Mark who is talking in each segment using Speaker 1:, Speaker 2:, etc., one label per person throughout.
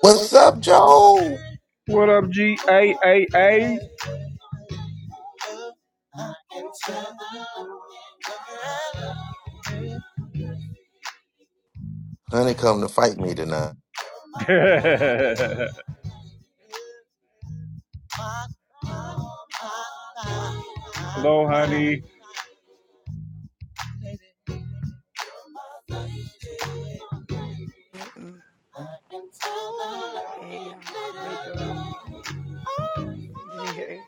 Speaker 1: What's up, Joe?
Speaker 2: What up, G A A A?
Speaker 1: Honey, come to fight me tonight.
Speaker 2: Hello, honey.
Speaker 3: Hey y'all. Hey Joel. GA.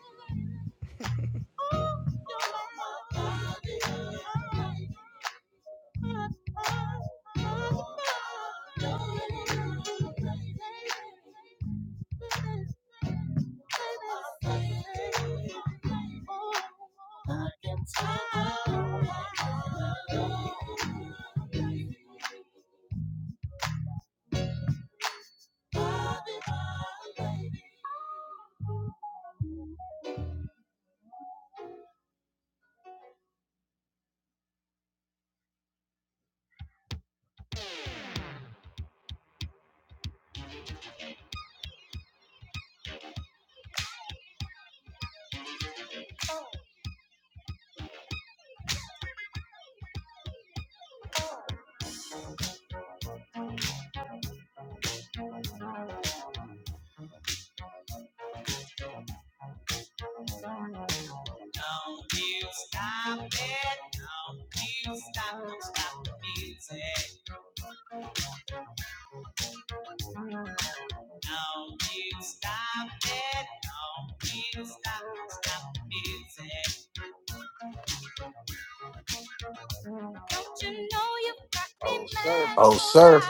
Speaker 1: Oh, sir,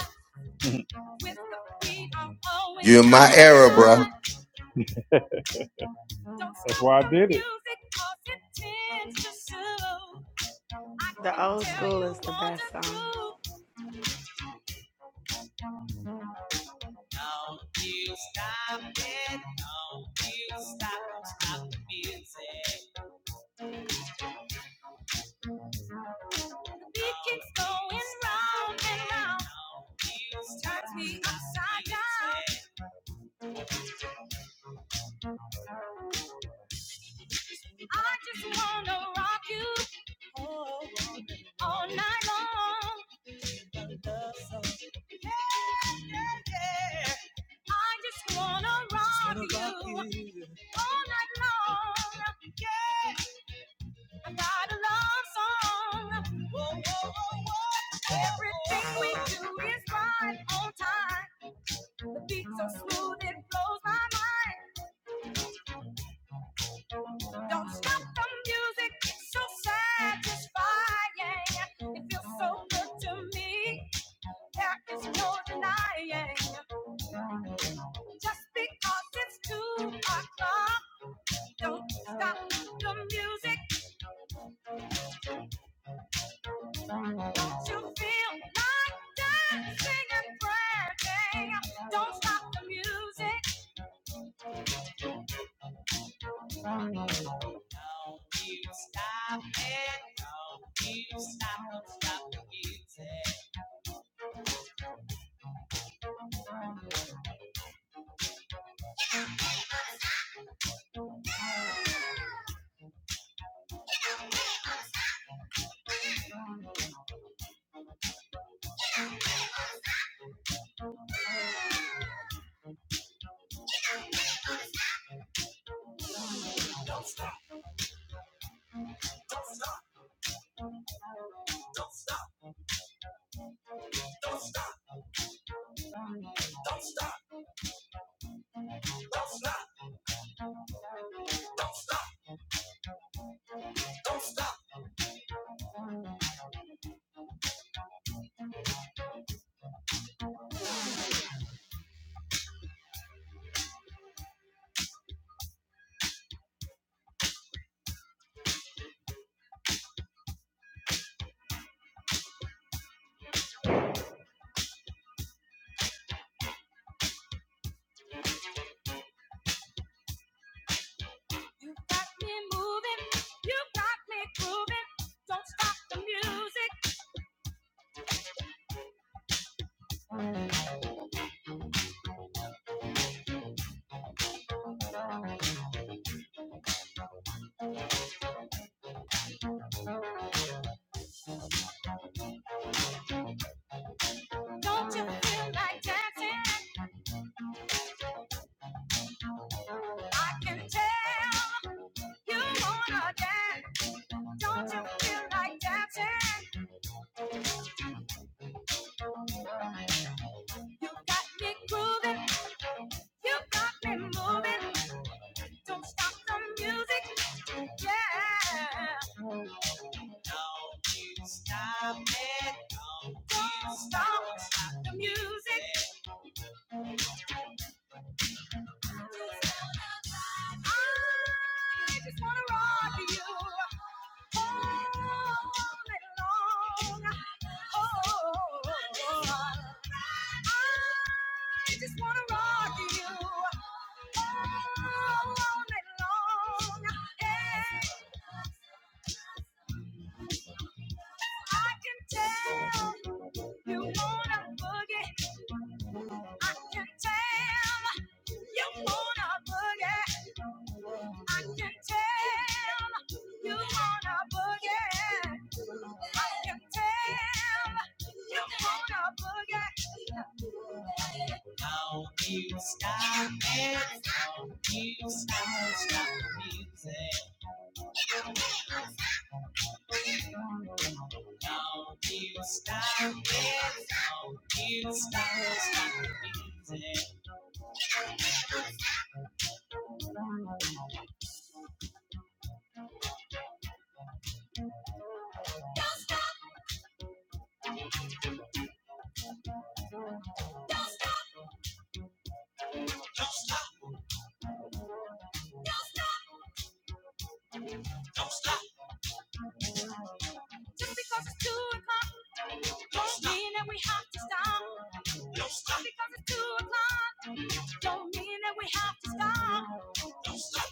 Speaker 1: you're in my era, bruh.
Speaker 2: That's why I did it.
Speaker 3: The old school is the best songs.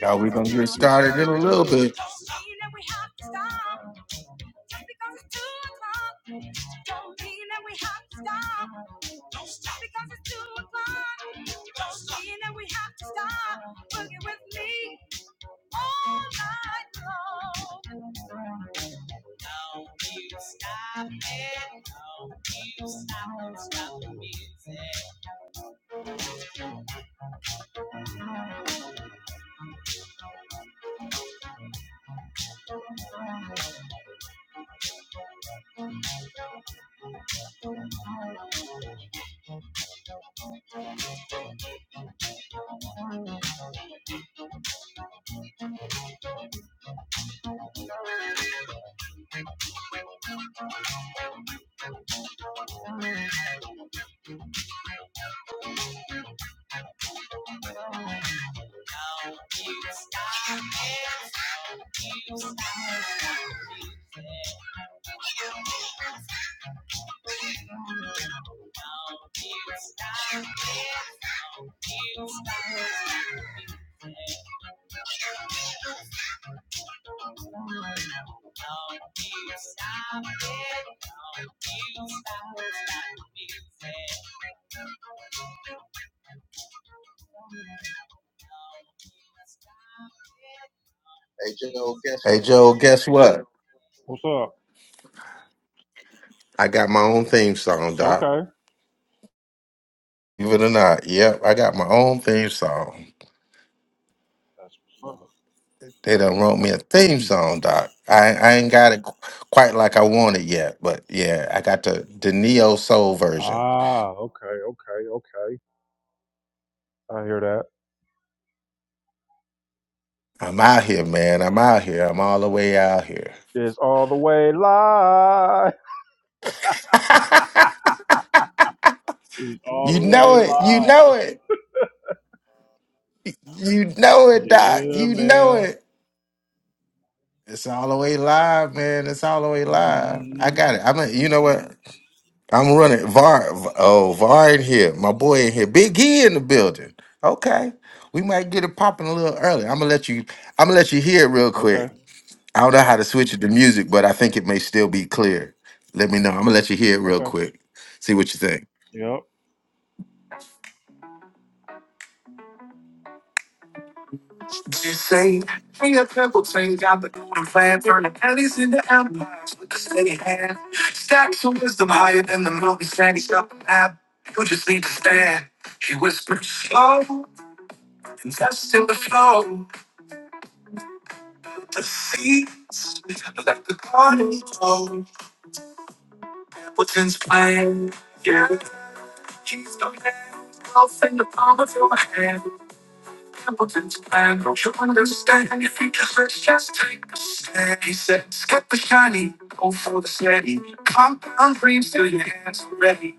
Speaker 1: Now we're gonna get started in a little bit. Hey, Joe, guess what?
Speaker 2: What's up?
Speaker 1: I got my own theme song, Doc.
Speaker 2: Okay.
Speaker 1: Believe it or not, yep, I got my own theme song.
Speaker 2: That's what's up.
Speaker 1: They done wrote me a theme song, Doc. I, I ain't got it qu- quite like I want it yet, but yeah, I got the the neo soul version.
Speaker 2: Ah, okay, okay, okay. I hear that.
Speaker 1: I'm out here, man. I'm out here. I'm all the way out here.
Speaker 2: It's all the way live. It's
Speaker 1: you
Speaker 2: all the way
Speaker 1: know it. You know
Speaker 2: live.
Speaker 1: it. You know it, Doc.
Speaker 2: Yeah,
Speaker 1: You know
Speaker 2: man.
Speaker 1: it. It's all the way live, man. It's all the way live. I
Speaker 2: Mm.
Speaker 1: got it. I'm. A, you know what? I'm running Var. Oh, Var in here. My boy in here. Big E in the building. Okay, we might get it popping a little early. I'm gonna let you. I'm gonna let you hear it real
Speaker 2: Okay,
Speaker 1: quick. I don't know how to switch it to music, but I think it may still be clear. Let me know. I'm gonna let you hear it real
Speaker 2: okay.
Speaker 1: quick. See what you think.
Speaker 2: Yep.
Speaker 1: Just say, hey, a pimple tank got the golden plan, turning alleys into empires with a steady hand. Stacks of wisdom higher than the mountain standing up an app. You just need to stand. He whispered slow, and that's in the flow. The seeds let the garden grow. What's in his plan? Yeah, he's the man. I'll sing the palm of your hand. Templeton's plan. Don't you understand if you just let's just take a stand? He said, skip the shiny, go for the steady. Compound dreams till your hands are ready.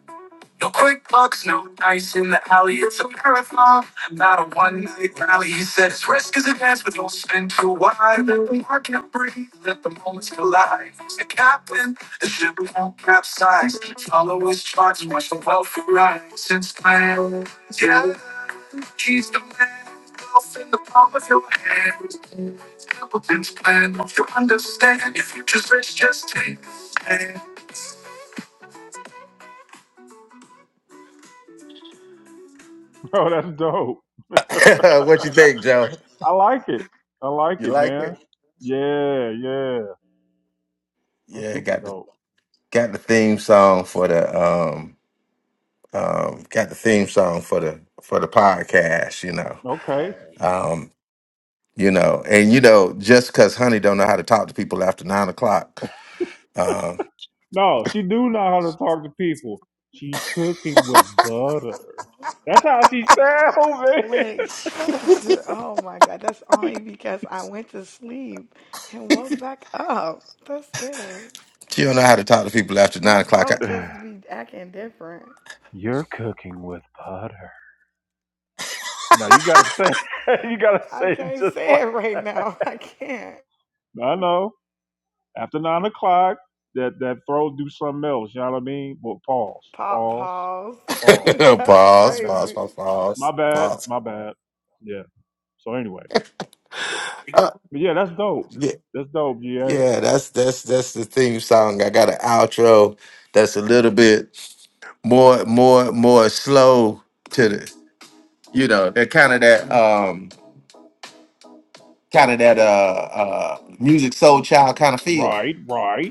Speaker 1: No quick bucks, no dice in the alley. It's a marathon, not a one night rally. He said, it's risk is advanced, but don't spin too wide. Let the market breathe, let the moments collide. He's the captain, the ship won't capsize. Follow his charts, watch the wealth rise. Since plans, yeah. She's the last off in the palm of your hand. Templeton's plan, if you understand, your future's rich, just take a
Speaker 2: Oh, that's dope.
Speaker 1: stand. what you think, Joe?
Speaker 2: I like it. I like
Speaker 1: You
Speaker 2: it,
Speaker 1: like
Speaker 2: man.
Speaker 1: it?
Speaker 2: Yeah, yeah. That's
Speaker 1: Yeah,
Speaker 2: super
Speaker 1: got the
Speaker 2: dope.
Speaker 1: got the theme song for the um um got the theme song for the for the podcast, you know.
Speaker 2: Okay.
Speaker 1: Um, you know, and you know, just cause honey don't know how to talk to people after nine o'clock, um,
Speaker 2: No, she do know how to talk to people. She's cooking with butter. That's how she sounds,
Speaker 3: Wait, shit. oh my god, that's only because I went to sleep and woke back up. That's it.
Speaker 1: she don't know how to talk to people after nine
Speaker 3: My
Speaker 1: o'clock.
Speaker 3: throat
Speaker 2: man.
Speaker 3: just be acting different.
Speaker 2: You're cooking with butter. No, you gotta say you gotta
Speaker 3: I
Speaker 2: say it
Speaker 3: can't
Speaker 2: just
Speaker 3: say it
Speaker 2: like
Speaker 3: right now. I can't.
Speaker 2: I know. After nine o'clock, that that throw do something else. You know what I mean? Well, pause,
Speaker 3: Pop
Speaker 2: pause,
Speaker 3: pause.
Speaker 2: pause.
Speaker 3: that's
Speaker 2: My
Speaker 1: pause,
Speaker 2: bad.
Speaker 1: pause,
Speaker 3: crazy.
Speaker 1: pause,
Speaker 2: My
Speaker 1: pause,
Speaker 2: bad.
Speaker 1: pause.
Speaker 2: My bad. Yeah. So anyway,
Speaker 1: Uh,
Speaker 2: but yeah, that's dope.
Speaker 1: yeah,
Speaker 2: That's dope, GA.
Speaker 1: yeah, that's that's that's the theme song. I got an outro that's a little bit more more more slow to the you know that kind of that um kind of that uh uh music soul child kind of feel.
Speaker 2: Right, right.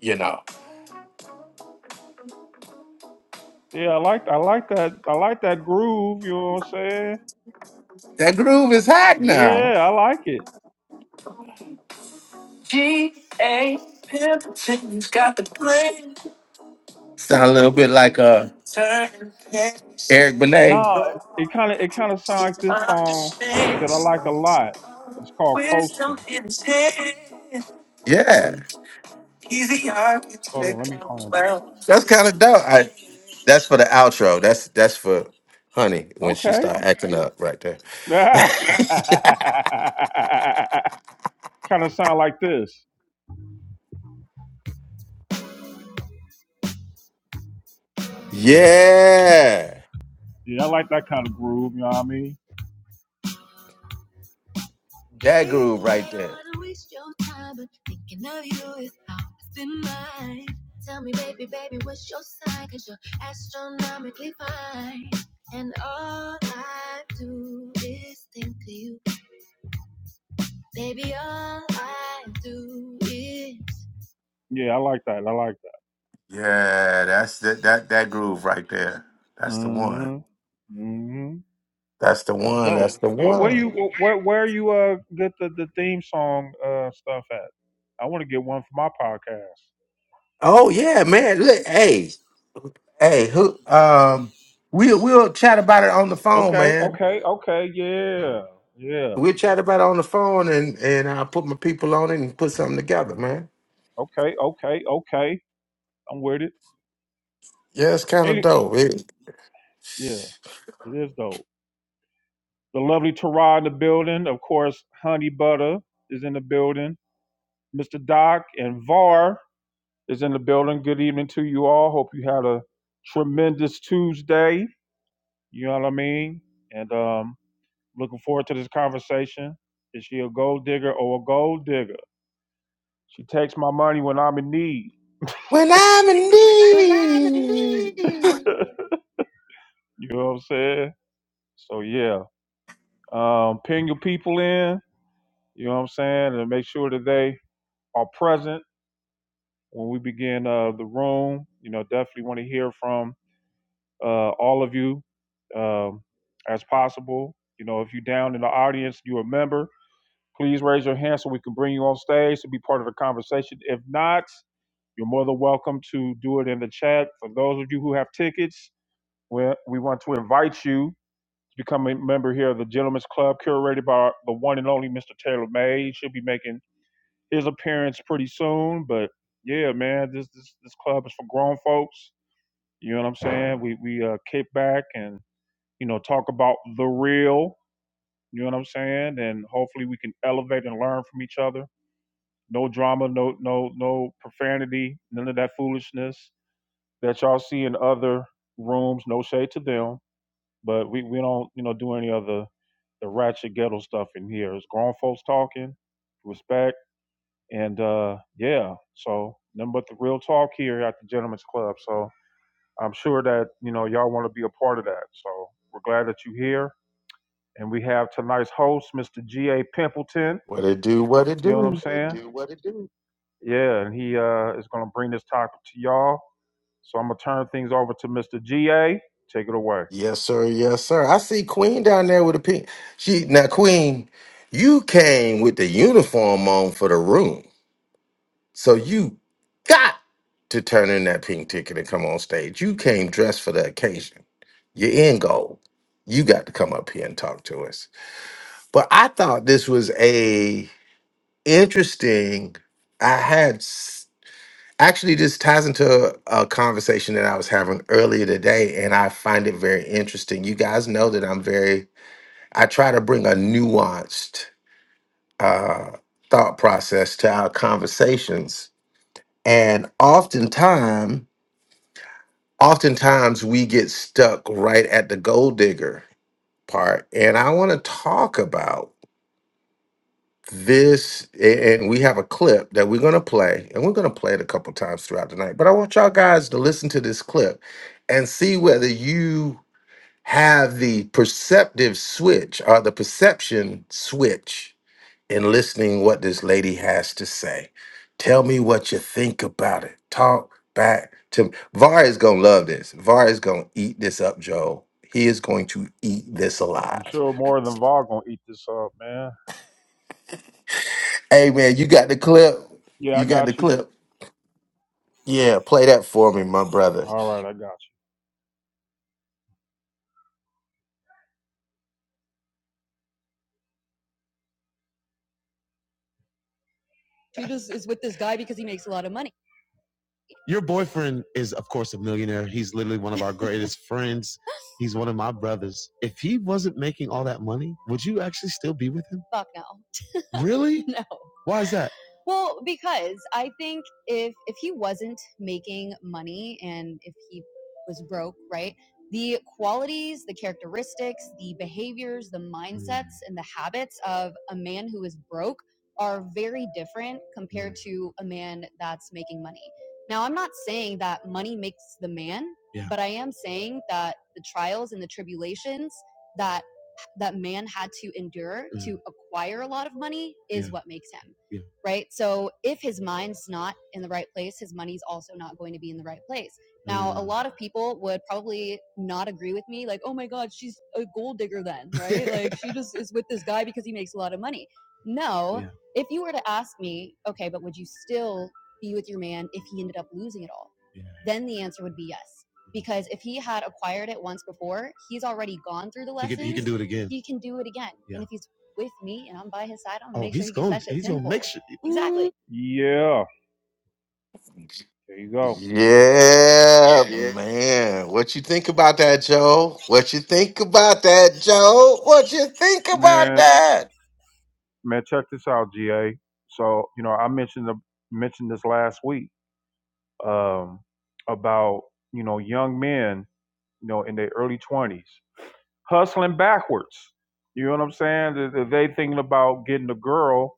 Speaker 1: You know
Speaker 2: Yeah, I like I like that I like that groove, you know what I'm saying?
Speaker 1: that groove is hot now.
Speaker 2: Yeah, I like it.
Speaker 1: She ain't pimping, has got the brain. Sound a little bit like uh Turn. Eric Benet.
Speaker 2: Nah, it kinda it kinda sounds like this song that
Speaker 1: Understand.
Speaker 2: I like a lot. It's called
Speaker 1: Wisdom
Speaker 2: Coasting.
Speaker 1: in his head. Yeah, He's the
Speaker 2: Hold on, let
Speaker 1: architect
Speaker 2: me
Speaker 1: of the
Speaker 2: find it.
Speaker 1: that's kind of dope. I that's for the outro. That's that's for honey when she
Speaker 2: Okay.
Speaker 1: start acting up right there.
Speaker 2: kinda sound like this.
Speaker 1: Yeah,
Speaker 2: Yeah, I like that kind of groove, you know what I mean?
Speaker 1: that groove right there.
Speaker 2: Yeah, I like that. I like
Speaker 1: Yeah, that's that that that groove right there.
Speaker 2: that.
Speaker 1: That's the one.
Speaker 2: Mm-hmm. Mm-hmm.
Speaker 1: That's the
Speaker 2: That's
Speaker 1: one. That's
Speaker 2: dope.
Speaker 1: the
Speaker 2: Where, where
Speaker 1: one.
Speaker 2: you where where you uh get the, the theme song uh stuff at? I want to get one for my podcast.
Speaker 1: Oh yeah, man. Look, hey, hey, who? Um, we we'll chat about it on the phone,
Speaker 2: Okay,
Speaker 1: man.
Speaker 2: okay, okay, yeah, yeah,
Speaker 1: We'll chat about it on the phone and and I'll put my people on it and put something together, man.
Speaker 2: okay, okay, okay. I'm with it.
Speaker 1: Yeah, it's kind of
Speaker 2: Any,
Speaker 1: dope. It-
Speaker 2: yeah, it is dope. The lovely Tara in the building, of course. Honey Butter is in the building. Mr. Doc and Var is in the building. Good evening to you all. Hope you had a tremendous Tuesday. You know what I mean. And um, Looking forward to this conversation. Is she a gold digger or a gold digger? She takes my money when I'm in need.
Speaker 1: when I'm in need,
Speaker 2: you know what I'm saying? So yeah, um, pin your people in. You know what I'm saying, and make sure that they are present when we begin uh, the room. You know, definitely want to hear from uh, all of you um, as possible. You know, if you're down in the audience, you are a member. Please raise your hand so we can bring you on stage to be part of the conversation. If not, you're more than welcome to do it in the chat. For those of you who have tickets, we we want to invite you to become a member here of the Gentlemen's Club, curated by the one and only Mr. Taylor May. He should be making his appearance pretty soon. But yeah, man, this this, this club is for grown folks. You know what I'm saying? We we uh, kick back and you know talk about the real. You know what I'm saying? And hopefully we can elevate and learn from each other no drama, no no no profanity, none of that foolishness that y'all see in other rooms. No shade to them, but we we don't you know do any of the the ratchet ghetto stuff in here. It's grown folks talking, respect, and uh yeah. So nothing but the real talk here at the Gentlemen's Club. So I'm sure that you know y'all want to be a part of that. So we're glad that you're here, and we have tonight's host, Mr. G. A. Pimpleton.
Speaker 1: what it do, what it
Speaker 2: You know what I'm
Speaker 1: do.
Speaker 2: saying? Yeah, and he uh, is going to bring this topic to y'all. So I'm going to turn things over to Mr. GA. Take it away.
Speaker 1: Yes, sir. Yes, sir. I see Queen down there with a pink. She now, Queen, you came with the uniform on for the room, so you got to turn in that pink ticket and come on stage. You came dressed for the occasion. You're in gold. You got to come up here and talk to us. But I thought this was a interesting. I had s- actually this ties into a, conversation that I was having earlier today, and I find it very interesting. You guys know that I'm very. I try to bring a nuanced uh, thought process to our conversations, and oftentimes, oftentimes we get stuck right at the gold digger part. And I want to talk about. this a- and we have a clip that we're going to play and we're going to play it a couple times throughout the night but i want y'all guys to listen to this clip and see whether you have the perceptive switch or the perception switch in listening what this lady has to say tell me what you think about it talk back to me var is going to love this var is going to eat this up joel he is going to eat this
Speaker 2: I'm
Speaker 1: alive
Speaker 2: sure more than Var going to eat this up, man.
Speaker 1: hey man you got the clip
Speaker 2: Yeah, I
Speaker 1: you got the
Speaker 2: got you.
Speaker 1: clip Yeah, play that for me, my brother.
Speaker 2: All right, I got you. Your boyfriend is, of course, a millionaire. He's literally one my greatest friends. He's one of my brothers. If he wasn't making all that money, would you actually still be with him? Really? Why is that? Yeah, yeah, yeah, yeah. Do it again. Yeah, there you go.
Speaker 1: Yeah, man. What you think about that, Joe? What you think about that, Joe? What you think about
Speaker 2: Man,
Speaker 1: that?
Speaker 2: man, check this out, GA. So, you know, I mentioned the, mentioned this last week um, about you know young men, you know, in their early twenties hustling backwards. You know what I'm saying? They, they thinking about getting a girl,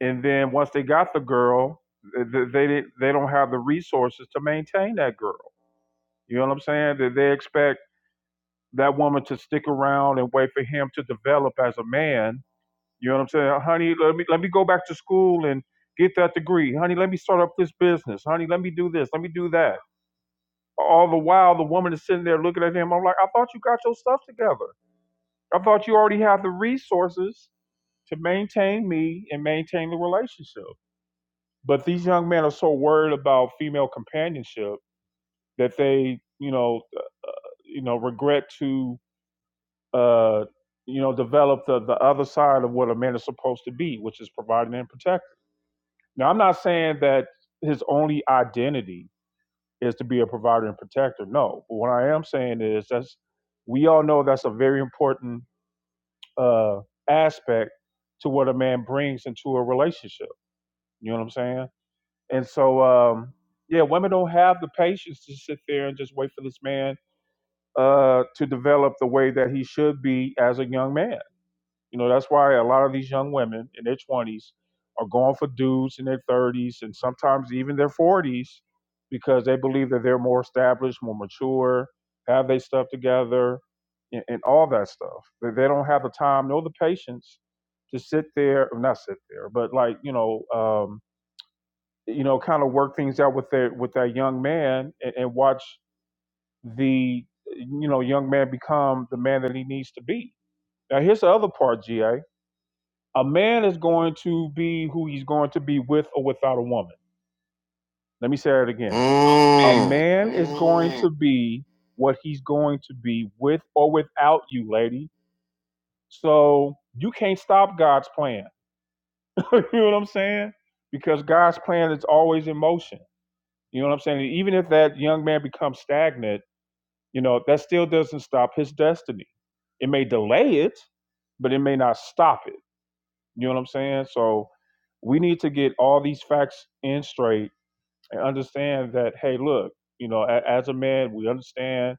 Speaker 2: and then once they got the girl, th- they didn't- they don't have the resources to maintain that girl. You know what I'm saying? That they expect that woman to stick around and wait for him to develop as a man You know what I'm saying? Honey, let me let me go back to school and get that degree. Honey, let me start up this business. Honey, let me do this. Let me do that. All the while the woman is sitting there looking at him. I'm like, I thought you got your stuff together. I thought you already have the resources to maintain me and maintain the relationship. But these young men are so worried about female companionship that they, you know, you know, regret to uh you know, develop the, the other side of what a man is supposed to be, which is providing and protecting. Now, I'm not saying that his only identity is to be a provider and protector. No, but what I am saying is that's we all know that's a very important uh, aspect to what a man brings into a relationship. You know what I'm saying? And so, um, yeah, women don't have the patience to sit there and just wait for this man uh, to develop the way that he should be as a young man. You know, that's why a lot of these young women in their 20s are going for dudes in their 30s and sometimes even their 40s because they believe that they're more established, more mature, have their stuff together, and, and all that stuff. That they don't have the time nor the patience to sit there, or not sit there, but like you know, um, you know, kind of work things out with their with that young man and, and watch the you know young man become the man that he needs to be. Now here's the other part, Ga. A man is going to be who he's going to be with or without a woman. Let me say that again. A
Speaker 1: Mm.
Speaker 2: man is going to be what he's going to be with or without you, lady. So you can't stop God's plan. you know what I'm saying? Because God's plan is always in motion. You know what I'm saying? Even if that young man becomes stagnant, you know, that still doesn't stop his destiny. It may delay it, but it may not stop it. You know what I'm saying? So we need to get all these facts in straight and understand that, hey, look, you know, a- as a man, we understand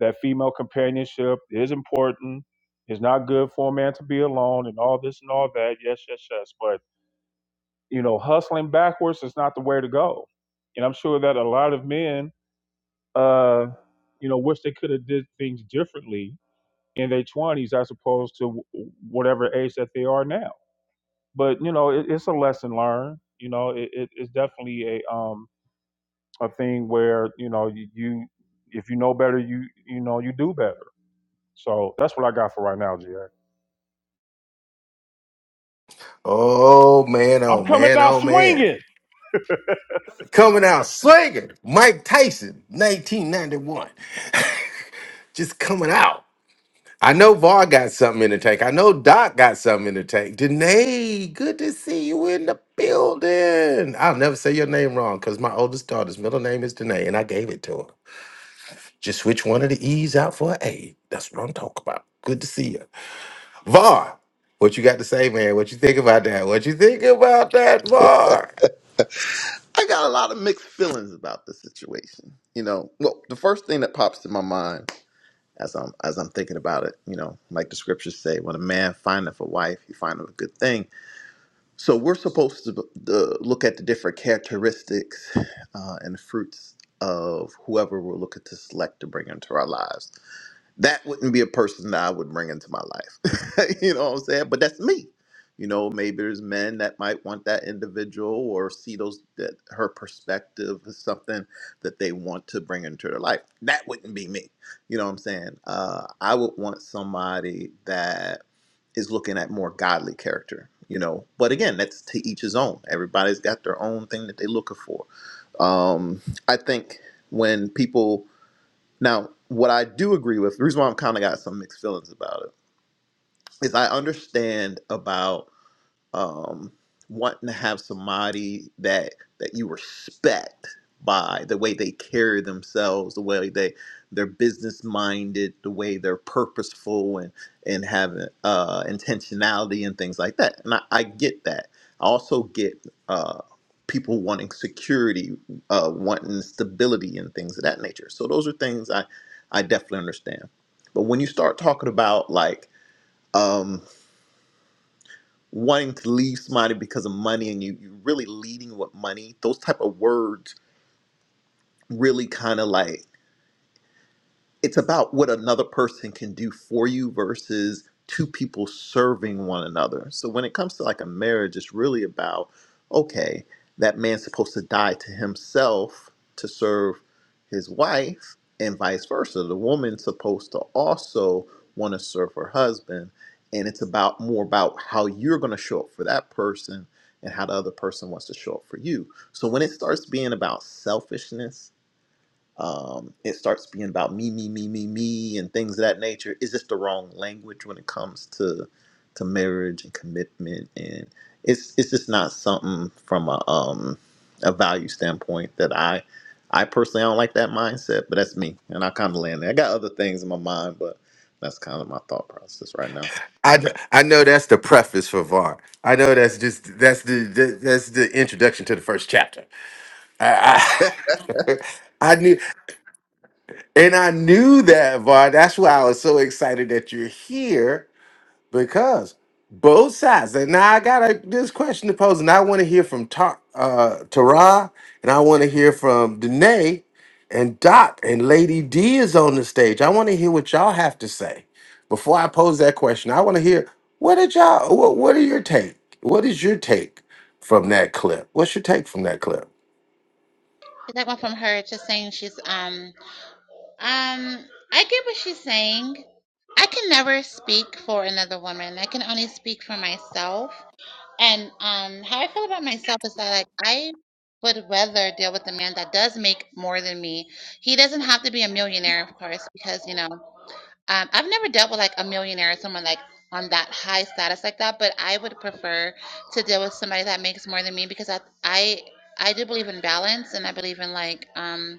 Speaker 2: that female companionship is important. It's not good for a man to be alone and all this and all that. Yes, yes, yes. But, you know, hustling backwards is not the way to go. And I'm sure that a lot of men, uh, you know, wish they could have did things differently in their 20s as opposed to w- whatever age that they are now but you know it, it's a lesson learned you know it, it, it's definitely a um a thing where you know you, you if you know better you you know you do better so that's what i got for right now ga
Speaker 1: Oh man,
Speaker 2: I'm
Speaker 1: oh
Speaker 2: coming
Speaker 1: man,
Speaker 2: out
Speaker 1: oh man.
Speaker 2: swinging.
Speaker 1: Coming out slinging, Mike Tyson, 1991. Just coming out. I know Var got something in the tank. I know Doc got something in the tank. Danae, good to see you in the building. I'll never say your name wrong because my oldest daughter's middle name is Danae, and I gave it to her. Just switch one of the E's out for an A. That's what I'm talking about. Good to see you. Var, what you got to say, man? What you think about that? What you think about that, Var?
Speaker 4: I got a lot of mixed feelings about the situation. You know, well, the first thing that pops to my mind as I'm as I'm thinking about it, you know, like the scriptures say, when a man findeth a wife, he findeth a good thing. So we're supposed to uh, look at the different characteristics uh, and fruits of whoever we're looking to select to bring into our lives that wouldn't be a person that I would bring into my life. you know what I'm saying? But that's me. You know, maybe there's men that might want that individual or see those that her perspective is something that they want to bring into their life. That wouldn't be me. You know what I'm saying? Uh, I would want somebody that is looking at more godly character. You know, but again, that's to each his own. Everybody's got their own thing that they're looking for. Um, I think when people now, what I do agree with, the reason why I'm kind of got some mixed feelings about it, is I understand about um, wanting to have somebody that that you respect by the way they carry themselves, the way they they're business minded, the way they're purposeful and and having uh, intentionality and things like that. And I, I get that. I also get uh, people wanting security, uh, wanting stability and things of that nature. So those are things I I definitely understand. But when you start talking about like um wanting to leave somebody because of money and you you really leading with money those type of words really kind of like it's about what another person can do for you versus two people serving one another. So when it comes to like a marriage, it's really about okay, that man's supposed to die to himself to serve his wife, and vice versa. The woman's supposed to also want to serve her husband, and it's about more about how you're going to show up for that person and how the other person wants to show up for you. So when it starts being about selfishness um, it starts being about me, me, me, me, me, and things of that nature. It's just the wrong language when it comes to to marriage and commitment, and it's it's just not something from a um a value standpoint that I I personally I don't like that mindset, but that's me, and I kind of land there. I got other things in my mind, but that's kind of my thought process right now.
Speaker 1: I, kn- I know that's the preface for Var. I know that's just that's the the that's the introduction to the first chapter. I, I, I knew. And I knew that, Var. That's why I was so excited that you're here because both sides. And now I got a, this question to pose, and I want to hear from Ta- uh, Tara, and I want to hear from Danae and Doc, and Lady D is on the stage. I want to hear what y'all have to say. Before I pose that question, I want to hear what did y'all, what, what are your take? What is your take from that clip? What's your take from that clip?
Speaker 5: That one from her just saying she's um um I get what she's saying. I can never speak for another woman. I can only speak for myself. And um how I feel about myself is that like I would rather deal with a man that does make more than me. He doesn't have to be a millionaire, of course, because you know, um I've never dealt with like a millionaire, someone like on that high status like that, but I would prefer to deal with somebody that makes more than me because I I I do believe in balance and I believe in like um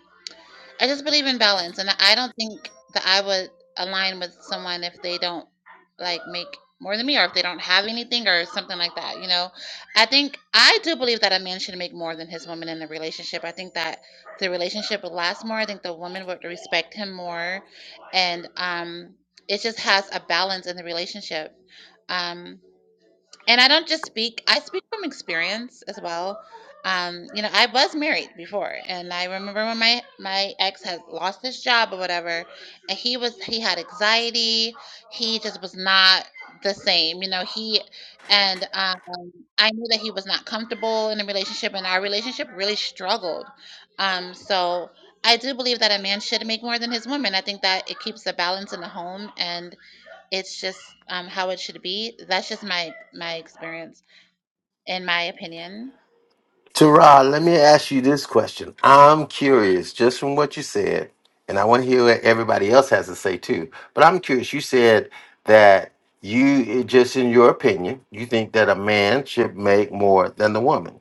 Speaker 5: I just believe in balance, and I don't think that I would align with someone if they don't like make more than me, or if they don't have anything, or something like that. You know, I think I do believe that a man should make more than his woman in the relationship. I think that the relationship would last more. I think the woman would respect him more, and um, it just has a balance in the relationship. Um, and I don't just speak, I speak from experience as well. Um, you know, I was married before and I remember when my my ex had lost his job or whatever, and he was he had anxiety, he just was not the same. You know, he and um I knew that he was not comfortable in a relationship and our relationship really struggled. Um, so I do believe that a man should make more than his woman. I think that it keeps the balance in the home and it's just um, how it should be. That's just my my experience and my opinion.
Speaker 1: Tara, let me ask you this question. I'm curious, just from what you said, and I want to hear what everybody else has to say too. But I'm curious. You said that you, it- just in your opinion, you think that a man should make more than the woman.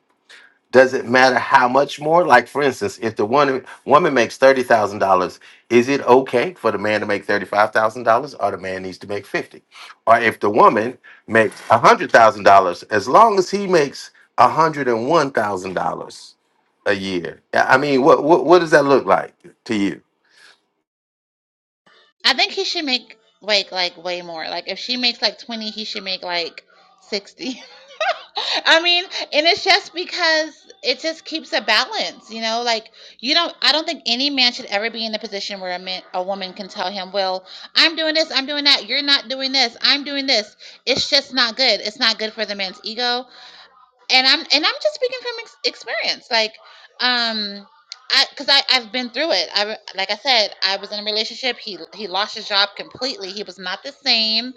Speaker 1: Does it matter how much more? Like, for instance, if the one woman makes thirty thousand dollars, is it okay for the man to make thirty-five thousand dollars, or the man needs to make fifty? Or if the woman makes a hundred thousand dollars, as long as he makes a hundred and one thousand dollars a year, I I mean, what, what what does that look like to you?
Speaker 5: I think he should make like like way more. Like if she makes like twenty, he should make like sixty. I mean, and it's just because it just keeps a balance, you know. Like you don't, I don't think any man should ever be in a position where a man, a woman can tell him, "Well, I'm doing this, I'm doing that. You're not doing this. I'm doing this." It's just not good. It's not good for the man's ego and I'm and I'm just speaking from ex- experience. Like, um, I because I I've been through it. I re- like I said, I was in a relationship. He he lost his job completely. He was not the same.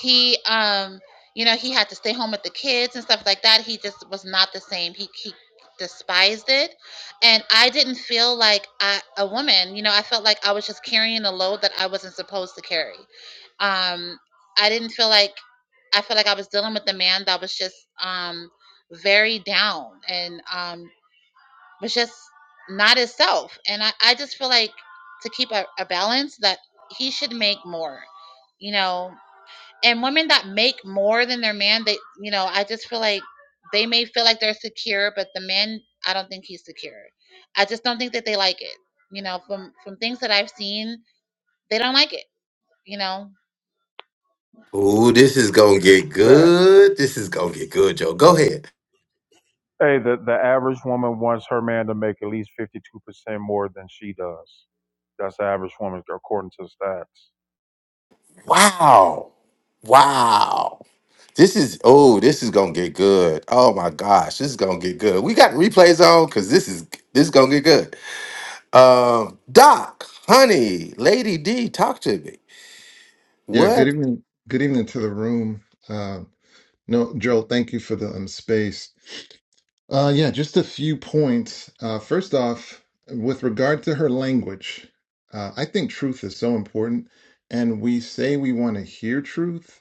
Speaker 5: He um, you know, he had to stay home with the kids and stuff like that. He just was not the same. He he despised it and i didn't feel like I, a woman you know i felt like i was just carrying a load that i wasn't supposed to carry um i didn't feel like I felt like I was dealing with a man that was just um very down and um, was just not his self. And I, I just feel like to keep a, a balance that he should make more, you know. And women that make more than their man, they, you know, I just feel like they may feel like they're secure, but the man, I don't think he's secure. I just don't think that they like it. You know, from from things that I've seen, they don't like it. You know,
Speaker 1: Ooh, this is gonna get
Speaker 2: the,
Speaker 1: good. This is gonna get good, Joe. Go ahead.
Speaker 2: hey the, the average woman wants her man to make at least 52% more than she does that's the average woman according to the stats
Speaker 1: Wow, wow. This is oh, this is gonna get good. Oh my gosh, this is gonna get good. We got replays on because this is this is gonna get good. Um, Doc, honey, Lady D, talk to me.
Speaker 6: Yeah, good
Speaker 1: What?
Speaker 6: evening. Good evening to the room. Uh, no, Joel. thank you for the um, space. Uh, yeah, just a few points. Uh, first off, with regard to her language, uh, I think truth is so important, and we say we want to hear truth,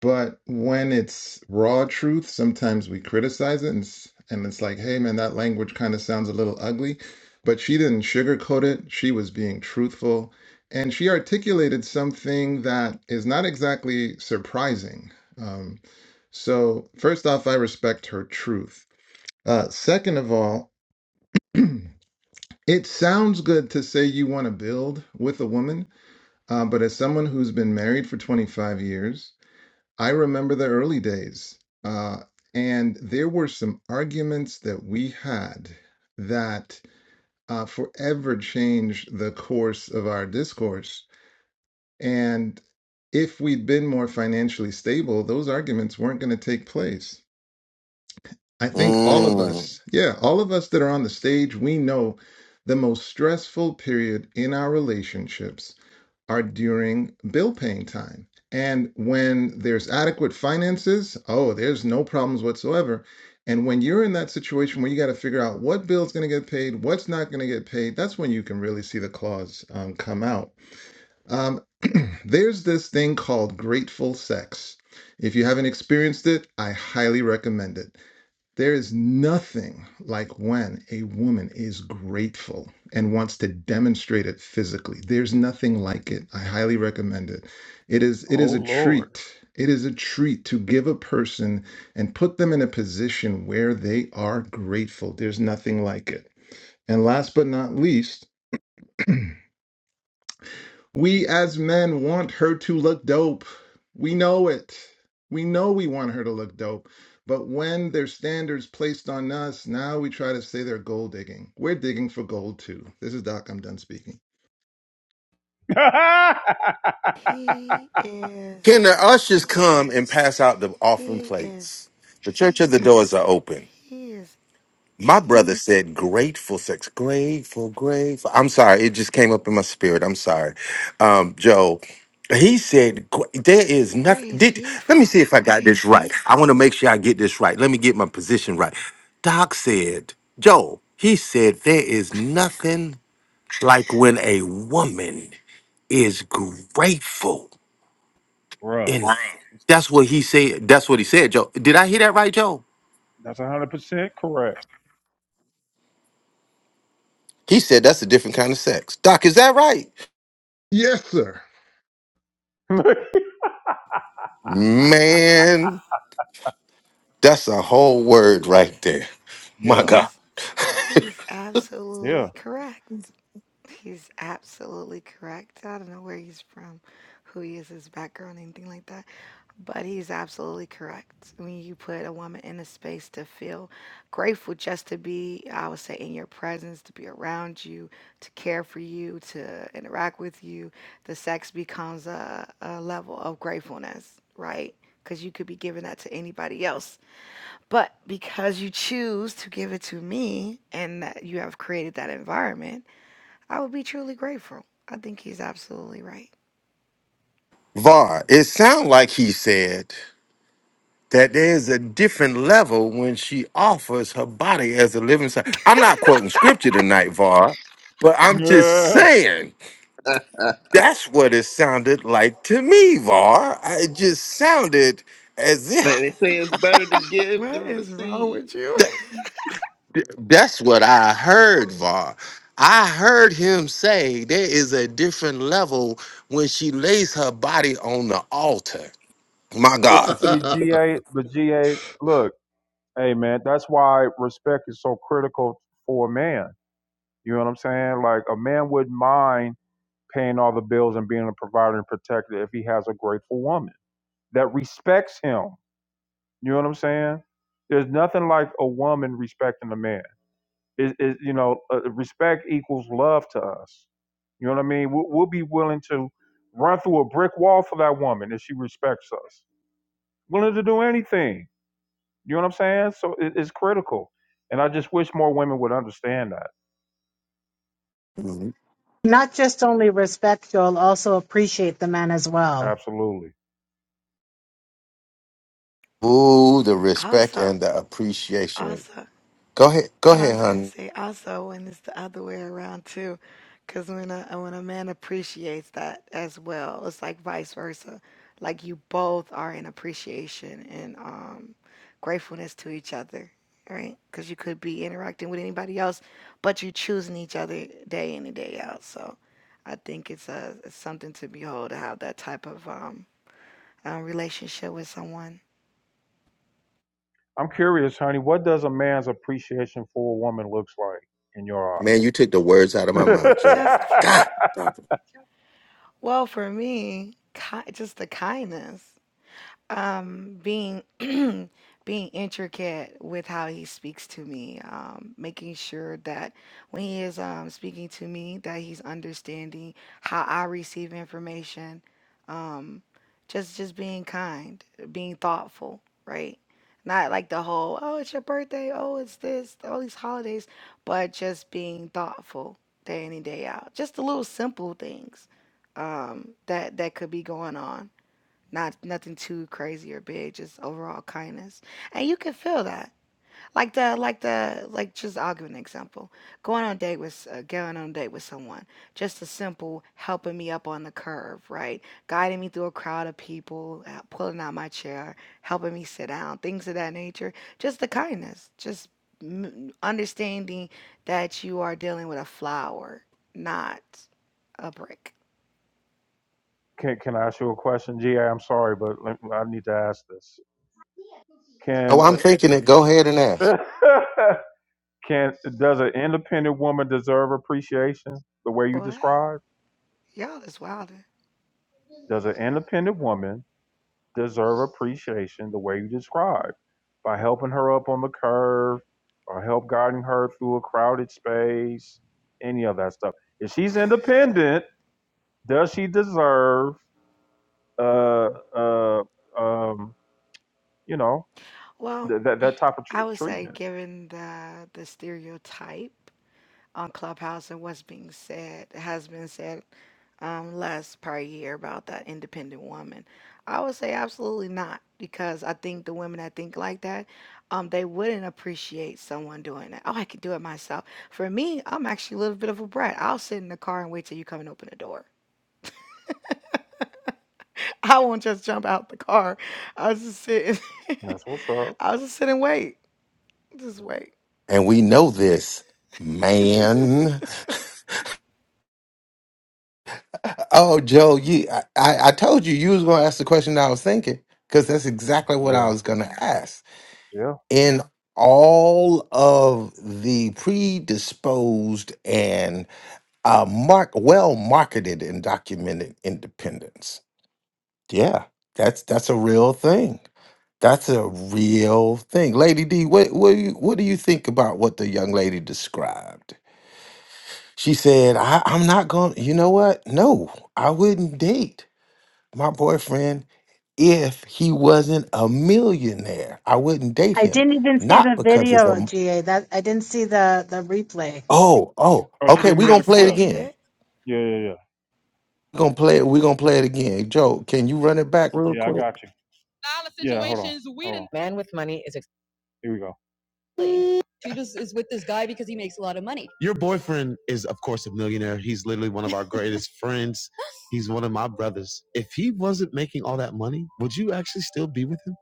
Speaker 6: but when it's raw truth, sometimes we criticize it and, s- and it's like, hey, man, that language kind of sounds a little ugly. But she didn't sugarcoat it. She was being truthful. And she articulated something that is not exactly surprising. Um, so, first off, I respect her truth. Uh, second of all, it sounds good to say you want to build with a woman, uh, but as someone who's been married for 25 years, I remember the early days, uh, and there were some arguments that we had that uh, forever changed the course of our discourse. And if we'd been more financially stable, those arguments weren't going to take place. I think all of
Speaker 1: Mm.
Speaker 6: us, yeah, all of us that are on the stage, we know the most stressful period in our relationships are during bill paying time. And when there's adequate finances, oh, there's no problems whatsoever. And when you're in that situation where you got to figure out what bill's going to get paid, what's not going to get paid, that's when you can really see the clause um, come out. Um, there's this thing called grateful sex. If you haven't experienced it, I highly recommend it. There is nothing like when a woman is grateful and wants to demonstrate it physically. There's nothing like it. I highly recommend it. It is it
Speaker 2: Oh
Speaker 6: is a
Speaker 2: Lord,
Speaker 6: treat. It is a treat to give a person and put them in a position where they are grateful. There's nothing like it. And last but not least, we as men want her to look dope. We know it. We know we want her to look dope. But when there's standards placed on us, now we try to say they're gold digging. We're digging for gold too. This is Doc. I'm done speaking.
Speaker 2: bruh.
Speaker 3: He is
Speaker 1: Can the ushers
Speaker 3: he,
Speaker 1: come and pass out the offering
Speaker 3: he is
Speaker 1: plates? The church of the doors are open.
Speaker 3: he is
Speaker 1: My brother said grateful sex. Grateful, grateful. I'm sorry. It just came up in my spirit. I'm sorry. Um, Joe, he said, gr- there is
Speaker 3: where
Speaker 1: nothing.
Speaker 3: is
Speaker 1: Did
Speaker 3: he
Speaker 1: Let me see
Speaker 3: from?
Speaker 1: if I got this right. I want to make sure I get this right. Let me get my position right. Doc said, Joe, he said, there is nothing like when a woman is grateful.
Speaker 2: Bruh.
Speaker 1: And that's what he said. That's what he said, Joe. Did I hear that right, Joe?
Speaker 2: that's 100% correct
Speaker 1: He said that's a different kind of sex. Doc, is that right?
Speaker 6: Yes, sir.
Speaker 1: Man, that's a whole word right there. My
Speaker 2: yeah
Speaker 1: God.
Speaker 3: He's He's
Speaker 2: yeah
Speaker 3: absolutely correct. He's absolutely correct. I don't know where he's from, who he is, his background, anything like that, but he's absolutely correct. When you put a woman in a space to feel grateful just to be, I would say, in your presence, to be around you, to care for you, to interact with you, the sex becomes a, a level of gratefulness, right? Because you could be giving that to anybody else. But because you choose to give it to me and that you have created that environment, I would be truly grateful. I think he's absolutely right.
Speaker 1: Var, it sounds like he said that there's a different level when she offers her body as a living sacrifice. I'm not quoting scripture tonight, Var, but I'm just
Speaker 2: Yeah.
Speaker 1: saying that's what it sounded like to me, Var. I- It just sounded as
Speaker 4: Man, they
Speaker 1: if.
Speaker 4: say it's better to give
Speaker 3: What
Speaker 4: than
Speaker 3: is wrong
Speaker 4: receive.
Speaker 3: with
Speaker 4: You
Speaker 3: you?
Speaker 4: know?
Speaker 1: That's what I heard, Var. I heard him say there is a different level when she lays her body on the altar. My God.
Speaker 2: But see,
Speaker 6: yeah,
Speaker 2: GA, but GA, look, hey man, that's why respect is so critical for a man. You know what I'm saying? Like a man wouldn't mind paying all the bills and being a provider and protector if he has a grateful woman that respects him. You know what I'm saying? There's nothing like a woman respecting a man. It, it, you know, uh, respect equals love to us. You know what I mean? We'll, we'll be willing to run through a brick wall for that woman if she respects us. Willing to do anything. You know what I'm saying? So it, it's critical. And I just wish more women would understand that.
Speaker 1: Mhm.
Speaker 7: Not just only respect, you'll also appreciate the man as well.
Speaker 2: Absolutely.
Speaker 1: Ooh, the respect
Speaker 3: Also,
Speaker 1: and the appreciation.
Speaker 3: also,
Speaker 1: Go ahead. Go
Speaker 3: I
Speaker 1: ahead,
Speaker 3: was gonna
Speaker 1: honey.
Speaker 3: say also when it's the other way around too, because when a when a man appreciates that as well, it's like vice versa. Like you both are in appreciation and um, gratefulness to each other, right? Because you could be interacting with anybody else, but you are choosing each other day in and day out. So I think it's a it's something to behold to have that type of um, uh, relationship with someone.
Speaker 2: I'm curious, honey, what does a man's appreciation for a woman looks like in your eyes?
Speaker 1: Man, you took the words out of my mouth, Joe.
Speaker 3: Just
Speaker 1: God. Doctor.
Speaker 3: well for me, ki- just the kindness um being being intricate with how he speaks to me um making sure that when he is um speaking to me that he's understanding how i receive information um just just being kind being thoughtful right not like the whole oh it's your birthday oh it's this all these holidays but just being thoughtful day in and day out just the little simple things um that that could be going on not nothing too crazy or big, just overall kindness. And you can feel that. Like the like the like just I'll give an example. Going on date with uh, going on date with someone. Just a simple helping me up on the curve, right? Guiding me through a crowd of people, uh, pulling out my chair, helping me sit down, things of that nature. Just the kindness. Just m- understanding that you are dealing with a flower, not a brick.
Speaker 2: can can I ask you a question? GA, I'm sorry, but I need to ask this.
Speaker 1: Oh,
Speaker 2: Can
Speaker 1: I'm thinking it. Go ahead and ask.
Speaker 2: uh, can does an independent woman deserve appreciation the way you
Speaker 3: What?
Speaker 2: described?
Speaker 3: Y'all is wilding.
Speaker 2: Does an independent woman deserve appreciation the way you described by helping her up on the curve or help guiding her through a crowded space, any of that stuff. If she's independent, does she deserve, uh, uh, um, you know,
Speaker 3: Well,
Speaker 2: th- that that type of tr-
Speaker 3: I would say,
Speaker 2: treatment?
Speaker 3: given the the stereotype on Clubhouse and what's being said has been said um, less per year about that independent woman, I would say absolutely not because I think the women that think like that, um, they wouldn't appreciate someone doing that. Oh, I could do it myself. For me, I'm actually a little bit of a brat. I'll sit in the car and wait till you come and open the door. I won't just jump out the car. I'll just sit.
Speaker 2: That's what's up.
Speaker 3: I'll just sit and wait. Just wait.
Speaker 1: And we know this, man. Oh, Joe, you, I, I I told you you was going to ask the question that I was thinking because that's exactly what I
Speaker 2: Yeah,
Speaker 1: was going to ask.
Speaker 2: yeah.
Speaker 1: In all of the predisposed and uh, mark well marketed and documented independence, yeah, that's that's a real thing. That's a real thing. Lady D, what what do you, what do you think about what the young lady described? She said, I, I'm not going, you know what? No, I wouldn't date my boyfriend if he wasn't a millionaire. I wouldn't date
Speaker 7: I
Speaker 1: him.
Speaker 7: didn't even see
Speaker 1: Not
Speaker 7: the
Speaker 1: because it's a
Speaker 7: video,
Speaker 1: m-
Speaker 7: GA. That I didn't see the the replay.
Speaker 1: oh, oh,
Speaker 2: Oh, she
Speaker 3: I
Speaker 1: okay,
Speaker 2: didn't
Speaker 1: we're
Speaker 2: hear
Speaker 3: I
Speaker 1: gonna
Speaker 2: the
Speaker 1: play it
Speaker 2: clip.
Speaker 3: seen
Speaker 1: again.
Speaker 3: it.
Speaker 2: Yeah, yeah, yeah.
Speaker 1: We're gonna play it, we're gonna play it again. Joe, can you run it back real
Speaker 2: Yeah, I
Speaker 1: quick?
Speaker 2: got you. Yeah, hold on. Situations we Hold done on. didn't- Here we go. Your boyfriend is, of course, a millionaire. He's literally one of our greatest friends. He's one of my brothers. If he wasn't making all that money, would you actually still be with him?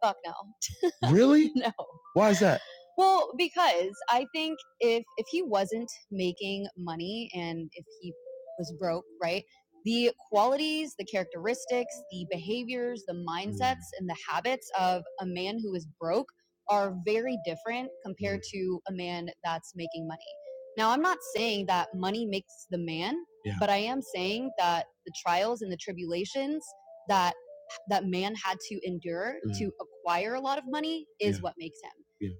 Speaker 2: Really? Why is that? Yeah, yeah,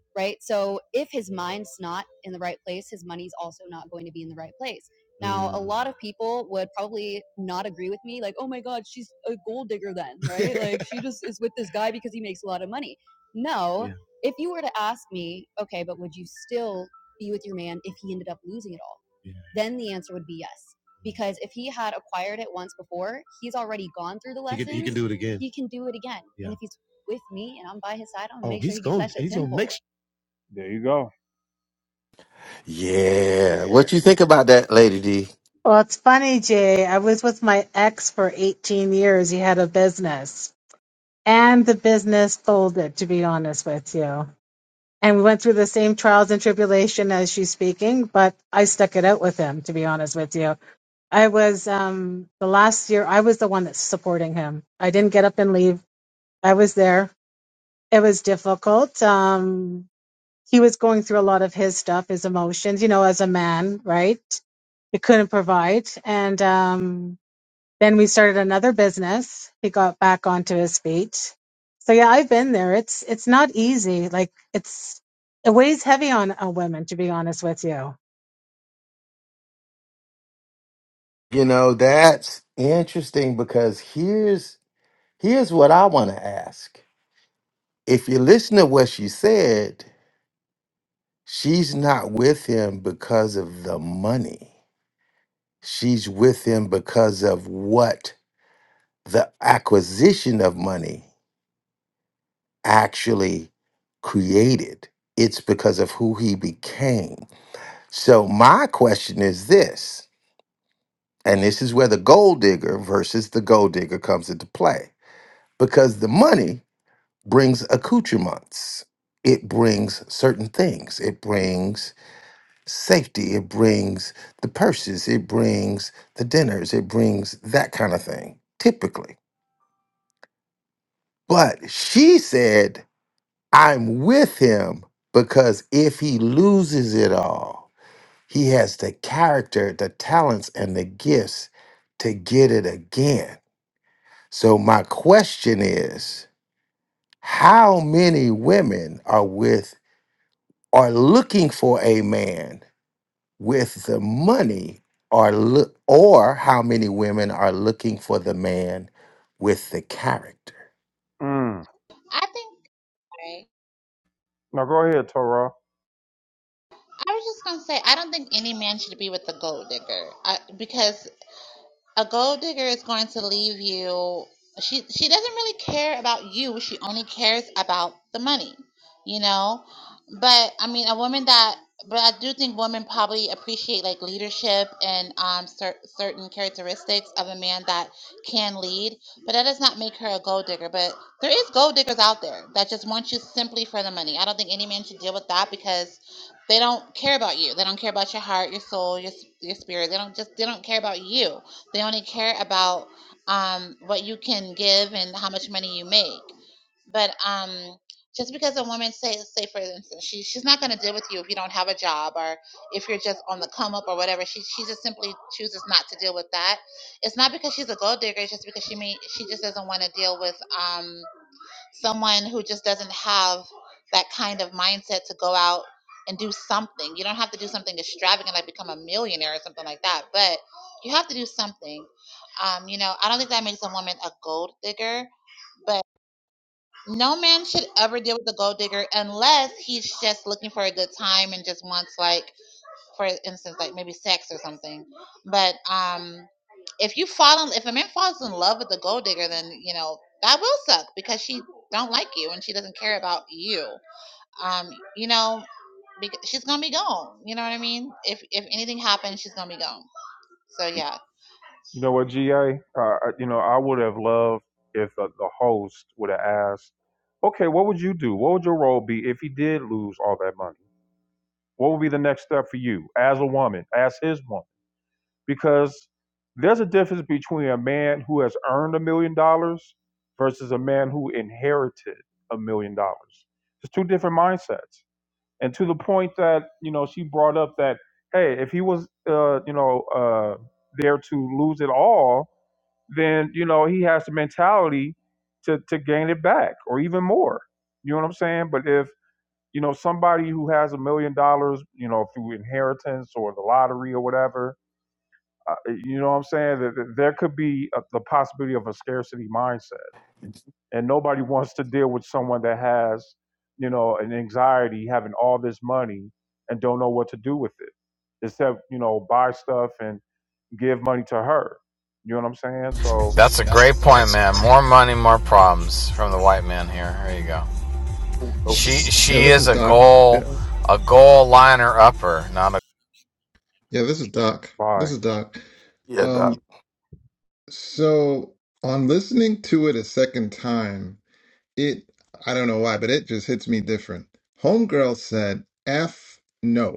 Speaker 2: yeah. Do it again. There you go.
Speaker 1: Yeah. What you think about that, Lady D?
Speaker 7: Well, it's funny, GA. I was with my ex for 18 years. He had a business, and the business folded, to be honest with you. And we went through the same trials and tribulation as she's speaking, but I stuck it out with him, to be honest with you. I was um the last year I was the one that's supporting him. I didn't get up and leave. I was there. It was difficult. Um, he was going through a lot of his stuff, his emotions, you know, as a man, right? We couldn't provide. And um, then we started another business. He got back onto his feet. So yeah, I've been there. It's it's not easy. Like it's it weighs heavy on a woman, to be honest with you.
Speaker 1: You know, that's interesting because here's Here's what I want to ask. If you listen to what she said, she's not with him because of the money. She's with him because of what the acquisition of money actually created. It's because of who he became. So, my question is this, and this is where the gold digger versus the gold digger comes into play because the money brings accoutrements. It brings certain things. It brings safety. It brings the purses. It brings the dinners. It brings that kind of thing, typically. But she said, I'm with him because if he loses it all, he has the character, the talents, and the gifts to get it again. So, my question is how many women are with are looking for a man with the money or look or how many women are looking for the man with the character
Speaker 2: Mm.
Speaker 5: I think. Right.
Speaker 2: Now go ahead, Torah.
Speaker 5: I was just gonna say I don't think any man should be with the gold digger I, because a gold digger is going to leave you she she doesn't really care about you she only cares about the money you know but i mean a woman that but i do think women probably appreciate like leadership and um cer- certain characteristics of a man that can lead but that does not make her a gold digger but there is gold diggers out there that just want you simply for the money i don't think any man should deal with that because they don't care about you they don't care about your heart your soul your, s- your spirit they don't just they don't care about you they only care about um, what you can give and how much money you make. But um, just because a woman say say for instance she she's not going to deal with you if you don't have a job or if you're just on the come up or whatever she she just simply chooses not to deal with that. It's not because she's a gold digger. It's just because she may she just doesn't want to deal with um someone who just doesn't have that kind of mindset to go out and do something. You don't have to do something extravagant like become a millionaire or something like that, but you have to do something. Um, you know, I don't think that makes a woman a gold digger, but no man should ever deal with a gold digger unless he's just looking for a good time and just wants like for instance, like maybe sex or something. But um, if you fall, in, if a man falls in love with a gold digger, then you know that will suck because she don't like you and she doesn't care about you. Um, you know, because she's gonna be gone. You know what I mean? If if anything happens, she's gonna be gone. So yeah,
Speaker 2: You know what, GA? Uh, uh, you know, I would have loved if the, the host would have asked, okay, what would you do? What would your role be if he did lose all that money? What would be the next step for you as a woman, as his woman? because there's a difference between a man who has earned a million dollars versus a man who inherited a million dollars. It's two different mindsets. And to the point that you know she brought up that hey, if he was uh, you know uh, there to lose it all, then you know he has the mentality to to gain it back or even more. You know what I'm saying? But if you know somebody who has a million dollars, you know through inheritance or the lottery or whatever, uh, you know what I'm saying? That that There could be a, the possibility of a scarcity mindset, and nobody wants to deal with someone that has, you know, an anxiety having all this money and don't know what to do with it, except you know buy stuff and give money to her. You know what I'm saying? So
Speaker 8: That's a great point, man. More money, more problems from the white man here. There you go.
Speaker 1: Oh, oh,
Speaker 8: She she
Speaker 6: this is
Speaker 8: is a
Speaker 6: Doc.
Speaker 8: goal
Speaker 6: Yeah.
Speaker 8: a goal liner upper, not a
Speaker 6: Yeah, this is Doc. This
Speaker 2: bye.
Speaker 6: is Doc.
Speaker 1: Yeah, doc.
Speaker 6: Um, so on listening to it a second time, it I don't know why, but it just hits me different. Homegirl said F no.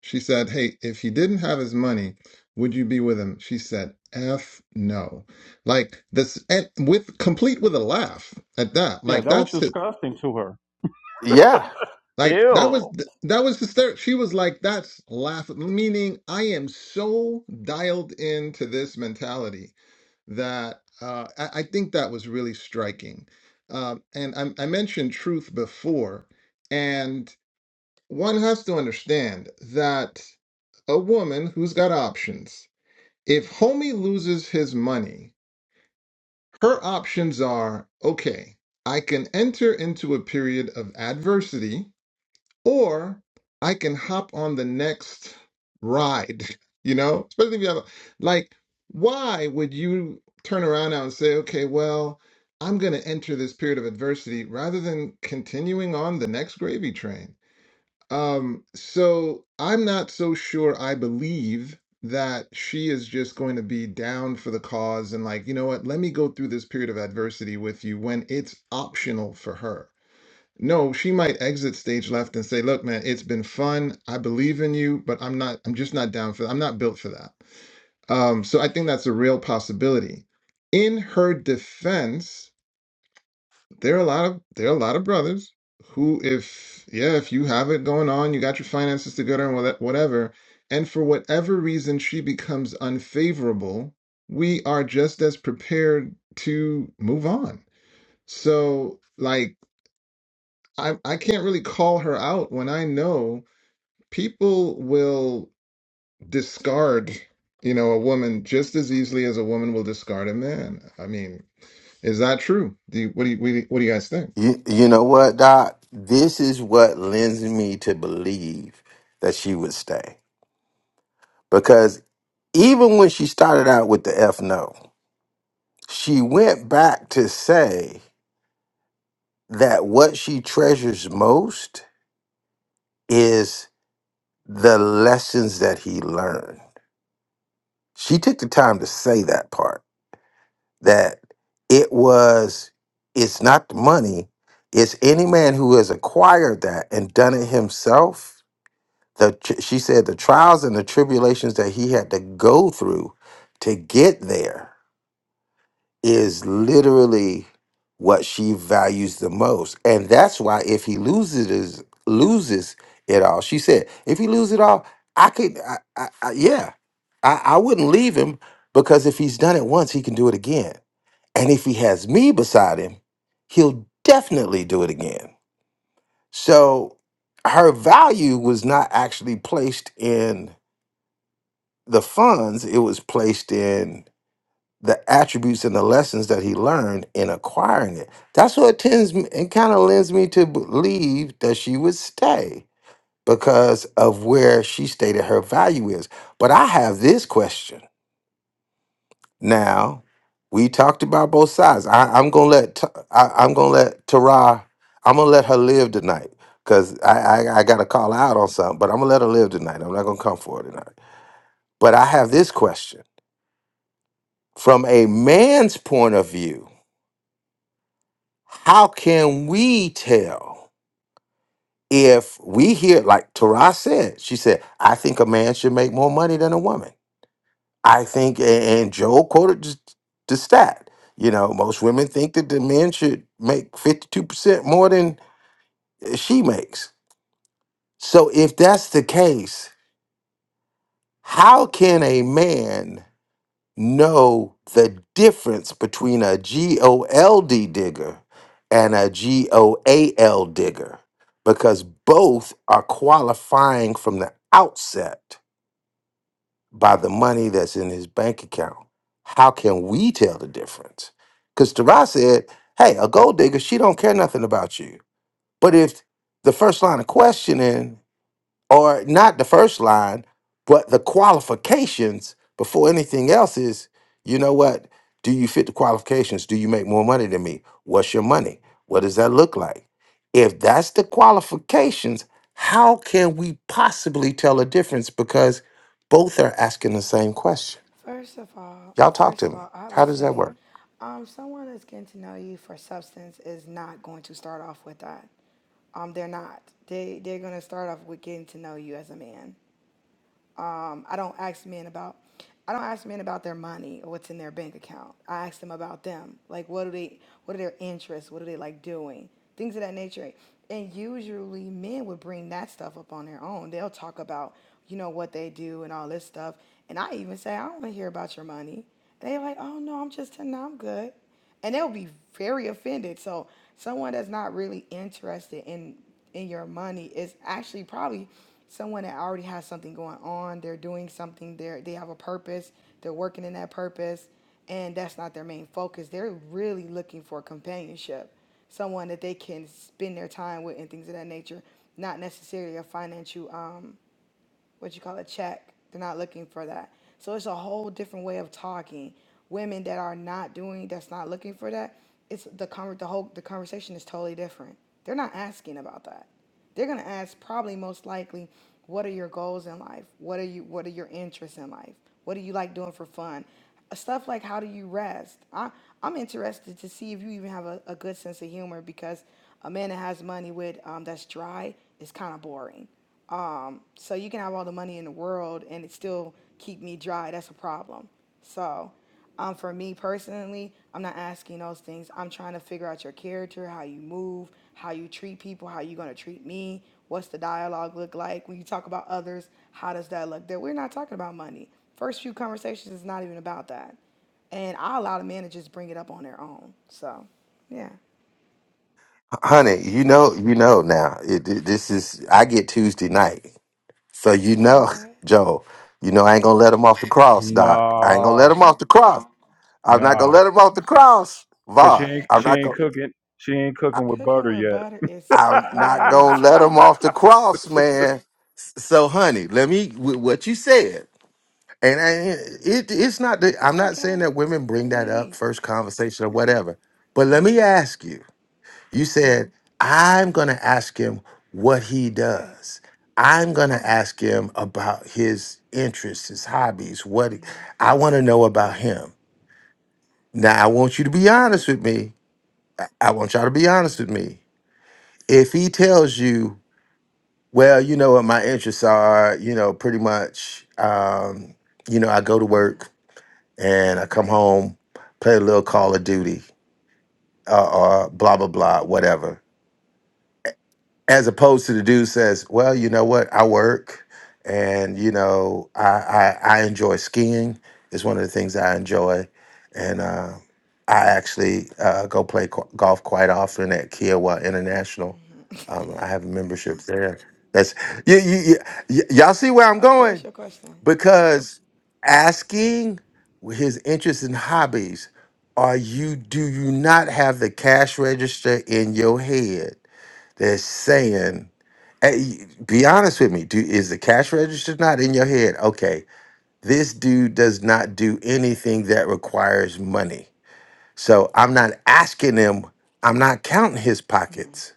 Speaker 6: She said, Hey, if he didn't have his money, would you be with him? She said, F no. Like this and with complete with a laugh at that.
Speaker 2: Yeah,
Speaker 6: Like
Speaker 2: that was
Speaker 6: that's it.
Speaker 2: disgusting to her.
Speaker 1: yeah
Speaker 6: Like that was
Speaker 2: Ew.
Speaker 6: that was hysterical. She was like, that's laugh meaning I am so dialed into this mentality that uh I, I think that was really striking. Um and I, I mentioned truth before, and one has to understand that a woman who's got options. If homie loses his money, her options are okay, I can enter into a period of adversity, or I can hop on the next ride, you know? Especially if you have, a- like, why would you turn around now and say, okay, well, I'm going to enter this period of adversity rather than continuing on the next gravy train? Um, so I'm not so sure I believe that she is just going to be down for the cause and like, you know what, let me go through this period of adversity with you when it's optional for her. No, she might exit stage left and say, look, man, it's been fun. I believe in you, but I'm not, I'm just not down for that. I'm not built for that. Um, so I think that's a real possibility. In her defense, there are a lot of there are a lot of brothers who, if yeah, if you have it going on, you got your finances together and whate- whatever, and for whatever reason she becomes unfavorable, we are just as prepared to move on. So, like, I I can't really call her out when I know people will discard, you know, a woman just as easily as a woman will discard a man. I mean, is that true? Do you, what do you what do you what do you guys think?
Speaker 1: you, you know what doc this is what lends me to believe that she would stay because even when she started out with the f no she went back to say that what she treasures most is the lessons that he learned she took the time to say that part that it was it's not the money it's any man who has acquired that and done it himself the tr- she said the trials and the tribulations that he had to go through to get there is literally what she values the most. And that's why if he loses is loses it all, she said, if he loses it all, I could I, I, I yeah. I, I wouldn't leave him because if he's done it once, he can do it again. And if he has me beside him, he'll definitely do it again. So her value was not actually placed in the funds, it was placed in the attributes and the lessons that he learned in acquiring it. That's what tends me and kind of lends me to believe that she would stay because of where she stated her value is. But I have this question now. We talked about both sides. I, I'm gonna let T- I, I'm gonna let Tara. I'm gonna let her live tonight because I, I I got to call her out on something. But I'm gonna let her live tonight. I'm not gonna come for her tonight. But I have this question from a man's point of view How can we tell if we hear, like Tara said, she said, I think a man should make more money than a woman. I think, a- and Joe quoted the the stat, you know, most women think that the men should make 52% more than she makes. So if that's the case, how can a man? know the difference between a G-O-L-D digger and a G-O-A-L digger because both are qualifying from the outset by the money that's in his bank account. How can we tell the difference? Because Tara said, hey, a gold digger, she don't care nothing about you. But if the first line of questioning or not the first line, but the qualifications before anything else is, you know what? Do you fit the qualifications? Do you make more money than me? What's your money? What does that look like? If that's the qualifications, how can we possibly tell a difference? Because both are asking the same question.
Speaker 3: First of all,
Speaker 1: Y'all talk
Speaker 3: first
Speaker 1: to
Speaker 3: of
Speaker 1: me.
Speaker 3: all, I
Speaker 1: How
Speaker 3: would
Speaker 1: does that
Speaker 3: say
Speaker 1: work?
Speaker 3: um, someone that's getting to know you for substance is not going to start off with that. Um, they're not. They they're going to start off with getting to know you as a man um, I don't ask men about I don't ask men about their money or what's in their bank account. I ask them about them. Like what do they what are their interests? What do they like doing? Things of that nature. And usually men would bring that stuff up on their own. They'll talk about, you know, what they do and all this stuff. And I even say, I don't want to hear about your money. They're like, oh no, I'm just telling I'm good and they'll be very offended. So someone that's not really interested in in your money is actually probably someone that already has something going on. They're doing something. They are they have a purpose. They're working in that purpose, and that's not their main focus. They're really looking for companionship, someone that they can spend their time with, and things of that nature. Not necessarily a financial um, what you call a check. They're not looking for that. So it's a whole different way of talking. Women that are not doing, that's not looking for that, it's the conver- the whole the conversation is totally different. They're not asking about that. They're gonna ask probably most likely, what are your goals in life? What are you what are your interests in life? What do you like doing for fun? Uh, Stuff like how do you rest? I, I'm interested to see if you even have a, a good sense of humor because a man that has money with um, that's dry is kind of boring so you can have all the money in the world and it still keep me dry. That's a problem. So, um, for me personally, I'm not asking those things. I'm trying to figure out your character, how you move, how you treat people, how you gonna treat me. What's the dialogue look like when you talk about others? How does that look? That we're not talking about money. First few conversations is not even about that, and I allow the managers to bring it up on their own. So, yeah.
Speaker 1: Honey, you know, you know now. It, it- this is I get Tuesday night. So you
Speaker 3: Wait,
Speaker 1: know,
Speaker 3: what?
Speaker 1: Joe, you know I ain't gonna let him off the cross, Doc. I ain't gonna let
Speaker 2: No,
Speaker 1: him off the cross. I'm not gonna
Speaker 2: no,
Speaker 1: let him off the cross,
Speaker 2: cause she
Speaker 1: Vaughn.
Speaker 2: ain't
Speaker 1: I'm
Speaker 2: she
Speaker 1: not
Speaker 2: ain't
Speaker 1: gonna.
Speaker 2: cooking she ain't
Speaker 1: I,
Speaker 2: cooking with
Speaker 3: Cooking
Speaker 2: butter
Speaker 3: with
Speaker 2: yet.
Speaker 3: butter is
Speaker 1: I'm not gonna let him
Speaker 3: crazy.
Speaker 1: off the cross, man. So, honey, let me with what you said, and I, it, it's not. That, I'm
Speaker 3: It's
Speaker 1: not saying
Speaker 3: okay.
Speaker 1: that women bring
Speaker 3: Bring the
Speaker 1: that up
Speaker 3: heat.
Speaker 1: first conversation or whatever. But let me
Speaker 3: hmm
Speaker 1: ask you. You said, I'm going to ask him what he
Speaker 3: Right.
Speaker 1: does. I'm going to ask him about his interests, his hobbies, what he-
Speaker 3: hmm
Speaker 1: I want to know about
Speaker 3: Yeah.
Speaker 1: him. Now, I want you to be
Speaker 3: Okay.
Speaker 1: honest with me. I I want y'all to be honest
Speaker 3: hmm
Speaker 1: with me. If he tells you, well, you know what my interests are, you know, pretty much, um, you know, I go to
Speaker 3: hmm
Speaker 1: work and I come
Speaker 3: hmm
Speaker 1: home, play a little Call of
Speaker 3: hmm
Speaker 1: Duty, uh, or blah, blah, blah, whatever as opposed to the dude says, "Well, you know what? I work, and you know, I I, I enjoy skiing. It's one of the things
Speaker 3: hmm
Speaker 1: I enjoy, and uh, I actually uh, go play qu- golf quite often at Kiowa International.
Speaker 3: hmm
Speaker 1: Um, I have a membership there. That's you, you, you, y- y'all see where I'm
Speaker 3: Okay,
Speaker 1: going
Speaker 3: what's your question?
Speaker 1: because asking his interests and
Speaker 3: hmm
Speaker 1: hobbies are you do you not have the cash register in your head that's saying hey, be honest with
Speaker 3: Okay.
Speaker 1: me do is the cash register not in your head okay this dude does not do anything that requires money so i'm not asking him i'm not counting his pockets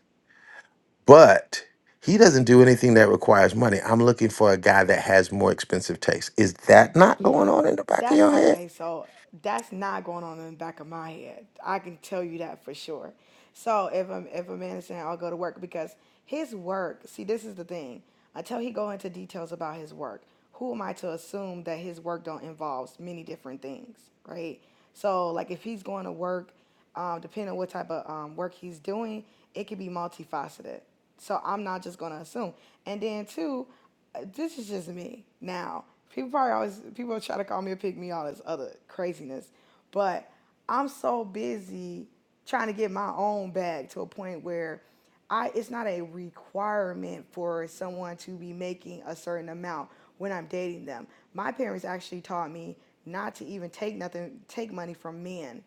Speaker 1: but he doesn't do anything that requires money. I'm looking for a guy that has more expensive taste. Is that not going on in the back of
Speaker 3: That's
Speaker 1: your head?
Speaker 3: okay. So that's not going on in the back of my head. I can tell you that for sure. So if a if a man is saying I'll go to work because his work, see, this is the thing. Until he go into details about his work, who am I to assume that his work don't involves many different things, right? So like if he's going to work um, depending on what type of um, work he's doing, it could be multifaceted. So I'm not just gonna assume. And then two, uh, this is just me. Now, people probably always people try to call me a pick me, all this other craziness, but I'm so busy trying to get my own bag to a point where I it's not a requirement for someone to be making a certain amount when I'm dating them. My parents actually taught me not to even take nothing take money from men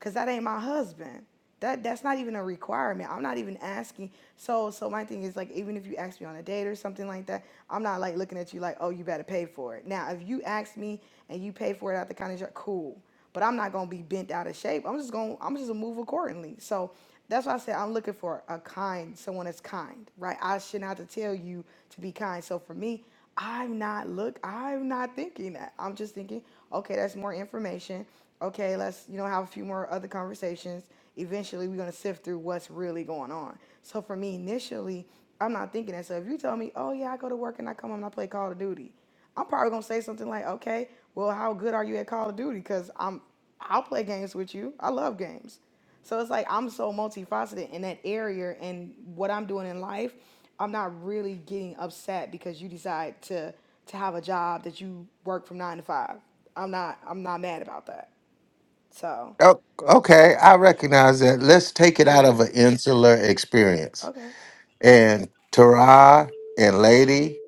Speaker 3: Cause that ain't my husband. That that's not even a requirement. I'm not even asking. So so my thing is like even if you ask me on a date or something like that, I'm not like looking at you like, oh, you better pay for it. Now if you ask me and you pay for it out the kind of jar, cool. But I'm not gonna be bent out of shape. I'm just gonna I'm just gonna move accordingly. So that's why I said I'm looking for a kind, someone that's kind, right? I shouldn't have to tell you to be kind. So for me, I'm not look I'm not thinking that. I'm just thinking, okay, that's more information. Okay, let's, you know, have a few more other conversations. Eventually we're gonna sift through what's really going on. So for me initially, I'm not thinking that. So if you tell me, oh yeah, I go to work and I come home and I play Call of Duty, I'm probably gonna say something like, okay, well, how good are you at Call of Duty? Because I'm I'll play games with you. I love games. So it's like I'm so multifaceted in that area and what I'm doing in life, I'm not really getting upset because you decide to to have a job that you work from 9 to 5. I'm not I'm not mad about that. So,
Speaker 1: Oh, okay, I recognize that. Let's take it out of
Speaker 3: yeah.
Speaker 1: an insular experience.
Speaker 3: Okay.
Speaker 1: And Tara and Lady,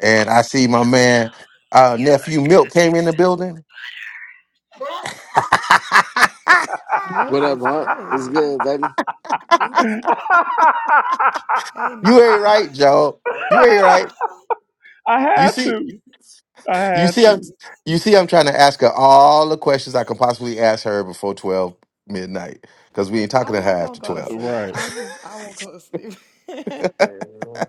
Speaker 1: and I see my man, uh, nephew Milk came in the building.
Speaker 9: What
Speaker 3: Milk
Speaker 9: up,
Speaker 3: is
Speaker 9: Mark? What's
Speaker 3: crazy.
Speaker 9: good, baby?
Speaker 3: Hey
Speaker 1: you ain't
Speaker 3: Milton.
Speaker 1: right, Joe. You ain't right.
Speaker 2: I
Speaker 1: You
Speaker 2: had
Speaker 1: see,
Speaker 2: to. I
Speaker 1: You
Speaker 2: had
Speaker 1: see, I'm
Speaker 2: to.
Speaker 1: you see, I'm trying to ask her all the questions I can possibly ask her before twelve midnight because we ain't talking
Speaker 3: I'm
Speaker 1: to her
Speaker 3: not going to
Speaker 1: after
Speaker 3: go to
Speaker 1: twelve.
Speaker 3: sleep.
Speaker 2: Right.
Speaker 3: I just I won't go to sleep.
Speaker 9: Yeah.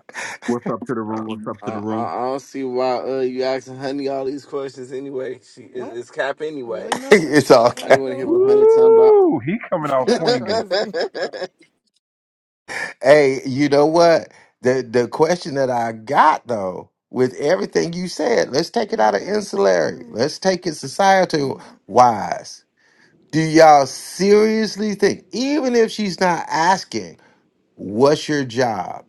Speaker 10: What's up to the
Speaker 9: I,
Speaker 10: room? What's up
Speaker 9: I,
Speaker 10: to the
Speaker 9: I
Speaker 10: room?
Speaker 9: don't see why uh you asking Honey all these questions anyway. She is
Speaker 3: what?
Speaker 9: it's Cap
Speaker 3: Really,
Speaker 9: anyways.
Speaker 3: Milton?
Speaker 1: it's all
Speaker 3: That's how
Speaker 9: I
Speaker 3: you
Speaker 1: okay.
Speaker 9: didn't want to
Speaker 3: feel
Speaker 9: hear what
Speaker 3: about
Speaker 9: Honey
Speaker 3: me?
Speaker 9: talking about.
Speaker 2: Woo! He coming out
Speaker 3: That's
Speaker 2: swinging.
Speaker 3: crazy.
Speaker 1: Hey, you know what? The the question that I got though, with everything you said, let's take it out of
Speaker 3: okay. All
Speaker 1: insularity.
Speaker 3: right.
Speaker 1: Let's take it societal wise. Do y'all seriously think, even if she's not asking, what's your job?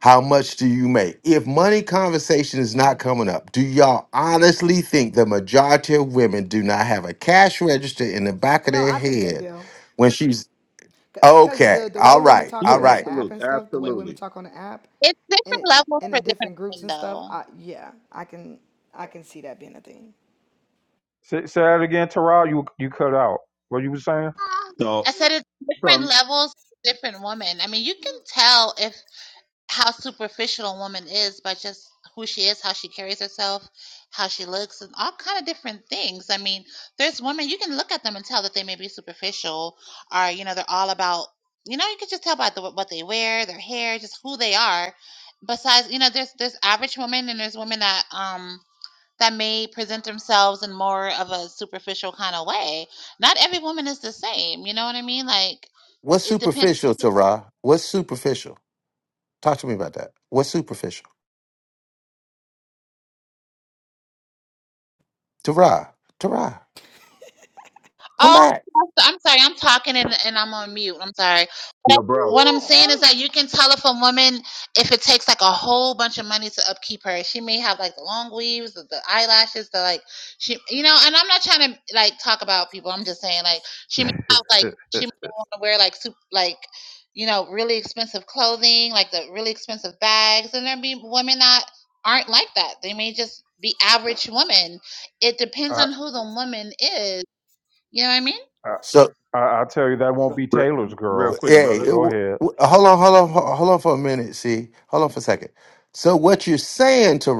Speaker 1: How much do you make? If money conversation is not coming up, do y'all honestly think the majority of women do not have a cash register in the back of
Speaker 3: No,
Speaker 1: their
Speaker 3: I think they
Speaker 1: head
Speaker 3: do.
Speaker 1: when she's
Speaker 3: Because
Speaker 1: okay?
Speaker 3: the, the way
Speaker 1: All
Speaker 3: women
Speaker 1: right,
Speaker 3: talk
Speaker 1: all
Speaker 3: on
Speaker 10: Yeah,
Speaker 3: this
Speaker 1: right.
Speaker 3: app
Speaker 10: absolutely,
Speaker 3: and stuff, the way women
Speaker 10: absolutely.
Speaker 3: talk on the app,
Speaker 5: it's
Speaker 3: and
Speaker 5: different
Speaker 3: it
Speaker 5: levels
Speaker 3: in
Speaker 5: for
Speaker 3: the
Speaker 5: different
Speaker 3: different groups
Speaker 5: women,
Speaker 3: and stuff,
Speaker 5: though.
Speaker 3: I, yeah, I can I can see that being a thing.
Speaker 2: Say, say that again, Terrell. You you cut out. What you was saying?
Speaker 10: So,
Speaker 5: I said it's
Speaker 10: So,
Speaker 5: different
Speaker 10: um,
Speaker 5: levels, for different women. I mean, you can tell if how superficial a woman is by just who she is, how she carries herself, how she looks, and all kind of different things. I mean, there's women you can look at them and tell that they may be superficial, or you know they're all about you know you can just tell by the, what they wear, their hair, just who they are. Besides, you know, there's there's average women and there's women that um that may present themselves in more of a superficial kind of way. Not every woman is the same. You know what I mean? Like
Speaker 1: What's
Speaker 5: it depends.
Speaker 1: superficial, Tara? What's superficial? Talk to me about that. What's superficial, Tara? Tara, come
Speaker 5: Oh,
Speaker 1: back.
Speaker 5: I'm sorry. I'm talking and, and I'm on mute. I'm sorry. But
Speaker 10: yo, bro.
Speaker 5: what I'm saying is that you can tell if a woman, if it takes like a whole bunch of money to upkeep her, she may have like the long weaves, the, the eyelashes, the like, she, you know, and I'm not trying to like talk about people. I'm just saying like, she may have like, she may want to wear like, soup, like, you know, really expensive clothing, like the really expensive bags. And there be women that aren't like that. They may just be average women. It depends
Speaker 2: I
Speaker 5: on who the woman is. You know what I mean?
Speaker 2: I
Speaker 1: So.
Speaker 2: I I tell you that won't So, be
Speaker 10: re-
Speaker 2: Taylor's
Speaker 10: real
Speaker 1: Well,
Speaker 2: girl.
Speaker 10: quick,
Speaker 1: Hey,
Speaker 2: But
Speaker 10: brother.
Speaker 1: it
Speaker 2: go
Speaker 1: w-
Speaker 2: ahead.
Speaker 1: w- hold on, hold on, ho- hold on for a minute. See, hold on for a second. So, what you're saying to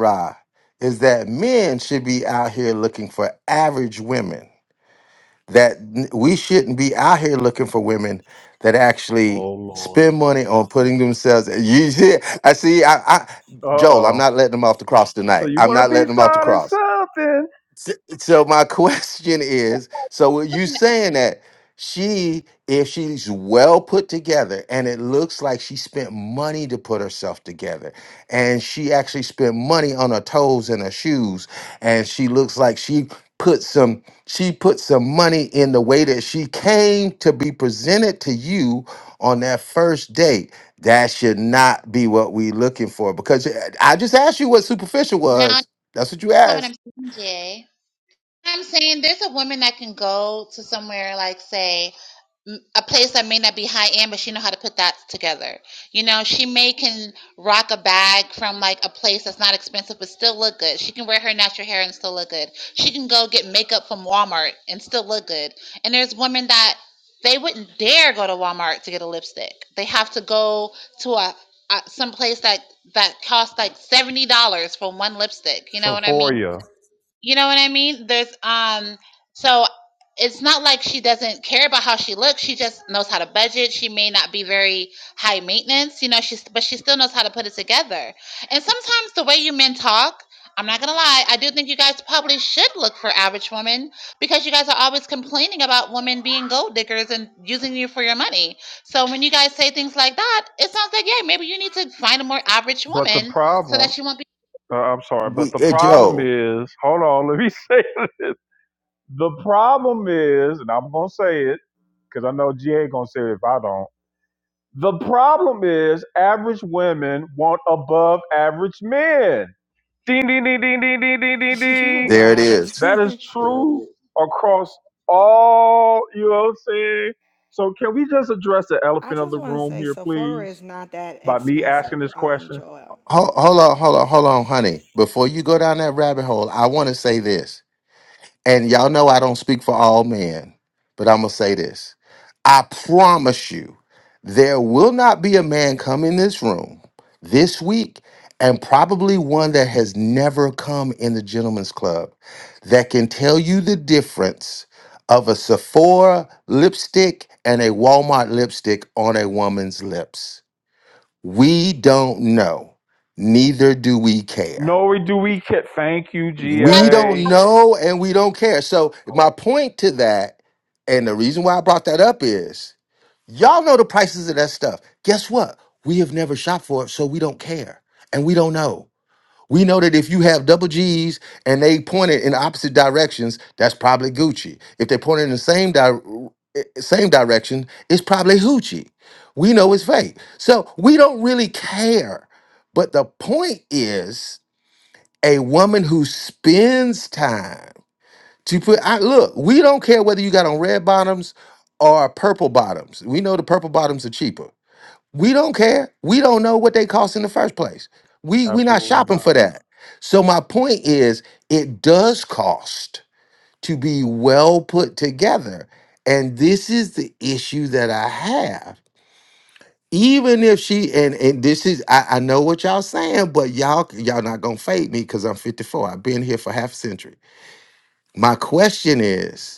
Speaker 1: is that men should be out here looking for average women. That n- we shouldn't be out here looking for women that actually
Speaker 2: oh Lord.
Speaker 1: spend money on putting themselves. You see, I see. I, I
Speaker 2: Uh
Speaker 1: Joel, I'm
Speaker 2: oh.
Speaker 1: not letting them off the cross
Speaker 2: So
Speaker 1: tonight.
Speaker 2: you
Speaker 1: I'm
Speaker 2: want to
Speaker 1: not
Speaker 2: be
Speaker 1: letting them off the
Speaker 2: starting
Speaker 1: cross.
Speaker 2: something?
Speaker 1: So my question is, so are you
Speaker 5: Okay,
Speaker 1: saying that she, if she's well put together, and it looks like she spent money to put herself together, and she actually spent money on her toes and her shoes, and she looks like she put some she put some money in the way that she came to be presented to you on that first date. That should not be what we looking for because eh, I just asked you what superficial
Speaker 5: Now,
Speaker 1: was.
Speaker 5: that's
Speaker 1: That's what you
Speaker 5: not what I'm
Speaker 1: asked.
Speaker 5: saying, Jay. I'm saying there's a woman that can go to somewhere like say m- a place that may not be high end, but she know how to put that together. You know, she may can rock a bag from like a place that's not expensive, but still look good. She can wear her natural hair and still look good. She can go get makeup from Walmart and still look good. And there's women that they wouldn't dare go to Walmart to get a lipstick. They have to go to a, a some place that that costs like seventy dollars for one lipstick. You know what I mean?
Speaker 2: Sephoria.
Speaker 5: You know what I mean? There's um so it's not like she doesn't care about how she looks. She just knows how to budget. She may not be very high maintenance, you know, she's but she still knows how to put it together. And sometimes the way you men talk, I'm not going to lie, I do think you guys probably should look for average women because you guys are always complaining about women being gold diggers and using you for your money. So when you guys say things like that, it sounds like, yeah, maybe you need to find a more average
Speaker 2: But the
Speaker 5: woman so that
Speaker 2: problem,
Speaker 5: she won't be.
Speaker 2: uh, I'm sorry, but
Speaker 1: We,
Speaker 2: the
Speaker 1: eh,
Speaker 2: problem
Speaker 1: Joe.
Speaker 2: is, hold on, let me say, it. the problem is, and I'm gonna say it because I know G gonna say it if I don't. The problem is average women want above average men. Ding ding ding ding ding ding ding ding
Speaker 3: You
Speaker 2: ding.
Speaker 1: There it
Speaker 3: wild.
Speaker 1: is.
Speaker 2: That is true across all, you know what I'm saying? So can we just address the
Speaker 3: I
Speaker 2: elephant of
Speaker 3: just
Speaker 2: the
Speaker 3: want to
Speaker 2: room
Speaker 3: say
Speaker 2: here,
Speaker 3: Sephora is
Speaker 2: please?
Speaker 3: not that
Speaker 2: By me
Speaker 3: expensive,
Speaker 2: asking this
Speaker 3: um,
Speaker 2: question?
Speaker 3: Joel.
Speaker 1: Hold, hold on, hold on, hold on, honey. Before you go down that rabbit hole, I want to say this. And y'all know I don't speak for all men, but I'm going to say this. I promise you, there will not be a man come in this room this week, and probably one that has never come in the gentleman's club, that can tell you the difference of a Sephora lipstick and a Walmart lipstick on a woman's lips. We don't know, neither do we care.
Speaker 2: No, do we ca- thank you,
Speaker 1: We don't
Speaker 2: GA?
Speaker 1: know and we don't care. So, my point to that, and the reason why I brought that up is y'all know the prices of that stuff. Guess what? We have never shopped for it, so we don't care and we don't know. We know that if you have double G's and they pointed in opposite directions, that's probably Gucci. If they pointed in the same di- eh, same direction, it's probably Hoochie. We know it's fake. So we don't really care. But the point is a woman who spends time to put I look, we don't care whether you got on red bottoms or purple bottoms. We know the purple bottoms are cheaper. We don't care. We don't know what they cost in the first place. We we not
Speaker 2: Absolutely
Speaker 1: shopping
Speaker 2: not.
Speaker 1: for that. So my point is it does cost to be well put together. And this is the issue that I have. Even if she and and this is I, I know what y'all saying, but y'all y'all not gonna fade me because I'm 54. I've been here for half a century. My question is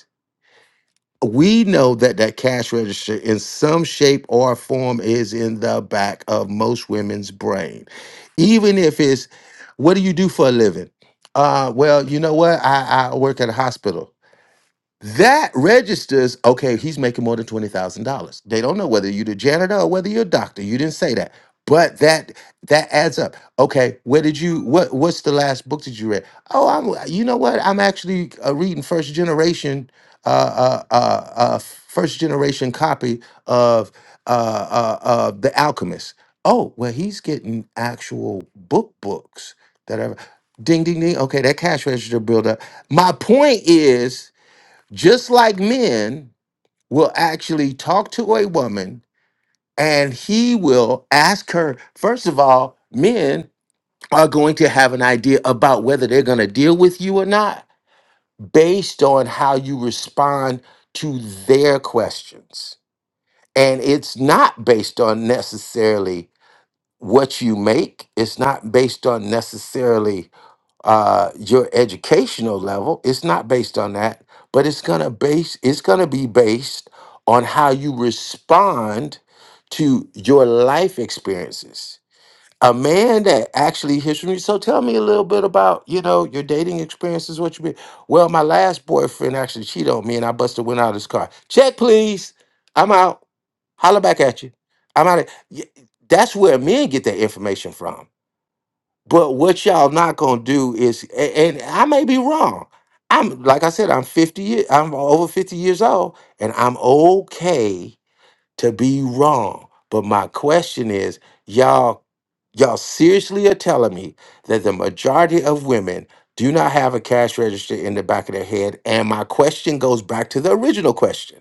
Speaker 1: we know that that cash register in some shape or form is in the back of most women's brain even if it's what do you do for a living uh well you know what i i work at a hospital that registers, okay, he's making more than $20,000. They don't know whether you're the janitor or whether you're a doctor. You didn't say that. But that that adds up. Okay, where did you what what's the last book that you read? Oh, I'm you know what? I'm actually uh, reading first generation uh uh uh, uh first generation copy of uh uh uh The Alchemist. Oh, well he's getting actual book books that are ding ding ding. Okay, that cash register build up. My point is just like men will actually talk to a woman and he will ask her first of all men are going to have an idea about whether they're going to deal with you or not based on how you respond to their questions and it's not based on necessarily what you make it's not based on necessarily uh, your educational level. It's not based on that, but it's gonna base it's gonna be based on how you respond to your life experiences. A man that actually hears from you. So tell me a little bit about you know your dating experiences. What you been? Well, my last boyfriend actually cheated on me, and I busted went out of his car. Check, please. I'm out. Holler back at you. I'm out. Of, that's where men get their information from but what y'all not gonna do is, a- and I may be wrong. I'm like I said, I'm fifty. ye- I'm over fifty years old, and I'm okay to be wrong. But my question is, y'all, y'all seriously are telling me that the majority of women do not have a cash register in the back of their head? And my question goes back to the original question: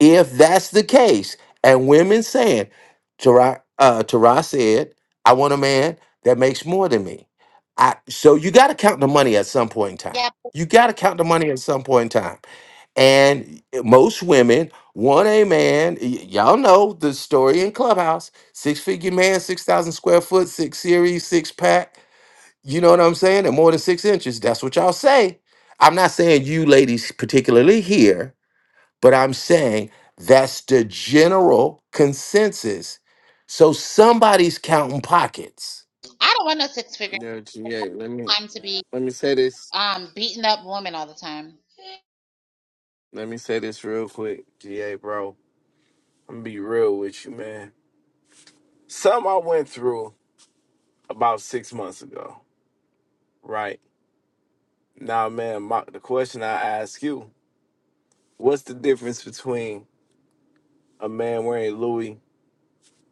Speaker 1: if that's the case, and women saying, Tara, uh, Tara said, I want a man that makes more than me. I, so you got to count the money at some point in time.
Speaker 5: Yeah,
Speaker 1: You got to count the money at some point in time. And most women want a man. y- y'all know the story in Clubhouse six figure man, 6,000 square foot, six series, six pack. You know what I'm saying? And more than six inches. That's what y'all say. I'm not saying you ladies particularly here but I'm saying that's the general consensus. So somebody's counting pockets.
Speaker 5: I don't want no six figure
Speaker 9: Yeah, GA. Let me
Speaker 5: time to be
Speaker 9: let me say this.
Speaker 5: um beating up women all the time.
Speaker 9: Let me say this real quick, GA, bro. I'm gonna be real with you, man. Something I went through about six months ago, right? Now, man, my, the question I ask you: What's the difference between a man wearing Louis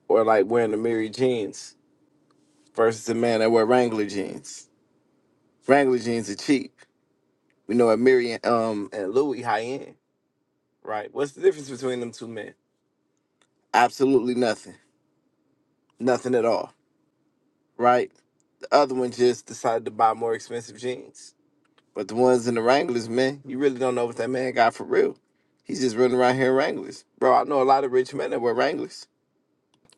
Speaker 9: or like wearing the Mary jeans versus a man that wear Wrangler jeans. Wrangler jeans are cheap. We know at Mary and, um and Louis high end, right? What's the difference between them two men? Absolutely nothing. Nothing at all, right? The other one just decided to buy more expensive jeans. But the ones in the Wranglers, man, you really don't know what that man got for real. He's just running around here in Wranglers. Bro, I know a lot of rich men that wear Wranglers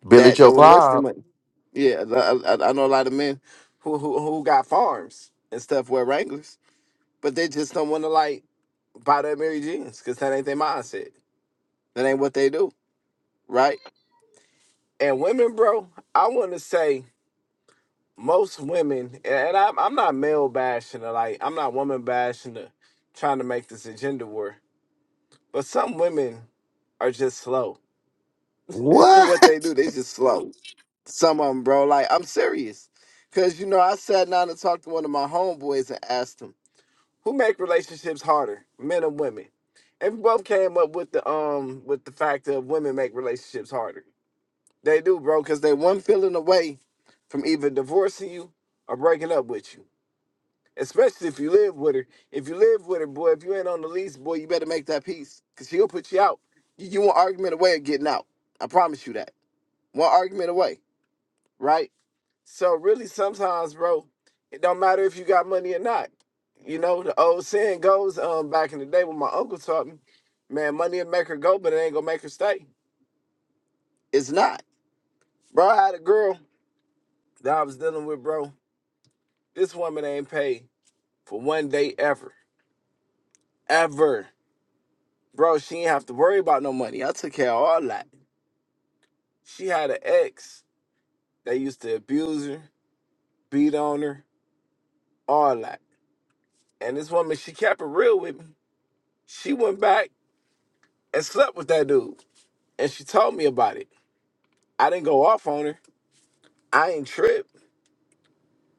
Speaker 1: Billy
Speaker 9: that
Speaker 1: Joe
Speaker 9: don't want to waste their
Speaker 1: Bob.
Speaker 9: money. Yeah, I, I, I know a lot of men who, who who got farms and stuff wear Wranglers, but they just don't want to like buy that Mary Jeans because that ain't their mindset. That ain't what they do, right? And women, bro, I want to say most women, and and I'm, I'm not male bashing or like I'm not woman bashing or trying to make this a gender war, but some women are just slow what
Speaker 1: What?
Speaker 9: they do, they just slow. Some of them, bro. Like I'm serious, cause you know I sat down and talked to one of my homeboys and asked him who make relationships harder, men or women. And we both came up with the um with the fact that women make relationships harder. They do, bro, cause they one feeling away from either divorcing you or breaking up with you. Especially if you live with her. If you live with her, boy, if you ain't on the lease, boy, you better make that peace, cause she'll put you out. You, you an argument away of getting out. I promise you that one argument away, right? So really, sometimes, bro, it don't matter if you got money or not. You know, the old saying goes um back in the day when my uncle taught me, man, money will make her go, but it ain't gonna make her stay. It's not, bro. I had a girl that I was dealing with, bro. This woman ain't paid for one day ever, ever, bro. She ain't have to worry about no money. I took care of all that. She had an ex that used to abuse her, beat on her, all that. And this woman, she kept it real with me. She went back and slept with that dude, and she told me about it. I didn't go off on her. I ain't tripped.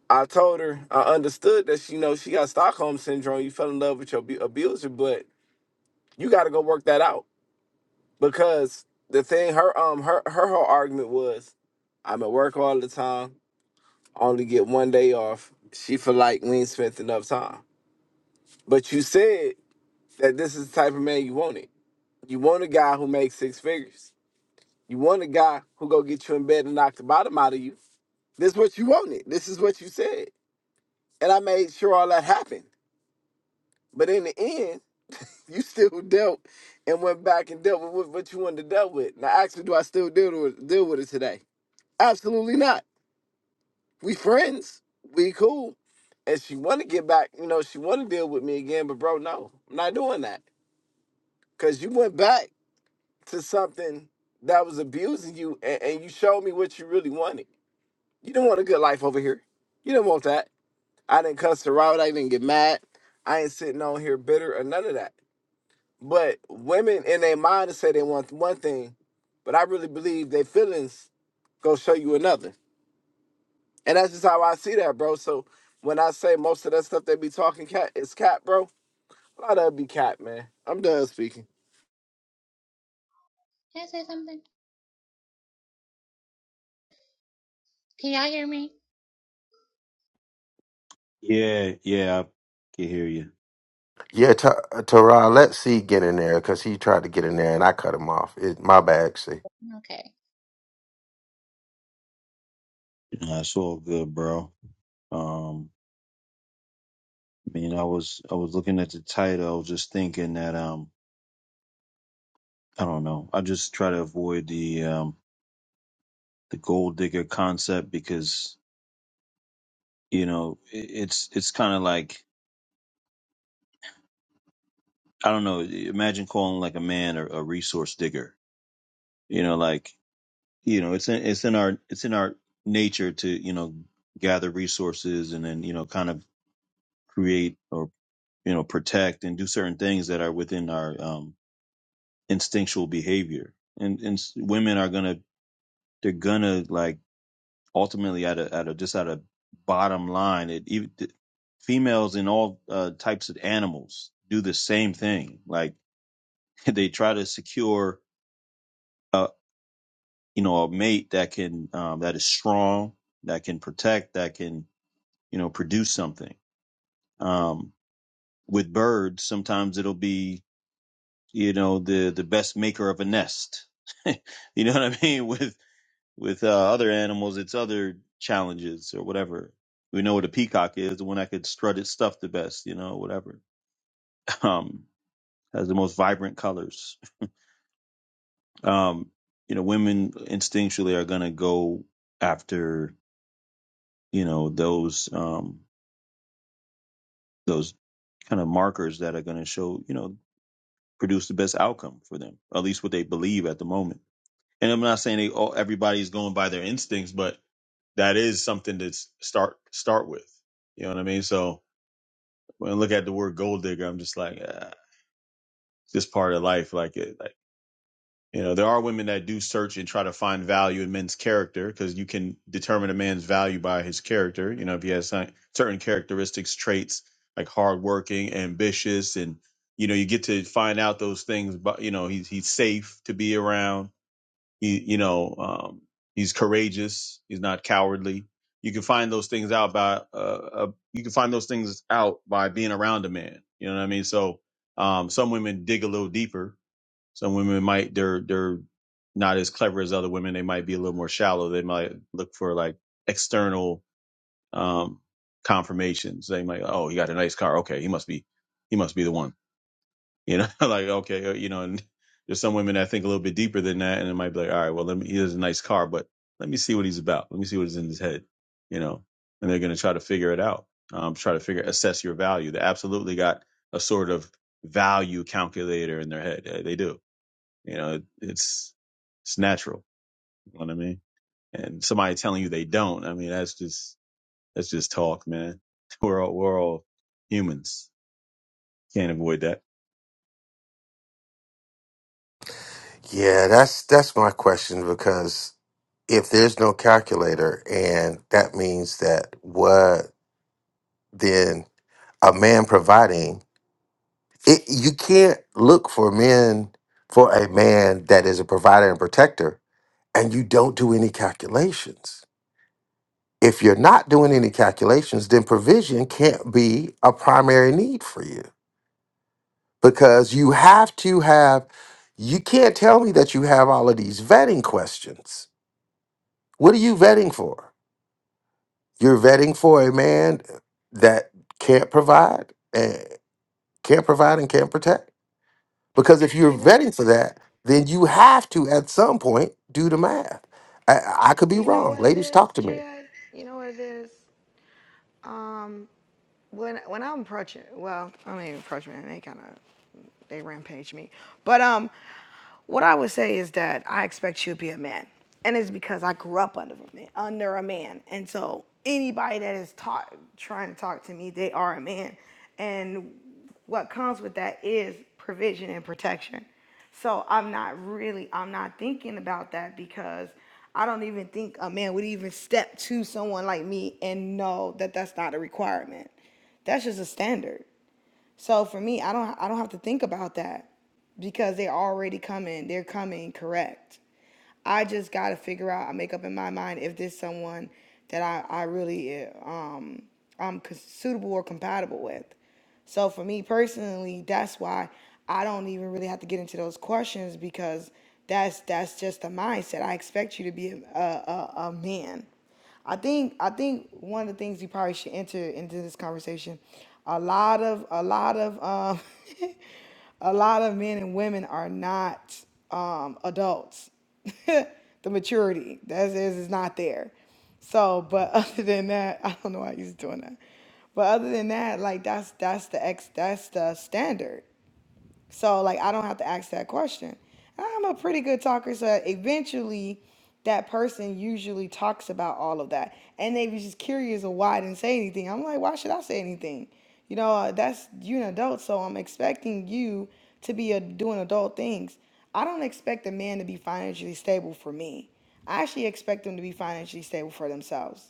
Speaker 9: I told her I understood that she you know she got Stockholm syndrome. You fell in love with your abu- abuser, but you got to go work that out because the thing her um her her whole argument was, I'm at work all the time. only get one day off. She feel like we ain't spent enough time. But you said that this is the type of man you wanted. You want a guy who makes six figures You want a guy who go get you in bed and knock the bottom out of you. This what you wanted. This is what you said. And I made sure all that happened. But in the end, you still dealt and went back and dealt with what what you wanted to deal with. Now actually, do I still deal with deal with it today? Absolutely not. We friends. We cool. And she wanna get back, you know, she wanna deal with me again, but bro, no, I'm not doing that. Cause you went back to something that was abusing you and, and you showed me what you really wanted You don't want a good life over here. You don't want that. I didn't cuss her out. I didn't get mad. I ain't sitting on here bitter or none of that. But women in their mind say they want one thing, but I really believe their feelings go show you another. And that's just how I see that, bro. So when I say most of that stuff they be talking cat is cat, bro, a lot of it be cat, man. I'm done speaking.
Speaker 5: Can I say something? Can y'all hear me?
Speaker 10: Yeah, yeah, I can hear you.
Speaker 1: Yeah, T- Teron, let C get in there because he tried to get in there and I cut him off. It, my bad, C.
Speaker 5: Okay.
Speaker 10: That's all good, bro. Um, I mean, I was I was looking at the title, I was just thinking that um, I don't know. I just try to avoid the um the gold digger concept because you know it, it's it's kind of like I don't know. Imagine calling like a man a, a resource digger. You know, like you know it's in it's in our it's in our nature to you know gather resources and then you know kind of create or you know protect and do certain things that are within our um instinctual behavior and and s- women are gonna they're gonna like ultimately at a at a just at a bottom line it even th- females in all uh, types of animals do the same thing like they try to secure a you know a mate that can um that is strong that can protect that can you know, produce something. Um, with birds, sometimes it'll be, you know, the, the best maker of a nest. you know what I mean? With, with, uh, other animals, it's other challenges or whatever. We know what a peacock is, the one that could strut its stuff the best, you know, whatever. Um, has the most vibrant colors. Um, you know, women instinctually are going to go after, you know, those, um, those kind of markers that are going to show, you know, produce the best outcome for them, at least what they believe at the moment. And I'm not saying they all everybody's going by their instincts, but that is something to s- start start with. You know what I mean? So when I look at the word gold digger, I'm just like ah, this part of life, like it. You know, there are women that do search and try to find value in men's character because you can determine a man's value by his character. You know, if he has cer- certain characteristics, traits like hardworking, ambitious, and you know, you get to find out those things. But you know, he's he's safe to be around. He, you know, um, he's courageous. He's not cowardly. You can find those things out by uh, uh, you can find those things out by being around a man. You know what I mean? So um, some women dig a little deeper some women might they're they're not as clever as other women. They might be a little more shallow. They might look for like external um, confirmations. They might, oh, he got a nice car. Okay, he must be, he must be the one. You know, like okay, uh, you know. And there's some women that think a little bit deeper than that, and it might be like, all right, well, let me. He has a nice car, but let me see what he's about. Let me see what's in his head. You know, and they're gonna try to figure it out. Um, try to figure assess your value. They absolutely got a sort of value calculator in their head. Uh, They do you know, it, it's it's natural. You know what I mean? And somebody telling you they don't, I mean, that's just that's just talk, man. We're all we're all humans. Can't avoid that.
Speaker 1: Yeah, that's that's my question because if there's no calculator and that means that what then a man providing it you can't look for men for a man that is a provider and protector and you don't do any calculations. If you're not doing any calculations, then provision can't be a primary need for you because you have to have, you can't tell me that you have all of these vetting questions. What are you vetting for? You're vetting for a man that can't provide and can't provide and can't protect. Because if you're
Speaker 3: You know,
Speaker 1: vetting for that, then you have to at some point do the math. I, I could be
Speaker 3: you know
Speaker 1: wrong.
Speaker 3: what it
Speaker 1: Ladies,
Speaker 3: is,
Speaker 1: talk to me.
Speaker 3: GA. You know what it is. Um, when when I'm approaching, well, I don't even approach me. They kind of they rampage me. But um, what I would say is that I expect you to be a man, and it's because I grew up under a man, under a man, and so anybody that is taught trying to talk to me, they are a man, and what comes with that is provision and protection. So I'm not really, I'm not thinking about that because I don't even think a man would even step to someone like me and know that that's not a requirement. That's just a standard. So for me, I don't I don't have to think about that because they're already coming. They're coming correct. I just gotta figure out. I make up in my mind if this someone that I I really uh, um I'm suitable or compatible with. So for me personally, that's why I don't even really have to get into those questions because that's that's just the mindset. I expect you to be a a, a, a man. I think I think one of the things you probably should enter into this conversation, a lot of a lot of um, a lot of men and women are not um, adults. the maturity that is is not there. So, but other than that, I don't know why he's doing that. But other than that, like that's that's the ex that's the standard. So like I don't have to ask that question. I'm a pretty good talker, so eventually that person usually talks about all of that. And they was just curious of why I didn't say anything. I'm like, why should I say anything? You know, uh, that's you an adult, so I'm expecting you to be uh doing adult things. I don't expect a man to be financially stable for me. I actually expect them to be financially stable for themselves.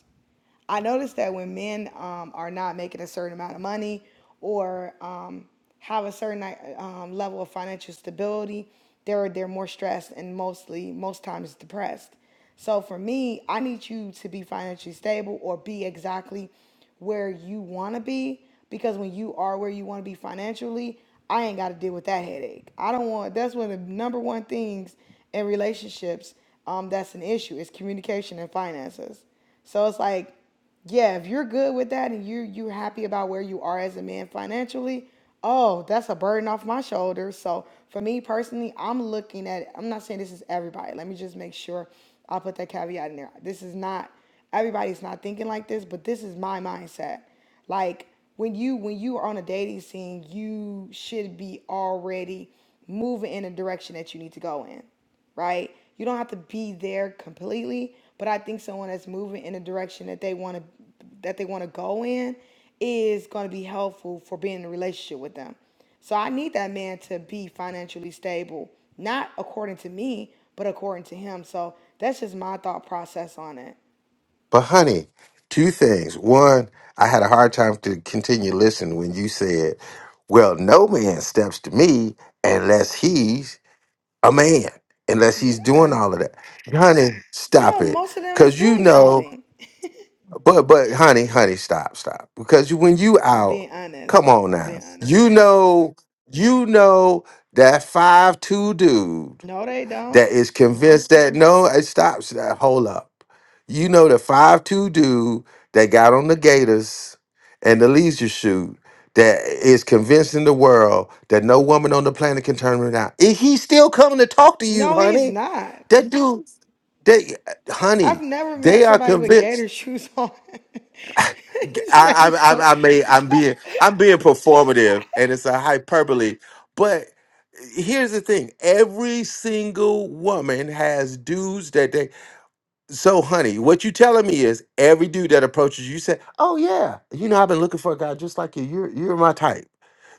Speaker 3: I noticed that when men um, are not making a certain amount of money or um, have a certain um, level of financial stability, they're they're more stressed and mostly most times depressed. So for me, I need you to be financially stable or be exactly where you want to be because when you are where you want to be financially, I ain't got to deal with that headache. I don't want that's one of the number one things in relationships um, that's an issue is communication and finances. So it's like, yeah, if you're good with that and you you're happy about where you are as a man financially, oh, that's a burden off my shoulders. So for me personally, I'm looking at I'm not saying this is everybody. Let me just make sure I'll put that caveat in there. This is not everybody's not thinking like this, but this is my mindset. Like when you when you are on a dating scene, you should be already moving in a direction that you need to go in right? You don't have to be there completely, but I think someone that's moving in a direction that they want to that they want to go in is going to be helpful for being in a relationship with them. So I need that man to be financially stable, not according to me, but according to him. So that's just my thought process on it.
Speaker 1: But honey, two things. One, I had a hard time to continue listening when you said, "Well, no man steps to me unless he's a man, unless he's doing
Speaker 3: Yeah.
Speaker 1: all of that." Honey, stop
Speaker 3: No,
Speaker 1: it,
Speaker 3: most of them is
Speaker 1: because you
Speaker 3: doing
Speaker 1: know.
Speaker 3: something.
Speaker 1: But but honey, honey, stop, stop, because you, when you
Speaker 3: I'm
Speaker 1: out,
Speaker 3: being
Speaker 1: come
Speaker 3: honest.
Speaker 1: on
Speaker 3: I'm
Speaker 1: now,
Speaker 3: being honest.
Speaker 1: you know, you know that five two dude
Speaker 3: No, they don't.
Speaker 1: that is convinced that no, it stops that. Hold up. You know the five two dude that got on the Gators and the leisure shoot that is convincing the world that no woman on the planet can turn him down. If he's still coming to talk to you,
Speaker 3: No, he's
Speaker 1: honey,
Speaker 3: not.
Speaker 1: that dude, they
Speaker 3: I've
Speaker 1: honey,
Speaker 3: never
Speaker 1: they
Speaker 3: met
Speaker 1: are
Speaker 3: somebody with gator
Speaker 1: convinced.
Speaker 3: shoes on.
Speaker 1: I,
Speaker 3: It's very
Speaker 1: I,
Speaker 3: stor-
Speaker 1: I, I may, I'm being, I'm being performative, and it's a hyperbole. But here's the thing: every single woman has dudes that they. So, honey, what you telling me is every dude that approaches you you say, "Oh yeah, you know, I've been looking for a guy just like you. You're, you're my type.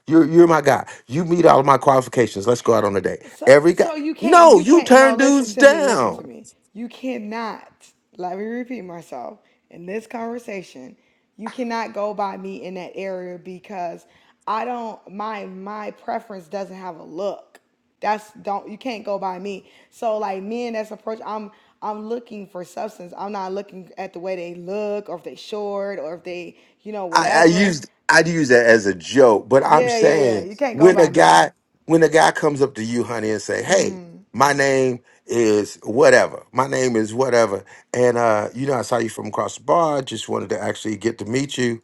Speaker 1: You're, you're my guy. You meet all of my qualifications. Let's go out on a date."
Speaker 3: so,
Speaker 1: Every guy.
Speaker 3: so you can't,
Speaker 1: No,
Speaker 3: you
Speaker 1: you
Speaker 3: can't. No,
Speaker 1: turn
Speaker 3: listen
Speaker 1: dudes
Speaker 3: to me, listen
Speaker 1: down.
Speaker 3: to me. You cannot. Let me repeat myself. In this conversation, you cannot go by me in that area because I don't. My my preference doesn't have a look. That's don't. You can't go by me. So like men and that's approach. I'm I'm looking for substance. I'm not looking at the way they look or if they short or if they you know
Speaker 1: I, I
Speaker 3: whatever.
Speaker 1: used I'd use that as a joke, but I'm
Speaker 3: Yeah, yeah, yeah.
Speaker 1: saying
Speaker 3: You can't go
Speaker 1: when a
Speaker 3: by me.
Speaker 1: guy when a guy comes up to you, honey, and say, "Hey, my name is whatever. My name is whatever," and uh, you know, I saw you from across the bar. Just wanted to actually get to meet you.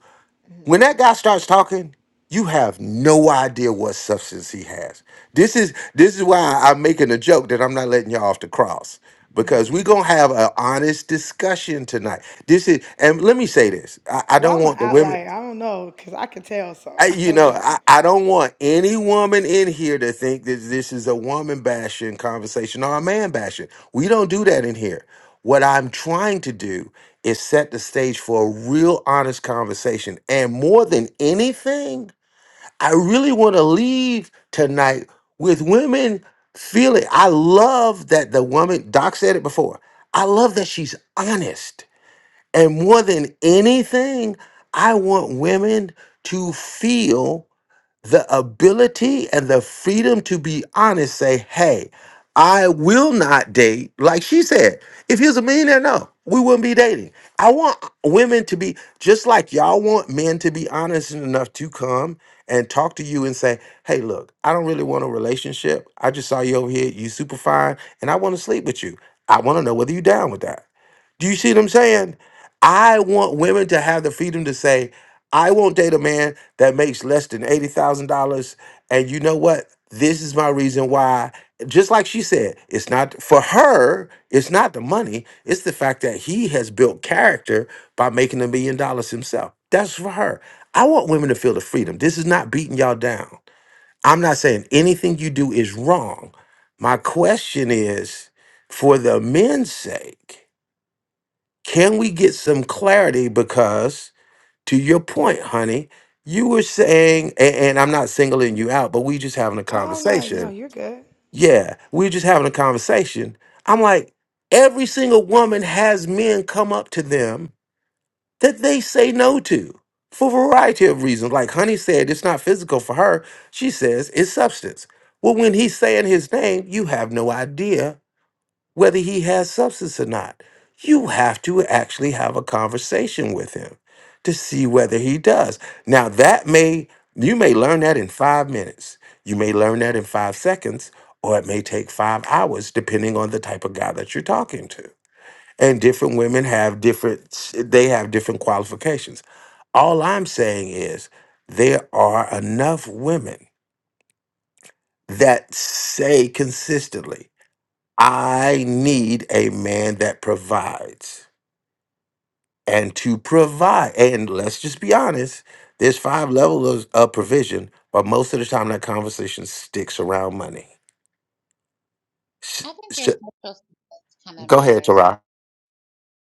Speaker 1: When that guy starts talking, you have no idea what substance he has. This is this is why I'm making a joke that I'm not letting y'all off the cross because we're gonna have an honest discussion tonight. This is, and let me say this: I, I
Speaker 3: Well,
Speaker 1: don't
Speaker 3: I'm an
Speaker 1: want the women.
Speaker 3: outlier. I don't know, cause I can tell. So
Speaker 1: I,
Speaker 3: I
Speaker 1: you
Speaker 3: don't
Speaker 1: know,
Speaker 3: know.
Speaker 1: I, I don't want any woman in here to think that this is a woman bashing conversation or a man bashing. We don't do that in here. What I'm trying to do is set the stage for a real honest conversation. And more than anything, I really want to leave tonight with women feeling. I love that the woman, Doc said it before, I love that she's honest. And more than anything, I want women to feel the ability and the freedom to be honest, say, hey, I will not date. Like she said, if he was a millionaire, no, we wouldn't be dating. I want women to be just like y'all want men to be honest enough to come and talk to you and say, hey, look, I don't really want a relationship. I just saw you over here, you super fine, and I want to sleep with you. I want to know whether you down with that. Do you see what I'm saying? I want women to have the freedom to say, I won't date a man that makes less than $80,000. And you know what? This is my reason why. Just like she said, it's not for her, it's not the money, it's the fact that he has built character by making a million dollars himself. That's for her. I want women to feel the freedom. This is not beating y'all down. I'm not saying anything you do is wrong. My question is for the men's sake can we get some clarity? Because to your point, honey, you were saying, and, and I'm not singling you out, but we just having a
Speaker 3: I don't know. No,
Speaker 1: conversation.
Speaker 3: you're good.
Speaker 1: Yeah, we're just having a conversation. I'm like, every single woman has men come up to them that they say no to for a variety of reasons. Like honey said, it's not physical for her. She says it's substance. Well, when he's saying his name, you have no idea whether he has substance or not. You have to actually have a conversation with him to see whether he does. Now, that may, you may learn that in five minutes, you may learn that in five seconds, or it may take five hours, depending on the type of guy that you're talking to. And different women have different, they have different qualifications. All I'm saying is there are enough women that say consistently, I need a man that provides and to provide. And let's just be honest, there's five levels of, of provision, but most of the time that conversation sticks around money.
Speaker 5: I
Speaker 1: S-
Speaker 5: think
Speaker 1: s-
Speaker 5: your social status kind of
Speaker 1: go ahead,
Speaker 5: matters.
Speaker 1: Tara.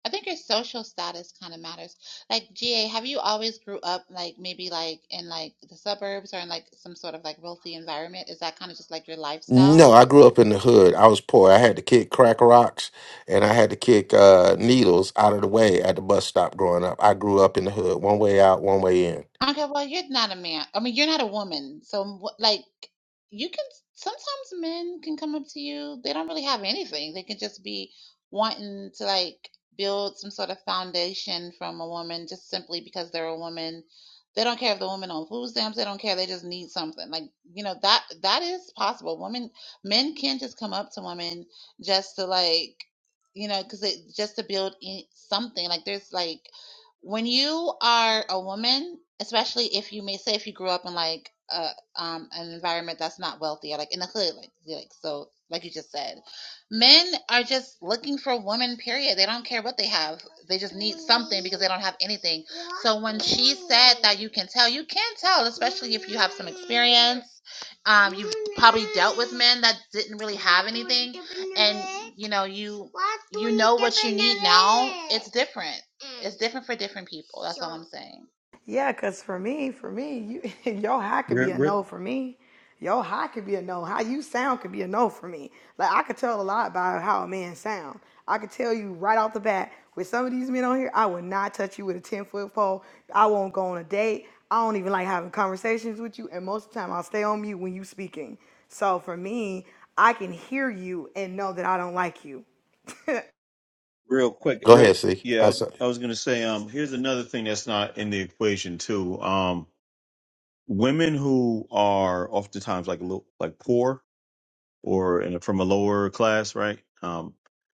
Speaker 5: I think your social status kind of matters. Like GA, have you always grew up like maybe like in like the suburbs or in like some sort of like wealthy environment? Is that kind of just like your lifestyle?
Speaker 1: No, I grew up in the hood. I was poor. I had to kick crack rocks and I had to kick uh, needles out of the way at the bus stop growing up. I grew up in the hood, one way out, one way in.
Speaker 5: Okay, well, you're not a man. I mean, you're not a woman. So, wh- like, you can sometimes men can come up to you. They don't really have anything. They can just be wanting to like build some sort of foundation from a woman just simply because they're a woman. They don't care if the woman on food stamps. They don't care. They just need something. Like, you know, that that is possible. Women, men can just come up to women just to like, you know, because it just to build in, something. Like, there's like when you are a woman, especially if you may say if you grew up in like a um an environment that's not wealthy or like in the hood, like like so like you just said, men are just looking for women. Period. They don't care what they have. They just need something because they don't have anything. So when she said that you can tell, you can tell, especially if you have some experience. Um, you've probably dealt with men that didn't really have anything, and you know you you know what you need now. It's different. Mm. It's different for different people. That's all Sure. I'm saying.
Speaker 3: Yeah, cause for me, for me, you, your high could be
Speaker 10: Real,
Speaker 3: a
Speaker 10: real,
Speaker 3: no for me. Your high could be a no. How you sound could be a no for me. Like I could tell a lot by how a man sound. I could tell you right off the bat with some of these men on here, I would not touch you with a ten foot pole. I won't go on a date. I don't even like having conversations with you, and most of the time I'll stay on mute when you speaking. So for me, I can hear you and know that I don't like you. I
Speaker 10: real quick,
Speaker 1: Go ahead,
Speaker 10: real
Speaker 1: see.
Speaker 10: yeah. I was, I was gonna say, um, here's another thing that's not in the equation too. Um, women who are oftentimes like a little like poor, or in a, from a lower class, right? Um,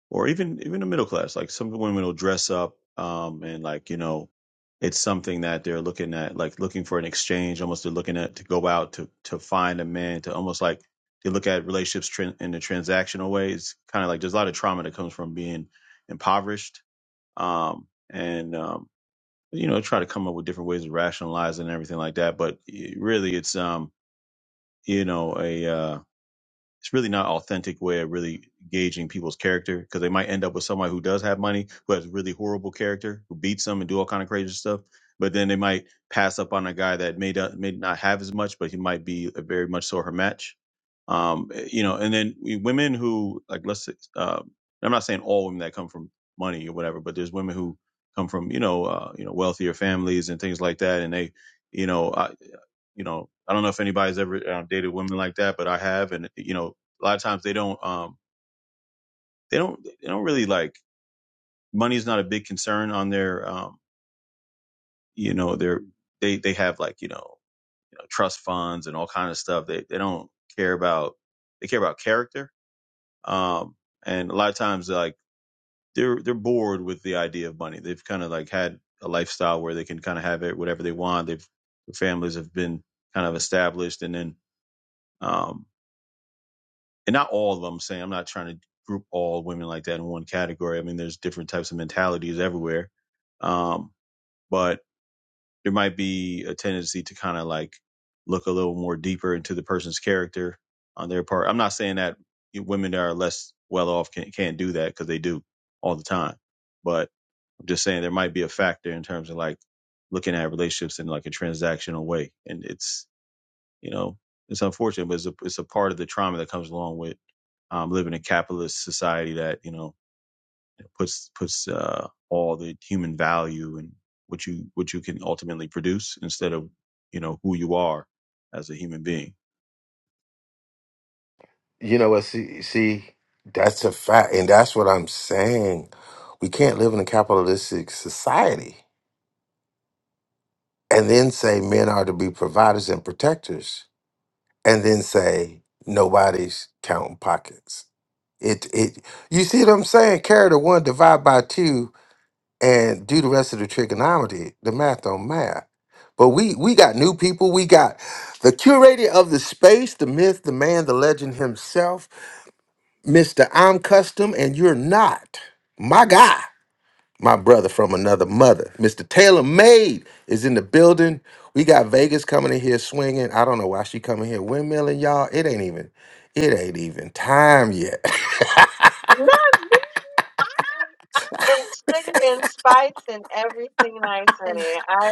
Speaker 10: or even even the middle class. Like some women will dress up, um, and like you know, it's something that they're looking at, like looking for an exchange. Almost they're looking at to go out to to find a man to almost like they look at relationships tran in a transactional way. It's kind of like there's a lot of trauma that comes from being impoverished, um, and um, you know, try to come up with different ways of rationalizing and everything like that. But it- really, it's um, you know, a uh, it's really not an authentic way of really gauging people's character because they might end up with somebody who does have money who has really horrible character who beats them and do all kind of crazy stuff but then they might pass up on a guy that may not, may not have as much but he might be a very much so her match um eh, you know and then we, women who like let's say um i'm not saying all women that come from money or whatever but there's women who come from you know uh, you know wealthier families and things like that and they you know I you know, I don't know if anybody's ever um, dated women like that, but I have, and you know, a lot of times they don't, um, they don't, they don't really like money's not a big concern on their, um, you know, their they they have like you know, you know trust funds and all kind of stuff. They they don't care about they care about character, um, and a lot of times like they're they're bored with the idea of money. They've kind of like had a lifestyle where they can kind of have it whatever they want. They've their families have been kind of established, and then. Um, and not all of them. I'm saying I'm not trying to group all women like that in one category. I mean, there's different types of mentalities everywhere, um, but there might be a tendency to kind of like look a little more deeper into the person's character on their part. I'm not saying that women that are less well off can, can't do that because they do all the time, but I'm just saying there might be a factor in terms of like looking at relationships in like a transactional way, and it's you know, it's unfortunate, but it's a, it's a part of the trauma that comes along with um, living in a capitalist society that you know puts puts uh, all the human value and what you what you can ultimately produce instead of you know who you are as a human being.
Speaker 1: You know what? See, see, That's a fact. And that's what I'm saying. We can't live in a capitalistic society and then say men are to be providers and protectors and then say nobody's counting pockets. It it you see what I'm saying? Carry the one, divide by two, and do the rest of the trigonometry, the math on math. But we we got new people. We got the curator of the space, the myth, the man, the legend himself. Mr. I'm Custom and You're Not. My guy, my brother from another mother. Mr. Taylor Made is in the building. We got Vegas coming in here swinging. I don't know why she coming here windmilling, y'all. It ain't even, it ain't even time yet.
Speaker 11: Not me. I am. I am sugar and spice and everything nice, honey. I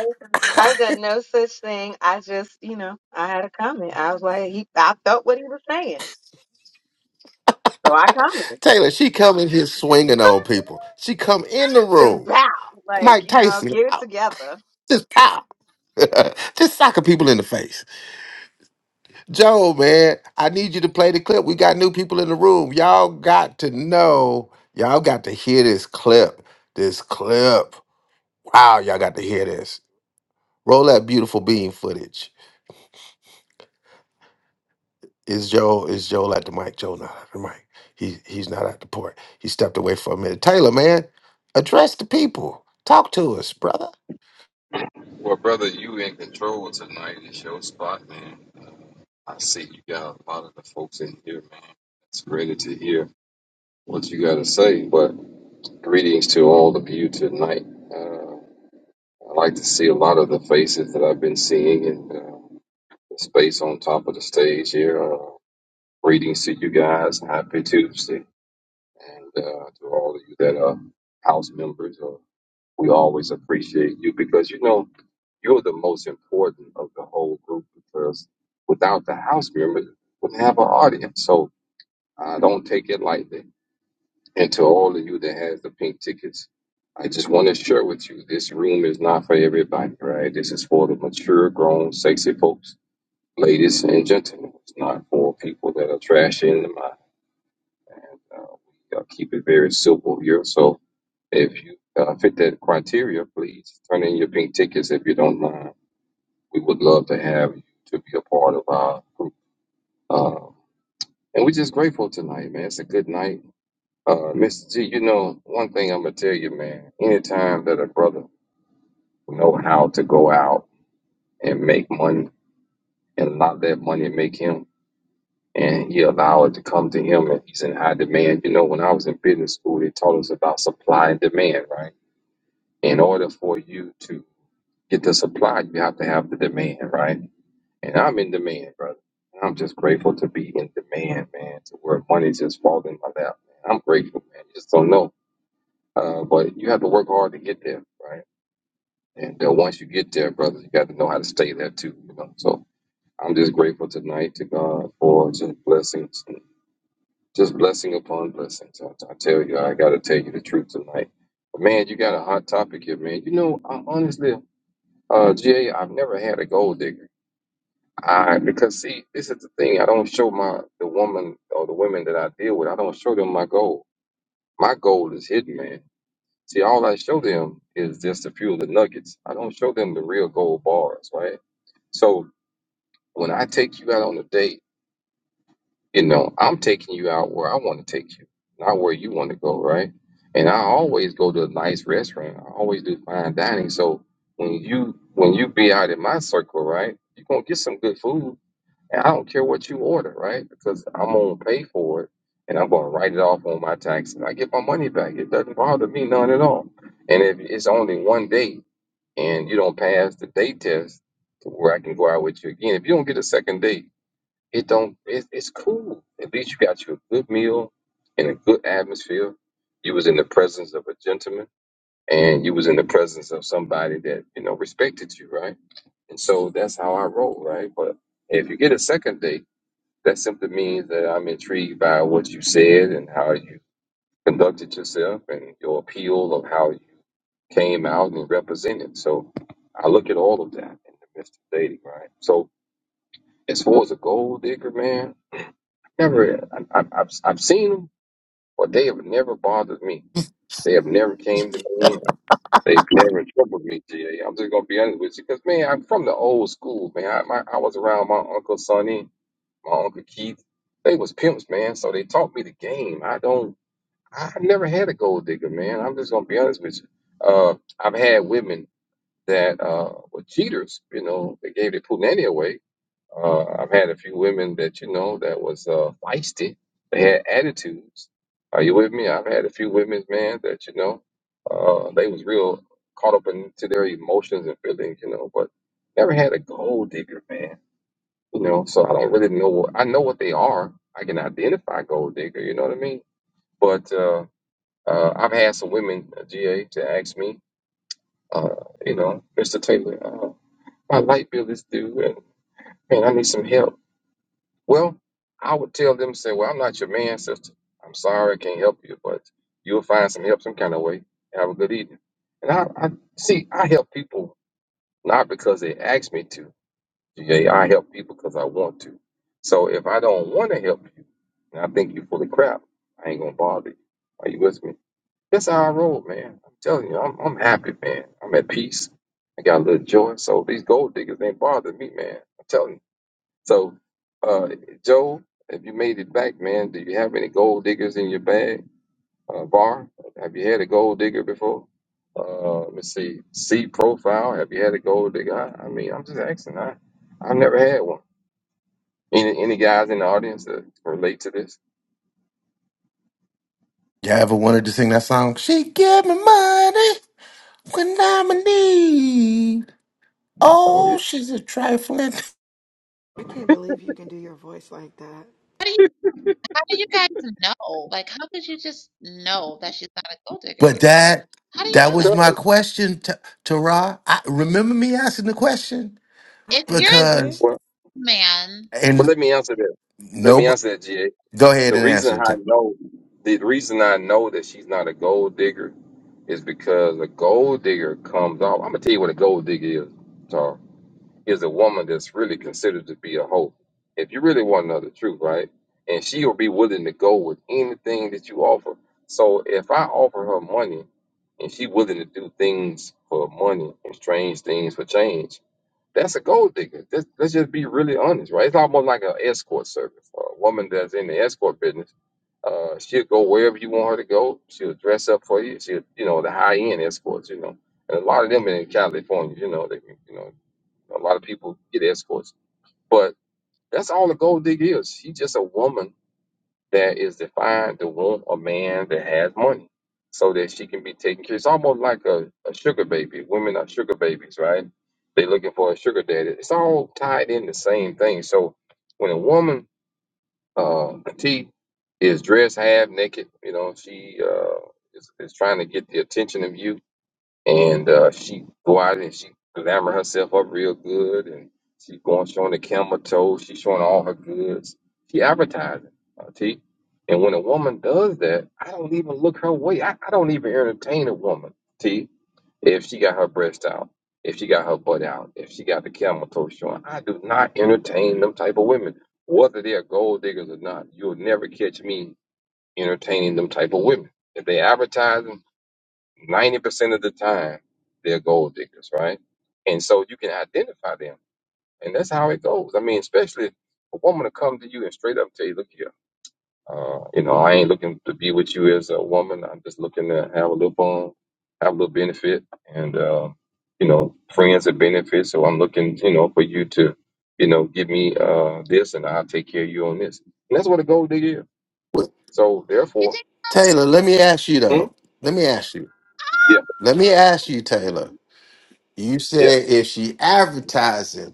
Speaker 11: I've done no such thing. I just, you know, I had a comment. I was like, he. I felt what he was saying, so I commented.
Speaker 1: Taylor, she coming here swinging on people. She come in the
Speaker 11: Just
Speaker 1: room.
Speaker 11: bow, like
Speaker 1: Mike
Speaker 11: you know,
Speaker 1: Tyson,
Speaker 11: get it
Speaker 1: ow,
Speaker 11: together.
Speaker 1: just pow. just socking people in the face. Joe, man, I need you to play the clip. We got new people in the room. Y'all got to know. Y'all got to hear this clip. This clip. Wow, y'all got to hear this. Roll that beautiful beam footage. Is Joe is Joe at the mic? Joe not at the mic. He he's not at the port. He stepped away for a minute. Taylor, man, address the people. Talk to us, brother.
Speaker 12: Well, brother, you in control tonight. It's your spot, man. Uh, I see you got a lot of the folks in here, man. It's ready to hear what you got to say. But greetings to all of you tonight. Uh, I like to see a lot of the faces that I've been seeing and uh, the space on top of the stage here. Uh, greetings to you guys. Happy Tuesday. And uh, to all of you that are house members, uh, we always appreciate you because, you know, You're the most important of the whole group because without the house members, would have an audience. So uh, don't take it lightly. And to all of you that has the pink tickets, I just want to share with you this room is not for everybody, right? This is for the mature, grown, sexy folks, ladies and gentlemen. It's not for people that are trashy in the mind. And uh, we uh, keep it very simple here. So if you uh, fit that criteria, please turn in your pink tickets if you don't mind. We would love to have you to be a part of our group. Um, and we're just grateful tonight, man. It's a good night. Uh, Mr. G, you know, one thing I'm going to tell you, man, anytime that a brother know how to go out and make money and not let money make him, and he allow it to come to him and he's in high demand. You know, when I was in business school, they taught us about supply and demand, right? In order for you to get the supply, you have to have the demand, right? And I'm in demand, brother. I'm just grateful to be in demand, man, to where money's just falling in my lap, man. I'm grateful, man. You just don't know. Uh, but you have to work hard to get there, right? And uh, once you get there, brother, you got to know how to stay there too, you know. So I'm just grateful tonight to God for just blessings, just blessing upon blessings. I, I tell you, I got to tell you the truth tonight. But man, you got a hot topic here, man. You know, I, honestly, uh, GA, I've never had a gold digger. I because see, this is the thing. I don't show my the woman or the women that I deal with. I don't show them my goal. My goal is hidden, man. See, all I show them is just a few of the nuggets. I don't show them the real gold bars, right? So when I take you out on a date, you know, I'm taking you out where I want to take you, not where you want to go, right? And I always go to a nice restaurant. I always do fine dining. So when you when you be out in my circle, right, you're gonna get some good food And I don't care what you order, right? Because I'm going to pay for it and I'm going to write it off on my tax and I get my money back. It doesn't bother me none at all. And if it's only one date and you don't pass the date test to where I can go out with you again, if you don't get a second date, it don't, it, it's cool. At least you got you a good meal in a good atmosphere. You was in the presence of a gentleman and you was in the presence of somebody that, you know, respected you, right? And so that's how I roll, right? But if you get a second date, that simply means that I'm intrigued by what you said and how you conducted yourself and your appeal of how you came out and represented. So I look at all of that in the midst of dating, right? So as far as a gold digger, man, never, I, I, I've, I've seen them, but they have never bothered me. They have never came to me. They've never troubled me, GA. I'm just going to be honest with you because, man, I'm from the old school, man. I, my, I was around my Uncle Sonny my uncle Keith, they was pimps, man. So they taught me the game. I don't, I never had a gold digger, man. I'm just gonna be honest with you. Uh, I've had women that uh, were cheaters. You know, they gave their punani away. Uh, I've had a few women that you know that was uh, feisty. They had attitudes. Are you with me? I've had a few women, man, that you know, uh, they was real caught up into their emotions and feelings, you know, but never had a gold digger, man. You know, so I don't really know. What, I know what they are. I can identify gold digger. You know what I mean? But uh, uh, I've had some women, uh, GA, to ask me, uh, you know, Mr. Taylor, uh, my light bill is due, and man, I need some help. Well, I would tell them, say, well, I'm not your man, sister. I'm sorry, I can't help you, but you'll find some help some kind of way. Have a good evening. And I, I see, I help people not because they ask me to. GA, I help people because I want to. So if I don't want to help you, and I think you're full of crap, I ain't gonna bother you. Are you with me? That's how I roll, man. I'm telling you, I'm, I'm happy, man. I'm at peace. I got a little joy. So these gold diggers ain't bothering me, man. I'm telling you. So, uh, Joe, if you made it back, man, do you have any gold diggers in your bag? Uh, bar, have you had a gold digger before? Uh, let's see, C profile, have you had a gold digger? I, I mean, I'm just asking. I, I've never had one. Any any guys in the audience that relate to this?
Speaker 1: Y'all ever wanted to sing that song? She give me money when I'm in need.
Speaker 12: Oh, yeah.
Speaker 1: Oh, she's a trifling.
Speaker 3: can't believe you can do your voice like that.
Speaker 5: How do you how do you guys know? Like how could you just know that she's not a gold digger?
Speaker 1: But that
Speaker 5: How do you
Speaker 1: that
Speaker 5: know
Speaker 12: Because,
Speaker 1: was
Speaker 5: that?
Speaker 1: my question to, to Ra. I, remember me asking the question?
Speaker 3: I
Speaker 5: If you're a
Speaker 3: answered it.
Speaker 1: Because
Speaker 12: well,
Speaker 5: man,
Speaker 12: but
Speaker 1: and
Speaker 12: let me answer that. Let me
Speaker 1: nobody
Speaker 12: answer that, GA.
Speaker 1: go ahead
Speaker 12: The
Speaker 1: and
Speaker 12: reason
Speaker 1: answer it.
Speaker 12: I
Speaker 1: Ta-
Speaker 12: know the reason I know that she's not a gold digger is because a gold digger comes off. I'm gonna tell you what a gold digger is. So, is a woman that's really considered to be a hoe. If you really want to know the truth, right? And she will be willing to go with anything that you offer. So if I offer her money and she willing to do things for money and strange things for change that's a gold digger. Let's, let's just be really honest, right? It's almost like an escort service. A woman that's in the escort business, uh, she'll go wherever you want her to go. She'll dress up for you. She'll, you know, the high end escorts, you know, and a lot of them in California, you know, they, you know, a lot of people get escorts, but that's all a gold digger is. She's just a woman that is defined to find the want a man that has money so that she can be taken care It's almost like a, a sugar baby. Women are sugar babies, right? They're looking for a sugar daddy. It's all tied in the same thing. So when a woman, uh, petite, is dressed half naked, you know, she uh, is, is trying to get the attention of you and uh, she go out and she glamour herself up real good, and she going showing the camel toe. She showing all her goods. She advertising, uh, T. And when a woman does that, I don't even look her way. I, I don't even entertain a woman, T. If she got her breast out, if she got her butt out, if she got the camel toe showing, I do not entertain them type of women, whether they are gold diggers or not. You'll never catch me entertaining them type of women. If they advertising. 90% of the time, they're gold diggers, right? And so you can identify them. And that's how it goes. I mean, especially a woman to come to you and straight up tell you, look here, uh, you know, I ain't looking to be with you as a woman. I'm just looking to have a little fun, have a little benefit, and, uh, you know, friends and benefits. So I'm looking, you know, for you to, you know, give me uh, this and I'll take care of you on this. And that's what a gold digger is.
Speaker 1: Well,
Speaker 12: So
Speaker 5: you
Speaker 12: therefore,
Speaker 5: think
Speaker 1: Taylor, let me ask you
Speaker 12: hmm?
Speaker 1: though. Let me ask you.
Speaker 12: yeah,
Speaker 1: Let me ask you, Taylor. You
Speaker 12: yeah,
Speaker 1: said if she advertising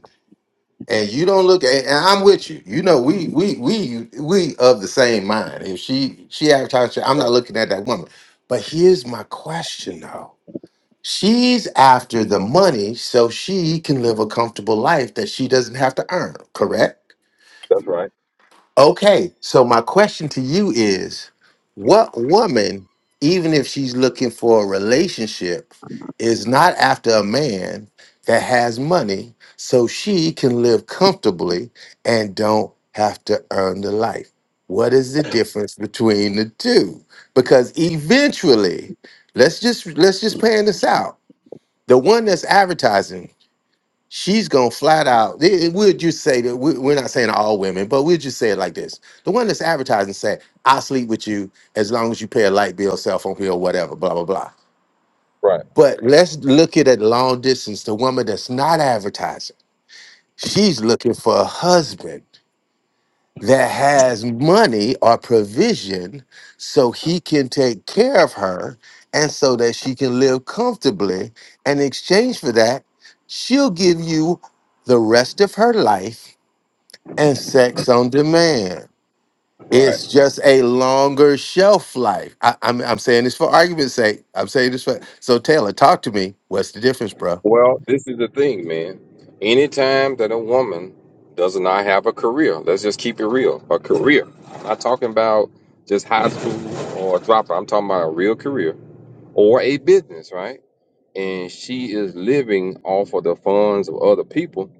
Speaker 1: and you don't look at and I'm with you. You know, we we we we of the same mind. If she she advertised, I'm not
Speaker 12: right.
Speaker 1: looking at that woman. But here's my question though. She's after the money so she can live a comfortable life that she doesn't have to earn, correct?
Speaker 12: That's right.
Speaker 1: Okay, so my question to you is what woman, even if she's looking for a relationship, is not after a man that has money so she can live comfortably and don't have to earn the life? What is the difference between the two? Because eventually, let's just let's just plan this out. The one that's advertising she's gonna flat out. it- it- We'll just say that we- we're not saying all women, but we'll just say it like this: the one that's advertising say, "I'll sleep with you as long as you pay a light bill, cell phone bill, whatever." Blah blah blah.
Speaker 12: Right,
Speaker 1: But let's look at it long distance. The woman that's not advertising, she's looking for a husband that has money or provision so he can take care of her and so that she can live comfortably. In exchange for that, she'll give you the rest of her life and sex on demand.
Speaker 12: right.
Speaker 1: It's just a longer shelf life. I, am I'm I'm saying this for argument's sake. I'm saying this for. So, Taylor, talk to me. What's the difference, bro?
Speaker 12: Well, this is the thing, man. Anytime that a woman does not have a career, let's just keep it real. A career. I'm not talking about just high school or a dropout. I'm talking about a real career or a business, right? And she is living off of the funds of other people.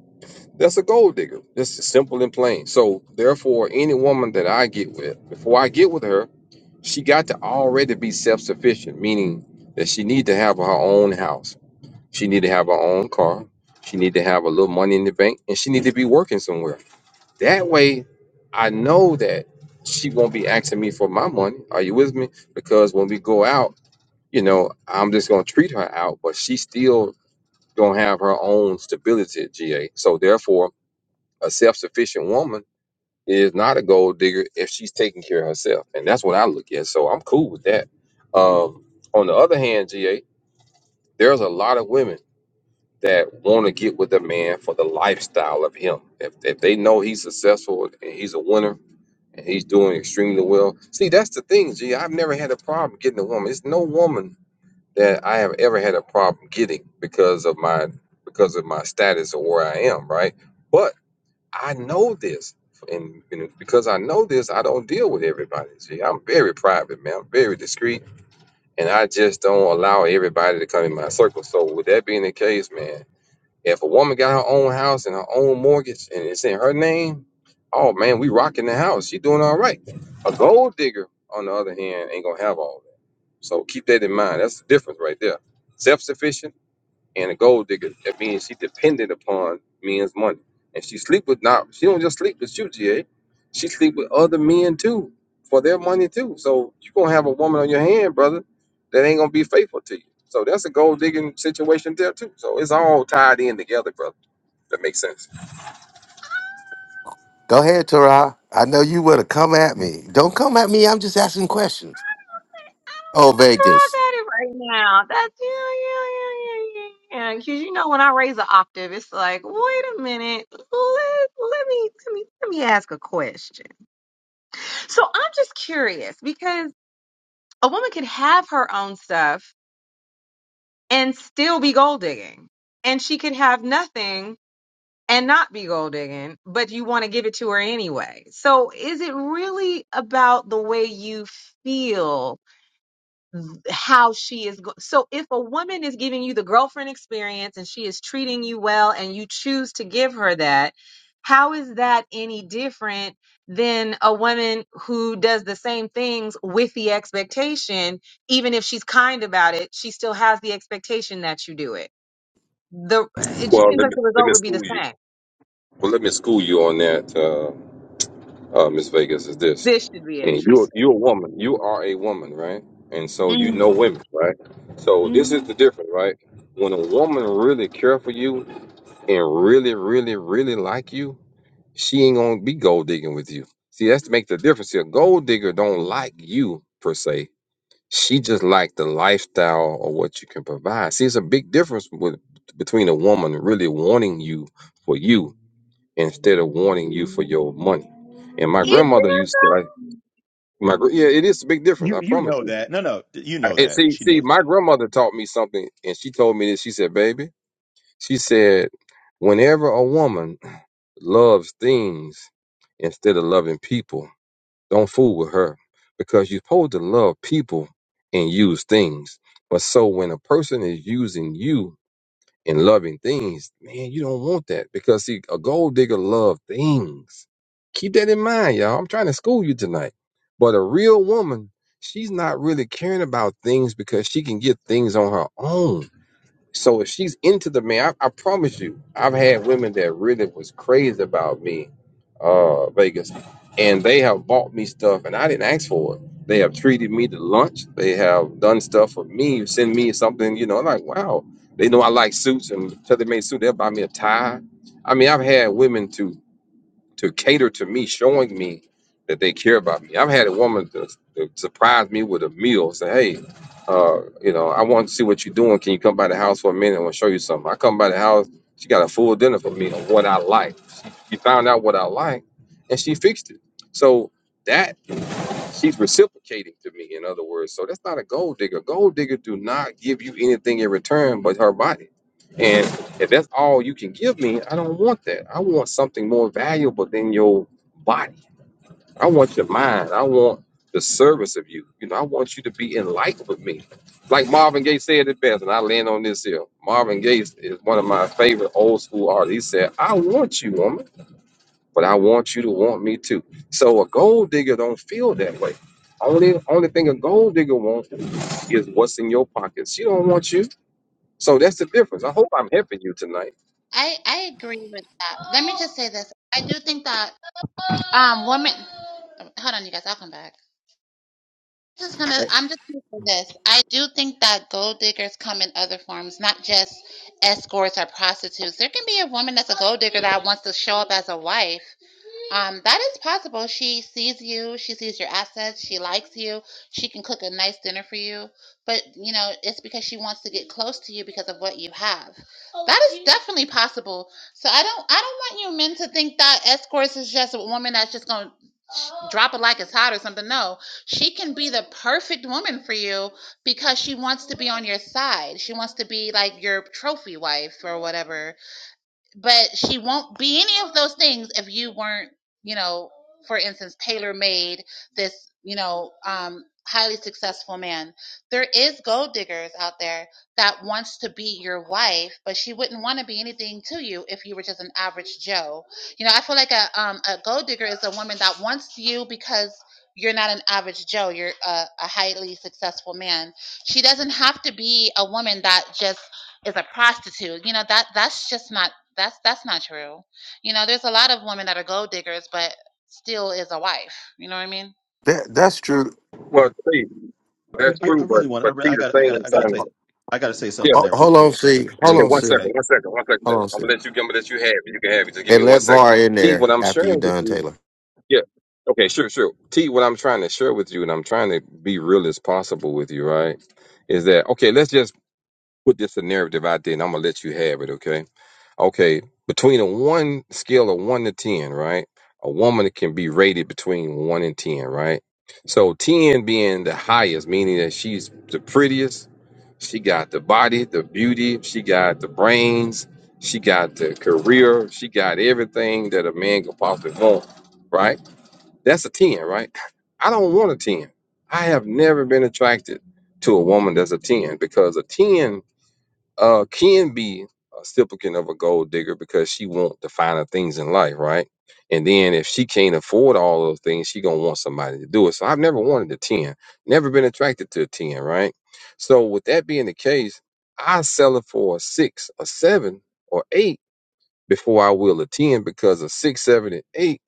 Speaker 12: That's a gold digger. That's simple and plain. So, therefore, any woman that I get with, before I get with her, she got to already be self sufficient, meaning that she need to have her own house she need to have her own car. She need to have a little money in the bank, and she need to be working somewhere. That way, I know that she won't be asking me for my money. Are you with me? Because when we go out, you know, I'm just gonna treat her out, but she still gonna have her own stability at GA. So therefore, a self-sufficient woman is not a gold digger if she's taking care of herself, and that's what I look at. So I'm cool with that. Um, on the other hand, GA, there's a lot of women. that want to get with a man for the lifestyle of him. If, if they know he's successful and he's a winner and he's doing extremely well. See, that's the thing, G. I've never had a problem getting a woman. It's no woman that I have ever had a problem getting because of my because of my status or where I am, right? But I know this. And you because I know this, I don't deal with everybody. G. I'm very private, man. I'm very discreet, and I just don't allow everybody to come in my circle. So, with that being the case, man, if a woman got her own house and her own mortgage and it's in her name, oh man, we rocking the house. She doing all right. A gold digger, on the other hand, ain't gonna have all that. So keep that in mind. That's the difference right there. Self sufficient and a gold digger, that means she depended upon men's money. And she sleep with not she don't just sleep with you, GA. She sleep with other men too for their money too. So you gonna have a woman on your hand, brother, that ain't gonna be faithful to you. So that's a gold digging situation there too. So it's all tied in together, brother. That makes sense.
Speaker 1: Go ahead, Tara. I know you would have come at me. Don't come at me. I'm just asking questions. Oh,
Speaker 11: So I
Speaker 1: Vegas.
Speaker 11: got it right now. That's yeah, yeah, yeah, yeah, yeah. Because you know, when I raise an octave, it's like, wait a minute, let let me let me let me ask a question. So I'm just curious because. a woman could have her own stuff and still be gold digging. And she could have nothing and not be gold digging, but you want to give it to her anyway. So is it really about the way you feel how she is go- so if a woman is giving you the girlfriend experience and she is treating you well and you choose to give her that how is that any different than a woman who does the same things with the expectation even if she's kind about it she still has the expectation that you do it the it just
Speaker 12: Well,
Speaker 11: seems
Speaker 12: let
Speaker 11: like
Speaker 12: me
Speaker 11: the
Speaker 12: let
Speaker 11: result
Speaker 12: me
Speaker 11: would be
Speaker 12: school
Speaker 11: the
Speaker 12: you.
Speaker 11: same
Speaker 12: Well let me school you on that. Uh, uh, Miss Vegas, is this.
Speaker 11: this should be
Speaker 12: And you're
Speaker 11: interesting
Speaker 12: you're a woman. You are a woman, right? And so you
Speaker 11: Mm,
Speaker 12: know women, right? So this is
Speaker 11: mm.
Speaker 12: the difference, right? When a woman really care for you and really, really, really like you, she ain't gonna be gold digging with you. See, that's to make the difference here. Gold digger don't like you per se. She just like the lifestyle or what you can provide. See, it's a big difference with between a woman really wanting you for you instead of wanting you for your money. And my
Speaker 11: is
Speaker 12: grandmother
Speaker 11: there
Speaker 12: used to say, like, my gr- yeah, it is a big difference.
Speaker 10: You
Speaker 12: I
Speaker 10: you
Speaker 12: promise
Speaker 10: know
Speaker 12: you.
Speaker 10: that no no you
Speaker 12: I,
Speaker 10: know
Speaker 12: And
Speaker 10: that
Speaker 12: see,
Speaker 10: she
Speaker 12: see,
Speaker 10: knows
Speaker 12: my
Speaker 10: that.
Speaker 12: grandmother taught me something, and she told me this. She said, "Baby," she said, "whenever a woman loves things instead of loving people, don't fool with her because you're supposed to love people and use things. But so when a person is using you." and loving things, man, you don't want that because see, a gold digger love things. Keep that in mind, y'all. I'm trying to school you tonight. But a real woman, she's not really caring about things because she can get things on her own so if she's into the man, I, I promise you, I've had women that really was crazy about me, uh, Vegas, and they have bought me stuff, and I didn't ask for it. They have treated me to lunch. They have done stuff for me. Send me something, you know. I'm like, wow. They know I like suits, and so they made suit. They'll buy me a tie. I mean, I've had women to to cater to me, showing me that they care about me. I've had a woman to, to surprise me with a meal, say, "Hey, uh, you know, I want to see what you're doing. Can you come by the house for a minute? I want to show you something." I come by the house, she got a full dinner for me of what I like. She, she found out what I like, and she fixed it. So that she's reciprocating to me in other words so that's not a gold digger gold digger do not give you anything in return but her body and if that's all you can give me i don't want that i want something more valuable than your body i want your mind i want the service of you you know i want you to be enlightened with me like marvin gaye said it best and i land on this here marvin gaye is one of my favorite old school artists he said i want you woman but I want you to want me too. So a gold digger don't feel that way. Only only thing a gold digger wants is what's in your pocket. She don't want you. So that's the difference. I hope I'm helping you tonight.
Speaker 5: I I agree with that. Let me just say this. I do think that um women hold on you guys, I'll come back. Just gonna I'm just gonna say this. I do think that gold diggers come in other forms, not just escorts or prostitutes. There can be a woman that's a gold digger that wants to show up as a wife Um, that is possible. She sees you, she sees your assets, she likes you, she can cook a nice dinner for you. But you know, it's because she wants to get close to you because of what you have. Oh, that is you- definitely possible. So I don't I don't want you men to think that escorts is just a woman that's just gonna Oh. drop it like it's hot or something. No. She can be the perfect woman for you because she wants to be on your side. She wants to be like your trophy wife or whatever but she won't be any of those things if you weren't, you know, for instance, tailor made this, you know, um, highly successful man. There is gold diggers out there that wants to be your wife, but she wouldn't want to be anything to you if you were just an average Joe. You know, I feel like a um a gold digger is a woman that wants you because you're not an average Joe. You're a, a highly successful man. She doesn't have to be a woman that just is a prostitute. You know that that's just not that's that's not true. You know, there's a lot of women that are gold diggers, but still is a wife. You know what I mean?
Speaker 1: That that's true.
Speaker 12: Well, see, that's
Speaker 10: I, I I
Speaker 12: true, but
Speaker 10: really want I,
Speaker 12: but
Speaker 10: re-
Speaker 12: see
Speaker 10: I
Speaker 12: the
Speaker 10: got I
Speaker 12: thing
Speaker 10: got I
Speaker 12: is,
Speaker 10: got to say
Speaker 12: um,
Speaker 10: I got to say something
Speaker 12: yeah,
Speaker 10: to
Speaker 1: Ho-
Speaker 12: but
Speaker 10: that real
Speaker 1: Hold on,
Speaker 10: quick, brother,
Speaker 1: see. Hold
Speaker 10: real
Speaker 12: okay,
Speaker 1: on,
Speaker 12: one
Speaker 10: quick.
Speaker 1: see.
Speaker 12: second,
Speaker 10: I,
Speaker 12: one second, one second.
Speaker 1: Hold
Speaker 12: brother.
Speaker 1: on,
Speaker 12: I'm
Speaker 1: see.
Speaker 12: gonna let you, I'm gonna let you have it. You can have it. Just give me
Speaker 1: And
Speaker 12: one
Speaker 1: let
Speaker 12: second.
Speaker 1: VAR in
Speaker 12: T, what
Speaker 1: there
Speaker 12: I'm
Speaker 1: after you
Speaker 12: sharing with
Speaker 1: done,
Speaker 12: you,
Speaker 1: Taylor.
Speaker 12: yeah, okay, sure, sure. T, what I'm trying to share with you, and I'm trying to be real as possible with you, right? Is that okay? Let's just put this narrative out there, and I'm gonna let you have it. Okay, okay. Between a one scale of one to ten, right? A woman can be rated between one and ten, right? So ten being the highest, meaning that she's the prettiest. She got the body, the beauty. She got the brains. She got the career. She got everything that a man could possibly want, right? That's a ten, right? I don't want a ten. I have never been attracted to a woman that's a ten because a ten uh can be a supplicant of a gold digger because she want the finer things in life, right? And then if she can't afford all those things, she gonna want somebody to do it. So I've never wanted a 10, never been attracted to a 10, right? So with that being the case, I sell it for a six, a seven, or eight before I will a 10 because a six, seven, and eight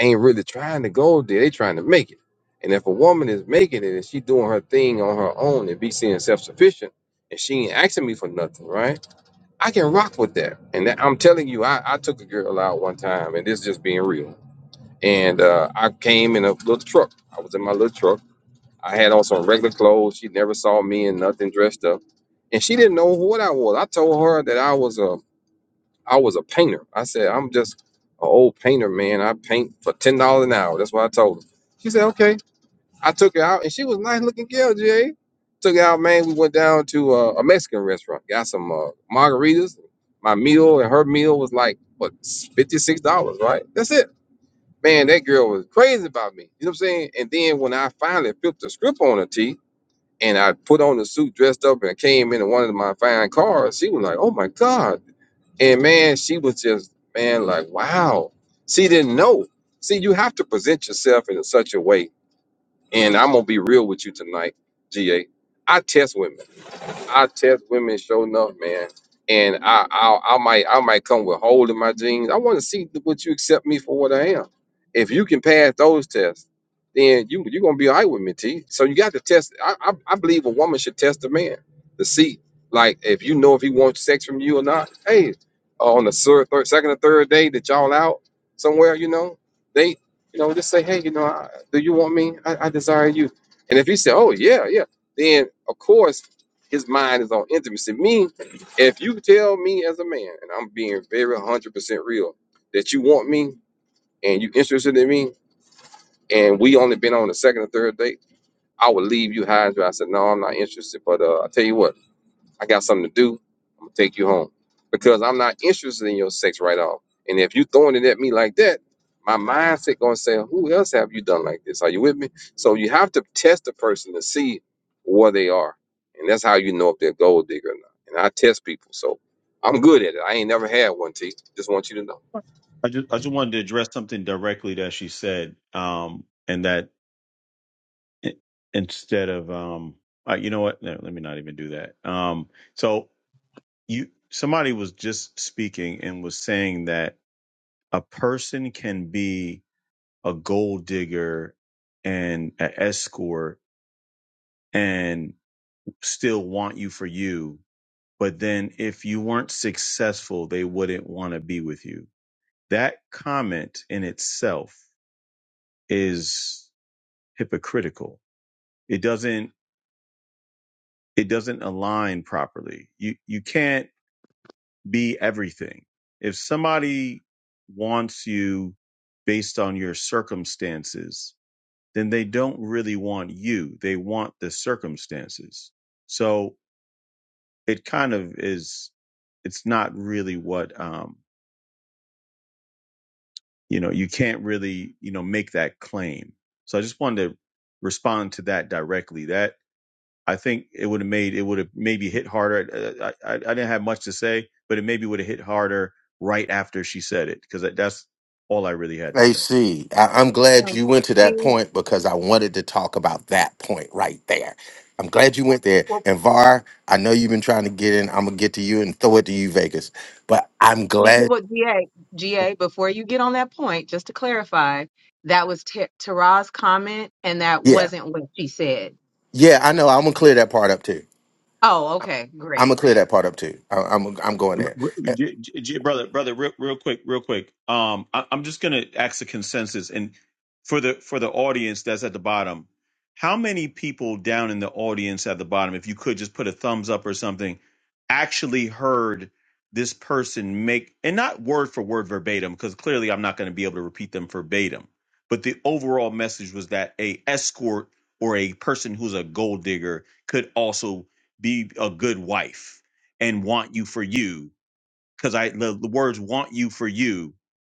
Speaker 12: ain't really trying to go there. They trying to make it. And if a woman is making it and she doing her thing on her own and be seeing self-sufficient and she ain't asking me for nothing, right? I can rock with that. And that, I'm telling you, I, I took a girl out one time, and this is just being real. And uh, I came in a little truck. I was in my little truck. I had on some regular clothes. She never saw me in nothing dressed up, and she didn't know what I was. I told her that I was a I was a painter. I said I'm just an old painter, man. I paint for ten dollars an hour. That's what I told her. She said, "Okay." I took her out, and she was a nice looking girl, Jay. Took her out, man. We went down to uh, a Mexican restaurant, got some uh, margaritas. My meal and her meal was like what fifty six dollars, right? That's it. Man, that girl was crazy about me. You know what I'm saying? And then when I finally flipped the script on her teeth and I put on the suit, dressed up, and came into one of my fine cars, she was like, "Oh my god!" And man, she was just man, like, "Wow." She didn't know. See, you have to present yourself in such a way and I'm gonna be real with you tonight, GA. I test women. I test women show enough, man. And I, I I might I might come with hole in my jeans. I want to see th- what you accept me for what I am. If you can pass those tests, then you you're gonna be all right with me, T. So you got to test. I, I I believe a woman should test a man to see, like, if you know if he wants sex from you or not. Hey, uh, on the third, third second or third day that y'all out somewhere, you know, they you know just say, hey, you know, I, do you want me? I, I desire you. And if he said, oh yeah, yeah, then of course his mind is on intimacy. Me, if you tell me as a man, and I'm being very 100% real, that you want me and you interested in me, and we only been on the second or third date, I would leave you high and dry. I said, no, I'm not interested. But uh, I tell you what. I got something to do. I'm gonna take you home because I'm not interested in your sex right off. And if you throwing it at me like that, my mindset gonna say, "Who else have you done like this? Are you with me?" So you have to test the person to see where they are, and that's how you know if they're a gold digger or not. And I test people, so I'm good at it. I ain't never had one. T. Just want you to know.
Speaker 10: I just I just wanted to address something directly that she said, um, and that i- instead of um uh, you know what no, let me not even do that um so you somebody was just speaking and was saying that a person can be a gold digger and an escort and still want you for you but then if you weren't successful they wouldn't want to be with you that comment in itself is hypocritical it doesn't it doesn't align properly you you can't be everything. If somebody wants you based on your circumstances, then they don't really want you. They want the circumstances. So it kind of is, it's not really what, um, you know, you can't really, you know, make that claim. So I just wanted to respond to that directly. That I think it would have made it would have maybe hit harder. uh, I, I I didn't have much to say, but it maybe would have hit harder right after she said it because that's all I really had to
Speaker 1: Hey,
Speaker 10: say.
Speaker 1: see, I, am glad
Speaker 11: though
Speaker 1: you went to that
Speaker 11: see
Speaker 1: point because I wanted to talk about that point right there. I'm glad you went there.
Speaker 11: well,
Speaker 1: And VAR, I know you've been trying to get in. I'm gonna get to you and throw it to you, Vegas. But I'm
Speaker 11: So, You know
Speaker 1: glad.
Speaker 11: what, G- well, GA, GA, before you get on that point, just to clarify, that was T- Tara's comment and that
Speaker 1: Yeah,
Speaker 11: wasn't what she said.
Speaker 1: yeah. I know. I'm gonna clear that part up too.
Speaker 11: Oh, okay,
Speaker 1: I'm gonna
Speaker 11: great.
Speaker 1: clear that part up too. I, I'm I'm going
Speaker 10: R-
Speaker 1: there.
Speaker 10: r-
Speaker 1: Eh,
Speaker 10: j- j- j- brother brother real, real quick real quick um I, i'm just gonna ask a consensus and for the for the audience that's at the bottom how many people down in the audience at the bottom if you could just put a thumbs up or something actually heard this person make and not word for word verbatim because clearly i'm not going to be able to repeat them verbatim but the overall message was that a escort or a person who's a gold digger could also be a good wife and want you for you because I the, the words "want you for you"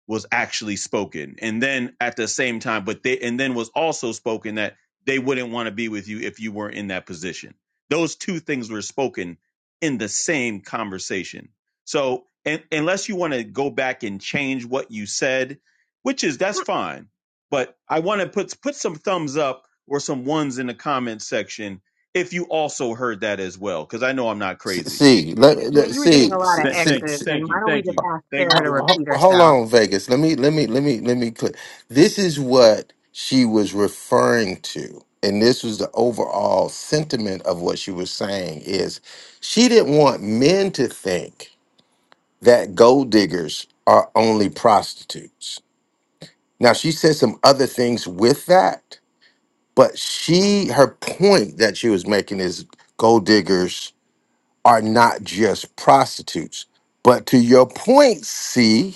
Speaker 10: was actually spoken, and then at the same time, but they and then was also spoken that they wouldn't want to be with you if you weren't in that position. Those two things were spoken in the same conversation. So, and, unless you want to go back and change what you said, which is that's
Speaker 11: Hmm,
Speaker 10: fine, but I want to put put some thumbs up or some ones in the comment section if you also heard that as well, because I know I'm not crazy
Speaker 1: See, let,
Speaker 11: Yeah,
Speaker 1: let
Speaker 11: you were getting
Speaker 1: see,
Speaker 11: a lot
Speaker 1: see,
Speaker 11: of
Speaker 10: Th- thank,
Speaker 11: X's,
Speaker 1: see.
Speaker 11: and
Speaker 10: thank
Speaker 11: why
Speaker 10: you,
Speaker 11: don't we
Speaker 10: thank
Speaker 11: just
Speaker 10: you,
Speaker 11: ask
Speaker 10: thank you for
Speaker 11: Tara
Speaker 1: Ho-
Speaker 11: to
Speaker 10: the
Speaker 1: ho-
Speaker 11: repeat
Speaker 1: hold
Speaker 11: herself?
Speaker 1: on vegas let me let me let me let me click this is what she was referring to and this was the overall sentiment of what she was saying is she didn't want men to think that gold diggers are only prostitutes now she said some other things with that but she her point that she was making is gold diggers are not just prostitutes but to your point c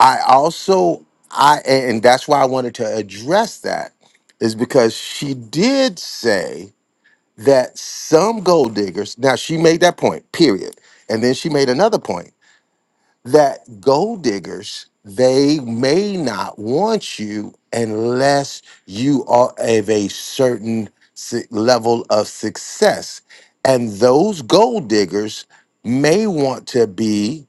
Speaker 1: I also I and that's why I wanted to address that is because she did say that some gold diggers now she made that point period and then she made another point that gold diggers they may not want you unless you are of a certain su- level of success and those gold diggers may want to be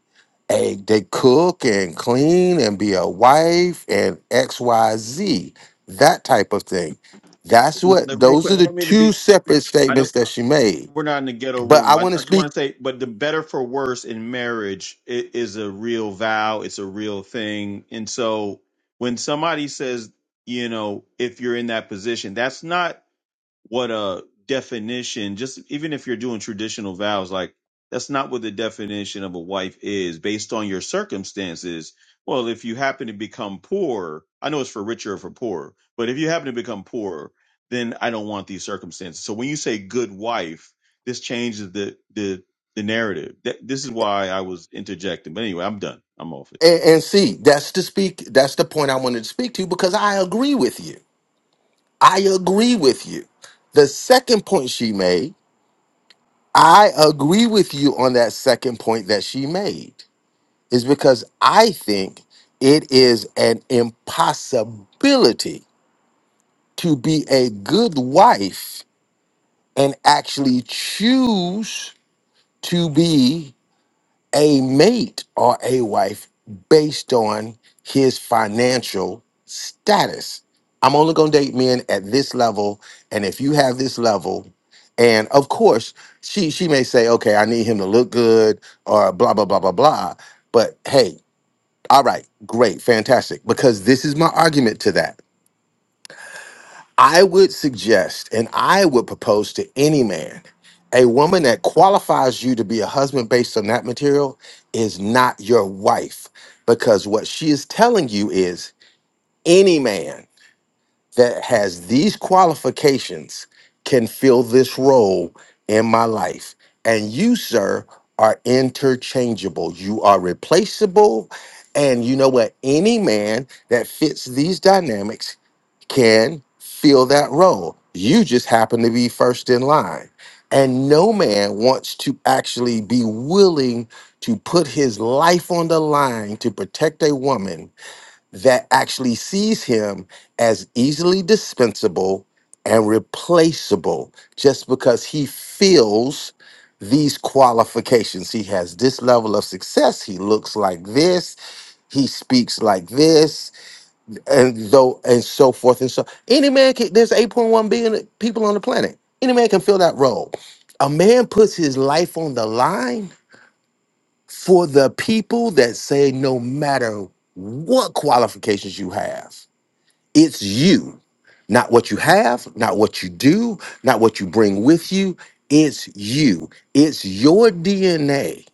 Speaker 1: a they cook and clean and be a wife and xyz that type of thing that's what
Speaker 10: the real
Speaker 1: those
Speaker 10: quick.
Speaker 1: are
Speaker 10: I
Speaker 1: the
Speaker 10: don't mean to
Speaker 1: two
Speaker 10: be.
Speaker 1: separate
Speaker 10: I don't.
Speaker 1: statements
Speaker 10: uh,
Speaker 1: that she made
Speaker 10: We're not in the ghetto
Speaker 1: but i
Speaker 10: room. I,
Speaker 1: want to
Speaker 10: I just
Speaker 1: speak
Speaker 10: want to say, but the better for worse in marriage i- is a real vow. It's a real thing. And so when somebody says, you know, if you're in that position, that's not. what a definition just even if you're doing traditional vows like that's not what the definition of a wife is based on your circumstances well if you happen to become poor i know it's for richer or for poorer but if you happen to become poor then i don't want these circumstances so when you say good wife this changes the the the narrative That- this is why i was interjecting but anyway i'm done i'm off it
Speaker 1: And, and see, that's the speak. That's the point I wanted to speak to because I agree with you. I agree with you. The second point she made, I agree with you on that second point that she made, is because I think it is an impossibility to be a good wife and actually choose to be a mate or a wife based on his financial status. I'm only going to date men at this level and if you have this level and of course she she may say okay I need him to look good or blah blah blah blah blah but hey all right great fantastic because this is my argument to that I would suggest and I would propose to any man a woman that qualifies you to be a husband based on that material is not your wife because what she is telling you is any man that has these qualifications can fill this role in my life. And you, sir, are interchangeable. You are replaceable. And you know what? Any man that fits these dynamics can fill that role. You just happen to be first in line. And no man wants to actually be willing to put his life on the line to protect a woman that actually sees him as easily dispensable and replaceable just because he feels these qualifications. He has this level of success. He looks like this. He speaks like this and so and so forth and so any man can there's 8.1 billion people on the planet any man can fill that role a man puts his life on the line for the people that say no matter what qualifications you have it's you not what you have not what you do not what you bring with you it's you it's your dna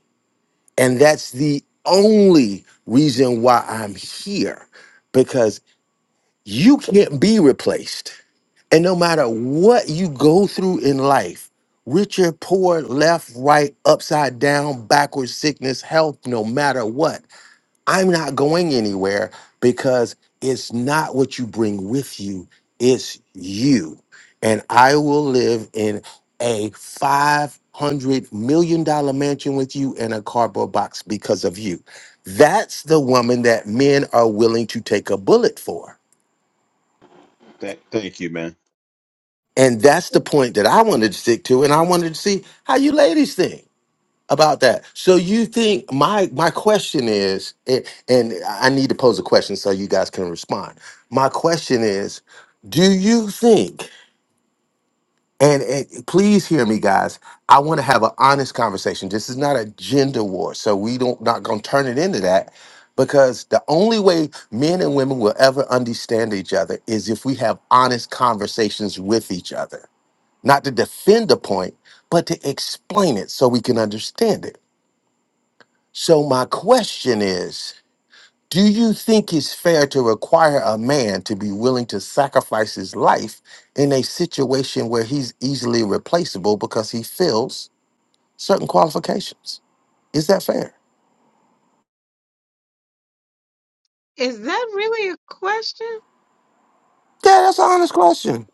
Speaker 1: and that's the only reason why i'm here you can't be replaced. And no matter what you go through in life, rich or poor, left, right, upside down, backwards, sickness, health, no matter what, I'm not going anywhere because it's not what you bring with you, it's you. And I will live in a $500 million dollars mansion with you and a cardboard box because of you. That's the woman that men are willing to take a bullet for
Speaker 10: thank, thank you man
Speaker 1: And that's the point that I wanted to stick to, and I wanted to see how you ladies think about that. So you think my my question is, and and I need to pose a question so you guys can respond. My question is, do you think? And, and please hear me, guys. I want to have an honest conversation. This is not a gender war, so we don't not gonna turn it into that. Because the only way men and women will ever understand each other is if we have honest conversations with each other not to defend a point, but to explain it so we can understand it. So, my question is Do you think it's fair to require a man to be willing to sacrifice his life in a situation where he's easily replaceable because he fills certain qualifications? Is that fair?
Speaker 11: Is that really a question?
Speaker 1: Yeah, that's an honest question.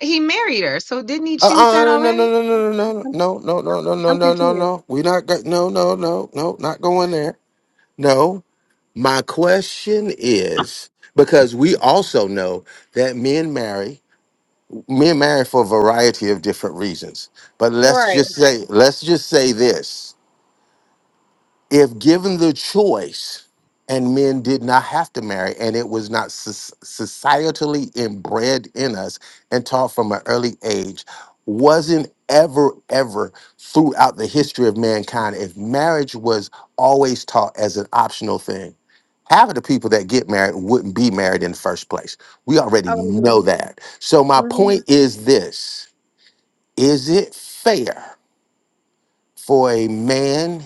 Speaker 11: He married her, so didn't he
Speaker 1: Uh,
Speaker 11: choose that
Speaker 1: uh, no, no,
Speaker 11: already?
Speaker 1: no, no, no, no, no, no, no, no, no,
Speaker 11: I'm
Speaker 1: no, no,
Speaker 11: confused.
Speaker 1: no. We not go- no, no, no, no, not going there. No. My question is because we also know that men marry, men marry for a variety of different reasons. But let's
Speaker 11: Right.
Speaker 1: just say, let's just say this if given the choice and men did not have to marry and it was not soc- societally inbred in us and taught from an early age wasn't ever ever throughout the history of mankind if marriage was always taught as an optional thing half of the people that get married wouldn't be married in the first place we already
Speaker 11: I would
Speaker 1: know that so my
Speaker 11: agree.
Speaker 1: point is this is it fair for a man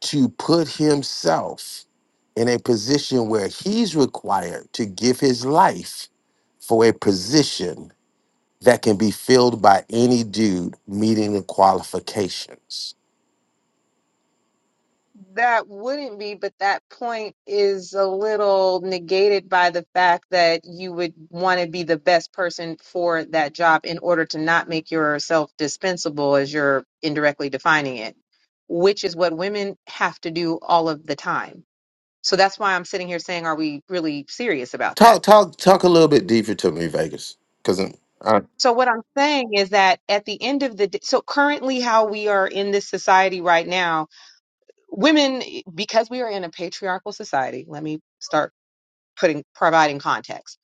Speaker 1: to put himself in a position where he's required to give his life for a position that can be filled by any dude meeting the qualifications.
Speaker 11: That wouldn't be, but that point is a little negated by the fact that you would want to be the best person for that job in order to not make yourself dispensable, as you're indirectly defining it, which is what women have to do all of the time. So that's why I'm sitting here saying, are we really serious about
Speaker 1: Talk,
Speaker 11: that?
Speaker 1: talk, talk a little bit deeper to me, Vegas, because I,
Speaker 11: So what I'm saying is that at the end of the day, so currently how we are in this society right now, women, because we are in a patriarchal society, let me start putting providing context.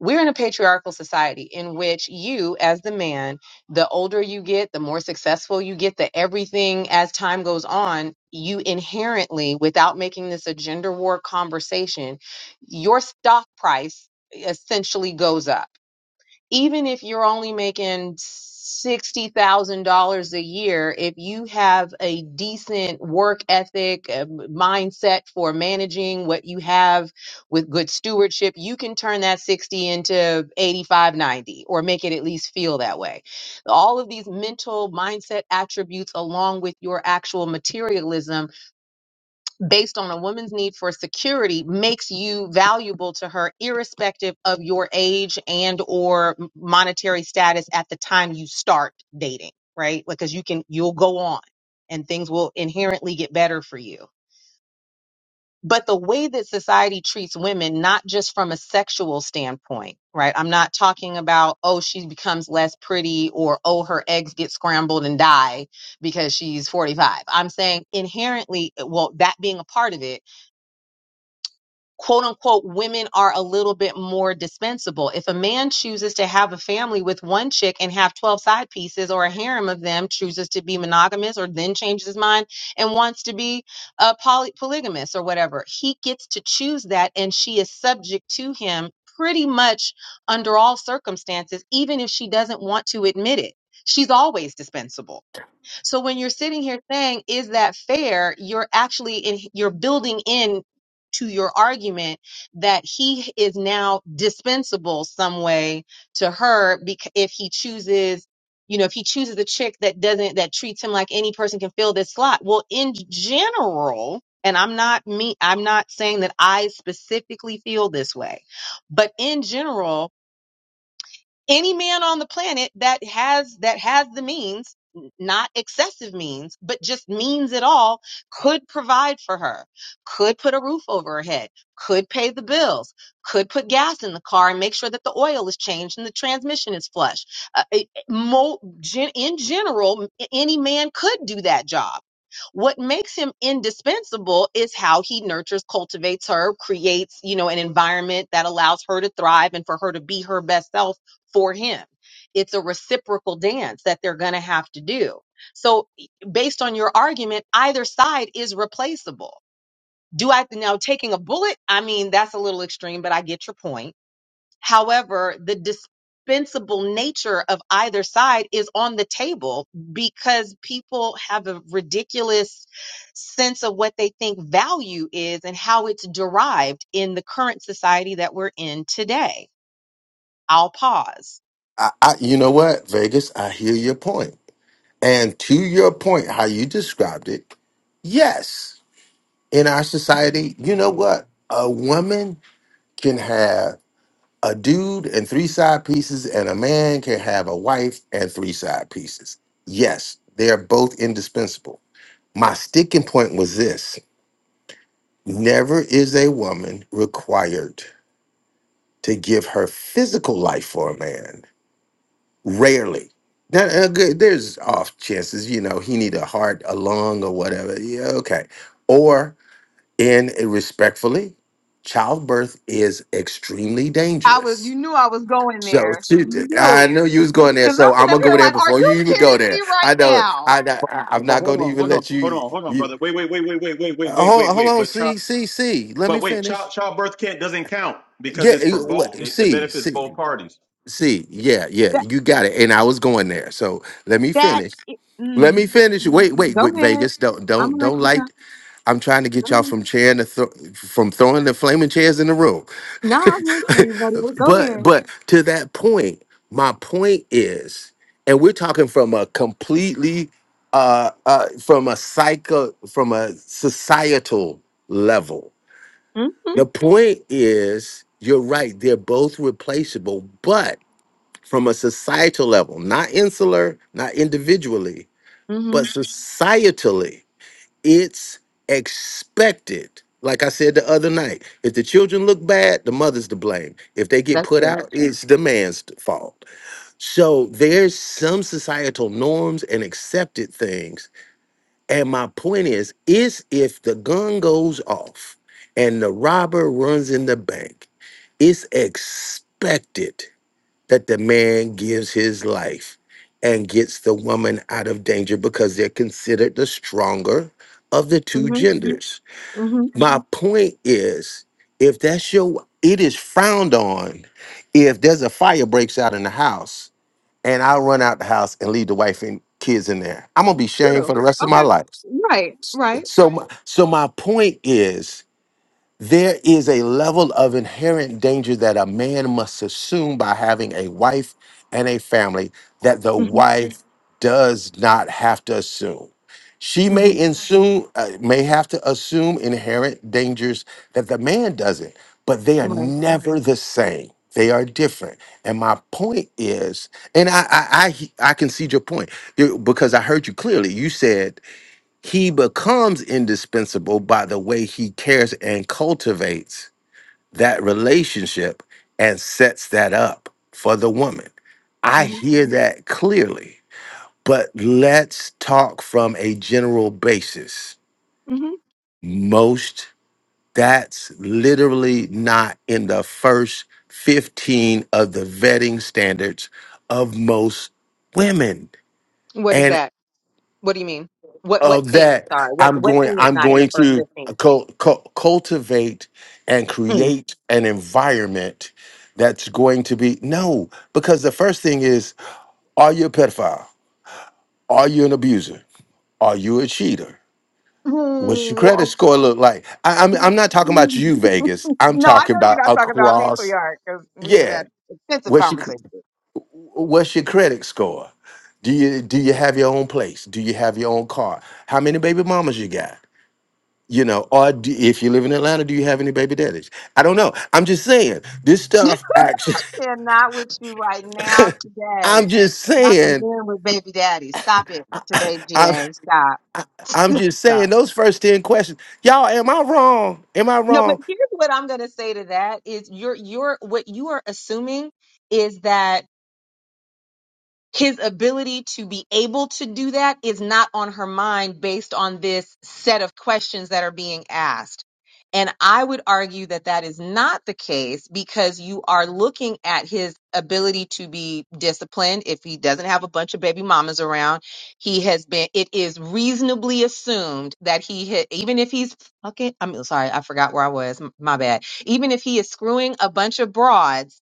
Speaker 11: We're in a patriarchal society in which you, as the man, the older you get, the more successful you get, the everything as time goes on, you inherently, without making this a gender war conversation, your stock price essentially goes up even if you're only making $60,000 a year, if you have a decent work ethic, a m- mindset for managing what you have with good stewardship, you can turn that 60 into 85, 90, or make it at least feel that way. All of these mental mindset attributes along with your actual materialism based on a woman's need for security makes you valuable to her irrespective of your age and or monetary status at the time you start dating right because you can you'll go on and things will inherently get better for you but the way that society treats women not just from a sexual standpoint right i'm not talking about oh she becomes less pretty or oh her eggs get scrambled and die because she's 45 i'm saying inherently well that being a part of it quote unquote women are a little bit more dispensable. If a man chooses to have a family with one chick and have 12 side pieces or a harem of them, chooses to be monogamous or then changes his mind and wants to be a poly- polygamous or whatever, he gets to choose that and she is subject to him pretty much under all circumstances even if she doesn't want to admit it. She's always dispensable so when you're sitting here saying, is that fair? You're actually, in, you're building in to your argument that he is now dispensable some way to her because if he chooses, you know, if he chooses a chick that doesn't, that treats him like any person can fill this slot. Well, in general, and I'm not me, I'm not saying that I specifically feel this way, but in general, any man on the planet that has that has the means not excessive means but just means at all could provide for her could put a roof over her head could pay the bills could put gas in the car and make sure that the oil is changed and the transmission is flush uh, it- mo- gen- in general any man could do that job what makes him indispensable is how he nurtures cultivates her creates you know an environment that allows her to thrive and for her to be her best self for him. It's a reciprocal dance that they're going to have to do. So, e- based on your argument, either side is replaceable. Do I now taking a bullet? I mean, that's a little extreme, but I get your point. However, the dispensable nature of either side is on the table because people have a ridiculous sense of what they think value is and how it's derived in the current society that we're in today. I'll pause.
Speaker 1: I, I, you know what, Vegas, I hear your point, and to your point, how you described it, yes, in our society, you know what, a woman can have. a dude and three side pieces and a man can have a wife and three side pieces. Yes, they are both indispensable. My sticking point was this never is a woman required to give her physical life for a man. Rarely. Now, uh, good- there's off chances, you know, he need a heart, a lung, or whatever. Yeah, okay. Or, and respectfully, childbirth is extremely dangerous So
Speaker 11: Because
Speaker 1: she, I knew you was going there. So I'm gonna go there before you even go there. I know. I, I I'm
Speaker 10: But
Speaker 1: not
Speaker 10: hold
Speaker 1: gonna
Speaker 10: on,
Speaker 1: even
Speaker 10: hold on,
Speaker 1: let
Speaker 10: hold
Speaker 1: you.
Speaker 10: on, hold on,
Speaker 1: You
Speaker 10: brother. Wait, wait, wait, wait, wait, wait, wait, wait,
Speaker 1: uh,
Speaker 10: wait,
Speaker 1: hold
Speaker 10: wait,
Speaker 1: hold
Speaker 10: wait.
Speaker 1: on.
Speaker 10: But Chop,
Speaker 1: See see see. Let
Speaker 10: But
Speaker 1: me
Speaker 10: wait,
Speaker 1: finish.
Speaker 10: child childbirth can't doesn't count because
Speaker 1: Yeah.
Speaker 10: it's for
Speaker 1: you- What?
Speaker 10: both. It, it
Speaker 1: See
Speaker 10: benefits both
Speaker 1: see
Speaker 10: parties.
Speaker 1: see. Yeah yeah. You got it. And I was going there. So let me
Speaker 11: That
Speaker 1: finish.
Speaker 11: i-
Speaker 1: Let me
Speaker 11: mm,
Speaker 1: finish. Wait wait
Speaker 11: go
Speaker 1: wait.
Speaker 11: ahead.
Speaker 1: Vegas. Don't
Speaker 11: I'm
Speaker 1: don't
Speaker 11: gonna let
Speaker 1: don't
Speaker 11: you go.
Speaker 1: like. I'm trying to
Speaker 11: Go
Speaker 1: get y'all
Speaker 11: ahead.
Speaker 1: from chair to thro- from throwing the flaming chairs in the room.
Speaker 11: No, I'm here for you, buddy. Well, Go
Speaker 1: but
Speaker 11: ahead.
Speaker 1: but to that point, my point is, and we're talking from a completely uh, uh from a psycho from a societal level.
Speaker 11: Mm-hmm.
Speaker 1: The point is, you're right, they're both replaceable, but from a societal level, not insular, not individually,
Speaker 11: Mm-hmm.
Speaker 1: but societally it's expected. Like I said the other night, if the children look bad, the mother's to blame. If they get
Speaker 11: That's
Speaker 1: put
Speaker 11: true.
Speaker 1: out, it's the man's fault. So there's some societal norms and accepted things. And my point is, is if the gun goes off and the robber runs in the bank, it's expected that the man gives his life and gets the woman out of danger because they're considered the stronger of the two
Speaker 11: Mm-hmm.
Speaker 1: genders.
Speaker 11: Mm-hmm.
Speaker 1: My point is if that's your it is frowned on if there's a fire breaks out in the house and I run out the house and leave the wife and kids in there. I'm gonna be shamed
Speaker 11: True.
Speaker 1: for the rest of my
Speaker 11: Okay.
Speaker 1: life.
Speaker 11: Right. Right.
Speaker 1: So my, so my point is there is a level of inherent danger that a man must assume by having a wife and a family that the
Speaker 11: Mm-hmm.
Speaker 1: wife does not have to assume. She
Speaker 11: Mm-hmm.
Speaker 1: may assume, uh, may have to assume inherent dangers that the man doesn't, but they are
Speaker 11: Right.
Speaker 1: never the same. They are different. And my point is, and I I I, I concede your point you- because I heard you clearly. You said he becomes indispensable by the way he cares and cultivates that relationship and sets that up for the woman. I
Speaker 11: Mm-hmm.
Speaker 1: hear that clearly, but let's talk from a general basis.
Speaker 11: Mm-hmm.
Speaker 1: Most, that's literally not in the first 15 of the vetting standards of most women.
Speaker 11: What is that? What do you mean? What what
Speaker 1: of
Speaker 11: thing? I'm
Speaker 1: that
Speaker 11: sorry. What
Speaker 1: i'm
Speaker 11: what
Speaker 1: going
Speaker 11: thing is
Speaker 1: i'm
Speaker 11: not in the
Speaker 1: going
Speaker 11: first
Speaker 1: to
Speaker 11: fifteen?
Speaker 1: cul- cul- cultivate and
Speaker 11: Mm.
Speaker 1: create an environment that's going to be no because the first thing is are you a pedophile are you an abuser are you a cheater
Speaker 11: Mm,
Speaker 1: what's your credit score look like I, I'm, I'm not talking about you vegas i'm
Speaker 11: No,
Speaker 1: talking about across yeah
Speaker 11: extensive
Speaker 1: what's your
Speaker 11: conversation.
Speaker 1: what's your credit score do you do you have your own place do you have your own car how many baby mamas you got You know, or do, if you live in Atlanta, do you have any baby daddies? I don't know. I'm just saying this stuff. Actually,
Speaker 11: Yeah, not with you right now today.
Speaker 1: I'm just
Speaker 11: Not the
Speaker 1: saying.
Speaker 11: men with baby daddy. Stop it
Speaker 1: I,
Speaker 11: today,
Speaker 1: I,
Speaker 11: GA. Stop.
Speaker 1: I, I'm just
Speaker 11: Stop.
Speaker 1: saying those first ten questions. Y'all, am I wrong? Am I
Speaker 11: No, but
Speaker 1: wrong?
Speaker 11: here's what I'm going to say to that is you're you're what you are assuming is that his ability to be able to do that is not on her mind based on this set of questions that are being asked. And I would argue that that is not the case because you are looking at his ability to be disciplined. If he doesn't have a bunch of baby mamas around, he has been, it is reasonably assumed that he, ha- even if he's fucking, I'm sorry, I forgot where I was, m- my bad. Even if he is screwing a bunch of broads,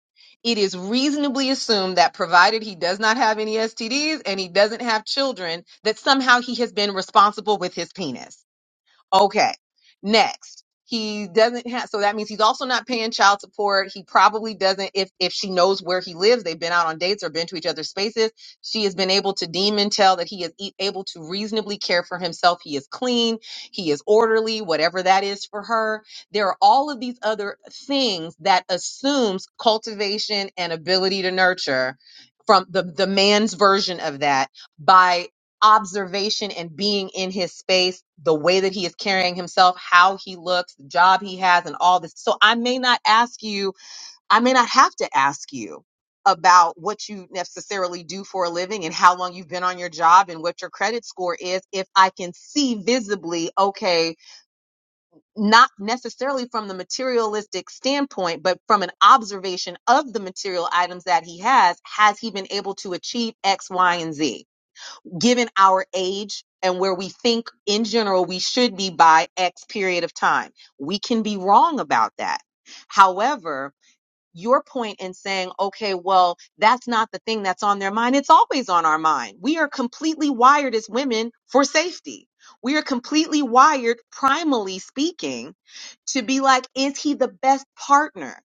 Speaker 11: it is reasonably assumed that provided he does not have any STDs and he doesn't have children, that somehow he has been responsible with his penis. Okay. Next, he doesn't have so that means he's also not paying child support. He probably doesn't if if she knows where he lives. They've been out on dates or been to each other's spaces. She has been able to deem and tell that he is e- able to reasonably care for himself. He is clean, he is orderly, whatever that is for her. There are all of these other things that assumes cultivation and ability to nurture from the the man's version of that by observation and being in his space, the way that he is carrying himself, how he looks, the job he has, and all this. So I may not ask you, I may not have to ask you about what you necessarily do for a living and how long you've been on your job and what your credit score is if I can see visibly, okay, not necessarily from the materialistic standpoint, but from an observation of the material items that he has, has he been able to achieve X, Y, and Z? given our age and where we think in general we should be by X period of time. We can be wrong about that. However, your point in saying, okay, well, that's not the thing that's on their mind. It's always on our mind. We are completely wired as women for safety. We are completely wired, primally speaking, to be like, is he the best partner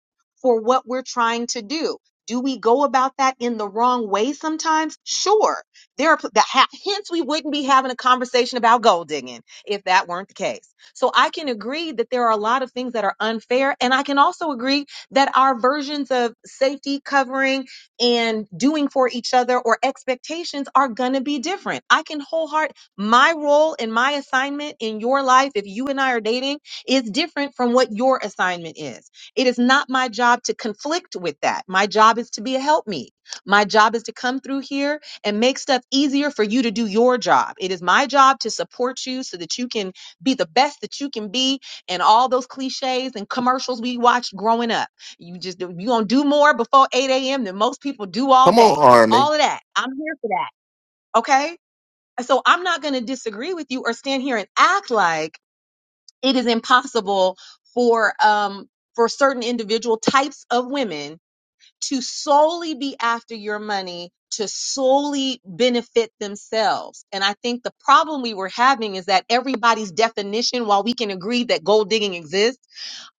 Speaker 11: for what we're trying to do? Do we go about that in the wrong way sometimes? Sure. There are the ha- hence we wouldn't be having a conversation about gold digging if that weren't the case. So I can agree that there are a lot of things that are unfair and I can also agree that our versions of safety, covering, and doing for each other or expectations are going to be different. I can wholeheart my role and my assignment in your life, if you and I are dating, is different from what your assignment is. It is not my job to conflict with that. My job is to be a helpmeet. My job is to come through here and make stuff easier for you to do your job. It is my job to support you so that you can be the best that you can be and all those cliches and commercials we watched growing up. You just do- you gonna do more before 8 a.m. than most people do all
Speaker 1: Come on,
Speaker 11: day.
Speaker 1: Army.
Speaker 11: All of that. I'm here for that. Okay. And So I'm not gonna disagree with you or stand here and act like it is impossible for um for certain individual types of women to solely be after your money to solely benefit themselves. And I think the problem we were having is that everybody's definition, while we can agree that gold digging exists,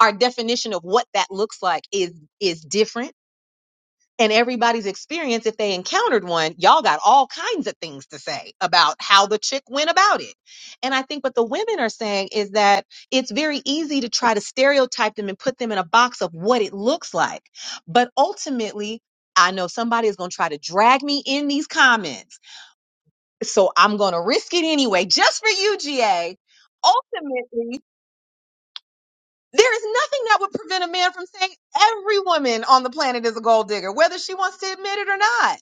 Speaker 11: our definition of what that looks like is is different and everybody's experience if they encountered one y'all got all kinds of things to say about how the chick went about it and i think what the women are saying is that it's very easy to try to stereotype them and put them in a box of what it looks like but ultimately I know somebody is going to try to drag me in these comments. So I'm going to risk it anyway, just for you, GA. Ultimately, there is nothing that would prevent a man from saying every woman on the planet is a gold digger, whether she wants to admit it or not.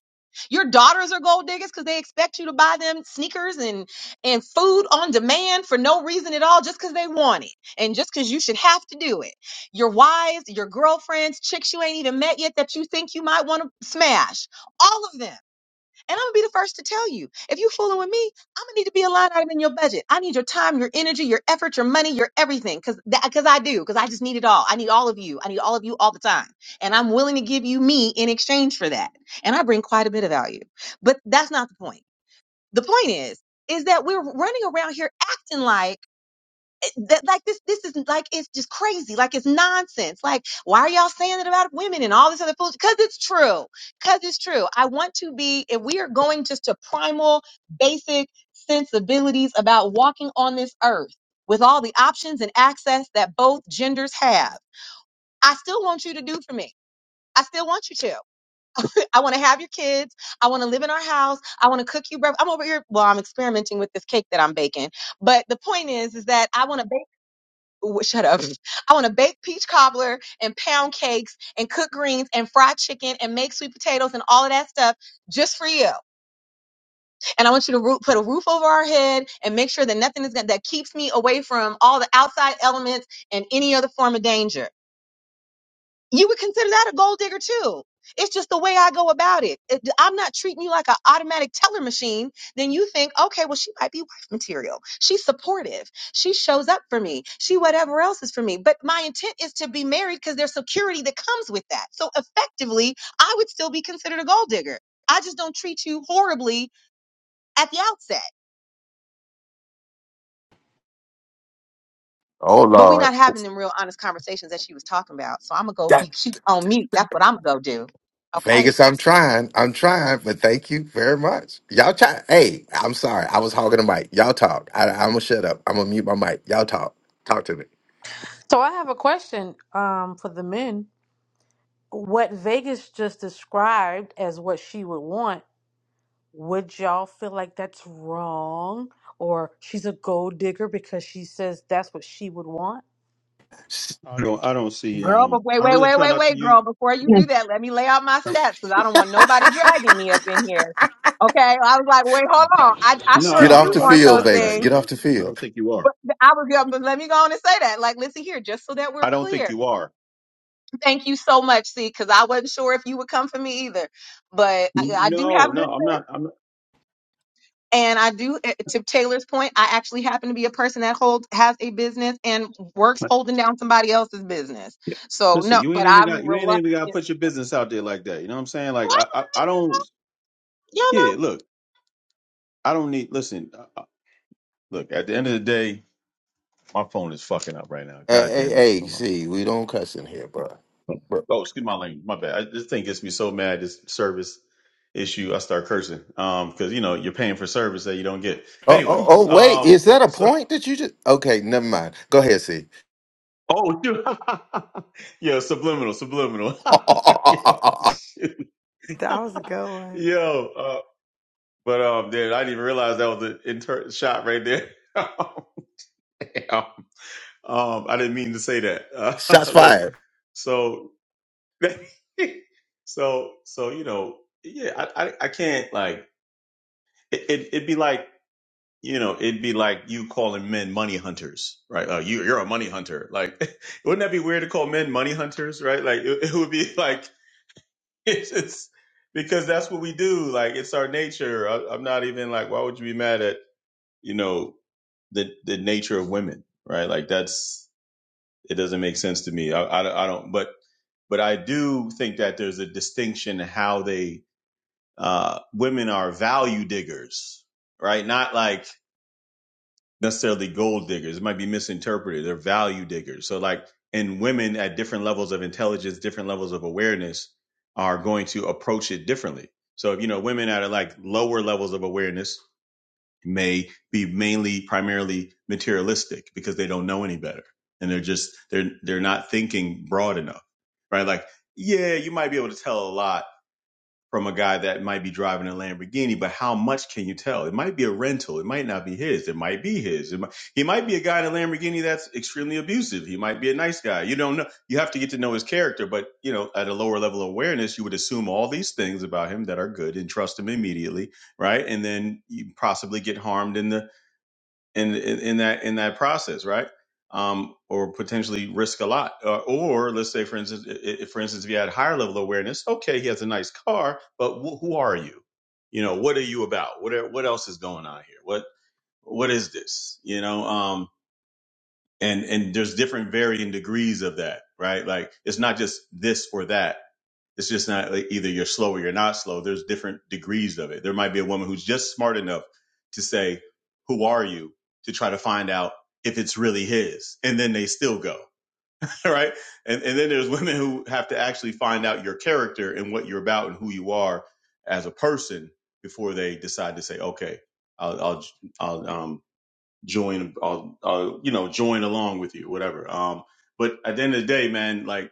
Speaker 11: Your daughters are gold diggers because they expect you to buy them sneakers and, and food on demand for no reason at all, just because they want it and just because you should have to do it. Your wives, your girlfriends, chicks you ain't even met yet that you think you might want to smash, all of them and I'm gonna be the first to tell you, if you fooling with me, I'm gonna need to be a line item in your budget. I need your time, your energy, your effort, your money, your everything, because because I do, because I just need it all. I need all of you. I need all of you all the time, and I'm willing to give you me in exchange for that. And I bring quite a bit of value, but that's not the point. The point is, is that we're running around here acting like eh, that like this this is like it's just crazy like it's nonsense like why are y'all saying it about women and all this other food because it's true because it's true i want to be if we are going just to primal basic sensibilities about walking on this earth with all the options and access that both genders have i still want you to do for me I still want you to. I want to have your kids. I want to live in our house. I want to cook you breakfast. I'm over here. Well, I'm experimenting with this cake that I'm baking. But the point is, is that I want to w- shut up. I want to bake peach cobbler and pound cakes and cook greens and fried chicken and make sweet potatoes and all of that stuff just for you. And I want you to roo- put a roof over our head and make sure that nothing is gonna, that keeps me away from all the outside elements and any other form of danger you would consider that a gold digger too. It's just the way I go about it. It- I'm not treating you like an automatic teller machine. Then you think, okay, well, she might be wife material. She's supportive. She shows up for me. She whatever else is for me. But my intent is to be married because there's security that comes with that. So effectively, I would still be considered a gold digger. I just don't treat you horribly at the outset.
Speaker 1: Oh
Speaker 11: But we're
Speaker 1: Lord,
Speaker 11: not having them real honest conversations that she was talking about. So I'm gonna go be
Speaker 1: That-
Speaker 11: cute on mute. That's what I'm gonna go do. Okay.
Speaker 1: Vegas. I'm trying. I'm trying, but thank you very much. Y'all try. Hey, I'm sorry. I was hogging the mic. Y'all talk. I, I'm gonna shut up. I'm gonna mute my mic. Y'all talk. Talk to me.
Speaker 13: So I have a question um, for the men. What Vegas just described as what she would want, would y'all feel like that's wrong? Or she's a gold digger because she says that's what she would want?
Speaker 1: S-
Speaker 10: I don't. I don't see.
Speaker 11: Girl, but
Speaker 10: Um.
Speaker 11: wait,
Speaker 10: I
Speaker 11: wait,
Speaker 10: really
Speaker 11: wait,
Speaker 10: try
Speaker 11: wait,
Speaker 10: not to
Speaker 11: wait,
Speaker 10: use.
Speaker 11: girl. Before you
Speaker 14: Yes.
Speaker 11: do that, let me lay out my
Speaker 10: uh,
Speaker 11: stats because I don't want nobody dragging me up in here. Okay. I was like, wait, hold on. I, I
Speaker 10: No,
Speaker 11: sure
Speaker 10: no.
Speaker 1: Get
Speaker 10: I
Speaker 1: off
Speaker 11: do
Speaker 10: don't.
Speaker 1: the
Speaker 10: I
Speaker 11: want
Speaker 10: don't. I'm
Speaker 1: field,
Speaker 11: those
Speaker 10: not
Speaker 1: Vegas.
Speaker 10: dragging.
Speaker 11: things.
Speaker 1: Get
Speaker 10: I
Speaker 1: off
Speaker 10: don't.
Speaker 1: the
Speaker 10: I
Speaker 1: field.
Speaker 10: don't think you are.
Speaker 11: But I was going but let me go on and say that. Like, listen here, just so that we're
Speaker 10: I don't think
Speaker 11: clear.
Speaker 10: you are.
Speaker 11: Thank you so much, see, because I wasn't sure if you would come for me either. But I, I do have
Speaker 10: No,
Speaker 11: good
Speaker 10: no. I'm
Speaker 11: sense.
Speaker 10: not. I'm
Speaker 11: And I do, eh, to Taylor's point, I actually happen to be a person that holds, has a business and works
Speaker 10: not.
Speaker 11: holding down somebody else's business.
Speaker 10: Yeah.
Speaker 11: So,
Speaker 10: Listen,
Speaker 11: no,
Speaker 10: you
Speaker 11: but
Speaker 10: ain't even
Speaker 11: I'm
Speaker 10: got. You ain't even got to
Speaker 11: reluctantly.
Speaker 10: put your business out there like that. You know what I'm saying? Like I. I, I don't.
Speaker 11: Y'all
Speaker 10: Yeah.
Speaker 11: know.
Speaker 10: Look. I don't need. Listen. Uh, uh, look. At the end of the day, my phone is fucking up right now.
Speaker 1: Hey,
Speaker 10: God
Speaker 1: hey,
Speaker 10: damn it.
Speaker 1: hey,
Speaker 10: Hold on.
Speaker 1: see, we don't cuss in here, bro. bro.
Speaker 10: Oh, excuse my language. My bad. I, this thing gets me so mad. This service issue. I start cursing. Um, because you know you're paying for service that you don't get.
Speaker 1: Oh,
Speaker 10: Anyway.
Speaker 1: oh, oh, wait,
Speaker 10: Um.
Speaker 1: is that a
Speaker 10: So.
Speaker 1: point that you just? Okay, never mind. Go ahead, see.
Speaker 10: Oh, dude. yo, subliminal, subliminal. yo, shoot.
Speaker 3: That was a good one.
Speaker 10: yo. Uh, but um, dude, I didn't even realize that was an inter- shot right there. Oh, Yeah. Um, I didn't mean to say that.
Speaker 1: Shots
Speaker 10: Uh, look.
Speaker 1: fired.
Speaker 10: So. so so you know yeah. I I, I can't like it. it- It'd be like you know, it'd be like you calling men money hunters, right? Uh, you, you're a money hunter. Like, wouldn't that be weird to call men money hunters, right? Like, it, it would be like, it's just because that's what we do. Like, it's our nature. I, I'm not even like, why would you be mad at, you know, the, the nature of women, right? Like, that's, it doesn't make sense to me. I, I, I don't, but, but I do think that there's a distinction how they, uh, women are value diggers, right? Not like, necessarily gold diggers. It might be misinterpreted. They're value diggers. So like and women at different levels of intelligence, different levels of awareness are going to approach it differently. So if you know women at like lower levels of awareness may be mainly primarily materialistic because they don't know any better. And they're just they're they're not thinking broad enough. Right? Like, yeah, you might be able to tell a lot from a guy that might be driving a Lamborghini, but how much can you tell? It might be a rental. It might not be his. It might be his. It might, he might be a guy in a Lamborghini that's extremely abusive. He might be a nice guy. You don't know. You have to get to know his character, but you know, at a lower level of awareness, you would assume all these things about him that are good and trust him immediately, right? And then you possibly get harmed in the in, in in that in that process, right? Um, or potentially risk a lot. Uh, or let's say, for instance, if, for instance, if you had higher level awareness, okay, he has a nice car, but wh- who are you? You know, what are you about? What are, what else is going on here? What what is this? You know, um, and and there's different varying degrees of that, right? Like it's not just this or that it's just not like either you're slow or you're not slow. There's different degrees of it. There might be a woman who's just smart enough to say, Who are you? to try to find out if it's really his. And then they still go. Right. And, and then there's women who have to actually find out your character and what you're about and who you are as a person before they decide to say, Okay, I'll, I'll, I'll, um, join, I'll, I'll, you know, join along with you, whatever. Um, but at the end of the day, man, like,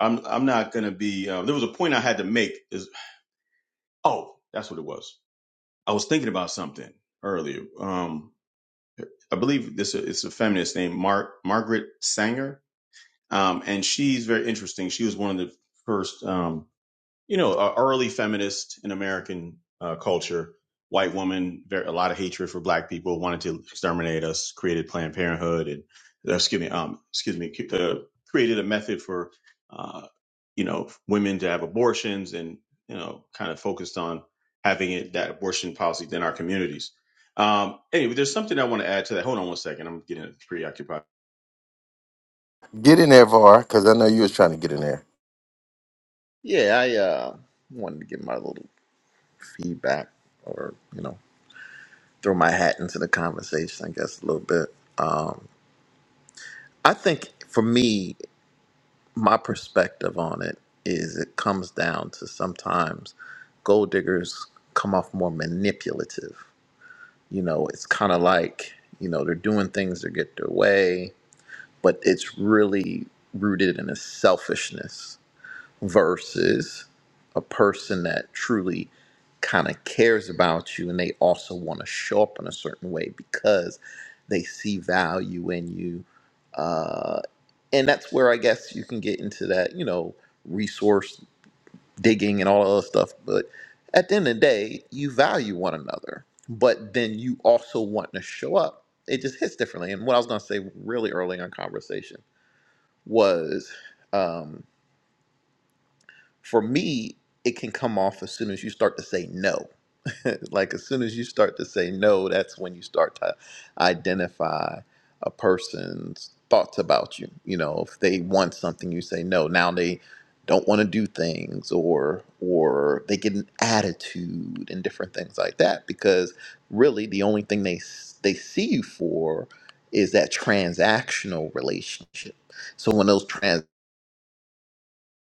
Speaker 10: I'm I'm not gonna be. Uh, there was a point I had to make. Is oh, that's what it was. I was thinking about something earlier. Um, I believe this it's a feminist named Mark Margaret Sanger, um, and she's very interesting. She was one of the first. Um, you know, uh, early feminist in American uh, culture, white woman, very, a lot of hatred for black people, wanted to exterminate us, created Planned Parenthood, and uh, excuse me, um, excuse me, uh, created a method for, uh, you know, women to have abortions, and you know, kind of focused on having it, that abortion policy in our communities. Um, anyway, there's something I want to add to that. Hold on one second. I'm getting preoccupied.
Speaker 1: Get in there, Var, because I know you was trying to get in there.
Speaker 4: Yeah, I uh wanted to give my little feedback, or you know. throw my hat into the conversation, I guess, a little bit. Um, I think for me, my perspective on it is it comes down to sometimes gold diggers come off more manipulative. You know, it's kind of like, you know, they're doing things to get their way, but it's really rooted in a selfishness versus a person that truly kind of cares about you and they also want to show up in a certain way because they see value in you. Uh, and that's where I guess you can get into that, you know, resource digging and all that other stuff. But at the end of the day, you value one another, but then you also want to show up. It just hits differently. And what I was going to say really early in our conversation was. um, for me, it can come off as soon as you start to say no. like as soon as you start to say no, that's when you start to identify a person's thoughts about you. You know, if they want something, you say no. Now they don't want to do things or or they get an attitude and different things like that because really the only thing they s- they see you for is that transactional relationship. So when those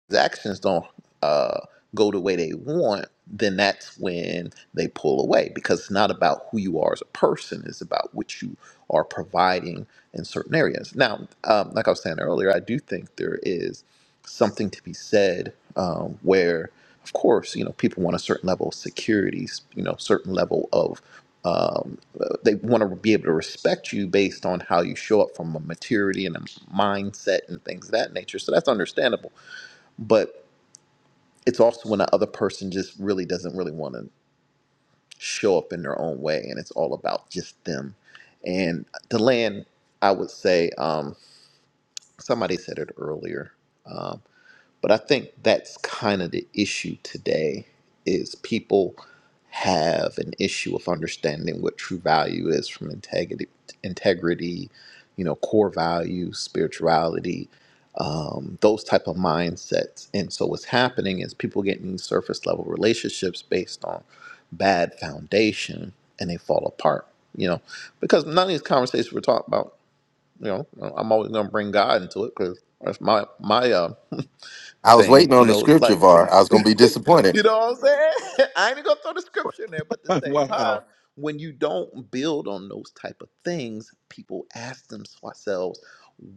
Speaker 4: his actions don't uh, go the way they want, then that's when they pull away because it's not about who you are as a person, it's about what you are providing in certain areas. Now, um, like I was saying earlier, I do think there is something to be said um, where, of course, you know, people want a certain level of security, you know, certain level of um, uh, they want to be able to respect you based on how you show up from a maturity and a mindset and things of that nature. So that's understandable. But it's also when the other person just really doesn't really want to show up in their own way and it's all about just them and the land i would say um, somebody said it earlier um, but I think that's kind of the issue today is people have an issue of understanding what true value is from integrity, integrity, you know, core values, spirituality, um, those type of mindsets. And so what's happening is people getting these surface level relationships based on bad foundation and they fall apart, you know, because none of these conversations we're talking about, you know, I'm always going to bring God into it because that's my, my, uh,
Speaker 1: I was
Speaker 4: thing.
Speaker 1: waiting
Speaker 4: You
Speaker 1: on the
Speaker 4: know, it's
Speaker 1: scripture,
Speaker 4: like,
Speaker 1: Var. I was gonna be disappointed.
Speaker 4: you know what I'm saying? I ain't gonna throw the scripture in there, but at the same
Speaker 10: wow.
Speaker 4: time, when you don't build on those type of things, people ask themselves,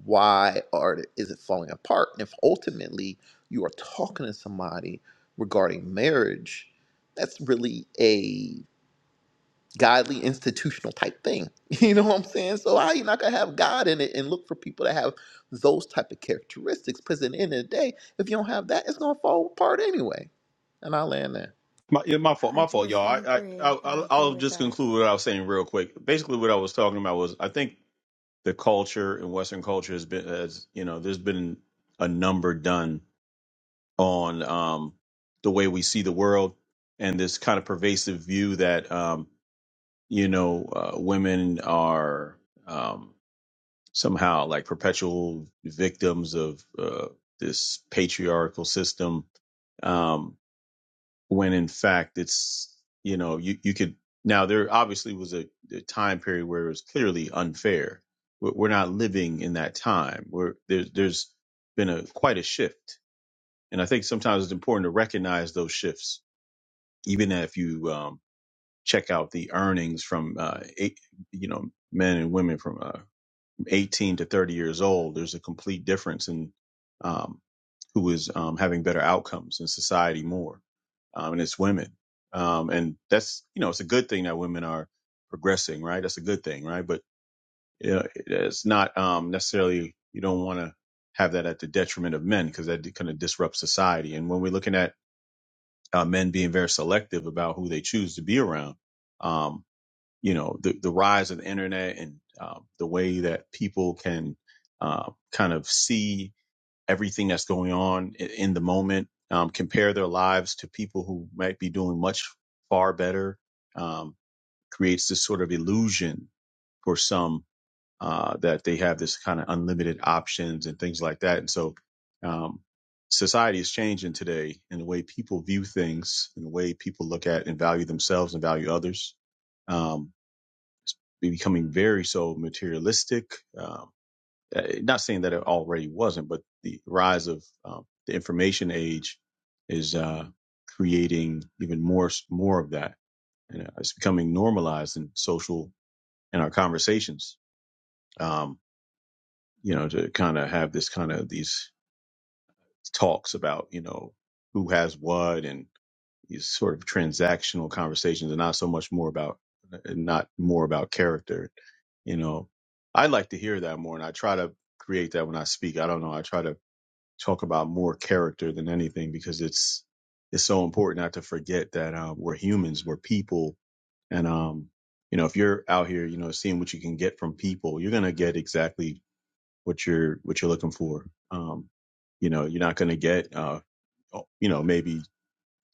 Speaker 4: why are the- is it falling apart? And if ultimately you are talking to somebody regarding marriage, that's really a godly institutional type thing. You know what I'm saying? So how you not gonna have God in it and look for people that have those type of characteristics? Because at the end of the day, if you don't have that, it's gonna fall apart anyway. And I land there.
Speaker 10: My, yeah, my fault. My fault, y'all. I,
Speaker 3: 100%
Speaker 10: I, I,
Speaker 3: agree. I
Speaker 10: I'll
Speaker 3: agree
Speaker 10: I'll
Speaker 3: with
Speaker 10: just
Speaker 3: that.
Speaker 10: conclude what I was saying real quick. Basically, what I was talking about was I think the culture in Western culture has been, as you know, there's been a number done on um, the way we see the world and this kind of pervasive view that, um, you know, uh, women are um, somehow like perpetual victims of uh, this patriarchal system Um, when in fact it's you know you you could now there obviously was a, a time period where it was clearly unfair we're, we're not living in that time where there's there's been a quite a shift and i think sometimes it's important to recognize those shifts even if you um check out the earnings from uh eight, you know men and women from uh 18 to 30 years old, there's a complete difference in um, who is um, having better outcomes in society more, um, and it's women. Um, and that's you know it's a good thing that women are progressing, right? That's a good thing, right? But you know, it's not um, necessarily you don't want to have that at the detriment of men because that kind of disrupts society. And when we're looking at uh, men being very selective about who they choose to be around, um, you know the, the rise of the internet and um, the way that people can uh, kind of see everything that's going on in, in the moment um, compare their lives to people who might be doing much far better um, creates this sort of illusion for some uh, that they have this kind of unlimited options and things like that and so um, society is changing today in the way people view things in the way people look at and value themselves and value others Um, be- becoming very so materialistic. Um, uh, not saying that it already wasn't, but the rise of um, the information age is uh, creating even more more of that, and uh, it's becoming normalized in social in our conversations. Um, you know, to kind of have this kind of these talks about you know who has what and these sort of transactional conversations, and not so much more about uh, not more about character you know i like to hear that more and i try to create that when i speak i don't know i try to talk about more character than anything because it's it's so important not to forget that um, we're humans we're people and um you know if you're out here you know seeing what you can get from people you're gonna get exactly what you're what you're looking for um you know you're not gonna get uh oh, you know maybe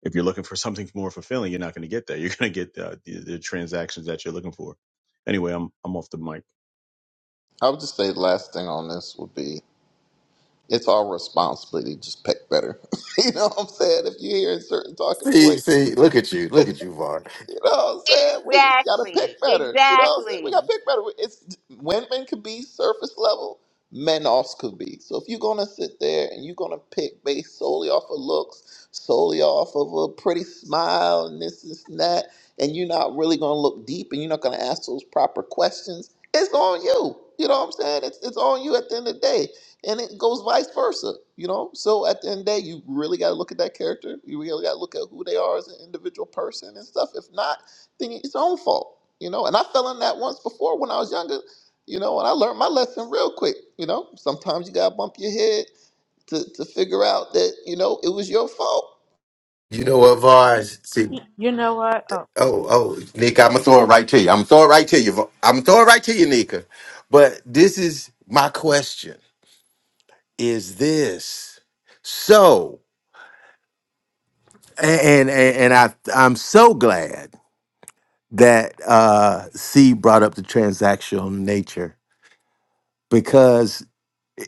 Speaker 10: if you're looking for something more fulfilling you're not gonna get that you're gonna get uh, the, the transactions that you're looking for anyway i'm i'm off the mic
Speaker 4: I would just say the last thing on this would be it's our responsibility to just pick better. you know what I'm saying? If you hear certain talking
Speaker 1: See,
Speaker 4: points.
Speaker 1: see, look at you, look at you, Var.
Speaker 4: You know what I'm saying? We just gotta
Speaker 11: Exactly.
Speaker 4: pick better. You know what I'm saying? We
Speaker 11: Exactly.
Speaker 4: gotta pick better. It's women could be surface level, men also could be. So if you're gonna sit there and you're gonna pick based solely off of looks, solely off of a pretty smile and this, this and that, and you're not really gonna look deep and you're not gonna ask those proper questions, it's on you. You know what I'm saying? It's it's on you at the end of the day and it goes vice versa. You know, so at the end of the day, you really got to look at that character. You really got to look at who they are as an individual person and stuff. If not, then it's their own fault. You know, and I fell in that once before when I was younger. You know, and I learned my lesson real quick. You know, sometimes you got to bump your head to to figure out that you know it was your fault.
Speaker 1: You know what, Var? See,
Speaker 13: Y- You know what? Oh,
Speaker 1: oh, oh, Nick, I'm gonna throw it right to you. I'm gonna throw it right to you. Var. I'm gonna throw it right to you, Nika. But this is my question: Is this so? and and, and I I'm so glad that uh C brought up the transactional nature because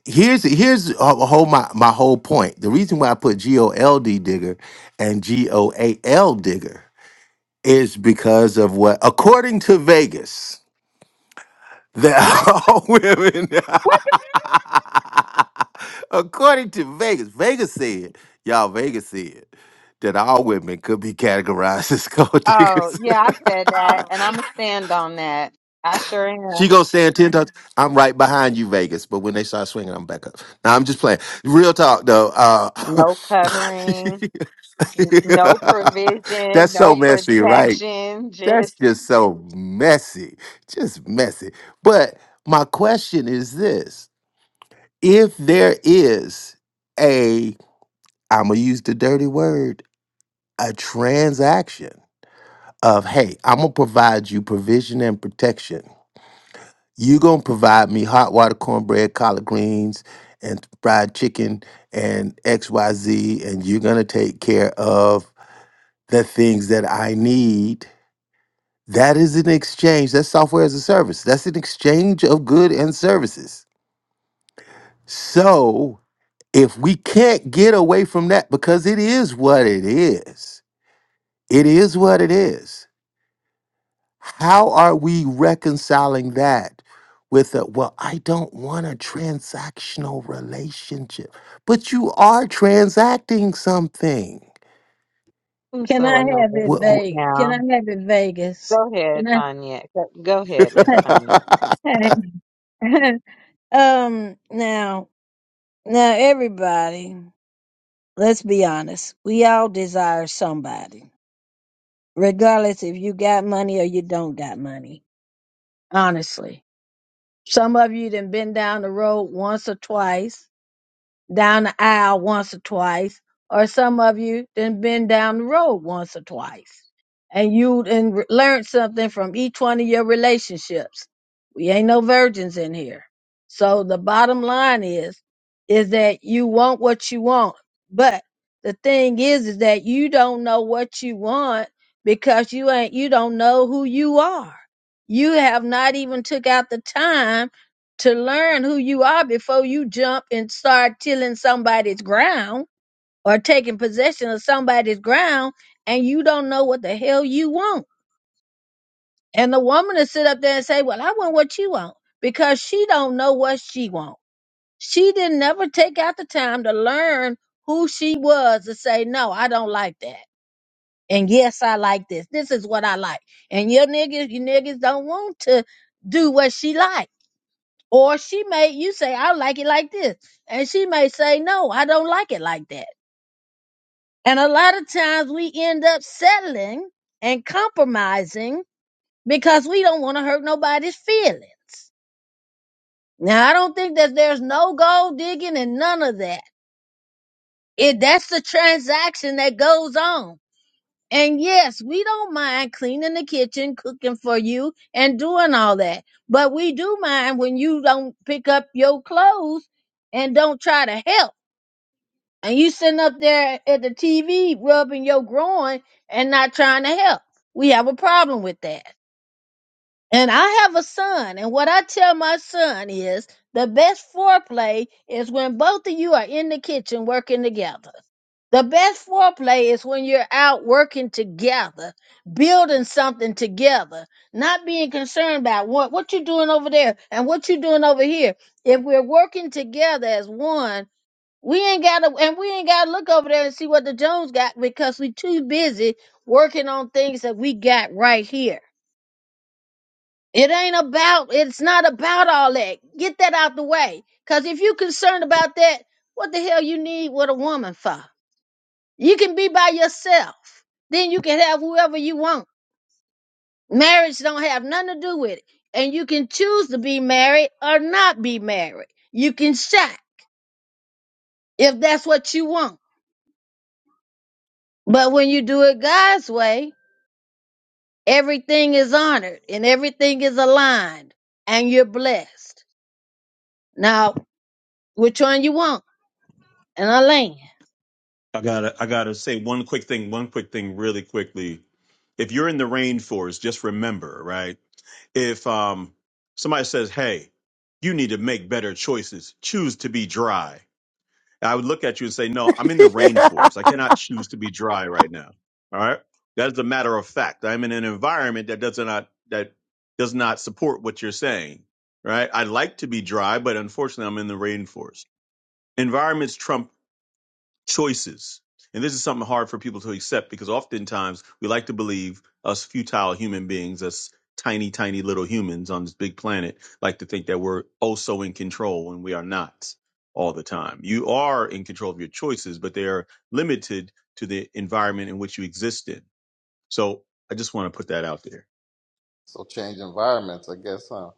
Speaker 1: here's here's a whole my my whole point. The reason why I put G O L D digger and G O A L digger is because of what according to Vegas that
Speaker 11: What?
Speaker 1: all women
Speaker 11: What? the-
Speaker 1: according to Vegas Vegas said y'all Vegas said that all women could be categorized as gold
Speaker 11: Oh,
Speaker 1: diggers.
Speaker 11: yeah, I said that, and I'm gonna stand on that. I sure
Speaker 1: She
Speaker 11: am.
Speaker 1: goes stand ten times. I'm right behind you, Vegas. But when they start swinging, I'm back up. Now I'm just playing. Real talk, though. Uh,
Speaker 11: No covering, n- no provision,
Speaker 1: that's so
Speaker 11: no
Speaker 1: messy, right?
Speaker 11: protection.
Speaker 1: That's
Speaker 11: Just,
Speaker 1: just so messy, just messy. But my question is this: If there is a, I'm gonna use the dirty word, a transaction of, hey, I'm gonna provide you provision and protection you gonna provide me hot water cornbread, collard greens, and fried chicken and XYZ, and you're gonna take care of the things that I need. That is an exchange. That's software as a service. That's an exchange of good and services. So if we can't get away from that, because it is what it is, it is what it is. How are we reconciling that with a, well, I don't want a transactional relationship, but you are transacting something.
Speaker 11: I'm
Speaker 14: Can
Speaker 11: so
Speaker 14: I have
Speaker 11: annoyed
Speaker 14: it
Speaker 1: What,
Speaker 11: right
Speaker 1: what-
Speaker 14: Vegas? Can
Speaker 11: now.
Speaker 14: I have it Vegas?
Speaker 11: Go ahead,
Speaker 14: Can I?
Speaker 11: Tanya. Go, go ahead, Miss Tanya.
Speaker 14: um. Now, now, everybody, let's be honest. We all desire somebody, regardless if you got money or you don't got money. Honestly, some of you done been down the road once or twice down the aisle once or twice, or some of you then been down the road once or twice, and you then re- learned something from each one of your relationships. We ain't no virgins in here. So the bottom line is, is that you want what you want, but the thing is, is that you don't know what you want because you ain't, you don't know who you are. You have not even took out the time to learn who you are before you jump and start tilling somebody's ground or taking possession of somebody's ground and you don't know what the hell you want. And the woman to sit up there and say, Well, I want what you want because she don't know what she want. She didn't never take out the time to learn who she was to say, No, I don't like that. And yes, I like this. This is what I like. And your niggas, you niggas don't want to do what she like Or she may, you say, I like it like this. And she may say, no, I don't like it like that. And a lot of times we end up settling and compromising because we don't want to hurt nobody's feelings. Now, I don't think that there's no gold digging and none of that. It, that's the transaction that goes on. And yes, we don't mind cleaning the kitchen, cooking for you and doing all that. But we do mind when you don't pick up your clothes and don't try to help and you sitting up there at the TV rubbing your groin and not trying to help. We have a problem with that. And I have a son, and what I tell my son is the best foreplay is when both of you are in the kitchen working together. The best foreplay is when you're out working together, building something together, not being concerned about what, what you're doing over there and what you're doing over here. If we're working together as one, we ain't gotta and we ain't gotta look over there and see what the Jones got because we too busy working on things that we got right here. It ain't about it's not about all that. Get that out the way. Cause if you concerned about that, what the hell you need with a woman for? You can be by yourself. Then you can have whoever you want. Marriage don't have nothing to do with it. And you can choose to be married or not be married. You can shop if that's what you want. But when you do it God's way, everything is honored and everything is aligned and you're blessed. Now, which one you want? And I land.
Speaker 10: I gotta I gotta say one quick thing, one quick thing really quickly. If you're in the rainforest, just remember, right? If um somebody says, Hey, you need to make better choices, choose to be dry. I would look at you and say, No, I'm in the rainforest. I cannot choose to be dry right now. All right. That is a matter of fact. I'm in an environment that does not that does not support what you're saying. Right? I'd like to be dry, but unfortunately I'm in the rainforest. Environments trump choices. And this is something hard for people to accept because oftentimes we like to believe us futile human beings, us tiny, tiny little humans on this big planet, like to think that we're also in control when we are not all the time. You are in control of your choices, but they are limited to the environment in which you exist in. So I just want to put that out there.
Speaker 4: So change environments, I guess, huh?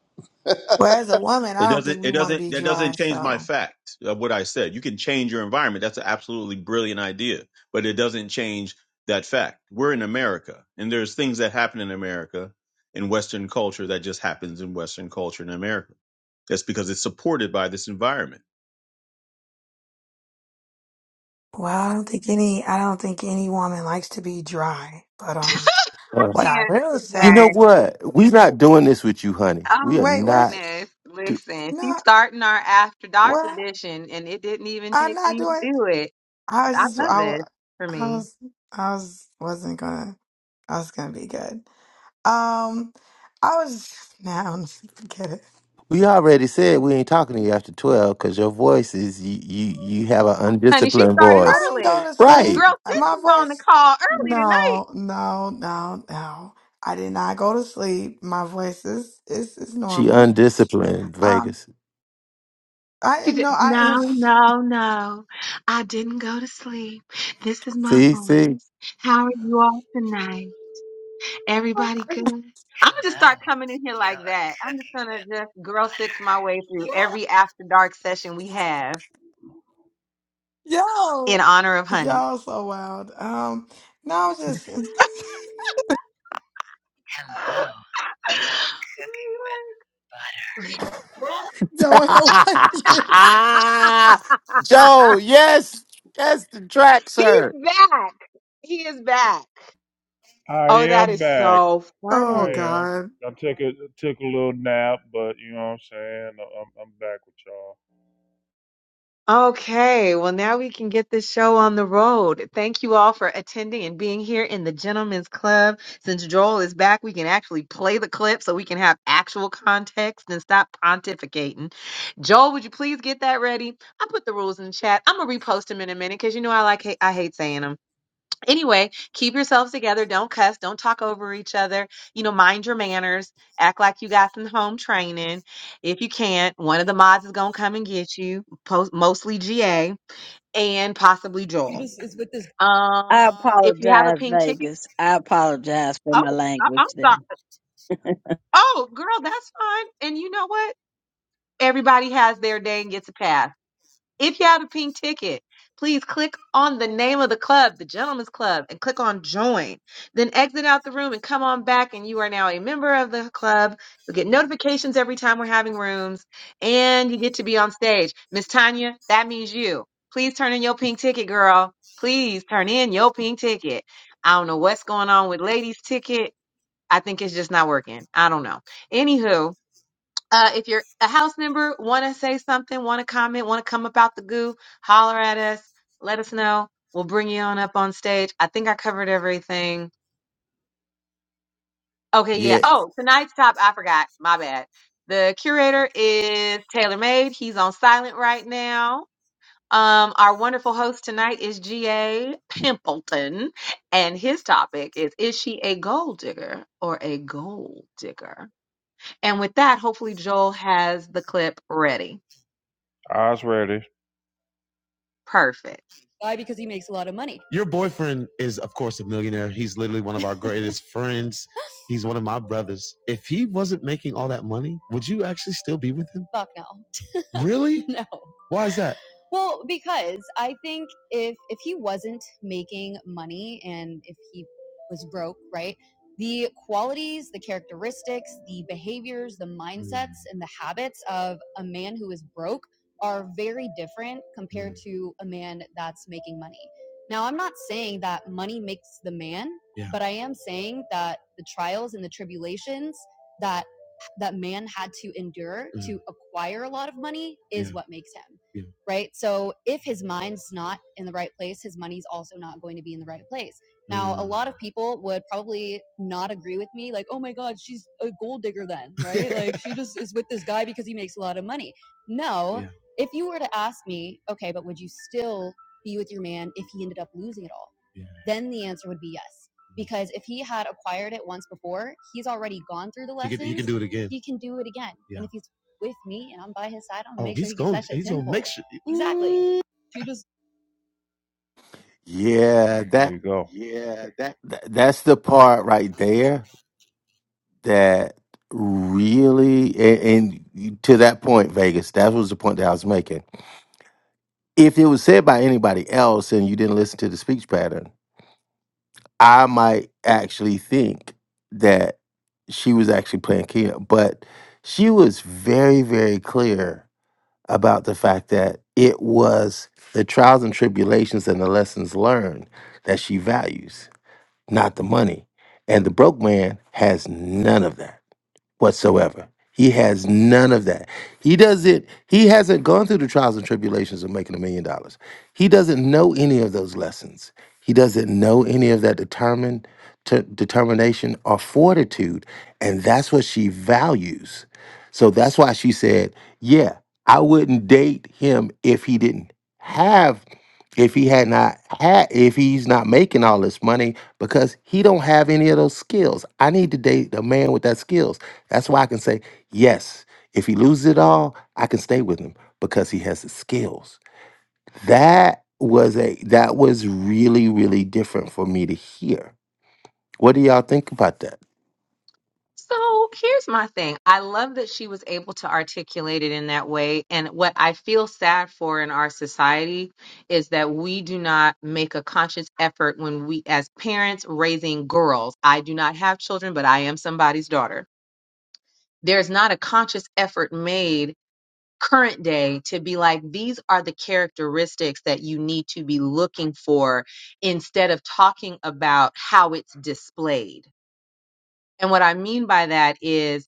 Speaker 3: Well, as a woman,
Speaker 10: It
Speaker 3: I don't
Speaker 10: doesn't.
Speaker 3: think
Speaker 10: It
Speaker 3: we want to
Speaker 10: doesn't.
Speaker 3: be
Speaker 10: That
Speaker 3: dry.
Speaker 10: doesn't change my
Speaker 3: So,
Speaker 10: fact of what I said. You can change your environment. That's an absolutely brilliant idea, but it doesn't change that fact. We're in America, and there's things that happen in America, in Western culture, that just happens in Western culture in America. That's because it's supported by this environment.
Speaker 3: well, I don't think any, I don't think any woman likes to be dry. But um, what I
Speaker 11: Can't
Speaker 3: will
Speaker 1: you know
Speaker 11: today.
Speaker 3: say,
Speaker 1: what? We're not doing this with you, honey. We
Speaker 11: Oh
Speaker 1: are
Speaker 3: wait, wait,
Speaker 1: not.
Speaker 11: goodness!
Speaker 1: Do-
Speaker 11: Listen, she's
Speaker 3: no,
Speaker 11: starting our after dark
Speaker 3: what
Speaker 11: edition, and it didn't even
Speaker 3: I'm
Speaker 11: take
Speaker 3: not
Speaker 11: me to
Speaker 3: doing.
Speaker 11: do it.
Speaker 3: I was
Speaker 11: I
Speaker 3: just,
Speaker 11: love
Speaker 3: I,
Speaker 11: this
Speaker 3: wa-
Speaker 11: for
Speaker 3: I
Speaker 11: me.
Speaker 3: was, I was, wasn't gonna. I was gonna be good. Um, I was now forget it.
Speaker 1: we already said we ain't talking to you after 12 because your voice is, you, you, you have an
Speaker 11: Honey, she
Speaker 1: undisciplined
Speaker 11: started
Speaker 3: I
Speaker 1: voice.
Speaker 3: didn't go
Speaker 11: early.
Speaker 3: to
Speaker 1: Right.
Speaker 3: sleep.
Speaker 11: Girl Six
Speaker 3: My
Speaker 11: was on the
Speaker 3: voice.
Speaker 11: call early tonight.
Speaker 3: No, no, no, no. I did not go to sleep. My voice is is, is
Speaker 1: She
Speaker 3: normal.
Speaker 1: undisciplined,
Speaker 3: Um,
Speaker 1: Vegas.
Speaker 3: I
Speaker 11: She
Speaker 3: didn't
Speaker 11: said,
Speaker 3: know I
Speaker 11: No,
Speaker 3: am.
Speaker 11: no, no. I didn't go to sleep. This is my
Speaker 1: See,
Speaker 11: voice.
Speaker 1: see?
Speaker 11: How are you all tonight? Everybody good? I'm gonna just start coming in here like that. I'm just gonna just girl six my way through every after dark session we have
Speaker 3: Yo,
Speaker 11: in honor of honey.
Speaker 3: y'all so wild. Um, no, just
Speaker 11: Really, like-
Speaker 3: don't know what you.
Speaker 1: Joe, yes, that's the track, sir.
Speaker 11: He's back. He is back.
Speaker 2: I
Speaker 11: Oh, that
Speaker 2: am
Speaker 11: is
Speaker 2: back.
Speaker 11: so
Speaker 3: Oh
Speaker 2: I
Speaker 11: funny.
Speaker 2: am.
Speaker 3: God.
Speaker 2: I took a took a little nap, but you know what I'm saying? I'm, I'm back with y'all.
Speaker 11: Okay, well, now we can get this show on the road. Thank you all for attending and being here in the Gentlemen's Club. Since Joel is back, we can actually play the clip so we can have actual context and stop pontificating. Joel, would you please get that ready? I put the rules in the chat. I'm gonna repost them in a minute because you know I like I hate saying them anyway, keep yourselves together. Don't cuss. Don't talk over each other. You know, mind your manners. Act like you got some home training. If you can't, one of the mods is gonna come and get you. Post, mostly GA and possibly Joel.
Speaker 14: I
Speaker 11: Um, if you have a
Speaker 14: apologize,
Speaker 11: pink ticket,
Speaker 14: Vegas. I apologize for
Speaker 11: oh,
Speaker 14: my
Speaker 11: I,
Speaker 14: language
Speaker 11: I'm
Speaker 14: there.
Speaker 11: sorry. Oh, girl, that's fine. And you know what? Everybody has their day and gets a pass. If you have a pink ticket, please click on the name of the club, the Gentlemen's Club, and click on join. Then exit out the room and come on back, and you are now a member of the club. You'll get notifications every time we're having rooms, and you get to be on stage. Miss Tanya, that means you. Please turn in your pink ticket, girl. Please turn in your pink ticket. I don't know what's going on with ladies' ticket. I think it's just not working. I don't know. Anywho, uh, if you're a house member, want to say something, want to comment, want to come about the goo, holler at us. Let us know. We'll bring you on up on stage. I think I covered everything. Okay, yeah.
Speaker 1: Yeah,
Speaker 11: Oh, tonight's top, I forgot. My bad. The curator is Taylor Made. He's on silent right now. Um, our wonderful host tonight is G.A. Pimpleton, and his topic is Is she a gold digger or a gold digger? And with that, hopefully, Joel has the clip ready.
Speaker 2: Eyes ready.
Speaker 11: Perfect.
Speaker 2: your boyfriend is, of course, a millionaire. He's literally one our greatest friends. He's one of my brothers. If he wasn't making all that money, would you actually still be with him? Really? Why is that? Yeah, yeah, yeah, yeah. Do it again.
Speaker 1: yeah,
Speaker 2: There
Speaker 1: that,
Speaker 2: you go.
Speaker 1: that that's the part right there that really and, and to that point, Vegas, that was the point that I was making. If it was said by anybody else and you didn't listen to the speech pattern, I might actually think that she was actually playing Kia, but she was very, very clear about the fact that it was the trials and tribulations and the lessons learned that she values, not the money. And the broke man has none of that whatsoever. He has none of that. He doesn't, he hasn't gone through the trials and tribulations of making a million dollars. He doesn't know any of those lessons. He doesn't know any of that determined ter- determination or fortitude. And that's what she values. So that's why she said, Yeah, I wouldn't date him if he didn't have if he had not had if he's not making all this money because he don't have any of those skills i need to date a man with that skills that's why I can say, yes, if he loses it all, I can stay with him because he has the skills. That was a that was really, really different for me to hear. What do y'all think about that?
Speaker 11: So here's my thing. I love that she was able to articulate it in that way. And what I feel sad for in our society is that we do not make a conscious effort when we, as parents raising girls, I do not have children, but I am somebody's daughter. There's not a conscious effort made current day to be like, these are the characteristics that you need to be looking for instead of talking about how it's displayed. And what I mean by that is,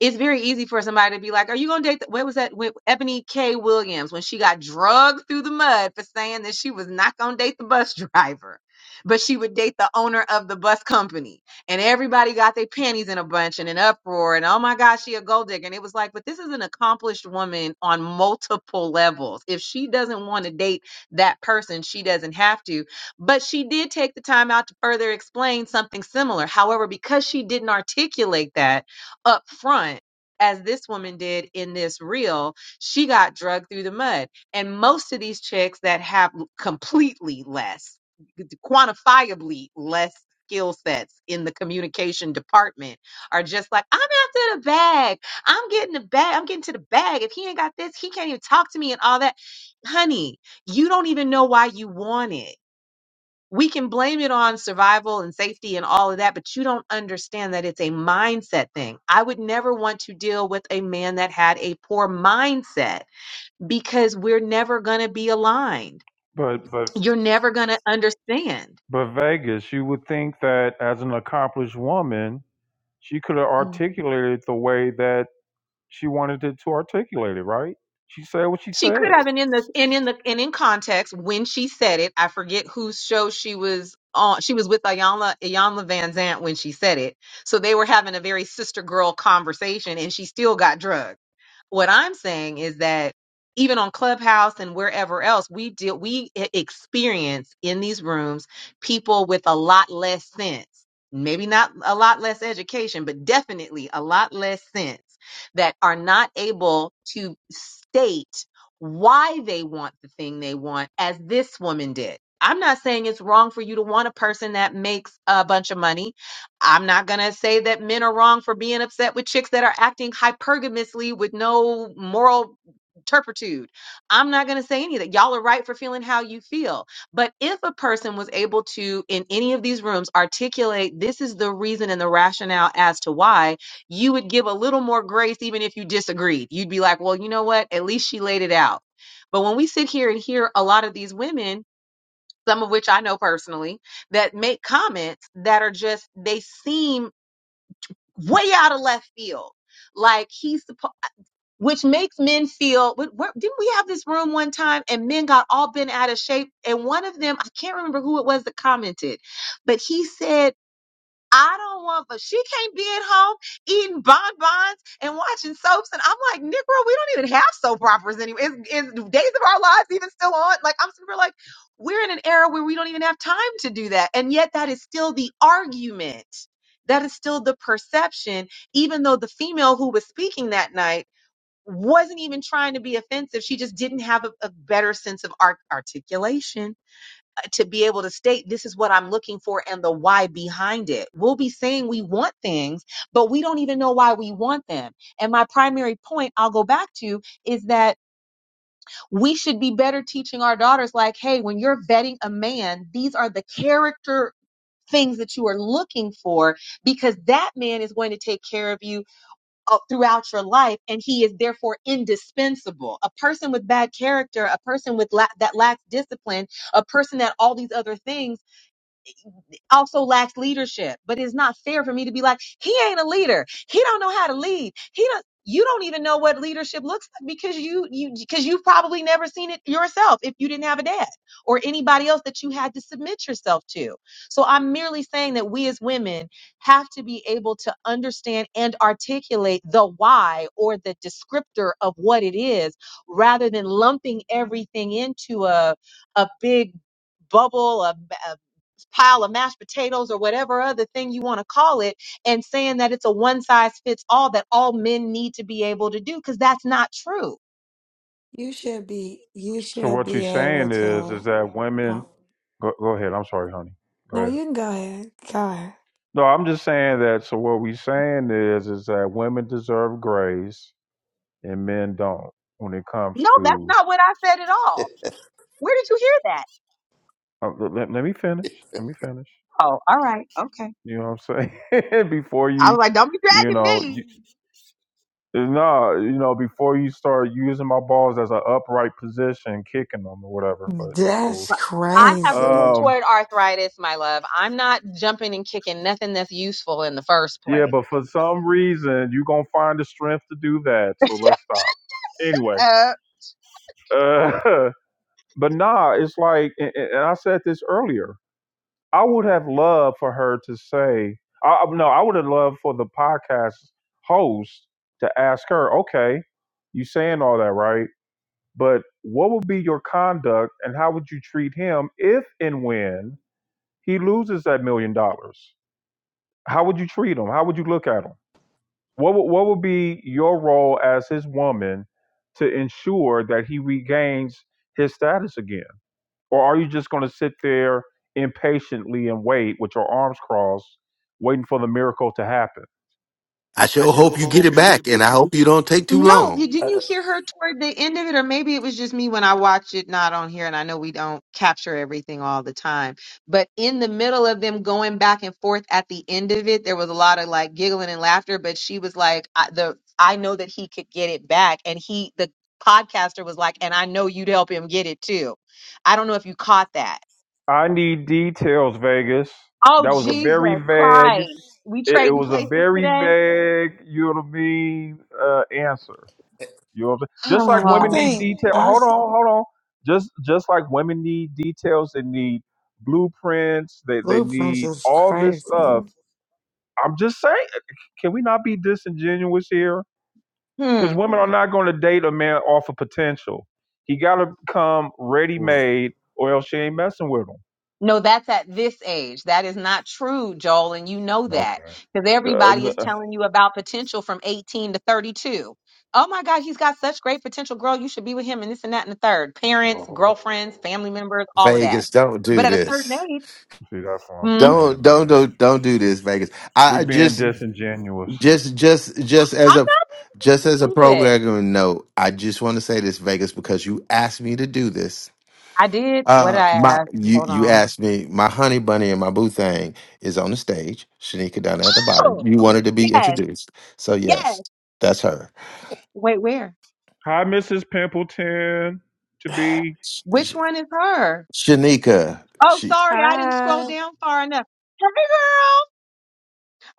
Speaker 11: it's very easy for somebody to be like, "Are you gonna date?" The, what was that? With Ebony K. Williams when she got drugged through the mud for saying that she was not gonna date the bus driver, but she would date the owner of the bus company, and everybody got their panties in a bunch and an uproar, and oh my gosh, she a gold digger, and it was like, but this is an accomplished woman on multiple levels. If she doesn't want to date that person, she doesn't have to. But she did take the time out to further explain something similar. However, because she didn't articulate that up front as this woman did in this reel she got drugged through the mud and most of these chicks that have completely less quantifiably less skill sets in the communication department are just like i'm after the bag i'm getting the bag i'm getting to the bag if he ain't got this he can't even talk to me and all that honey you don't even know why you want it we can blame it on survival and safety and all of that, but you don't understand that it's a mindset thing. I would never want to deal with a man that had a poor mindset because we're never going to be aligned.
Speaker 2: But but
Speaker 11: You're never going to understand.
Speaker 2: but Vegas, you would think that as an accomplished woman, she could have articulated the way that she wanted it to articulate it, right? She said what she
Speaker 11: She could
Speaker 2: said.
Speaker 11: have, and in the and in the and in context, when she said it, I forget whose show she was on. She was with Ayanla Ayanla Van Zant when she said it, so they were having a very sister girl conversation, and she still got drugged. What I'm saying is that even on Clubhouse and wherever else, we deal we e- experience in these rooms people with a lot less sense, maybe not a lot less education, but definitely a lot less sense that are not able to state why they want the thing they want, as this woman did. I'm not saying it's wrong for you to want a person that makes a bunch of money. I'm not going to say that men are wrong for being upset with chicks that are acting hypergamously with no moral turpitude. I'm not going to say any of that. Y'all are right for feeling how you feel. But if a person was able to, in any of these rooms, articulate this is the reason and the rationale as to why, you would give a little more grace even if you disagreed. You'd be like, well, you know what? At least she laid it out. But when we sit here and hear a lot of these women, some of which I know personally, that make comments that are just, they seem way out of left field. Like he's, suppo- which makes men feel, wh- where, didn't we have this room one time and men got all bent out of shape? And one of them, I can't remember who it was that commented, but he said, I don't want, but she can't be at home eating bonbons and watching soaps. And I'm like, Negro, we don't even have soap operas anymore. Is, is Days of Our Lives even still on? Like, I'm super like, we're in an era where we don't even have time to do that. And yet, that is still the argument. That is still the perception, even though the female who was speaking that night wasn't even trying to be offensive. She just didn't have a, a better sense of art- articulation to be able to state this is what I'm looking for and the why behind it. We'll be saying we want things, but we don't even know why we want them. And my primary point I'll go back to is that we should be better teaching our daughters like, hey, when you're vetting a man, these are the character things that you are looking for because that man is going to take care of you uh, throughout your life and he is therefore indispensable. A person with bad character, a person with la- that lacks discipline, a person that all these other things also lacks leadership. But it's not fair for me to be like, he ain't a leader. He don't know how to lead. He don't you don't even know what leadership looks like because you you because you've probably never seen it yourself if you didn't have a dad or anybody else that you had to submit yourself to. So I'm merely saying that we as women have to be able to understand and articulate the why or the descriptor of what it is rather than lumping everything into a a big bubble a pile of mashed potatoes or whatever other thing you want to call it and saying that it's a one size fits all that all men need to be able to do because that's not true.
Speaker 3: You should be. You
Speaker 2: So
Speaker 3: should
Speaker 2: what you're
Speaker 3: be able
Speaker 2: saying is,
Speaker 3: to.
Speaker 2: is that women?
Speaker 3: Oh
Speaker 2: Go, go ahead. I'm sorry, honey. Go
Speaker 3: no,
Speaker 2: ahead.
Speaker 3: you can go ahead. Go ahead.
Speaker 2: No, I'm just saying that. So what we're saying is, is that women deserve grace and men don't when it comes
Speaker 11: No, that's
Speaker 2: to.
Speaker 11: not what I said at all. Where did you hear that?
Speaker 2: Uh, let, let me finish. Let me finish.
Speaker 11: Oh, all right. Okay.
Speaker 2: You know what I'm saying? before
Speaker 11: I
Speaker 2: you,
Speaker 11: was like, don't be
Speaker 2: you
Speaker 11: dragging
Speaker 2: know,
Speaker 11: me.
Speaker 2: you, no, you know, before you start using my balls as an upright position, kicking them or whatever. But it's cool.
Speaker 3: That's
Speaker 11: I have
Speaker 3: crazy.
Speaker 2: Um,
Speaker 11: rheumatoid arthritis, my love. I'm not jumping and kicking nothing that's useful in the first
Speaker 2: Yeah, but
Speaker 11: place.
Speaker 2: for some reason, you're going to find the strength to do that. So let's stop. Anyway, uh, but nah, it's like, and, and I said this earlier, I would have loved for her to say, I, I- no, I would have loved for the podcast host to ask her, okay, you saying all that, right? But what would be your conduct and how would you treat him if and when he loses that million dollars? How would you treat him? How would you look at him? What would, what would be your role as his woman to ensure that he regains his status again? Or are you just going to sit there impatiently and wait with your arms crossed, waiting for the miracle to happen?
Speaker 1: I sure hope you get it back and I hope you don't take too
Speaker 11: No, you-
Speaker 1: long.
Speaker 11: didn't
Speaker 4: Uh,
Speaker 11: you hear her toward the end of it? Or maybe it was just me when I watched it, not on here. And I know we don't capture everything all the time. But in the middle of them going back and forth at the end of it, there was a lot of like giggling and laughter. But she was like, I, the, I know that he could get it back. And he, the podcaster was like, and I know you'd help him get it too. I don't know if you caught that.
Speaker 2: I need details, Vegas.
Speaker 11: Oh,
Speaker 2: That was a
Speaker 11: Jesus
Speaker 2: very vague.
Speaker 11: Christ. We
Speaker 2: It, it
Speaker 11: trading
Speaker 2: was a
Speaker 11: places
Speaker 2: very
Speaker 11: today?
Speaker 2: vague, you know what I mean, uh, answer. You know what I'm saying? Just like
Speaker 3: I
Speaker 2: women need
Speaker 3: think.
Speaker 2: detail.
Speaker 3: I.
Speaker 2: Hold on, hold on. Just just like women need details, they need blueprints, they they
Speaker 3: Blueprints
Speaker 2: need
Speaker 3: is
Speaker 2: all this stuff.
Speaker 3: crazy.
Speaker 2: I'm just saying, can we not be disingenuous here?
Speaker 11: Oh. hmm.
Speaker 2: Because women are not going to date a man off of potential. He got to come ready made, or else she ain't messing with him.
Speaker 11: No, that's at this age. That is not true, Joel, and you know that
Speaker 2: Okay.
Speaker 11: because
Speaker 2: Uh,
Speaker 11: everybody is
Speaker 2: n-
Speaker 11: telling you about potential from 18 to 32. Oh my God, he's got such great potential, girl. You should be with him and this and that and the third. Parents, girlfriends, family members, all of that.
Speaker 1: Vegas, don't
Speaker 11: But
Speaker 1: do
Speaker 11: at a certain
Speaker 1: this.
Speaker 11: age,
Speaker 2: See, that's what
Speaker 11: hmm,
Speaker 2: I'm
Speaker 1: Don't
Speaker 2: saying, man.
Speaker 1: don't don't don't do this, Vegas.
Speaker 2: We
Speaker 1: I I
Speaker 2: being
Speaker 1: just
Speaker 2: disingenuous.
Speaker 1: just just just as
Speaker 11: I'm
Speaker 1: a just as a
Speaker 11: not with.
Speaker 1: programmer note, I just want to say this, Vegas, because you asked me to do this.
Speaker 11: I did. What did
Speaker 1: Uh,
Speaker 11: I
Speaker 1: my
Speaker 11: ask?
Speaker 1: you
Speaker 11: Hold
Speaker 1: you
Speaker 11: on.
Speaker 1: asked me. My honey bunny and my boo thing is on the stage. Shanika down at the
Speaker 11: Oh,
Speaker 1: bottom. You wanted to be
Speaker 11: yes,
Speaker 1: introduced, so
Speaker 11: yes.
Speaker 1: yes, that's her.
Speaker 11: Wait, where?
Speaker 2: Hi, Mrs. Pimpleton. To be.
Speaker 1: Sh-
Speaker 11: Which
Speaker 1: Sh-
Speaker 11: one is her?
Speaker 1: Shanika,
Speaker 11: Oh,
Speaker 1: she
Speaker 11: sorry, I didn't scroll
Speaker 13: hi.
Speaker 11: down far enough. Hey, girl.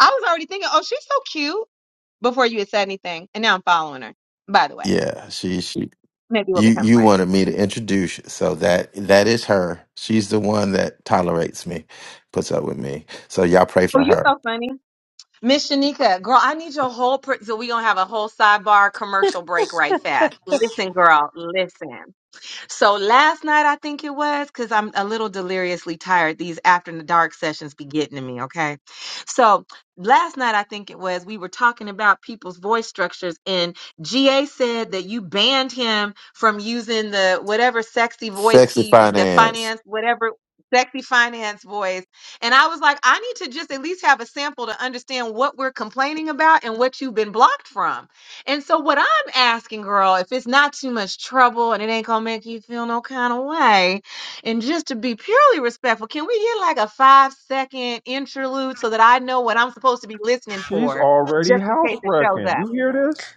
Speaker 11: I was already thinking, oh, she's so cute. before you had said anything, and now I'm following her. By the way,
Speaker 1: yeah, she she.
Speaker 11: maybe we'll
Speaker 1: You
Speaker 11: become
Speaker 1: you
Speaker 11: friends.
Speaker 1: wanted me to introduce, you, so that that is her. She's the one that tolerates me, puts up with me. So y'all pray
Speaker 11: Oh,
Speaker 1: for
Speaker 11: you
Speaker 1: her.
Speaker 11: so funny, Miss Shanika, girl. I need your whole. Pre- so we gonna have a whole sidebar commercial break right fast. Listen, girl, listen. So last night I think it was because I'm a little deliriously tired. These after the dark sessions be getting to me, okay? So last night I think it was we were talking about people's voice structures, and GA said that you banned him from using the whatever sexy voice
Speaker 1: Sexy
Speaker 11: he the
Speaker 1: finance
Speaker 11: finance whatever sexy finance voice. And I was like, I need to just at least have a sample to understand what we're complaining about and what you've been blocked from. And so, what I'm asking, girl, if it's not too much trouble and it ain't gonna make you feel no kind of way, and just to be purely respectful, can we get like a five second interlude so that I know what I'm supposed to be listening
Speaker 2: She's
Speaker 11: for,
Speaker 2: already
Speaker 11: just in
Speaker 2: house
Speaker 11: case it shows
Speaker 2: wrecking.
Speaker 11: up?
Speaker 2: You hear this?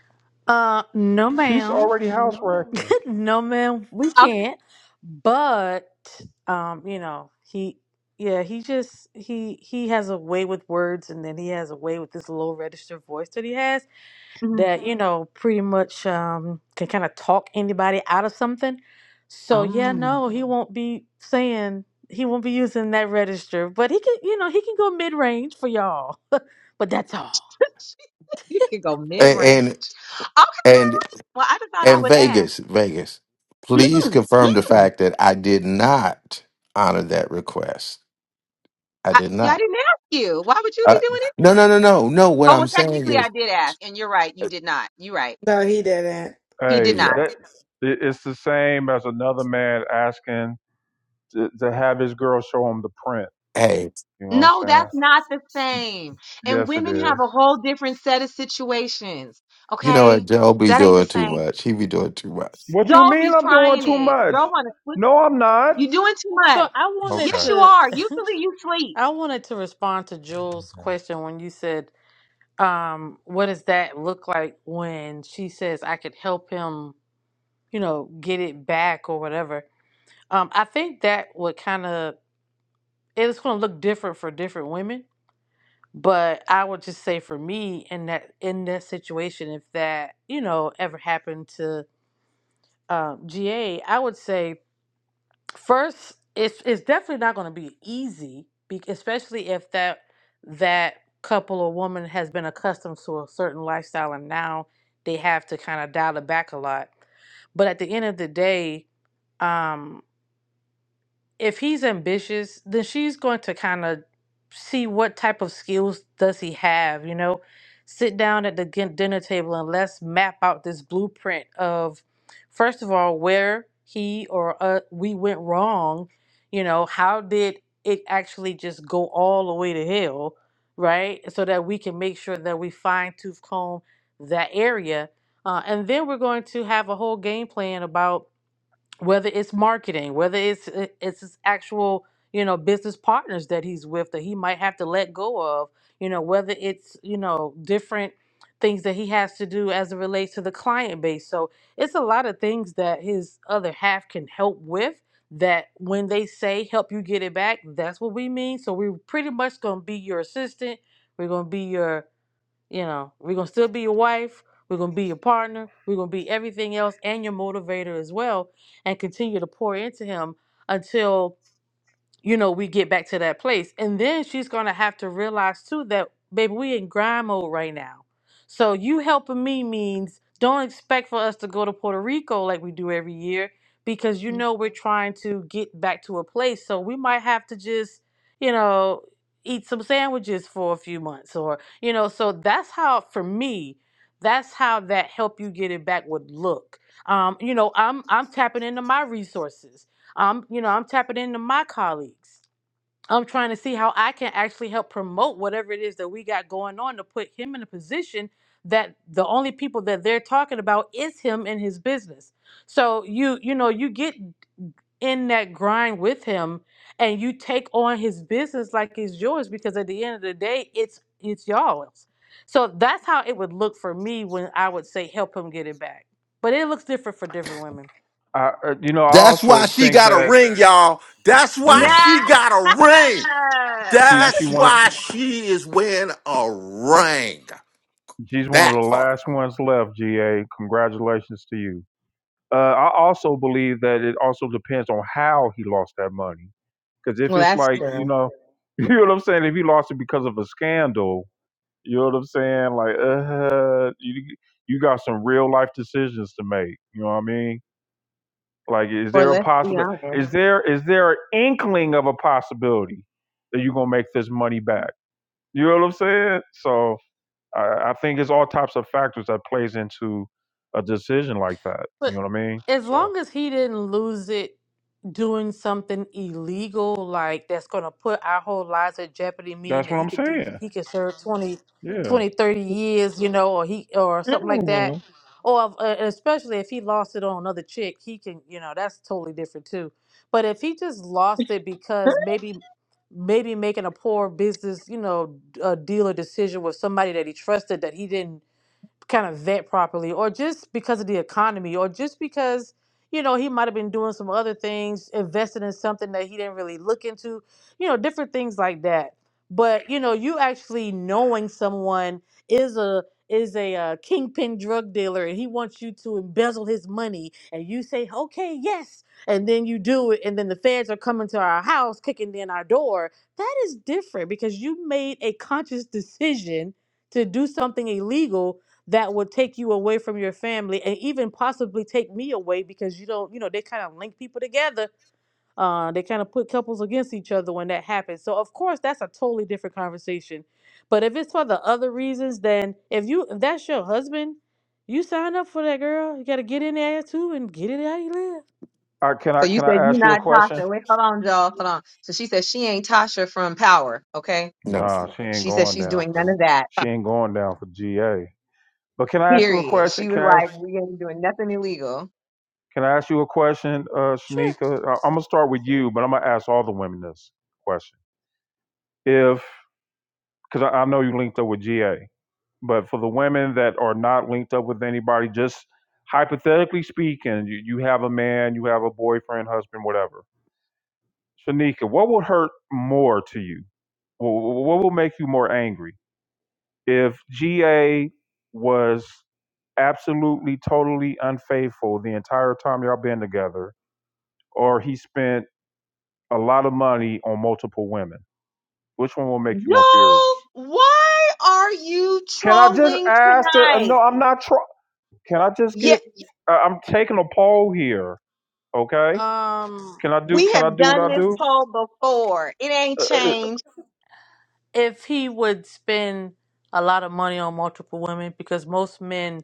Speaker 13: Uh, no,
Speaker 2: She's
Speaker 13: ma'am.
Speaker 2: already house wrecking.
Speaker 13: no, ma'am. We
Speaker 11: Okay.
Speaker 13: can't. But, um, you know, he, yeah, he just, he, he has a way with words and then he has a way with this low register voice that he has
Speaker 11: Mhm.
Speaker 13: that you know pretty much um, can kind of talk anybody out of something. So yeah,
Speaker 11: Um,
Speaker 13: no, he won't be saying he won't be using that register, but he can you know he can go mid range for y'all. But that's all.
Speaker 11: you can go mid
Speaker 1: and and.
Speaker 11: range. Okay.
Speaker 1: and,
Speaker 11: Well, I just thought I
Speaker 1: And
Speaker 11: would ask.
Speaker 1: Vegas, Vegas, please
Speaker 11: Hmm.
Speaker 1: confirm the
Speaker 11: Hmm.
Speaker 1: fact that I did not honor that request. I
Speaker 11: I,
Speaker 1: did
Speaker 11: yeah, I
Speaker 1: not.
Speaker 11: didn't ask you. Why would you be
Speaker 1: Uh,
Speaker 11: doing any of
Speaker 1: no,
Speaker 11: that?
Speaker 1: no, no, no, no. What
Speaker 11: Oh,
Speaker 1: I'm
Speaker 11: well,
Speaker 1: saying
Speaker 11: technically, I
Speaker 1: is,
Speaker 11: did ask, and you're right. You
Speaker 1: uh,
Speaker 11: did not. You're right.
Speaker 3: No, he didn't.
Speaker 11: He did
Speaker 2: Hey,
Speaker 11: not.
Speaker 1: yeah.
Speaker 2: that it- it's the same as another man asking to, to have his girl show him the print.
Speaker 1: Hey,
Speaker 2: You know what I'm
Speaker 11: No, that's
Speaker 2: saying?
Speaker 11: not the same. And
Speaker 2: Yes, it
Speaker 11: women have
Speaker 2: is.
Speaker 11: a whole different set of situations.
Speaker 1: you know
Speaker 11: Okay?
Speaker 1: what? Joe be
Speaker 11: That ain't the
Speaker 1: doing too
Speaker 11: same.
Speaker 1: much. He be doing too much.
Speaker 2: What you
Speaker 11: Y'all be
Speaker 2: mean? I'm doing
Speaker 11: trying
Speaker 2: too
Speaker 11: it. Y'all
Speaker 2: much?
Speaker 11: want to sleep.
Speaker 2: No, I'm not.
Speaker 11: You doing too
Speaker 13: So
Speaker 11: much.
Speaker 13: I wanted
Speaker 11: Yes,
Speaker 2: Okay.
Speaker 11: you
Speaker 13: to
Speaker 11: are. Usually you sleep.
Speaker 13: I wanted to respond to Jules' question when you said um, what does that look like when she says I could help him you know get it back or whatever. Um, I think that would kind of it's going to look different for different women But I would just say for me in that in that situation, if that you know ever happened to um, GA, I would say first it's it's definitely not going to be easy, be- especially if that that couple or woman has been accustomed to a certain lifestyle and now they have to kind of dial it back a lot. But at the end of the day, um if he's ambitious, then she's going to kind of see what type of skills does he have, you know? Sit down at the gin- dinner table and let's map out this blueprint of first of all where he or uh, we went wrong, you know, how did it actually just go all the way to hell, right? So that we can make sure that we fine tooth comb that area. Uh, and then we're going to have a whole game plan about whether it's marketing, whether it's it- it's his actual you know business partners that he's with that he might have to let go of, you know, whether it's you know different things that he has to do as it relates to the client base. So it's a lot of things that his other half can help with. That when they say help you get it back, that's what we mean. So we're pretty much gonna be your assistant. We're gonna be your you know, we're gonna still be your wife, we're gonna be your partner, we're gonna be everything else and your motivator as well, and continue to pour into him until you know, we get back to that place. And then she's gonna have to realize too that baby, we in grind mode right now. So you helping me means don't expect for us to go to Puerto Rico like we do every year because you know we're trying to get back to a place. So we might have to just, you know, eat some sandwiches for a few months or you know, so that's how for me, that's how that help you get it back would look. Um, you know, I'm I'm tapping into my resources I'm, you know, I'm tapping into my colleagues. I'm trying to see how I can actually help promote whatever it is that we got going on to put him in a position that the only people that they're talking about is him and his business. So you, you know, you get in that grind with him and you take on his business like it's yours because at the end of the day, it's it's y'all's. So that's how it would look for me when I would say help him get it back. But it looks different for different women.
Speaker 2: I, uh, you know, I
Speaker 1: That's why
Speaker 2: also
Speaker 1: she
Speaker 2: think
Speaker 1: got a
Speaker 2: that
Speaker 1: ring, y'all. That's why
Speaker 2: yeah,
Speaker 11: Nah.
Speaker 1: she got a ring.
Speaker 2: she she
Speaker 1: That's
Speaker 2: wanted
Speaker 1: why she is wearing a ring.
Speaker 2: she's one of the
Speaker 1: That part.
Speaker 2: last ones left. Ga, congratulations to you. Uh, I also believe that it also depends on how he lost that money. Because if
Speaker 11: well,
Speaker 2: it's
Speaker 11: that's
Speaker 2: like, you
Speaker 11: true.
Speaker 2: know, you know what I'm saying? If he lost it because of a scandal, you know what I'm saying? Like, uh, you, you got some real life decisions to make. You know what I mean? Like, is
Speaker 11: Or
Speaker 2: there a
Speaker 11: let's be
Speaker 2: possible?
Speaker 11: honest.
Speaker 2: Is there is there an inkling of a possibility that you're gonna make this money back? You know what I'm saying? So I, I think it's all types of factors that plays into a decision like that. You
Speaker 13: But
Speaker 2: know what I mean?
Speaker 13: as
Speaker 2: So.
Speaker 13: long as he didn't lose it doing something illegal like that's going to put our whole lives at jeopardy meaning
Speaker 2: That's
Speaker 13: that
Speaker 2: what
Speaker 13: he
Speaker 2: I'm
Speaker 13: can do
Speaker 2: saying.
Speaker 13: he can serve 20,
Speaker 2: Yeah.
Speaker 13: 20 30 years you know or he or something like that
Speaker 11: Mm-mm.
Speaker 13: or if- uh, especially if he lost it on another chick he can you know that's totally different too but if he just lost it because maybe maybe making a poor business you know d- uh, deal or decision with somebody that he trusted that he didn't kind of vet properly or just because of the economy or just because you know he might have been doing some other things invested in something that he didn't really look into you know different things like that but you know you actually knowing someone is a is a uh, kingpin drug dealer and he wants you to embezzle his money and you say okay yes and then you do it and then the feds are coming to our house kicking in our door that is different because you made a conscious decision to do something illegal that would take you away from your family and even possibly take me away because you don't, you know, they kind of link people together. Uh, they kind of put couples against each other when that happens. So of course that's a totally different conversation. But if it's for the other reasons, then if you if that's your husband, you sign up for that girl. You gotta get in there too and get it how you live.
Speaker 2: I can
Speaker 11: So
Speaker 2: I
Speaker 11: you
Speaker 2: can
Speaker 11: said
Speaker 2: I
Speaker 11: you
Speaker 2: ask you a
Speaker 11: not
Speaker 2: question?
Speaker 11: Tasha. Wait, hold on, y'all. Hold on. So she said she ain't Tasha from Power. Okay?
Speaker 1: No,
Speaker 2: Nah, she ain't
Speaker 11: She said
Speaker 2: going
Speaker 11: she's
Speaker 2: down
Speaker 11: doing none
Speaker 2: for
Speaker 11: of that.
Speaker 2: She ain't going down for GA. But can I ask you a
Speaker 11: Period.
Speaker 2: question?
Speaker 11: She was
Speaker 2: Can I ask,
Speaker 11: like, we ain't doing nothing illegal.
Speaker 2: can I ask you a question, uh,
Speaker 13: Sure.
Speaker 2: Shanika? I, I'm gonna start with you, but I'm gonna ask all the women this question. If because I, I know you linked up with GA, but for the women that are not linked up with anybody, just hypothetically speaking, you, you have a man, you have a boyfriend, husband, whatever. Shanika, what will hurt more to you? Wh- What will make you more angry? If GA was absolutely, totally unfaithful the entire time y'all been together, or he spent a lot of money on multiple women, which one will make you more
Speaker 11: Joel,
Speaker 2: furious?
Speaker 11: why are you
Speaker 2: Can I just
Speaker 11: trolling
Speaker 2: ask? To, uh,
Speaker 11: tonight?
Speaker 2: no, I'm not trying. Can I just
Speaker 11: Yeah,
Speaker 2: get? Uh, I'm taking a poll here. Okay.
Speaker 13: Um
Speaker 2: Can I do?
Speaker 11: we
Speaker 2: Can I
Speaker 11: have
Speaker 2: do what
Speaker 11: done
Speaker 2: I
Speaker 11: this
Speaker 2: do?
Speaker 11: poll before. It ain't
Speaker 2: Uh, uh, uh,
Speaker 11: changed.
Speaker 13: if he would spend a lot of money on multiple women because most men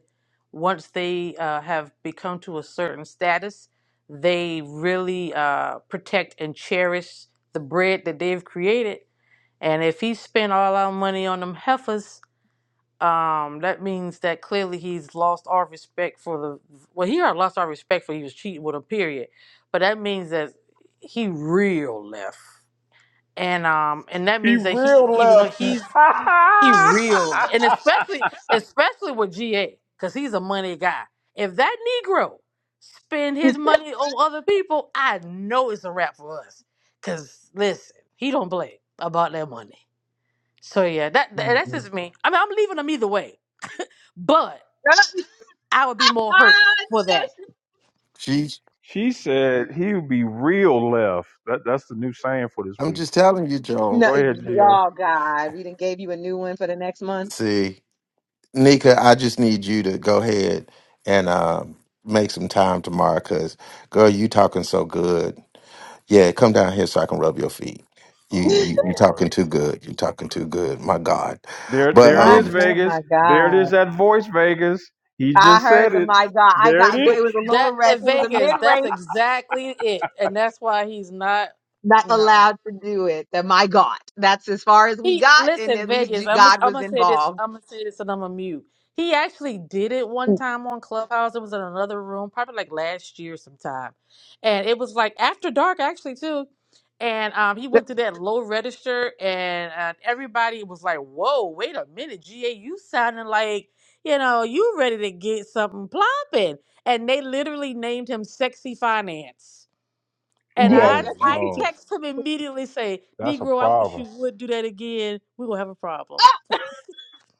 Speaker 13: once they uh, have become to a certain status they really uh, protect and cherish the bread that they've created and if he spent all our money on them heifers um, that means that clearly he's lost our respect for the well he already lost our respect for he was cheating with a period but that means that he real left and um and that
Speaker 2: he
Speaker 13: means that he
Speaker 2: real
Speaker 13: even though
Speaker 2: left.
Speaker 13: he's he real, and especially especially with GA, cause he's a money guy. If that Negro spend
Speaker 11: mm
Speaker 13: his money on other people, I know it's a wrap for us. Cause listen, he don't play about that money. So yeah, that that- that's just me. I mean, I'm leaving them either way, but I would be more hurt
Speaker 11: Ah,
Speaker 13: for that.
Speaker 11: that's-
Speaker 1: she.
Speaker 2: She said he'll be real left. That that's the new saying for this
Speaker 1: I'm
Speaker 2: week.
Speaker 1: just telling you, Joe.
Speaker 11: no,
Speaker 2: Go ahead, GA.
Speaker 11: oh God, we didn't gave you a new one for the next month.
Speaker 1: See, Nika, I just need you to go ahead and um, make some time tomorrow, cause girl, you talking so good. Yeah, come down here so I can rub your feet. You
Speaker 2: Oh
Speaker 1: you you
Speaker 2: Lord.
Speaker 1: talking too good. You talking too good. My God,
Speaker 2: There
Speaker 1: but
Speaker 2: there it
Speaker 11: My
Speaker 2: is,
Speaker 1: um,
Speaker 11: God, my
Speaker 2: Vegas. There it
Speaker 11: God.
Speaker 2: is that voice, Vegas. He
Speaker 11: I
Speaker 2: just
Speaker 11: heard
Speaker 2: said
Speaker 11: the
Speaker 2: it.
Speaker 11: my God. I
Speaker 2: There it
Speaker 11: got, but
Speaker 2: is.
Speaker 11: it was a lower
Speaker 13: That
Speaker 11: red, it
Speaker 13: at
Speaker 11: was a
Speaker 13: Vegas,
Speaker 11: mid
Speaker 13: that's
Speaker 11: range,
Speaker 13: exactly it, and that's why he's not.
Speaker 11: not
Speaker 13: No.
Speaker 11: allowed to do it. The my God. That's as far as we
Speaker 13: He
Speaker 11: got. And
Speaker 13: listen,
Speaker 11: at least
Speaker 13: Vegas.
Speaker 11: G-
Speaker 13: I'm gonna
Speaker 11: God
Speaker 13: I'm
Speaker 11: was
Speaker 13: gonna say this.
Speaker 11: involved.
Speaker 13: I'm gonna say this, and I'm gonna mute. He actually did it one time on Clubhouse. It was in another room, probably like last year sometime, and it was like after dark actually too. And um, he went to that low register, and uh, everybody was like, "Whoa, wait a minute, Ga, you sounding like you know you ready to get something plopping." And they literally named him Sexy Finance. And
Speaker 11: Yes.
Speaker 13: I
Speaker 2: Oh
Speaker 13: I
Speaker 2: no.
Speaker 13: text him immediately say,
Speaker 2: That's a
Speaker 13: Negro, I wish
Speaker 2: problem.
Speaker 13: you would do that again. We're gonna have a problem.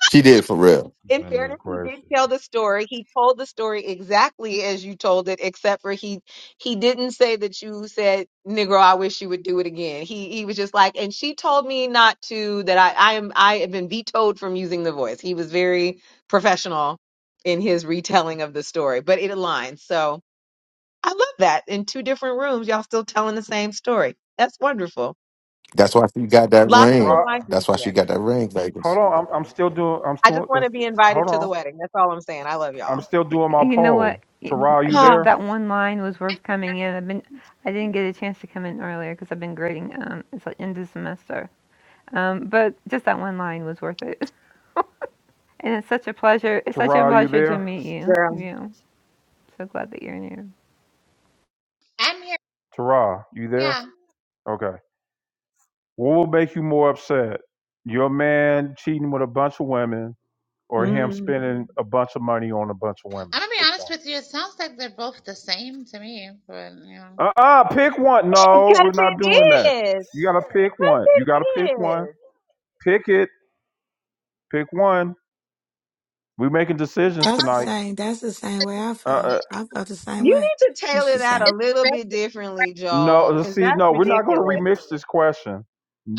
Speaker 1: she did for real.
Speaker 11: in
Speaker 2: Goodness
Speaker 11: fairness, he did tell
Speaker 2: gracious.
Speaker 11: the story. He told the story exactly as you told it, except for he he didn't say that you said, "Negro, I wish you would do it again." He he was just like, and she told me not to. That I I am I have been vetoed from using the voice. He was very professional in his retelling of the story, but it aligns. So I love that. In two different rooms, y'all still telling the same story. That's wonderful.
Speaker 1: That's why she got that
Speaker 2: To
Speaker 11: Lots of
Speaker 1: ring.
Speaker 11: alignment
Speaker 1: That's why she
Speaker 11: there.
Speaker 1: got that ring,
Speaker 2: hold
Speaker 1: Vegas.
Speaker 2: on, I'm I'm still doing I'm
Speaker 11: I just
Speaker 2: still
Speaker 11: want to be invited
Speaker 2: hold
Speaker 11: to the
Speaker 2: on.
Speaker 11: wedding. That's all I'm saying. I love
Speaker 2: I'm
Speaker 11: y'all.
Speaker 2: still doing my
Speaker 15: You know
Speaker 2: poll.
Speaker 15: what?
Speaker 2: Tara, you
Speaker 11: Ah,
Speaker 15: Just
Speaker 2: there?
Speaker 15: that one line was worth coming in. I've been, I didn't get a chance to come in earlier because I've been grading. Um, it's like end of semester. Um, but just that one line was worth it. And it's such a pleasure. It's such a
Speaker 2: Tara, you
Speaker 15: pleasure to
Speaker 2: there?
Speaker 15: meet you.
Speaker 11: girl.
Speaker 15: You know, so glad that you're in here.
Speaker 5: I'm here.
Speaker 2: Tara, you there?
Speaker 5: Yeah,
Speaker 2: Okay. What will make you more upset? Your man cheating with a bunch of women or him
Speaker 11: Mm.
Speaker 2: spending a bunch of money on a bunch of
Speaker 5: I'm
Speaker 2: women?
Speaker 5: gonna be
Speaker 2: Which
Speaker 5: honest
Speaker 2: one?
Speaker 5: with you. It sounds like they're both the same to me, but you know.
Speaker 2: Uh uh pick one. No,
Speaker 11: Because
Speaker 2: we're not
Speaker 11: it
Speaker 2: doing that.
Speaker 11: is.
Speaker 2: You gotta pick
Speaker 11: Because
Speaker 2: one. You
Speaker 11: it
Speaker 2: gotta pick one.
Speaker 11: is.
Speaker 2: Pick it. Pick one. We're making decisions
Speaker 3: That's the
Speaker 2: tonight.
Speaker 3: same. That's the same way I
Speaker 2: Uh,
Speaker 3: felt.
Speaker 2: uh
Speaker 3: I felt the same
Speaker 11: You
Speaker 3: way
Speaker 11: need to
Speaker 3: when
Speaker 11: tailor
Speaker 3: she
Speaker 11: that a
Speaker 3: said.
Speaker 5: It's-
Speaker 11: little bit differently,
Speaker 2: no,
Speaker 11: Joel,
Speaker 2: let's
Speaker 11: because
Speaker 2: see,
Speaker 11: that's
Speaker 2: no, we're not gonna
Speaker 11: ridiculous.
Speaker 2: remix this question.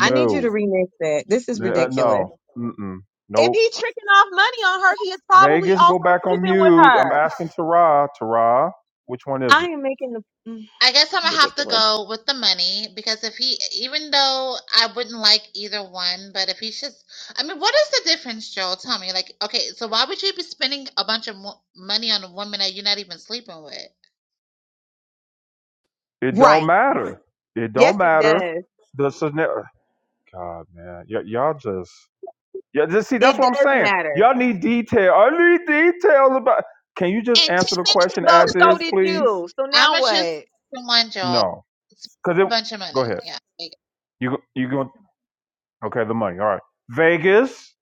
Speaker 11: I need you to remix that. This is
Speaker 2: uh,
Speaker 11: ridiculous.
Speaker 2: no, mm-mm,
Speaker 11: If
Speaker 2: nope.
Speaker 11: he's tricking off money on her, he is probably
Speaker 2: Vegas, go
Speaker 11: also
Speaker 2: back on
Speaker 11: sleeping with
Speaker 2: mute. I'm
Speaker 11: her.
Speaker 2: asking Tara. Tara, which one is it?
Speaker 11: I am making the mm,
Speaker 5: I guess I'm gonna have to
Speaker 11: ridiculous.
Speaker 5: go with the money because if he, even though I wouldn't like either one, but if he's just, I mean, what is the difference, Joel? Tell me, like, okay, so why would you be spending a bunch of mo- money on a woman that you're not even sleeping with?
Speaker 2: It don't
Speaker 11: Right.
Speaker 2: matter. It
Speaker 11: Yes,
Speaker 2: don't
Speaker 11: it
Speaker 2: matter.
Speaker 11: does.
Speaker 2: The scenario. God, man, y- y'all just yeah. Just see, that's
Speaker 11: It
Speaker 2: what I'm
Speaker 11: does
Speaker 2: saying.
Speaker 11: matter.
Speaker 2: Y'all need detail. I need details about. Can you just
Speaker 11: And 10
Speaker 2: answer the
Speaker 11: minutes
Speaker 2: question
Speaker 11: ago,
Speaker 2: as
Speaker 11: so
Speaker 2: is,
Speaker 11: did
Speaker 2: please?
Speaker 11: you. So
Speaker 5: I'm
Speaker 11: now
Speaker 5: gonna choose
Speaker 11: what?
Speaker 5: one, Joel.
Speaker 2: No,
Speaker 5: Spend
Speaker 2: because
Speaker 5: a
Speaker 2: it.
Speaker 5: bunch of
Speaker 2: Go
Speaker 5: money.
Speaker 2: ahead.
Speaker 5: Yeah. Like,
Speaker 2: You go- you going okay? The money. All right. Vegas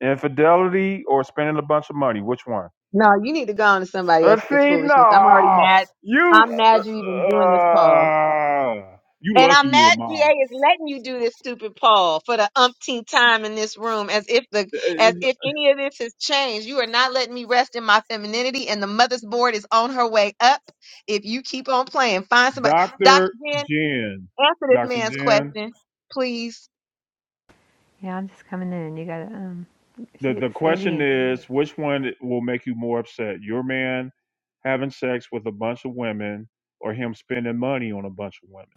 Speaker 2: infidelity or spending a bunch of money. Which one?
Speaker 11: No, you need to go on to somebody else
Speaker 2: Let's
Speaker 11: with this
Speaker 2: see.
Speaker 11: foolishness. I'm already
Speaker 2: No,
Speaker 11: mad.
Speaker 2: you.
Speaker 11: I'm mad you even
Speaker 2: Uh,
Speaker 11: doing this, Paul.
Speaker 2: uh, you
Speaker 11: And
Speaker 2: lucky
Speaker 11: I'm
Speaker 2: you a
Speaker 11: mad GA is letting you do this stupid Paul for the umpteenth time in this room as if the
Speaker 2: mom.
Speaker 11: as if any of this has changed. You are not letting me rest in my femininity and the mother's board is on her way up. If you keep on playing, find somebody. Dr.
Speaker 2: Dr.
Speaker 11: Jen,
Speaker 2: Jen,
Speaker 11: answer this
Speaker 2: Dr.
Speaker 11: man's
Speaker 2: Jen,
Speaker 11: question, please.
Speaker 15: Yeah, I'm just coming in. You gotta um,
Speaker 2: the,
Speaker 15: say
Speaker 2: the
Speaker 15: say it
Speaker 2: question
Speaker 15: again.
Speaker 2: is which one will make you more upset? Your man having sex with a bunch of women or him spending money on a bunch of women?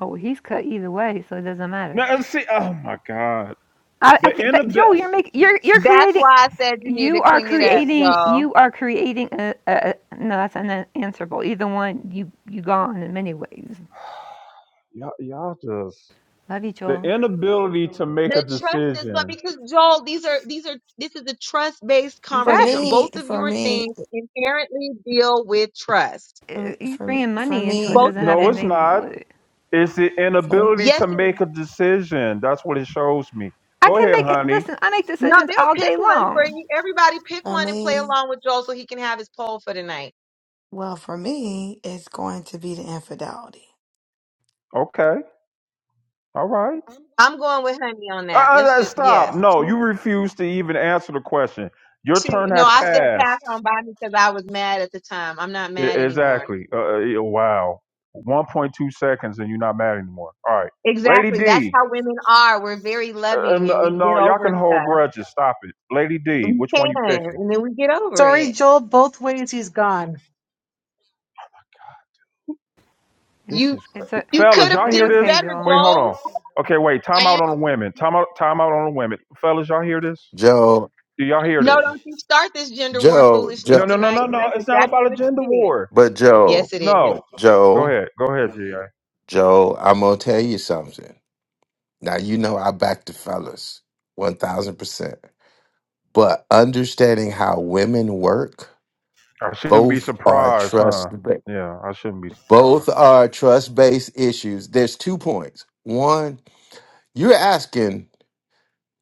Speaker 15: Oh, he's cut either way, so it doesn't matter.
Speaker 2: Now, see, oh my God.
Speaker 15: I,
Speaker 2: The
Speaker 15: I can't. That, Joel,
Speaker 2: inability,
Speaker 15: you're making. You're you're
Speaker 11: That's
Speaker 15: creating.
Speaker 11: why I said you need to
Speaker 15: You are
Speaker 11: clean it up,
Speaker 15: creating.
Speaker 11: y'all.
Speaker 15: You are creating. A, a, a- no, that's unanswerable. Either one, you you gone in many ways.
Speaker 2: y'all, y'all just,
Speaker 15: Love you,
Speaker 2: the
Speaker 15: Joel.
Speaker 2: inability to make a
Speaker 11: The trust is gone
Speaker 2: decision.
Speaker 11: because Joel, these are these are this is a trust-based
Speaker 3: For
Speaker 11: conversation.
Speaker 15: Exactly.
Speaker 3: me,
Speaker 11: Both of
Speaker 3: for
Speaker 11: your
Speaker 3: me,
Speaker 11: things inherently deal with trust.
Speaker 3: for
Speaker 15: Uh,
Speaker 3: me-
Speaker 15: You
Speaker 3: for
Speaker 15: bringing
Speaker 3: for
Speaker 15: money into it
Speaker 11: Both
Speaker 3: me,
Speaker 15: doesn't
Speaker 11: of
Speaker 15: have
Speaker 2: No,
Speaker 11: them.
Speaker 2: it's
Speaker 15: anything to do
Speaker 2: not.
Speaker 15: with it.
Speaker 2: It's the
Speaker 3: for
Speaker 2: inability
Speaker 11: Yes,
Speaker 2: to
Speaker 11: it
Speaker 2: make a decision. That's what it shows me.
Speaker 15: I
Speaker 2: Go
Speaker 15: can
Speaker 2: ahead,
Speaker 15: make. it.
Speaker 2: honey.
Speaker 15: Listen, I make
Speaker 11: no,
Speaker 15: decisions all
Speaker 11: they'll pick
Speaker 15: day
Speaker 11: one for
Speaker 15: long.
Speaker 11: you. Everybody pick
Speaker 3: for
Speaker 11: one and play
Speaker 3: me.
Speaker 11: along with Joel so he can have his poll for tonight.
Speaker 3: Well, for me, it's going to be the infidelity.
Speaker 2: Okay. All right.
Speaker 11: I'm going with honey on
Speaker 2: Uh,
Speaker 11: that.
Speaker 2: uh,
Speaker 11: Let's
Speaker 2: uh,
Speaker 11: just
Speaker 2: stop.
Speaker 11: yes.
Speaker 2: No,
Speaker 11: Two,
Speaker 2: you refuse to even answer the question. Your
Speaker 11: two-
Speaker 2: turn
Speaker 11: no,
Speaker 2: has
Speaker 11: I said pass
Speaker 2: passed.
Speaker 11: on by me because I was mad at the time. I'm not
Speaker 2: E-
Speaker 11: mad anymore.
Speaker 2: exactly. Uh, uh, yeah, wow. 1.2 seconds and you're not mad anymore. All right. Lady
Speaker 11: Exactly. That's
Speaker 2: D.
Speaker 11: how women are. We're very
Speaker 2: Uh, uh,
Speaker 11: loving
Speaker 2: no,
Speaker 11: and
Speaker 2: uh,
Speaker 11: we get
Speaker 2: no, y'all
Speaker 11: over
Speaker 2: can hold
Speaker 11: stuff.
Speaker 2: grudges. Stop it. Lady D,
Speaker 11: We
Speaker 2: which one you
Speaker 11: can,
Speaker 2: picking?
Speaker 11: and then we get over it.
Speaker 7: Sorry, Joel. Both ways he's gone.
Speaker 15: It,
Speaker 2: This
Speaker 11: You
Speaker 2: is crazy.
Speaker 15: it's a.
Speaker 11: you could
Speaker 2: Fellas,
Speaker 11: have
Speaker 2: y'all
Speaker 15: It's
Speaker 11: did
Speaker 2: hear
Speaker 15: okay,
Speaker 2: this?
Speaker 11: better,
Speaker 2: Wait,
Speaker 15: Joel.
Speaker 2: hold
Speaker 11: Joel.
Speaker 2: on. Okay, wait.
Speaker 5: are
Speaker 2: Time
Speaker 5: you?
Speaker 2: out on the women. Time out, time out on the women. Fellas, y'all hear this?
Speaker 1: Joe,
Speaker 2: Do y'all hear
Speaker 11: No,
Speaker 2: this?
Speaker 11: don't you start this gender war
Speaker 1: Joe,
Speaker 11: foolishness
Speaker 2: No,
Speaker 1: Joe,
Speaker 2: no, no,
Speaker 11: tonight,
Speaker 2: no,
Speaker 11: because
Speaker 2: no.
Speaker 11: that's
Speaker 2: It's not
Speaker 11: exactly
Speaker 2: about a
Speaker 11: what
Speaker 2: gender
Speaker 11: you did.
Speaker 2: war.
Speaker 1: but Joe,
Speaker 11: Yes, it is.
Speaker 2: No. Go
Speaker 1: Joe,
Speaker 2: ahead. Go ahead, G.
Speaker 1: Joe, I'm gonna tell you something. Now you know I back the fellas, one thousand percent. But understanding how women work,
Speaker 2: I shouldn't be
Speaker 1: both are
Speaker 2: surprised,
Speaker 1: trust
Speaker 2: huh? Yeah, I shouldn't be
Speaker 1: both
Speaker 2: surprised.
Speaker 1: are trust based issues. There's two points. One, you're asking.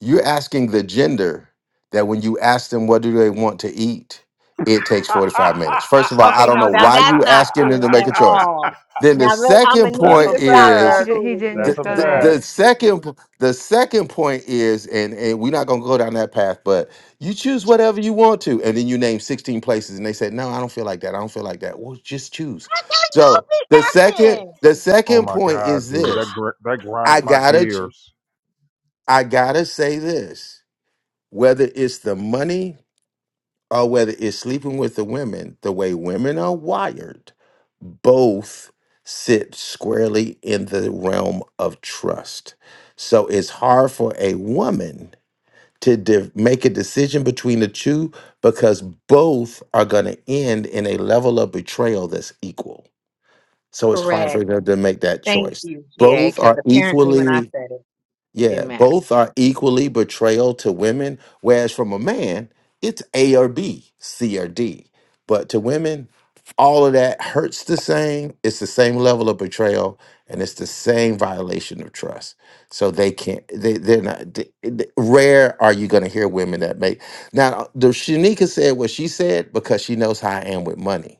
Speaker 1: You're asking the gender that when you ask them what do they want to eat, it takes 45 minutes. First of all, I
Speaker 11: Okay,
Speaker 1: don't
Speaker 11: no,
Speaker 1: know
Speaker 11: now
Speaker 1: why
Speaker 11: that's
Speaker 1: you
Speaker 11: not
Speaker 1: asking them
Speaker 11: true
Speaker 1: to make
Speaker 11: at
Speaker 1: a choice.
Speaker 11: all.
Speaker 1: Then the
Speaker 11: Now let, I'm
Speaker 1: second
Speaker 11: gonna need
Speaker 2: That's
Speaker 11: you
Speaker 1: point
Speaker 2: a
Speaker 11: to stop that
Speaker 15: He
Speaker 1: is
Speaker 2: fact.
Speaker 15: did, he didn't
Speaker 11: foolishness
Speaker 2: That's
Speaker 1: the,
Speaker 15: just
Speaker 2: a
Speaker 15: go
Speaker 1: the,
Speaker 11: tonight.
Speaker 15: there.
Speaker 2: fact.
Speaker 1: the second p- the second point is and, and we're not gonna go down that path, but you choose whatever you want to, and then you name 16 places and they said, No, I don't feel like that. I don't feel like that. Well, just choose.
Speaker 11: That's how y'all
Speaker 1: So the
Speaker 11: be
Speaker 1: second
Speaker 11: acting.
Speaker 1: the
Speaker 2: Oh
Speaker 1: second
Speaker 2: my
Speaker 1: point
Speaker 2: god,
Speaker 1: is
Speaker 2: dude,
Speaker 11: Ah,
Speaker 2: that
Speaker 1: this.
Speaker 2: gr- that grinds
Speaker 1: I
Speaker 2: my
Speaker 1: gotta ch-
Speaker 2: gears.
Speaker 1: I gotta say this whether it's the money or whether it's sleeping with the women, the way women are wired, both sit squarely in the realm of trust. So it's hard for a woman to de- make a decision between the two because both are going to end in a level of betrayal that's equal. So it's hard
Speaker 11: correct.
Speaker 1: for them to make that
Speaker 11: Thank
Speaker 1: choice.
Speaker 11: you, GA,
Speaker 1: Both
Speaker 11: because
Speaker 1: are
Speaker 11: apparently when I
Speaker 1: equally
Speaker 11: said it, it
Speaker 1: yeah,
Speaker 11: didn't matter.
Speaker 1: both are equally betrayal to women, whereas from a man, it's A or B, C or D. But to women, all of that hurts the same. It's the same level of betrayal and it's the same violation of trust. So they can't, they, they're not, they- they- rare are you going to hear women that make. Now, the Shanika said what she said because she knows how I am with money.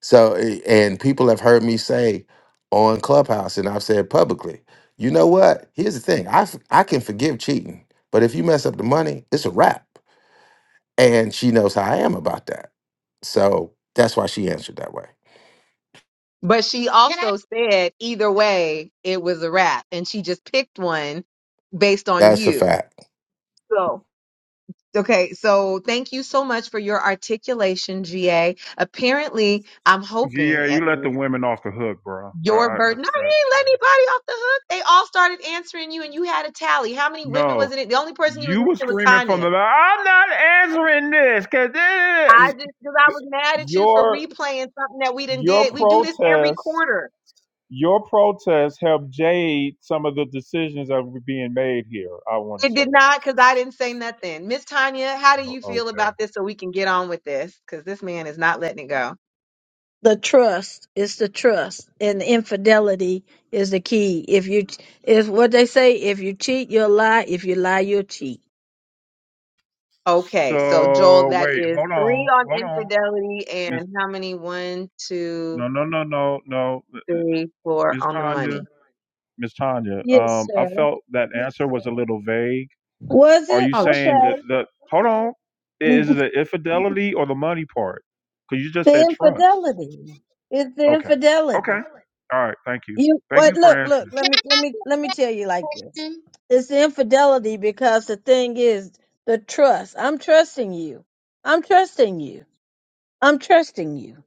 Speaker 1: So, eh, and people have heard me say on Clubhouse, and I've said publicly, you know what? Here's the thing I, f- I can forgive cheating, but if you mess up the money, it's a wrap. And she knows how I am about that. So that's why she answered that way.
Speaker 11: But she
Speaker 5: Can
Speaker 11: also
Speaker 5: I?
Speaker 11: said either way, it was a wrap, and she just picked one based on
Speaker 1: That's a
Speaker 11: you.
Speaker 1: fact.
Speaker 11: So. Okay, so thank you so much for your articulation, GA. Apparently, I'm
Speaker 2: Yeah,
Speaker 11: hoping at
Speaker 2: you let the
Speaker 11: least
Speaker 2: women off the hook, bro. I,
Speaker 11: your
Speaker 2: I
Speaker 11: bird. No,
Speaker 2: that's what I gotta
Speaker 11: you ain't let
Speaker 2: say.
Speaker 11: anybody off the hook. They all started answering you, and you had a tally. How many women was
Speaker 2: No,
Speaker 11: it? The only person you was
Speaker 2: you were
Speaker 11: missing was
Speaker 2: screaming from
Speaker 11: Tanya.
Speaker 2: the back. I'm not answering this
Speaker 11: I
Speaker 2: because
Speaker 11: just because I was mad at you for
Speaker 2: your
Speaker 11: replaying something that we didn't
Speaker 2: your
Speaker 11: did. We do this every
Speaker 2: protest.
Speaker 11: quarter.
Speaker 2: Your protest helped jade some of the decisions that were being made here, I want to
Speaker 11: It
Speaker 2: say.
Speaker 11: did not because I didn't say nothing. Miss Tanya, how do
Speaker 2: Oh,
Speaker 11: you
Speaker 2: okay.
Speaker 11: feel about this? So we can get on with this because this man is not letting it go.
Speaker 14: The trust is the trust, and the infidelity is the key. If you, if what they say, if you cheat, you'll lie. If you lie, you'll cheat.
Speaker 11: Okay, so Joel,
Speaker 2: So
Speaker 11: that
Speaker 2: wait,
Speaker 11: is
Speaker 2: hold
Speaker 11: three
Speaker 2: on,
Speaker 11: on
Speaker 2: hold on,
Speaker 11: infidelity
Speaker 2: Miss.
Speaker 11: and how many? One, two,
Speaker 2: No, no, no, no, no,
Speaker 11: three, four
Speaker 2: Miss
Speaker 11: on the
Speaker 2: Tanya,
Speaker 11: money.
Speaker 2: Miss Tanya.
Speaker 14: Yes,
Speaker 2: Um, I
Speaker 14: sir.
Speaker 2: felt that answer was a little vague.
Speaker 14: Was
Speaker 2: Are
Speaker 14: it?
Speaker 2: you
Speaker 11: Oh,
Speaker 2: saying
Speaker 11: gee.
Speaker 2: that
Speaker 14: Okay.
Speaker 2: the hold on? Is it the infidelity or the money part? Because you just
Speaker 14: The
Speaker 2: said trust.
Speaker 14: infidelity. It's the
Speaker 2: Okay.
Speaker 14: infidelity.
Speaker 2: Okay. All right. Thank you.
Speaker 14: You
Speaker 2: Thank
Speaker 14: what?
Speaker 2: you
Speaker 14: Look,
Speaker 2: for
Speaker 14: look.
Speaker 2: answering.
Speaker 14: Let me, let me, let me tell you like this.
Speaker 5: um,
Speaker 14: It's infidelity because the thing is the trust. I'm trusting you. I'm trusting you. I'm trusting you.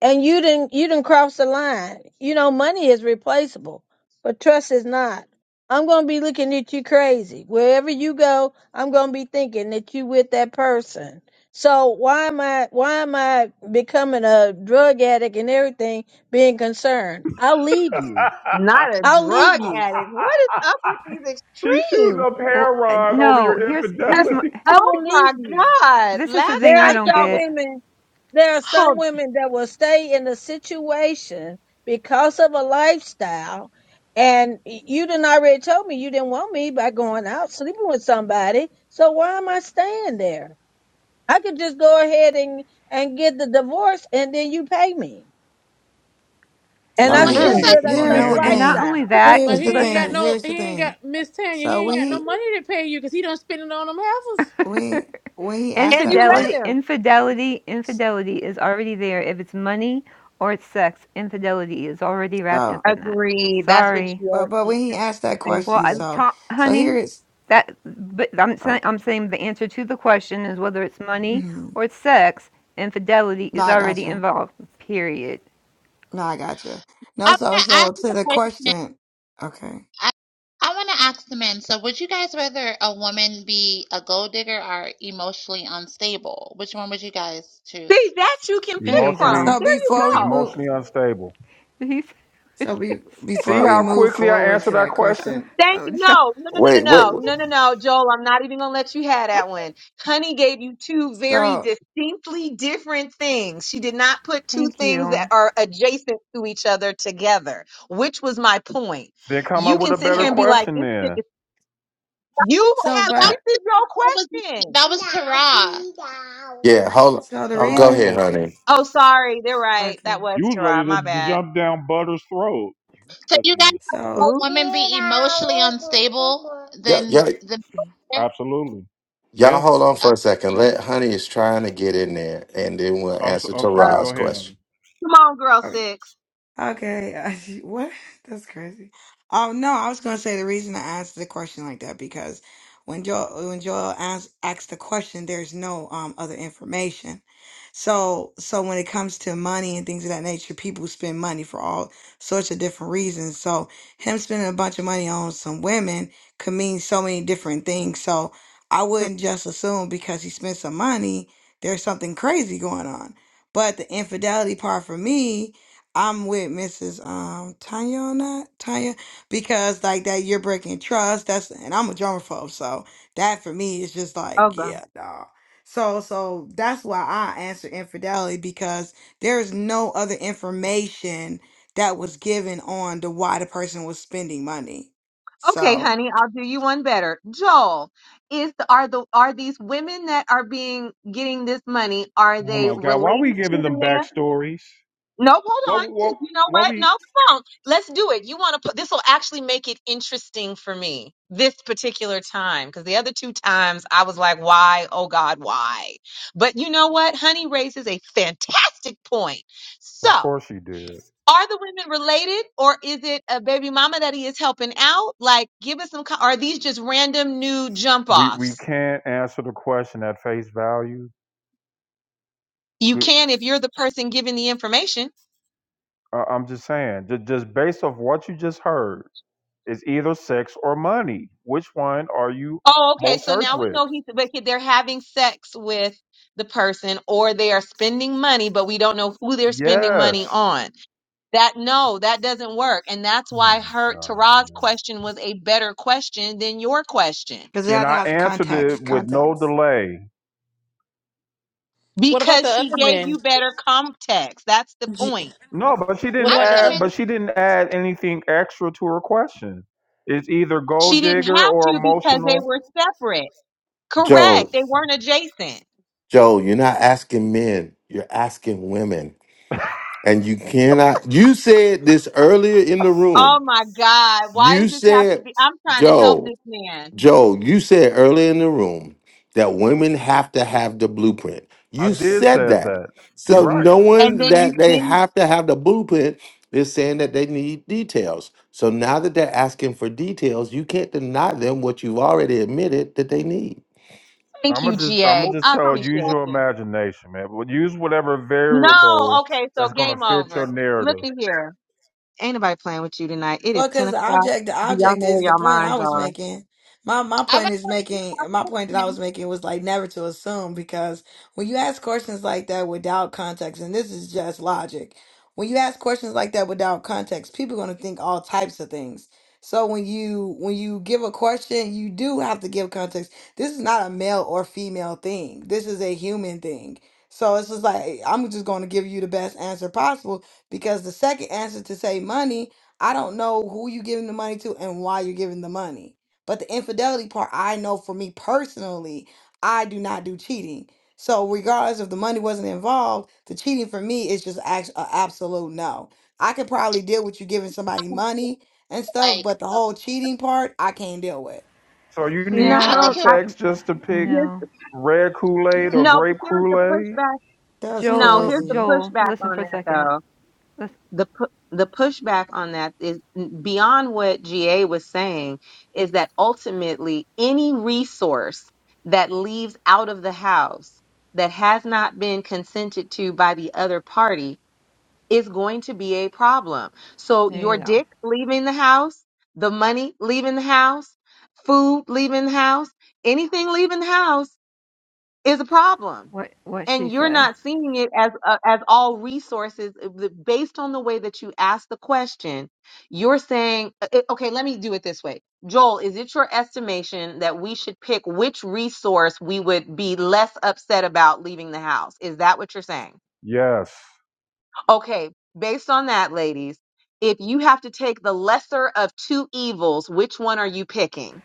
Speaker 14: And you didn't, you didn't cross the line. You know, money is replaceable, but trust is not. I'm gonna be looking at you crazy wherever you go. I'm gonna be thinking that you with that person. So why am I, why am I becoming a drug addict and everything, being concerned? I'll leave you.
Speaker 11: Not a
Speaker 14: I'll leave
Speaker 11: drug
Speaker 14: you.
Speaker 11: addict. What is up with these
Speaker 2: She's shooting
Speaker 11: extremes?
Speaker 2: a
Speaker 15: Well, uh,
Speaker 2: parod over
Speaker 15: no,
Speaker 2: your
Speaker 15: here's
Speaker 14: I,
Speaker 15: here's my,
Speaker 14: I
Speaker 2: infidelity.
Speaker 11: Oh
Speaker 14: will
Speaker 11: my
Speaker 14: leave you.
Speaker 11: God.
Speaker 15: this is the
Speaker 11: Last
Speaker 15: thing
Speaker 14: There
Speaker 15: I
Speaker 14: are
Speaker 11: night
Speaker 15: don't
Speaker 14: some
Speaker 11: y'all was
Speaker 15: get.
Speaker 14: women, there are some
Speaker 11: oh,
Speaker 14: women that will stay in the situation because of a lifestyle. And you didn't already told me you didn't want me by going out sleeping with somebody. So why am I staying there? I could just go ahead and, and get the divorce and then you pay me. And
Speaker 3: So
Speaker 14: I
Speaker 5: Well,
Speaker 2: Ooh,
Speaker 5: he
Speaker 14: still
Speaker 2: and
Speaker 3: here's
Speaker 11: mm,
Speaker 2: she
Speaker 5: said,
Speaker 3: the
Speaker 2: gets
Speaker 14: live
Speaker 2: the
Speaker 14: that
Speaker 2: money
Speaker 3: here's
Speaker 14: same
Speaker 15: No,
Speaker 3: the
Speaker 15: and
Speaker 2: anyway.
Speaker 15: not
Speaker 3: thing.
Speaker 15: only
Speaker 14: lifestyle.
Speaker 15: that.
Speaker 13: But
Speaker 3: Here's
Speaker 11: mm,
Speaker 3: the
Speaker 13: he ain't got
Speaker 15: Listen,
Speaker 3: thing.
Speaker 13: no
Speaker 3: Here's the
Speaker 13: he ain't
Speaker 3: thing.
Speaker 13: got Miss Tanya,
Speaker 3: So
Speaker 13: he ain't
Speaker 3: when
Speaker 13: got no
Speaker 3: he
Speaker 13: money to pay you because he done spend it on them heifers.
Speaker 3: when when he asked
Speaker 11: and
Speaker 3: that
Speaker 11: you let
Speaker 15: Infidelity,
Speaker 3: question,
Speaker 11: him.
Speaker 15: infidelity, infidelity is already there. If it's money or it's sex, infidelity is already wrapped
Speaker 3: so
Speaker 15: up in that.
Speaker 11: Agreed. That's what
Speaker 15: Sorry.
Speaker 11: you
Speaker 3: but
Speaker 11: are.
Speaker 3: but
Speaker 11: mm,
Speaker 3: when he asked that
Speaker 11: Thank
Speaker 15: Well,
Speaker 3: question,
Speaker 15: I
Speaker 11: you.
Speaker 3: so
Speaker 15: ta-
Speaker 3: so here
Speaker 15: honey,
Speaker 3: is
Speaker 15: that but I'm saying
Speaker 3: oh.
Speaker 15: I'm saying the answer to the question is whether it's money or it's sex, infidelity
Speaker 3: No,
Speaker 15: is
Speaker 3: I got
Speaker 15: already
Speaker 3: you.
Speaker 15: involved. Period.
Speaker 3: No, I got you.
Speaker 5: I
Speaker 3: No, so
Speaker 5: want to
Speaker 3: so
Speaker 5: ask the
Speaker 3: to
Speaker 5: a
Speaker 3: the
Speaker 5: question.
Speaker 3: question. Okay.
Speaker 5: I, I want to ask the men. So, would you guys rather a woman be a gold digger or emotionally unstable? Which one would you guys
Speaker 11: See,
Speaker 5: choose?
Speaker 11: that you can
Speaker 15: There
Speaker 11: pick
Speaker 15: you
Speaker 11: from.
Speaker 2: Emotionally,
Speaker 15: go.
Speaker 3: So
Speaker 11: There you
Speaker 3: before we
Speaker 11: go.
Speaker 3: move,
Speaker 2: emotionally unstable.
Speaker 3: so be
Speaker 2: See
Speaker 3: before we
Speaker 2: how
Speaker 3: move
Speaker 2: quickly I
Speaker 3: forward
Speaker 2: answer
Speaker 3: to
Speaker 2: that
Speaker 3: that
Speaker 2: question?
Speaker 3: question.
Speaker 11: Thank
Speaker 15: oh,
Speaker 11: you.
Speaker 15: Joel.
Speaker 11: No, no, no, no,
Speaker 1: Wait, wait.
Speaker 11: no, no,
Speaker 1: w-
Speaker 11: no, no, no, Joel. I'm not even gonna let you have that one. Honey gave you two very
Speaker 3: So
Speaker 11: distinctly different things. She did not put two
Speaker 15: Thank
Speaker 11: things that
Speaker 15: you.
Speaker 11: are adjacent to each other together, which was my point.
Speaker 2: Then come
Speaker 11: You
Speaker 2: up with
Speaker 11: can
Speaker 2: a
Speaker 11: sit here
Speaker 2: better
Speaker 11: and
Speaker 3: so
Speaker 11: be like,
Speaker 2: question
Speaker 11: "This chick
Speaker 2: then.
Speaker 11: is." You
Speaker 5: Well,
Speaker 3: so
Speaker 11: have this
Speaker 5: no,
Speaker 3: but
Speaker 11: is your
Speaker 5: That was,
Speaker 11: question.
Speaker 5: that was Tara.
Speaker 1: Yeah, hold on.
Speaker 3: so the
Speaker 1: Oh, go
Speaker 2: Sherrod
Speaker 3: reason.
Speaker 1: ahead,
Speaker 2: said that.
Speaker 1: honey.
Speaker 11: Oh, sorry, they're right.
Speaker 3: Okay.
Speaker 11: That was
Speaker 2: You was
Speaker 11: Tara.
Speaker 2: ready to,
Speaker 11: My
Speaker 2: to
Speaker 11: bad.
Speaker 2: jump down Butter's throat.
Speaker 5: So,
Speaker 2: You're
Speaker 5: you
Speaker 2: cooking
Speaker 5: guys
Speaker 2: with butter.
Speaker 3: So
Speaker 5: want
Speaker 11: Who?
Speaker 5: women be emotionally unstable
Speaker 1: Yeah,
Speaker 5: than
Speaker 1: yeah.
Speaker 5: the.
Speaker 2: Absolutely.
Speaker 1: Y'all
Speaker 2: Yeah.
Speaker 1: hold on
Speaker 5: Uh,
Speaker 1: for a second.
Speaker 3: so.
Speaker 1: Let honey is trying to get in there, and then we'll
Speaker 2: I'm so,
Speaker 1: answer
Speaker 2: I'm sorry. Go
Speaker 11: Oh,
Speaker 1: Tara's
Speaker 2: ahead.
Speaker 1: question.
Speaker 2: Ellen.
Speaker 11: come on, girl six.
Speaker 3: Okay, what? That's crazy. Oh no, I was gonna say the reason I asked the question like that because when Joel when Joel asked asked the question, there's no um other information. So so when it comes to money and things of that nature, people spend money for all sorts of different reasons. So him spending a bunch of money on some women could mean so many different things. So I
Speaker 11: Mm,
Speaker 3: wouldn't just assume because he spent some money, there's something crazy going on. But the infidelity part for me I'm with Mrs. Um Tanya on that Tanya because like that you're breaking trust. That's and I'm a germaphobe, so that for me is just like
Speaker 11: Oh God.
Speaker 3: yeah, dog. So so that's why I answer infidelity because there is no other information that was given on the why the person was spending money.
Speaker 11: Okay,
Speaker 3: So
Speaker 11: honey, I'll do you one better. Joel, is are the are these women that are being getting this money, are
Speaker 2: Oh
Speaker 11: they
Speaker 2: my God! Why are we
Speaker 11: related to
Speaker 2: giving
Speaker 11: the
Speaker 2: them
Speaker 11: man?
Speaker 2: backstories?
Speaker 11: No, hold on,
Speaker 2: What?
Speaker 11: because
Speaker 2: What?
Speaker 11: you know
Speaker 2: What
Speaker 11: what?
Speaker 2: we?
Speaker 11: No, come on. Let's do it. You want to put this will actually make it interesting for me this particular time. Because the other two times I was like, why? Oh God, why? But you know what? Honey raises a fantastic point.
Speaker 2: Of
Speaker 11: So
Speaker 2: course you did.
Speaker 11: are the women related or is it a baby mama that he is helping out like give us some co- are these just random new jump
Speaker 2: we we
Speaker 11: offs
Speaker 2: can't answer the question at face value.
Speaker 11: you
Speaker 2: We,
Speaker 11: can if you're the person giving the information
Speaker 2: I, I'm just saying, just, just based off what you just heard, it's either sex or money. Which one are you
Speaker 11: oh okay
Speaker 2: most
Speaker 11: so
Speaker 2: hurt
Speaker 11: now we
Speaker 2: with?
Speaker 11: know he's but they're having sex with the person or they are spending money but we don't know who they're spending money
Speaker 2: Yes,
Speaker 11: on that no that doesn't work and that's
Speaker 2: Oh
Speaker 11: why
Speaker 2: my
Speaker 11: her
Speaker 2: god,
Speaker 11: tara's
Speaker 2: man.
Speaker 11: question was a better question than your question
Speaker 3: because
Speaker 2: and
Speaker 3: that
Speaker 2: I
Speaker 3: has
Speaker 2: answered it
Speaker 3: context,
Speaker 2: with no
Speaker 3: context.
Speaker 2: delay.
Speaker 13: What about the
Speaker 11: because she
Speaker 13: other
Speaker 11: gave
Speaker 13: men?
Speaker 11: you better context that's the
Speaker 13: J-
Speaker 11: point
Speaker 2: No, but she
Speaker 13: What
Speaker 2: didn't
Speaker 5: I
Speaker 13: about the
Speaker 5: think a
Speaker 2: add.
Speaker 5: man,
Speaker 13: other
Speaker 2: But she
Speaker 13: men?
Speaker 2: didn't add anything extra to her question. It's either
Speaker 11: She
Speaker 2: gold
Speaker 11: didn't
Speaker 2: digger
Speaker 11: have
Speaker 2: or
Speaker 11: to because they
Speaker 2: emotional.
Speaker 11: were separate. Correct.
Speaker 1: Joe,
Speaker 11: They weren't adjacent.
Speaker 1: Joe, you're not asking men. You're asking women. And you cannot, you said this earlier in the
Speaker 11: Oh
Speaker 1: room.
Speaker 11: my God. Why does
Speaker 1: You
Speaker 11: this have to
Speaker 1: said,
Speaker 11: be? I'm trying to help
Speaker 1: Joe,
Speaker 11: this man.
Speaker 1: Joe, you said earlier in the room that women have to have the blueprint.
Speaker 2: I
Speaker 1: You
Speaker 2: did
Speaker 1: said
Speaker 2: said
Speaker 1: that.
Speaker 2: that. You're
Speaker 1: So
Speaker 2: right.
Speaker 11: And
Speaker 1: knowing
Speaker 11: then you
Speaker 1: that they
Speaker 11: didn't.
Speaker 1: have to have the blueprint is saying that they need details. So now that they're asking for details, you can't deny them what you've already admitted that they need.
Speaker 11: Thank
Speaker 2: I'm
Speaker 11: you,
Speaker 2: gonna just I'm
Speaker 11: GA.
Speaker 2: gonna just
Speaker 11: I
Speaker 2: tell use
Speaker 11: appreciate
Speaker 2: your
Speaker 11: you.
Speaker 2: imagination, man. But Use whatever
Speaker 11: No.
Speaker 2: variable
Speaker 11: Okay. So
Speaker 2: that's gonna
Speaker 11: game
Speaker 2: fit
Speaker 11: over.
Speaker 2: your
Speaker 11: Look
Speaker 2: narrative.
Speaker 11: at here. Ain't nobody playing with you tonight. It is
Speaker 3: Well,
Speaker 11: 10
Speaker 3: because the
Speaker 11: o'clock.
Speaker 3: object, the
Speaker 11: Do y'all
Speaker 3: object
Speaker 11: know where
Speaker 3: is the
Speaker 11: y'all
Speaker 3: point I
Speaker 11: minds
Speaker 3: was
Speaker 11: are?
Speaker 3: making. My my
Speaker 5: I would
Speaker 3: point is making my point that I
Speaker 5: men
Speaker 3: was making was like never to assume because when you ask questions like that without context, and this is just logic, when you ask questions like that without context, people are gonna think all types of things. So when you when you give a question, you do have to give context. This is not a male or female thing. This is a human thing. So it's just like I'm just gonna give you the best answer possible because the second answer to say money I don't know who you're giving the money to and why you're giving the money. But the infidelity part, I know for me personally, I do not do cheating. So regardless if the money wasn't involved, the cheating for me is just act- a absolute no. I could probably deal with you giving somebody money and stuff,
Speaker 5: like,
Speaker 3: but the
Speaker 5: um,
Speaker 3: whole cheating part, I can't deal with.
Speaker 2: So you need
Speaker 11: No,
Speaker 5: I
Speaker 11: I
Speaker 15: Yeah.
Speaker 5: don't think
Speaker 11: don't.
Speaker 5: he'll
Speaker 11: I,
Speaker 5: be
Speaker 2: context just to pick
Speaker 11: here's,
Speaker 15: No.
Speaker 2: red Kool Aid or
Speaker 5: there.
Speaker 11: no, but
Speaker 2: grape
Speaker 11: here's the
Speaker 2: Kool Aid.
Speaker 11: pushback.
Speaker 3: That's
Speaker 11: No,
Speaker 15: Joel.
Speaker 11: here's the
Speaker 3: crazy.
Speaker 15: Joel.
Speaker 11: pushback
Speaker 15: Listen
Speaker 11: on
Speaker 15: for a
Speaker 11: that
Speaker 15: second.
Speaker 11: though
Speaker 15: Listen.
Speaker 11: the pu- the pushback on that is beyond what GA was saying is that ultimately any resource that leaves out of the house that has not been consented to by the other party is going to be a problem. So
Speaker 15: There
Speaker 11: your
Speaker 15: you go.
Speaker 11: dick leaving the house, the money leaving the house, food leaving the house, anything leaving the house is a problem
Speaker 15: What what
Speaker 11: and
Speaker 15: she
Speaker 11: you're
Speaker 15: said.
Speaker 11: not seeing it as uh, as all resources uh, the- based on the way that you ask the question you're saying uh, uh, okay let me do it this way joel is it your estimation that we should pick which resource we would be less upset about leaving the house is that what you're saying
Speaker 2: Yes,
Speaker 11: okay based on that ladies if you have to take the lesser of two evils which one are you picking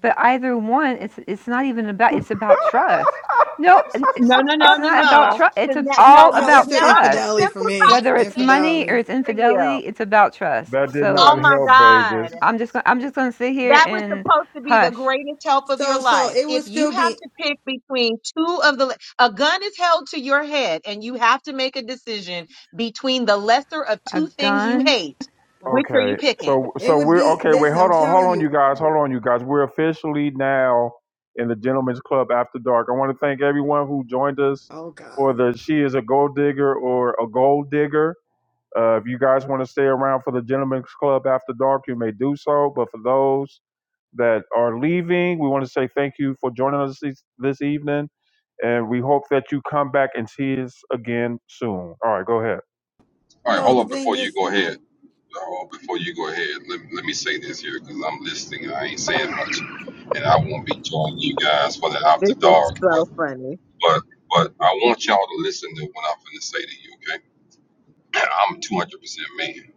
Speaker 15: but either one it's it's not even about it's about trust no n- it-
Speaker 11: no no no
Speaker 15: it's
Speaker 11: no
Speaker 15: not about
Speaker 11: no
Speaker 15: trust it's
Speaker 11: because
Speaker 15: ab-
Speaker 11: no
Speaker 15: all
Speaker 3: Uh,
Speaker 11: no
Speaker 3: it's
Speaker 11: because
Speaker 15: about
Speaker 11: now
Speaker 3: still
Speaker 11: i have
Speaker 15: trust
Speaker 3: infidelity for
Speaker 11: simplified
Speaker 3: me.
Speaker 11: it
Speaker 15: whether
Speaker 11: and
Speaker 15: it's
Speaker 11: made it
Speaker 15: money or
Speaker 3: Infidelity.
Speaker 15: it's
Speaker 11: easy for you
Speaker 15: infidelity it's about trust
Speaker 2: that did
Speaker 15: so
Speaker 11: Oh
Speaker 2: not
Speaker 11: my
Speaker 2: help Vegas.
Speaker 11: God.
Speaker 15: i'm just gonna i'm just gonna sit here
Speaker 11: That was
Speaker 15: and
Speaker 11: supposed to be the
Speaker 15: hush
Speaker 11: greatest help of your
Speaker 3: So, so
Speaker 11: life.
Speaker 3: it
Speaker 11: If
Speaker 3: would
Speaker 11: you
Speaker 3: still
Speaker 11: have
Speaker 3: be,
Speaker 11: to pick between two of the, a gun is held to your head and you have to make a decision between the lesser of
Speaker 15: a
Speaker 11: two things you
Speaker 15: gun
Speaker 11: hate, which are you
Speaker 2: Okay,
Speaker 11: picking?
Speaker 2: so
Speaker 3: it
Speaker 2: so
Speaker 3: would
Speaker 2: we're
Speaker 3: be,
Speaker 2: okay. Wait,
Speaker 3: listen,
Speaker 2: hold
Speaker 3: I'm
Speaker 2: on, hold
Speaker 3: telling
Speaker 2: on,
Speaker 3: you.
Speaker 2: you guys, hold on, you guys. We're officially now in the Gentlemen's Club After Dark. I want to thank everyone who joined us
Speaker 3: Oh God.
Speaker 2: for the "She is a Gold Digger" or "A Gold Digger." Uh, if you guys want to stay around for the Gentlemen's Club after dark, you may do so. But for those that are leaving, we want to say thank you for joining us this, this evening. And we hope that you come back and see us again soon. All right, go ahead.
Speaker 12: All right,
Speaker 3: So
Speaker 12: hold
Speaker 3: the
Speaker 12: on
Speaker 3: thing
Speaker 12: before you
Speaker 3: is,
Speaker 12: go ahead. Uh, before you go ahead, let, let me say this here because I'm listening. and I ain't saying much, and I won't be joining you guys for the after
Speaker 11: This is
Speaker 12: dark.
Speaker 11: so funny.
Speaker 12: But but I want y'all to listen to what I'm finna say to you, okay? I'm 200% man.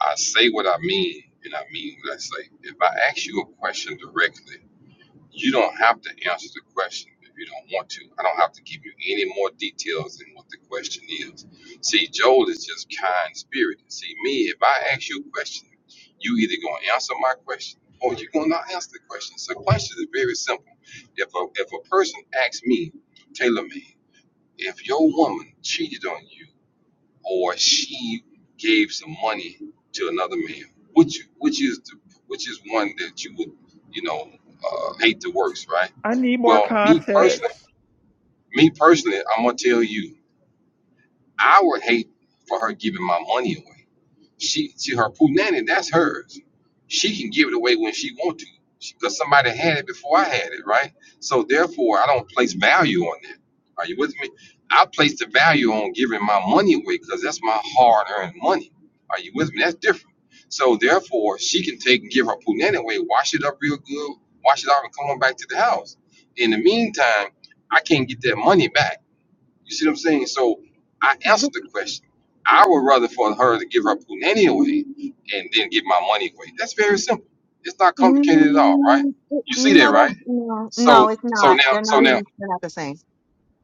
Speaker 12: I say what I mean, and I mean what I say. If I ask you a question directly, you don't have to answer the question if you don't want to. I don't have to give you any more details than what the question is. See, Joel is just kind spirited. See, me, if I ask you a question, you either gonna answer my question or you're gonna not answer the question. So questions are very simple. If a if a person asks me, Taylor man. If your woman cheated on you or she gave some money to another man, which which is the, which is one that you would you know uh, hate the worst, right?
Speaker 2: I need more
Speaker 12: Well, me personally,
Speaker 2: context.
Speaker 12: me personally, I'm gonna tell you, I would hate for her giving my money away. She, she her poo nanny, that's hers. She can give it away when she want to because somebody had it before I had it, right? So therefore, I don't place value on that. Are you with me? I place the value on giving my money away because that's my hard-earned money. Are you with me? That's different. So therefore, she can take and give her poo nanny away, wash it up real good, wash it off, and come on back to the house. In the meantime, I can't get that money back you see what I'm saying? So I
Speaker 11: Th-
Speaker 12: answered the question. I would rather for her to give her punani away and then give my money away. That's very simple. It's not complicated at all, right?
Speaker 11: mm,
Speaker 12: You see that,
Speaker 11: No, that's,
Speaker 12: right?
Speaker 11: no, no,
Speaker 12: So
Speaker 11: it's
Speaker 12: so
Speaker 11: not.
Speaker 12: now
Speaker 11: They're
Speaker 12: so
Speaker 11: not
Speaker 12: now
Speaker 11: even, they're not the same.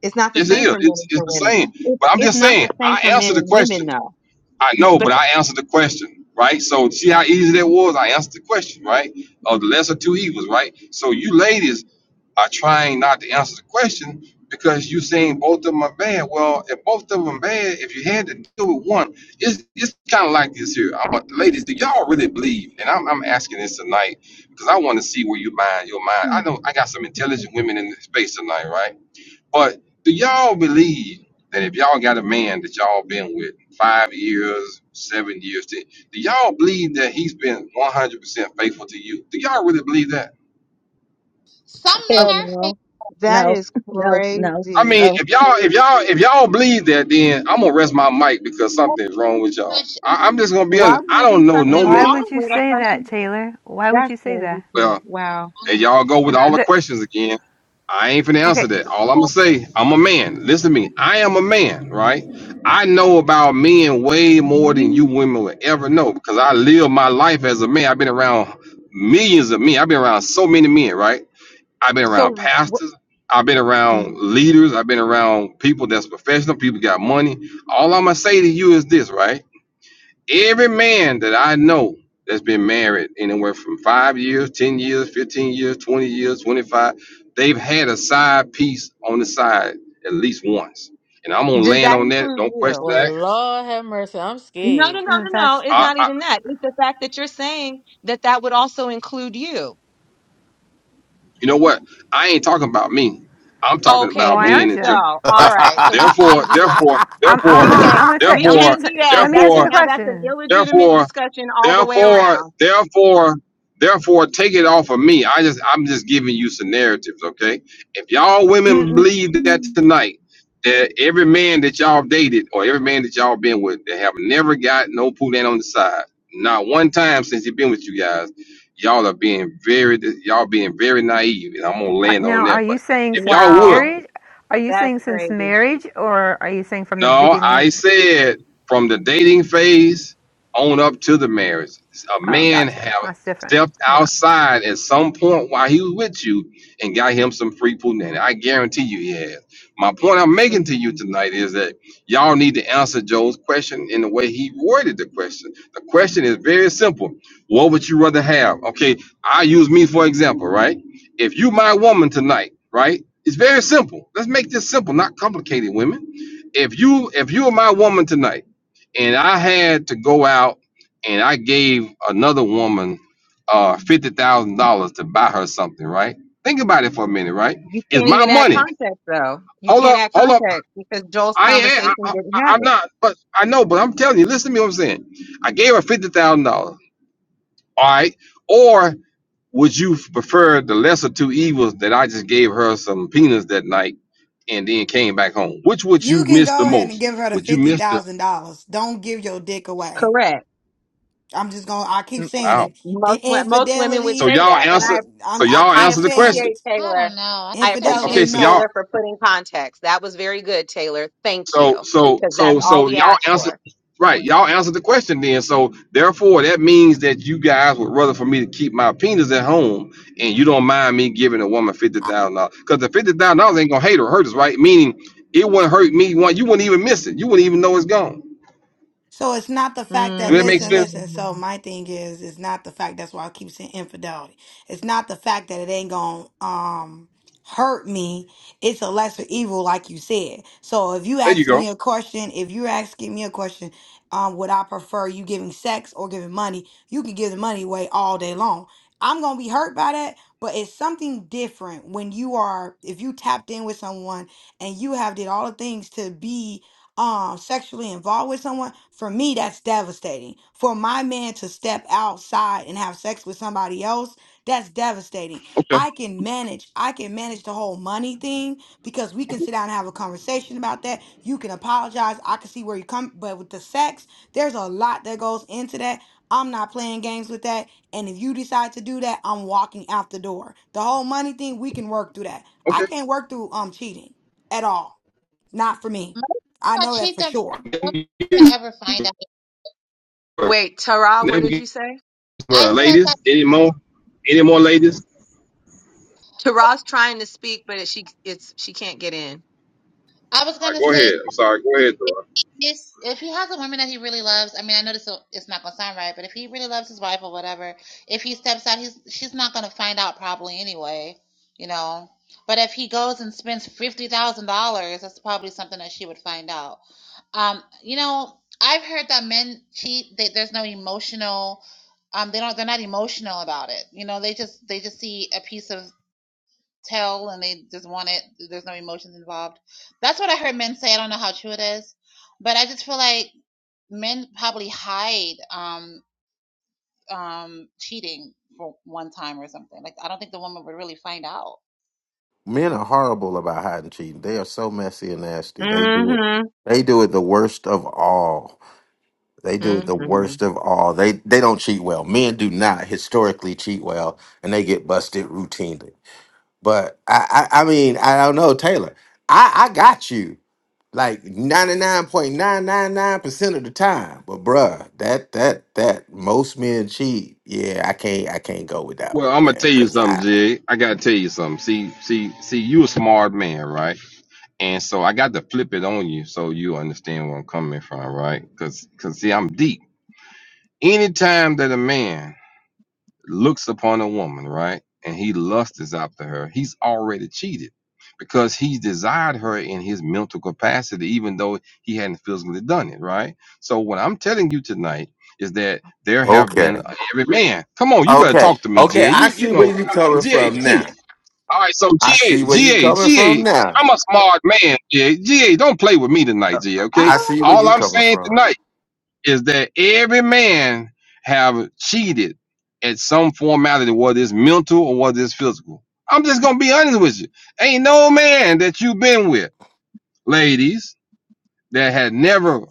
Speaker 11: It's not the
Speaker 12: yes it
Speaker 11: same
Speaker 12: is.
Speaker 11: for men
Speaker 12: It's
Speaker 11: and
Speaker 12: it's
Speaker 11: for
Speaker 12: the
Speaker 11: women.
Speaker 12: same.
Speaker 11: It's,
Speaker 12: But I'm
Speaker 11: it's
Speaker 12: just
Speaker 11: not
Speaker 12: saying,
Speaker 11: the same
Speaker 12: I
Speaker 11: for men
Speaker 12: answered the
Speaker 11: and
Speaker 12: question.
Speaker 11: women though.
Speaker 12: I
Speaker 11: N-
Speaker 12: know,
Speaker 11: But,
Speaker 12: but I answered the question, right? So see how easy that was? I answered the question, right? Of the lesser two evils, right? So you ladies are trying not to answer the question because you're saying both of them are bad. Well, if both of them bad, if you had to deal with one, it's it's kind of like this here. I want, ladies, do y'all really believe? And I'm, I'm asking this tonight because I want to see where you mind your mind. I know I got some intelligent women in the space tonight, right? But do y'all believe that if y'all got a man that y'all been with five years, seven years, ten, do y'all believe that he's been 100% faithful to you? Do y'all really believe that?
Speaker 5: Some men
Speaker 14: Hell
Speaker 5: are fake,
Speaker 14: no.
Speaker 11: That
Speaker 14: No,
Speaker 11: is
Speaker 14: no, no,
Speaker 12: I
Speaker 11: crazy.
Speaker 12: mean,
Speaker 14: no.
Speaker 12: if y'all if y'all if y'all believe that, then I'm gonna rest my mic because something's wrong with y'all.
Speaker 5: much,
Speaker 12: I, I'm just gonna be
Speaker 11: Why
Speaker 12: honest.
Speaker 11: would it
Speaker 12: I
Speaker 11: be
Speaker 12: don't know no
Speaker 11: something
Speaker 15: why
Speaker 12: man.
Speaker 11: wrong
Speaker 15: would you
Speaker 11: with a
Speaker 15: say that
Speaker 11: person?
Speaker 15: taylor why would
Speaker 11: That's
Speaker 15: you say
Speaker 11: crazy
Speaker 15: that
Speaker 11: too.
Speaker 12: Well,
Speaker 11: Wow.
Speaker 5: I
Speaker 12: there
Speaker 5: don't,
Speaker 12: y'all go with
Speaker 15: if
Speaker 12: all the
Speaker 15: the,
Speaker 12: questions again. I ain't finna answer
Speaker 15: okay
Speaker 12: that. All I'm gonna say, I'm a man. Listen to me. I am a man, right? I know about men way more than you
Speaker 11: You,
Speaker 12: women will ever know because I live my life as a man. I've been around millions of men. I've been around so many men, right? I've been around
Speaker 11: so wh-
Speaker 12: pastors. I've been
Speaker 11: mm,
Speaker 12: around leaders. I've been around people that's professional. People got money. All I'm gonna say to you is this, right? Every man that I know that's been married anywhere from five years, ten years, fifteen years, twenty years, twenty-five, they've had a side piece on the side at least once. And I'm gonna
Speaker 11: does
Speaker 12: land
Speaker 11: that
Speaker 12: on that.
Speaker 11: include
Speaker 12: Don't question
Speaker 11: you?
Speaker 13: Well
Speaker 12: that.
Speaker 13: Lord have mercy, I'm
Speaker 11: No, no, no,
Speaker 13: scared.
Speaker 15: uh,
Speaker 11: no, no.
Speaker 15: that's
Speaker 11: It's not
Speaker 12: I,
Speaker 11: even that. It's the fact that you're saying that that would also include you.
Speaker 12: You know what? I ain't talking about me. I'm talking
Speaker 11: Okay,
Speaker 12: about
Speaker 15: why
Speaker 11: then.
Speaker 12: men
Speaker 15: aren't
Speaker 12: in
Speaker 11: So,
Speaker 15: you
Speaker 12: general,
Speaker 11: all
Speaker 12: right?
Speaker 11: right. So we
Speaker 12: Therefore,
Speaker 11: can't do that.
Speaker 12: therefore,
Speaker 15: I'm, I'm
Speaker 12: therefore,
Speaker 11: We
Speaker 15: listen
Speaker 11: can't.
Speaker 15: i'm gonna tell
Speaker 11: We
Speaker 15: i'm gonna
Speaker 12: therefore,
Speaker 11: can't do
Speaker 15: t-
Speaker 11: that.
Speaker 15: let me
Speaker 11: That's a,
Speaker 15: answer
Speaker 12: therefore,
Speaker 15: the
Speaker 11: now. That's an
Speaker 15: question
Speaker 11: illegitimate
Speaker 12: therefore,
Speaker 11: discussion all the way
Speaker 12: Therefore,
Speaker 11: around.
Speaker 12: therefore, therefore, take it off of me. I just, I'm just giving you some narratives, okay? If y'all women believe that
Speaker 11: Mm-mm-mm.
Speaker 12: tonight, that every man that y'all dated or every man that y'all been with, that have never got no poolan on the side, not one time since he been with you guys, y'all are being very, y'all being very naive, and I'm gonna
Speaker 15: Uh,
Speaker 12: land on
Speaker 15: Now, are
Speaker 12: that.
Speaker 15: you
Speaker 12: But
Speaker 15: saying
Speaker 12: if
Speaker 15: since
Speaker 12: y'all would,
Speaker 11: Wow.
Speaker 15: marriage? Are you
Speaker 11: That's
Speaker 15: saying since
Speaker 11: crazy.
Speaker 15: marriage, or are you saying from the
Speaker 12: No,
Speaker 15: beginning? Of,
Speaker 12: I said from the dating phase on up to the marriage, a
Speaker 15: oh,
Speaker 12: man
Speaker 15: gotcha.
Speaker 12: have
Speaker 15: That's different.
Speaker 12: stepped
Speaker 15: Yeah.
Speaker 12: outside at some point while he was with you and got him some free punani. I guarantee you he has. My point I'm making to you
Speaker 11: Mhm.
Speaker 12: tonight is that y'all need to answer Joe's question in the way he worded the question. The question is very simple. What would you rather have? Okay, I use me for example, right? If you my woman tonight, right? It's very simple. Let's make this simple, not complicated, women if you if you were my woman tonight and I had to go out and I gave another woman uh fifty thousand dollars to buy her something, right? Think about it for a minute, right?
Speaker 11: You
Speaker 12: It's
Speaker 11: can't
Speaker 12: my
Speaker 11: even add
Speaker 12: money.
Speaker 11: context though. You
Speaker 12: Hold
Speaker 11: can't
Speaker 12: up,
Speaker 11: add
Speaker 12: hold up.
Speaker 11: context because Joel's
Speaker 12: I ain't I,
Speaker 11: conversation
Speaker 12: I,
Speaker 11: didn't have
Speaker 12: I'm
Speaker 11: it.
Speaker 12: not but I know, but I'm telling you, listen to me what I'm saying. I gave her fifty thousand dollars, all right? Or would you prefer the lesser two evils that I just gave her some peanuts that night and then came back home? Which would
Speaker 3: You
Speaker 12: you
Speaker 3: can
Speaker 12: miss the
Speaker 3: go ahead and
Speaker 12: most?
Speaker 3: give her the
Speaker 12: Would you
Speaker 3: fifty
Speaker 12: miss the
Speaker 3: thousand dollars. Don't give your dick away.
Speaker 11: Correct.
Speaker 3: I'm just gonna. I keep
Speaker 11: M-
Speaker 3: saying
Speaker 12: wow?
Speaker 3: it. The
Speaker 11: Most wo- most women would
Speaker 12: So
Speaker 3: infidelity.
Speaker 11: say
Speaker 12: y'all
Speaker 11: that, and
Speaker 3: eh,
Speaker 12: answer.
Speaker 11: I
Speaker 12: So
Speaker 3: I'm, I
Speaker 12: y'all
Speaker 11: I
Speaker 3: keep
Speaker 12: answer the
Speaker 3: saying
Speaker 12: question.
Speaker 11: appreciate
Speaker 3: it.
Speaker 5: I
Speaker 11: Taylor.
Speaker 5: don't know. I
Speaker 11: I
Speaker 5: think they're
Speaker 12: O-
Speaker 3: Infidelity.
Speaker 12: Okay.
Speaker 5: both.
Speaker 11: appreciate
Speaker 12: So y'all.
Speaker 3: No.
Speaker 11: Taylor for putting context. That was very good, Taylor. Thank
Speaker 12: So
Speaker 11: you,
Speaker 12: so
Speaker 11: because that's
Speaker 12: so
Speaker 11: all
Speaker 12: so
Speaker 11: we
Speaker 12: y'all
Speaker 11: asked
Speaker 12: answer.
Speaker 11: for.
Speaker 12: Right. Y'all answer the question then. So therefore, that means that you guys would rather for me to keep my penis at home, and you don't mind me giving a woman fifty thousand dollars because the fifty thousand dollars ain't gonna hate or hurt us, right? Meaning it wouldn't hurt me. One, you wouldn't even miss it. You wouldn't even know it's gone.
Speaker 3: So it's not the fact that
Speaker 12: Do that make
Speaker 3: listen,
Speaker 12: sense?
Speaker 3: listen. So
Speaker 11: Mm.
Speaker 3: my thing is, it's not the fact. That's why I keep saying infidelity. It's not the fact that it ain't gonna um hurt me. It's a lesser evil, like you said. So if you
Speaker 12: There you
Speaker 3: asking
Speaker 12: go.
Speaker 3: me a question, if you're asking me a question, um, would I prefer you giving sex or giving money? You can give the money away all day long. I'm gonna be hurt by that, but it's something different when you are if you tapped in with someone and you have did all the things to be um sexually involved with someone for me that's devastating for my man to step outside and have sex with somebody else that's devastating
Speaker 12: Okay.
Speaker 3: i can manage i can manage the whole money thing because we can sit down and have a conversation about that you can apologize i can see where you come but with the sex there's a lot that goes into that i'm not playing games with that and if you decide to do that i'm walking out the door the whole money thing we can work through that i can't work through um cheating at all not for me. I
Speaker 5: I
Speaker 3: know that
Speaker 5: cheat
Speaker 3: for
Speaker 5: them.
Speaker 3: sure.
Speaker 12: Okay.
Speaker 5: Women ever find out.
Speaker 11: Wait, Tara, what
Speaker 12: Then we
Speaker 11: did you
Speaker 12: get
Speaker 11: say?
Speaker 5: I
Speaker 12: somewhere.
Speaker 5: said that
Speaker 12: ladies. Any more? Any more ladies?
Speaker 11: Tara's trying to speak, but it, she it's she can't get in.
Speaker 5: I was
Speaker 12: All right.
Speaker 5: gonna
Speaker 12: Go
Speaker 5: say
Speaker 12: ahead.
Speaker 5: that
Speaker 12: I'm sorry. Go ahead. Thoreau.
Speaker 5: if he, is- if he has a woman that he really loves, I mean, I know this will, it's not gonna sound right, but if he really loves his wife or whatever, if he steps out, he's she's not gonna find out probably anyway, you know. But if he goes and spends fifty thousand dollars, that's probably something that she would find out. Um, you know, I've heard that men cheat. They, there's no emotional um they don't they're not emotional about it you know they just they just see a piece of tell and they just want it. There's no emotions involved. That's what I heard men say. I don't know how true it is, but I just feel like men probably hide um um cheating for one time or something. Like I don't think the woman would really find out.
Speaker 1: Men are horrible about hiding cheating. They are so messy and nasty. They do it.
Speaker 11: Mm-hmm.
Speaker 1: They do it the worst of all. They do it the
Speaker 11: Mm-hmm.
Speaker 1: worst of all. They they don't cheat well. Men do not historically cheat well, and they get busted routinely. But I I, I mean I don't know Taylor. I I got you like ninety nine point nine nine nine percent of the time. But bruh, that that that most men cheat. Yeah, I can't I can't go with that
Speaker 12: Well, I'm
Speaker 1: one,
Speaker 12: gonna tell
Speaker 1: man.
Speaker 12: you
Speaker 1: Cause
Speaker 12: something,
Speaker 1: I
Speaker 12: Jig. I gotta tell you something. See, see, see, you a smart man, right? And so I got to flip it on you so you understand where I'm coming from, right? Because, see, I'm deep. Anytime that a man looks upon a woman, right, and he lusts after her, he's already cheated because he desired her in his mental capacity, even though he hadn't physically done it, right? So what I'm telling you tonight is that there have
Speaker 1: okay.
Speaker 12: been every man. Come on, you better
Speaker 1: Okay.
Speaker 12: talk to me,
Speaker 1: Okay.
Speaker 12: GA. You
Speaker 1: I
Speaker 12: you
Speaker 1: see where
Speaker 12: know,
Speaker 1: you coming
Speaker 12: G A
Speaker 1: from
Speaker 12: G.
Speaker 1: now.
Speaker 12: All right, so G
Speaker 1: I
Speaker 12: A
Speaker 1: see where you
Speaker 12: G
Speaker 1: coming from now.
Speaker 12: am a I'm a smart man, GA. GA, don't play with me tonight, GA, okay?
Speaker 1: I see where
Speaker 12: All
Speaker 1: you
Speaker 12: I'm
Speaker 1: coming
Speaker 12: saying
Speaker 1: from.
Speaker 12: tonight is that every man have cheated at some formality, whether it's mental or whether it's physical. I'm just gonna be honest with you. Ain't no man that you've been with, ladies, that had never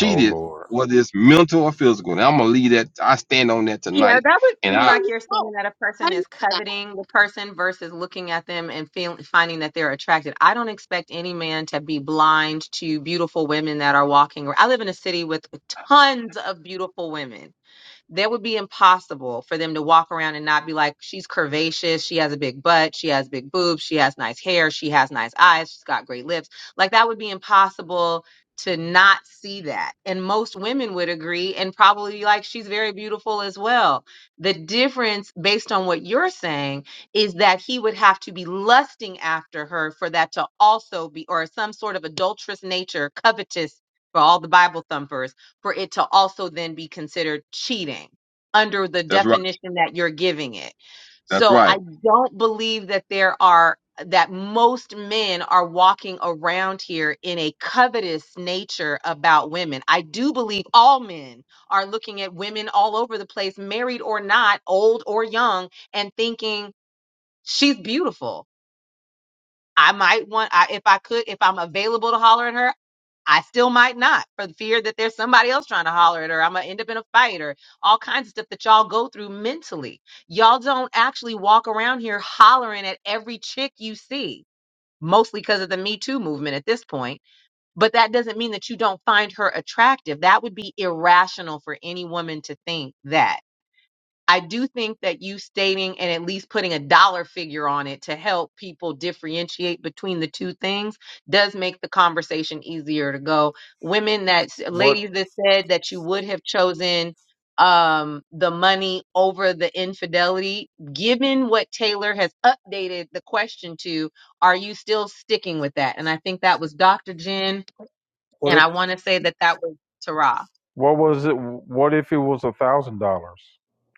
Speaker 2: Oh Lord.
Speaker 12: whether it's mental or physical. And I'm gonna leave that. I stand on that
Speaker 11: Yeah,
Speaker 12: tonight.
Speaker 11: that would
Speaker 12: And
Speaker 11: seem
Speaker 12: I.
Speaker 11: like you're
Speaker 5: Oh,
Speaker 11: saying that a
Speaker 5: how
Speaker 11: person
Speaker 5: do you
Speaker 11: is
Speaker 5: do that?
Speaker 11: coveting the person versus looking at them and feel, finding that they're attracted. I don't expect any man to be blind to beautiful women that are walking. I live in a city with tons of beautiful women that would be impossible for them to walk around and not be like, she's curvaceous, she has a big butt, she has big boobs, she has nice hair, she has nice eyes, she's got great lips. Like that would be impossible to not see that. And most women would agree and probably be like, she's very beautiful as well. The difference, based on what you're saying, is that he would have to be lusting after her for that to also be, or some sort of adulterous nature, covetous for all the Bible thumpers for it to also then be considered cheating under the
Speaker 12: That's right.
Speaker 11: definition that you're giving it.
Speaker 12: That's
Speaker 11: So I
Speaker 12: right.
Speaker 11: don't believe that there are that most men are walking around here in a covetous nature about women. I do believe all men are looking at women all over the place, married or not, old or young, and thinking she's beautiful I might want, I, if I could, if I'm available to holler at her, I still might not for the fear that there's somebody else trying to holler at her. I'm going to end up in a fight or all kinds of stuff that y'all go through mentally. Y'all don't actually walk around here hollering at every chick you see, mostly because of the Me Too movement at this point. But that doesn't mean that you don't find her attractive. That would be irrational for any woman to think that. I do think that you stating and at least putting a dollar figure on it to help people differentiate between the two things does make the conversation easier to go. Women that
Speaker 2: What
Speaker 11: ladies that said that you would have chosen um the money over the infidelity given what Taylor has updated the question to are you still sticking with that and I think that was Dr. Jen and I want to say that that was Tara
Speaker 2: what was it? What if it was a thousand dollars?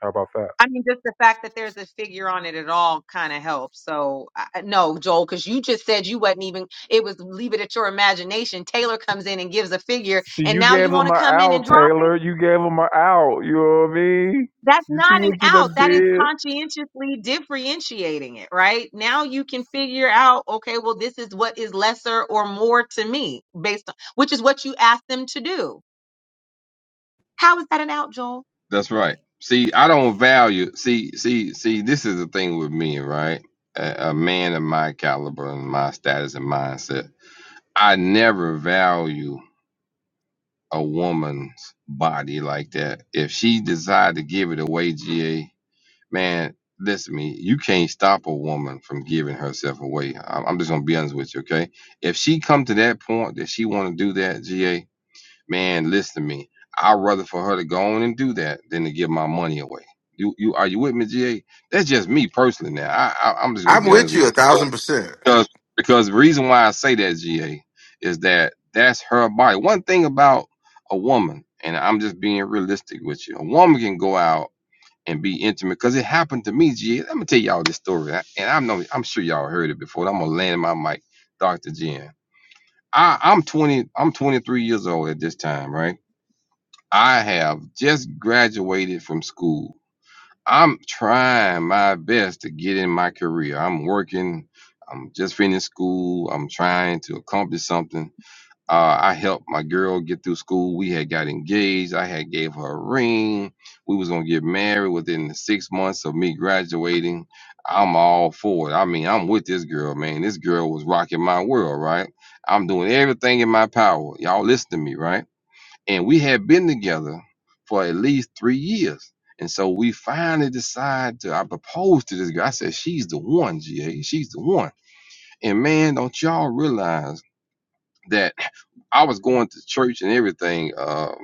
Speaker 2: How about that?
Speaker 11: I mean, just the fact that there's a figure on it at all kind of helps. So, I, I- no, Joel, because you just said you wasn't even, it was leave it at your imagination. Taylor comes in and gives a figure,
Speaker 2: See,
Speaker 11: and
Speaker 2: you
Speaker 11: now
Speaker 2: gave
Speaker 11: you want
Speaker 2: them
Speaker 11: to
Speaker 2: an
Speaker 11: come in and
Speaker 2: out,
Speaker 11: drop it?
Speaker 2: Taylor. You gave them an out. You know what I mean?
Speaker 11: That's
Speaker 2: You see
Speaker 11: not an
Speaker 2: what you
Speaker 11: out.
Speaker 2: done
Speaker 11: That is
Speaker 2: did?
Speaker 11: conscientiously differentiating it, right? Now you can figure out, okay, well, this is what is lesser or more to me based on, which is what you asked them to do. How is that an out, Joel?
Speaker 12: That's right. See, I don't value. See, see, see. This is the thing with me, right? A, a man of my caliber and my status and mindset. I never value a woman's body like that. If she decide to give it away, GA, man, listen to me. You can't stop a woman from giving herself away. I- I'm just gonna be honest with you, okay? If she come to that point that she want to do that, GA, man, listen to me. I'd rather for her to go on and do that than to give my money away. You, you are you with me, GA? That's just me personally. Now, I, I I'm just gonna
Speaker 1: I'm
Speaker 12: be honest
Speaker 1: with you
Speaker 12: with
Speaker 1: a
Speaker 12: you
Speaker 1: thousand percent.
Speaker 12: because because the reason why I say that GA is that that's her body. One thing about a woman, and I'm just being realistic with you, a woman can go out and be intimate because it happened to me, GA. Let me tell y'all this story, I- and I know I'm sure y'all heard it before. I'm gonna land my mic, Doctor Jen. I, I'm 20. I'm 23 years old at this time, right? I have just graduated from school I'm trying my best to get in my career. I'm working. I'm just finished school. I'm trying to accomplish something. Uh, I helped my girl get through school. We had got engaged. I had gave her a ring. We was gonna get married within the six months of me graduating. I'm all for it. I mean, I'm with this girl, man. This girl was rocking my world, right? I'm doing everything in my power. Y'all listen to me, right? and we had been together for at least three years. And so we finally decide to. I proposed to this girl. I said, "She's the one, GA. She's the one." And man, don't y'all realize that I was going to church and everything. Um,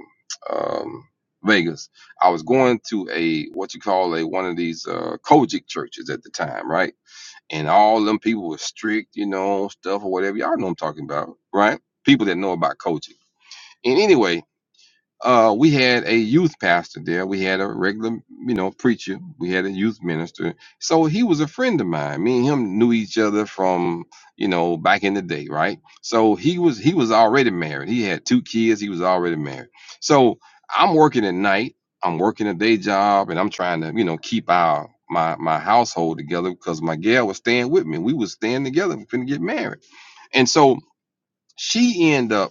Speaker 12: um, Vegas. I was going to a what you call a one of these uh, Kojic churches at the time, right? And all them people were strict, you know, stuff or whatever. Y'all know what I'm talking about, right? People that know about Kojic. And anyway, uh, we had a youth pastor there. We had a regular, you know, preacher. We had a youth minister. So he was a friend of mine. Me and him knew each other from, you know, back in the day, right? So he was he was already married. He had two kids. He was already married. So I'm working at night. I'm working a day job, and I'm trying to, you know, keep our my my household together because my gal was staying with me. We was staying together. We couldn't get married, and so she ended up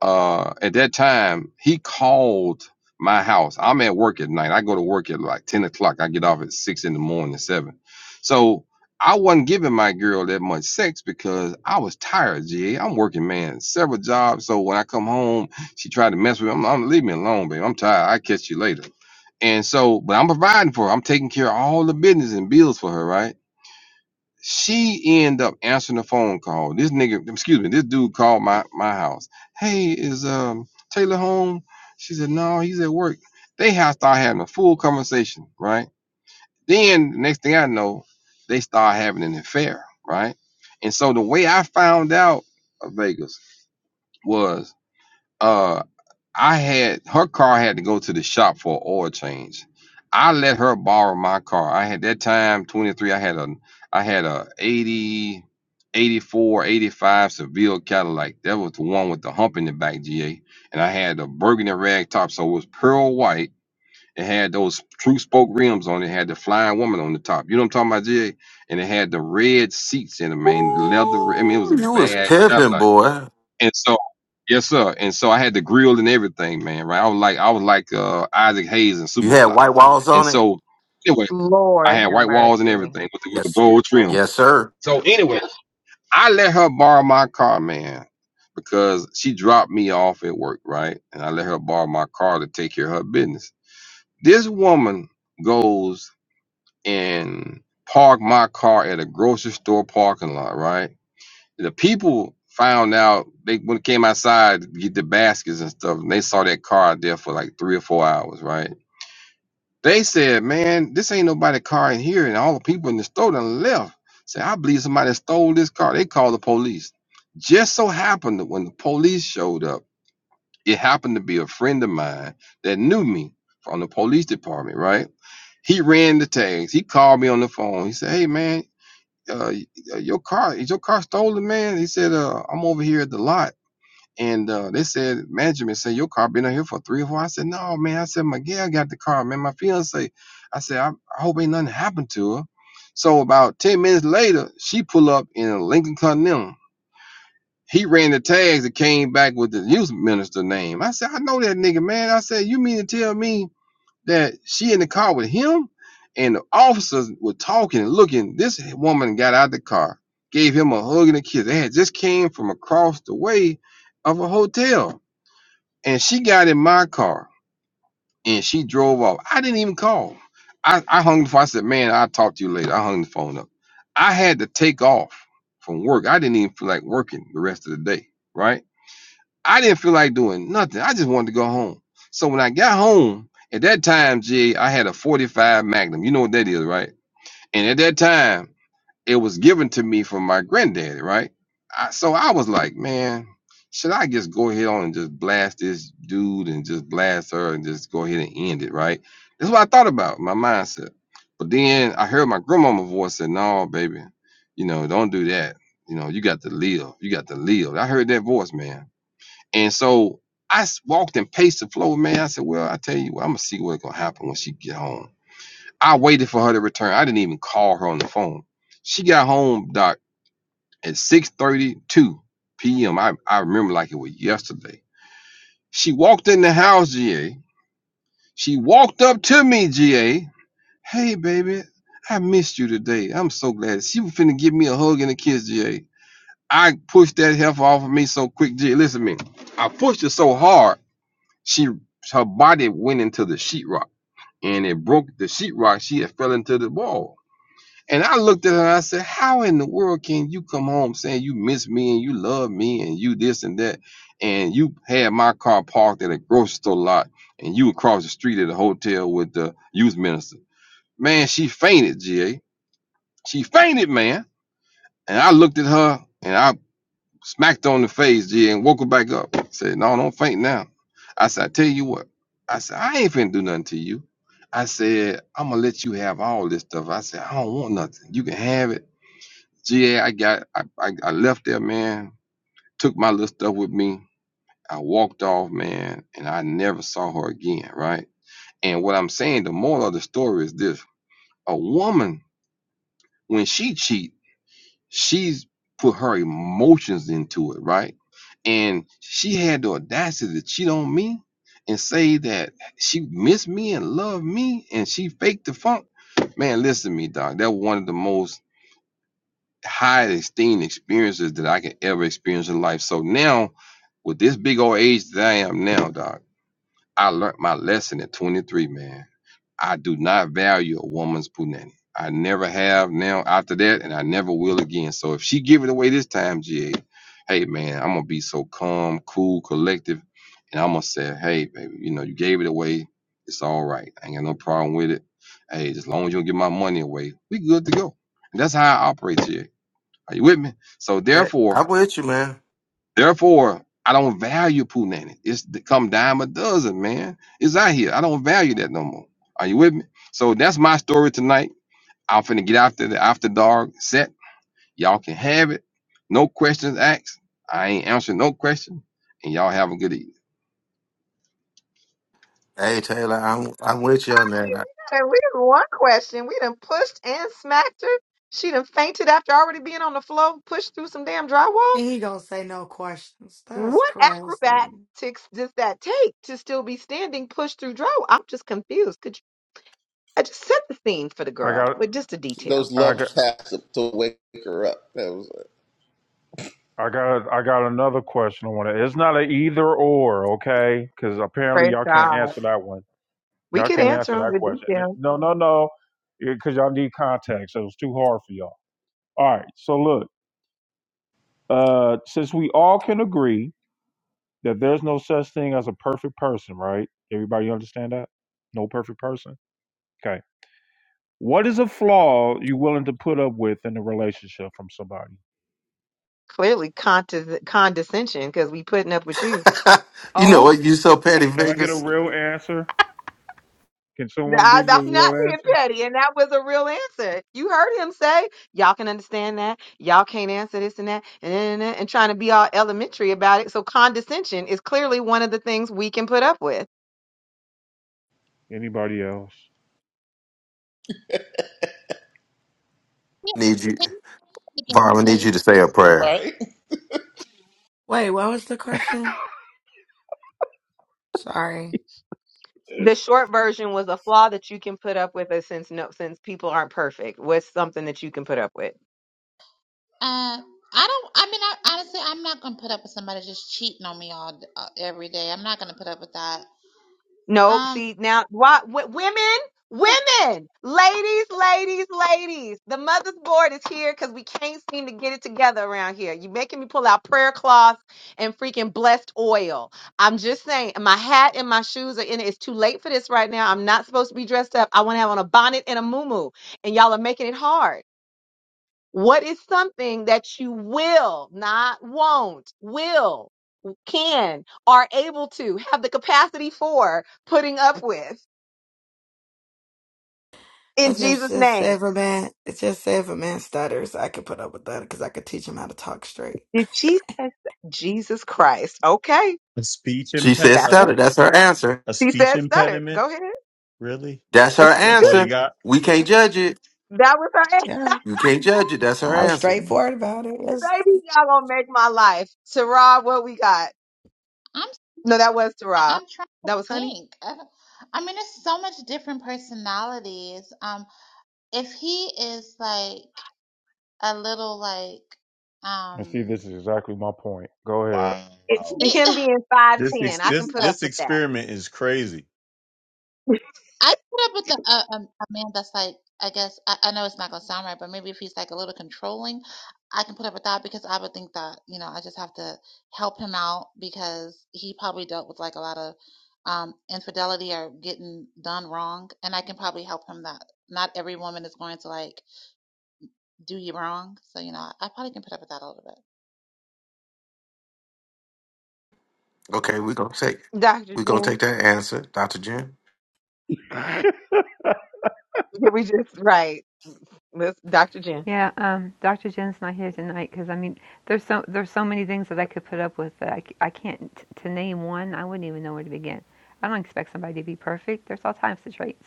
Speaker 12: uh, at that time, he called my house. I'm at work at night. I go to work at like 10 o'clock. I get off at six in the morning, seven. So I wasn't giving my girl that much sex because I was tired, G. I'm working, man, several jobs. So when I come home, she tried to mess with me. I'm, I'm leave me alone, babe. I'm tired. I catch you later. And so, but I'm providing for her. I'm taking care of all the business and bills for her, right? she end up answering the phone call. This nigga, excuse me, this dude called my my house. Hey, is um Taylor home? She said, No, he's at work. They have start having a full conversation, right? Then next thing I know, they start having an affair, right? And so the way I found out of Vegas was uh I had her car had to go to the shop for an oil change. I let her borrow my car. I had that time 23. I had a I had a 80, 84, 85 Seville Cadillac. That was the one with the hump in the back, GA. And I had a burgundy rag top, so it was pearl white. It had those true spoke rims on it. It Had the flying woman on the top. You know what I'm talking about, GA? And it had the red seats in it, man. Leather. I mean, it
Speaker 1: Ooh,
Speaker 12: was a
Speaker 1: you was
Speaker 12: bad Cadillac.
Speaker 1: pimping, boy.
Speaker 12: And so, yes, sir. And so I had the grill and everything, man. Right? I was like, I was like uh, Isaac Hayes and
Speaker 1: You had
Speaker 12: Superfly.
Speaker 1: white walls
Speaker 12: And
Speaker 1: on it.
Speaker 12: so, anyway, I
Speaker 11: Lord
Speaker 12: had
Speaker 11: have
Speaker 12: white walls and
Speaker 11: mercy.
Speaker 12: everything with the, with the
Speaker 1: Yes,
Speaker 12: gold trim.
Speaker 1: yes, sir.
Speaker 12: So anyway, I let her borrow my car, man, because she dropped me off at work, right? And I let her borrow my car to take care of her business. This woman goes and park my car at a grocery store parking lot, right? The people found out they when it came outside to get the baskets and stuff, and they saw that car out there for like three or four hours, right? They said, Man, this ain't nobody car in here, and all the people in the store done left. Say, I believe somebody stole this car. They called the police. Just so happened that when the police showed up, it happened to be a friend of mine that knew me from the police department, right? He ran the tags. He called me on the phone. He said, Hey man, uh, uh, your car is your car stolen, man? He said, uh, I'm over here at the lot. And uh, they said, management said, your car been out here for three or four. I said, no, man. I said, Miguel got the car, man. My fiance. I said, I, I hope ain't nothing happened to her. So about 10 minutes later, she pull up in a Lincoln Continental. He ran the tags and came back with the youth minister name. I said, I know that nigga, man. I said, you mean to tell me that she in the car with him and the officers were talking and looking. This woman got out of the car, gave him a hug and a kiss. They had just came from across the way of a hotel. And she got in my car and she drove off. I didn't even call. I, I hung the phone. I said, man, I'll talk to you later. I hung the phone up. I had to take off from work. I didn't even feel like working the rest of the day, right? I didn't feel like doing nothing. I just wanted to go home. So when I got home, at that time, Jay, I had a 45 Magnum. You know what that is, right? And at that time, it was given to me from my granddaddy, right? I, so I was like, man, should I just go ahead on and just blast this dude and just blast her and just go ahead and end it, right? That's what I thought about, my mindset. But then I heard my grandmama voice say, no, baby, you know, don't do that. You know, you got to live. You got to live. I heard that voice, man. And so I s- walked and paced the floor, man. I said, Well, I tell you what, I'm gonna see what's gonna happen when she get home. I waited for her to return. I didn't even call her on the phone. She got home, Doc, at 6:32 p.m. I, I remember like it was yesterday. She walked in the house, GA. She walked up to me, GA. Hey, baby, I missed you today. I'm so glad. She was finna give me a hug and a kiss, GA. I pushed that heifer off of me so quick, GA. Listen to me. I pushed it so hard. She her body went into the sheetrock and it broke the sheetrock. She had fell into the wall. And I looked at her and I said, How in the world can you come home saying you miss me and you love me and you this and that? And you had my car parked at a grocery store lot and you across the street at a hotel with the youth minister. Man, she fainted, GA. She fainted, man. And I looked at her and I smacked her on the face, G, and woke her back up. Said, no, don't faint now. I said, I tell you what. I said, I ain't finna do nothing to you. I said, I'm gonna let you have all this stuff. I said, I don't want nothing. You can have it. G, I got, I, I, I left there, man. Took my little stuff with me. I walked off, man, and I never saw her again, right? And what I'm saying, the moral of the story is this: a woman, when she cheats. she's put her emotions into it, right? And she had the audacity to cheat on me and say that she missed me and loved me and she faked the funk. Man, listen to me, dog. That was one of the most high esteemed experiences that I could ever experience in life. So now, with this big old age that I am now, dog, I learned my lesson at 23, man. I do not value a woman's punani. I never have now after that, and I never will again. So if she give it away this time, GA, hey man, I'm gonna be so calm, cool, collective, and I'm gonna say, hey baby, you know you gave it away, it's all right. I ain't got no problem with it. Hey, as long as you don't give my money away, we good to go. And that's how I operate, GA. Are you with me? So
Speaker 1: Yeah,
Speaker 12: therefore.
Speaker 1: I'm with you, man.
Speaker 12: Therefore, I don't value punani. It's th- come dime a dozen, man. It's out here. I don't value that no more. Are you with me? So that's my story tonight. I'm finna get after the after dark set. Y'all can have it. No questions asked. I ain't answering no question. And y'all have a good evening.
Speaker 1: Hey, Taylor, I'm I'm with you on that.
Speaker 11: And we done one question. We done pushed and smacked her. She done fainted after already being on the floor, pushed through some damn drywall.
Speaker 3: And he gonna say no questions. That's
Speaker 11: What
Speaker 3: crazy.
Speaker 11: acrobatics does that take to still be standing, pushed through drywall? I'm just confused. Could you, I just set the scene for the
Speaker 2: I
Speaker 11: girl
Speaker 2: got.
Speaker 11: with just a
Speaker 4: Those
Speaker 11: detail.
Speaker 2: I
Speaker 4: love
Speaker 2: got.
Speaker 4: taps to wake her up. That was it.
Speaker 2: I got I got another question. I want to. It's not an either or, okay? Because apparently
Speaker 11: Praise
Speaker 2: y'all can't
Speaker 11: God.
Speaker 2: answer that one.
Speaker 11: We
Speaker 2: Y'all
Speaker 11: could
Speaker 2: can't
Speaker 11: answer
Speaker 2: answer
Speaker 11: them
Speaker 2: that
Speaker 11: with
Speaker 2: question.
Speaker 11: detail.
Speaker 2: No, no, no. Because y'all need context. It was too hard for y'all. All right. So look, uh, since we all can agree that there's no such thing as a perfect person, right? Everybody understand that? No perfect person. Okay. What is a flaw you willing to put up with in a relationship from somebody?
Speaker 11: Clearly condes- condescension because we putting up with you.
Speaker 1: I- you know
Speaker 15: Oh,
Speaker 1: what? You so petty,
Speaker 2: Can I get a
Speaker 1: Vegas.
Speaker 2: real answer? Can someone
Speaker 11: I,
Speaker 2: give you
Speaker 11: I'm
Speaker 2: a
Speaker 11: not
Speaker 2: real
Speaker 11: being
Speaker 2: answer?
Speaker 11: petty, and that was a real answer. You heard him say, "Y'all can understand that. Y'all can't answer this and that," and and, and, and trying to be all elementary about it. So condescension is clearly one of the things we can put up with.
Speaker 2: Anybody else?
Speaker 1: Need you,
Speaker 5: Yeah. Can you say it again,
Speaker 1: Vaughn. I Need you
Speaker 5: please?
Speaker 1: to say a prayer.
Speaker 4: right.
Speaker 3: Wait, what was the question? Sorry.
Speaker 11: The short version was a flaw that you can put up with, uh, since no, since people aren't perfect, was something that you can put up with.
Speaker 5: Uh, I don't. I mean, I, honestly, I'm not gonna put up with somebody just cheating on me all d- uh, every day. I'm not gonna put up with that.
Speaker 11: Nope.
Speaker 5: Um,
Speaker 11: See now, why w- women, women, ladies, ladies, ladies. The mother's board is here because we can't seem to get it together around here. You making me pull out prayer cloth and freaking blessed oil. I'm just saying, my hat and my shoes are in it. It's too late for this right now. I'm not supposed to be dressed up. I want to have on a bonnet and a muumuu, and y'all are making it hard. What is something that you will, not won't, will, can, are able to, have the capacity for putting up with?
Speaker 3: I
Speaker 11: in
Speaker 3: just,
Speaker 11: Jesus'
Speaker 3: just say
Speaker 11: name.
Speaker 3: if a man, it's just say if a man stutters, I could put up with that because I could teach him how to talk straight.
Speaker 11: Did she say Jesus Christ? Okay,
Speaker 10: A speech
Speaker 1: She
Speaker 10: imped.
Speaker 1: said
Speaker 11: that's
Speaker 10: a,
Speaker 11: what
Speaker 1: stutter. That's her answer.
Speaker 10: a
Speaker 11: she
Speaker 10: speech
Speaker 11: said. Stuttered.
Speaker 10: impediment,
Speaker 11: Go ahead.
Speaker 10: really?
Speaker 1: That's
Speaker 11: that
Speaker 1: her
Speaker 10: That's all you
Speaker 1: answer.
Speaker 10: got?
Speaker 1: We can't judge it.
Speaker 11: was her answer.
Speaker 3: Yeah,
Speaker 1: You can't judge it. That's her
Speaker 3: I was
Speaker 1: answer.
Speaker 3: straightforward about it. It's-
Speaker 11: baby. Y'all gonna make my life. Tara, what we got?
Speaker 5: I'm
Speaker 11: No, that was Tara.
Speaker 5: I'm trying to
Speaker 11: That was Honey.
Speaker 5: think. I, I mean, there's so much different personalities. Um, if he is like a little like
Speaker 2: And see,
Speaker 5: um,
Speaker 2: this is exactly my point. Go
Speaker 11: It's
Speaker 10: Wow.
Speaker 11: him being five
Speaker 10: This
Speaker 11: ten.
Speaker 10: ex-
Speaker 11: I can
Speaker 10: this
Speaker 11: put
Speaker 5: like
Speaker 11: up
Speaker 10: this
Speaker 11: with that.
Speaker 10: experiment is crazy.
Speaker 5: I put up with the uh, um, a man that's like, I guess, I, I know it's not gonna sound right, but maybe if he's like a little controlling, I can put up with that because I would think that, you know, I just have to help him out because he probably dealt with like a lot of um, infidelity or getting done wrong, and I can probably help him that not every woman is going to like do you wrong. So, you know, I probably can put up with that a little bit.
Speaker 1: Okay, we're gonna take
Speaker 11: Dr.
Speaker 1: we're gonna take
Speaker 11: Jen.
Speaker 1: that answer, Dr. Jen.
Speaker 2: ahead.
Speaker 11: Did we just right? Miss Dr. Jen.
Speaker 15: yeah. Um, Dr. Jen's not here tonight because I mean, there's so there's so many things that I could put up with that I c- I can't t- to name one. I wouldn't even know where to begin. I don't expect somebody to be perfect. There's all types of traits.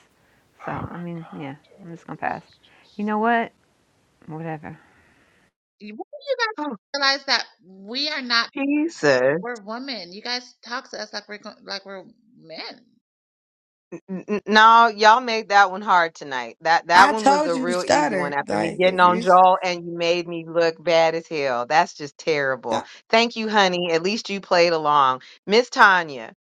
Speaker 15: So
Speaker 2: Oh,
Speaker 15: I mean, yeah. I'm just gonna
Speaker 2: This
Speaker 15: pass.
Speaker 2: is
Speaker 15: You know what? Whatever.
Speaker 5: You- When do you
Speaker 11: Oh,
Speaker 5: guys realize that we are not
Speaker 11: Jesus.
Speaker 5: We're women. You guys talk to us like we're gon- like we're men.
Speaker 11: N- n- No, y'all made that one hard tonight. That that
Speaker 3: I
Speaker 11: one was
Speaker 3: told
Speaker 11: a
Speaker 3: you
Speaker 11: real easy one
Speaker 3: stutter.
Speaker 11: after me
Speaker 3: Like
Speaker 11: getting
Speaker 3: if
Speaker 11: on
Speaker 3: you,
Speaker 11: Joel and you made me look bad as hell. That's just terrible. Thank you, honey. At least you played along. Miss Tanya.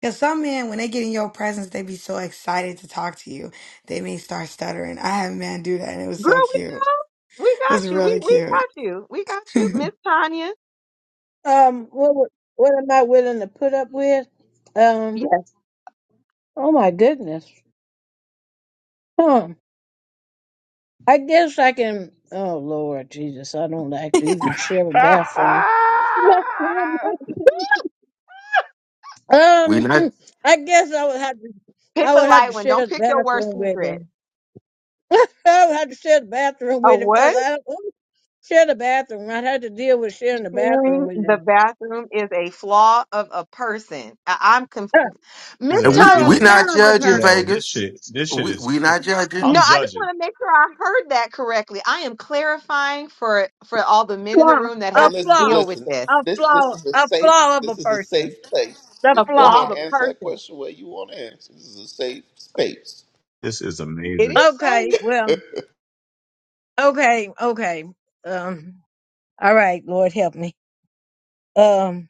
Speaker 3: Because some men, when they get in your presence, they be so excited to talk to you. They may start stuttering. I had a man do that, and it was
Speaker 11: Girl,
Speaker 3: so cute. It
Speaker 11: we, we
Speaker 3: was
Speaker 11: got you. We
Speaker 3: really
Speaker 11: we
Speaker 3: cute.
Speaker 11: got you. We got you.
Speaker 3: I
Speaker 11: Miss Tanya.
Speaker 14: Um, what would- what am I willing to put up with? Um,
Speaker 11: Yes.
Speaker 14: oh my goodness. Huh. I guess I can. Oh Lord Jesus, I don't like to even share a
Speaker 2: just-
Speaker 14: bathroom. um,
Speaker 1: We not
Speaker 14: I guess I would have to.
Speaker 11: Pick
Speaker 14: I
Speaker 11: a
Speaker 14: would have
Speaker 11: light
Speaker 14: to
Speaker 11: one.
Speaker 14: share
Speaker 11: Don't
Speaker 14: the
Speaker 11: pick your worst
Speaker 14: bathroom with
Speaker 11: secret.
Speaker 14: him. I would have to share the bathroom
Speaker 11: A
Speaker 14: with him because
Speaker 11: what?
Speaker 14: I don't want to share the bathroom. I'd have to deal with sharing the bathroom
Speaker 11: Sharing
Speaker 14: with
Speaker 11: the
Speaker 14: him.
Speaker 11: bathroom is a flaw of a person. I- I'm confused. Miss
Speaker 10: These these
Speaker 1: and
Speaker 10: are
Speaker 1: we
Speaker 14: Uh, Oh,
Speaker 11: Tanya,
Speaker 14: a
Speaker 10: these are.
Speaker 1: we
Speaker 14: flaw
Speaker 1: not
Speaker 14: of a
Speaker 1: judging
Speaker 14: person.
Speaker 10: Yo, this
Speaker 1: Vegas.
Speaker 10: shit, this shit
Speaker 1: We
Speaker 10: is.
Speaker 1: we
Speaker 10: cr-
Speaker 1: not judging.
Speaker 11: No,
Speaker 10: I'm
Speaker 11: I just
Speaker 10: judging.
Speaker 11: want to make sure I heard that correctly. I am clarifying for for all the men in the
Speaker 14: Flaw.
Speaker 11: room that
Speaker 4: Hey,
Speaker 14: A
Speaker 11: have to
Speaker 4: listen,
Speaker 14: flaw.
Speaker 11: deal with
Speaker 4: listen.
Speaker 11: this.
Speaker 14: A
Speaker 4: This this
Speaker 14: flaw.
Speaker 4: is a
Speaker 14: A
Speaker 4: safe
Speaker 14: flaw of a
Speaker 4: this is a
Speaker 14: person.
Speaker 4: safe place.
Speaker 14: the
Speaker 11: A
Speaker 4: Go
Speaker 11: flaw of
Speaker 4: ahead
Speaker 14: flaw.
Speaker 11: a
Speaker 4: and answer that
Speaker 11: person.
Speaker 4: question where you want to answer. This is a safe space.
Speaker 10: This is
Speaker 11: It
Speaker 10: amazing,
Speaker 11: is
Speaker 14: Okay,
Speaker 11: safe.
Speaker 14: well, okay, okay. Um, all right, Lord help me. Um,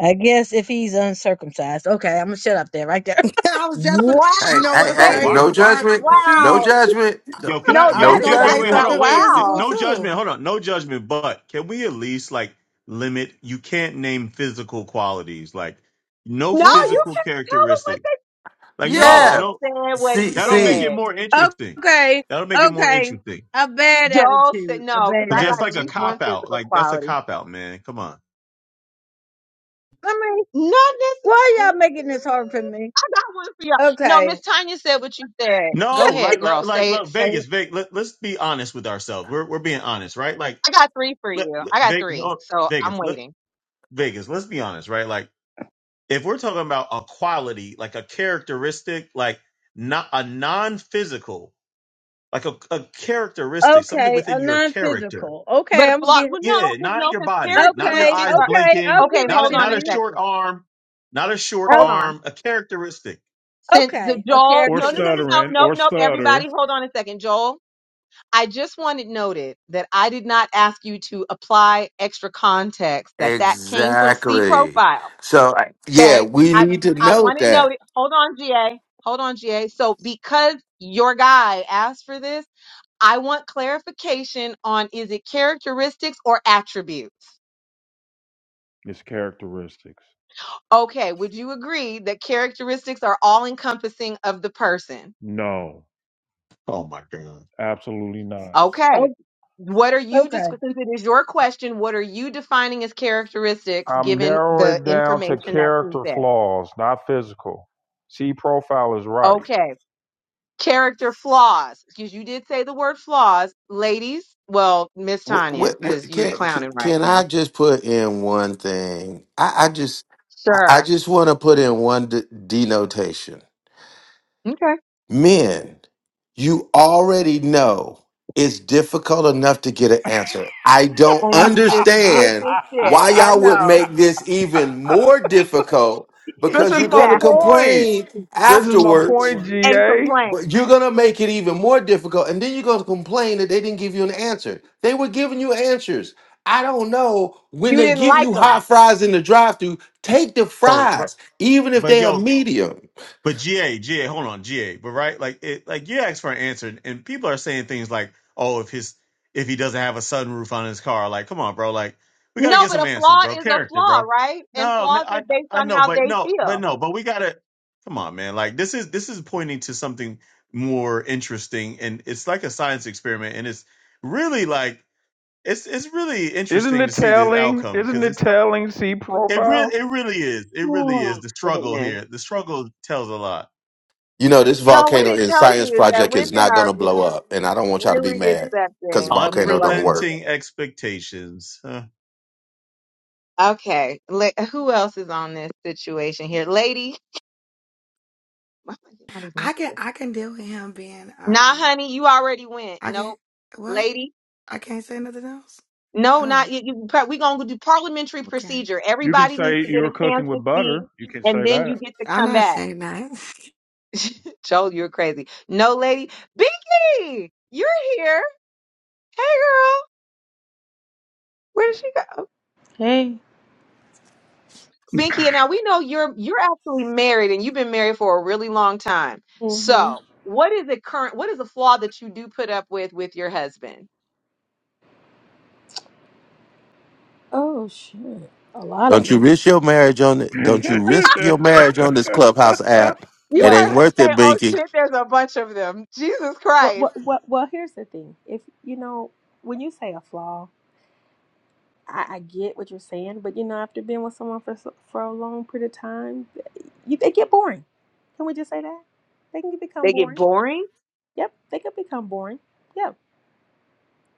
Speaker 14: I guess if he's uncircumcised, okay, I'm gonna shut up there, right there.
Speaker 3: was just, when,
Speaker 11: Wow,
Speaker 3: you
Speaker 1: Hey,
Speaker 3: know
Speaker 1: hey,
Speaker 3: what's
Speaker 10: bro.
Speaker 1: hey,
Speaker 10: Why,
Speaker 11: baby.
Speaker 1: no
Speaker 3: crazy?
Speaker 10: why?
Speaker 1: judgment. No
Speaker 3: See,
Speaker 11: Wow.
Speaker 1: judgment. No,
Speaker 10: Yo, can
Speaker 11: No,
Speaker 10: I?
Speaker 3: I
Speaker 10: Yo,
Speaker 3: was
Speaker 11: that
Speaker 1: no
Speaker 11: is
Speaker 10: can,
Speaker 3: gonna
Speaker 10: wait,
Speaker 11: that's
Speaker 3: say
Speaker 10: wait, hold
Speaker 1: judgment.
Speaker 11: that
Speaker 10: on,
Speaker 3: something
Speaker 10: wait, wait.
Speaker 3: physical
Speaker 11: wow.
Speaker 10: No judgment,
Speaker 3: too.
Speaker 10: hold on, no judgment. But can we at least like limit? You can't name physical qualities, like no
Speaker 11: No, you
Speaker 3: What?
Speaker 10: physical
Speaker 11: can let
Speaker 10: characteristics. Like no,
Speaker 11: Joel
Speaker 1: Yeah.
Speaker 10: no,
Speaker 11: said what he
Speaker 1: See
Speaker 10: that'll make it
Speaker 1: see.
Speaker 11: said.
Speaker 10: more interesting.
Speaker 14: okay,
Speaker 10: That'll make it more
Speaker 14: okay.
Speaker 10: interesting
Speaker 14: A bad
Speaker 11: Joel said
Speaker 14: attitude, a
Speaker 11: no, because
Speaker 14: bad
Speaker 10: because
Speaker 11: I
Speaker 10: that's
Speaker 11: got at
Speaker 10: like a
Speaker 11: least
Speaker 14: attitude.
Speaker 10: cop
Speaker 11: one
Speaker 10: out.
Speaker 11: physical
Speaker 10: Like that's a
Speaker 11: quality.
Speaker 10: cop out, man. Come on.
Speaker 14: I mean,
Speaker 11: Not
Speaker 14: why
Speaker 11: necessarily.
Speaker 14: y'all making this hard for me?
Speaker 11: I got one for y'all. No,
Speaker 14: Okay.
Speaker 11: Miss Tanya said what you said.
Speaker 10: No,
Speaker 11: Go ahead,
Speaker 10: like, like,
Speaker 11: girl.
Speaker 10: like,
Speaker 11: Say it.
Speaker 10: look,
Speaker 11: Say it.
Speaker 10: Vegas, Vegas. Let, let's be honest with ourselves. We're we're being honest, right? Like
Speaker 11: I got three for
Speaker 10: let,
Speaker 11: you.
Speaker 10: let
Speaker 11: I got
Speaker 10: Vegas,
Speaker 11: three,
Speaker 10: oh,
Speaker 11: so I'm
Speaker 10: Vegas, let,
Speaker 11: waiting.
Speaker 10: Vegas. Let's be honest, right? Like, if we're talking about a quality, like a characteristic, like not a non-physical, like a, a characteristic, something
Speaker 14: Okay, a
Speaker 10: within your character.
Speaker 14: non-physical. Okay,
Speaker 11: But
Speaker 14: I'm gonna
Speaker 11: flaw?
Speaker 14: give.
Speaker 11: Well, no,
Speaker 10: Yeah,
Speaker 11: 'cause- no,
Speaker 10: not your
Speaker 11: because
Speaker 10: body, not your
Speaker 14: Okay,
Speaker 11: characteristics
Speaker 10: eyes
Speaker 11: are.
Speaker 14: okay,
Speaker 10: blinking,
Speaker 14: I'll
Speaker 11: Okay,
Speaker 14: give it
Speaker 10: not a,
Speaker 14: to
Speaker 11: hold on
Speaker 10: not
Speaker 11: a
Speaker 10: a
Speaker 14: you.
Speaker 10: short
Speaker 11: second.
Speaker 10: arm, not a short
Speaker 14: Oh,
Speaker 11: Hold on.
Speaker 10: arm, a characteristic.
Speaker 11: Since the
Speaker 14: okay, a
Speaker 11: Joel,
Speaker 2: or
Speaker 11: no, no, no, no,
Speaker 14: characteristic.
Speaker 11: no,
Speaker 2: stuttering,
Speaker 11: nope,
Speaker 2: or
Speaker 11: nope.
Speaker 2: stutter
Speaker 11: Everybody, hold on a second, Joel. I just wanted noted that I did not ask you to apply extra context. That that came from C
Speaker 1: Exactly.
Speaker 11: profile.
Speaker 1: So I- yeah,
Speaker 11: Okay,
Speaker 1: we
Speaker 11: I
Speaker 1: need to
Speaker 11: I
Speaker 1: note
Speaker 11: wanted
Speaker 1: that.
Speaker 11: noted. Hold on, GA. Hold on, GA. So because your guy asked for this. I want clarification on is it characteristics or attributes?
Speaker 2: is characteristics.
Speaker 11: Okay, would you agree that characteristics are all encompassing of the person?
Speaker 2: No,
Speaker 10: Oh my god.
Speaker 2: absolutely not.
Speaker 11: Okay.
Speaker 14: Oh,
Speaker 11: What are you,
Speaker 14: okay.
Speaker 11: dis- since it is your question, what are you defining as characteristics
Speaker 2: I'm
Speaker 11: given
Speaker 2: narrowing
Speaker 11: the
Speaker 2: it down to
Speaker 11: information that she
Speaker 2: character
Speaker 11: said?
Speaker 2: flaws, not physical. See, profile is right.
Speaker 11: Okay. Character flaws, because you did say the word flaws. Ladies, well, Miss
Speaker 1: Wh-
Speaker 11: Tanya,
Speaker 1: wh-
Speaker 11: because
Speaker 1: wh-
Speaker 11: you're
Speaker 1: Can
Speaker 11: clowning right
Speaker 1: can I
Speaker 11: now.
Speaker 1: just put in one thing? I, I just I I
Speaker 11: Sure.
Speaker 1: just want to put in one de- denotation.
Speaker 11: Okay.
Speaker 1: Men, you already know it's difficult enough to get an answer. I don't
Speaker 11: And you just did
Speaker 1: understand
Speaker 11: this shit.
Speaker 1: why
Speaker 11: I
Speaker 1: y'all would
Speaker 11: know.
Speaker 1: make this even more difficult
Speaker 2: this
Speaker 1: because
Speaker 2: is
Speaker 1: you're
Speaker 2: my
Speaker 1: going to
Speaker 11: Exactly.
Speaker 2: point.
Speaker 1: complain
Speaker 2: This is my
Speaker 1: afterwards
Speaker 2: point,
Speaker 11: And
Speaker 2: GA.
Speaker 11: complain.
Speaker 1: but you're gonna make it even more difficult, and then you're gonna complain that they didn't give you an answer. They were giving you answers. I don't know when
Speaker 11: You
Speaker 1: they
Speaker 11: didn't
Speaker 1: give
Speaker 11: like
Speaker 1: you
Speaker 11: them.
Speaker 1: hot fries in the drive-thru, take the
Speaker 10: Oh, but,
Speaker 1: fries, even if
Speaker 10: but
Speaker 1: they are
Speaker 10: yo,
Speaker 1: medium.
Speaker 10: But GA, GA, hold on, GA. But right, like it, like you asked for an answer, and and people are saying things like, "Oh, if his, if he doesn't have a sunroof on his car, like, come on, bro, like, we got to
Speaker 11: No,
Speaker 10: get
Speaker 11: but
Speaker 10: some
Speaker 11: a
Speaker 10: answers,
Speaker 11: flaw
Speaker 10: bro.
Speaker 11: is a
Speaker 10: Character,
Speaker 11: flaw,
Speaker 10: bro.
Speaker 11: right? And
Speaker 10: No, man,
Speaker 11: flaws
Speaker 10: I,
Speaker 11: are based
Speaker 10: I
Speaker 11: on
Speaker 10: know,
Speaker 11: how
Speaker 10: but
Speaker 11: they
Speaker 10: no, but
Speaker 11: feel.
Speaker 10: no, but we gotta, come on, man. Like this is, this is pointing to something more interesting, and it's like a science experiment, and it's really like, it's, it's really
Speaker 2: Isn't
Speaker 10: interesting to
Speaker 2: it
Speaker 10: see this
Speaker 2: telling?
Speaker 10: outcome
Speaker 2: Isn't
Speaker 10: because
Speaker 2: it
Speaker 10: it's,
Speaker 2: telling See
Speaker 10: it really,
Speaker 2: profile?
Speaker 10: it really is, it really is
Speaker 11: Oh,
Speaker 10: the struggle
Speaker 11: goodness.
Speaker 10: here. The struggle tells a lot.
Speaker 1: You know, this
Speaker 11: No, what
Speaker 1: volcano
Speaker 11: it
Speaker 1: in
Speaker 11: tells
Speaker 1: science
Speaker 11: you is that
Speaker 1: project is
Speaker 11: women
Speaker 1: not
Speaker 11: are
Speaker 1: gonna blow up, and I don't want y'all to be
Speaker 11: really
Speaker 1: mad because
Speaker 11: accepting of a
Speaker 1: volcano
Speaker 11: bunch
Speaker 1: don't
Speaker 11: of
Speaker 1: work.
Speaker 10: Unrelenting
Speaker 11: shit.
Speaker 10: expectations. Uh,
Speaker 11: Okay. La- who else is on this situation here? Lady. Why am I getting all these
Speaker 3: I can,
Speaker 11: messages?
Speaker 3: I can deal with him being,
Speaker 11: Nah,
Speaker 3: um,
Speaker 11: honey, you already went.
Speaker 3: I can,
Speaker 11: Nope.
Speaker 3: what?
Speaker 11: Lady.
Speaker 3: I can't say nothing else.
Speaker 11: No,
Speaker 3: Oh,
Speaker 11: not you. you par- we gonna do parliamentary
Speaker 3: okay.
Speaker 11: procedure.
Speaker 2: You can
Speaker 11: Everybody needs
Speaker 2: say
Speaker 11: to get
Speaker 2: you're
Speaker 11: a
Speaker 2: cooking
Speaker 11: chance to
Speaker 2: with
Speaker 11: speak,
Speaker 2: butter. You can
Speaker 11: and
Speaker 2: say
Speaker 11: then
Speaker 2: that.
Speaker 11: you get to
Speaker 3: I'm
Speaker 11: come
Speaker 3: not
Speaker 11: back.
Speaker 3: saying that.
Speaker 11: Joel, you're crazy. No, lady, Binky, you're here. Hey, girl, where did she go?
Speaker 16: Hey.
Speaker 11: Binky, and now we know you're you're actually married, and you've been married for a really long time.
Speaker 16: hmm
Speaker 11: So, what is the current? What is the flaw that you do put up with with your husband?
Speaker 16: Oh shit, a lot of
Speaker 1: Don't you
Speaker 16: them.
Speaker 1: risk your marriage on it? Don't you risk your marriage on this clubhouse app?
Speaker 11: You
Speaker 1: It
Speaker 16: Well,
Speaker 11: heard
Speaker 1: ain't
Speaker 11: her
Speaker 1: worth it,
Speaker 11: say, "Oh
Speaker 1: Binky.
Speaker 11: shit, there's a bunch of them." Jesus
Speaker 16: well, well,
Speaker 11: Christ,
Speaker 16: well, well, here's the thing. If you know, when you say a flaw, I, I get what you're saying, but you know, after being with someone for so- for a long period of time, you, they get boring. Can we just say that? They can become
Speaker 11: they get
Speaker 16: boring.
Speaker 11: boring
Speaker 16: Yep, they can become boring. Yep,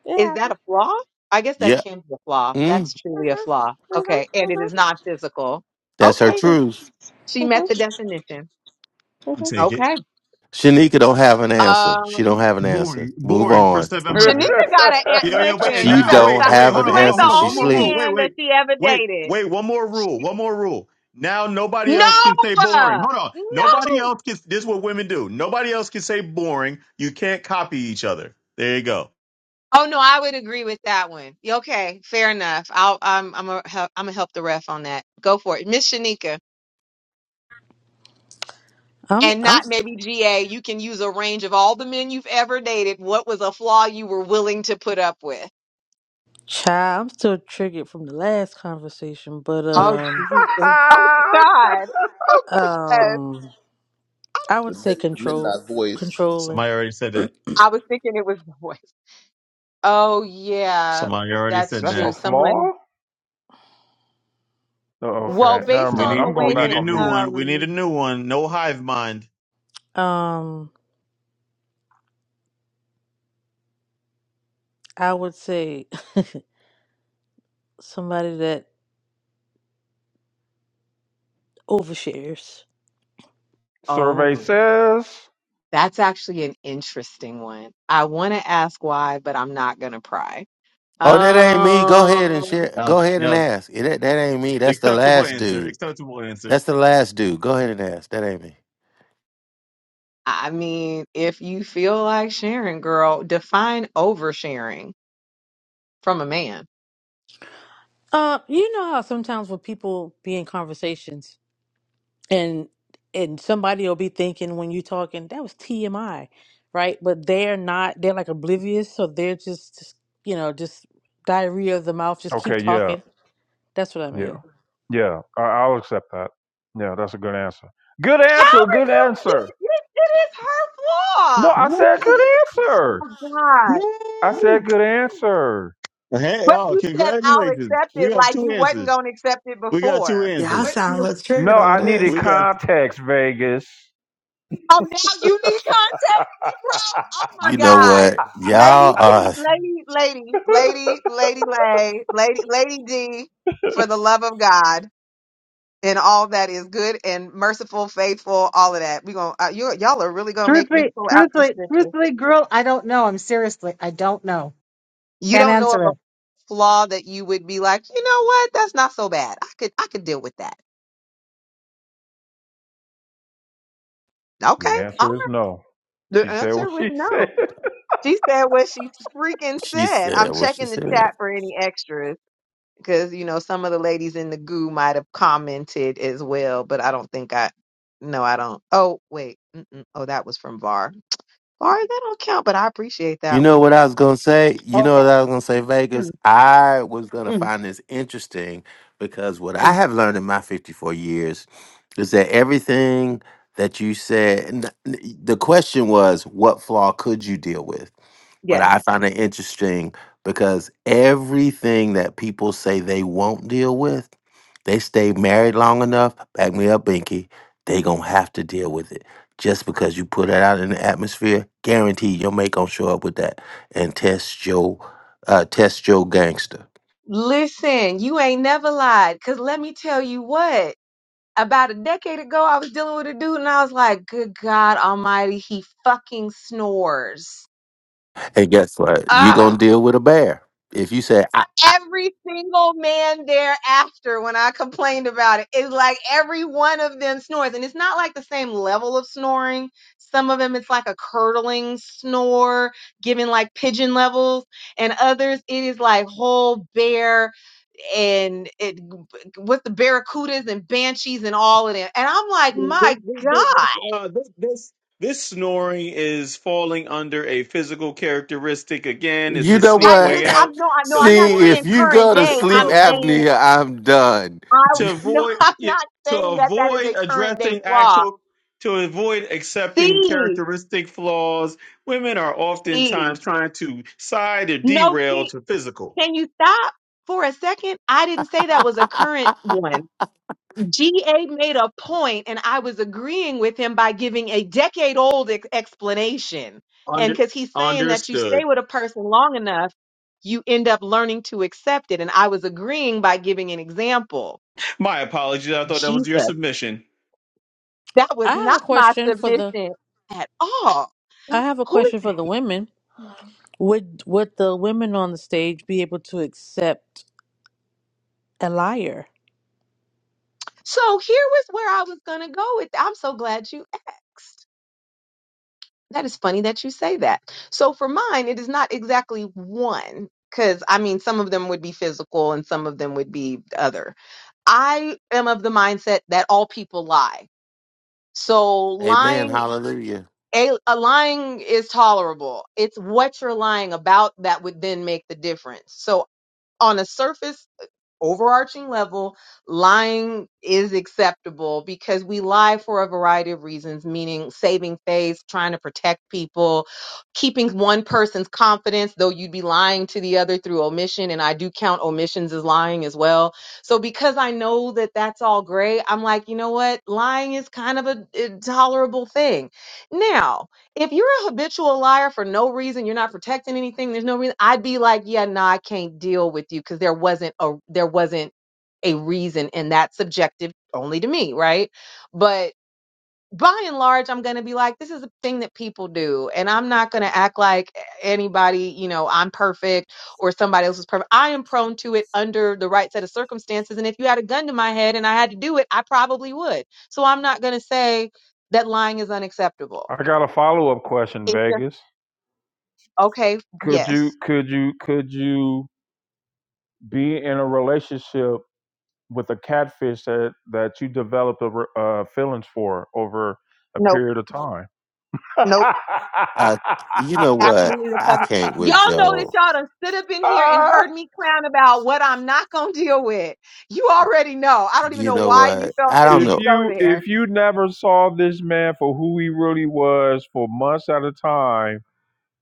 Speaker 16: it
Speaker 11: Is that
Speaker 16: happens.
Speaker 11: a flaw? I guess that
Speaker 1: Yeah,
Speaker 11: can be a flaw.
Speaker 1: mm,
Speaker 11: That's
Speaker 16: Uh
Speaker 11: truly a
Speaker 16: huh.
Speaker 11: flaw.
Speaker 16: Uh
Speaker 11: Okay.
Speaker 16: huh.
Speaker 11: And
Speaker 16: Uh
Speaker 11: it
Speaker 16: huh.
Speaker 11: is not physical.
Speaker 1: that's her
Speaker 11: Okay.
Speaker 1: truth.
Speaker 11: She
Speaker 16: Uh
Speaker 11: met
Speaker 16: huh.
Speaker 11: the definition.
Speaker 16: Uh
Speaker 10: I'll
Speaker 16: huh.
Speaker 10: take it.
Speaker 11: Okay.
Speaker 1: Shanika don't have an answer. She don't
Speaker 11: Um,
Speaker 1: have an answer.
Speaker 10: Boring,
Speaker 1: Move
Speaker 10: boring for
Speaker 1: on.
Speaker 10: 700.
Speaker 11: Shanika got an aunt.
Speaker 10: Yo, yo, wait, and
Speaker 11: Listen,
Speaker 1: She
Speaker 11: you
Speaker 10: now,
Speaker 11: better
Speaker 10: wait,
Speaker 1: don't
Speaker 11: stop.
Speaker 10: wait,
Speaker 1: have
Speaker 10: hold
Speaker 1: an
Speaker 11: You
Speaker 10: on, hold
Speaker 11: ain't
Speaker 10: on,
Speaker 11: the
Speaker 10: hold
Speaker 1: answer.
Speaker 10: on.
Speaker 1: She
Speaker 10: One
Speaker 11: only
Speaker 10: more rule.
Speaker 1: sleep.
Speaker 10: Wait,
Speaker 11: man that
Speaker 10: wait,
Speaker 11: she ever
Speaker 10: wait,
Speaker 11: dated.
Speaker 10: wait, one more rule.
Speaker 11: Sh-
Speaker 10: One more rule. Now nobody
Speaker 11: No,
Speaker 10: else can say boring.
Speaker 11: uh,
Speaker 10: Hold on. Nobody
Speaker 11: no.
Speaker 10: else can, this is what women do. Nobody else can say boring. You can't copy each other. There you go.
Speaker 11: Oh no, I would agree with that one. Okay, fair enough. I'll I'm I'm a, I'm gonna help the ref on that. Go for it, Miss Shanika.
Speaker 13: I'm
Speaker 11: and
Speaker 13: I'm
Speaker 11: not maybe GA, you can use a range of all the men you've ever dated. What was a flaw you were willing to put up with?
Speaker 13: child, I'm still triggered from the last conversation, but
Speaker 11: Oh,
Speaker 13: um
Speaker 11: Jesus. Oh, God. Oh, God.
Speaker 13: um I
Speaker 4: The,
Speaker 13: would say
Speaker 4: mid, the
Speaker 13: control
Speaker 4: midnight voice.
Speaker 13: controlling.
Speaker 10: Somebody already said that.
Speaker 11: I was thinking it was the voice. Oh, yeah.
Speaker 10: Somebody already
Speaker 11: That's
Speaker 10: said
Speaker 2: That's
Speaker 11: true.
Speaker 2: a
Speaker 10: that.
Speaker 11: Someone,
Speaker 2: flaw? Oh,
Speaker 11: well,
Speaker 2: okay. Never
Speaker 11: based
Speaker 10: We
Speaker 11: on
Speaker 2: mind.
Speaker 10: need,
Speaker 11: the
Speaker 2: I'm going
Speaker 10: we
Speaker 11: way
Speaker 10: need
Speaker 2: back
Speaker 11: that,
Speaker 10: a
Speaker 2: on
Speaker 10: new
Speaker 2: mute.
Speaker 10: one. We need a
Speaker 11: um,
Speaker 10: new one. No hive mind.
Speaker 13: Um I would say somebody that overshares.
Speaker 2: Survey
Speaker 11: oh,
Speaker 2: says.
Speaker 11: that's actually an interesting one. I want to ask why, but I'm not going to pry.
Speaker 1: Oh, that ain't me. Go ahead and
Speaker 11: Um.
Speaker 1: share.
Speaker 10: Uh,
Speaker 1: Go ahead and
Speaker 10: yeah.
Speaker 1: ask. Eh, That, that ain't me. That's the
Speaker 10: Acceptable
Speaker 1: last
Speaker 10: answer.
Speaker 1: dude.
Speaker 10: Acceptable answer.
Speaker 1: That's the last dude. Go ahead and ask. That ain't me.
Speaker 11: I mean, if you feel like sharing, girl, define oversharing from a man.
Speaker 13: Uh, you know how sometimes when people be in conversations and and somebody will be thinking when you talking that was TMI, right? But they're not. They're like oblivious, so they're just, just you know just diarrhea of the mouth. Just keep
Speaker 2: Okay, yeah.
Speaker 13: talking. That's what I
Speaker 2: Yeah.
Speaker 13: mean.
Speaker 2: Yeah. I- I'll accept that. Yeah, that's a good answer. Good
Speaker 11: How
Speaker 2: answer.
Speaker 11: is
Speaker 2: Good
Speaker 11: this?
Speaker 2: answer.
Speaker 11: It, it is her flaw.
Speaker 2: No,
Speaker 11: How
Speaker 2: I
Speaker 10: Woo!
Speaker 2: said good
Speaker 11: do you?
Speaker 2: answer.
Speaker 11: Oh my God.
Speaker 2: I said
Speaker 10: Woo!
Speaker 2: good answer.
Speaker 10: Hey,
Speaker 11: But
Speaker 10: oh,
Speaker 11: you said I'll
Speaker 10: congratulations.
Speaker 11: accept
Speaker 10: We
Speaker 11: it
Speaker 10: got
Speaker 11: like
Speaker 10: two
Speaker 11: you wasn't
Speaker 10: answers.
Speaker 11: gonna accept it
Speaker 10: We got two
Speaker 11: before.
Speaker 3: Yeah,
Speaker 10: answers.
Speaker 3: I
Speaker 11: What?
Speaker 3: sound a little triggered
Speaker 2: No,
Speaker 3: over
Speaker 2: I
Speaker 3: this.
Speaker 2: needed
Speaker 10: We got
Speaker 2: context, Vegas.
Speaker 11: Oh, now you need context, Negro. Oh my
Speaker 1: You know
Speaker 11: God,
Speaker 1: what?
Speaker 11: lady,
Speaker 1: Y'all
Speaker 11: T-
Speaker 1: are.
Speaker 11: lady, lady, lady, lady, lay, lady, lady D, for the love of God and all that is good and merciful, faithful, all of that. We gonna uh, you y'all are really gonna make me
Speaker 7: Truthfully,
Speaker 11: pull out some
Speaker 7: truthfully,
Speaker 11: scripture.
Speaker 7: truthfully, girl, I don't know. I'm seriously, I don't know.
Speaker 11: You
Speaker 7: Can't
Speaker 11: don't know of
Speaker 7: answer
Speaker 11: a
Speaker 7: it.
Speaker 11: flaw that you would be like, you know what? That's not so bad. I could I could deal with that.
Speaker 2: The
Speaker 11: Okay, all
Speaker 2: answer
Speaker 11: right.
Speaker 2: is no.
Speaker 11: The
Speaker 2: She said
Speaker 11: answer
Speaker 2: what
Speaker 11: was
Speaker 2: she
Speaker 11: no.
Speaker 2: said.
Speaker 11: She said what she freaking
Speaker 1: She
Speaker 11: said.
Speaker 1: said
Speaker 11: I'm
Speaker 1: what she
Speaker 11: checking the
Speaker 1: said.
Speaker 11: chat for any extras because you know some of the ladies in the goo might have commented as well, but I don't think I. No, I don't. Oh wait. Mm-mm. Oh, that was from Var. Var, that don't count, but I appreciate
Speaker 1: You
Speaker 11: that
Speaker 1: know
Speaker 11: one.
Speaker 1: what I was gonna say? You know
Speaker 11: Okay.
Speaker 1: what I was gonna say,
Speaker 11: Mm,
Speaker 1: Vegas? I was gonna
Speaker 11: mm,
Speaker 1: find this interesting because what I
Speaker 11: mm.
Speaker 1: have learned in my 54 years is that everything that you said, and the the question was, what flaw could you deal with? but
Speaker 11: Yes.
Speaker 1: I find it interesting because everything that people say they won't deal with, they stay married long enough, back me up, Binky, they gonna have to deal with it. Just because you put it out in the atmosphere, guaranteed your mate gonna show up with that and test your uh, test your gangster.
Speaker 11: Listen, you ain't never lied. Cause let me tell you what. About a decade ago, I was dealing with a dude, and I was like, "Good God Almighty, he fucking snores."
Speaker 1: And guess what? You gonna deal with a bear. If you say, I,
Speaker 11: every single man thereafter when I complained about it. It's like every one of them snores. And it's not like the same level of snoring. Some of them it's like a curdling snore, giving like pigeon levels. And others it is like whole bear and it with the barracudas and banshees and all of them. And I'm like,
Speaker 10: two. This,
Speaker 11: my
Speaker 10: this,
Speaker 11: God.
Speaker 10: this, uh, this, this this snoring is falling under a physical characteristic again. It's
Speaker 1: you
Speaker 10: the
Speaker 1: know
Speaker 10: sneak
Speaker 11: I
Speaker 1: what?
Speaker 11: just
Speaker 10: way
Speaker 11: I'm
Speaker 10: out
Speaker 11: no I know,
Speaker 10: to
Speaker 11: I'm not
Speaker 1: See,
Speaker 10: avoid
Speaker 11: saying
Speaker 1: if you
Speaker 11: current
Speaker 1: go to
Speaker 11: day.
Speaker 10: to, to
Speaker 1: sleep
Speaker 11: I'm
Speaker 10: avoid
Speaker 11: saying
Speaker 1: apnea, I'm done.
Speaker 11: I
Speaker 10: to
Speaker 11: no,
Speaker 10: avoid
Speaker 11: I'm
Speaker 10: yeah,
Speaker 11: not
Speaker 10: to
Speaker 11: saying that that is
Speaker 10: avoid
Speaker 11: a current day
Speaker 10: addressing
Speaker 11: flaw.
Speaker 10: actual to avoid accepting
Speaker 11: See,
Speaker 10: characteristic flaws. Women are
Speaker 11: see.
Speaker 10: oftentimes trying to side or
Speaker 11: No,
Speaker 10: derail
Speaker 11: see.
Speaker 10: to physical.
Speaker 11: Can you stop for a second? I didn't say that was a current one. GA made a point, and I was agreeing with him by giving a decade old ex- explanation. And
Speaker 10: Under
Speaker 11: because he's saying that you stay
Speaker 10: understood.
Speaker 11: with a person long enough, you end up learning to accept it. And I was agreeing by giving an example.
Speaker 10: My apologies. I thought that was
Speaker 11: Jesus,
Speaker 10: your submission.
Speaker 11: that
Speaker 13: I
Speaker 11: was
Speaker 13: have
Speaker 11: not
Speaker 13: a
Speaker 11: my
Speaker 13: question for the.
Speaker 11: submission at all.
Speaker 13: I have a
Speaker 11: Who is
Speaker 13: question
Speaker 11: that?
Speaker 13: for the women.
Speaker 5: Yeah.
Speaker 13: Would would the women on the stage be able to accept a liar.
Speaker 11: So here was where I was going to go with. I'm so glad you asked That is funny that you say that. So for mine, it is not exactly one, because I mean, some of them would be physical and some of them would be the other. I am of the mindset that all people lie. So
Speaker 1: Amen.
Speaker 11: lying,
Speaker 1: Hallelujah.
Speaker 11: a, a lying is tolerable. It's what you're lying about that would then make the difference. So on a surface overarching level, lying is acceptable because we lie for a variety of reasons, meaning saving face, trying to protect people, keeping one person's confidence, though you'd be lying to the other through omission. And I do count omissions as lying as well. So because I know that that's all gray, I'm like, you know what? Lying is kind of a, a tolerable thing. Now, if you're a habitual liar for no reason, you're not protecting anything, there's no reason, I'd be like, yeah, no, nah, I can't deal with you because there wasn't a there wasn't a reason and that's subjective only to me, right? But by and large, I'm gonna be like, this is a thing that people do, and I'm not gonna act like anybody, you know, I'm perfect or somebody else is perfect. I am prone to it under the right set of circumstances. And if you had a gun to my head and I had to do it, I probably would. So I'm not gonna say that lying is unacceptable
Speaker 2: I got a follow up question,
Speaker 11: It's just
Speaker 2: Vegas.
Speaker 11: Okay,
Speaker 2: Could you
Speaker 11: yes.
Speaker 2: could you could you be in a relationship with a catfish that that you developed a, re- uh, feelings for over a
Speaker 11: Nope.
Speaker 2: period of time?
Speaker 11: Nope.
Speaker 1: Uh, you know what?
Speaker 11: Absolutely the
Speaker 1: I
Speaker 11: fucking
Speaker 1: can't with
Speaker 11: y'all know that
Speaker 1: Joe.
Speaker 11: y'all done sit up in here and heard me clown about what I'm not gonna deal with. You already know. I don't even
Speaker 1: You
Speaker 11: know
Speaker 1: know
Speaker 11: why you
Speaker 1: what?
Speaker 11: felt
Speaker 1: I
Speaker 11: the
Speaker 1: don't
Speaker 11: need
Speaker 2: if
Speaker 11: to
Speaker 1: know.
Speaker 11: go
Speaker 2: you
Speaker 11: there.
Speaker 2: if you never saw this man for who he really was for months at a time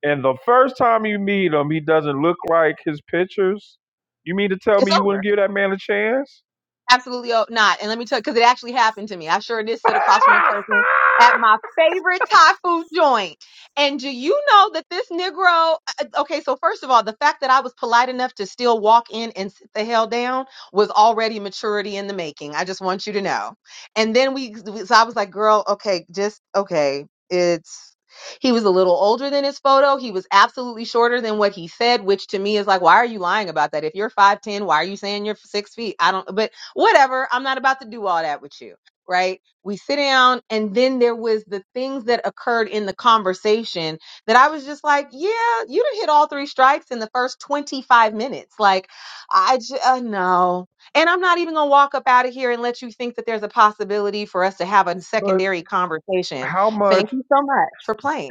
Speaker 2: And the first time you meet him, he doesn't look like his pictures. You mean to tell
Speaker 11: It's
Speaker 2: me you
Speaker 11: over.
Speaker 2: wouldn't give that man a chance?
Speaker 11: absolutely o- not. And let me tell you, because it actually happened to me. I sure did sit across from a person at my favorite Thai food joint. And do you know that this Negro, uh, okay, so first of all, the fact that I was polite enough to still walk in and sit the hell down was already maturity in the making. I just want you to know. And then we, so I was like, girl, okay, just, okay, it's, he was a little older than his photo. He was absolutely shorter than what he said, which to me is like, why are you lying about that? If you're 5'10, why are you saying you're six feet? I don't, but whatever. I'm not about to do all that with you. Right. We sit down and then there was the things that occurred in the conversation that I was just like, yeah, you did hit all three strikes in the first 25 minutes. Like I just, uh, no. And I'm not even going to walk up out of here and let you think that there's a possibility for us to have a
Speaker 2: But
Speaker 11: secondary conversation.
Speaker 2: how
Speaker 11: Thank
Speaker 2: much,
Speaker 11: you so much for playing.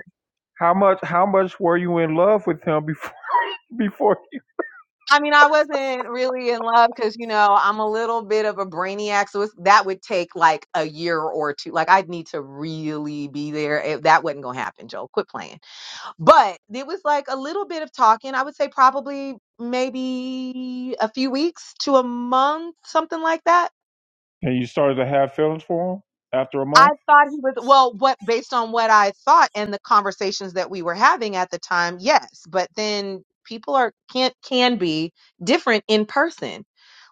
Speaker 2: how much, how much were you in love with him before? Before? He-
Speaker 11: I mean, I wasn't really in love because, you know, I'm a little bit of a brainiac. So it's, that would take like a year or two. Like, I'd need to really be there. It, that wasn't going to happen, Joel. Quit playing. But it was like a little bit of talking. I would say probably maybe a few weeks to a month, something like that.
Speaker 2: And you started to have feelings for him after a
Speaker 11: I
Speaker 2: month?
Speaker 11: thought he was well, what based on what I thought and the conversations that we were having at the time, yes. But then people are can can be different in person.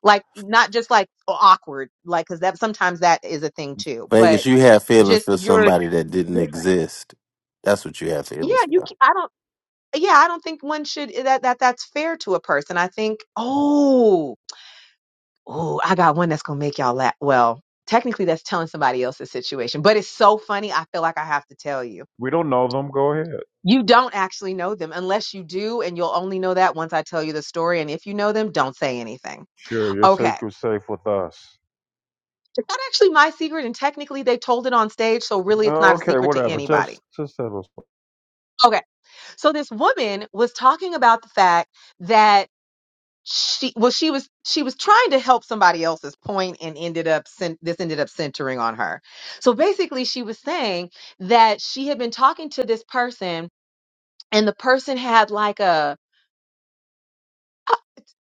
Speaker 11: Like not just like awkward, like because that sometimes that is a thing too.
Speaker 1: Vegas,
Speaker 11: But
Speaker 1: you have feelings
Speaker 11: just
Speaker 1: for
Speaker 11: you're
Speaker 1: somebody that didn't
Speaker 11: different.
Speaker 1: exist. That's what you have
Speaker 11: Yeah,
Speaker 1: feelings
Speaker 11: you.
Speaker 1: for.
Speaker 11: ca- I don't. Yeah, I don't think one should eh, that that that's fair to a person. I think. Oh, oh, I got one that's gonna make y'all laugh. Well, technically, that's telling somebody else's situation, but it's so funny. I feel like I have to tell you
Speaker 2: We don't know them. Go ahead.
Speaker 11: You don't actually know them unless you do, and you'll only know that once I tell you the story. And if you know them, don't say anything.
Speaker 2: Sure, you're your
Speaker 11: Okay.
Speaker 2: sacred's safe with us.
Speaker 11: It's not actually my secret, and technically they told it on stage, so really it's
Speaker 2: Oh,
Speaker 11: not a
Speaker 2: Okay,
Speaker 11: secret to
Speaker 2: whatever.
Speaker 11: anybody.
Speaker 2: Just just settle.
Speaker 11: Okay. So this woman was talking about the fact that she well she was she was trying to help somebody else's point and ended up cen- this ended up centering on her. So basically she was saying that she had been talking to this person and the person had like a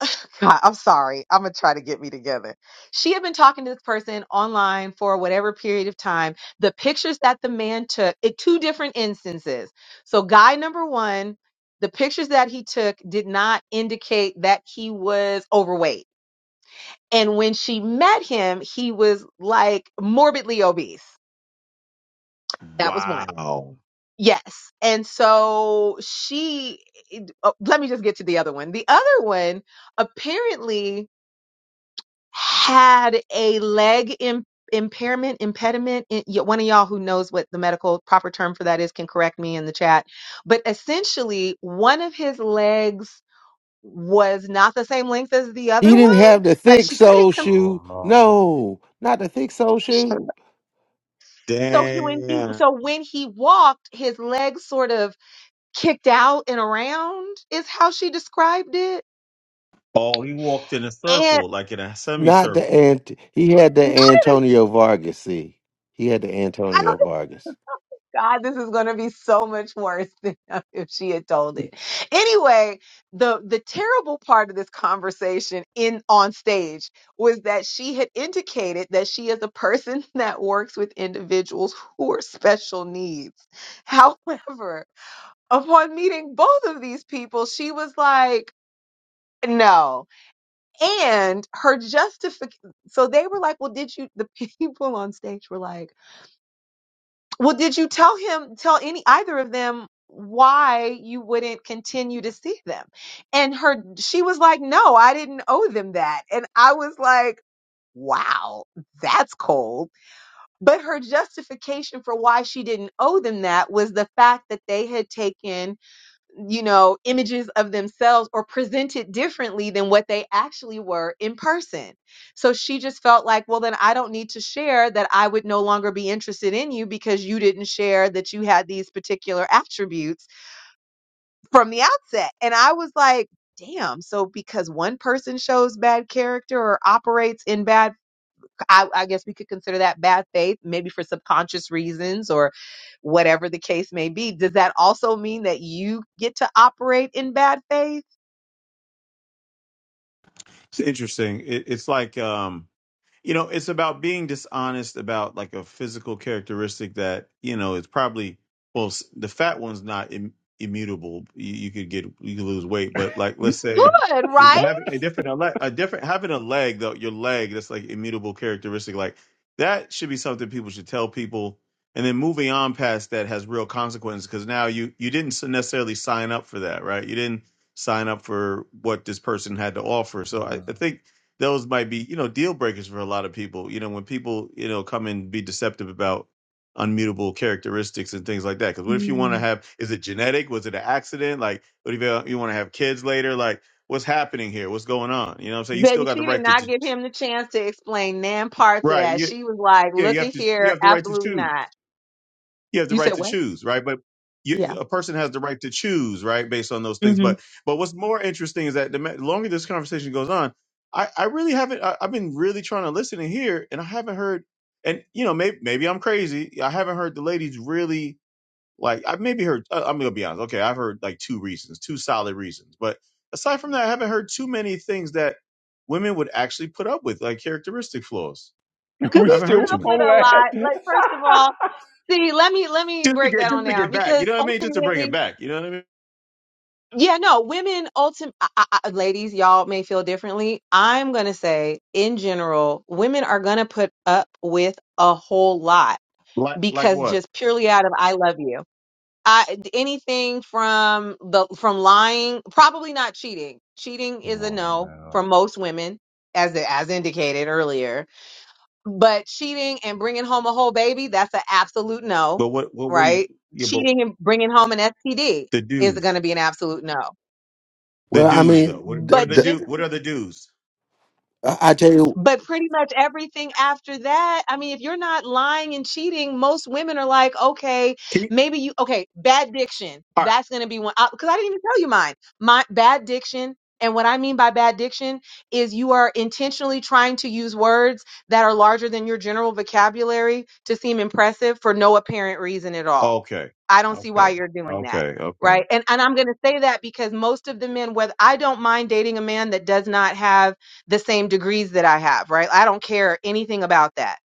Speaker 11: God, I'm sorry. I'm going to try to get me together. She had been talking to this person online for whatever period of time. The pictures that the man took, it, two different instances. So, guy number one, the pictures that he took did not indicate that he was overweight. And when she met him, he was like morbidly obese. That was one.
Speaker 10: Wow.
Speaker 11: Yes. And so she, oh, let me just get to the other one. The other one, apparently, had a leg Im- impairment, impediment. It- y- one of y'all who knows what the medical proper term for that is can correct me in the chat. But essentially, one of his legs was not the same length as the other
Speaker 1: He didn't
Speaker 11: one,
Speaker 1: have the
Speaker 11: but
Speaker 1: thick
Speaker 11: she couldn't.
Speaker 1: sole
Speaker 11: Com-
Speaker 1: shoe. No, not the thick sole
Speaker 11: Shut
Speaker 1: shoe.
Speaker 11: up. so he, when he
Speaker 10: Damn.
Speaker 11: so when he walked, his legs sort of kicked out and around is how she described it.
Speaker 10: Oh, he walked in a
Speaker 11: And
Speaker 10: circle, like in a
Speaker 1: Not
Speaker 10: semicircle.
Speaker 1: the ant. He had the
Speaker 11: not in a,
Speaker 1: Antonio Vargas. See, he had the
Speaker 11: I
Speaker 1: Antonio
Speaker 11: don't.
Speaker 1: Vargas.
Speaker 11: God, this is going to be so much worse than if she had told it. Anyway, the the terrible part of this conversation in on stage was that she had indicated that she is a person that works with individuals who are special needs. However, upon meeting both of these people, she was like, no. And her justification, so they were like, well, did you, the people on stage were like, well, did you tell him, tell any either of them why you wouldn't continue to see them? And her, she was like, no, I didn't owe them that. And I was like, wow, that's cold. But her justification for why she didn't owe them that was the fact that they had taken you know, images of themselves or presented differently than what they actually were in person. So she just felt like, well, then I don't need to share that I would no longer be interested in you because you didn't share that you had these particular attributes from the outset. And I was like, damn. So because one person shows bad character or operates in bad I, I guess we could consider that bad faith, maybe for subconscious reasons or whatever the case may be. Does that also mean that you get to operate in bad faith?
Speaker 10: It's interesting. It, it's like um you know it's about being dishonest about like a physical characteristic that you know it's probably well s- the fat one's not Im- immutable you, you could get you could lose weight but like
Speaker 11: You
Speaker 10: let's say
Speaker 11: could, right?
Speaker 10: having a different a, le- a different having a leg though your leg that's like immutable characteristic like that should be something people should tell people and then moving on past that has real consequences because now you you didn't s- necessarily sign up for that right you didn't sign up for what this person had to offer so i, I think those might be you know deal breakers for a lot of people you know when people you know come and be deceptive about unmutable characteristics and things like that because what if you want to
Speaker 11: Mm.
Speaker 10: have is it genetic was it an accident like what if you, you want to have kids later like what's happening here what's going on you know what i'm saying you still
Speaker 11: Baby,
Speaker 10: got the
Speaker 11: she did
Speaker 10: right to,
Speaker 11: not
Speaker 10: to
Speaker 11: give him the chance to explain nan parts of
Speaker 10: right
Speaker 11: that.
Speaker 10: you,
Speaker 11: She was like,
Speaker 10: yeah
Speaker 11: look
Speaker 10: you have
Speaker 11: at
Speaker 10: to you
Speaker 11: here,
Speaker 10: have the right to
Speaker 11: absolutely
Speaker 10: choose
Speaker 11: not.
Speaker 10: you have the
Speaker 11: You
Speaker 10: right
Speaker 11: said
Speaker 10: to
Speaker 11: what?
Speaker 10: choose, right? But
Speaker 11: Yeah.
Speaker 10: you, a person has the right to choose, right, based on those things.
Speaker 11: Mm-hmm.
Speaker 10: But but what's more interesting is that the ma- longer this conversation goes on, I, I really haven't. I, I've been really trying to listen and hear, and I haven't heard. And you know, maybe maybe I'm crazy. I haven't heard the ladies really like. I've maybe heard. I- I'm gonna be honest. Okay, I've heard like two reasons, two solid reasons. But aside from that, I haven't heard too many things that women would actually put up with, like characteristic flaws.
Speaker 11: Cause
Speaker 2: we
Speaker 10: I
Speaker 11: we
Speaker 10: haven't
Speaker 2: still
Speaker 10: heard
Speaker 11: put
Speaker 10: too
Speaker 11: up
Speaker 10: many.
Speaker 11: with
Speaker 2: don't
Speaker 11: a lot.
Speaker 2: that.
Speaker 11: Like, first of all, see, let me let me
Speaker 10: Just to
Speaker 11: break
Speaker 10: get
Speaker 11: that
Speaker 10: just
Speaker 11: on
Speaker 10: to
Speaker 11: down
Speaker 10: get back, you
Speaker 11: because
Speaker 10: know what I mean? Just to bring it
Speaker 11: ultimately
Speaker 10: back, you know what I mean?
Speaker 11: Yeah, no, women ultimate I, I, ladies, y'all may feel differently. I'm gonna say in general, women are gonna put up with a whole lot
Speaker 10: Like like
Speaker 11: because
Speaker 10: what?
Speaker 11: just purely out of I love you. I anything from the from lying, probably not cheating. Cheating is a
Speaker 2: Oh
Speaker 11: no
Speaker 2: man.
Speaker 11: for most women, as as indicated earlier. But cheating and bringing home a whole baby, that's an absolute no,
Speaker 10: But what what were you?
Speaker 11: right?
Speaker 10: Yeah, but
Speaker 11: Cheating and bringing home an STD
Speaker 10: the
Speaker 11: is going
Speaker 10: dues,
Speaker 11: to be an absolute no.
Speaker 10: the
Speaker 1: Well, I
Speaker 10: dues though.
Speaker 1: mean,
Speaker 10: What
Speaker 1: the,
Speaker 10: what are
Speaker 11: But
Speaker 10: the
Speaker 1: the,
Speaker 11: Jim,
Speaker 10: do? What are the dues?
Speaker 1: I I tell you,
Speaker 11: but pretty much everything after that, I mean, if you're not lying and cheating, most women are like, okay,
Speaker 10: Can you?
Speaker 11: maybe you, okay, bad diction.
Speaker 10: All right.
Speaker 11: That's going to be one, because I didn't even tell you mine. My bad diction. And what I mean by bad diction is you are intentionally trying to use words that are larger than your general vocabulary to seem impressive for no apparent reason at all.
Speaker 10: Okay.
Speaker 11: I don't see
Speaker 10: Okay.
Speaker 11: why you're doing that.
Speaker 10: Okay. Okay.
Speaker 11: Right. And and I'm gonna say that because most of the men, whether I don't mind dating a man that does not have the same degrees that I have, right? I don't care anything about that.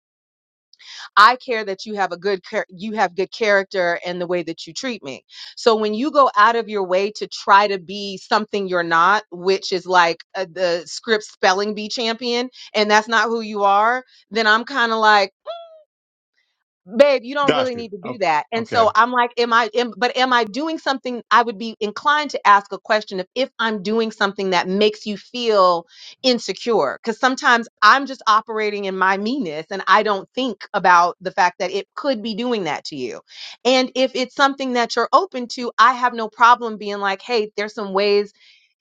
Speaker 11: I care that you have a good char- you have good character and the way that you treat me. So when you go out of your way to try to be something you're not, which is like uh, the script spelling bee champion, and that's not who you are, then I'm kind of like babe, you don't really
Speaker 10: Gotcha.
Speaker 11: need to do
Speaker 10: Okay.
Speaker 11: that. And
Speaker 10: Okay.
Speaker 11: so I'm like, am I, am, but am I doing something? I would be inclined to ask a question of if I'm doing something that makes you feel insecure. Cause sometimes I'm just operating in my meanness and I don't think about the fact that it could be doing that to you. And if it's something that you're open to, I have no problem being like, hey, there's some ways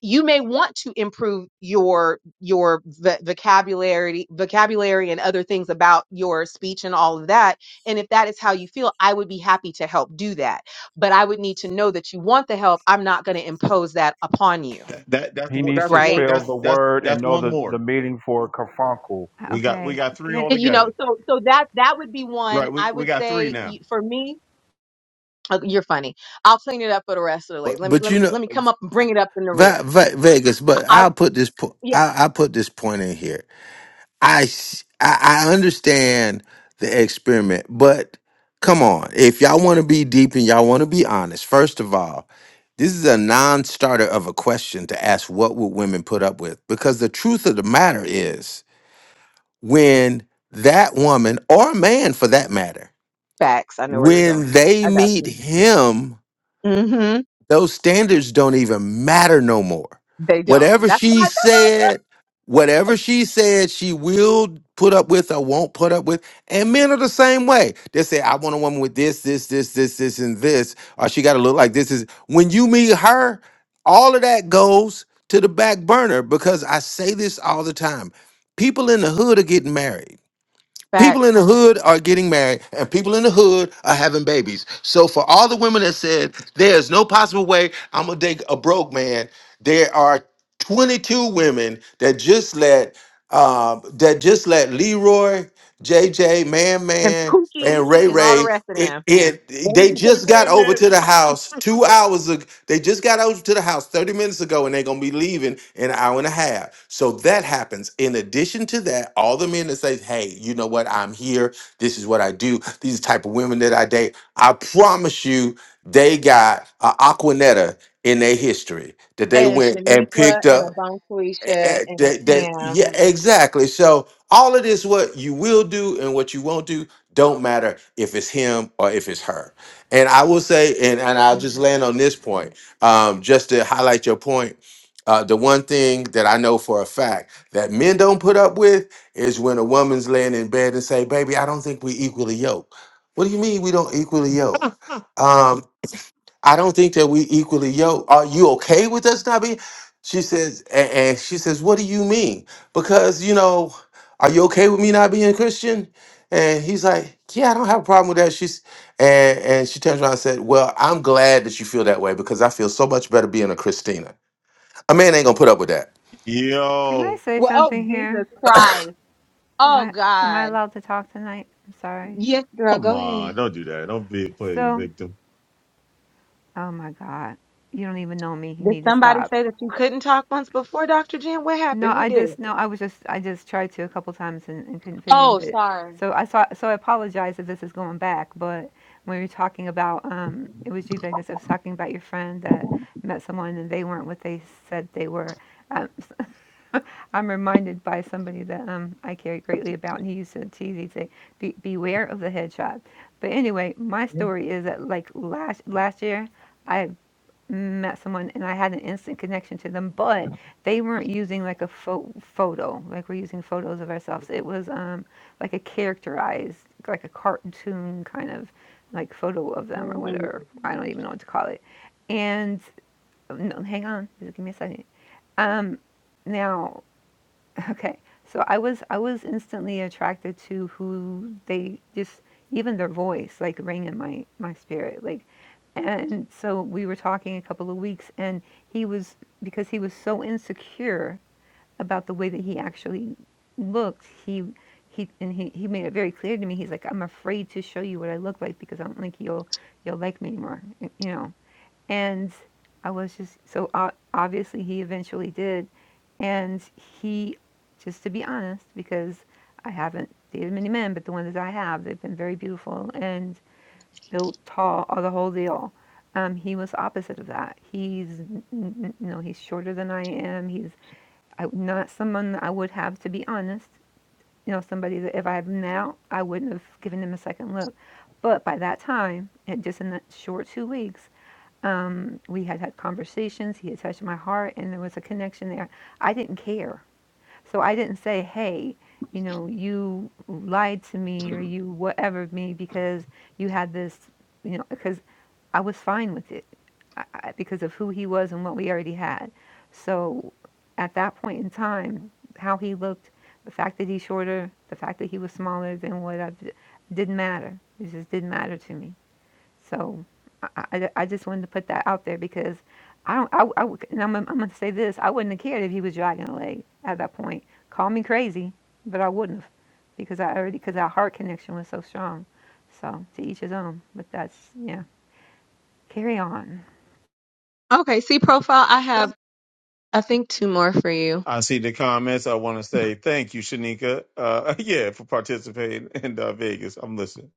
Speaker 11: you may want to improve your your v- vocabulary vocabulary and other things about your speech and all of that and if that is how you feel, I would be happy to help do that. But I would need to know that you want the help. I'm not going to impose that upon you,
Speaker 10: That, that that's
Speaker 2: He
Speaker 10: what
Speaker 2: needs
Speaker 10: that's
Speaker 2: to
Speaker 10: one
Speaker 11: right?
Speaker 2: spell
Speaker 10: that's
Speaker 2: the
Speaker 10: that's
Speaker 2: word and
Speaker 10: that's
Speaker 2: know
Speaker 10: one
Speaker 2: the, the
Speaker 10: more.
Speaker 2: meaning for carbuncle.
Speaker 15: Uh,
Speaker 10: We got we
Speaker 15: Okay.
Speaker 10: got three
Speaker 15: Can
Speaker 10: all
Speaker 11: And, You
Speaker 15: can,
Speaker 11: know,
Speaker 10: together.
Speaker 11: so so that that would be one
Speaker 10: Right. We
Speaker 11: I
Speaker 10: we
Speaker 11: would
Speaker 10: got three
Speaker 11: say
Speaker 10: now.
Speaker 11: y- for me. uh, You're funny. I'll clean it up for the rest of the day.
Speaker 1: but
Speaker 11: Let me
Speaker 1: but
Speaker 11: let
Speaker 1: you
Speaker 11: me
Speaker 1: know,
Speaker 11: let me come up and bring it up in the rear.
Speaker 1: Ve- Ve- Vegas. But
Speaker 11: I
Speaker 1: I'll put this. po-
Speaker 11: yeah,
Speaker 1: I I put this point in here I s- I, I understand the experiment, but come on, if y'all want to be deep and y'all want to be honest, first of all, this is a non-starter of a question to ask what would women put up with because the truth of the matter is when that woman or man for that matter
Speaker 11: facts. I know where you're going.
Speaker 1: when they
Speaker 11: I got
Speaker 1: meet
Speaker 11: you.
Speaker 1: him
Speaker 11: Mm-hmm.
Speaker 1: those standards don't even matter no more.
Speaker 11: They don't.
Speaker 1: Whatever
Speaker 11: That's what
Speaker 1: she
Speaker 11: I don't
Speaker 1: said, whatever
Speaker 11: like.
Speaker 1: she said, she will put up with or won't put up with. And men are the same way. They say, I want a woman with this, this, this, this, this, and this, or she gotta look like this is when you meet her, all of that goes to the back burner because I say this all the time. People in the hood are getting married. People
Speaker 11: Facts
Speaker 1: in the hood are getting married and people in the hood are having babies. So for all the women that said there's no possible way I'm gonna date a broke man, there are 22 women that just let uh, that just let Leroy, JJ, Man
Speaker 11: and
Speaker 1: Man,
Speaker 11: Pookie
Speaker 1: and Ray
Speaker 11: and all the
Speaker 1: Ray.
Speaker 11: rest of
Speaker 1: It,
Speaker 11: them
Speaker 1: it-
Speaker 10: Don't
Speaker 1: they
Speaker 10: you say
Speaker 1: just got
Speaker 10: man,
Speaker 1: over
Speaker 10: man?
Speaker 1: to the house two hours ago. They just got over to the house 30 minutes ago, and they're gonna be leaving in an hour and a half. So that happens. In addition to that, all the men that say, Hey, you know what? I'm here. This is what I do. These are the type of women that I date. I promise you, they got a Aquanetta in their history that they
Speaker 11: and
Speaker 1: went and
Speaker 11: Shaniqua
Speaker 1: picked
Speaker 11: and
Speaker 1: up.
Speaker 11: a Bon
Speaker 1: Eh,
Speaker 11: Felicia
Speaker 1: eh,
Speaker 11: and a
Speaker 1: that, that,
Speaker 11: Pam
Speaker 1: yeah, exactly. So all of this, what you will do and what you won't do, don't matter if it's him or if it's her. And I will say, and, and I'll just land on this point, um, just to highlight your point. Uh, the one thing that I know for a fact that men don't put up with is when a woman's laying in bed and say, "Baby, I don't think we equally yoke." What do you mean we don't equally yoke? I don't think that we equally, yo, are you okay with us not being? She says, and, and she says, what do you mean? Because, you know, are you okay with me not being Christian? And he's like, yeah, I don't have a problem with that. She's, and, and she turns around and said, well, I'm glad that you feel that way because I feel so much better being a Christina. A man ain't gonna put up with that.
Speaker 15: can I
Speaker 10: Yo,
Speaker 15: say
Speaker 11: Well, oh,
Speaker 15: something here?
Speaker 11: Jesus Christ.
Speaker 15: Am
Speaker 11: Oh,
Speaker 15: I am I
Speaker 11: God.
Speaker 15: allowed to talk tonight? I'm sorry.
Speaker 11: Yes, girl,
Speaker 10: come
Speaker 11: go
Speaker 10: on!
Speaker 11: ahead.
Speaker 10: Don't do that. Don't be a playing
Speaker 15: So,
Speaker 10: victim.
Speaker 15: oh my God, you don't even know me. You
Speaker 11: Did
Speaker 15: need to
Speaker 11: somebody
Speaker 15: stop.
Speaker 11: say that you couldn't talk once before, Dr. Jen? What
Speaker 15: No,
Speaker 11: happened? Who
Speaker 15: I
Speaker 11: did
Speaker 15: just
Speaker 11: it?
Speaker 15: no. I was just I just tried to a couple times and, and couldn't fit in.
Speaker 11: Oh,
Speaker 15: But
Speaker 11: sorry.
Speaker 15: so I saw. So I apologize if this is going back. But when we were talking about um, it was you Vegas. I was talking about your friend that met someone and they weren't what they said they were. Um, I'm reminded by somebody that um, I care greatly about, and he used to tease. He'd say, Be- "Beware of the headshot." But anyway, my
Speaker 11: Mhm.
Speaker 15: story is that like last last year, I met someone and I had an instant connection to them, but they weren't using like a pho- photo, like we're using photos of ourselves. It was um, like a characterized, like a cartoon kind of like photo of them or whatever. I don't even know what to call it. And no, hang on, just give me a second. Um, now Okay. So I was I was instantly attracted to who they just even their voice like rang in my my spirit like and so we were talking a couple of weeks and he was because he was so insecure about the way that he actually looked he he and he, he made it very clear to me he's like I'm afraid to show you what I look like because I don't think you'll you'll like me anymore you know and I was just so o- obviously he eventually did. And he, just to be honest, because I haven't dated many men, but the ones that I have, they've been very beautiful and built tall, all the whole deal. Um, he was opposite of that. He's, n- n- you know, he's shorter than I am. He's I, not someone that I would have, to be honest. You know, somebody that if I had been out, I wouldn't have given him a second look. But by that time, and just in that short two weeks, we had had conversations. He had touched my heart, and there was a connection there. I didn't care. So I didn't say, hey, you know, you lied to me or you whatever me because you had this, you know, because I was fine with it I, because of who he was and what we already had. So at that point in time, how he looked, the fact that he's shorter, the fact that he was smaller than what I didn't matter. It just didn't matter to me. So I, I, I just wanted to put that out there because I don't, I, I would- and I'm, I'm going to say this, I wouldn't have cared if he was dragging a leg at that point. Call me crazy, but I wouldn't have because I already, because our heart connection was so strong. So to each his own, but that's, yeah, carry on.
Speaker 11: Okay, see profile. I have, I think, two more for you.
Speaker 10: I see the comments. I want to say thank you, Shanika. Uh, yeah, for participating in uh, Vegas. I'm listening.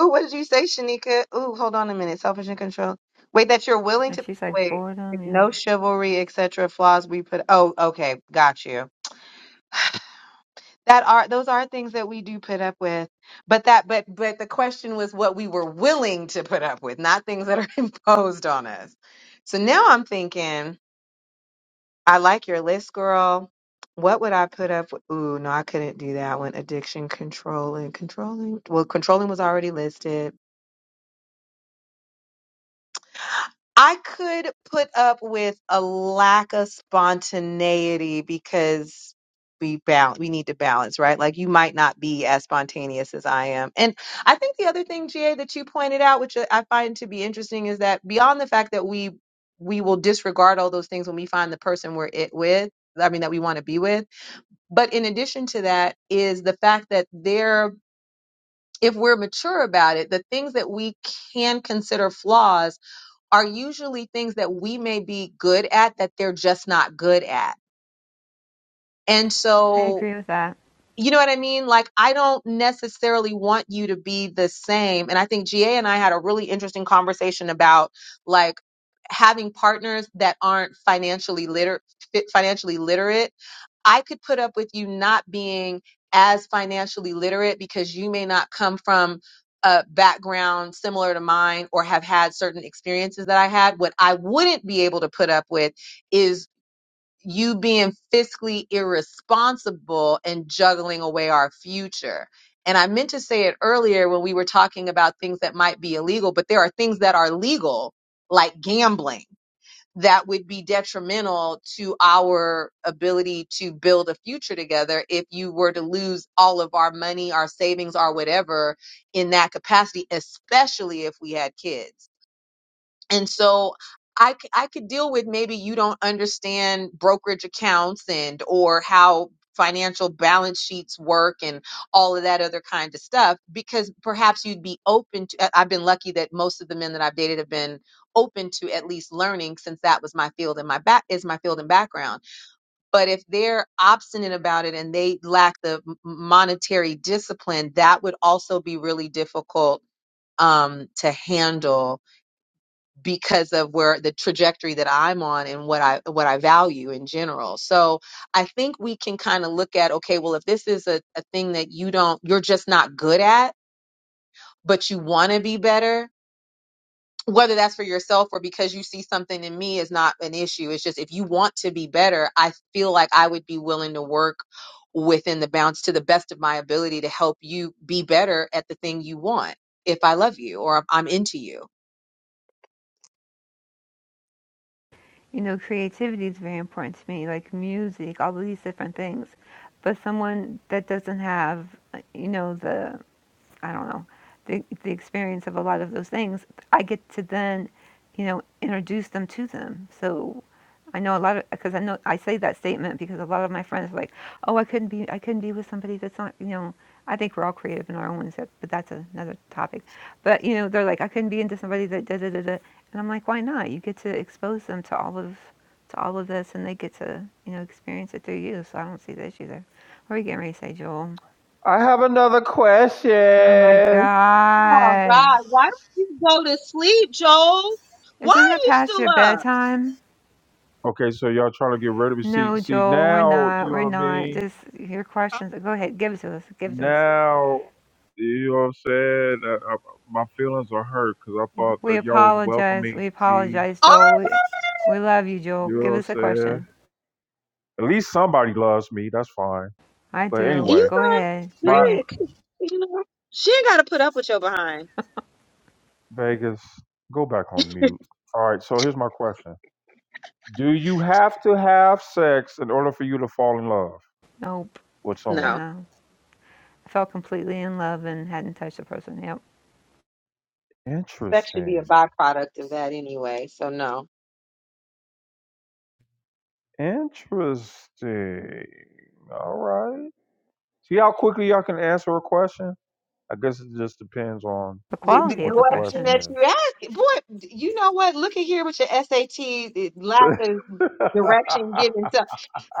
Speaker 11: Ooh, what did you say, Shanika? Ooh, hold on a minute. Selfish and control. Wait, that you're willing
Speaker 15: And
Speaker 11: to
Speaker 15: she's like,
Speaker 11: wait.
Speaker 15: boredom, yeah.
Speaker 11: No chivalry, etc. Flaws we put. Oh, okay, got you. that are those are things that we do put up with but that but but the question was what we were willing to put up with not things that are imposed on us so now i'm thinking i like your list girl what would i put up with ooh no i couldn't do that one addiction controlling controlling well controlling was already listed I could put up with a lack of spontaneity because we balance, we need to balance, right? Like you might not be as spontaneous as I am. And I think the other thing, GA, that you pointed out, which I find to be interesting, is that beyond the fact that we we will disregard all those things when we find the person we're it with, I mean that we want to be with. But in addition to that is the fact that they're if we're mature about it, the things that we can consider flaws are usually things that we may be good at that they're just not good at. And
Speaker 15: I
Speaker 11: so,
Speaker 15: agree with that.
Speaker 11: you know what I mean? Like, I don't necessarily want you to be the same. And I think GA and I had a really interesting conversation about like having partners that aren't financially literate, financially literate I could put up with you not being as financially literate because you may not come from a background similar to mine or have had certain experiences that I had. What I wouldn't be able to put up with is you being fiscally irresponsible and juggling away our future. And I meant to say it earlier when we were talking about things that might be illegal, but there are things that are legal, like gambling that would be detrimental to our ability to build a future together if you were to lose all of our money, our savings, our whatever in that capacity, especially if we had kids and so I, c- I could deal with maybe you don't understand brokerage accounts and or how financial balance sheets work and all of that other kind of stuff because perhaps you'd be open to I- i've been lucky that most of the men that i've dated have been open to at least learning since that was my field and my back is my field and background but if they're obstinate about it and they lack the m- monetary discipline that would also be really difficult um, to handle because of where the trajectory that I'm on and what I what I value in general. So I think we can kind of look at okay, well if this is a, a thing that you don't you're just not good at, but you want to be better, whether that's for yourself or because you see something in me is not an issue. It's just if you want to be better, I feel like I would be willing to work within the bounds to the best of my ability to help you be better at the thing you want if I love you or I'm into you.
Speaker 15: you know, creativity is very important to me, like music, all these different things. But someone that doesn't have, uh, you know, the, I don't know, the, the experience of a lot of those things, I get to then, you know, introduce them to them. So I know a lot of because I know I say that statement because a lot of my friends are like, "Oh, I couldn't be I couldn't be with somebody that's not you know." I think we're all creative in our own ways, but that's another topic. But you know, they're like, "I couldn't be into somebody that da da da da," and I'm like, "Why not? You get to expose them to all of to all of this, and they get to you know experience it through you." So I don't see the issue there. What are we getting ready to say, Joel?
Speaker 2: I have another quest.
Speaker 15: Oh my
Speaker 11: Oh
Speaker 15: God!
Speaker 11: God, why don't you go to sleep, Joel? Why
Speaker 15: Isn't it
Speaker 11: are you
Speaker 15: past
Speaker 11: still
Speaker 15: your
Speaker 11: up?
Speaker 15: bedtime?
Speaker 2: Okay, so y'all trying to get rid of me. See
Speaker 15: No,
Speaker 2: see
Speaker 15: Joel, we're
Speaker 2: now, you
Speaker 15: not.
Speaker 2: know
Speaker 15: We're
Speaker 2: what I
Speaker 15: not.
Speaker 2: mean?
Speaker 15: Just your
Speaker 10: I
Speaker 15: questions. Go ahead. Give it to us. Give it to us.
Speaker 2: Now you know what I'm saying? Uh, uh, my feelings are hurt because I thought
Speaker 15: We
Speaker 2: that y'all was
Speaker 15: apologize.
Speaker 2: welcoming
Speaker 15: We
Speaker 2: me.
Speaker 15: apologize,
Speaker 11: All right,
Speaker 15: Joel. We, we love you, Joel.
Speaker 2: You know
Speaker 15: Give
Speaker 2: what I'm
Speaker 15: us a
Speaker 2: saying?
Speaker 15: question.
Speaker 2: At least somebody loves me. That's fine.
Speaker 15: I
Speaker 2: But
Speaker 15: do.
Speaker 11: you
Speaker 2: anyway,
Speaker 15: Go ahead.
Speaker 11: done
Speaker 2: my.
Speaker 15: Bring
Speaker 11: period.
Speaker 15: it.
Speaker 11: You know, she ain't gotta put up with your behind.
Speaker 2: Vegas, go back on mute. All right, so here's my question. Do you have to have sex in order for you to fall in love
Speaker 15: Nope.
Speaker 2: with someone?
Speaker 11: No.
Speaker 15: No. I felt completely in love and hadn't touched the person. Yep.
Speaker 11: Sex should be a
Speaker 2: Interesting.
Speaker 11: byproduct of that anyway, so no.
Speaker 2: Interesting. All right. See how quickly y'all can answer a question? I guess it just depends on
Speaker 15: The
Speaker 11: The, the
Speaker 15: quality of
Speaker 2: what
Speaker 15: the
Speaker 2: the
Speaker 11: question
Speaker 2: question
Speaker 15: question.
Speaker 11: that you
Speaker 2: is.
Speaker 11: asked, boy, d- you know what? Look at here with your SAT, the lack of direction given. So,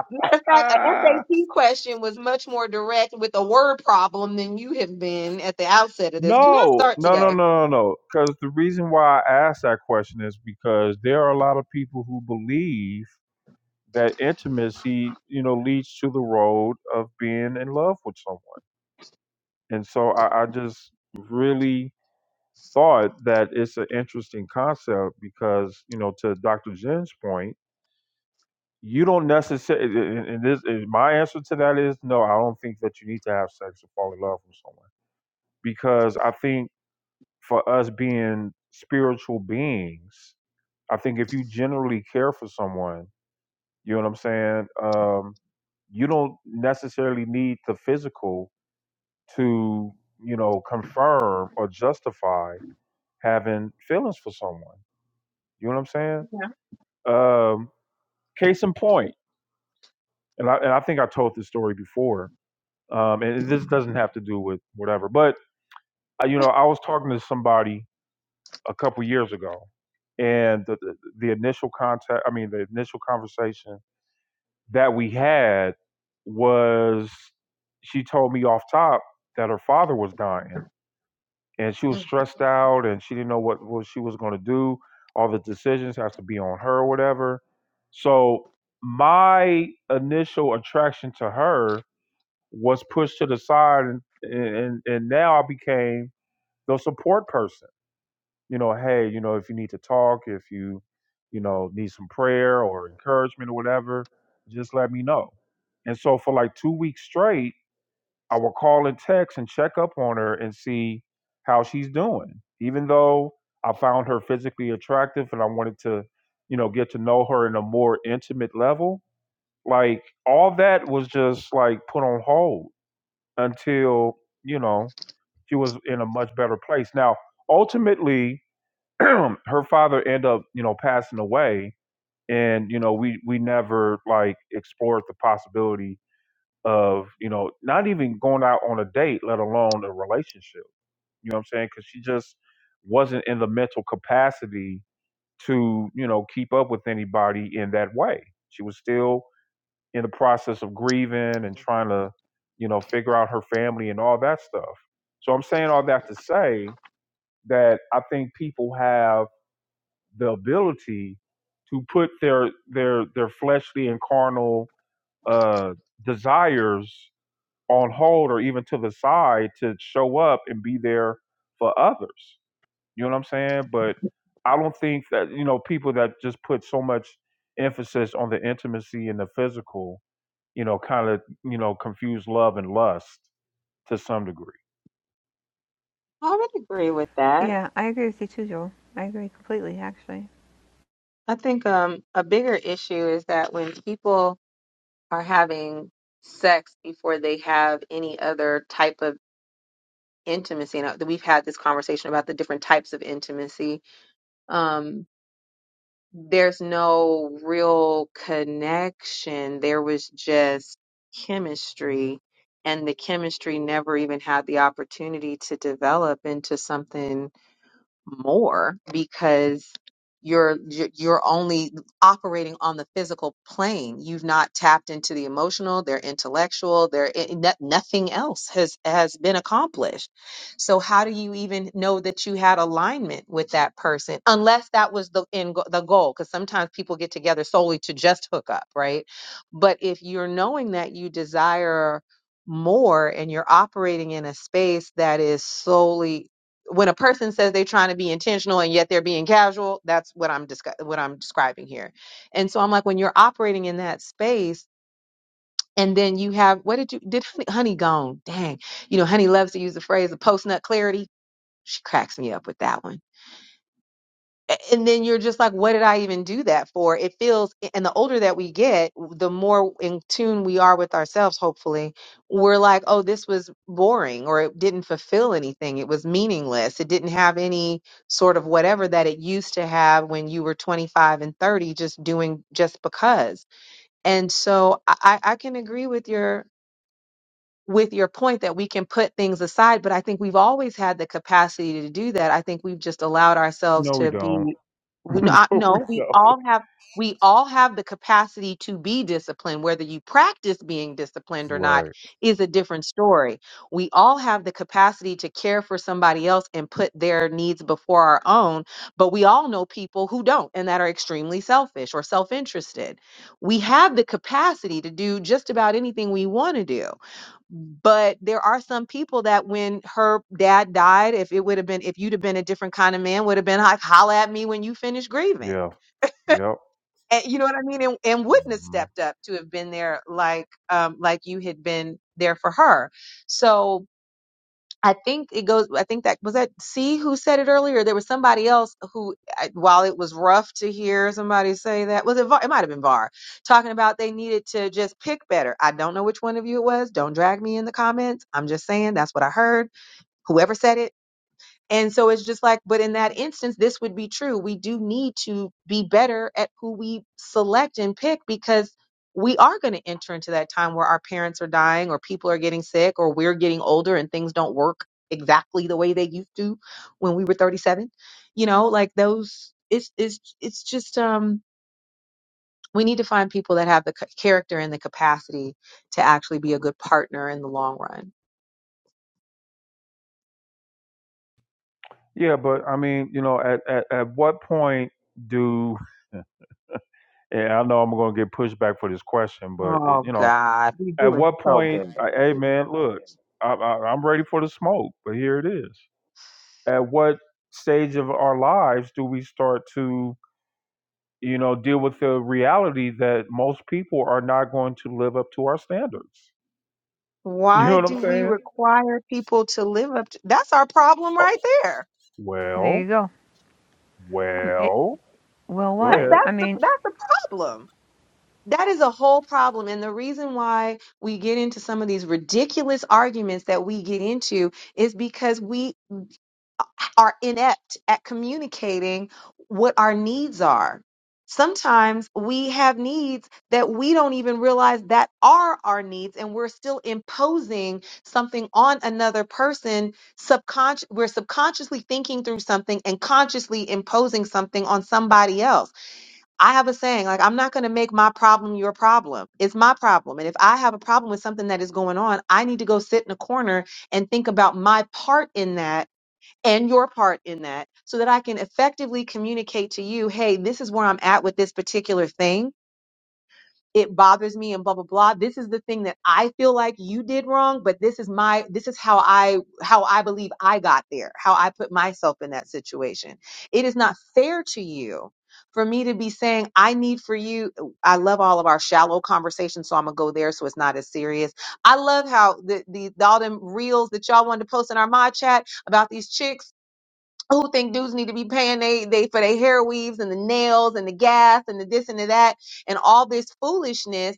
Speaker 11: matter of fact, a SAT question was much more direct with a word problem than you have been at the outset of this. Do not
Speaker 2: no,
Speaker 11: start
Speaker 2: no, no, no,
Speaker 11: today.
Speaker 2: no, no. Because the reason why I asked that question is because there are a lot of people who believe that intimacy, you know, leads to the road of being in love with someone. And so I, I just really thought that it's an interesting concept because, you know, to Dr. Jen's point, you don't necessarily, and and this, and my answer to that is no, I don't think that you need to have sex to fall in love with someone because I think for us being spiritual beings, I think if you generally care for someone, you know what I'm saying? Um, you don't necessarily need the physical to you know confirm or justify having feelings for someone you know what i'm saying
Speaker 11: Yeah.
Speaker 2: um case in point and i, and I think i told this story before um and this doesn't have to do with whatever but uh, you know i was talking to somebody a couple years ago and the, the, the initial contact i mean the initial conversation that we had was she told me off top that her father was dying and she was stressed out and she didn't know what, what she was going to do all the decisions has to be on her or whatever so my initial attraction to her was pushed to the side and and, and now i became the support person you know hey you know if you need to talk if you you know need some prayer or encouragement or whatever just let me know and so for like two weeks straight I would call and text and check up on her and see how she's doing. Even though I found her physically attractive and I wanted to, you know, get to know her in a more intimate level, like all that was just like put on hold until, you know, she was in a much better place. Now, ultimately, her father ended up, you know, passing away and you know, we we never like explored the possibility of you know not even going out on a date let alone a relationship you know what i'm saying because she just wasn't in the mental capacity to you know keep up with anybody in that way she was still in the process of grieving and trying to you know figure out her family and all that stuff so i'm saying all that to say that i think people have the ability to put their their their fleshly and carnal uh desires on hold or even to the side to show up and be there for others. You know what I'm saying? But I don't think that, you know, people that just put so much emphasis on the intimacy and the physical, you know, kind of, you know, confuse love and lust to some degree.
Speaker 11: I would agree with that.
Speaker 15: Yeah, I agree with you too, Joel. I agree completely, actually.
Speaker 11: I think um, a bigger issue is that when people are having sex before they have any other type of intimacy, and we've had this conversation about the different types of intimacy, um, there's no real connection. There was just chemistry, and the chemistry never even had the opportunity to develop into something more because you're you're you're only operating on the physical plane you've not tapped into the emotional their intellectual their it, no- nothing else has has been accomplished so how do you even know that you had alignment with that person unless that was the end go- the goal because sometimes people get together solely to just hook up right but if you're knowing that you desire more and you're operating in a space that is solely when a person says they're trying to be intentional and yet they're being casual, that's what I'm discuss- what I'm describing here. And so I'm like, when you're operating in that space, and then you have what did you did honey, honey gone? Dang, you know, honey loves to use the phrase of post nut clarity. She cracks me up with that one a- And then you're just like, what did I even do that for? It feels, and the older that we get, the more in tune we are with ourselves, hopefully. We're like, oh, this was boring or it didn't fulfill anything. It was meaningless. It didn't have any sort of whatever that it used to have when you were 25 and 30, just doing just because. And so I, I I can agree with your with your point that we can put things aside, but I think we've always had the capacity to do that. I think we've just allowed ourselves
Speaker 2: No, we
Speaker 11: to be
Speaker 2: don't.
Speaker 11: we no, I-
Speaker 2: no, we
Speaker 11: no, we
Speaker 2: don't.
Speaker 11: all have we all have the capacity to be disciplined. Whether you practice being disciplined or not
Speaker 2: Right.
Speaker 11: is a different story. We all have the capacity to care for somebody else and put their needs before our own, but we all know people who don't and that are extremely selfish or self-interested. We have the capacity to do just about anything we want to do but there are some people that when her dad died if it would have been if you'd have been a different kind of man would have been like holla at me when you finish grieving
Speaker 2: Yeah. Yep.
Speaker 11: and you know what i mean and, and wouldn't have
Speaker 2: hmm
Speaker 11: stepped up to have been there like um like you had been there for her so I think it goes. I think that was that. C who said it earlier. There was somebody else who, I- while it was rough to hear somebody say that, was it? Var, it might have been Var talking about they needed to just pick better. I don't know which one of you it was. Don't drag me in the comments. I'm just saying that's what I heard. Whoever said it and so it's just like, but in that instance, this would be true. We do need to be better at who we select and pick because we are going to enter into that time where our parents are dying or people are getting sick or we're getting older and things don't work exactly the way they used to when we were 37. You know, like those it's it's it's just um we need to find people that have the c- character and the capacity to actually be a good partner in the long run.
Speaker 2: Yeah, but I mean, you know, at, at, at what point do, and I know I'm going to get pushback for this question, but, eh,
Speaker 11: Oh
Speaker 2: you know,
Speaker 11: God, we're
Speaker 2: At
Speaker 11: doing
Speaker 2: what
Speaker 11: so
Speaker 2: point,
Speaker 11: good.
Speaker 2: I, hey man, look, I, I, I'm ready for the smoke, but here it is. At what stage of our lives do we start to, you know, deal with the reality that most people are not going to live up to our standards? You know
Speaker 11: Why
Speaker 2: what I'm
Speaker 11: do we
Speaker 2: saying?
Speaker 11: require people to live up to that's our problem
Speaker 2: Oh,
Speaker 11: right there.
Speaker 15: There you
Speaker 2: well,
Speaker 15: go. Um, It,
Speaker 2: well,
Speaker 15: well,
Speaker 2: go
Speaker 11: No,
Speaker 15: what?
Speaker 2: ahead.
Speaker 15: I
Speaker 11: that's the
Speaker 15: mean,
Speaker 11: that's the problem. That is a whole problem. And the reason why we get into some of these ridiculous arguments that we get into is because we are inept at communicating what our needs are. Sometimes we have needs that we don't even realize that are our needs, and we're still imposing something on another person. Subconscious, we're subconsciously thinking through something and consciously imposing something on somebody else I have a saying, like, I'm not going to make my problem your problem. It's my problem. And if I have a problem with something that is going on, I need to go sit in a corner and think about my part in that and your part in that so that I can effectively communicate to you, hey, this is where I'm at with this particular thing it bothers me and blah blah blah this is the thing that i feel like you did wrong but this is my this is how i how i believe i got there how i put myself in that situation it is not fair to you for me to be saying i need for you i love all of our shallow conversations so i'm gonna go there so it's not as serious i love how the, the all them reels that y'all wanted to post in our mod chat about these chicks who think dudes need to be paying they, they for their hair weaves and the nails and the gas and the this and the that and all this foolishness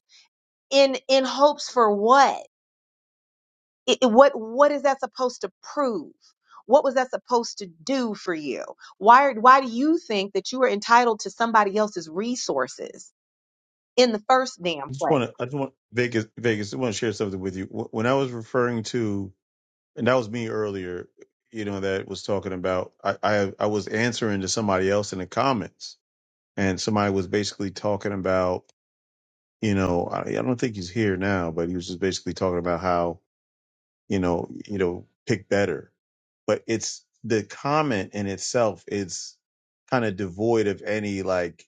Speaker 11: in in hopes for what it, it- what what is that supposed to prove what was that supposed to do for you why are- why do you think that you are entitled to somebody else's resources in the first damn
Speaker 10: just want
Speaker 11: place
Speaker 10: to. I just want Vegas. Vegas. I want to share something with you. Wh- When I was referring to, and that was me earlier. You know that was talking about. I I, I was answering to somebody else in the comments, and somebody was basically talking about. You know, I, I don't think he's here now, but he was just basically talking about how you know, you know, pick better. But it's the comment in itself is kind of devoid of any like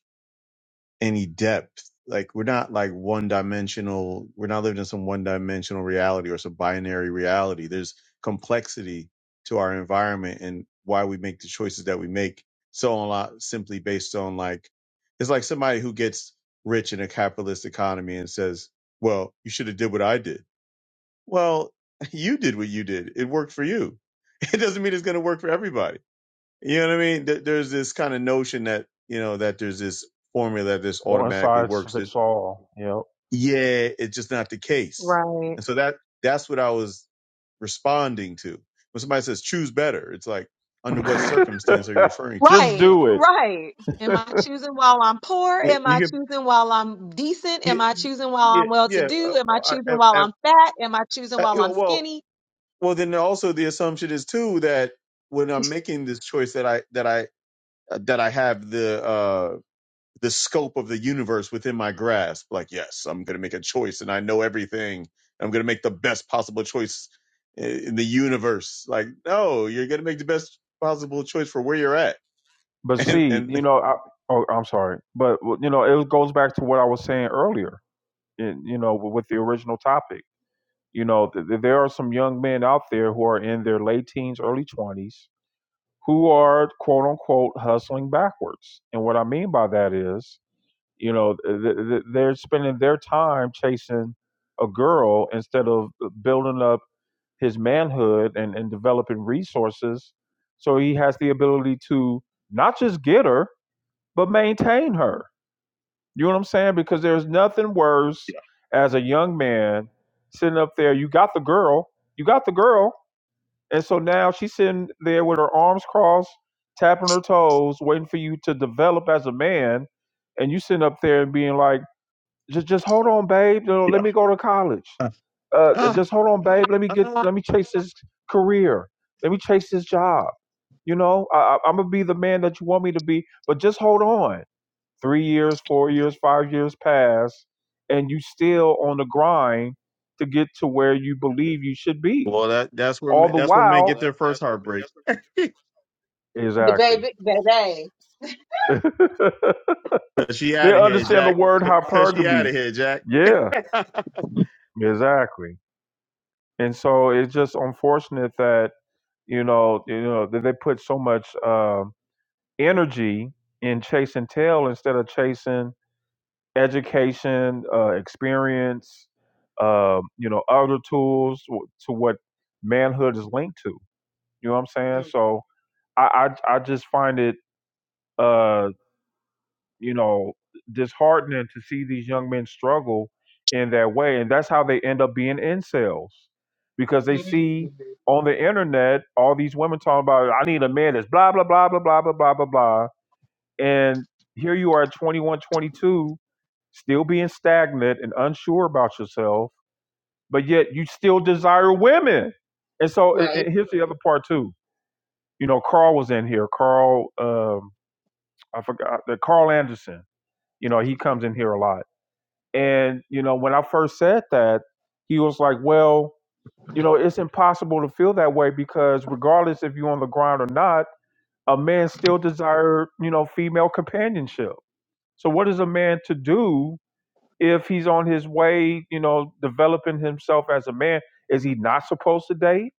Speaker 10: any depth. Like we're not like one dimensional. We're not living in some one dimensional reality or some binary reality. There's complexity to our environment and why we make the choices that we make. So a lot simply based on like it's like somebody who gets rich in a capitalist economy and says, "Well, you should have did what I did." Well, you did what you did. It worked for you. It doesn't mean it's going to work for everybody. You know what I mean? Th- There's this kind of notion that, you know, that there's this formula that this
Speaker 2: One
Speaker 10: automatically
Speaker 2: size
Speaker 10: works. It,
Speaker 2: fits all.
Speaker 10: yeah, it's just not the case.
Speaker 11: Right.
Speaker 10: And so that that's what I was responding to. When somebody says choose better, it's like under what
Speaker 2: Yep.
Speaker 10: circumstance are you referring to?
Speaker 2: Just
Speaker 11: Right,
Speaker 2: do it.
Speaker 11: right. Am I choosing while I'm poor?
Speaker 10: Yeah,
Speaker 11: Am I
Speaker 10: you can
Speaker 11: choosing while I'm decent? Am I
Speaker 10: yeah,
Speaker 11: choosing while
Speaker 10: yeah,
Speaker 11: I'm well to
Speaker 10: yeah.
Speaker 11: do? Am I
Speaker 10: Uh, I,
Speaker 11: choosing while
Speaker 10: I,
Speaker 11: I'm fat? Am I choosing
Speaker 10: I,
Speaker 11: while
Speaker 10: you
Speaker 11: I'm
Speaker 10: know, well,
Speaker 11: skinny?
Speaker 10: well, then also the assumption is too that when I'm making this choice that I that I that I have the uh the scope of the universe within my grasp. Like, yes, I'm going to make a choice, and I know everything. I'm going to make the best possible choice i- in the universe. Like, no, you're going to make the best possible choice for where you're at,
Speaker 2: But
Speaker 10: and
Speaker 2: see, you
Speaker 10: and
Speaker 2: know, I, oh, I'm sorry, but well, you know, it goes back to what I was saying earlier in, you know, with the original topic. You know, th- there are some young men out there who are in their late teens, early 20s, who are quote unquote hustling backwards. And what I mean by that is, you know, th- th- they're spending their time chasing a girl instead of uh, building up his manhood and, and developing resources so he has the ability to not just get her, but maintain her you know what I'm saying? Because there's nothing worse as a young man sitting up there. You got the girl, you got the girl, and so now she's sitting there with her arms crossed, tapping her toes, waiting for you to develop as a man, and you sitting up there and being like, "Just, just hold on, babe. You know, Let
Speaker 10: Yeah.
Speaker 2: me go to college. Uh,
Speaker 10: ah,
Speaker 2: just hold on, babe. Let me get,
Speaker 10: ah.
Speaker 2: let me chase this career. Let me chase this job. You know, I, I, I'm gonna be the man that you want me to be, but just hold on." three years, four years, five years pass, and you still on the grind to get to where you believe you should be.
Speaker 10: well, that that's where
Speaker 2: All
Speaker 10: men-
Speaker 2: the
Speaker 10: that's where men
Speaker 2: while, well,
Speaker 10: get
Speaker 2: that,
Speaker 10: their first
Speaker 2: that's where,
Speaker 10: heartbreak.
Speaker 2: that's where...
Speaker 11: The
Speaker 2: exactly.
Speaker 11: baby, baby.
Speaker 10: Cause she
Speaker 2: they
Speaker 10: out of here,
Speaker 2: understand
Speaker 11: Sorry.
Speaker 2: the
Speaker 10: Jack.
Speaker 2: word
Speaker 10: C- Cause she out
Speaker 2: hypergamy.
Speaker 10: of here, Jack.
Speaker 2: Yeah, exactly. And so it's just unfortunate that you know you know that they put so much um energy in chasing tail instead of chasing education, uh, experience, um, you know, other tools to what manhood is linked to. You know what I'm saying?
Speaker 11: Mm,
Speaker 2: So I I, I just find it uh, you know disheartening to see these young men struggle in that way, and that's how they end up being incels because they see
Speaker 11: mm,
Speaker 2: on the internet all these women talking about I need a man that's blah blah blah blah blah blah blah blah blah, and here you are at 21, 22 still being stagnant and unsure about yourself, but yet you still desire women. And so and,
Speaker 11: Right.
Speaker 2: and here's the other part too. You know, Carl was in here. Carl, um, I forgot that Carl Anderson. You know, he comes in here a lot. And you know, when I first said that, he was like, "Well, you know, it's impossible to feel that way because regardless if you're on the ground or not, a man still desire you know female companionship. So what is a man to do if he's on his way, you know, developing himself as a man, is he not supposed to date?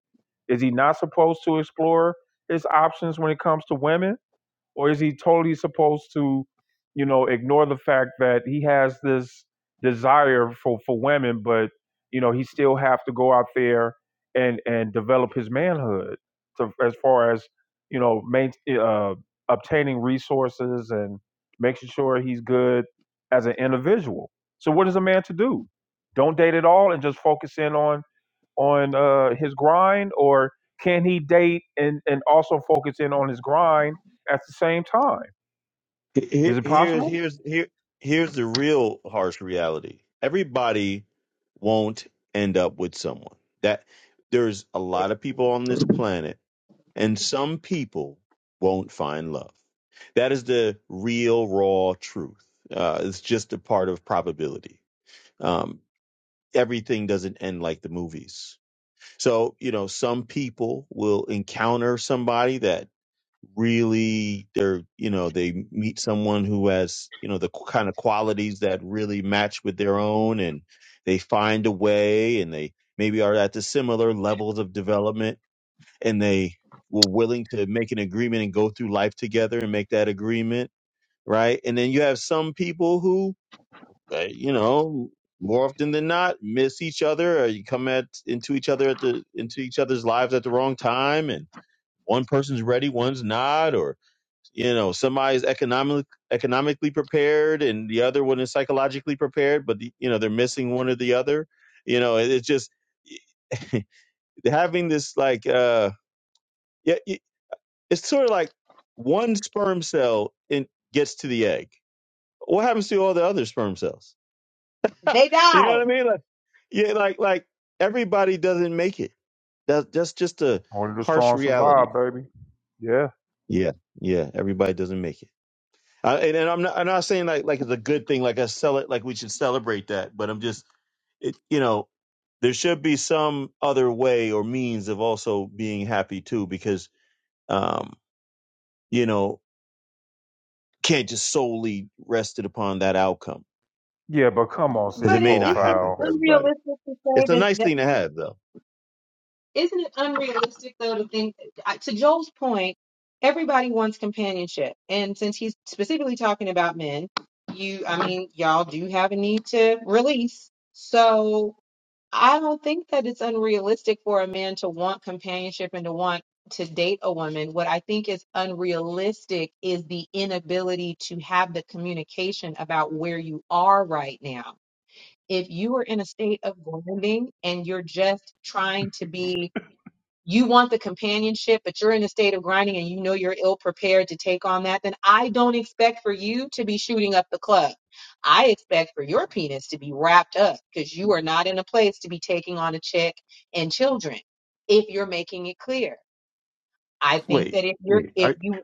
Speaker 2: Is he not supposed to explore his options when it comes to women? or is he totally supposed to you know ignore the fact that he has this desire for for women but you know he still have to go out there and and develop his manhood to, as far as you know main, uh, obtaining resources and making sure he's good as an individual so what is a man to do don't date at all and just focus in on on uh, his grind, or can he date and and also focus in on his grind at the same time?
Speaker 10: Here,
Speaker 2: Is it
Speaker 10: here's
Speaker 2: possible?
Speaker 10: here's here here's the real harsh reality. Everybody won't end up with someone. That there's a lot of people on this planet, and some people won't find love. That is the real raw truth. Uh, it's just a part of probability. Um, everything doesn't end like the movies. So you know, some people will encounter somebody that really they're you know they meet someone who has you know the qu- kind of qualities that really match with their own and they find a way and they maybe are at the similar levels of development and they were willing to make an agreement and go through life together and make that agreement right and then you have some people who uh, you know more often than not miss each other or you come at into each other at the into each other's lives at the wrong time and one person's ready one's not or you know somebody's economic economically prepared and the other one is psychologically prepared but the, you know they're missing one or the other you know it, it's just having this like uh yeah it- it's sort of like one sperm cell and gets to the egg what happens to all the other sperm cells
Speaker 11: They
Speaker 10: you know what
Speaker 11: die.
Speaker 10: i mean like yeah like like everybody doesn't make it that that's just a
Speaker 2: Only the
Speaker 10: harsh
Speaker 2: strong survive,
Speaker 10: reality
Speaker 2: baby. Yeah,
Speaker 10: yeah yeah everybody doesn't make it Uh, and, and I'm not I'm not saying like like it's a good thing, like I sell it like we should celebrate that, but I'm just it you know, there should be some other way or means of also being happy too, because um, you know, can't just solely rest it upon that outcome.
Speaker 2: yeah, but come on,
Speaker 10: Because
Speaker 2: see
Speaker 10: it
Speaker 11: But
Speaker 10: may
Speaker 11: it
Speaker 10: not
Speaker 11: isn't
Speaker 10: happen
Speaker 2: profile.
Speaker 10: for everybody.
Speaker 11: unrealistic to say
Speaker 10: It's a
Speaker 11: that,
Speaker 10: nice
Speaker 11: that
Speaker 10: thing to have though.
Speaker 11: isn't it unrealistic though to think I- to Joel's point, everybody wants companionship. And since he's specifically talking about men, you I mean, y'all do have a need to release. So I don't think that it's unrealistic for a man to want companionship and to want to date a woman. What I think is unrealistic is the inability to have the communication about where you are right now if you are in a state of grinding and you're just trying to be, you want the companionship, but you're in a state of grinding and you know you're ill prepared to take on that, then I don't expect for you to be shooting up the club. I expect for your penis to be wrapped up because you are not in a place to be taking on a chick and children if you're making it clear. I think
Speaker 10: Wait,
Speaker 11: that if you're,
Speaker 10: wait.
Speaker 11: if
Speaker 10: Are,
Speaker 11: you,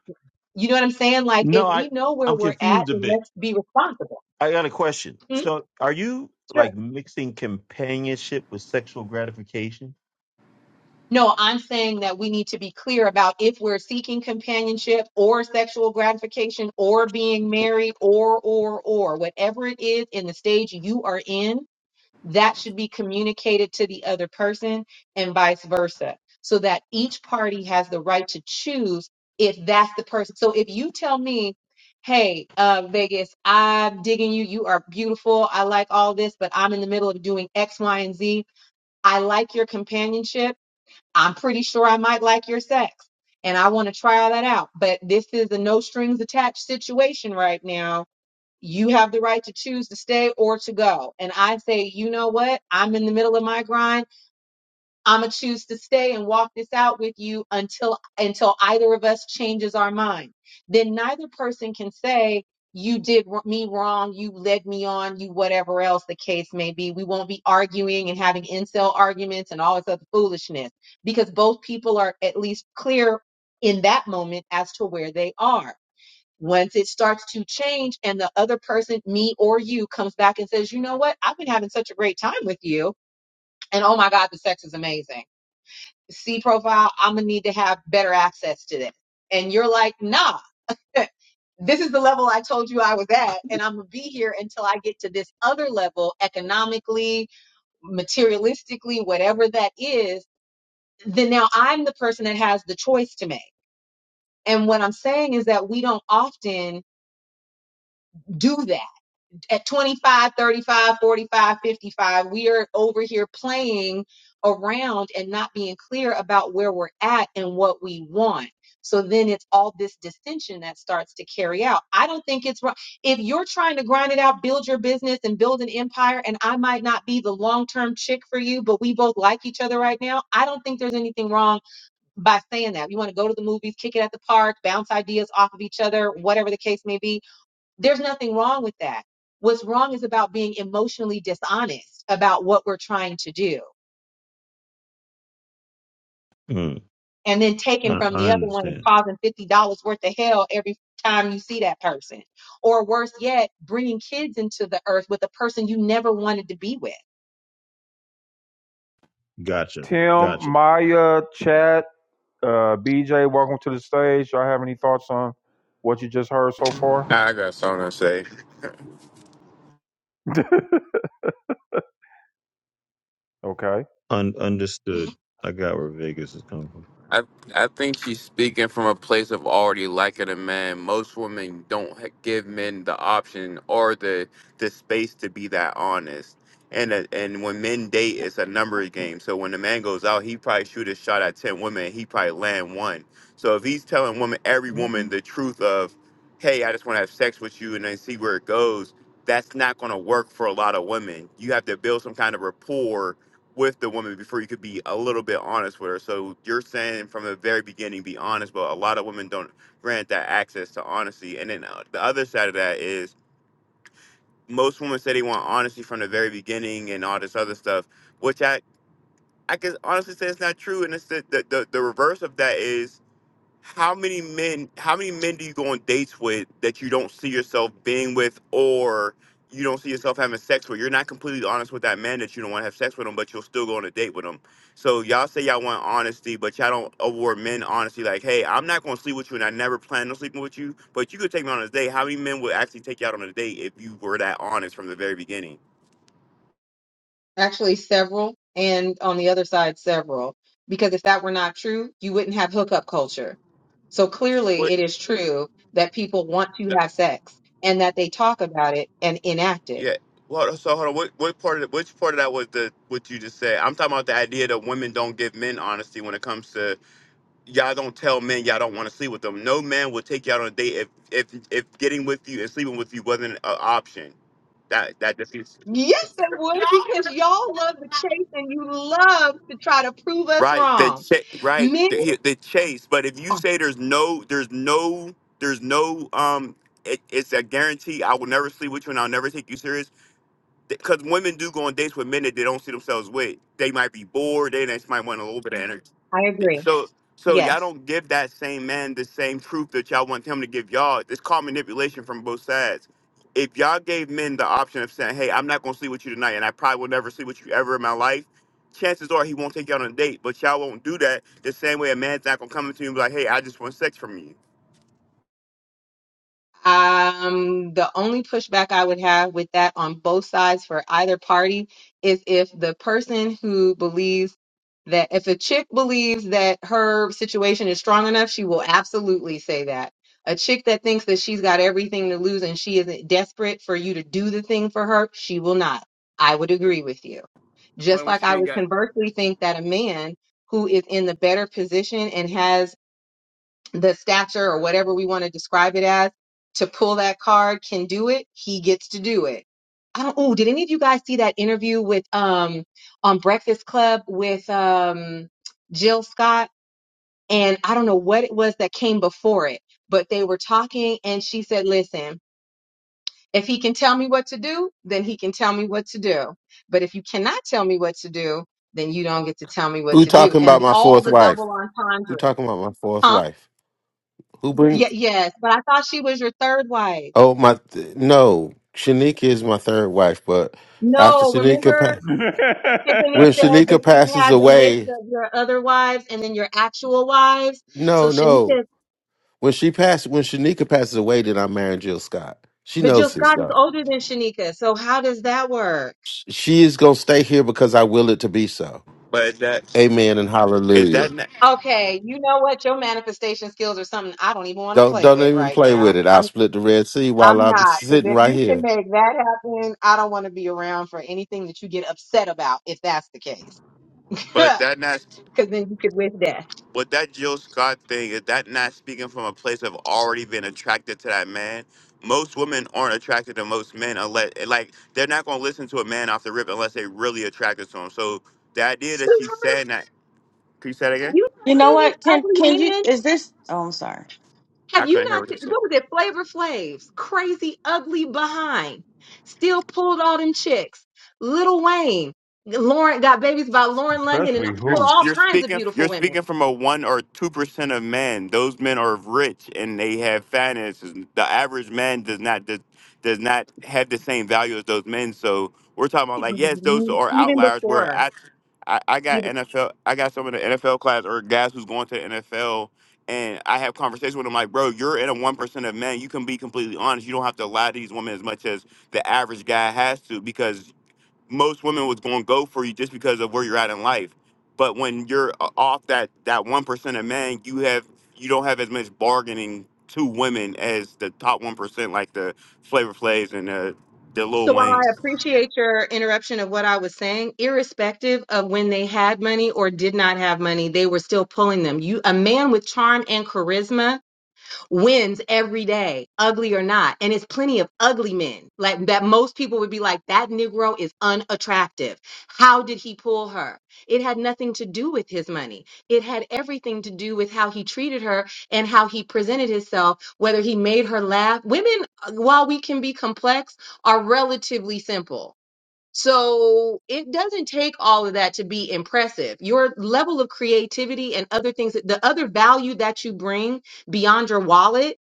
Speaker 11: you know what I'm saying? Like, if
Speaker 10: no, I
Speaker 11: we know where
Speaker 10: I'm
Speaker 11: we're at,
Speaker 10: confused a
Speaker 11: then
Speaker 10: bit.
Speaker 11: let's be responsible.
Speaker 10: I got a question.
Speaker 11: Hmm?
Speaker 10: So are you
Speaker 11: Sure.
Speaker 10: like mixing companionship with sexual gratification?
Speaker 11: No, I'm saying that we need to be clear about if we're seeking companionship or sexual gratification or being married or, or, or, whatever it is in the stage you are in, that should be communicated to the other person and vice versa, so that each party has the right to choose if that's the person. So if you tell me, hey, uh, Vegas, I'm digging you, you are beautiful, I like all this, but I'm in the middle of doing X, Y, and Z, I like your companionship I'm pretty sure I might like your sex and I want to try that out. But this is a no strings attached situation right now. You have the right to choose to stay or to go. And I say, you know what? I'm in the middle of my grind. I'm gonna choose to stay and walk this out with you until until either of us changes our mind. Then neither person can say you did wr- me wrong, you led me on, you whatever else the case may be. We won't be arguing and having incel arguments and all this other foolishness because both people are at least clear in that moment as to where they are. Once it starts to change and the other person, me or you, comes back and says, you know what? I've been having such a great time with you. And oh my God, the sex is amazing C profile, I'm gonna need to have better access to this. And you're like, nah, this is the level I told you I was at, and I'm gonna be here until I get to this other level economically, materialistically, whatever that is. Then now I'm the person that has the choice to make. And what I'm saying is that we don't often do that at 25, 35, 45, 55, we are over here playing around and not being clear about where we're at and what we want. So then it's all this dissension that starts to carry out. I don't think it's wrong. If you're trying to grind it out, build your business and build an empire, and I might not be the long term chick for you, but we both like each other right now, I don't think there's anything wrong by saying that. You want to go to the movies, kick it at the park, bounce ideas off of each other, whatever the case may be there's nothing wrong with that. What's wrong is about being emotionally dishonest about what we're trying to do
Speaker 10: Hmm.
Speaker 11: and then
Speaker 10: I,
Speaker 11: taking from
Speaker 10: I
Speaker 11: the other one and
Speaker 10: understand.
Speaker 11: causing $50 worth of hell every time you see that person. Or worse yet, bringing kids into the earth with a person you never wanted to be with.
Speaker 10: Gotcha.
Speaker 2: Tim,
Speaker 10: Gotcha.
Speaker 2: Maya, Chad, uh, BJ, welcome to the stage. Y'all have any thoughts on what you just heard so far?
Speaker 17: Nah, I got something to say.
Speaker 2: okay.
Speaker 10: Un- understood. I got where Vegas is coming from.
Speaker 17: I I think she's speaking from a place of already liking a man. Most women don't h- give men the option or the the space to be that honest. And uh, and when men date, it's a numbers game. So when the man goes out, he probably shoot a shot at ten women. He probably land one. So if he's telling women every woman
Speaker 11: Mhm.
Speaker 17: the truth of, hey, I just want to have sex with you and then see where it goes, that's not going to work for a lot of women. You have to build some kind of rapport with the woman before you could be a little bit honest with her. So you're saying from the very beginning, be honest, but a lot of women don't grant that access to honesty. And then uh, the other side of that is most women say they want honesty from the very beginning and all this other stuff, which I I can honestly say it's not true. And it's the the, the, the reverse of that is how many men how many men do you go on dates with that you don't see yourself being with or you don't see yourself having sex with you're not completely honest with that man that you don't want to have sex with him but you'll still go on a date with him so y'all say y'all want honesty but y'all don't award men honesty like hey i'm not going to sleep with you and i never plan on sleeping with you but you could take me on a date how many men would actually take you out on a date if you were that honest from the very beginning
Speaker 11: Actually, several, and on the other side, several. Because if that were not true, you wouldn't have hookup culture. So clearly,
Speaker 17: what
Speaker 11: it is true that people want to have sex and that they talk about it and enact it.
Speaker 17: Yeah. Well, so hold on. What what part of the, which part of that was the what you just said? I'm talking about the idea that women don't give men honesty when it comes to y'all don't tell men y'all don't want to sleep with them. No man will take you out on a date if if if getting with you and sleeping with you wasn't an option. That that defeats
Speaker 11: Yes, it would, because y'all love to chase and you love to try to prove us
Speaker 17: right the
Speaker 11: wrong.
Speaker 17: ch- right
Speaker 11: Men
Speaker 17: the, he- the chase. But if you
Speaker 11: are,
Speaker 17: say there's no there's no there's no um it, it's a guarantee I will never sleep with you and I'll never take you serious because women do go on dates with men that they don't see themselves with. They might be bored. They just might want a little bit of energy.
Speaker 11: I agree.
Speaker 17: So, so y'all
Speaker 11: Yes.
Speaker 17: don't give that same man the same truth that y'all want him to give y'all. It's called manipulation from both sides. If y'all gave men the option of saying, "Hey, I'm not gonna sleep with you tonight, and I probably will never sleep with you ever in my life," chances are he won't take you on a date. But y'all won't do that the same way a man's not gonna come to you and be like, "Hey, I just want sex from you."
Speaker 11: Um, the only pushback I would have with that on both sides for either party is if the person who believes that if a chick believes that her situation is strong enough, she will absolutely say that. A chick that thinks that she's got everything to lose and she isn't desperate for you to do the thing for her, she will not. I would agree with you. Just like I would conversely think that a man who is in the better position and has the stature or whatever we want to describe it as to pull that card can do it, he gets to do it. I don't oh, did any of you guys see that interview with um on Breakfast Club with um Jill Scott? And I don't know what it was that came before it, but they were talking and she said, listen, if he can tell me what to do, then he can tell me what to do. But if you cannot tell me what to do, then you don't get to tell me what
Speaker 1: Who
Speaker 11: to do.
Speaker 1: talking
Speaker 11: And
Speaker 1: about
Speaker 11: the,
Speaker 1: my
Speaker 11: all
Speaker 1: fourth
Speaker 11: the
Speaker 1: wife?
Speaker 11: double
Speaker 1: Who
Speaker 11: entendres,
Speaker 1: talking about my fourth
Speaker 11: huh?
Speaker 1: wife? Who bring?
Speaker 11: Yeah, yes. But I thought she was your third wife.
Speaker 1: Oh my! Th- no, Shanika is my third wife, but after
Speaker 11: No,
Speaker 1: Shanika,
Speaker 11: remember
Speaker 1: pa-
Speaker 11: Tiffany
Speaker 1: When
Speaker 11: said that
Speaker 1: Shanika
Speaker 11: you
Speaker 1: passes
Speaker 11: had the list
Speaker 1: away,
Speaker 11: of your other wives and then your actual wives. So
Speaker 1: no, no.
Speaker 11: Shanika,
Speaker 1: When she passed, when Shanika passes away, then I'm marrying Jill Scott. She
Speaker 11: but Jill
Speaker 1: knows this
Speaker 11: Scott is
Speaker 1: stuff.
Speaker 11: older than Shanika. So how does that work?
Speaker 1: Sh- She is gonna stay here because I will it to be so.
Speaker 17: But that,
Speaker 1: Amen and
Speaker 17: if that,
Speaker 1: hallelujah.
Speaker 17: not,
Speaker 11: Okay, you know what? Your manifestation skills are something I don't even want to
Speaker 1: Don't
Speaker 11: play
Speaker 1: don't
Speaker 11: with
Speaker 1: even
Speaker 11: right
Speaker 1: play with
Speaker 11: now.
Speaker 1: it. I'll split the Red Sea while
Speaker 11: I'm
Speaker 1: I'm
Speaker 11: not. Because
Speaker 1: sitting
Speaker 11: if
Speaker 1: right
Speaker 11: you can
Speaker 1: here.
Speaker 11: make that happen, I don't want to be around for anything that you get upset about if that's the case.
Speaker 17: but that not.
Speaker 11: Because then you could wish death.
Speaker 17: with that Jill Scott thing, is that not speaking from a place of already being attracted to that man? Most women aren't attracted to most men unless, like, they're not going to listen to a man off the rip unless they really attracted to him. So the idea that she's
Speaker 11: Sweetheart,
Speaker 17: saying that, can you say that
Speaker 11: have
Speaker 17: again?
Speaker 11: you
Speaker 18: You
Speaker 11: not
Speaker 18: know
Speaker 11: seen these
Speaker 18: what? Can
Speaker 11: ugly
Speaker 18: can you?
Speaker 11: men?
Speaker 18: Is this? Oh, I'm sorry.
Speaker 17: I
Speaker 11: Have you
Speaker 17: couldn't hear
Speaker 11: not
Speaker 17: what you
Speaker 11: seen,
Speaker 17: said.
Speaker 11: what was it, Flavor Flav's Crazy, ugly behind. Still pulled all them chicks. Lil Wayne. Lauren got babies by Lauren London and
Speaker 2: Especially
Speaker 17: You're,
Speaker 11: pulled all
Speaker 17: you're
Speaker 2: hoops.
Speaker 11: kinds of
Speaker 17: speaking
Speaker 11: beautiful
Speaker 17: you're
Speaker 11: women.
Speaker 17: speaking from a one or two percent of men. Those men are rich and they have finances. The average man does not does, does not have the same value as those men. So we're talking about like yes, those are
Speaker 11: Even
Speaker 17: outliers. Where
Speaker 11: before.
Speaker 17: I I, I got NFL I got some of the NFL class or guys who's going to the NFL and I have conversations with them like, bro, you're in a one percent of men. You can be completely honest. You don't have to lie to these women as much as the average guy has to because most women was going to go for you just because of where you're at in life. But when you're uh, off that that one percent of men, you have you don't have as much bargaining to women as the top one percent, like the Flavor Flays and the the Lil
Speaker 11: So while
Speaker 17: Wayne.
Speaker 11: I appreciate your interruption of what I was saying, irrespective of when they had money or did not have money, they were still pulling them. You, a man with charm and charisma wins every day, ugly or not. And it's plenty of ugly men. Like that most people would be like, that Negro is unattractive. How did he pull her? It had nothing to do with his money. It had everything to do with how he treated her and how he presented himself, whether he made her laugh. Women, uh, while we can be complex, are relatively simple so it doesn't take all of that to be impressive. Your level of creativity and other things, that- the other value that you bring beyond your wallet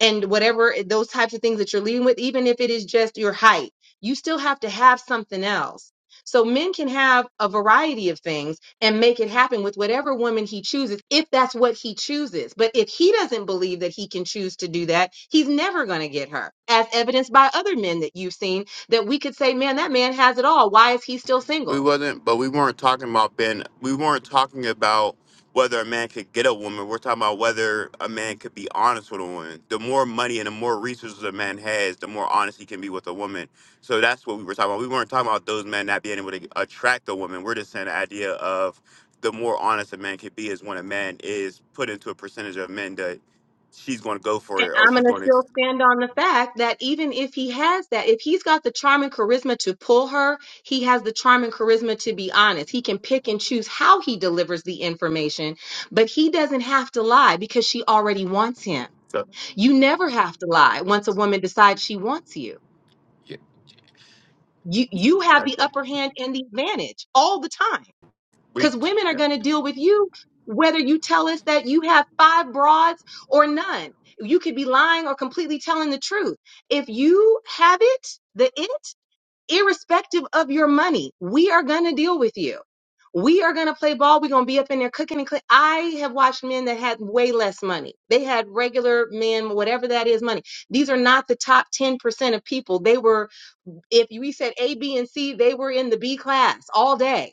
Speaker 11: and whatever eh, those types of things that you're leading with, even if it is just your height, you still have to have something else. So men can have a variety of things and make it happen with whatever woman he chooses, if that's what he chooses. But if he doesn't believe that he can choose to do that, he's never going to get her, as evidenced by other men that you've seen that we could say, man, that man has it all. Why is he still
Speaker 17: We
Speaker 11: single?
Speaker 17: wasn't, but we weren't talking about being. We weren't talking about whether a man could get a woman. We're talking about whether a man could be honest with a woman. The more money and the more resources a man has, the more honest he can be with a woman. So that's what we were talking about. We weren't talking about those men not being able to attract a woman. We're just saying the idea of the more honest a man can be is when a man is put into a percentage of men that she's going to go
Speaker 11: And
Speaker 17: for it or
Speaker 11: I'm
Speaker 17: she's
Speaker 11: going to
Speaker 17: going to.
Speaker 11: still stand on the fact that even if he has that, if he's got the charm and charisma to pull her, he has the charm and charisma to be honest. He can pick and choose how he delivers the information, but he doesn't have to lie because she already wants him. You never have to lie once a woman decides she wants you. You you have the upper hand and the advantage all the time because women are going to deal with you whether you tell us that you have five broads or none. You could be lying or completely telling the truth. If you have it, the it, irrespective of your money, we are going to deal with you. We are going to play ball. We're going to be up in there cooking and clean. I have watched men that had way less money. They had regular men, whatever that is, money. These are not the top 10% of people. They were, if we said A, B, and C, they were in the B class all day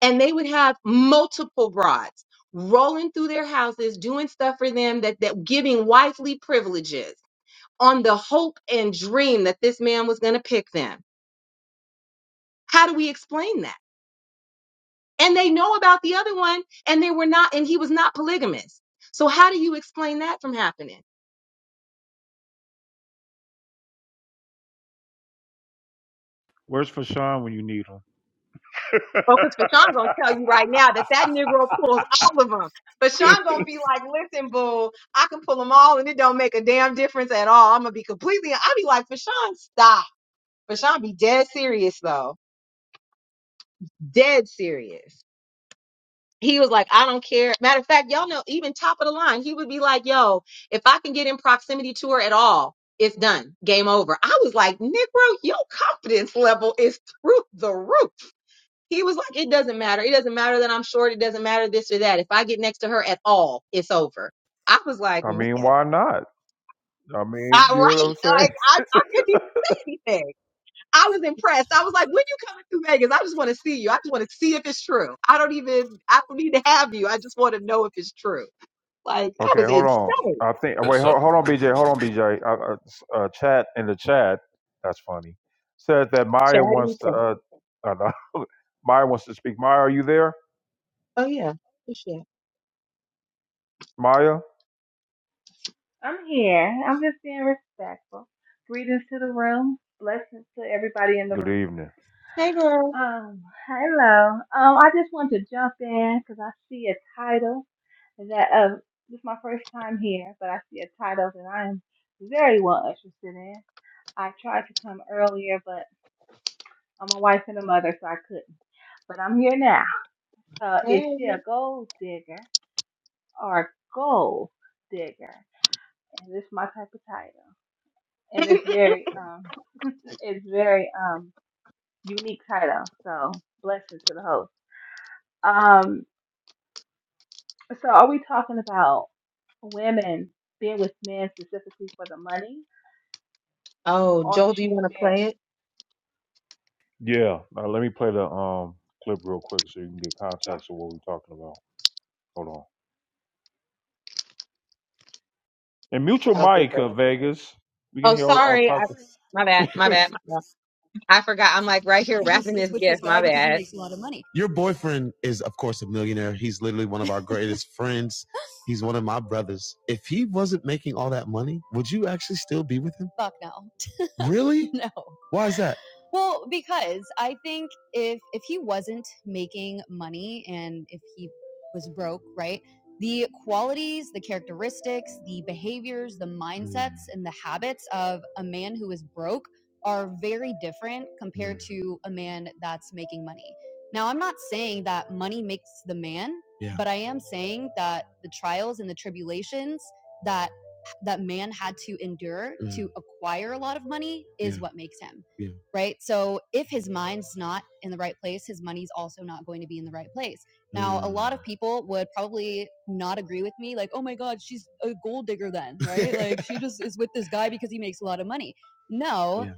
Speaker 11: and they would have multiple brides rolling through their houses doing stuff for them that that giving wifely privileges on the hope and dream that this man was going to pick them how do we explain that and they know about the other one and they were not and he was not polygamous so how do you explain that from happening
Speaker 2: Where's Fashawn when you need him?
Speaker 11: well, because Fashawn gonna tell you right now that that Negro pulls all of them. Fashawn gonna be like, "Listen, boo, I can pull them all, and it don't make a damn difference at all. I'm gonna be completely." I'll be like, "Fashawn, stop." Rashawn be dead serious though. Dead serious. He was like, I don't care. Matter of fact, y'all know, even top of the line, he would be like, yo, if I can get in proximity to her at all, it's done. Game over. I was like, Negro, your confidence level is through the roof. He was like, it doesn't matter. It doesn't matter that I'm short. It doesn't matter this or that. If I get next to her at all, it's over. I was like,
Speaker 2: I mean,
Speaker 11: man,
Speaker 2: why not? I
Speaker 11: I,
Speaker 2: mean, you know what
Speaker 11: right.
Speaker 2: I'm saying?
Speaker 11: Like, I, I couldn't even say anything. I was impressed. I was like, when you coming through Vegas, I just want to see you. I just want to see if it's true. I don't even, I don't need to have you. I just want to know if it's true. Like, that
Speaker 2: Okay,
Speaker 11: was
Speaker 2: hold on.
Speaker 11: insane.
Speaker 2: I think wait, hold, hold on, BJ. Hold on, BJ. Uh, uh, uh, chat in the chat. That's funny. Said that Maya
Speaker 11: Chad in the
Speaker 2: wants to.
Speaker 11: chat.
Speaker 2: Uh, uh, no, Maya wants to speak. Maya, are you there?
Speaker 11: Oh, yeah. for sure.
Speaker 2: Maya.
Speaker 19: I'm here. I'm just being respectful. Greetings to the room. Blessings to everybody in the
Speaker 2: Good
Speaker 19: room.
Speaker 2: evening.
Speaker 11: Hey, girl.
Speaker 19: Um, hello. Um, I just want to jump in because I see a title that uh, this is my first time here, but I see a title that I am very well interested in. I tried to come earlier, but I'm a wife and a mother, so I couldn't. But I'm here now. Uh, is
Speaker 11: Hey.
Speaker 19: she a gold digger or a gold digger? And this is my type of title. and it's very um it's very um unique title. So blessings to the host. Um, so are we talking about women being with men specifically for the money,
Speaker 11: Oh,
Speaker 19: or is
Speaker 11: Joel, do you
Speaker 19: she
Speaker 11: want to
Speaker 19: spirit?
Speaker 11: play it?
Speaker 2: Yeah. Uh, let me play the um clip real quick so you can get
Speaker 19: Sure.
Speaker 2: context of what we're talking about. Hold on. And mute your
Speaker 11: I'll give
Speaker 2: mic,
Speaker 11: it.
Speaker 2: uh, Vegas. We can
Speaker 11: Oh,
Speaker 2: hear all, all
Speaker 11: sorry. I,
Speaker 2: types
Speaker 11: my bad. My
Speaker 2: of.
Speaker 11: bad. My bad. I forgot. I'm like right here wrapping this gift. My bad.
Speaker 2: Your boyfriend is, of course, a millionaire. He's literally one of our greatest friends. He's one of my brothers. If he wasn't making all that money, would you actually still be with him? Really? Why is that? Yeah, yeah, yeah,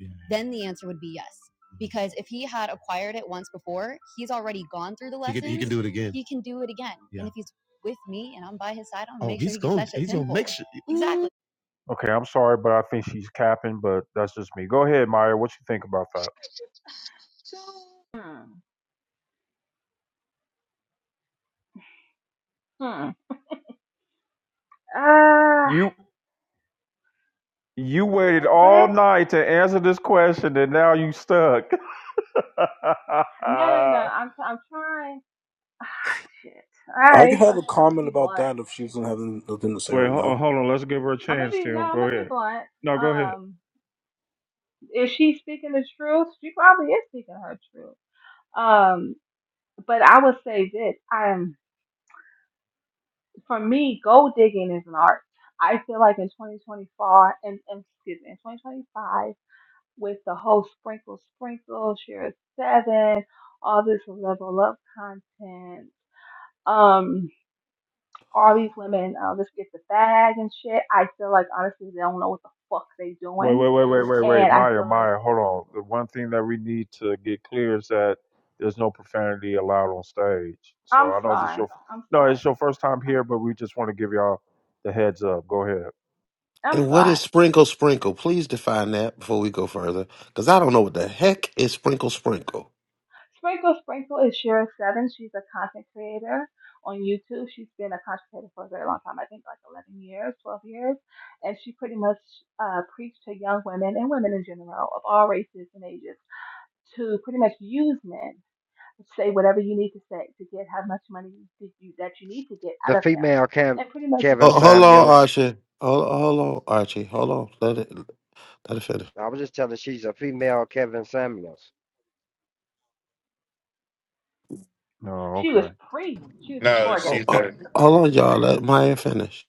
Speaker 2: yeah. Do it again. okay, I'm sorry, but I think she's capping, but that's just me. Go ahead, Maya. What you think about that?
Speaker 19: Hmm. Hmm. Uh,
Speaker 2: You. You waited
Speaker 19: go
Speaker 2: all
Speaker 19: ahead.
Speaker 2: night to answer this question, and now you stuck. wait, ho-
Speaker 19: No, no, no. I'm I'm trying. Ah, shit. All
Speaker 20: I could
Speaker 19: right,
Speaker 20: have
Speaker 19: fuck
Speaker 20: a
Speaker 19: it. I'm gonna
Speaker 20: comment
Speaker 19: be
Speaker 20: about
Speaker 19: blunt.
Speaker 20: that if she doesn't have nothing to say right
Speaker 2: oh,
Speaker 20: now.
Speaker 2: hold on. Let's give her a
Speaker 19: I'm gonna
Speaker 2: chance,
Speaker 19: be
Speaker 2: Tim.
Speaker 19: no. I'm
Speaker 2: Go
Speaker 19: gonna be
Speaker 2: ahead.
Speaker 19: blunt.
Speaker 2: No, go ahead.
Speaker 19: Um, is she speaking the truth? She probably is speaking her truth. Um. but I would say this: I'm for me, gold digging is an art. I feel like in 2024 and, and excuse me, in 2025, with the whole sprinkle, sprinkle, share seven, all this level up content, um, all these women, uh, let's get the bag and shit. I feel like honestly, they don't know what the fuck they
Speaker 2: Wait,
Speaker 19: doing,
Speaker 2: wait, wait, wait, wait, wait,
Speaker 19: and I
Speaker 2: Maya,
Speaker 19: feel like
Speaker 2: Maya. Hold on. The one thing that we need to get clear is that there's no profanity allowed on stage. So
Speaker 19: I'm
Speaker 2: I know this
Speaker 19: sorry,
Speaker 2: your
Speaker 19: I'm
Speaker 2: no,
Speaker 19: sorry,
Speaker 2: it's your first time
Speaker 19: I'm,
Speaker 2: here, but we just want to give y'all the heads up. Go ahead.
Speaker 19: I'm
Speaker 1: And what
Speaker 19: sorry.
Speaker 1: is sprinkle sprinkle? Please define that before we go further, because I don't know what the heck is sprinkle sprinkle.
Speaker 19: Sprinkle Sprinkle is Shira Seven. She's a content creator on YouTube. She's been a content creator for a very long time, I think like 11 years, 12 years. And she pretty much uh, preached to young women and women in general of all races and ages to pretty much use men. Say whatever you need to say to get how much money did you, that you need to get
Speaker 21: The
Speaker 19: out of him.
Speaker 21: female Kev-
Speaker 19: And pretty much just
Speaker 21: Kevin
Speaker 1: Ho- Hold
Speaker 19: discard him.
Speaker 1: on,
Speaker 21: Samuels.
Speaker 1: Archie. Hold, hold on, Archie. Hold on. Let it let it finish.
Speaker 21: I was just telling her she's a female Kevin Samuels.
Speaker 2: No,
Speaker 19: She was
Speaker 2: okay.
Speaker 19: pre, she was
Speaker 17: No,
Speaker 19: before
Speaker 1: Oh,
Speaker 19: Gavin
Speaker 17: she's
Speaker 1: oh,
Speaker 17: a
Speaker 1: hold on, y'all. Let Maya finish.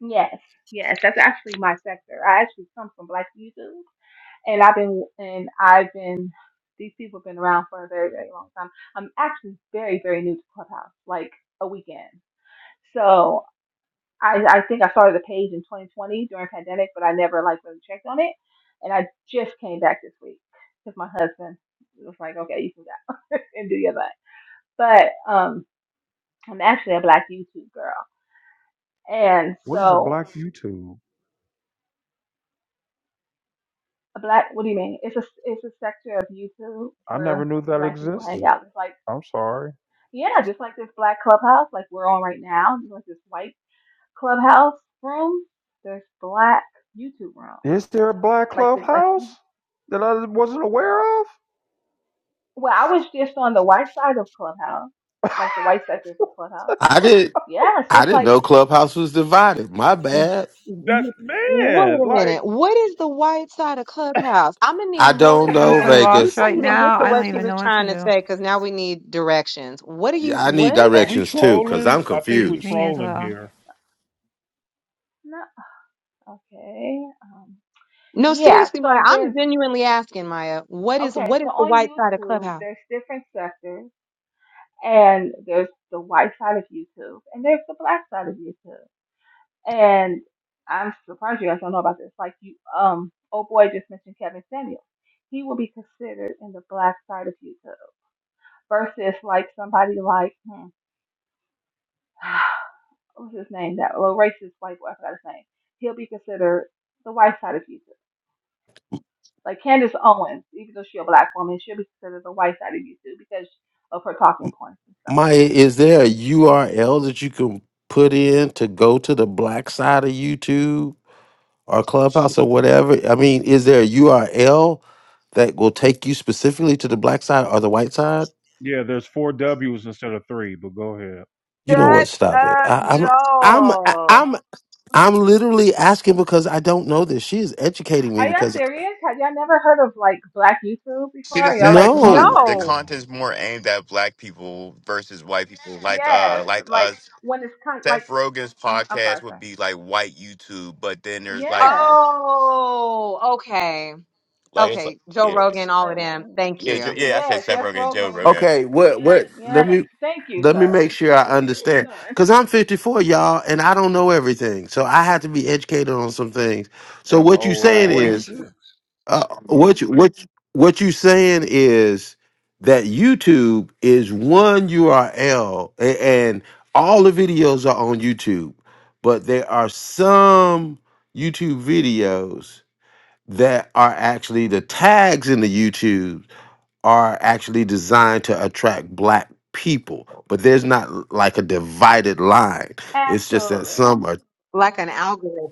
Speaker 19: Yes, yes, that's actually my sector. I actually come from Black YouTube. and I've been and I've been these people have been around for a very very long time. I'm actually very very new to Clubhouse, like a weekend. So I I think I started the page in 2020 during pandemic, but I never like really checked on it, and I just came back this week because my husband was like, okay, you can go and do your thing. But um, I'm actually a black YouTube girl, and
Speaker 2: What is a
Speaker 19: so
Speaker 2: black YouTube?
Speaker 19: a black what do you mean? It's a it's a sector of YouTube
Speaker 2: I never
Speaker 19: where
Speaker 2: knew
Speaker 19: the
Speaker 2: that
Speaker 19: black people hang
Speaker 2: existed.
Speaker 19: out. It's like
Speaker 2: I'm sorry.
Speaker 19: Yeah, just like this black clubhouse, like we're on right now, just like this white clubhouse room, there's black YouTube rooms.
Speaker 2: Is there a black
Speaker 19: Like the like
Speaker 2: clubhouse
Speaker 19: he,
Speaker 2: that I wasn't aware of?
Speaker 19: well, I was just on the white side of clubhouse, like the white sectors of clubhouse.
Speaker 1: I did.
Speaker 19: Yeah, it's
Speaker 1: I
Speaker 19: just
Speaker 1: didn't
Speaker 19: like
Speaker 1: know Clubhouse was divided. My
Speaker 11: W-
Speaker 1: bad.
Speaker 2: That
Speaker 11: Wait
Speaker 2: man,
Speaker 11: a
Speaker 2: like,
Speaker 11: minute. What is the white side of Clubhouse? I'm gonna need
Speaker 1: I
Speaker 11: more
Speaker 1: don't
Speaker 15: I'm
Speaker 1: know
Speaker 15: so
Speaker 11: information. We
Speaker 15: lost
Speaker 1: Vegas.
Speaker 15: right
Speaker 11: couldn't even get
Speaker 15: now.
Speaker 11: to
Speaker 15: I
Speaker 11: what
Speaker 15: don't
Speaker 11: she
Speaker 15: even
Speaker 11: was
Speaker 15: know what to
Speaker 11: trying to
Speaker 15: do.
Speaker 11: say because now we need directions. What are you?
Speaker 1: Yeah, I need
Speaker 11: What?
Speaker 2: are we
Speaker 1: directions too, cause
Speaker 2: trolling?
Speaker 1: I'm
Speaker 2: I think we're
Speaker 1: confused.
Speaker 15: Me as
Speaker 2: trolling
Speaker 15: well.
Speaker 2: here.
Speaker 19: no, okay, um,
Speaker 11: No,
Speaker 19: yeah.
Speaker 11: seriously, Maya.
Speaker 19: So
Speaker 11: I'm
Speaker 19: there's
Speaker 11: genuinely asking, Maya. What is
Speaker 19: okay.
Speaker 11: what
Speaker 19: So
Speaker 11: is the
Speaker 19: on
Speaker 11: white side of
Speaker 19: YouTube,
Speaker 11: Clubhouse?
Speaker 19: there's different sectors, and there's the white side of YouTube, and there's the black side of YouTube. And I'm surprised you guys don't know about this. Like you, um, oh boy, just mentioned Kevin Samuel. He will be considered in the black side of YouTube versus like somebody like hmm, what was his name? That little racist white boy. I forgot his name. He'll be considered the white side of YouTube. Like Candace Owens, even though she's a black woman, she'll be considered the white side of YouTube because of her talking points and stuff like
Speaker 1: Maya,
Speaker 19: that.
Speaker 1: is there a URL that you can put in to go to the black side of YouTube? or clubhouse or whatever i mean is there a url that will take you specifically to the black side or the white side
Speaker 2: Yeah, there's four W's instead of three, but go ahead.
Speaker 1: you know what
Speaker 11: Shut
Speaker 1: stop it
Speaker 11: up,
Speaker 1: I, i'm i'm I-
Speaker 11: Joel.
Speaker 1: i'm i'm literally asking because i don't know this she is educating me
Speaker 19: Are y'all
Speaker 1: because
Speaker 19: serious? Have y'all never heard of like black YouTube
Speaker 17: She
Speaker 19: before?
Speaker 17: just
Speaker 19: y'all
Speaker 17: saying the
Speaker 19: like being
Speaker 17: con
Speaker 1: no
Speaker 17: the
Speaker 19: funny?
Speaker 11: No.
Speaker 17: content's more aimed at black people versus white people. Like uh
Speaker 19: Yes,
Speaker 17: like
Speaker 19: like
Speaker 17: us.
Speaker 19: when it's kind like
Speaker 17: Seth Rogen's
Speaker 19: hmm I'm
Speaker 17: podcast
Speaker 19: sorry,
Speaker 17: would
Speaker 19: sir.
Speaker 17: be like white YouTube, but then there's like
Speaker 19: Yes.
Speaker 11: Oh, okay.
Speaker 17: like it's like
Speaker 11: Okay. Joe
Speaker 17: yeah.
Speaker 11: Rogan,
Speaker 19: Uh,
Speaker 11: all of them.
Speaker 19: w-
Speaker 11: Thank
Speaker 17: Yeah, Jo-
Speaker 11: you.
Speaker 17: yeah, I said
Speaker 19: Yes,
Speaker 17: Seth
Speaker 19: Jeff
Speaker 17: Rogen, Joe
Speaker 19: Rogan.
Speaker 17: Rogan.
Speaker 1: okay what what let
Speaker 19: Yes.
Speaker 1: me
Speaker 19: Thank you,
Speaker 1: let me
Speaker 19: sir.
Speaker 1: make sure i
Speaker 19: What are we
Speaker 1: understand
Speaker 19: doing?
Speaker 1: because i'm 54 y'all and i don't know everything so i have to be educated on some things so
Speaker 21: Damn
Speaker 1: what you
Speaker 21: old
Speaker 2: I'm
Speaker 1: saying
Speaker 21: ass.
Speaker 1: is
Speaker 2: 46.
Speaker 1: Uh, what you, what you- what you saying is that YouTube is one URL and all the videos are on YouTube, but there are some YouTube videos that are actually the tags in the YouTube are actually designed to attract black people, but there's not like a divided line. It's just that
Speaker 19: Absolutely.
Speaker 1: some are
Speaker 11: Like an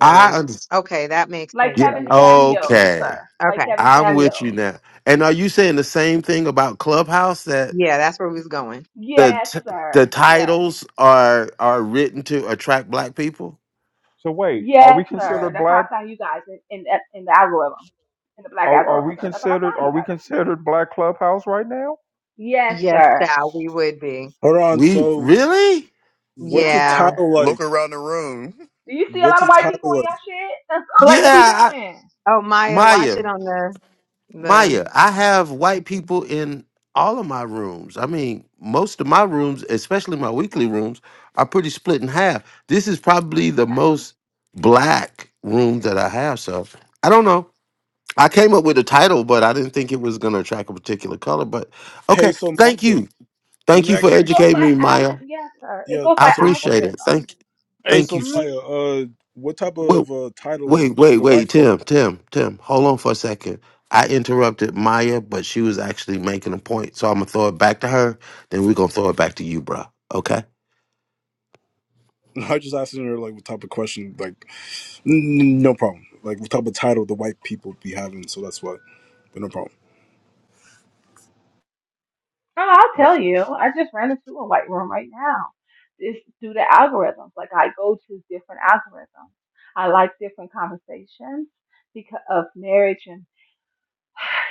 Speaker 1: I understand.
Speaker 11: Okay, that makes
Speaker 19: Like
Speaker 11: sense
Speaker 1: Yeah.
Speaker 11: to
Speaker 19: Kevin
Speaker 11: me.
Speaker 19: Samuels,
Speaker 1: Okay.
Speaker 19: sir.
Speaker 11: Okay.
Speaker 19: Like Kevin
Speaker 1: I'm with you
Speaker 19: Samuels.
Speaker 1: now. And are you saying the same thing about Clubhouse that
Speaker 11: Yeah, that's where we was going.
Speaker 1: the
Speaker 19: Yes,
Speaker 1: t- the
Speaker 19: sir. Yes.
Speaker 1: titles are are written to attract black people?
Speaker 2: So wait, are we
Speaker 19: Yes, sir.
Speaker 2: considered
Speaker 19: That's how I
Speaker 2: black?
Speaker 19: found you guys in, in, in the algorithm, in the black
Speaker 2: Are, are we
Speaker 19: algorithm. That's how I
Speaker 2: considered?
Speaker 19: found
Speaker 2: Are
Speaker 19: you
Speaker 2: we
Speaker 19: guys.
Speaker 2: considered black clubhouse right now?
Speaker 19: Yes,
Speaker 11: Yes,
Speaker 19: sir.
Speaker 11: child, we would be.
Speaker 20: Hold on.
Speaker 1: We
Speaker 20: So,
Speaker 1: really?
Speaker 20: what's
Speaker 19: Yes.
Speaker 20: a
Speaker 11: Yeah.
Speaker 20: title
Speaker 17: Look
Speaker 20: like?
Speaker 17: around the room.
Speaker 19: Do you see a
Speaker 20: What's
Speaker 19: lot of
Speaker 20: a
Speaker 19: white people
Speaker 20: title
Speaker 19: in
Speaker 20: like?
Speaker 19: your shit? like, what we
Speaker 1: Yeah, I,
Speaker 19: doing?
Speaker 11: Oh, Maya, watch
Speaker 1: Maya,
Speaker 11: it on the the.
Speaker 1: Maya. I have white people in all of my rooms. I mean, most of my rooms, especially my weekly rooms, are pretty split in half. This is probably the
Speaker 19: Okay.
Speaker 1: most black room that I have. So I don't know. I came up with a title, but I didn't think it was going to attract a particular color. But
Speaker 20: Hey,
Speaker 1: okay,
Speaker 20: so Maya,
Speaker 1: thank
Speaker 20: let
Speaker 1: you, thank
Speaker 20: me
Speaker 1: you for
Speaker 20: ask you.
Speaker 19: It goes
Speaker 1: educating
Speaker 19: by
Speaker 1: me,
Speaker 19: alg.
Speaker 1: Maya.
Speaker 19: Yes, sir. It
Speaker 20: Yeah,
Speaker 19: goes
Speaker 1: I
Speaker 19: by
Speaker 20: so
Speaker 1: appreciate
Speaker 20: Maya.
Speaker 19: algorithm.
Speaker 1: it. Thank,
Speaker 20: Hey,
Speaker 1: thank
Speaker 20: so
Speaker 1: you. s-
Speaker 19: Mm-hmm.
Speaker 20: Maya, uh, what type
Speaker 1: Wait,
Speaker 20: of uh, title
Speaker 1: wait,
Speaker 20: do
Speaker 1: wait,
Speaker 20: the white
Speaker 1: wait,
Speaker 20: folk?
Speaker 1: Tim, Tim, Tim. Hold on for a second. I interrupted Maya, but she was actually making a point, so I'm gonna throw it back to her. Then we're gonna throw it back to you, bro. Okay.
Speaker 20: I just asking her like what type of question, like n- no problem, like what type of title the white people be having. So that's why, but no problem.
Speaker 19: Oh, I'll
Speaker 2: Uh,
Speaker 19: tell you. I just ran into a white room right now. It's due to algorithms. Like I go to different algorithms. I like different conversations because of marriage and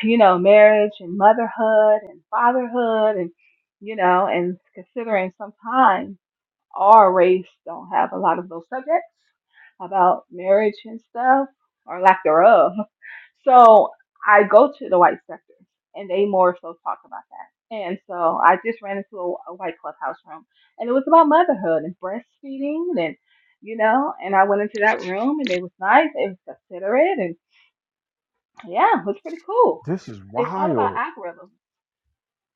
Speaker 19: you know marriage and motherhood and fatherhood and you know and considering sometimes our race don't have a lot of those subjects about marriage and stuff or lack thereof. So I go to the white sector and they more so talk about that. And so I just ran into a, a white clubhouse room and it was about motherhood and breastfeeding and you know, and I went into that room and it was nice, it was considerate and yeah, it was pretty cool.
Speaker 2: This is
Speaker 19: It's all about
Speaker 2: wild.
Speaker 19: algorithms.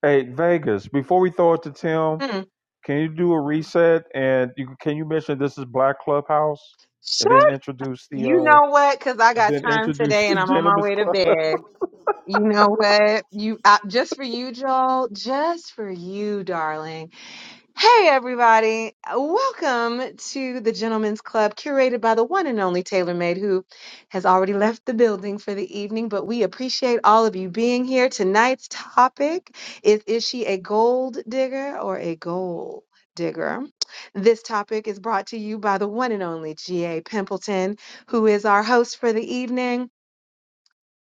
Speaker 2: Hey Vegas, before we throw it to Tim,
Speaker 11: Hmm.
Speaker 2: can you do a reset and you, can you mention this is black clubhouse and then
Speaker 11: Shut.
Speaker 2: introduce the
Speaker 11: You
Speaker 2: uh
Speaker 11: know what? Because I
Speaker 2: and
Speaker 11: got
Speaker 2: then
Speaker 11: time
Speaker 2: introduce
Speaker 11: today,
Speaker 2: the
Speaker 11: and I'm on my
Speaker 2: Gentlemen's
Speaker 11: way to
Speaker 2: Club.
Speaker 11: bed. You know what? You I, just for you, Joel. Just for you, darling. Hey, everybody. Welcome to the Gentlemen's Club, curated by the one and only Taylor Made, who has already left the building for the evening. But we appreciate all of you being here. Tonight's topic is Is she a gold digger or a gold digger? This topic is brought to you by the one and only G.A. Pimpleton, who is our host for the evening.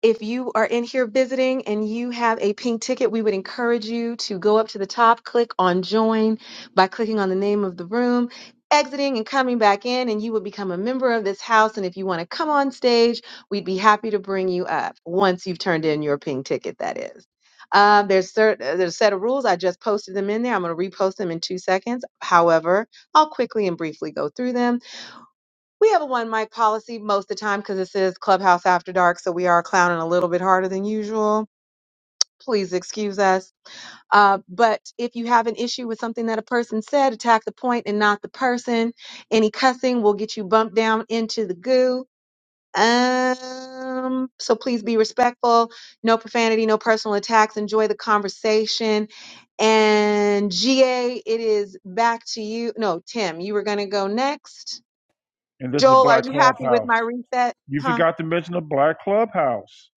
Speaker 11: If you are in here visiting and you have a pink ticket, we would encourage you to go up to the top, click on join by clicking on the name of the room, exiting and coming back in, and you will become a member of this house. And if you want to come on stage, we'd be happy to bring you up once you've turned in your pink ticket, that is. Um, there's certain there's a set of rules. I just posted them in there. I'm going to repost them in two seconds. However, I'll quickly and briefly go through them. We have a one mic policy most of the time because this is Clubhouse After Dark, so we are clowning a little bit harder than usual. Please excuse us. Uh, but if you have an issue with something that a person said, attack the point and not the person. Any cussing will get you bumped down into the goo. Um, so please be respectful. No profanity, no personal attacks. Enjoy the conversation. And GA, it is back to you. No, Tim, you were going to go next.
Speaker 2: And this is
Speaker 11: Joel, are
Speaker 2: Black
Speaker 11: you happy with
Speaker 2: Clubhouse.
Speaker 11: my reset?
Speaker 2: You
Speaker 11: Huh?
Speaker 2: forgot to mention the Black Clubhouse.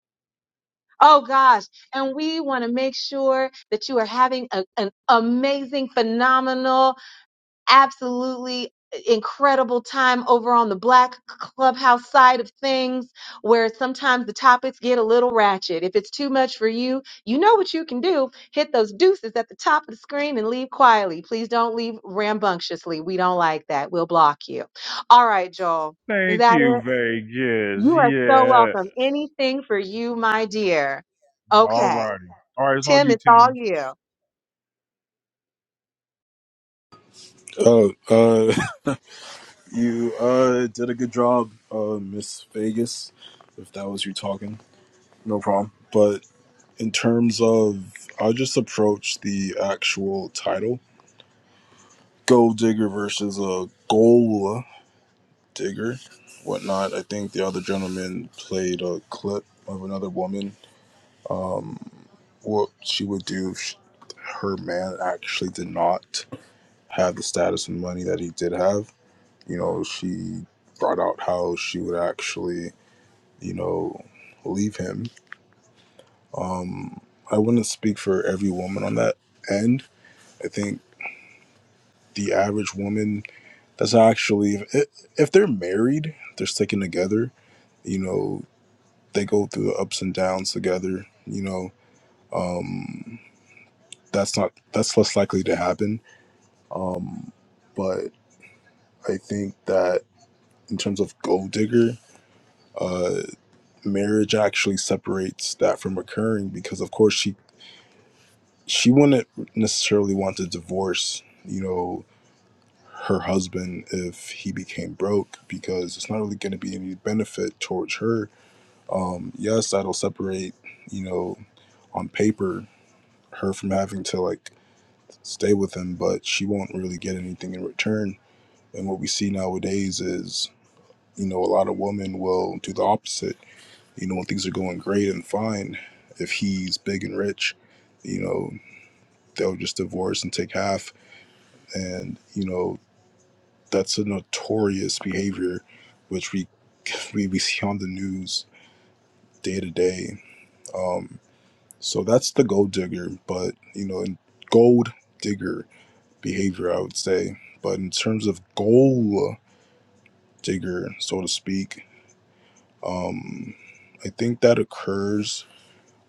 Speaker 11: Oh gosh. And we want to make sure that you are having a, an amazing, phenomenal, absolutely uh, incredible time over on the Black Clubhouse side of things, where sometimes the topics get a little ratchet. If it's too much for you, you know what you can do. Hit those deuces at the top of the screen and leave quietly. Please don't leave rambunctiously. We don't like that. We'll block you. All right, Joel. Is
Speaker 2: Thank
Speaker 11: that it?
Speaker 2: you, Vegas.
Speaker 11: You are so
Speaker 2: Yeah.
Speaker 11: welcome. Anything for you, my dear.
Speaker 2: All
Speaker 11: Okay,
Speaker 2: righty. All right, it's on
Speaker 11: Tim,
Speaker 2: you,
Speaker 11: it's all
Speaker 2: Timmy.
Speaker 11: you.
Speaker 20: Uh, uh, you uh did a good job, uh, Miss Vegas, if that was you talking, no problem. But in terms of I just approach the actual title Gold Digger versus a Gold Digger, whatnot. I think the other gentleman played a clip of another woman, um, what she would do if sh her man actually did not have the status and money that he did have. You know, she brought out how she would actually, you know, leave him. Um, I wouldn't speak for every woman on that end. I think the average woman that's actually if, if they're married they're sticking together you know they go through the ups and downs together you know um that's not that's less likely to happen um but i think that in terms of gold digger uh marriage actually separates that from occurring because of course she she wouldn't necessarily want to divorce you know her husband if he became broke because it's not really going to be any benefit towards her. Um, yes, that'll separate, you know, on paper, her from having to like stay with him, but she won't really get anything in return. And what we see nowadays is, you know, a lot of women will do the opposite. You know, when things are going great and fine, if he's big and rich, you know, they'll just divorce and take half. And, you know, That's a notorious behavior, which we we, we see on the news day to day. Um, so that's the gold digger, but you know, in gold digger behavior, I would say. But in terms of gold digger, so to speak, um, I think that occurs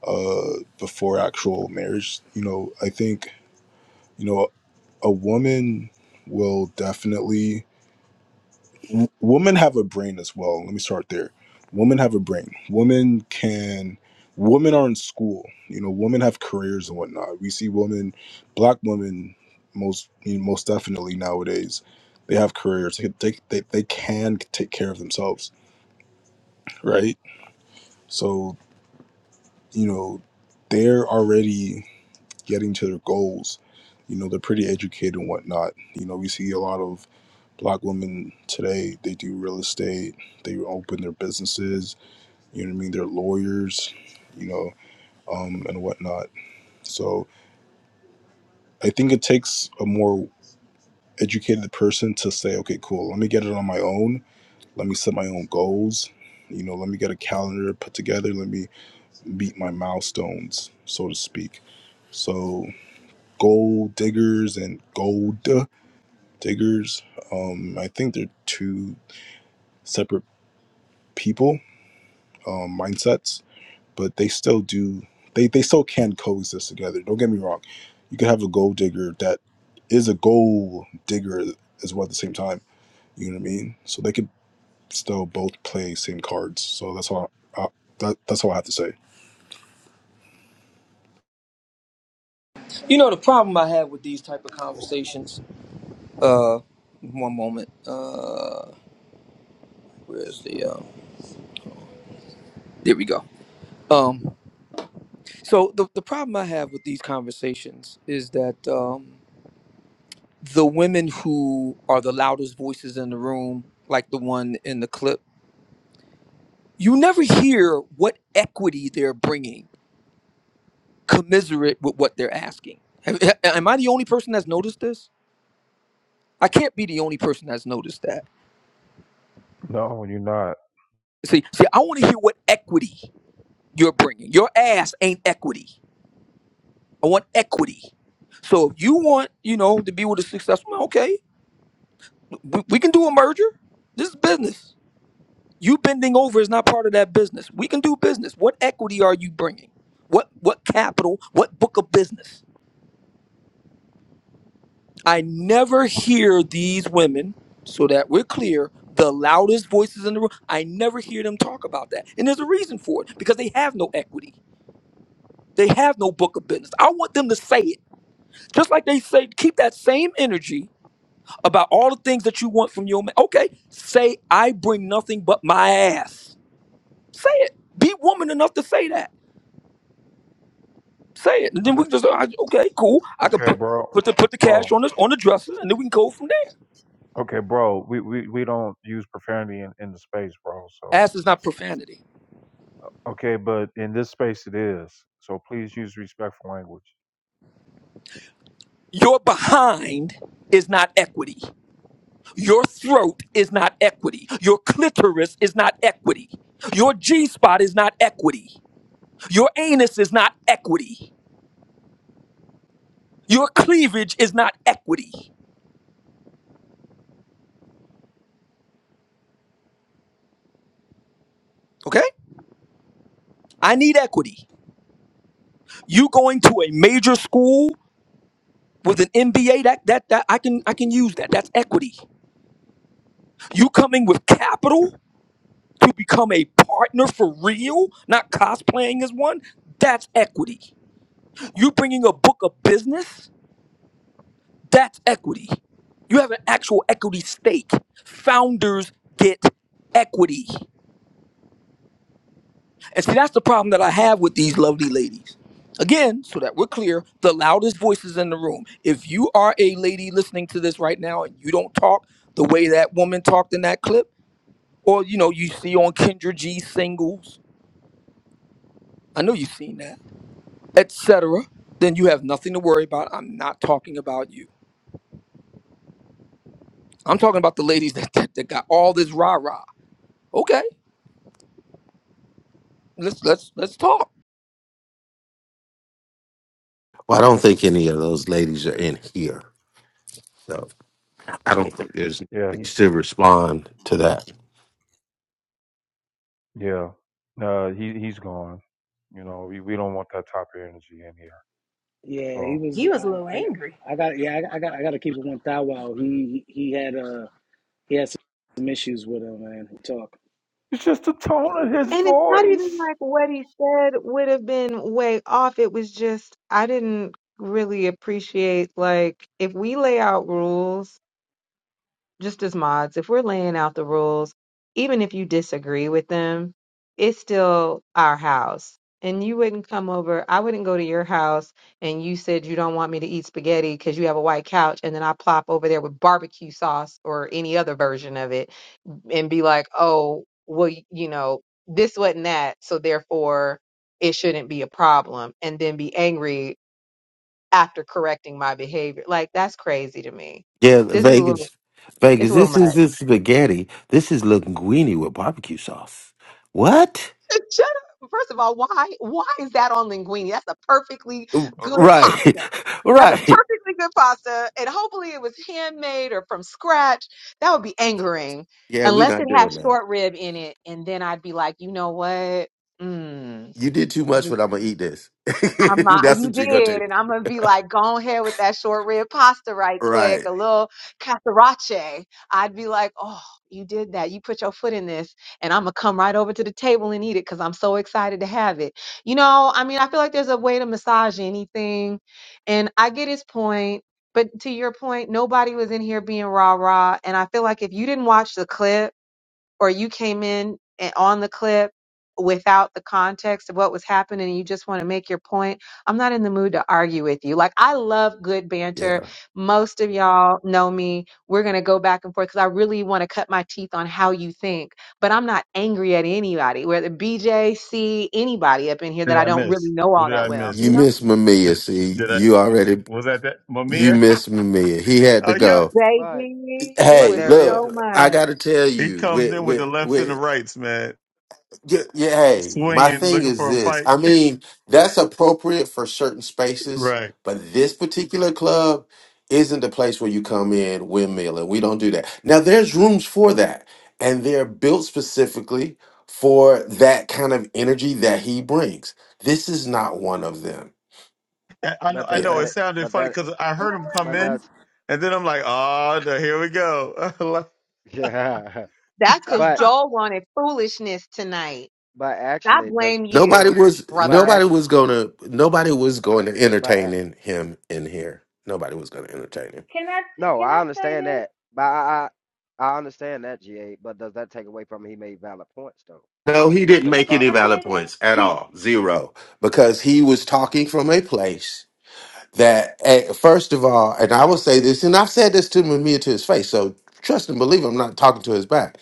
Speaker 20: uh, before actual marriage. You know, I think you know a woman will definitely w- women have a brain as well. Let me start there. Women have a brain. Women can. Women are in school. You know, women have careers and whatnot. We see women, black women, most you know, most definitely nowadays, they have careers. They, they they they can take care of themselves, right? So you know, they're already getting to their goals. You know, they're pretty educated and whatnot. You know, we see a lot of black women today. They do real estate. They open their businesses You know what I mean? They're lawyers, you know, um, and whatnot. So I think it takes a more educated person to say, okay, cool, let me get it on my own. Let me set my own goals. You know, let me get a calendar put together. Let me meet my milestones, so to speak. So gold diggers and gold diggers, um, I think they're two separate people, um, mindsets but they still do they they still can coexist together don't get me wrong you could have a gold digger that is a gold digger as well at the same time you know what i mean so they could still both play same cards so that's all I, that, that's all i have to say
Speaker 22: You know the problem I have with these type of conversations. Uh, one moment. Uh, where's the? Um, there we go. Um, so the the problem I have with these conversations is that um, the women who are the loudest voices in the room, like the one in the clip, you never hear what equity they're bringing, commiserate with what they're asking. Am am I the only person that's noticed this? I can't be the only person that's noticed that.
Speaker 2: No, you're not.
Speaker 22: See, see, I want to hear what equity. you're bringing. Your ass ain't equity. I want equity. So if you want, you know, to be with a successful, okay, we, we can do a merger. This is business. You bending over is not part of that business. We can do business. What equity are you bringing? What what capital? What book of business? I never hear these women, so that we're clear, the loudest voices in the room. I never hear them talk about that, and there's a reason for it because they have no equity. They have no book of business. I want them to say it. Just like they say, keep that same energy about all the things that you want from your man. Okay, say I bring nothing but my ass. Say it. Be woman enough to say that. Say it, and then we just I- okay, cool. I could
Speaker 2: Okay,
Speaker 22: put
Speaker 2: bro.
Speaker 22: put the put the cash
Speaker 2: Bro.
Speaker 22: on this on the dresser, and then we can go from there.
Speaker 2: Okay, bro. We we, we don't use profanity in, in the space, bro. So
Speaker 22: Ass is not profanity.
Speaker 2: okay, but in this space it is. So please use respectful language.
Speaker 22: Your behind is not equity. Your throat is not equity. Your clitoris is not equity. Your G spot is not equity. Your anus is not equity. Your cleavage is not equity. Okay? I need equity. You going to a major school with an MBA, that that that I can I can use that. That's equity. You coming with capital to become a partner for real, not cosplaying as one, that's equity. You bringing a book of business, that's equity. You have an actual equity stake. Founders get equity. And see, that's the problem that I have with these lovely ladies. Again, so that we're clear, the loudest voices in the room. If you are a lady listening to this right now and you don't talk the way that woman talked in that clip, or you know, you see on Kendra G singles, I know you've seen that, etc., then you have nothing to worry about. I'm not talking about you. I'm talking about the ladies that, that, that got all this rah-rah. Okay, let's let's let's talk.
Speaker 1: Well, I don't think any of those ladies are in here, so I don't think there's
Speaker 2: Yeah.
Speaker 1: nobody
Speaker 2: he-
Speaker 1: to respond to that.
Speaker 2: Yeah. Uh he he's gone. You know, we, we don't want that type of energy in here.
Speaker 23: Yeah, he
Speaker 2: So
Speaker 23: was.
Speaker 16: He was a little
Speaker 23: I,
Speaker 16: angry.
Speaker 23: I, I got. Yeah, I, I got. I got to keep it one thou. Wow, he he had uh he had some issues with him, man. He talked.
Speaker 2: It's just the tone of his
Speaker 11: And it's not even
Speaker 2: voice.
Speaker 11: like what he said would have been way off. It was just, I didn't really appreciate, like, if we lay out rules just as mods, if we're laying out the rules, even if you disagree with them, it's still our house. And you wouldn't come over, I wouldn't go to your house and you said you don't want me to eat spaghetti because you have a white couch, and then I plop over there with barbecue sauce or any other version of it and be like, oh, well, y- you know, this wasn't that, so therefore it shouldn't be a problem, and then be angry after correcting my behavior. Like, that's crazy to me.
Speaker 1: Yeah,
Speaker 11: This is a
Speaker 1: Vegas.
Speaker 11: little, it's a
Speaker 1: Vegas,
Speaker 11: little
Speaker 1: this
Speaker 11: much.
Speaker 1: is this spaghetti. This is linguine with barbecue sauce. What?
Speaker 11: Shut up. First of all, why why is that on linguine? That's a perfectly good
Speaker 1: Right.
Speaker 11: pasta. That's a
Speaker 1: right.
Speaker 11: perfectly good pasta, and hopefully it was handmade or from scratch. That would be angering,
Speaker 1: Yeah, we're
Speaker 11: unless it
Speaker 1: not
Speaker 11: had
Speaker 1: doing that.
Speaker 11: short rib in it, and then I'd be like, you know what? Mm,
Speaker 1: You did too
Speaker 11: let
Speaker 1: much,
Speaker 11: me
Speaker 1: but I'm gonna eat this.
Speaker 11: I'm not,
Speaker 1: That's
Speaker 11: you
Speaker 1: what you're gonna
Speaker 11: did,
Speaker 1: do.
Speaker 11: and I'm gonna be like, go ahead with that short rib pasta right quick,
Speaker 1: Right.
Speaker 11: a little casarache. I'd be like, oh, you did that. You put your foot in this, and I'm gonna come right over to the table and eat it because I'm so excited to have it. You know, I mean, I feel like there's a way to massage anything, and I get his point. But to your point, nobody was in here being rah rah, and I feel like if you didn't watch the clip or you came in and on the clip without the context of what was happening and you just want to make your point, I'm not in the mood to argue with you. Like I love good
Speaker 1: Yeah.
Speaker 11: banter. Most of y'all know me. We're going to go back and forth cuz I really want to cut my teeth on how you think, but I'm not angry at anybody, whether BJC anybody up in here that I don't really know
Speaker 10: What
Speaker 11: all
Speaker 10: did
Speaker 11: that
Speaker 10: I
Speaker 11: well,
Speaker 1: You
Speaker 11: you
Speaker 10: miss?
Speaker 11: know?
Speaker 1: miss Mamiya, see.
Speaker 10: Did I
Speaker 1: You already
Speaker 10: was that that
Speaker 1: you
Speaker 10: Mamiya?
Speaker 1: miss Mamiya. He had to
Speaker 10: Oh yeah,
Speaker 1: go.
Speaker 21: But
Speaker 11: Baby, it
Speaker 21: but
Speaker 1: Hey,
Speaker 11: was
Speaker 21: there is
Speaker 11: so
Speaker 21: a-
Speaker 1: look, I
Speaker 11: much.
Speaker 1: gotta tell
Speaker 10: he
Speaker 1: you,
Speaker 10: comes
Speaker 1: with
Speaker 10: in with the
Speaker 1: with
Speaker 10: lefts and the
Speaker 1: with
Speaker 10: rights, man,
Speaker 1: Yeah, yeah, hey, my
Speaker 10: swinging,
Speaker 1: thing
Speaker 10: looking
Speaker 1: is
Speaker 10: for a
Speaker 1: this.
Speaker 10: fight.
Speaker 1: I mean, that's appropriate for certain spaces,
Speaker 10: Right.
Speaker 1: but this particular club isn't the place where you come in windmill, and we don't do that. Now, there's rooms for that, and they're built specifically for that kind of energy that he brings. This is not one of them.
Speaker 10: I, I know.
Speaker 21: but
Speaker 10: I
Speaker 21: does
Speaker 10: know.
Speaker 1: Yeah.
Speaker 10: It
Speaker 21: that
Speaker 10: sounded
Speaker 21: but
Speaker 10: funny
Speaker 21: that
Speaker 10: because I heard him come
Speaker 21: but
Speaker 10: in,
Speaker 21: does
Speaker 10: and then I'm like, oh, no, here we go. Like,
Speaker 21: yeah
Speaker 11: That's cuz
Speaker 21: but
Speaker 11: Joel wanted foolishness tonight.
Speaker 21: but
Speaker 11: I
Speaker 21: actually does
Speaker 11: blame
Speaker 1: Nobody
Speaker 11: you,
Speaker 1: was
Speaker 21: but
Speaker 11: brother.
Speaker 1: nobody
Speaker 21: actually
Speaker 1: was gonna nobody was going to
Speaker 21: but
Speaker 1: entertain
Speaker 21: a-
Speaker 1: in him in here. Nobody was gonna entertain him.
Speaker 19: Can I
Speaker 21: no
Speaker 19: can
Speaker 21: I
Speaker 19: I say
Speaker 21: understand
Speaker 19: this?
Speaker 21: that but I I, I understand that GA but does that take away from he made valid points though
Speaker 1: No, he didn't
Speaker 21: to the
Speaker 1: make
Speaker 19: Can
Speaker 1: any
Speaker 21: topic
Speaker 19: I
Speaker 1: valid
Speaker 19: say this?
Speaker 1: points at all. Zero. Because he was talking from a place that, eh, first of all, and I will say this, and I've said this to Mamiya to his face, so trust and believe I'm not talking to his back.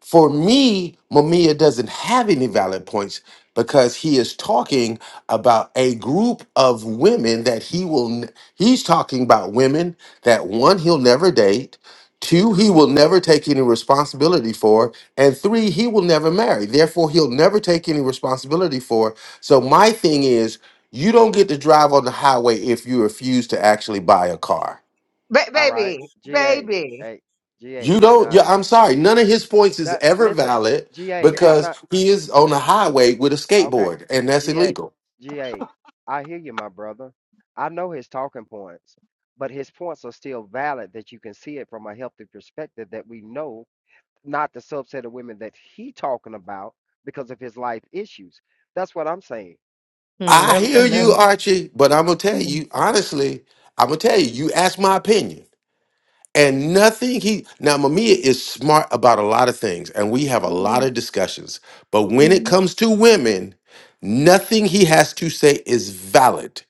Speaker 1: For me, Mamiya doesn't have any valid points because he is talking about a group of women that he will, n- he's talking about women that one, he'll never date, two,
Speaker 21: true
Speaker 1: he will never take any responsibility for, and three, he will never marry. Therefore, he'll never take any responsibility for. So, my thing is, you don't get to drive on the highway if you refuse to actually buy a car
Speaker 11: Ba-
Speaker 21: all right
Speaker 11: baby,
Speaker 21: GA
Speaker 11: baby.
Speaker 21: hey GA
Speaker 1: you
Speaker 21: and
Speaker 1: don't.
Speaker 21: I
Speaker 1: Yeah, I'm sorry. None of his points is
Speaker 21: that
Speaker 1: ever
Speaker 21: listen
Speaker 1: valid
Speaker 21: GA I'm
Speaker 1: because
Speaker 21: not.
Speaker 1: he is on the highway with a
Speaker 21: Okay,
Speaker 1: skateboard, and that's
Speaker 21: GA,
Speaker 1: illegal.
Speaker 21: GA, I hear you, my brother. I know his talking points, but his points are still valid that you can see it from a healthy perspective that we know not the subset of women that he talking about because of his life issues. That's what I'm saying.
Speaker 11: Hmm.
Speaker 21: There
Speaker 1: I
Speaker 21: was a
Speaker 1: hear
Speaker 11: hmm
Speaker 1: you,
Speaker 21: message
Speaker 1: Archie, but I'm gonna tell you honestly. I'm gonna tell you. You asked my opinion, and nothing. He now Mamiya is smart about a lot of things, and we have a lot
Speaker 11: hmm
Speaker 1: of discussions. But when it
Speaker 11: hmm
Speaker 1: comes to women, nothing he has to say is valid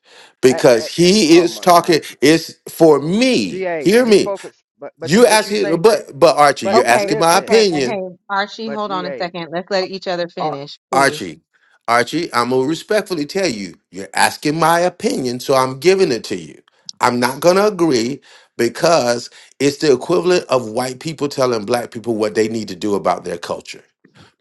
Speaker 21: at,
Speaker 1: because he
Speaker 21: oh
Speaker 1: is
Speaker 21: my
Speaker 1: talking.
Speaker 21: God, G,
Speaker 1: It's for me.
Speaker 21: GA,
Speaker 1: Hear
Speaker 21: you
Speaker 1: me.
Speaker 21: focus, but but you
Speaker 1: You
Speaker 21: what you say,
Speaker 1: asking, but but Archie,
Speaker 21: but
Speaker 1: you're
Speaker 11: Okay,
Speaker 1: asking my
Speaker 21: listen,
Speaker 11: okay. And
Speaker 1: opinion.
Speaker 11: hey, Archie,
Speaker 21: but
Speaker 11: hold on a
Speaker 21: GA,
Speaker 11: second. Let's let each other
Speaker 1: Ar-
Speaker 11: finish, please.
Speaker 1: Archie, Archie, I'm gonna respectfully tell you, you're asking my opinion, so I'm giving it to you. I'm not gonna agree because it's the equivalent of white people telling black people what they need to do about their culture.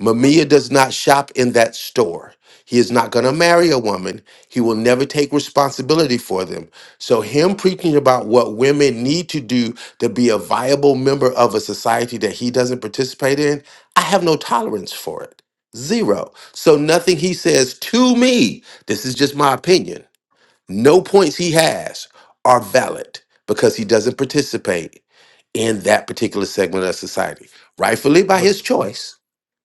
Speaker 1: Mamiya does not shop in that store. He is not going to marry a woman. He will never take responsibility for them. So, him preaching about what women need to do to be a viable member of a society that he doesn't participate in, I have no tolerance for it. Zero. So nothing he says to me, this is just my opinion. No points he has are valid because he doesn't participate in that particular segment of society. Rightfully by
Speaker 2: But
Speaker 1: his choice,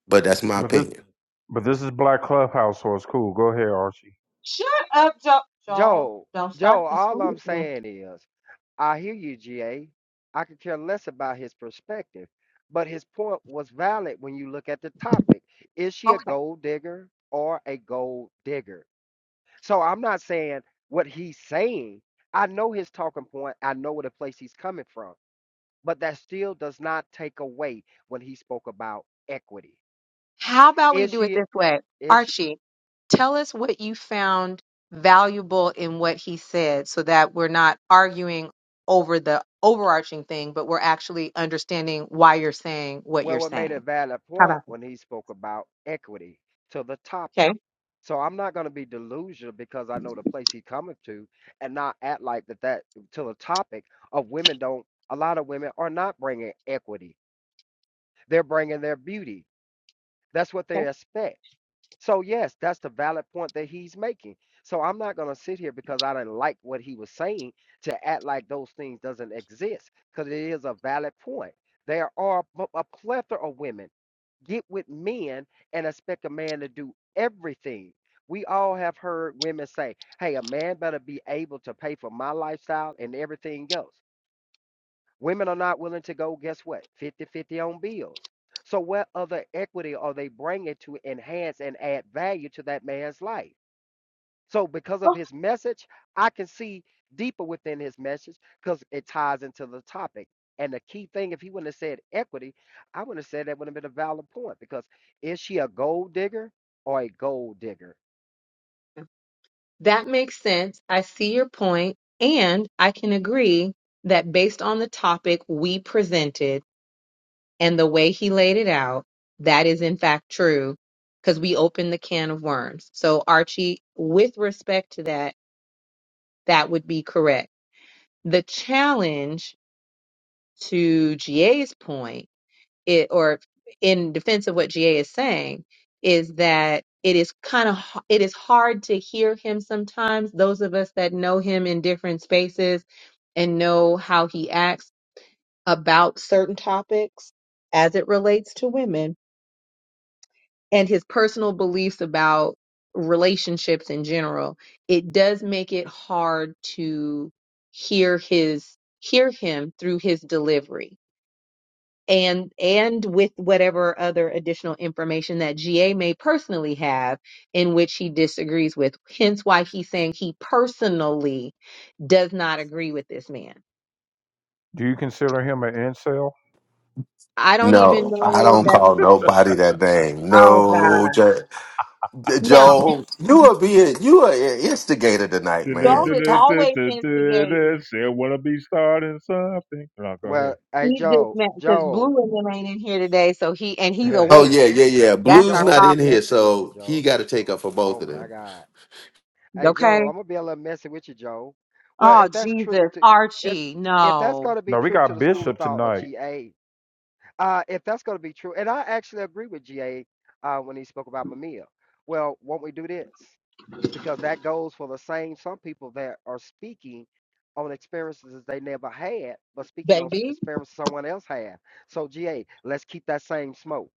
Speaker 1: but that's my
Speaker 2: but this
Speaker 1: opinion.
Speaker 2: but this is Black Clubhouse, so it's cool. Go ahead, Archie.
Speaker 11: Shut up, Joel. Joel.
Speaker 21: Joe,
Speaker 11: Don't start
Speaker 21: Joe,
Speaker 11: this
Speaker 21: all I'm
Speaker 11: foolishness.
Speaker 21: saying is. I hear you, GA. I could care less about his perspective, but his point was valid when you look at the topic. Is she a
Speaker 11: Okay.
Speaker 21: gold digger or a gold digger? So I'm not saying what he's saying. I know his talking point, I know where the place he's coming from, but that still does not take away when he spoke about equity.
Speaker 11: How about we
Speaker 21: Is
Speaker 11: do it
Speaker 21: she?
Speaker 11: this way?
Speaker 21: Is she?
Speaker 11: Archie, tell us what you found valuable in what he said so that we're not arguing over the overarching thing, but we're actually understanding why you're saying what you're
Speaker 21: Well, what made a
Speaker 11: saying.
Speaker 21: valid
Speaker 11: How
Speaker 21: point
Speaker 11: about
Speaker 21: when he spoke about equity to the
Speaker 11: that?
Speaker 21: topic.
Speaker 11: Okay.
Speaker 21: So I'm not going to be delusional because I know the place he coming to, and not act like that that to the topic of women don't. A lot of women are not bringing equity; they're bringing their beauty. That's what they
Speaker 11: Okay.
Speaker 21: expect. So yes, that's the valid point that he's making. So I'm not going to sit here because I didn't like what he was saying to act like those things doesn't exist because it is a valid point. There are a plethora of women get with men and expect a man to do everything. We all have heard women say, hey, a man better be able to pay for my lifestyle and everything else. Women are not willing to go, guess what, fifty-fifty on bills. So, what other equity are they bringing to enhance and add value to that man's life? So because of his message, I can see deeper within his message because it ties into the topic. And the key thing, if he wouldn't have said equity, I wouldn't have said that would have been a valid point because is she a gold digger or a gold digger?
Speaker 11: That makes sense. I see your point, and I can agree that based on the topic we presented and the way he laid it out, that is in fact true because we opened the can of worms. So, Archie, with respect to that, that would be correct. The challenge to GA's point it or in defense of what GA is saying is that it is kind of it is hard to hear him sometimes those of us that know him in different spaces and know how he acts about certain topics as it relates to women and his personal beliefs about relationships in general it does make it hard to hear his hear him through his delivery and and with whatever other additional information that GA may personally have in which he disagrees with hence why he's saying he personally does not agree with this man
Speaker 2: Do you consider him an incel?
Speaker 11: i don't even
Speaker 1: No, I
Speaker 11: know
Speaker 1: don't
Speaker 11: that
Speaker 1: call nobody that name.
Speaker 11: oh
Speaker 1: No,
Speaker 11: god
Speaker 1: J- J-
Speaker 11: now
Speaker 1: Joel, you are being you are an instigator tonight,
Speaker 11: joel
Speaker 1: man.
Speaker 11: is
Speaker 1: God.
Speaker 11: always instigating
Speaker 2: Say
Speaker 11: he,
Speaker 2: wanna be starting something. No, go ahead.
Speaker 21: Well, hey
Speaker 11: he just
Speaker 21: Joe,
Speaker 11: meant because
Speaker 21: Joe,
Speaker 11: blue and them ain't in here today so he and he's
Speaker 1: Oh
Speaker 11: awake
Speaker 1: yeah,
Speaker 21: hey
Speaker 1: yeah, yeah.
Speaker 11: that's
Speaker 1: Blue's
Speaker 21: Joe,
Speaker 11: our
Speaker 21: I'm
Speaker 1: not
Speaker 21: gonna
Speaker 1: in
Speaker 21: be
Speaker 11: problem
Speaker 1: here,
Speaker 21: messing with you,
Speaker 1: so he
Speaker 21: Joe.
Speaker 1: got to take up for
Speaker 21: Oh
Speaker 1: both of
Speaker 21: my
Speaker 1: them.
Speaker 21: God, hey Joe,
Speaker 11: okay
Speaker 21: I'm gonna be a little messy with you, Joe. Well,
Speaker 11: oh
Speaker 21: if that's true
Speaker 11: jesus
Speaker 21: to if
Speaker 11: archie
Speaker 21: if that's
Speaker 11: no
Speaker 21: gonna be
Speaker 2: No, we
Speaker 21: true to
Speaker 2: got
Speaker 21: the school of
Speaker 2: Bishop
Speaker 21: thought or
Speaker 2: tonight.
Speaker 21: GA, Uh, if that's going to be true, and I actually agree with GA uh, when he spoke about Mamiya. Well, won't we do this? Because that goes for the same some people that are speaking on experiences they never had, but speaking on s-
Speaker 11: baby
Speaker 21: experiences someone else had. So GA, let's keep that same smoke.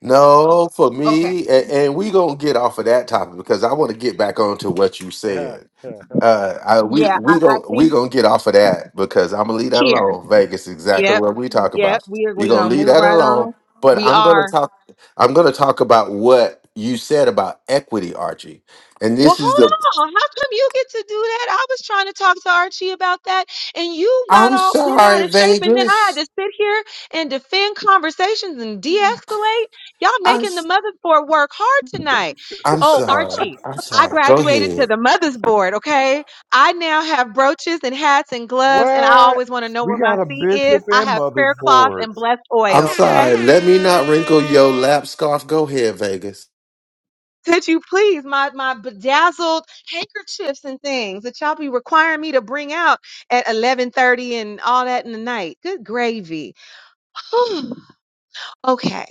Speaker 1: No, for
Speaker 11: okay
Speaker 1: me, and, and we gonna get off of that topic because I want to get back onto what you said. Uh, I, we
Speaker 11: yeah, I,
Speaker 1: we
Speaker 11: I
Speaker 1: gonna we
Speaker 11: think.
Speaker 1: gonna get off of that because I'm gonna leave that
Speaker 11: Here.
Speaker 1: alone. Vegas, exactly
Speaker 11: Yep.
Speaker 1: what we talk
Speaker 11: Yep.
Speaker 1: about.
Speaker 11: We are
Speaker 1: We
Speaker 11: we
Speaker 1: gonna
Speaker 11: gonna
Speaker 1: leave
Speaker 11: move
Speaker 1: that
Speaker 11: right on.
Speaker 1: alone. But
Speaker 11: We
Speaker 1: I'm gonna
Speaker 11: are.
Speaker 1: talk. I'm gonna talk about what you said about equity, Archie. And
Speaker 11: Well,
Speaker 1: this is the.
Speaker 11: hold on. How come you get to do that? I was trying to talk to Archie about that, and you got
Speaker 1: I'm
Speaker 11: all bent out
Speaker 1: sorry,
Speaker 11: of shape, and then I had to
Speaker 1: Vegas.
Speaker 11: sit here and defend conversations and de-escalate. Y'all
Speaker 1: I'm
Speaker 11: making the
Speaker 1: s-
Speaker 11: mother board work hard tonight.
Speaker 1: I'm
Speaker 11: Oh,
Speaker 1: sorry.
Speaker 11: Archie,
Speaker 1: I'm
Speaker 11: I
Speaker 1: sorry. Go
Speaker 11: graduated to
Speaker 1: ahead.
Speaker 11: the mother's board. Okay, I now have brooches and hats and gloves, and I
Speaker 21: what?
Speaker 11: always want to know
Speaker 2: We
Speaker 11: where my
Speaker 2: got a
Speaker 11: seat is.
Speaker 2: Bishop
Speaker 11: I
Speaker 2: and
Speaker 11: have
Speaker 2: Mother's
Speaker 11: prayer cloth
Speaker 2: Board.
Speaker 11: and blessed
Speaker 1: I'm
Speaker 11: oil. Okay.
Speaker 1: sorry. Let me not wrinkle your lap scarf. Go ahead, Vegas.
Speaker 11: Could you please, my my bedazzled handkerchiefs and things that y'all be requiring me to bring out at eleven thirty and all that in the night? Good gravy. okay,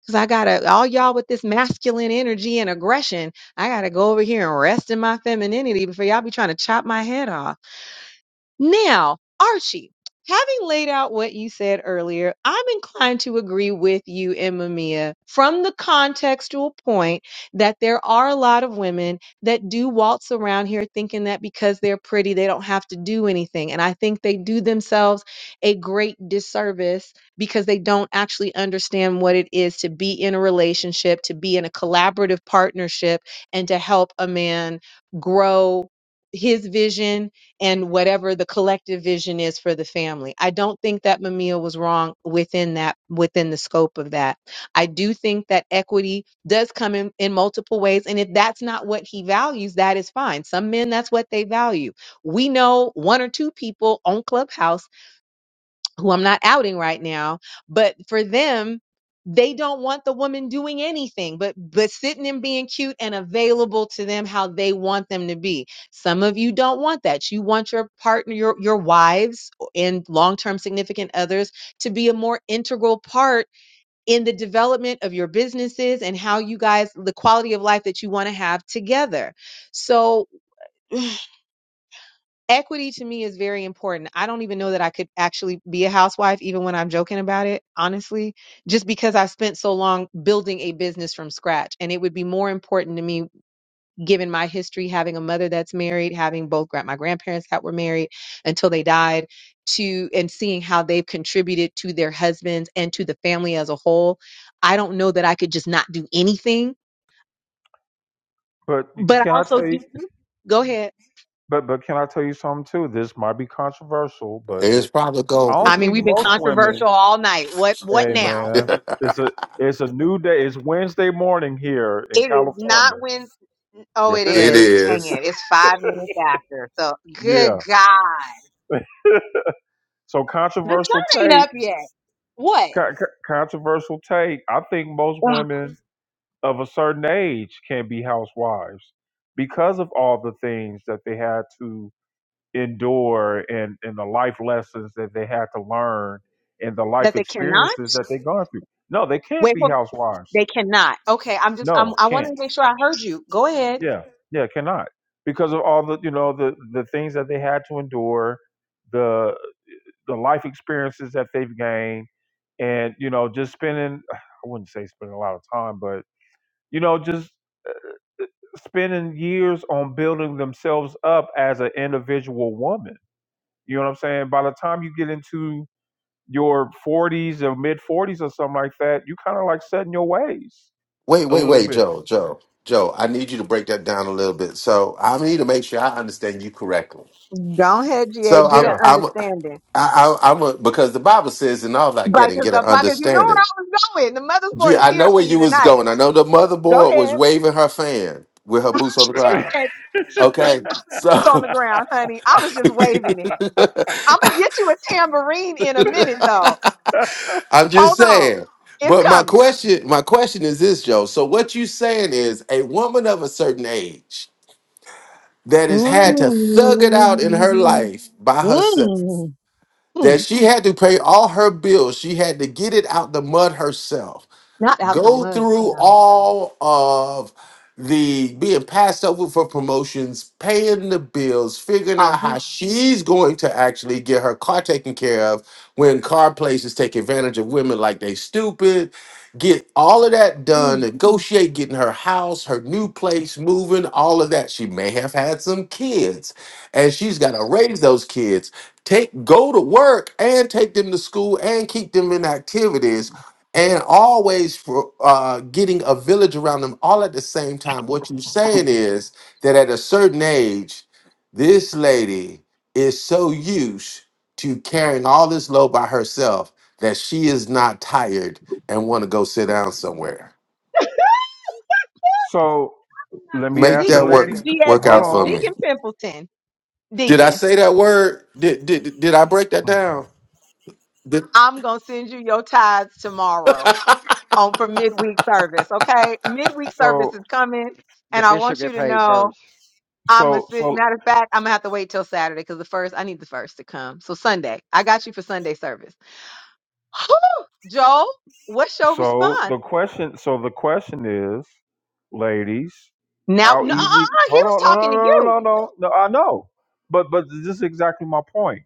Speaker 11: because I gotta all y'all with this masculine energy and aggression. I gotta go over here and rest in my femininity before y'all be trying to chop my head off. Now, Archie, having laid out what you said earlier, I'm inclined to agree with you and Mamiya from the contextual point that there are a lot of women that do waltz around here thinking that because they're pretty, they don't have to do anything. And I think they do themselves a great disservice because they don't actually understand what it is to be in a relationship, to be in a collaborative partnership, and to help a man grow his vision and whatever the collective vision is for the family. I don't think that Mamiya was wrong within that within the scope of that. I do think that equity does come in, in multiple ways. And if that's not what he values, that is fine. Some men that's what they value. We know one or two people on Clubhouse who I'm not outing right now, but for them, they don't want the woman doing anything but but sitting and being cute and available to them how they want them to be. Some of you don't want that. You want your partner, your your wives and long-term significant others to be a more integral part in the development of your businesses and how you guys the quality of life that you want to have together. So equity to me is very important. I don't even know that I could actually be a housewife, even when I'm joking about it, honestly, just because I spent so long building a business from scratch. And it would be more important to me, given my history, having a mother that's married, having both gra- my grandparents that were married until they died, to and seeing how they've contributed to their husbands and to the family as a whole. I don't know that I could just not do anything,
Speaker 2: But
Speaker 11: but I
Speaker 2: can I
Speaker 11: also
Speaker 2: tell
Speaker 11: do.
Speaker 2: you?
Speaker 11: Go ahead.
Speaker 2: But but can I tell you something too? This might be controversial, but
Speaker 1: It's
Speaker 2: it,
Speaker 1: probably
Speaker 2: I
Speaker 11: I
Speaker 2: don't
Speaker 1: golden.
Speaker 11: mean,
Speaker 2: think
Speaker 11: we've been
Speaker 2: most
Speaker 11: controversial
Speaker 2: women.
Speaker 11: all night. What what
Speaker 2: Hey
Speaker 11: now?
Speaker 2: man,
Speaker 1: it
Speaker 2: it's a it's a new day. It's Wednesday morning here in
Speaker 11: It is not
Speaker 2: California.
Speaker 11: when. Oh,
Speaker 2: Yes,
Speaker 11: it
Speaker 2: it is.
Speaker 11: is. Dang
Speaker 1: is.
Speaker 11: it! It's five minutes after. So, good
Speaker 2: Yeah.
Speaker 11: God,
Speaker 2: So
Speaker 11: the
Speaker 2: controversial
Speaker 11: sun ain't
Speaker 2: take,
Speaker 11: up yet. What?
Speaker 2: co- co- controversial take. I think most
Speaker 11: Ugh,
Speaker 2: women of a certain age can be housewives because of all the things that they had to endure and and the life lessons that they had to learn and the
Speaker 11: that
Speaker 2: life
Speaker 11: they cannot?
Speaker 2: experiences that they've gone through. No, they can't
Speaker 11: Wait,
Speaker 2: be
Speaker 11: hold
Speaker 2: housewives.
Speaker 11: They cannot. Okay, I'm just. I'm,
Speaker 2: No,
Speaker 11: I wanted to
Speaker 2: can't.
Speaker 11: make sure I heard you. Go ahead.
Speaker 2: Yeah, yeah, cannot because of all the you know the the things that they had to endure, the. the life experiences that they've gained, and you know, just spending I wouldn't say spending a lot of time, but you know, just spending years on building themselves up as an individual woman. You know what I'm saying? By the time you get into your 40s or mid 40s or something like that, you kind of like setting your ways
Speaker 1: Wait,
Speaker 2: a
Speaker 1: wait,
Speaker 2: little
Speaker 1: wait,
Speaker 2: bit.
Speaker 1: Joe, Joe, Joe. I need you to break that down a little bit. So I need to make sure I understand you correctly.
Speaker 11: Go ahead, GA.
Speaker 1: So
Speaker 11: Get
Speaker 1: I'm,
Speaker 11: an
Speaker 2: Yeah.
Speaker 1: I'm,
Speaker 11: understanding.
Speaker 1: I, I, I'm a, because the Bible says, "In all thy getting,
Speaker 11: Because
Speaker 1: get
Speaker 11: the
Speaker 1: an
Speaker 11: because you know where I
Speaker 1: understanding."
Speaker 11: was going. The mother's board
Speaker 1: Yeah,
Speaker 11: is
Speaker 1: I
Speaker 11: here
Speaker 1: know
Speaker 11: for
Speaker 1: where
Speaker 11: you
Speaker 1: you was
Speaker 11: tonight.
Speaker 1: going. I know the
Speaker 11: Go
Speaker 1: motherboard was
Speaker 11: ahead.
Speaker 1: waving her fan with her boots on the ground.
Speaker 11: And, and
Speaker 1: Okay,
Speaker 11: not with boots on
Speaker 1: so
Speaker 11: the ground, honey. I was just waving it. I'm gonna get you a tambourine in a minute, though.
Speaker 1: I'm just
Speaker 11: Hold on.
Speaker 1: saying.
Speaker 11: It's
Speaker 1: But my
Speaker 11: coming.
Speaker 1: question, my question is this, Joe. So what you saying is, a woman of a certain age that has
Speaker 11: Mm,
Speaker 1: had to thug it out in her life by herself,
Speaker 11: mm,
Speaker 1: that
Speaker 11: mm.
Speaker 1: she had to pay all her bills. She had to get it out the mud herself
Speaker 11: Not out the
Speaker 1: go
Speaker 11: mud,
Speaker 1: through
Speaker 11: child.
Speaker 1: all of the being passed over for promotions, paying the bills, figuring
Speaker 11: Oh,
Speaker 1: out
Speaker 11: he,
Speaker 1: how she's going to actually get her car taken care of when car places take advantage of women like they stupid. Get all of that done,
Speaker 11: ooh.
Speaker 1: negotiate getting her house, her new place, moving, all of that. She may have had some kids and she's got to raise those kids, take go to work and take them to school and keep them in activities and always for uh, getting a village around them all at the same time. What you're saying is that at a certain age, this lady is so used to carrying all this load by herself that she is not tired and want to go sit down somewhere.
Speaker 2: So let me
Speaker 1: Make
Speaker 2: ask the
Speaker 1: that
Speaker 11: Deacon,
Speaker 2: lady.
Speaker 1: work
Speaker 11: D.A.
Speaker 1: work
Speaker 2: Hold
Speaker 1: out
Speaker 11: Pimple,
Speaker 1: for me.
Speaker 2: on.
Speaker 11: Deacon Pimpleton,
Speaker 1: Did I
Speaker 11: Deacon,
Speaker 1: say that word? Did did did I break that down? Did
Speaker 11: I'm going to send you your tithes tomorrow on for midweek service, okay? Midweek service is
Speaker 2: So
Speaker 11: coming,
Speaker 21: The
Speaker 11: and I
Speaker 21: bishop
Speaker 11: want you
Speaker 21: get
Speaker 11: to
Speaker 21: paid
Speaker 11: know
Speaker 21: first,
Speaker 11: I'm a
Speaker 2: so so
Speaker 11: matter of fact, I'm going to have to wait till Saturday because the first, I need the first to come. So Sunday, I got you for Sunday service. Joel, what's your
Speaker 2: So
Speaker 11: response?
Speaker 2: the question, so the question is, ladies,
Speaker 11: Now,
Speaker 2: how
Speaker 11: no, uh, uh,
Speaker 2: easy?
Speaker 11: uh, he
Speaker 2: Hold
Speaker 11: was
Speaker 2: on, no, no,
Speaker 11: talking to
Speaker 2: no, no,
Speaker 11: you.
Speaker 2: no, no. no, I know, but but this is exactly my point.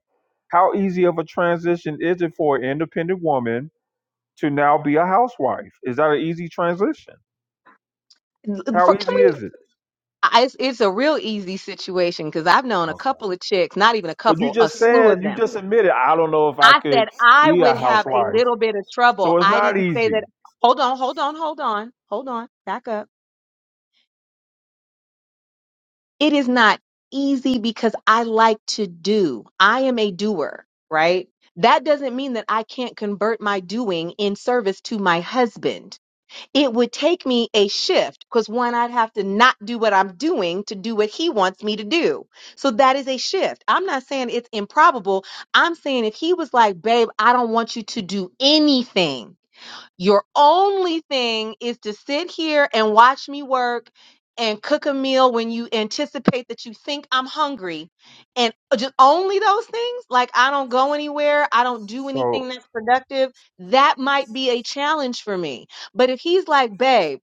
Speaker 2: How easy of a transition is it for an independent woman to now be a housewife? Is that an easy transition? How
Speaker 11: For, can
Speaker 2: easy
Speaker 11: we?
Speaker 2: is it?
Speaker 11: I- It's, it's a real easy situation because I've known a
Speaker 2: Okay.
Speaker 11: couple of chicks, not even a
Speaker 2: But you
Speaker 11: couple, a
Speaker 2: just
Speaker 11: slew of
Speaker 2: said you
Speaker 11: them.
Speaker 2: just admitted I don't know if I
Speaker 11: I
Speaker 2: could
Speaker 11: said I
Speaker 2: be a
Speaker 11: would have a
Speaker 2: housewife,
Speaker 11: little bit of trouble.
Speaker 2: so it's
Speaker 11: I
Speaker 2: not
Speaker 11: didn't say
Speaker 2: easy.
Speaker 11: that. Hold on, hold on, hold on, hold on. Back up. It is not easy because I like to do. I am a doer, right? That doesn't mean that I can't convert my doing in service to my husband it would take me a shift because one, I'd have to not do what I'm doing to do what he wants me to do. So that is a shift. I'm not saying it's improbable. I'm saying if he was like, babe, I don't want you to do anything your only thing is to sit here and watch me work and cook a meal when you anticipate that you think I'm hungry and just only those things. Like I don't go anywhere. I don't do anything
Speaker 2: So
Speaker 11: that's productive. That might be a challenge for me. But if he's like, babe,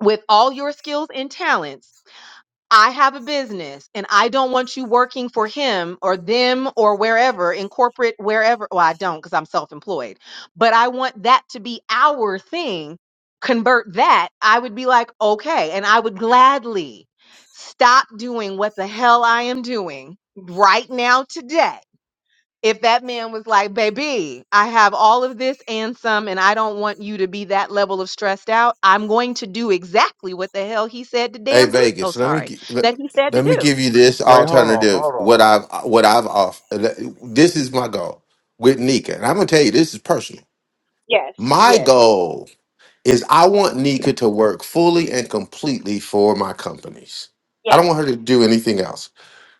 Speaker 11: with all your skills and talents, I have a business and I don't want you working for him or them or wherever in corporate, wherever. Well, I don't because I'm self employed, but I want that to be our thing. Convert that. I would be like, okay. And I would gladly stop doing what the hell I am doing right now today if that man was like, baby, I have all of this and some, and I don't want you to be that level of stressed out, I'm going to do exactly what the hell he said to
Speaker 1: Hey
Speaker 11: damn do. Oh,
Speaker 1: Vegas, let me
Speaker 11: sorry.
Speaker 1: gi- let,
Speaker 11: That he said to
Speaker 1: let me
Speaker 11: do.
Speaker 1: give you this
Speaker 2: wait, hold on,
Speaker 1: alternative.
Speaker 2: hold on.
Speaker 1: What I've what I've off. This is my goal with Nika, and I'm gonna tell you this is personal.
Speaker 11: Yes,
Speaker 1: My
Speaker 11: yes,
Speaker 1: goal is I want Nika to work fully and completely for my companies. I
Speaker 11: yes.
Speaker 1: don't want her to do anything else.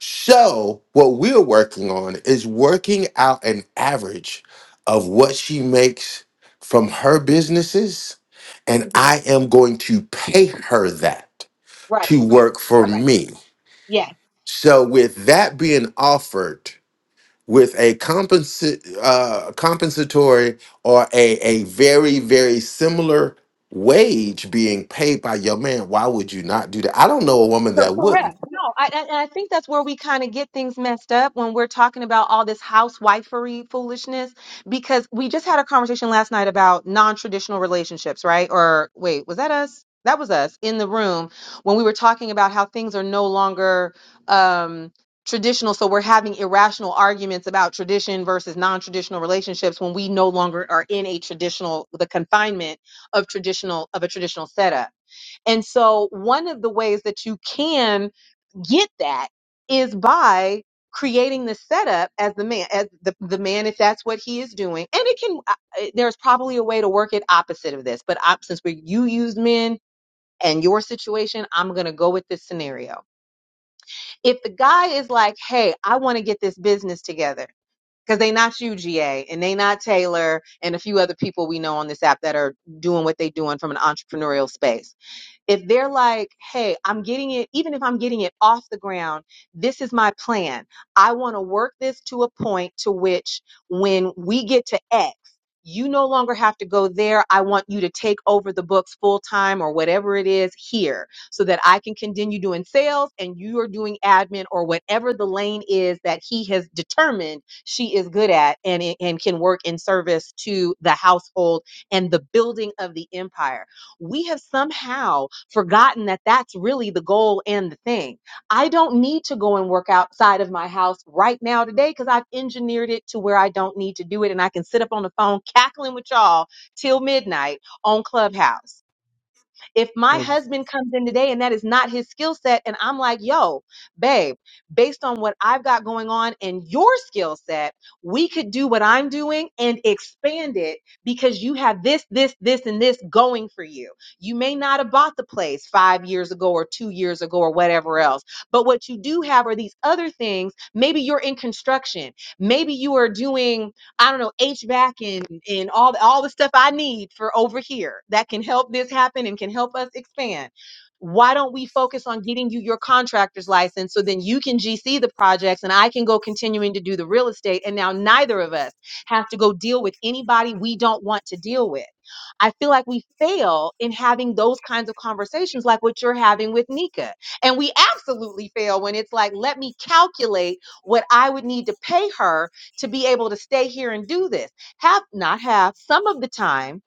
Speaker 1: So what we're working on is working out an average of what she makes from her businesses, and
Speaker 11: hmm
Speaker 1: I am going to pay her that
Speaker 11: Right,
Speaker 1: to work for
Speaker 11: right, right.
Speaker 1: me.
Speaker 11: Yes.
Speaker 1: So, with that being offered with a compensa- uh, compensatory or a, a very, very similar wage being paid by your man, why would you not do that? I don't know a woman
Speaker 11: So
Speaker 1: that wouldn't.
Speaker 11: correct. No, I, I, and I think that's where we kind of get things messed up when we're talking about all this housewifery foolishness, because we just had a conversation last night about non-traditional relationships, right? Or wait, was that us? That was us in the room when we were talking about how things are no longer um, traditional. So we're having irrational arguments about tradition versus non-traditional relationships when we no longer are in a traditional, the confinement of traditional, of a traditional setup. And so one of the ways that you can get that is by creating the setup as the man as the, the man if that's what he is doing and it can I- there's probably a way to work it opposite of this but op, since we you use men and your situation i'm going to go with this scenario if the guy is like hey i want to get this business together because they not uga and they not taylor and a few other people we know on this app that are doing what they doing from an entrepreneurial space if they're like, hey, I'm getting it, even if I'm getting it off the ground, this is my plan. I want to work this to a point to which when we get to X, you no longer have to go there. I want you to take over the books full time or whatever it is here so that I can continue doing sales and you are doing admin or whatever the lane is that he has determined she is good at and, and can work in service to the household and the building of the empire we have somehow forgotten that that's really the goal and the thing. I don't need to go and work outside of my house right now today because I've engineered it to where I don't need to do it. And I can sit up on the phone cackling with y'all till midnight on Clubhouse. If my
Speaker 2: So
Speaker 11: husband comes in today and that is not his skill set, and I'm like, yo, babe, based on what I've got going on and your skill set, we could do what I'm doing and expand it because you have this, this, this, and this going for you. You may not have bought the place five years ago or two years ago or whatever else, but what you do have are these other things. Maybe you're in construction, maybe you are doing I don't know, HVAC and and all the, all the stuff I need for over here that can help this happen and can help us expand. Why don't we focus on getting you your contractor's license so then you can GC the projects and I can go continuing to do the real estate and now neither of us have to go deal with anybody we don't want to deal with. I feel like we fail in having those kinds of conversations like what you're having with Nika. And we absolutely fail when it's like let me calculate what I would need to pay her to be able to stay here and do this. Have not have some of the time.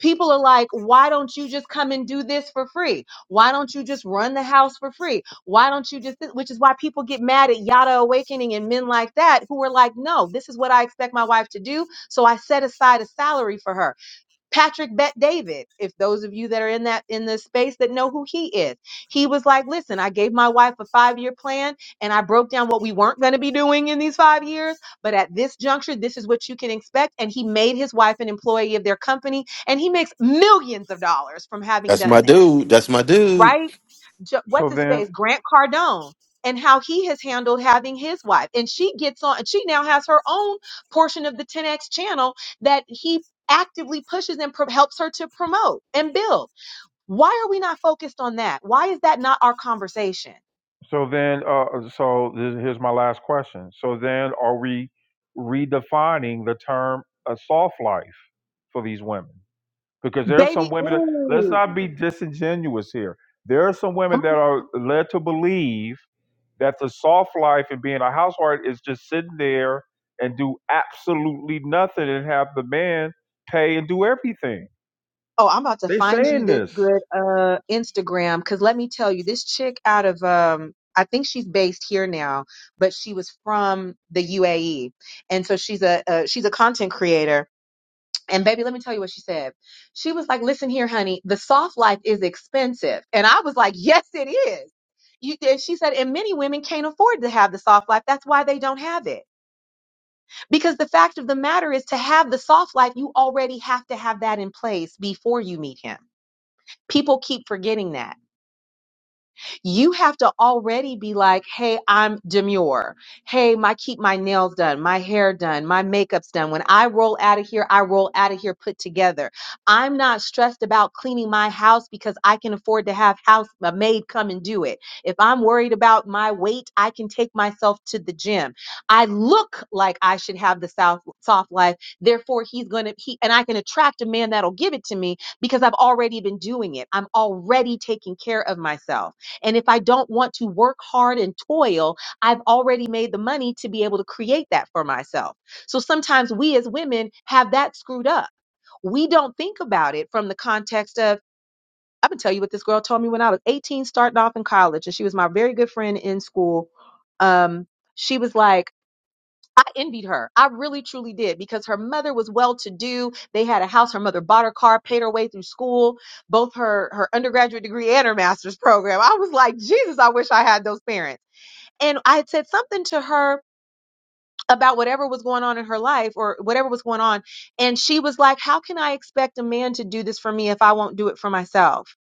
Speaker 11: People are like, why don't you just come and do this for free? Why don't you just run the house for free? Why don't you just, which is why people get mad at Yada Awakening and men like that who are like, no, this is what I expect my wife to do. So I set aside a salary for her. Patrick Bet David, if those of you that are in that in the space that know who he is, he was like, "Listen, I gave my wife a five-year plan, and I broke down what we weren't going to be doing in these five years. But at this juncture, this is what you can expect." And he made his wife an employee of their company, and he makes millions of dollars from having
Speaker 1: That's my
Speaker 11: done that,
Speaker 1: dude. That's my dude.
Speaker 11: right? J- what's
Speaker 2: so
Speaker 11: his
Speaker 2: then
Speaker 11: face, Grant Cardone, and how he has handled having his wife. And she gets on, and she now has her own portion of the 10X channel that he actively pushes and pro- helps her to promote and build. Why are we not focused on that? Why is that not our conversation?
Speaker 2: So then, uh, so this, here's my last question. So then, are we redefining the term a soft life for these women? Because there's some
Speaker 11: Baby,
Speaker 2: women that let's
Speaker 11: ooh,
Speaker 2: not be disingenuous here. There are some
Speaker 11: come
Speaker 2: women
Speaker 11: on.
Speaker 2: that are led to believe that the soft life and being a housewife is just sitting there and do absolutely nothing and have the man pay and do everything.
Speaker 11: Oh, I'm about to
Speaker 2: They
Speaker 11: find you
Speaker 2: saying
Speaker 11: this
Speaker 2: this
Speaker 11: good uh Instagram because let me tell you, this chick out of um I think she's based here now, but she was from the UAE, and so she's a uh, she's a content creator. And baby, let me tell you what she said. She was like, "Listen here, honey, the soft life is expensive," and I was like, "Yes, it is." You, and she said, and many women can't afford to have the soft life. That's why they don't have it. Because the fact of the matter is, to have the soft life, you already have to have that in place before you meet him. People keep forgetting that you have to already be like, hey, I'm demure. Hey, my keep my nails done, my hair done, my makeup's done. When I roll out of here, I roll out of here put together. I'm not stressed about cleaning my house because I can afford to have house a maid come and do it. If I'm worried about my weight, I can take myself to the gym. I look like I should have the soft soft life. Therefore, he's gonna he and I can attract a man that'll give it to me because I've already been doing it. I'm already taking care of myself and if I don't want to work hard and toil, I've already made the money to be able to create that for myself. So sometimes we as women have that screwed up. We don't think about it from the context of, I'm going to tell you what this girl told me when I was 18, starting off in college, and she was my very good friend in school. Um, she was like, I envied her. I really truly did because her mother was well to do. They had a house. Her mother bought her car, paid her way through school, both her, her undergraduate degree and her master's program. I was like, Jesus, I wish I had those parents. And I had said something to her about whatever was going on in her life or whatever was going on. And she was like, How can I expect a man to do this for me if I won't do it for myself?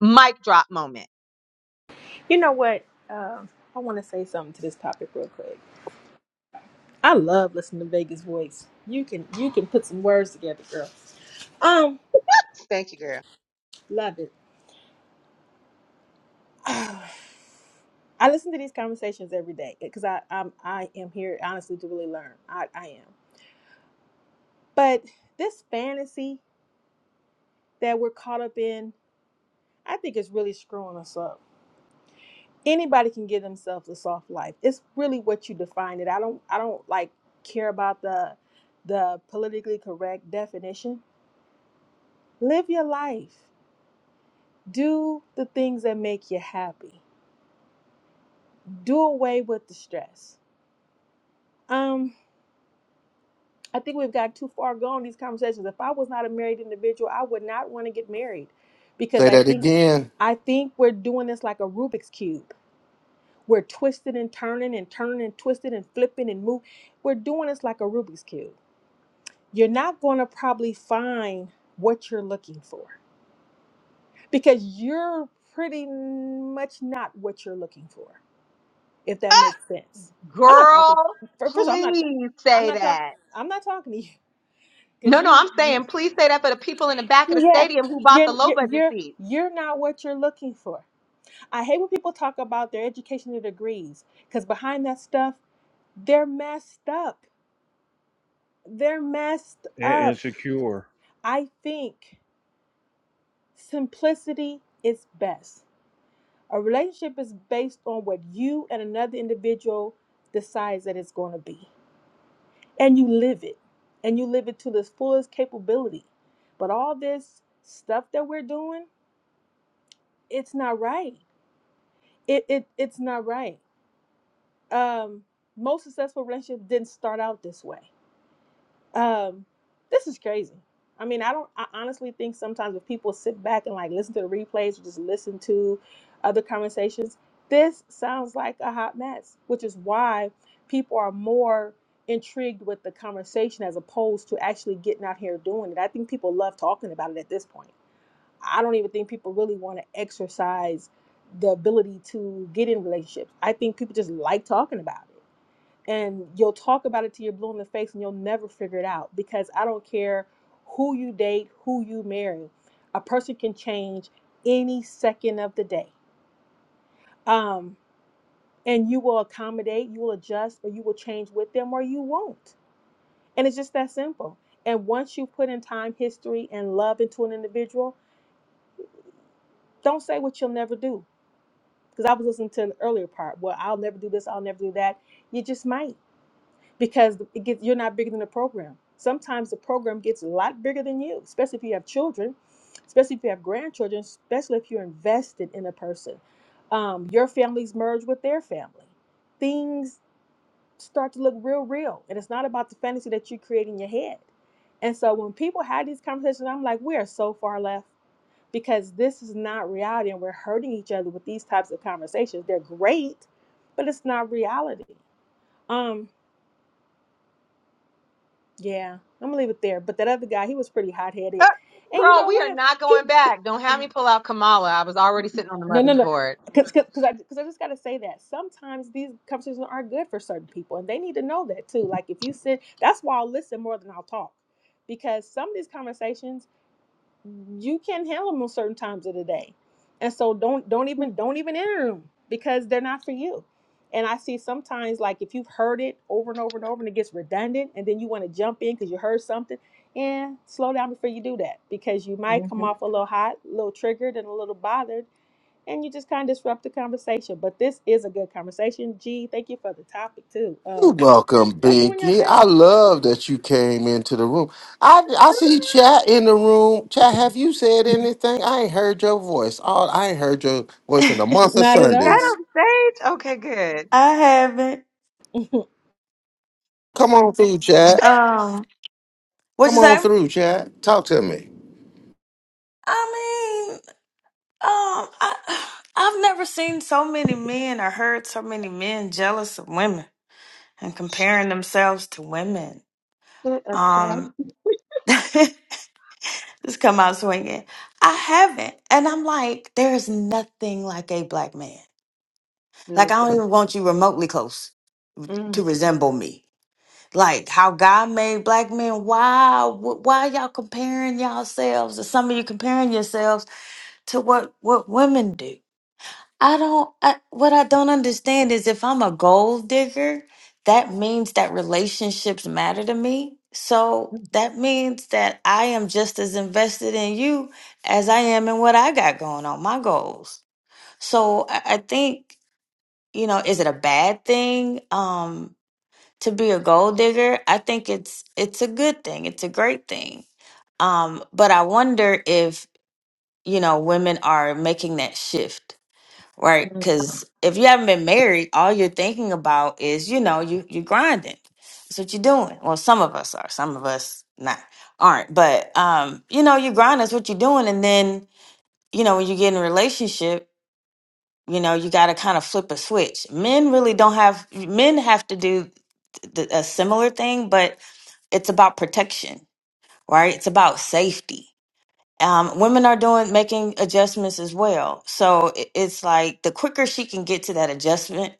Speaker 11: Mic drop moment.
Speaker 16: You know what? Um, I want to say something to this topic real quick. I love listening to Vegas voice. You can you can put some words together, girl. Um,
Speaker 11: Thank you, girl.
Speaker 16: love it. I listen to these conversations every day because I I'm, I am here honestly to really learn. I I am. But this fantasy that we're caught up in, I think is really screwing us up. Anybody can give themselves a soft life. It's really what you define it. I don't I don't like care about the the politically correct definition. Live your life. do the things that make you happy do away with the stress um i think we've got too far gone in these conversations if i was not a married individual i would not want to get married because
Speaker 1: Say
Speaker 16: i
Speaker 1: that
Speaker 16: think
Speaker 1: again.
Speaker 16: i think we're doing this like a rubik's cube we're twisting and turning and turning and twisting and flipping and move we're doing this like a rubik's cube you're not going to probably find what you're looking for because you're pretty much not what you're looking for if that makes sense. I'm not talking.
Speaker 11: Girl,
Speaker 16: fir- First, of all, I'm not.
Speaker 11: please
Speaker 16: I'm
Speaker 11: say
Speaker 16: not talking.
Speaker 11: that.
Speaker 16: I'm not talking to you because
Speaker 11: No, no,
Speaker 16: you,
Speaker 11: I'm
Speaker 16: you.
Speaker 11: saying please say that for the people in the back of the
Speaker 16: Yeah,
Speaker 11: stadium who bought the
Speaker 16: you're
Speaker 11: low budget
Speaker 16: you're
Speaker 11: seats.
Speaker 16: you're not what you're looking for. I hate when people talk about their educational degrees because behind that stuff, they're messed up. They're messed
Speaker 2: and
Speaker 16: up.
Speaker 2: insecure.
Speaker 16: I think simplicity is best. A relationship is based on what you and another individual decides that it's going to be. and you live it and you live it to this fullest capability but all this stuff that we're doing it's not right it, it it's not right um most successful relationships didn't start out this way Um, this is crazy. I mean, I don't. I honestly think sometimes if people sit back and like listen to the replays or just listen to other conversations, this sounds like a hot mess, which is why people are more intrigued with the conversation as opposed to actually getting out here doing it. I think people love talking about it at this point. I don't even think people really want to exercise the ability to get in relationships. I think people just like talking about it and you'll talk about it till you're blue in the face and you'll never figure it out because I don't care who you date, who you marry. A person can change any second of the day. Um, and you will accommodate, you will adjust, or you will change with them or you won't. And it's just that simple. And once you put in time, history, and love into an individual, don't say what you'll never do. Because I was listening to an earlier part, well, I'll never do this, I'll never do that. You just might. because it gets you're not bigger than the program. Sometimes the program gets a lot bigger than you, especially if you have children, especially if you have grandchildren, especially if you're invested in a person. Um, your families merge with their family. Things start to look real, real, and it's not about the fantasy that you create in your head. And so when people had these conversations, I'm like, we are so far left because this is not reality, and we're hurting each other with these types of conversations. They're great, but it's not reality. Um, Yeah, I'm gonna leave it there. But that other guy, he was pretty hot
Speaker 11: Uh,
Speaker 16: headed, and you
Speaker 11: Girl,
Speaker 16: know
Speaker 11: we are
Speaker 16: what?
Speaker 11: not
Speaker 16: He,
Speaker 11: going
Speaker 16: he-
Speaker 11: back. Don't have me pull out Kamala. I was already sitting on the
Speaker 16: no no
Speaker 11: mother's
Speaker 16: no,
Speaker 11: board.
Speaker 16: because I because I just gotta say that sometimes these conversations are good for certain people, and they need to know that too. Like if you sit, that's why I'll listen more than I'll talk, because some of these conversations you can't handle them on certain times of the day and so don't don't even don't even enter them because they're not for you and i see sometimes like if you've heard it over and over and over and it gets redundant and then you want to jump in because you heard something and slow down before you do that because you
Speaker 11: hmm
Speaker 16: might come off a little hot a little triggered and a little bothered and you just kind of disrupt the conversation but this is a good conversation Gee, thank you for the topic too
Speaker 1: You're
Speaker 16: um
Speaker 1: welcome,
Speaker 16: y'all doing your
Speaker 1: Binky.
Speaker 16: thing
Speaker 1: I love that you came into the room. I I see chat in the room. Chat, have you said anything? I ain't heard your voice. All I ain't heard your voice
Speaker 18: I
Speaker 1: in a month of
Speaker 16: not
Speaker 11: Is
Speaker 16: at
Speaker 11: that
Speaker 16: all
Speaker 1: Sundays.
Speaker 11: on stage? Okay, good.
Speaker 18: haven't.
Speaker 1: Come on through, chat.
Speaker 18: Um, what
Speaker 1: Come
Speaker 18: you
Speaker 1: on
Speaker 18: say?
Speaker 1: through, chat. Talk to me.
Speaker 18: I mean, um, I I've never seen so many men or heard so many men jealous of women and comparing themselves to women.
Speaker 11: Shit up, chat.
Speaker 18: Um, just come out swinging. I haven't, and I'm like, there is nothing like a black man. Like
Speaker 11: Mm,
Speaker 18: I don't even want you remotely close
Speaker 11: mm,
Speaker 18: to resemble me. like how God made black men. Why, wh- why y'all comparing yourselves, or some of you comparing yourselves to what what women do? I don't. I, what I don't understand is if I'm a gold digger, that means that relationships matter to me. So that means that I am just as invested in you as I am in what I got going on, my goals. So I, I think you know, is it a bad thing? Um, to be a gold digger, I think it's it's a good thing. It's a great thing. Um, but I wonder if, you know, women are making that shift, right?
Speaker 11: mm,
Speaker 18: Cuz if you haven't been married, all you're thinking about is, you know, you you grinding. That's what you're doing. Well, some of us are, some of us not aren't. But um, you know, you grind, that's what you're doing. And then, you know, when you get in a relationship, you know, you gotta kind of flip a switch. Men really don't have men have to do th- th- a similar thing, but it's about protection, right? It's about safety. Um, women are doing making adjustments as well. So i- it's like the quicker she can get to that adjustment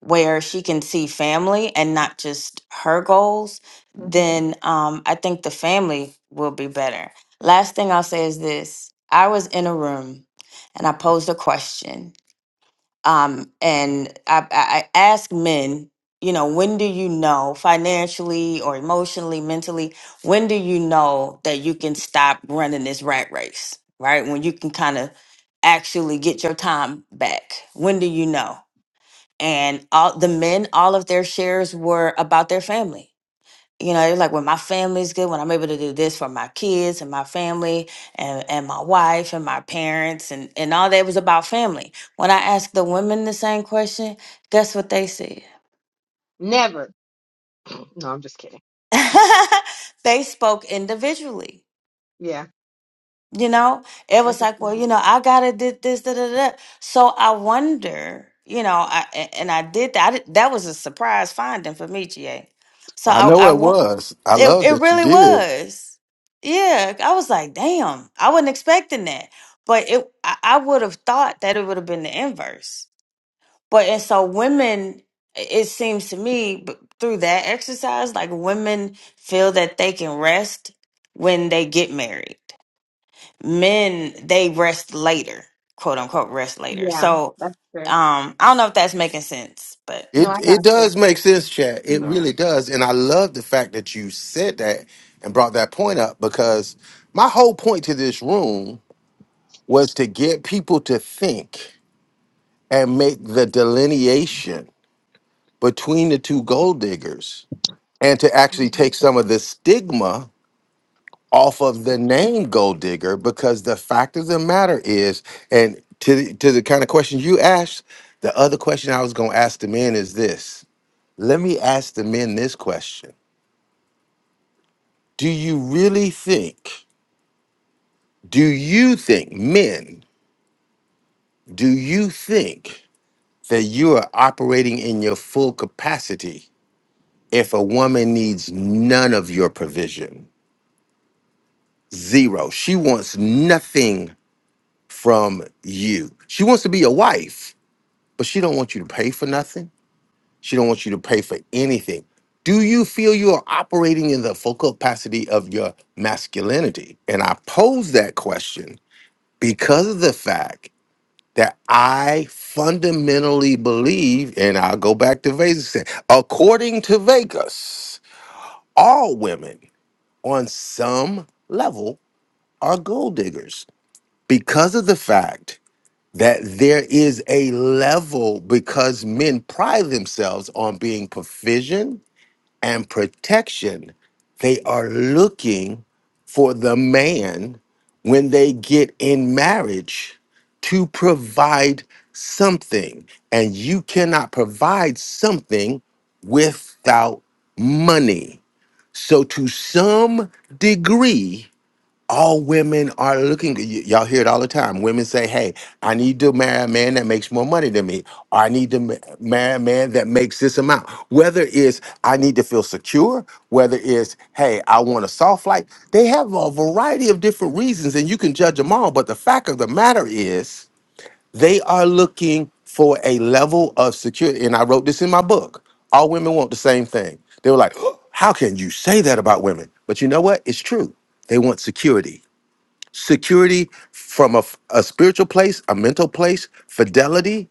Speaker 18: where she can see family and not just her goals,
Speaker 11: mhm.
Speaker 18: then um, I think the family will be better. Last thing I'll say is this I was in a room and I posed a question um, and I, I I ask men, you know, when do you know financially or emotionally, mentally, when do you know that you can stop running this rat race, right? When you can kind of actually get your time back. When do you know? And all the men, all of their shares were about their family you know it's like when my family's good when i'm able to do this for my kids and my family and, and my wife and my parents and, and all that was about family when i asked the women the same question guess what they said
Speaker 11: Never. No, I'm just kidding.
Speaker 18: they spoke individually
Speaker 11: Yeah.
Speaker 18: You know, it
Speaker 11: I
Speaker 18: was
Speaker 11: just,
Speaker 18: like, well, you know, I gotta did this, da da da. So I wonder, you know, I a- and I did that. I did, that was a surprise finding for me, GA. So
Speaker 1: I
Speaker 18: I,
Speaker 1: know
Speaker 18: I
Speaker 1: it
Speaker 18: want
Speaker 1: was. I
Speaker 18: it.
Speaker 1: love
Speaker 18: It
Speaker 1: that you
Speaker 18: really
Speaker 1: did.
Speaker 18: was. Yeah, I was like, damn, I wasn't expecting that, but it. I, I would have thought that it would have been the inverse. But and so women, i- it seems to me b- through that exercise, like women feel that they can rest when they get married men they rest later, quote unquote rest later.
Speaker 11: yeah,
Speaker 18: So
Speaker 11: that's true.
Speaker 18: um I don't know if that's making sense, but
Speaker 11: No,
Speaker 1: It
Speaker 11: I
Speaker 1: it
Speaker 11: got you.
Speaker 1: does make sense, chat.
Speaker 21: you
Speaker 1: It
Speaker 11: hmm
Speaker 21: know.
Speaker 1: really does. And I love the fact that you said that and brought that point up because my whole point to this room was to get people to think. and make the delineation between the two gold diggers and to actually take some of the stigma off of the name gold digger because the fact of the matter is and to the, to the kind of question you asked the other question i was going to ask the men is this let me ask the men this question do you really think do you think men do you think that you are operating in your full capacity If a woman needs none of your provision, zero, she wants nothing from you. She wants to be your wife, but she don't want you to pay for nothing. She don't want you to pay for anything. Do you feel you are operating in the full capacity of your masculinity? And I pose that question because of the fact that I fundamentally believe, and I'll go back to Vegas, according to Vegas, all women. on some level are gold diggers because of the fact that there is a level because men pride themselves on being provision and protection they are looking for the man when they get in marriage to provide something and you cannot provide something without money so to some degree all women are looking y- y'all hear it all the time women say hey i need to marry a man that makes more money than me or i need to ma- marry a man that makes this amount whether it's i need to feel secure whether it's hey i want a soft life they have a variety of different reasons and you can judge them all but the fact of the matter is they are looking for a level of security and i wrote this in my book all women want the same thing they were like how can you say that about women but you know what it's true they want security security from a a spiritual place, a mental place, fidelity.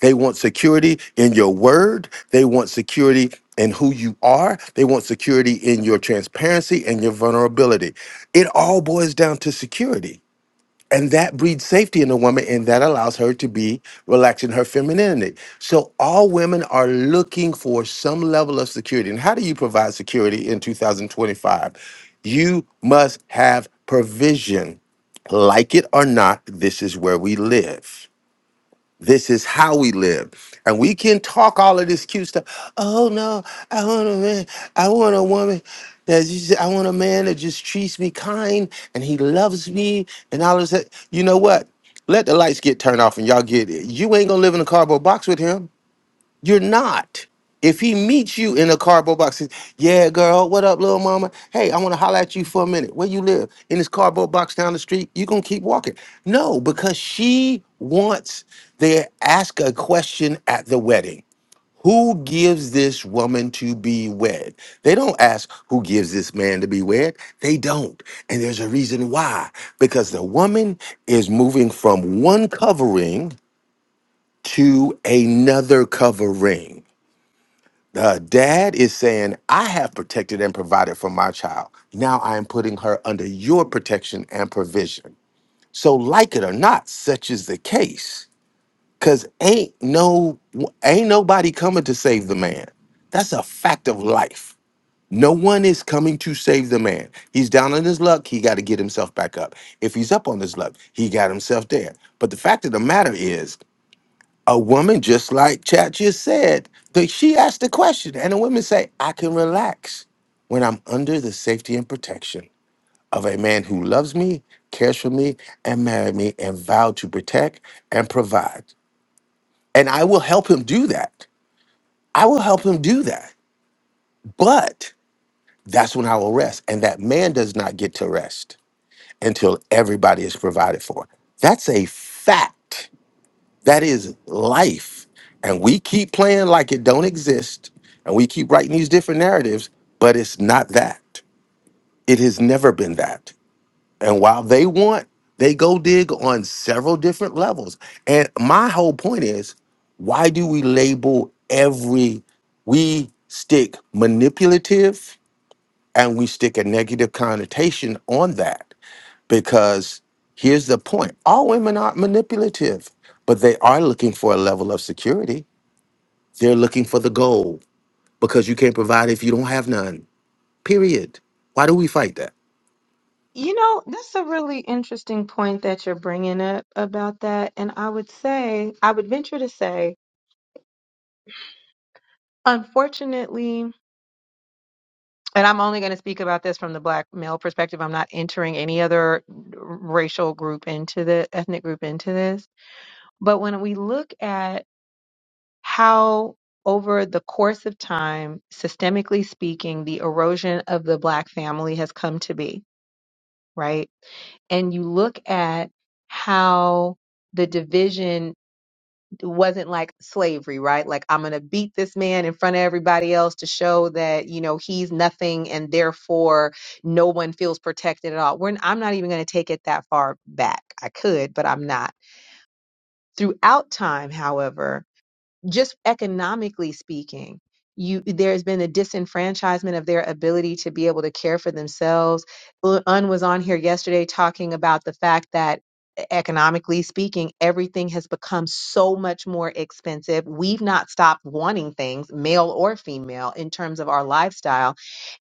Speaker 1: They want security in your word. They want security in who you are. They want security in your transparency and your vulnerability. It all boils down to security and that breeds safety in a woman and that allows her to be relaxed in her femininity so all women are looking for some level of security and how do you provide security in 2025 you must have provision like it or not this is where we live this is how we live. And we can talk all of this cute stuff. Oh no, I want a man. I want a woman that just, I want a man that just treats me kind and he loves me and all of that. You know what? Let the lights get turned off and y'all get it. You ain't gonna live in a cardboard box with him. You're not. If he meets you in a cardboard box, he- yeah, girl, what up, little mama? Hey, I want to holler at you for a minute. Where you live? In this cardboard box down the street? You gonna keep walking? No, because she wants they ask a question at the wedding. Who gives this woman to be wed? They don't ask who gives this man to be wed. They don't. And there's a reason why. Because the woman is moving from one covering to another covering uh, dad is saying, I have protected and provided for my child. Now I am putting her under your protection and provision. So, like it or not, such is the case. Cause ain't no ain't nobody coming to save the man. That's a fact of life. No one is coming to save the man. He's down on his luck. He got to get himself back up. If he's up on his luck, he got himself there. But the fact of the matter is, a woman, just like Chat just said, that she asked the question, and the women say, I can relax when I'm under the safety and protection of a man who loves me, cares for me, and married me, and vowed to protect and provide. And I will help him do that. I will help him do that. But that's when I will rest. And that man does not get to rest until everybody is provided for. That's a fact. That is life. And we keep playing like it don't exist. And we keep writing these different narratives, but it's not that. It has never been that. And while they want, they go dig on several different levels. And my whole point is, why do we label every we stick manipulative and we stick a negative connotation on that? because here's the point all women aren't manipulative but they are looking for a level of security they're looking for the goal because you can't provide if you don't have none period why do we fight that
Speaker 11: You know, that's a really interesting point that you're bringing up about that. And I would say, I would venture to say, Unfortunately, and I'm only going to speak about this from the black male perspective. I'm not entering any other racial group into the ethnic group into this. But when we look at how over the course of time, systemically speaking, the erosion of the black family has come to be, right? And you look at how the division it wasn't like slavery, right? Like I'm gonna beat this man in front of everybody else to show that you know he's nothing, and therefore no one feels protected at all. We're, I'm not even gonna take it that far back. I could, but I'm not. Throughout time, however just economically speaking you there's been a disenfranchisement of their ability to be able to care for themselves Ul- un was on here yesterday talking about the fact that e-, economically speaking everything has become so much more expensive we've not stopped wanting things male or female in terms of our lifestyle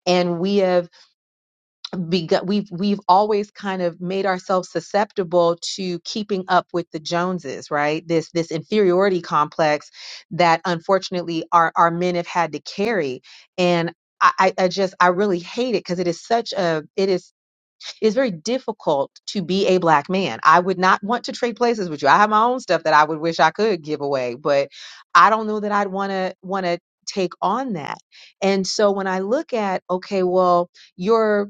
Speaker 11: and we have begun we've we've always kind of made ourselves susceptible to keeping up with the joneses right this this inferiority complex that unfortunately our our men have had to carry and I, I I just I really hate it because it is such a it is it's very difficult to be a black man. I would not want to trade places with you. I have my own stuff that I would wish I could give away, but I don't know that I'd want to want to take on that. And so when I look at okay, well, your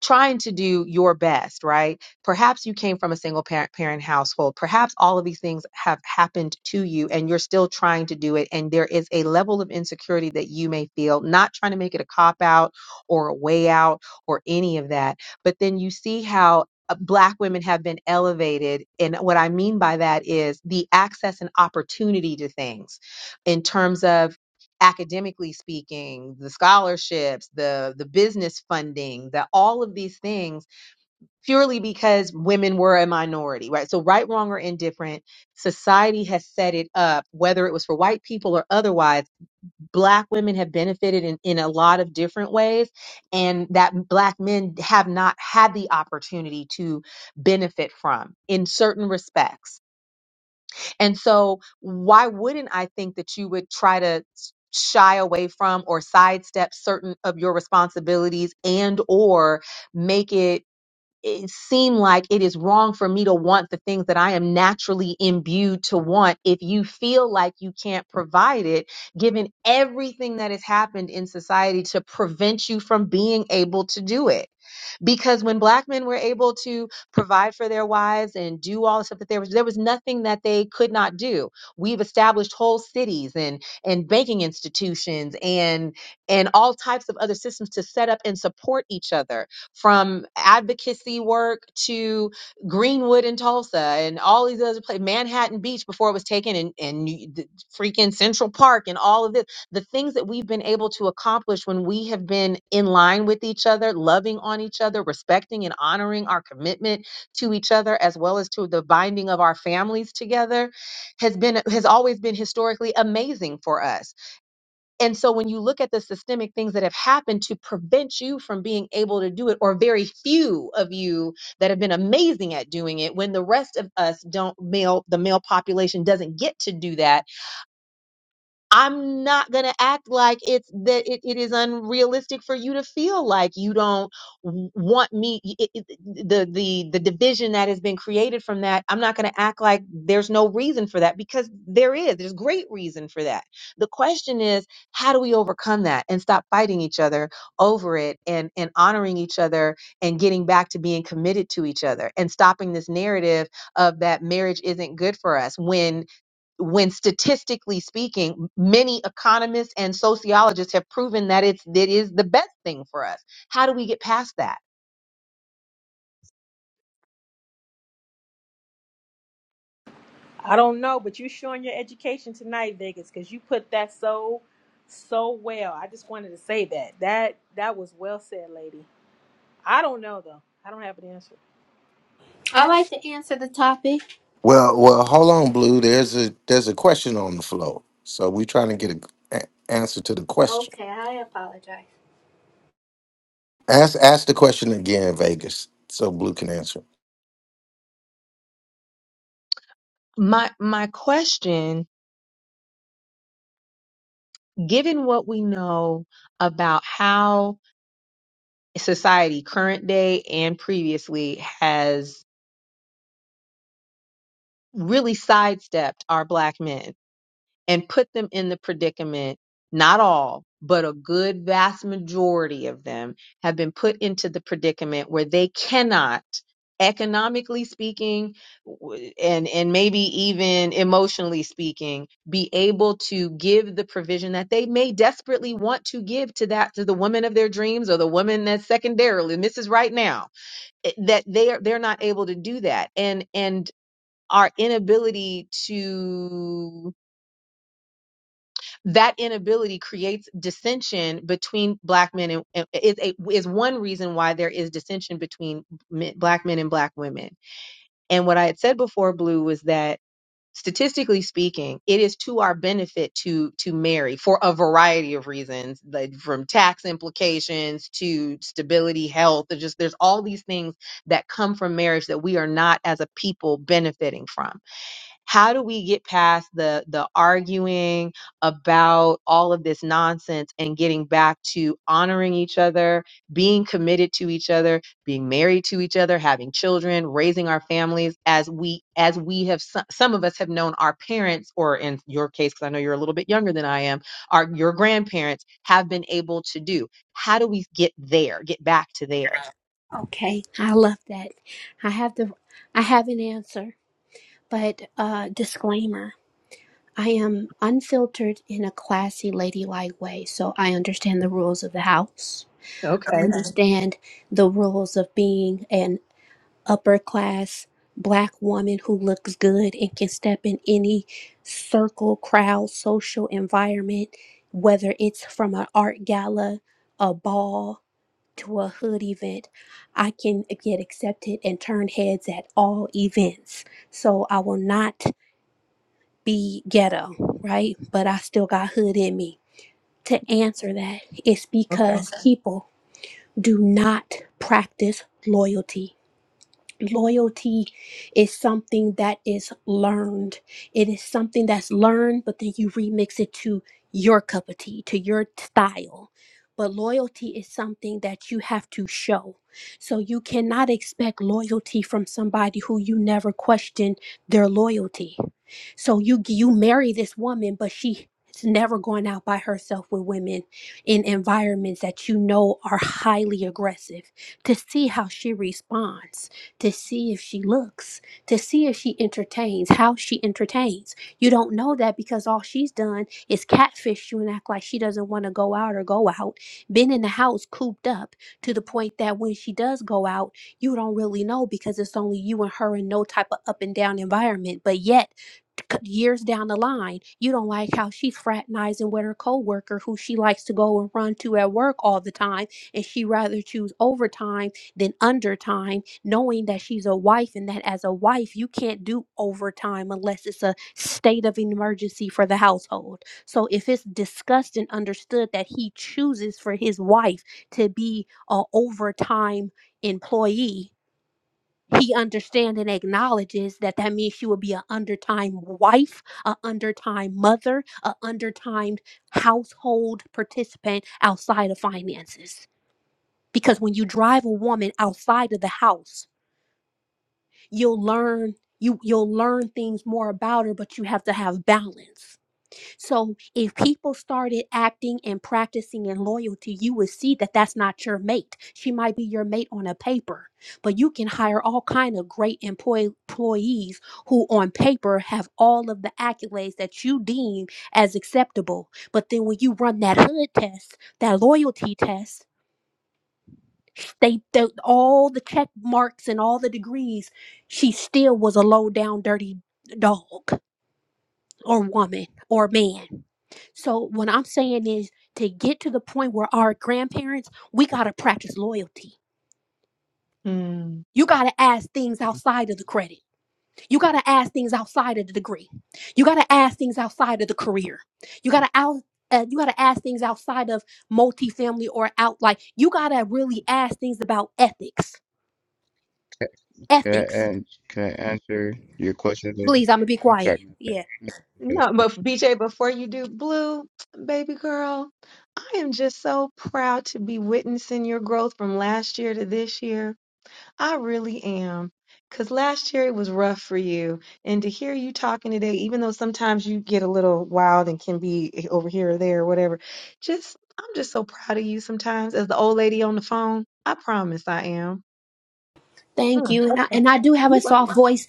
Speaker 11: trying to do your best, right? Perhaps you came from a single parent parent household. Perhaps all of these things have happened to you and you're still trying to do it and there is a level of insecurity that you may feel, not trying to make it a cop out or a way out or any of that. But then you see how uh, Black women have been elevated. And what I mean by that is the access and opportunity to things in terms of academically speaking the scholarships the the business funding that all of these things purely because women were a minority right so right wrong or indifferent society has set it up whether it was for white people or otherwise black women have benefited in, in a lot of different ways and that black men have not had the opportunity to benefit from in certain respects and so, why wouldn't I think that you would try to s- shy away from or sidestep certain of your responsibilities and or make it it seem like it is wrong for me to want the things that I am naturally imbued to want if you feel like you can't provide it given everything that has happened in society to prevent you from being able to do it because when black men were able to provide for their wives and do all the stuff that there was there was nothing that they could not do we've established whole cities and and banking institutions and and all types of other systems to set up and support each other from advocacy work to greenwood and tulsa and all these other places manhattan beach before it was taken and and you- the freaking central park and all of this the things that we've been able to accomplish when we have been in line with each other, loving on each other, respecting and honoring our commitment to each other, as well as to the binding of our families together, has been has always been historically amazing for us. And so when you look at the systemic things that have happened to prevent you from being able to do it, or very few of you that have been amazing at doing it, when the rest of us don't male, the male population doesn't get to do that I'm not going to act like it's that it, it is unrealistic for you to feel like you don't w- want me y- it, it, the the the division that has been created from that I'm not going to act like there's no reason for that because there is there's great reason for that. The question is how do we overcome that and stop fighting each other over it and and honoring each other and getting back to being committed to each other and stopping this narrative of that marriage isn't good for us when when statistically speaking, many economists and sociologists have proven that it's that is the best thing for us. How do we get past that?
Speaker 16: I don't know, but you're showing your education tonight, Vegas, because you put that so so well. I just wanted to say that. That that was well said, lady. I don't know though. I don't have an answer.
Speaker 24: I like to answer the topic.
Speaker 1: well well hold on blue there's a there's a question on the floor so we're trying to get an answer to the question
Speaker 24: Okay, I apologize.
Speaker 1: ask ask the question again vegas so blue can answer
Speaker 11: My my question, given what we know about how society, current day and previously, has really sidestepped our black men and put them in the predicament. Not all, but a good vast majority of them have been put into the predicament where they cannot, economically speaking, w- and, and maybe even emotionally speaking, be able to give the provision that they may desperately want to give to that, to the woman of their dreams or the woman that's secondarily, and this is right now, it- that they are, they're not able to do that. And, and, our inability to that inability creates dissension between black men and and is a, is one reason why there is dissension between men, black men and black women. And what I had said before, Blue, was that statistically speaking, it is to our benefit to to marry for a variety of reasons, like from tax implications to stability, health. There's just there's all these things that come from marriage that we are not as a people benefiting from how do we get past the the arguing about all of this nonsense and getting back to honoring each other being committed to each other being married to each other having children raising our families as we as we have so- some of us have known our parents or in your case because i know you're a little bit younger than i am our your grandparents have been able to do how do we get there get back to there
Speaker 24: Okay, I love that. I have the I have an answer, but uh disclaimer. I am unfiltered in a classy ladylike way, so I understand the rules of the house. I Okay.
Speaker 11: Okay.
Speaker 24: understand the rules of being an upper class black woman who looks good and can step in any circle, crowd, social environment, whether it's from an art gala, a ball, to a hood event, I can get accepted and turn heads at all events. So I will not be ghetto, right? But I still got hood in me. To answer that, it's
Speaker 11: Okay.
Speaker 24: because Okay. people do not practice loyalty loyalty is something that is learned. It is something that's learned, but then you remix it to your cup of tea, to your style. But loyalty is something that you have to show. So you cannot expect loyalty from somebody who you never questioned their loyalty. So you you marry this woman, but she is never going out by herself with women in environments that you know are highly aggressive to see how she responds to see if she looks, to see if she entertains, how she entertains. You don't know that because all she's done is catfish you and act like she doesn't want to go out or go out, been in the house cooped up to the point that when she does go out, you don't really know because it's only you and her in no type of up and down environment. But yet, c- years down the line, you don't like how she's fraternizing with her coworker who she likes to go and run to at work all the time, and she rather choose overtime than undertime knowing that she's a wife and that as a wife you can't do overtime unless it's a state of emergency for the household. So if it's discussed and understood that he chooses for his wife to be a overtime employee, he understands and acknowledges that that means she will be an undertime wife, a undertime mother, a undertimed household participant outside of finances. Because when you drive a woman outside of the house you'll learn you you'll learn things more about her but you have to have balance so if people started acting and practicing in loyalty you would see that that's not your mate she might be your mate on a paper but you can hire all kind of great employ- employees who on paper have all of the accolades that you deem as acceptable but then when you run that hood test that loyalty test they, the all the check marks and all the degrees, she still was a low down dirty dog or woman or man. So what I'm saying is to get to the point where our grandparents, we gotta practice loyalty. You gotta ask things outside of the credit. You gotta ask things outside of the degree. You gotta ask things outside of the career. You gotta out. Uh, you gotta ask things outside of multifamily or out like you gotta really ask things about ethics. Ethics.
Speaker 17: Can I answer your question, lady?
Speaker 24: Please, I'm gonna be
Speaker 17: I'm
Speaker 24: quiet. Yeah.
Speaker 17: sorry,
Speaker 11: No, but BJ, before you do, Blue, baby girl, I am just so proud to be witnessing your growth from last year to this year. I really am. Because last year it was rough for you. And to hear you talking today, even though sometimes you get a little wild and can be over here or there or whatever, just, I'm just so proud of you sometimes as the old lady on the phone. I promise I am.
Speaker 24: Thank
Speaker 11: Mm,
Speaker 24: you. And I,
Speaker 11: okay.
Speaker 24: and I do have
Speaker 11: You're
Speaker 24: a soft
Speaker 11: welcome.
Speaker 24: voice.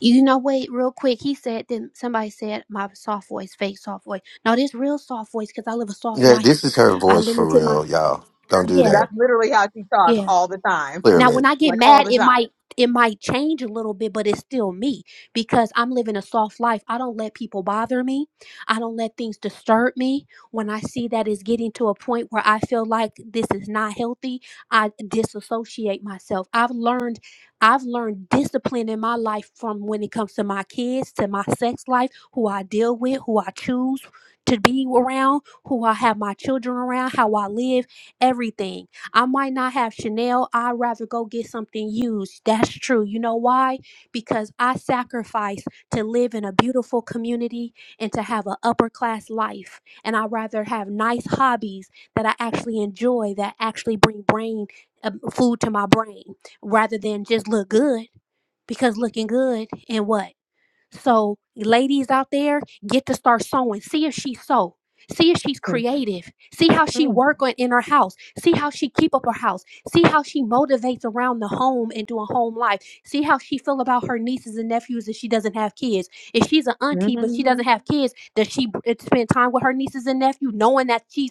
Speaker 24: You know, wait, real quick. He said, then somebody said, my soft voice, fake soft voice. No, this real soft voice because I live a soft
Speaker 1: yeah this
Speaker 24: life.
Speaker 1: is her
Speaker 24: I
Speaker 1: voice for
Speaker 24: limited my,
Speaker 1: real y'all don't do
Speaker 24: yeah,
Speaker 1: that
Speaker 11: That's literally how she talks
Speaker 24: yeah.
Speaker 11: all the time,
Speaker 24: Now, when
Speaker 1: clearly
Speaker 24: I get
Speaker 11: like all
Speaker 24: mad,
Speaker 11: the
Speaker 24: it
Speaker 11: time.
Speaker 24: might it might change a little bit, but it's still me because I'm living a soft life. I don't let people bother me. I don't let things disturb me. When I see that it's getting to a point where I feel like this is not healthy, I disassociate myself. I've learned I've learned discipline in my life from when it comes to my kids, to my sex life, who I deal with, who I choose to be around, who I have my children around, how I live, everything I might not have Chanel. I'd rather go get something used. That's true. You know why? Because I sacrifice to live in a beautiful community and to have an upper class life. And I'd rather have nice hobbies that I actually enjoy that actually bring brain uh, food to my brain rather than just look good. Because looking good and what? So, ladies out there, get to start sewing. See if she sew. See if she's creative. See how she work on in her house. See how she keep up her house. See how she motivates around the home and doing home life. See how she feel about her nieces and nephews if she doesn't have kids. If she's an auntie but she
Speaker 11: Mhm.
Speaker 24: doesn't have kids, does she b- spend time with her nieces and nephew, knowing that she's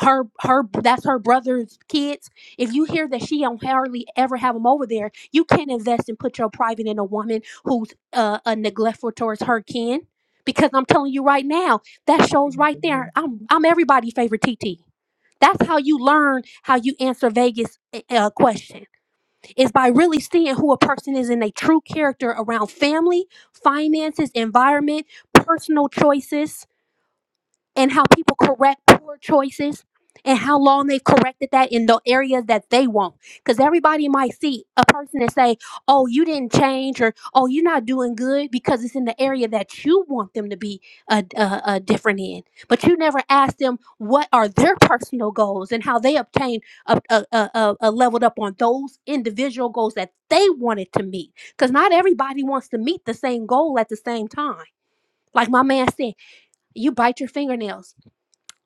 Speaker 24: her her that's her brother's kids? If you hear that she don't hardly ever have them over there, you can't invest and put your private in a woman who uh, a neglectful towards her kin because I'm telling you right now that shows right there I'm I'm everybody's favorite T T. That's how you learn how you answer Vegas uh, uh, question is by really seeing who a person is in their true character around family, finances, environment, personal choices and how people correct poor choices and how long they've corrected that in the areas that they want. Because everybody might see a person and say, oh, you didn't change or oh, you're not doing good because it's in the area that you want them to be a, a, a different in. But you never ask them what are their personal goals and how they obtain a, a, a, a a leveled up on those individual goals that they wanted to meet. Because not everybody wants to meet the same goal at the same time. Like my man said, you bite your fingernails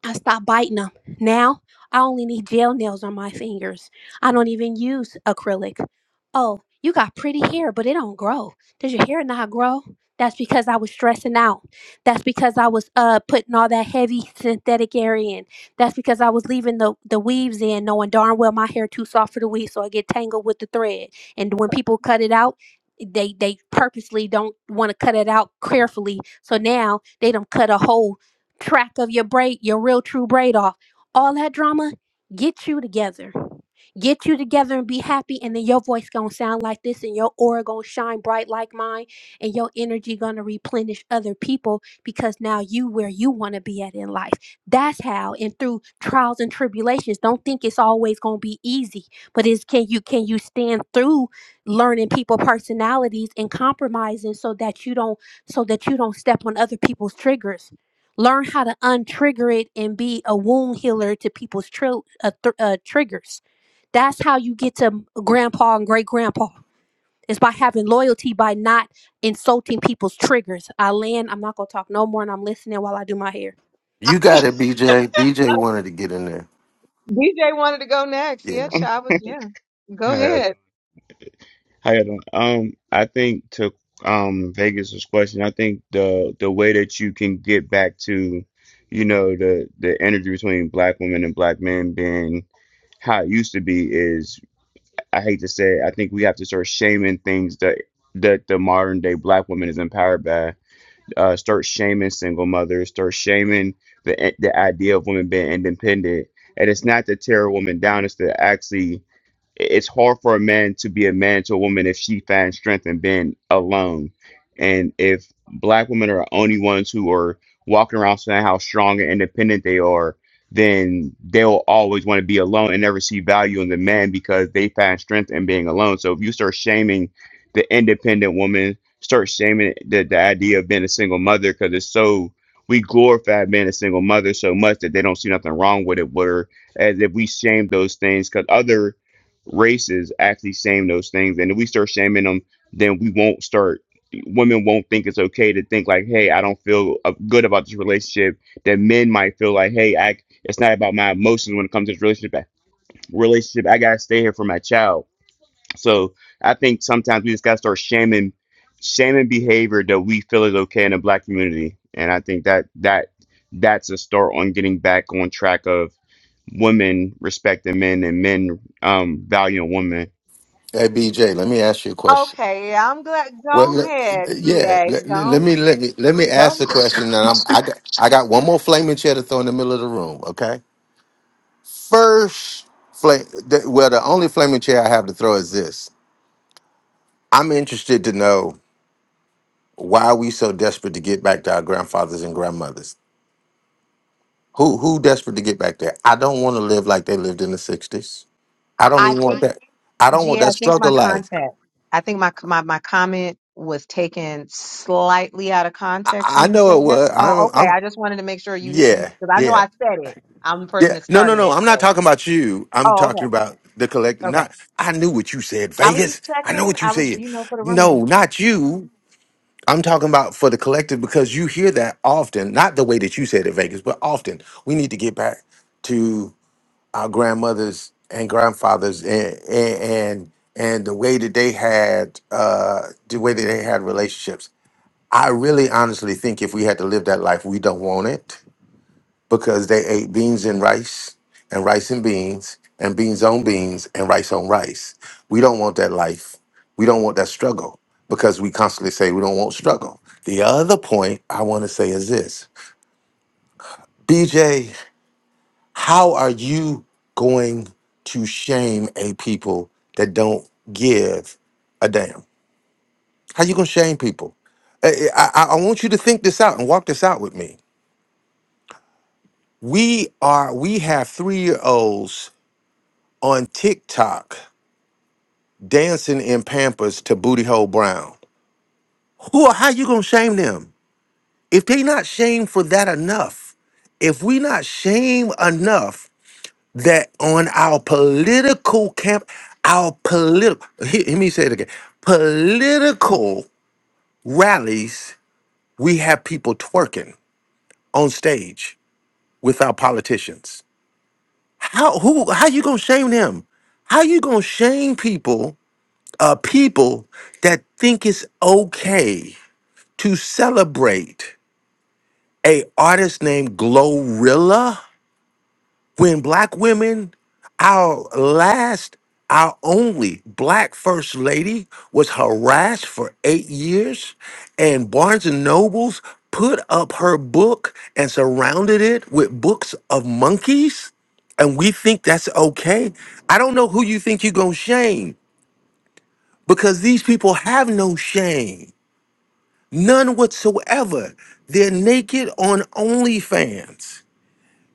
Speaker 24: I stopped biting them. Now I only need gel nails on my fingers. I don't even use acrylic. Oh, you got pretty hair, but it don't grow. Does your hair not grow? That's because I was stressing out. That's because I was uh putting all that heavy synthetic hair in. That's because I was leaving the, the weaves in, knowing darn well my hair too soft for the weave, so I get tangled with the thread. And when people cut it out, they they purposely don't want to cut it out carefully. So now they don't cut a hole track of your braid, your real true braid off. All that drama, get you together get you together and be happy and then your voice gonna sound like this and your aura gonna shine bright like mine and your energy gonna replenish other people because now you where you want to be at in life that's how and through trials and tribulations don't think it's always gonna be easy but is can you can you stand through learning people personalities and compromising so that you don't so that you don't step on other people's triggers learn how to untrigger it and be a wound healer to people's tr- uh, thr- uh, triggers that's how you get to grandpa and great grandpa. It's by having loyalty, by not insulting people's triggers. I land, I'm not going to talk no more, and I'm listening while I do my hair.
Speaker 11: I-
Speaker 1: you got it bj bj wanted to get in there
Speaker 11: DJ wanted to go next.
Speaker 1: yeah
Speaker 11: Yeah,
Speaker 17: my
Speaker 11: child. was- Yeah, go
Speaker 17: bad.
Speaker 11: ahead.
Speaker 17: How you doing? Um, I think to um Vegas's question, I think the the way that you can get back to, you know, the the energy between black women and black men being how it used to be is, I hate to say it, I think we have to start shaming things that that the modern day black woman is empowered by. Uh, start shaming single mothers, start shaming the the idea of women being independent. And it's not to tear a woman down, it's to actually it- it's hard for a man to be a man to a woman if she finds strength in being alone. And if black women are the only ones who are walking around saying how strong and independent they are, then they'll always want to be alone and never see value in the man because they find strength in being alone. So if you start shaming the independent woman, start shaming the, the idea of being a single mother because it's so we glorify being a single mother so much that they don't see nothing wrong with it, where as if we shame those things because other races actually shame those things. And if we start shaming them, then we won't start. Women won't think it's okay to think like, "Hey, I don't feel uh, good about this relationship." That men might feel like, "Hey, I it's not about my emotions when it comes to this relationship. Relationship, I gotta stay here for my child." So I think sometimes we just gotta start shaming, shaming behavior that we feel is okay in the black community, and I think that that that's a start on getting back on track of women respecting men and men um valuing women
Speaker 1: Hey BJ, let me ask you a question.
Speaker 11: Okay, yeah, I'm glad.
Speaker 1: Well,
Speaker 11: Go
Speaker 1: le-
Speaker 11: ahead,
Speaker 1: yeah,
Speaker 11: GA.
Speaker 1: let, let
Speaker 11: Go,
Speaker 1: me let me let me
Speaker 11: go.
Speaker 1: ask the question. And I'm I got I got one more flaming chair to throw in the middle of the room. Okay, first flame. The, well, the only flaming chair I have to throw is this. I'm interested to know why are we so desperate to get back to our grandfathers and grandmothers. Who who desperate to get back there? I don't want to live like they lived in the '60s. I
Speaker 11: I,
Speaker 1: don't
Speaker 11: I
Speaker 1: even want
Speaker 11: think
Speaker 1: that. I don't want
Speaker 11: GA. I
Speaker 1: that
Speaker 11: think my
Speaker 1: struggle life.
Speaker 11: context. I think my my my comment was taken slightly out of
Speaker 1: I,
Speaker 11: context
Speaker 1: I
Speaker 11: when he
Speaker 1: know
Speaker 11: said
Speaker 1: it
Speaker 11: that.
Speaker 1: was.
Speaker 11: Oh,
Speaker 1: I'm
Speaker 11: okay.
Speaker 1: I'm
Speaker 11: I just wanted to make sure you you
Speaker 1: yeah
Speaker 11: because I know
Speaker 1: yeah.
Speaker 11: I said it. I'm the person
Speaker 1: Yeah.
Speaker 11: that
Speaker 1: No, no,
Speaker 11: started
Speaker 1: no.
Speaker 11: it.
Speaker 1: I'm not
Speaker 11: So,
Speaker 1: talking about you. I'm
Speaker 11: oh,
Speaker 1: talking
Speaker 11: okay,
Speaker 1: about the collective.
Speaker 11: okay.
Speaker 1: Not I knew what you said,
Speaker 11: I was
Speaker 1: Vegas.
Speaker 11: just
Speaker 1: I know
Speaker 11: checking.
Speaker 1: what you
Speaker 11: I was,
Speaker 1: said.
Speaker 11: you know, for the room.
Speaker 1: No, not you. I'm talking about for the collective because you hear that often, not the way that you said it, Vegas, but often. We need to get back to our grandmothers and grandfathers and and and, and the way that they had uh the way that they had relationships. I really honestly think if we had to live that life, we don't want it because they ate beans and rice and rice and beans and beans on beans and rice on rice. We don't want that life. We don't want that struggle because we constantly say we don't want struggle. The other point I want to say is this BJ, how are you going to shame a people that don't give a damn? How you going to shame people? Eh, eh, I, I, I want you to think this out and walk this out with me. We are we have three year olds on TikTok dancing in Pampers to Booty Hole Brown. Who how you gonna shame them? If they not shamed for that enough, if we not shame enough that on our political camp, our political let me say it again. Political rallies, we have people twerking on stage with our politicians. How who how you gonna shame them? How you gonna shame people uh, people that think it's okay to celebrate a artist named Glorilla when black women, our last, our only black first lady was harassed for eight years, and Barnes and Nobles put up her book and surrounded it with books of monkeys and we think that's okay. I don't know who you think you're gonna shame because these people have no shame. None whatsoever. They're naked on OnlyFans.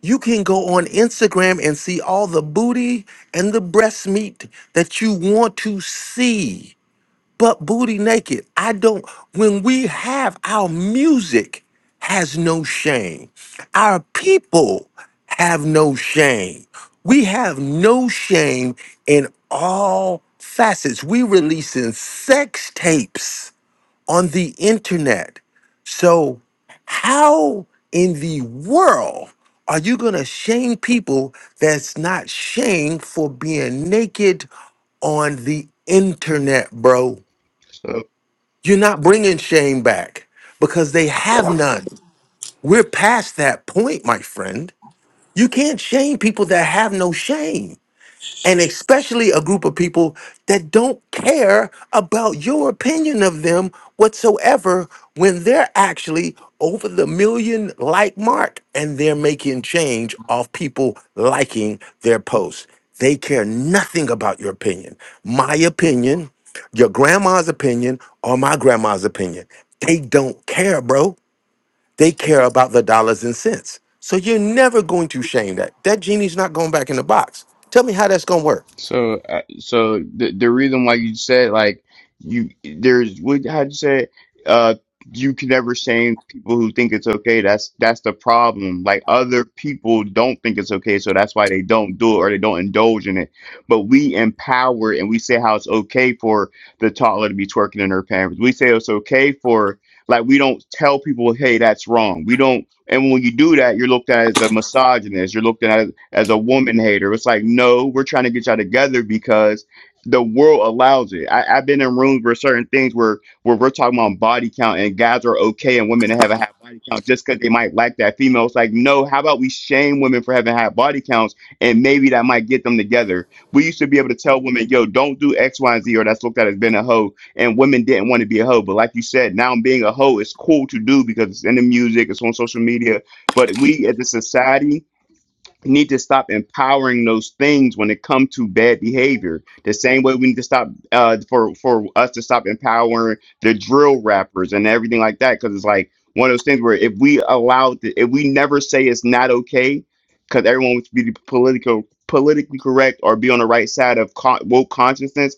Speaker 1: You can go on Instagram and see all the booty and the breast meat that you want to see, but booty naked. I don't, when we have our music has no shame, our people have no shame. We have no shame in all facets. We releasing sex tapes on the internet. So, how in the world are you going to shame people that's not shamed for being naked on the internet, bro?
Speaker 17: So,
Speaker 1: You're not bringing shame back because they have none. We're past that point, my friend. You can't shame people that have no shame and especially a group of people that don't care about your opinion of them whatsoever when they're actually over the million like mark and they're making change off people liking their posts. They care nothing about your opinion. My opinion, your grandma's opinion, or my grandma's opinion. They don't care, bro. They care about the dollars and cents. So you're never going to shame that. That genie's not going back in the box. Tell me how that's going to work.
Speaker 17: so, uh, so the the reason why you said like you there's what how'd you say it? uh you can never shame people who think it's okay. That's that's the problem. Like other people don't think it's okay, so that's why they don't do it or they don't indulge in it. But we empower and we say how it's okay for the toddler to be twerking in her pants. We say it's okay for like we don't tell people, hey, that's wrong. We don't. And when you do that, you're looked at as a misogynist. You're looked at as a woman hater. It's like, no, we're trying to get y'all together because the world allows it. I, I've been in rooms where certain things where where we're talking about body count and guys are okay and women that haven't had body count just because they might like that female. It's like, no, how about we shame women for having had body counts and maybe that might get them together. We used to be able to tell women, yo, don't do X, Y, and Z or that's looked at as being a hoe. And women didn't want to be a hoe. But like you said, now being a hoe is cool to do because it's in the music, it's on social media. But we as a society need to stop empowering those things when it comes to bad behavior. The same way we need to stop uh, for for us to stop empowering the drill rappers and everything like that, because it's like one of those things where if we allow, the, if we never say it's not okay, because everyone wants to be political politically correct or be on the right side of co- woke consciousness,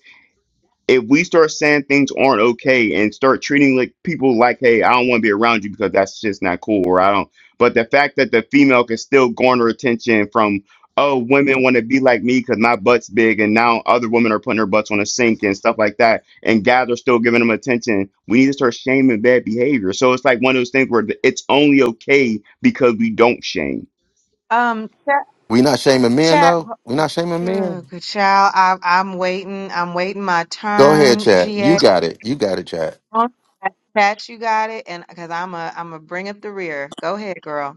Speaker 17: if we start saying things aren't okay and start treating like people like, hey, I don't want to be around you because that's just not cool, or I don't. But the fact that the female can still garner attention from, oh, women want to be like me because my butt's big, and now other women are putting their butts on a sink and stuff like that, and guys are still giving them attention. We need to start shaming bad behavior. So it's like one of those things where it's only okay because we don't shame.
Speaker 11: Um, chat,
Speaker 1: We not shaming men
Speaker 11: chat.
Speaker 1: though. We not shaming men.
Speaker 11: Good good child. I'm I'm waiting. I'm waiting my
Speaker 1: Go ahead,
Speaker 11: turn.
Speaker 1: Chad. You
Speaker 11: GA.
Speaker 1: got it. You got it, Chad.
Speaker 11: Pat, you got it, and because I'm a I'm a bring up the rear. Go ahead, girl.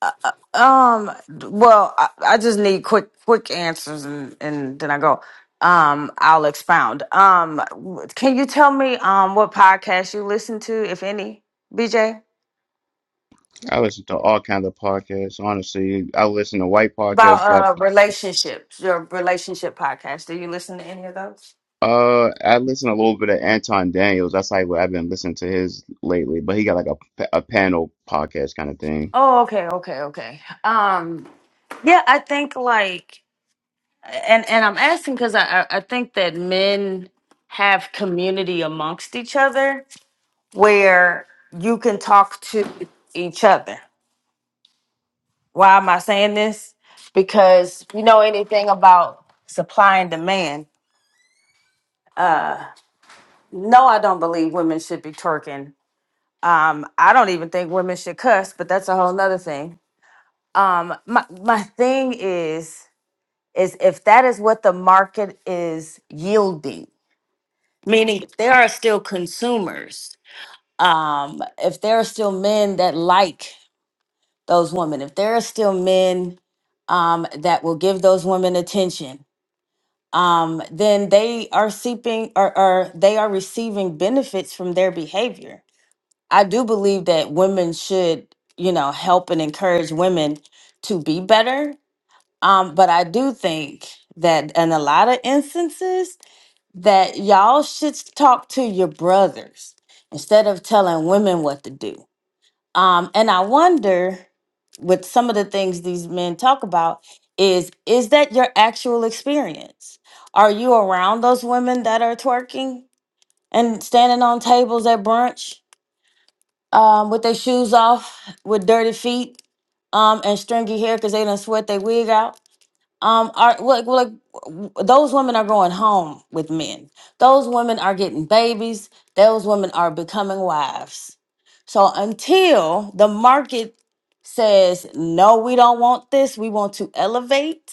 Speaker 18: Uh, uh, um. Well, I, I just need quick, quick answers, and and then I go. Um, I'll expound. Um, w- can you tell me um what podcast you listen to, if any, BJ?
Speaker 17: I listen to all kinds of podcasts. Honestly, I listen to white
Speaker 18: About
Speaker 17: podcasts, black
Speaker 18: uh
Speaker 17: podcasts.
Speaker 18: relationships, your relationship podcast. Do you listen to any of those?
Speaker 17: Uh, I listen a little bit of Anton Daniels. That's like what I've been listening to his lately. But he got like a a panel podcast kind of thing.
Speaker 18: Oh, okay, okay, okay. Um, yeah, I think like and and I'm asking because I I I think that men have community amongst each other where you can talk to each other. Why am I saying this? Because if you know anything about supply and demand. Uh, no, I don't believe women should be twerking. Um, I don't even think women should cuss, but that's a whole nother thing. Um, my my thing is is if that is what the market is yielding meaning if there are still consumers um if there are still men that like those women if there are still men um that will give those women attention um then they are seeping or, or they are receiving benefits from their behavior i do believe that women should you know help and encourage women to be better um but i do think that in a lot of instances that y'all should talk to your brothers instead of telling women what to do. Um, and I wonder with some of the things these men talk about is is that your actual experience? Are you around those women that are twerking and standing on tables at brunch um, with their shoes off, with dirty feet um, and stringy hair because they don't sweat their wig out? um are like like w- those women are going home with men those women are getting babies those women are becoming wives so until the market says no we don't want this we want to elevate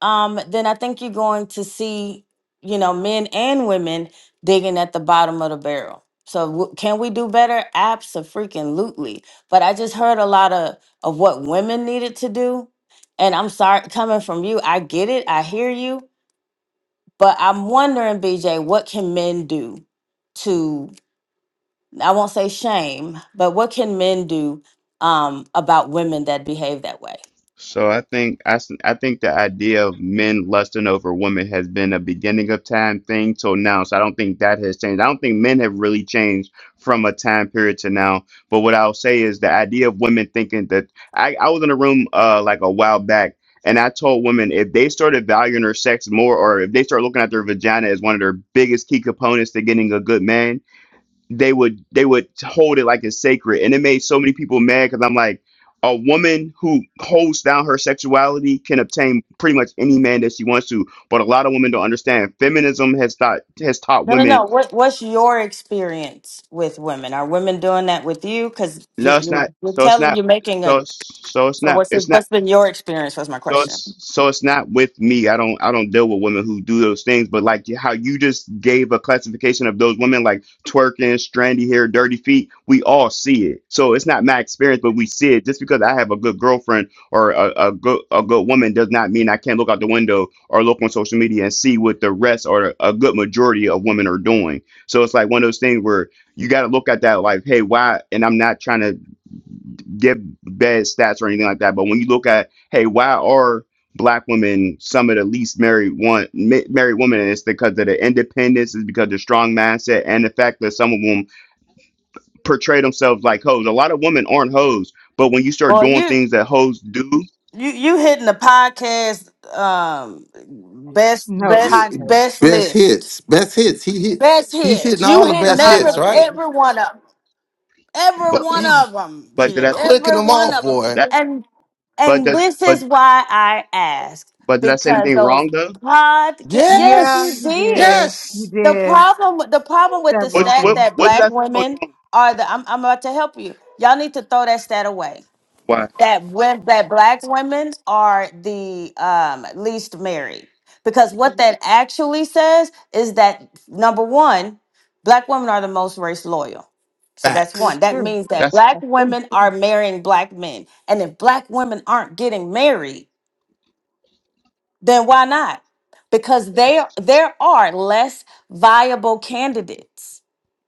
Speaker 18: um, then I think you're going to see, you know, men and women digging at the bottom of the barrel. So w- can we do better? Absolutely. But I just heard a lot of of what women needed to do, and I'm sorry coming from you. I get it. I hear you. But I'm wondering, BJ, what can men do to I won't say shame, but what can men do um, about women that behave that way?
Speaker 17: So I think I, s- I think the idea of men lusting over women has been a beginning of time thing till now. So I don't think that has changed. I don't think men have really changed from a time period to now. But what I'll say is the idea of women thinking that I, I was in a room uh like a while back and I told women if they started valuing their sex more or if they start looking at their vagina as one of their biggest key components to getting a good man, they would they would hold it like it's sacred and it made so many people mad because i'm like a woman who holds down her sexuality can obtain pretty much any man that she wants to but a lot of women don't understand feminism has taught has taught
Speaker 18: No, no,
Speaker 17: women
Speaker 18: no. What What's your experience with women? Are women doing that with you? Because you're,
Speaker 17: no it's
Speaker 18: you're
Speaker 17: not
Speaker 18: you're
Speaker 17: so it's
Speaker 18: telling
Speaker 17: not
Speaker 18: you're making a.
Speaker 17: so so it's
Speaker 18: So
Speaker 17: not
Speaker 18: what's your,
Speaker 17: it's not
Speaker 18: what's been your experience? Was my
Speaker 17: So it's
Speaker 18: question.
Speaker 17: so it's not with me. I don't I don't deal with women who do those things. But like how you just gave a classification of those women, like twerking, strandy hair, dirty feet. We all see it. So it's not my experience, but we see it. Just because I have a good girlfriend or a, a good a good woman does not mean I can't look out the window or look on social media and see what the rest or a good majority of women are doing. So it's like one of those things where you got to look at that like, hey, why? And I'm not trying to give bad stats or anything like that. But when you look at, hey, why are black women some of the least married one ma- married women? And it's because of the independence, it's because of the strong mindset, and the fact that some of them portray themselves like hoes. A lot of women aren't hoes, but when you start
Speaker 18: Boy,
Speaker 17: doing
Speaker 18: you
Speaker 17: things that hoes do,
Speaker 18: you you hitting the podcast um best
Speaker 11: Note
Speaker 1: Yeah,
Speaker 18: best
Speaker 11: high notes.
Speaker 18: best
Speaker 1: Best
Speaker 18: list.
Speaker 1: hits. Best hits. He hit.
Speaker 18: Best
Speaker 1: He's
Speaker 18: hits.
Speaker 1: hitting all
Speaker 18: You
Speaker 1: the
Speaker 18: hit
Speaker 11: The
Speaker 1: best
Speaker 11: high
Speaker 18: every
Speaker 1: hits,
Speaker 11: notes.
Speaker 1: right?
Speaker 11: honey.
Speaker 18: every one of them. Every
Speaker 17: but
Speaker 11: So
Speaker 18: one
Speaker 1: He
Speaker 18: of them,
Speaker 17: but did I
Speaker 18: Judy.
Speaker 17: say
Speaker 1: clicking
Speaker 18: Every
Speaker 1: them
Speaker 18: one
Speaker 1: off,
Speaker 18: of them.
Speaker 1: boy.
Speaker 17: that?
Speaker 18: And
Speaker 17: But
Speaker 18: and
Speaker 17: that
Speaker 18: this
Speaker 17: but
Speaker 18: is why I asked
Speaker 17: but did I say
Speaker 18: because
Speaker 17: anything
Speaker 18: those
Speaker 17: wrong though?
Speaker 18: podcast. Yes,
Speaker 11: yeah,
Speaker 18: you
Speaker 1: Yes.
Speaker 11: you
Speaker 18: did.
Speaker 11: did. You
Speaker 1: Yes.
Speaker 18: The
Speaker 11: did
Speaker 18: problem with- the problem with the
Speaker 11: several
Speaker 17: What's
Speaker 18: stat
Speaker 17: what
Speaker 11: things.
Speaker 18: that
Speaker 17: what did
Speaker 18: black
Speaker 17: I say that was
Speaker 18: women
Speaker 17: wrong?
Speaker 18: are the. I'm I'm about to help you. Y'all need to throw that stat away
Speaker 17: Why?
Speaker 18: that
Speaker 1: What's
Speaker 18: when
Speaker 1: that?
Speaker 18: that black women are the um, least married because what that actually says is that number one black women are the most race loyal so that's
Speaker 11: It's
Speaker 1: Facts.
Speaker 18: one that
Speaker 11: true.
Speaker 18: means
Speaker 11: That's
Speaker 18: that
Speaker 17: That's
Speaker 18: black
Speaker 11: true.
Speaker 18: women are marrying black men and if black women aren't getting married then why not because they there are less viable candidates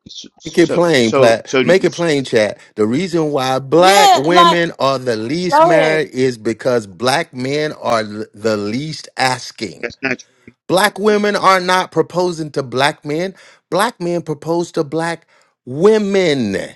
Speaker 17: so
Speaker 1: Make it
Speaker 17: so
Speaker 1: plain,
Speaker 17: so,
Speaker 1: Plat.
Speaker 17: so
Speaker 1: Make it plain, chat. The reason why black
Speaker 18: yeah like
Speaker 1: women are the least
Speaker 18: go ahead
Speaker 1: married is because black men are l- the least asking.
Speaker 17: that's not true.
Speaker 1: Black women are not proposing to black men. Black men propose to black women.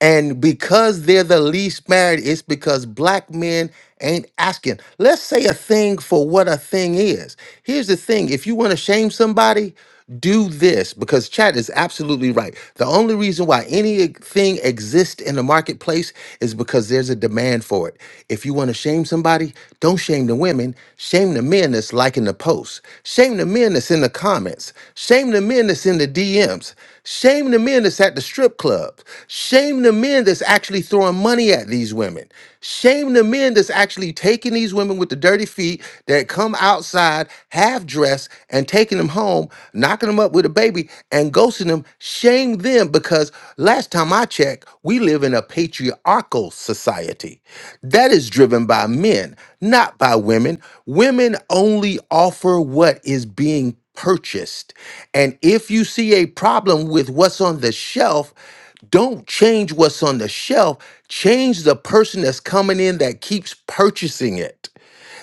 Speaker 1: And because they're the least married, it's because black men ain't asking. Let's say a thing for what a thing is. Here's the thing if you want to shame somebody, do this because Chad is absolutely right. The only reason why anything exists in the marketplace is because there's a demand for it. If you want to shame somebody, don't shame the women, shame the men that's liking the posts, shame the men that's in the comments, shame the men that's in the DMs. Shame the men that's at the strip clubs. Shame the men that's actually throwing money at these women. Shame the men that's actually taking these women with the dirty feet that come outside half dressed and taking them home, knocking them up with a baby and ghosting them. Shame them because last time I checked, we live in a patriarchal society that is driven by men, not by women. Women only offer what is being purchased. And if you see a problem with what's on the shelf, don't change what's on the shelf. Change the person that's coming in that keeps purchasing it.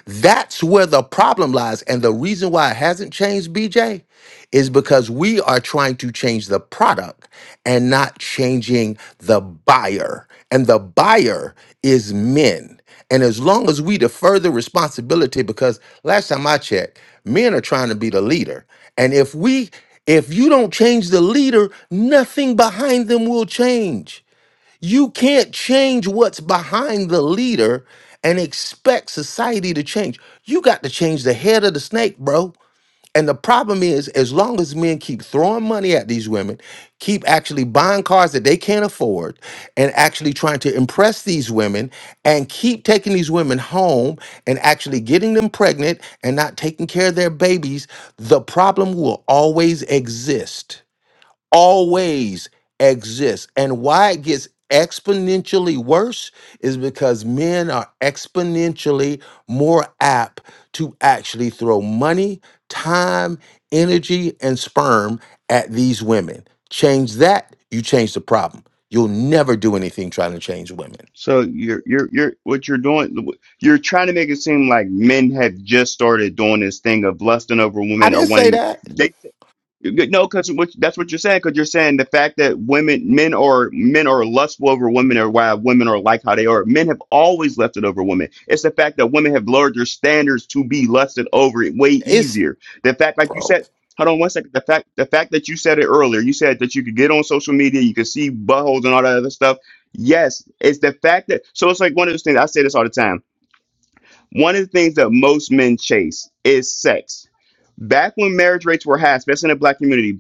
Speaker 1: That's where the problem lies. And the reason why it hasn't changed, BJ, is because we are trying to change the product and not changing the buyer. And the buyer is men. And as long as we defer the responsibility, because last time I checked, men are trying to be the leader. And if we if you don't change the leader, nothing behind them will change. You can't change what's behind the leader and expect society to change. You got to change the head of the snake, bro. And the problem is, as long as men keep throwing money at these women, keep actually buying cars that they can't afford, and actually trying to impress these women, and keep taking these women home and actually getting them pregnant and not taking care of their babies, the problem will always exist always exists. And why it gets exponentially worse is because men are exponentially more apt to actually throw money, time, energy, and sperm at these women. Change that, you change the problem. You'll never do anything trying to change women.
Speaker 17: So you're you're you're what you're doing. You're trying to make it seem like men have just started doing this thing of lusting over
Speaker 1: I
Speaker 17: women or
Speaker 1: didn't say
Speaker 17: wanting.
Speaker 1: that.
Speaker 17: they. You get- No, because that's what you're saying. Because you're saying the fact that women, men are men are lustful over women, or why women are like how they are. Men have always lusted over women. It's the fact that women have lowered their standards to be lusted over it way
Speaker 1: It's
Speaker 17: easier. The fact, like you
Speaker 1: bro.
Speaker 17: said, hold on one second. The fact, the fact that you said it earlier, you said that you could get on social media, you could see buttholes and all that other stuff. Yes, it's the fact that so it's like one of those things. I say this all the time one of the things that most men chase is sex. Back when marriage rates were high, especially in the black community,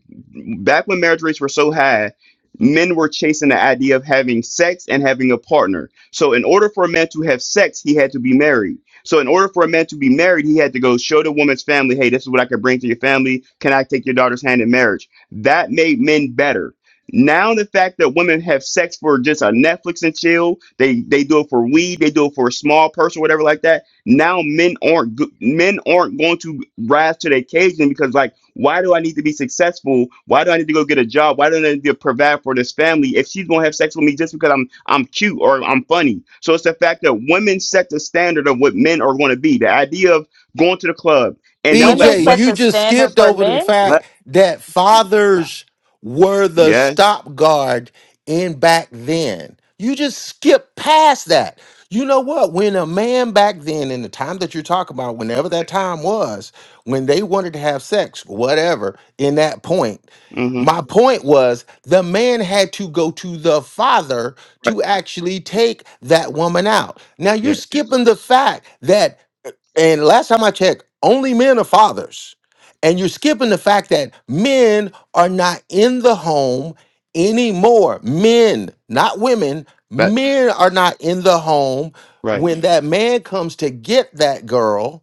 Speaker 17: back when marriage rates were so high, men were chasing the idea of having sex and having a partner. So, in order for a man to have sex, he had to be married. So, in order for a man to be married, he had to go show the woman's family, hey, this is what I can bring to your family. Can I take your daughter's hand in marriage? That made men better. Now the fact that women have sex for just a Netflix and chill, they they do it for weed, they do it for a small purse or whatever like that now men aren't go- men aren't going to rise to the occasion because like why do i need to be successful why do i need to go get a job why do i need to provide for this family if she's going to have sex with me just because i'm i'm cute or i'm funny so it's the fact that women set the standard of what men are going to be the idea of going to the club and they'll
Speaker 18: women
Speaker 17: let
Speaker 1: BJ,
Speaker 17: what
Speaker 18: set
Speaker 1: you
Speaker 18: the
Speaker 1: just
Speaker 18: standard
Speaker 1: skipped
Speaker 18: for
Speaker 1: over the
Speaker 18: men
Speaker 1: fact
Speaker 17: let
Speaker 1: that fathers were the
Speaker 17: yes
Speaker 1: stop guard in back then. You just skipped past that. You know what? When a man back then, in the time that you're talking about, whenever that time was, when they wanted to have sex, whatever, in that point,
Speaker 17: mm-hmm
Speaker 1: my point was the man had to go to the father
Speaker 17: right
Speaker 1: to actually take that
Speaker 17: right
Speaker 1: woman out. Now you're
Speaker 17: yes
Speaker 1: skipping the fact that and last time I checked, only men are fathers. And you're skipping the fact that men are not in the home anymore. Men, not women,
Speaker 17: but
Speaker 1: men are not in the home
Speaker 17: right
Speaker 1: when that man comes to get that girl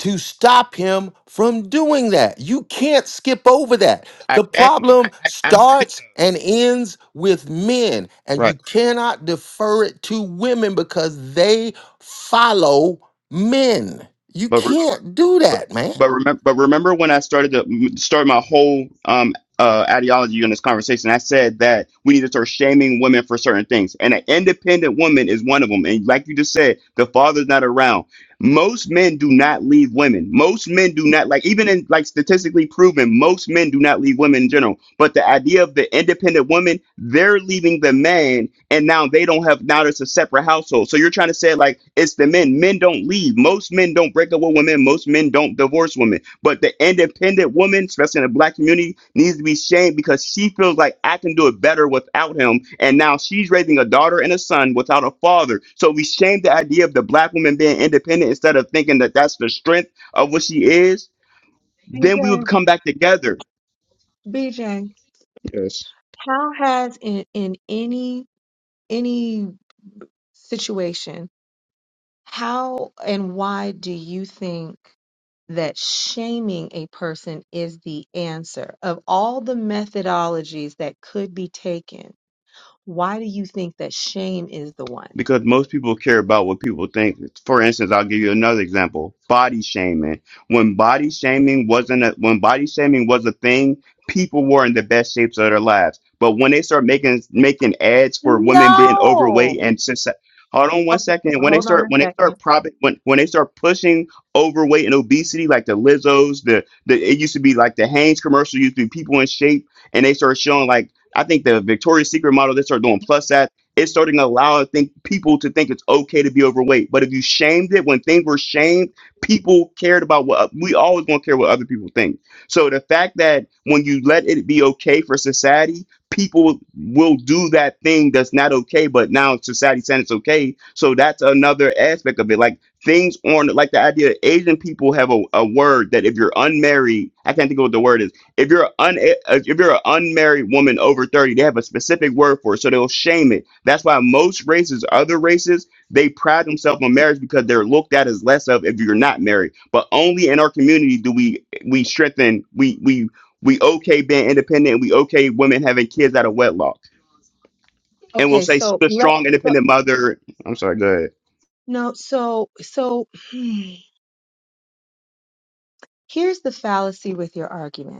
Speaker 1: to stop him from doing that. You can't skip over that.
Speaker 17: i
Speaker 1: The
Speaker 17: can i,
Speaker 1: problem
Speaker 17: I, I
Speaker 1: starts and ends with men, and you
Speaker 17: right
Speaker 1: cannot defer it to women because they follow Men, you
Speaker 17: but
Speaker 1: can't do
Speaker 17: But
Speaker 1: that, man.
Speaker 17: but remember, but remember when I started to start my whole um uh ideology on this conversation, I said that we need to start shaming women for certain things, and an independent woman is one of them. And like you just said, the father's not around. Most men do not leave women. Most men do not like even in like statistically proven, most men do not leave women in general. But the idea of the independent woman, they're leaving the man, and now they don't have now it's a separate household. So you're trying to say like it's the men. Men don't leave. Most men don't Break up with women. Most men don't divorce women. But the independent woman, especially in the black community, needs to be shamed because she feels like I can do it better without him. And now she's raising a daughter and a son without a father. So we shame the idea of the black woman being independent instead of thinking that that's the strength of what she is.
Speaker 11: BJ,
Speaker 17: Then we would come back together.
Speaker 11: BJ,
Speaker 17: Yes.
Speaker 11: how has in in any any situation, how and why do you think that shaming a person is the answer? Of all the methodologies that could be taken, why do you think that shame is the one?
Speaker 17: because most people care about what people think. For instance, I'll give you another example: body shaming. When body shaming wasn't a, when body shaming was a thing, people were in the best shapes of their lives. But when they start making making ads for women being overweight
Speaker 18: no
Speaker 17: and since hold on one
Speaker 11: Okay,
Speaker 17: second, when they
Speaker 11: hold on
Speaker 17: start
Speaker 11: a
Speaker 17: when they
Speaker 11: second.
Speaker 17: start propping when when they start pushing overweight and obesity like the Lizzo's, the the it used to be like the Hanes commercial used to be people in shape, and they start showing like. I think the Victoria's Secret model, they start doing plus it's starting to allow think people to think it's okay to be overweight. But if you shamed it, when things were shamed, people cared about what uh, we always gonna care what other people think. So the fact that when you let it be okay for society, people will do that thing that's not okay, but now society saying it's okay. So that's another aspect of it. Like things on like the idea that Asian people have a, a word that if you're unmarried, I can't think of what the word is if you're un if you're an unmarried woman over 30, they have a specific word for it, so they'll shame it. That's why most races, other races, they pride themselves on marriage because they're looked at as less of if you're not married. But only in our community do we we strengthen we we we okay being independent and we okay women having kids out of wedlock. And we'll
Speaker 11: Okay,
Speaker 17: say she's
Speaker 11: so
Speaker 17: a
Speaker 11: let
Speaker 17: strong
Speaker 11: so
Speaker 17: independent mother. I'm sorry, go ahead.
Speaker 11: no, so so here's the fallacy with your argument.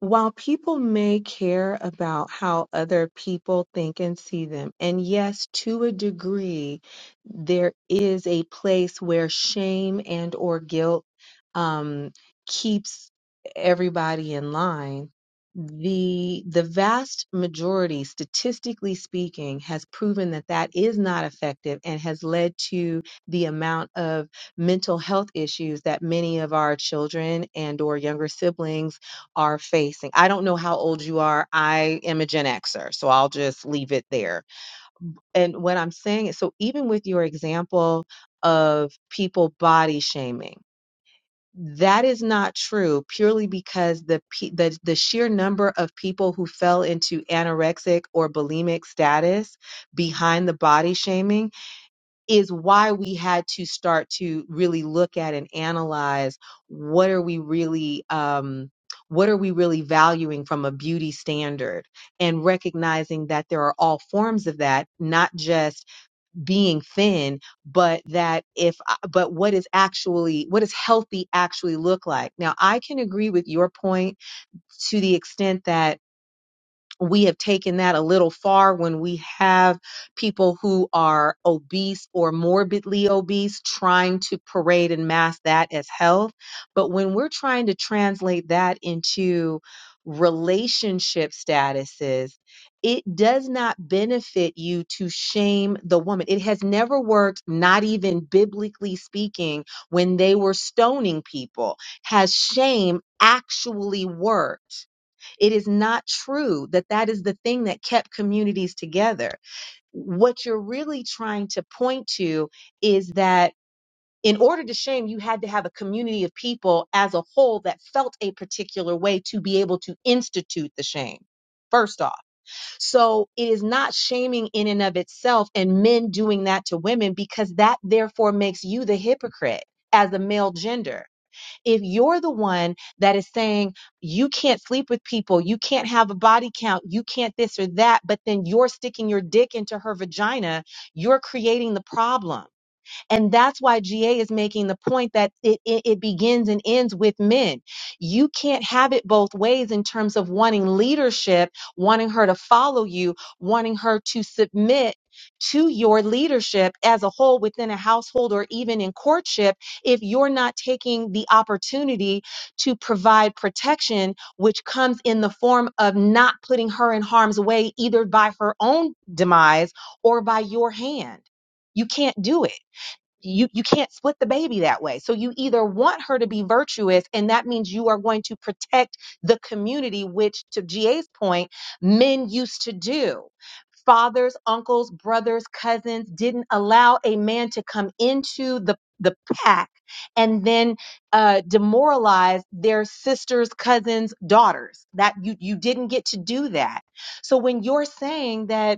Speaker 11: while people may care about how other people think and see them, and yes, to a degree, there is a place where shame and or guilt um, keeps everybody in line. The the vast majority, statistically speaking, has proven that that is not effective and has led to the amount of mental health issues that many of our children and or younger siblings are facing. I don't know how old you are. I am a Gen Xer, so I'll just leave it there. And what I'm saying is, so even with your example of people body shaming, that is not true purely because the, pe- the the sheer number of people who fell into anorexic or bulimic status behind the body shaming is why we had to start to really look at and analyze what are we really um what are we really valuing from a beauty standard and recognizing that there are all forms of that not just being thin but that if but what is actually what does healthy actually look like now i can agree with your point to the extent that we have taken that a little far when we have people who are obese or morbidly obese trying to parade and mask that as health. But when we're trying to translate that into relationship statuses, it does not benefit you to shame the woman. It has never worked, not even biblically speaking, when they were stoning people. Has shame actually worked? It is not true that that is the thing that kept communities together. What you're really trying to point to is that in order to shame, you had to have a community of people as a whole that felt a particular way to be able to institute the shame. First off, so it is not shaming in and of itself and men doing that to women because that therefore makes you the hypocrite as the male gender if you're the one that is saying you can't sleep with people, you can't have a body count, you can't this or that, but then you're sticking your dick into her vagina, you're creating the problem and that's why GA is making the point that it, it, it begins and ends with men. You can't have it both ways in terms of wanting leadership, wanting her to follow you, wanting her to submit to your leadership as a whole within a household or even in courtship if you're not taking the opportunity to provide protection which comes in the form of not putting her in harm's way either by her own demise or by your hand you can't do it you you can't split the baby that way so you either want her to be virtuous and that means you are going to protect the community which to GA's point men used to do fathers uncles brothers cousins didn't allow a man to come into the the pack and then uh, demoralize their sisters cousins daughters that you you didn't get to do that so when you're saying that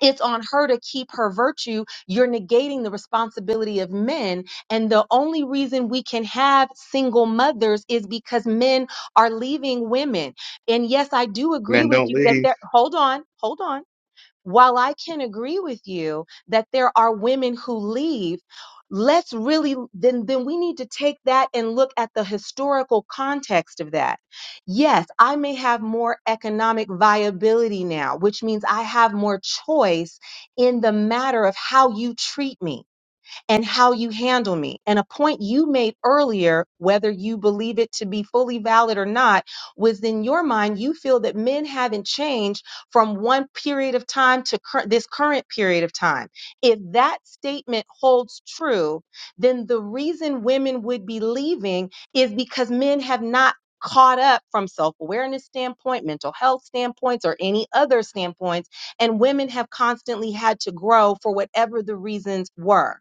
Speaker 11: it's on her to keep her virtue. You're negating the responsibility of men. And the only reason we can have single mothers is because men are leaving women. And yes, I do agree
Speaker 17: Man,
Speaker 11: with
Speaker 17: don't
Speaker 11: you that
Speaker 17: leave.
Speaker 11: there, hold on, hold on. While I can agree with you that there are women who leave, let's really then then we need to take that and look at the historical context of that. Yes, I may have more economic viability now, which means I have more choice in the matter of how you treat me and how you handle me. And a point you made earlier, whether you believe it to be fully valid or not, was in your mind, you feel that men haven't changed from one period of time to cur- this current period of time. If that statement holds true, then the reason women would be leaving is because men have not caught up from self-awareness standpoint mental health standpoints or any other standpoints and women have constantly had to grow for whatever the reasons were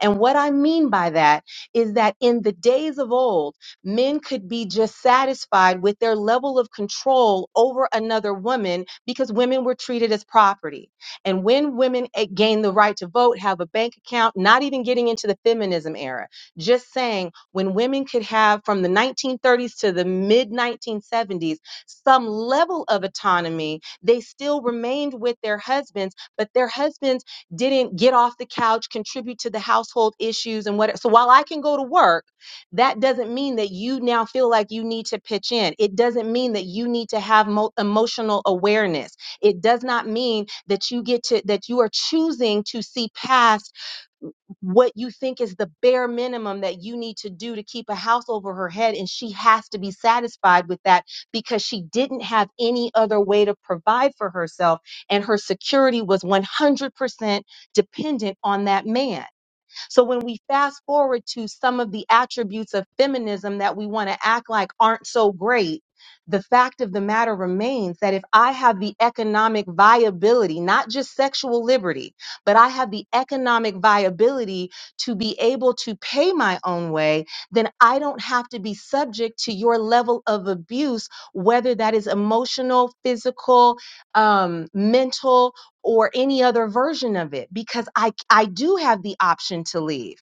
Speaker 11: and what I mean by that is that in the days of old, men could be just satisfied with their level of control over another woman because women were treated as property. And when women eh, gain the right to vote, have a bank account, not even getting into the feminism era, just saying when women could have from the 1930s to the mid 1970s some level of autonomy, they still remained with their husbands, but their husbands didn't get off the couch, contribute to the household issues and what. So while I can go to work, that doesn't mean that you now feel like you need to pitch in. It doesn't mean that you need to have mo- emotional awareness. It does not mean that you get to that you are choosing to see past what you think is the bare minimum that you need to do to keep a house over her head. And she has to be satisfied with that because she didn't have any other way to provide for herself. And her security was 100% dependent on that man. So when we fast forward to some of the attributes of feminism that we want to act like aren't so great, the fact of the matter remains that if I have the economic viability, not just sexual liberty, but I have the economic viability to be able to pay my own way, then I don't have to be subject to your level of abuse, whether that is emotional, physical, um, mental, or any other version of it because I I do have the option to leave.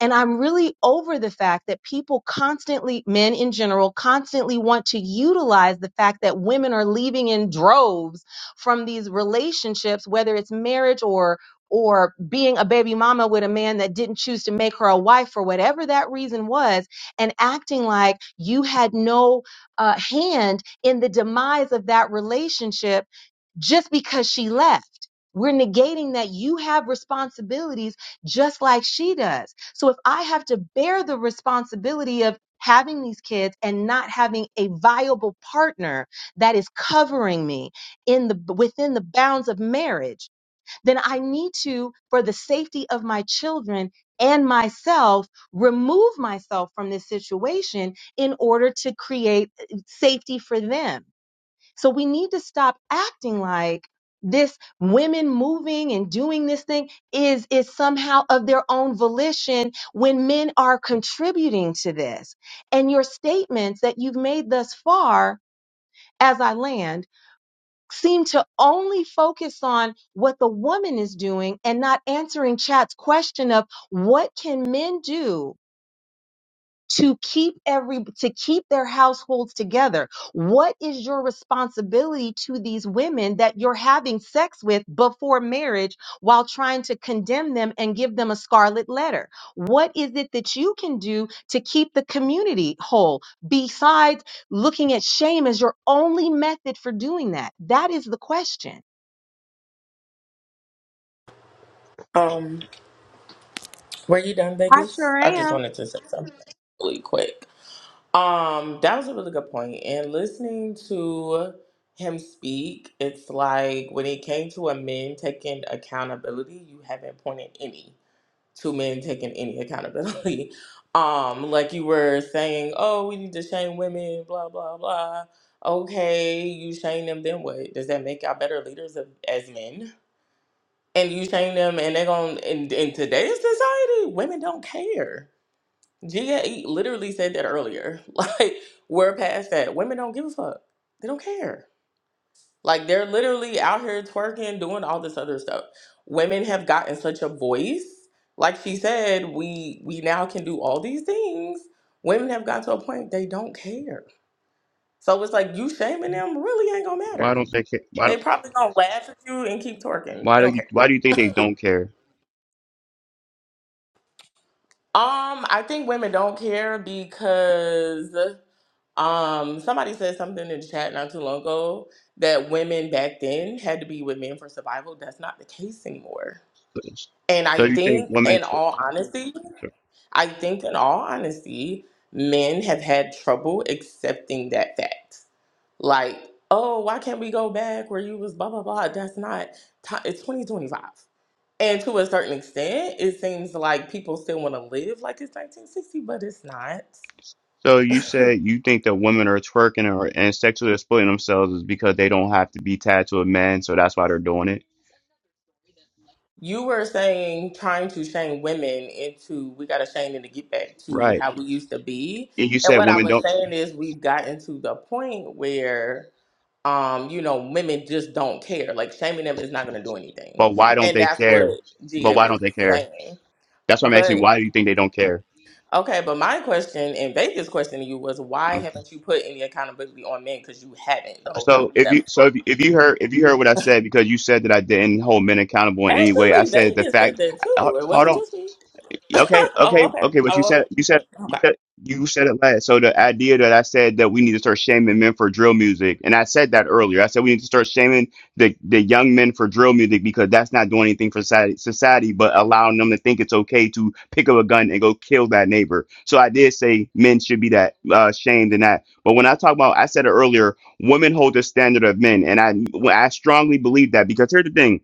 Speaker 11: And I'm really over the fact that people constantly men in general constantly want to utilize the fact that women are leaving in droves from these relationships whether it's marriage or or being a baby mama with a man that didn't choose to make her a wife for whatever that reason was and acting like you had no uh, hand in the demise of that relationship just because she left. We're negating that you have responsibilities just like she does. So if I have to bear the responsibility of having these kids and not having a viable partner that is covering me in the within the bounds of marriage, then I need to for the safety of my children and myself remove myself from this situation in order to create uh, safety for them. So we need to stop acting like this women moving and doing this thing is is somehow of their own volition when men are contributing to this. And your statements that you've made thus far as I land seem to only focus on what the woman is doing and not answering chat's question of what can men do to keep every to keep their households together what is your responsibility to these women that you're having sex with before marriage while trying to condemn them and give them a scarlet letter what is it that you can do to keep the community whole besides looking at shame as your only method for doing that that is the question
Speaker 25: Um, were you done,
Speaker 11: I
Speaker 25: Vegas?
Speaker 11: sure
Speaker 25: I just
Speaker 11: am
Speaker 25: wanted to say something really quick. Um, that was a really good point. And listening to him speak, it's like when it came to a men taking accountability, you haven't pointed any to men taking any accountability. Um, like you were saying, oh, we need to shame women, blah blah blah. Okay, you shame them, then what? Does that make y'all better leaders of, as men? and you shame them and they're going to in, in today's society women don't care GAE literally said that earlier like we're past that women don't give a fuck they don't care like they're literally out here twerking doing all this other stuff women have gotten such a voice like she said we we now can do all these things women have gotten to a point they don't care so it's like you shaming them really ain't gonna
Speaker 17: Why
Speaker 25: matter
Speaker 17: don't they care? Why
Speaker 25: they
Speaker 17: don't
Speaker 25: probably gonna laugh at you and keep twerking they
Speaker 17: why do
Speaker 25: don't care
Speaker 17: you why do you think they don't care?
Speaker 25: Um, I think women don't care because um somebody said something in the chat not too long ago that women back then had to be with men for survival. That's not the case anymore. And I
Speaker 17: So you think
Speaker 25: think
Speaker 17: women
Speaker 25: in all
Speaker 17: twist?
Speaker 25: honesty, I think in all honesty, men have had trouble accepting that fact like, oh, why can't we go back where you was blah blah blah? That's not. ti- It's 2025. And to a certain extent, it seems like people still want to live like it's 1960, but it's not.
Speaker 17: So you said you think that women are twerking or and sexually exploiting themselves is because they don't have to be tied to a man, so that's why they're doing it.
Speaker 25: You were saying trying to shame women into we got to shame them to get back to
Speaker 17: Right.
Speaker 25: how we used to be.
Speaker 17: And you
Speaker 25: And
Speaker 17: said
Speaker 25: what I
Speaker 17: women
Speaker 25: was
Speaker 17: don't,
Speaker 25: saying is we've gotten to the point where um, you know, women just don't care. Like shaming them is not going to do anything,
Speaker 17: but why don't
Speaker 25: and
Speaker 17: they
Speaker 25: that's what
Speaker 17: care? But
Speaker 25: GA
Speaker 17: why
Speaker 25: was
Speaker 17: don't they care?
Speaker 25: saying.
Speaker 17: That's why I'm
Speaker 25: But
Speaker 17: asking. Why do you think they don't care?
Speaker 25: Okay, but my question and Vegas' question to you was why
Speaker 17: Mm.
Speaker 25: haven't you put any accountability on men? Because you haven't the whole time
Speaker 17: So
Speaker 25: you
Speaker 17: if you
Speaker 25: haven't
Speaker 17: so if, you-
Speaker 25: spoke.
Speaker 17: if you heard if you heard what I said because you said that I didn't hold men accountable in any way. I
Speaker 25: Actually,
Speaker 17: said the
Speaker 25: Vegas said
Speaker 17: fact.
Speaker 25: that
Speaker 17: uh,
Speaker 25: too. It
Speaker 17: Hold
Speaker 25: wasn't
Speaker 17: on.
Speaker 25: just me.
Speaker 17: Okay,
Speaker 25: oh,
Speaker 17: okay,
Speaker 25: okay.
Speaker 17: okay. But you
Speaker 25: Oh, okay.
Speaker 17: said you said you
Speaker 25: Okay.
Speaker 17: said you said it last. So the idea that I said that we need to start shaming men for drill music, and I said that earlier. I said we need to start shaming the the young men for drill music because that's not doing anything for society, society, but allowing them to think it's okay to pick up a gun and go kill that neighbor. So I did say men should be that uh, shamed in that. But when I talk about, I said it earlier. Women hold the standard of men, and I I strongly believe that because here's the thing.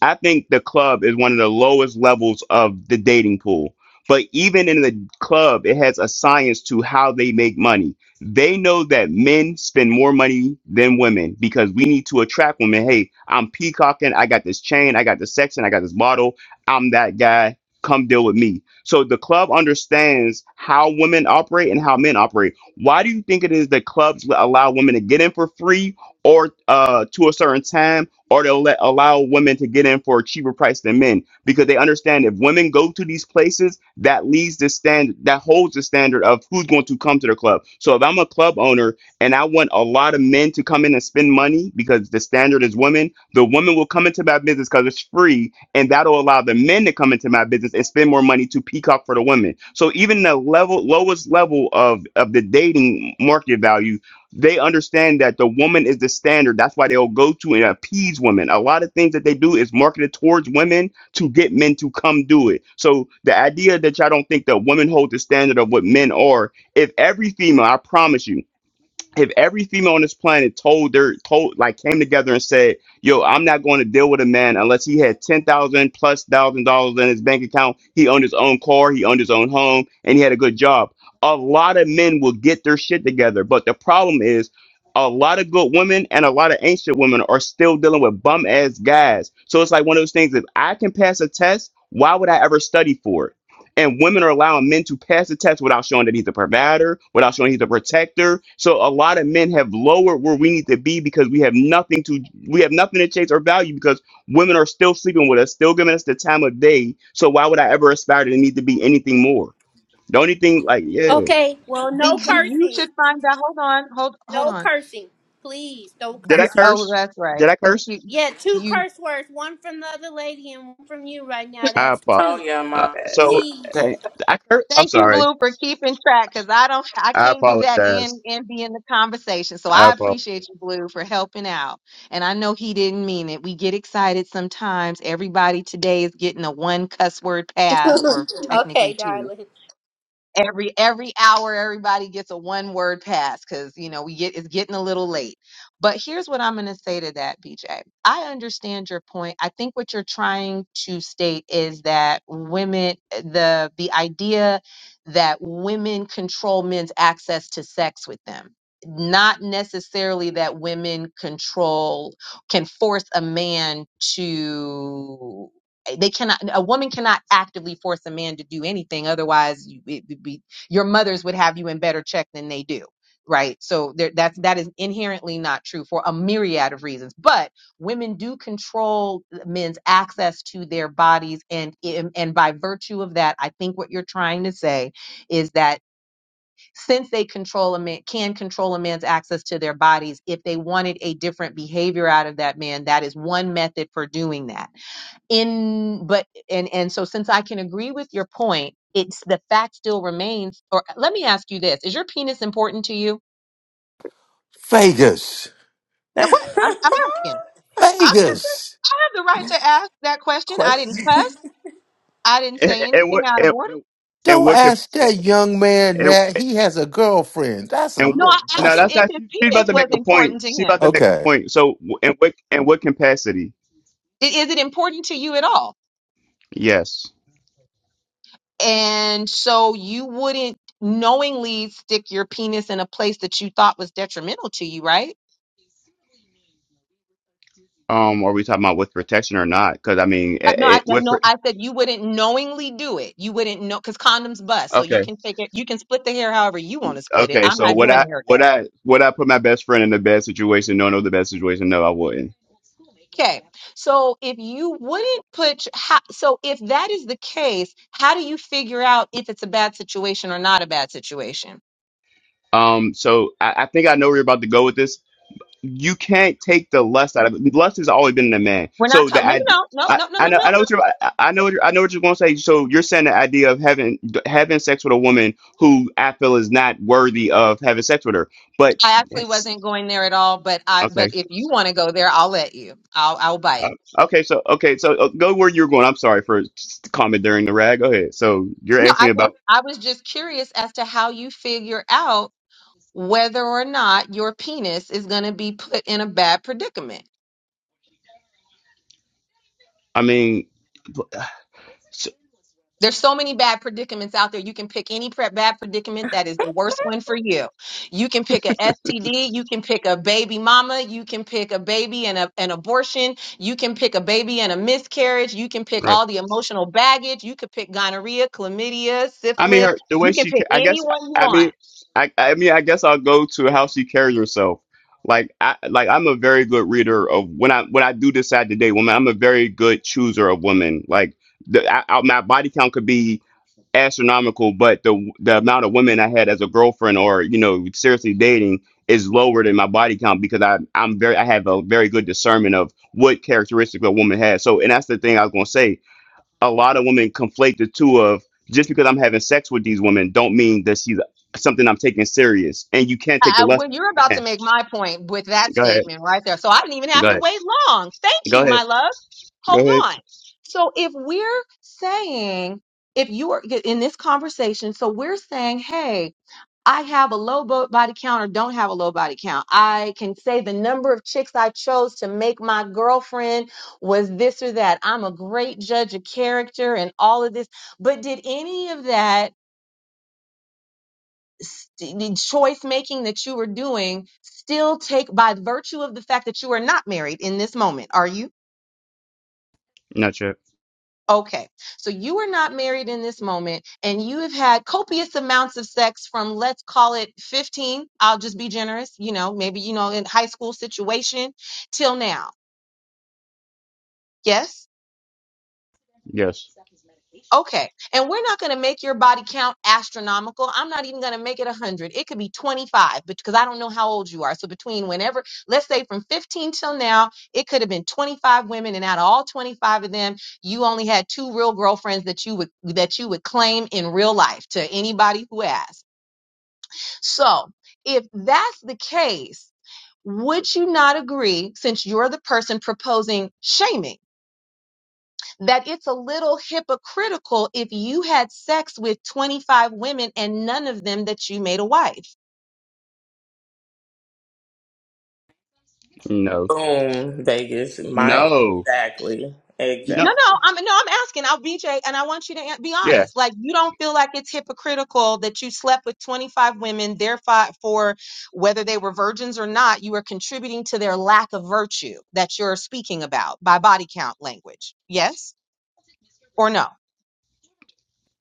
Speaker 17: I think the club is one of the lowest levels of the dating pool. But even in the club, it has a science to how they make money. They know that men spend more money than women because we need to attract women. Hey, I'm peacocking. I got this chain. I got this section. I got this bottle. I'm that guy. Come deal with me. So the club understands how women operate and how men operate. Why do you think it is that clubs allow women to get in for free or uh, to a certain time? or they'll let allow women to get in for a cheaper price than men because they understand if women go to these places, that leads the stand that holds the standard of who's going to come to the club. So if I'm a club owner and I want a lot of men to come in and spend money because the standard is women, the women will come into my business because it's free, and that'll allow the men to come into my business and spend more money to peak up for the women. So even the level lowest level of of the dating market value they understand that the woman is the standard. That's why they'll go to and appease women. A lot of things that they do is marketed towards women to get men to come do it. So the idea that y'all don't think that women hold the standard of what men are, if every female, I promise you if every female on this planet told their told like came together and said, "Yo, I'm not going to deal with a man unless he had ten thousand plus thousand dollars in his bank account. He owned his own car, he owned his own home, and he had a good job." A lot of men will get their shit together, but the problem is, a lot of good women and a lot of ancient women are still dealing with bum ass guys. So it's like one of those things. If I can pass a test, why would I ever study for it? And women are allowing men to pass the test without showing that he's a provider, without showing he's a protector. So a lot of men have lowered where we need to be because we have nothing to we have nothing to chase or value because women are still sleeping with us, still giving us the time of day. So why would I ever aspire to need to be anything more? The only thing like yeah,
Speaker 24: Okay, well, no
Speaker 11: because you should
Speaker 24: cursing.
Speaker 11: find out. Hold on, hold hold
Speaker 24: No
Speaker 11: on.
Speaker 24: cursing. Please, no
Speaker 17: did I
Speaker 11: Yeah,
Speaker 24: cursing.
Speaker 11: oh,
Speaker 17: curse?
Speaker 11: that's
Speaker 17: Did
Speaker 11: right.
Speaker 17: I
Speaker 11: Thank
Speaker 17: curse?
Speaker 24: Yeah, two
Speaker 11: you.
Speaker 24: curse words, one from the other lady and one from you right now.
Speaker 17: I
Speaker 24: That's
Speaker 17: apologize.
Speaker 25: Oh
Speaker 24: two.
Speaker 25: yeah,
Speaker 17: Uh,
Speaker 25: my
Speaker 17: so
Speaker 24: Please.
Speaker 17: dang, I cur- I'm
Speaker 11: Thank you,
Speaker 17: sorry.
Speaker 11: Blue, for keeping track because I don't, I
Speaker 17: I
Speaker 11: can't do that
Speaker 17: apologize.
Speaker 11: and and be in the conversation. So
Speaker 17: I
Speaker 11: I
Speaker 17: apologize.
Speaker 11: appreciate you, Blue, for helping out. And I know he didn't mean it. We get excited sometimes. Everybody today is getting a one cuss word pass, or technically
Speaker 24: okay,
Speaker 11: two
Speaker 24: darling.
Speaker 11: every every hour everybody gets a one word pass because you know we get it's getting a little late but here's what i'm going to say to that bj i understand your point i think what you're trying to state is that women eh, the the idea that women control men's access to sex with them not necessarily that women control can force a man to they cannot a woman cannot actively force a man to do anything otherwise you, it would be your mothers would have you in better check than they do right so there, that's that is inherently not true for a myriad of reasons but women do control men's access to their bodies and and and by virtue of that i think what you're trying to say is that since they control a man can control a man's access to their bodies if they wanted a different behavior out of that man that is one method for doing that in but and and so since i can agree with your point it's the fact still remains or let me ask you this is your penis important to you
Speaker 1: Vegas.
Speaker 11: now
Speaker 25: bad.
Speaker 11: what i'm, I'm asking I'm,
Speaker 1: Vegas.
Speaker 11: i have the right to ask that question i didn't
Speaker 25: question.
Speaker 11: cuss i didn't
Speaker 17: And,
Speaker 11: say
Speaker 17: and
Speaker 11: anything
Speaker 17: what
Speaker 11: out of
Speaker 17: and,
Speaker 11: order
Speaker 17: and
Speaker 1: Don't
Speaker 17: what could
Speaker 1: ask that young man that. He has a girlfriend. That's a
Speaker 17: And
Speaker 11: no
Speaker 1: little
Speaker 11: i
Speaker 17: no,
Speaker 11: asked
Speaker 1: that's
Speaker 11: him
Speaker 1: a
Speaker 17: that's
Speaker 11: if
Speaker 17: not.
Speaker 11: his
Speaker 17: She, she's about
Speaker 11: penis
Speaker 17: to
Speaker 11: was
Speaker 17: make a point.
Speaker 11: important to
Speaker 17: She's about
Speaker 11: him
Speaker 17: to make a
Speaker 1: Okay.
Speaker 17: point. So, in what in what capacity?
Speaker 11: I- is it important to you at all
Speaker 17: Yes.
Speaker 11: and so you wouldn't knowingly stick your penis in a place that you thought was detrimental to you right
Speaker 17: Um, are we talking about with protection or not? Because I mean,
Speaker 11: Uh,
Speaker 17: eh,
Speaker 11: no,
Speaker 17: eh,
Speaker 11: I no,
Speaker 17: with
Speaker 11: no,
Speaker 17: pro-
Speaker 11: I said you wouldn't knowingly do it. You wouldn't know because condoms bust. So you
Speaker 17: okay,
Speaker 11: can take it, you can split the hair however you want to split it.
Speaker 17: okay.
Speaker 11: I'm
Speaker 17: So
Speaker 11: not
Speaker 17: would
Speaker 11: doing the
Speaker 17: I would
Speaker 11: haircut.
Speaker 17: I would I put my best friend in the bad situation? No, no, the bad situation. No, I wouldn't.
Speaker 11: Okay. So if you wouldn't put, how, so if that is the case, how do you figure out if it's a bad situation or not a bad situation?
Speaker 17: Um, so I, I think I know where you're about to go with this. you can't take the lust out of it. Lust has always been in a man.
Speaker 11: We're not
Speaker 17: So the
Speaker 11: talking. No,
Speaker 17: I,
Speaker 11: no, no, no,
Speaker 17: I,
Speaker 11: no, no, no,
Speaker 17: I know I
Speaker 11: no.
Speaker 17: know what
Speaker 11: no.
Speaker 17: you're I I know what you're, I know what you're going to say. So you're saying the idea of having having sex with a woman who I feel is not worthy of having sex with her. But
Speaker 11: I actually
Speaker 17: that's-
Speaker 11: wasn't going there at all. But I,
Speaker 17: okay,
Speaker 11: but if you want to go there, I'll let you. I'll, I'll bite.
Speaker 17: Uh, okay, so okay, so uh, go where you're going. I'm sorry for comment during the rag. Go ahead. So you're
Speaker 11: No,
Speaker 17: asking
Speaker 11: I
Speaker 17: me
Speaker 11: just,
Speaker 17: about.
Speaker 11: I was just curious as to how you figure out whether or not your penis is going to be put in a bad predicament.
Speaker 17: I mean, s-
Speaker 11: There's so many bad predicaments out there. You can pick any pre- bad predicament that is the worst one for you. You can pick a STD. You can pick a baby mama. You can pick a baby and a, an abortion. You can pick a baby and a miscarriage. You can pick
Speaker 17: right.
Speaker 11: all the emotional baggage. You could pick gonorrhea, chlamydia,
Speaker 17: I mean,
Speaker 11: syphilis.
Speaker 17: her the
Speaker 11: You
Speaker 17: way
Speaker 11: can
Speaker 17: she, ca-
Speaker 11: pick
Speaker 17: I
Speaker 11: any
Speaker 17: guess,
Speaker 11: one you
Speaker 17: I
Speaker 11: want.
Speaker 17: mean, I, I mean, I guess I'll go to how she carries herself. Like, I, like I'm a very good reader of when I when I do decide to date women. I'm a very good chooser of women. Like, the, I, I, my body count could be astronomical, but the the amount of women I had as a girlfriend or you know seriously dating is lower than my body count because I I'm very I have a very good discernment of what characteristic a woman has. So, and that's the thing I was gonna say a lot of women conflate the two of just because I'm having sex with these women don't mean that she's something I'm taking serious. And you can't take
Speaker 11: I,
Speaker 17: the
Speaker 11: I-
Speaker 17: lust
Speaker 11: well,
Speaker 17: out
Speaker 11: you're
Speaker 17: of a
Speaker 11: about to
Speaker 17: man.
Speaker 11: make my point with that
Speaker 17: Go ahead.
Speaker 11: statement right there. So I didn't even have
Speaker 17: Go
Speaker 11: to
Speaker 17: ahead.
Speaker 11: wait long. Thank
Speaker 17: Go
Speaker 11: you,
Speaker 17: ahead.
Speaker 11: my love.
Speaker 17: Go
Speaker 11: Hold
Speaker 17: ahead.
Speaker 11: on. So if we're saying, if you are in this conversation, so we're saying, hey, I have a low bo- body count or don't have a low body count. I can say the number of chicks I chose to make my girlfriend was this or that. I'm a great judge of character and all of this. But did any of that? st- the choice making that you are doing still take by virtue of the fact that you are not married in this moment are you
Speaker 17: Not sure.
Speaker 11: okay so you are not married in this moment and you have had copious amounts of sex from let's call it 15 i'll just be generous you know maybe you know in high school situation till now yes
Speaker 17: Yes.
Speaker 11: Okay. And we're not going to make your body count astronomical. I'm not even going to make it 100. It could be 25 but because I don't know how old you are. So between whenever, let's say from 15 till now, it could have been 25 women and out of all 25 of them, you only had two real girlfriends that you would that you would claim in real life to anybody who asked. So, if that's the case, would you not agree since you're the person proposing shaming? that it's a little hypocritical if you had sex with 25 women and none of them that you made a wife.
Speaker 17: No.
Speaker 25: Boom, Vegas. My
Speaker 17: No.
Speaker 25: exactly,
Speaker 17: No.
Speaker 11: No,
Speaker 25: exactly.
Speaker 11: no, I'm no, I'm asking. I'll BJ and I want you to an- be
Speaker 17: Yeah.
Speaker 11: honest. Like you don't feel like it's hypocritical that you slept with 25 women, therefore for whether they were virgins or not, you are contributing to their lack of virtue that you're speaking about by body count language. Yes or no?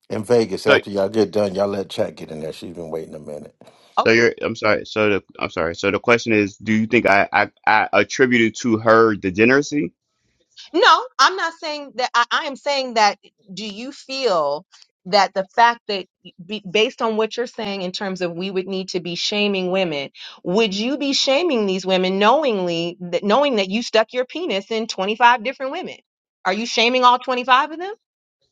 Speaker 1: In Vegas,
Speaker 17: So
Speaker 1: after y'all get done, y'all let chat get in there. She's been waiting a minute.
Speaker 17: so you're I'm sorry. So the I'm sorry. So the question is, do you think I I, I attributed to her degeneracy?
Speaker 11: No, I'm not saying that. I, I am saying that. Do you feel that the fact that, be, based on what you're saying in terms of we would need to be shaming women, would you be shaming these women knowingly, that, knowing that you stuck your penis in 25 different women? Are you shaming all 25 of them?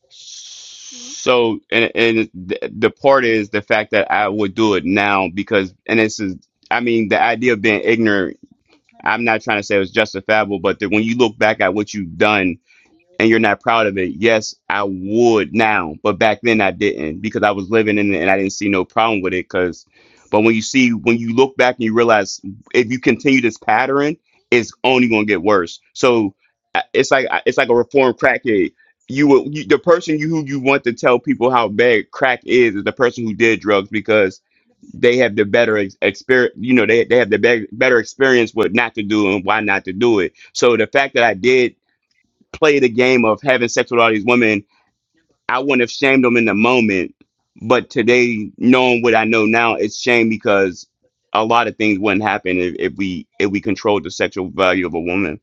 Speaker 17: So and and the, the part is the fact that I would do it now because and this is I mean the idea of being ignorant I'm not trying to say it was justifiable, but that when you look back at what you've done and you're not proud of it, yes, I would now, but back then I didn't because I was living in it and I didn't see no problem with it. Because, but when you see, when you look back and you realize if you continue this pattern, it's only going to get worse. So I- it's like uh, it's like a reformed crackhead. You, will, you the person you who you want to tell people how bad crack is is the person who did drugs they have the better ex- experience you know they, they have the be- better experience with not to do and why not to do it so the fact that i did play the game of having sex with all these women i wouldn't have shamed them in the moment but today knowing what i know now it's shame because a lot of things wouldn't happen if, if we if we controlled the sexual value of a woman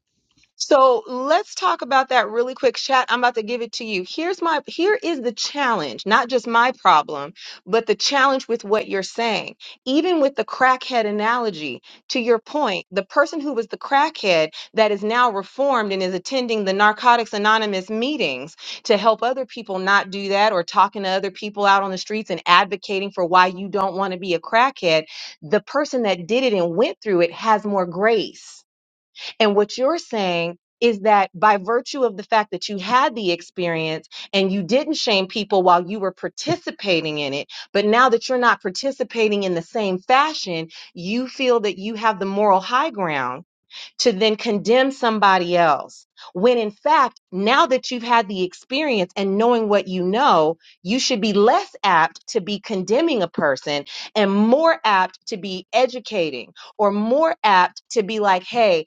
Speaker 11: So let's talk about that really quick chat. I'm about to give it to you. Here's my here is the challenge, not just my problem, but the challenge with what you're saying. Even with the crackhead analogy, to your point, the person who was the crackhead that is now reformed and is attending the Narcotics Anonymous meetings to help other people not do that or talking to other people out on the streets and advocating for why you don't want to be a crackhead, the person that did it and went through it has more grace and what you're saying is that by virtue of the fact that you had the experience and you didn't shame people while you were participating in it, but now that you're not participating in the same fashion, you feel that you have the moral high ground to then condemn somebody else. When in fact, now that you've had the experience and knowing what you know, you should be less apt to be condemning a person and more apt to be educating or more apt to be like, hey,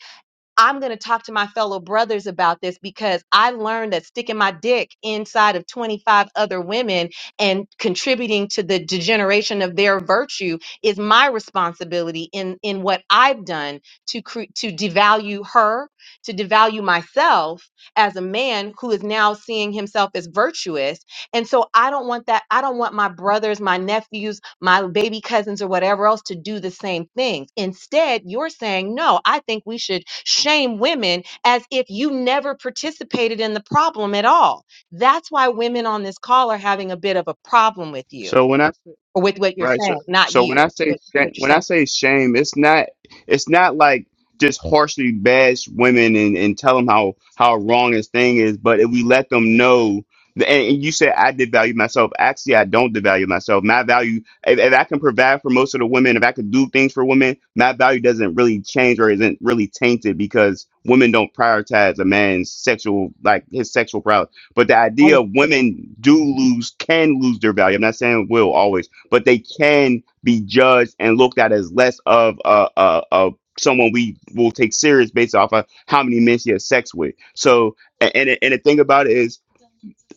Speaker 11: I'm going to talk to my fellow brothers about this because I learned that sticking my dick inside of 25 other women and contributing to the degeneration of their virtue is my responsibility in in what I've done to cre- to devalue her, to devalue myself as a man who is now seeing himself as virtuous and so I don't want that. I don't want my brothers, my nephews, my baby cousins, or whatever else to do the same things. Instead, you're saying, no, I think we should shame women as if you never participated in the problem at all. That's why women on this call are having a bit of a problem with you
Speaker 17: so when i
Speaker 11: or with what you're
Speaker 17: Right. So
Speaker 11: saying, not
Speaker 17: so when I
Speaker 11: you,
Speaker 17: say
Speaker 11: but
Speaker 17: shame,
Speaker 11: what you're
Speaker 17: when I
Speaker 11: saying.
Speaker 17: say shame, it's not it's not like just harshly bash women and, and tell them how how wrong this thing is, but if we let them know and, and you said I devalue myself. Actually, I don't devalue myself. My value, if, if I can provide for most of the women, if I can do things for women, my value doesn't really change or isn't really tainted because women don't prioritize a man's sexual, like his sexual prowess. But the idea
Speaker 11: I-
Speaker 17: of women do lose, can lose their value. I'm not saying will always but they can be judged and looked at as less of uh, uh, uh, someone we will take serious based off of how many men she has sex with. So, a- and, and the thing about it is,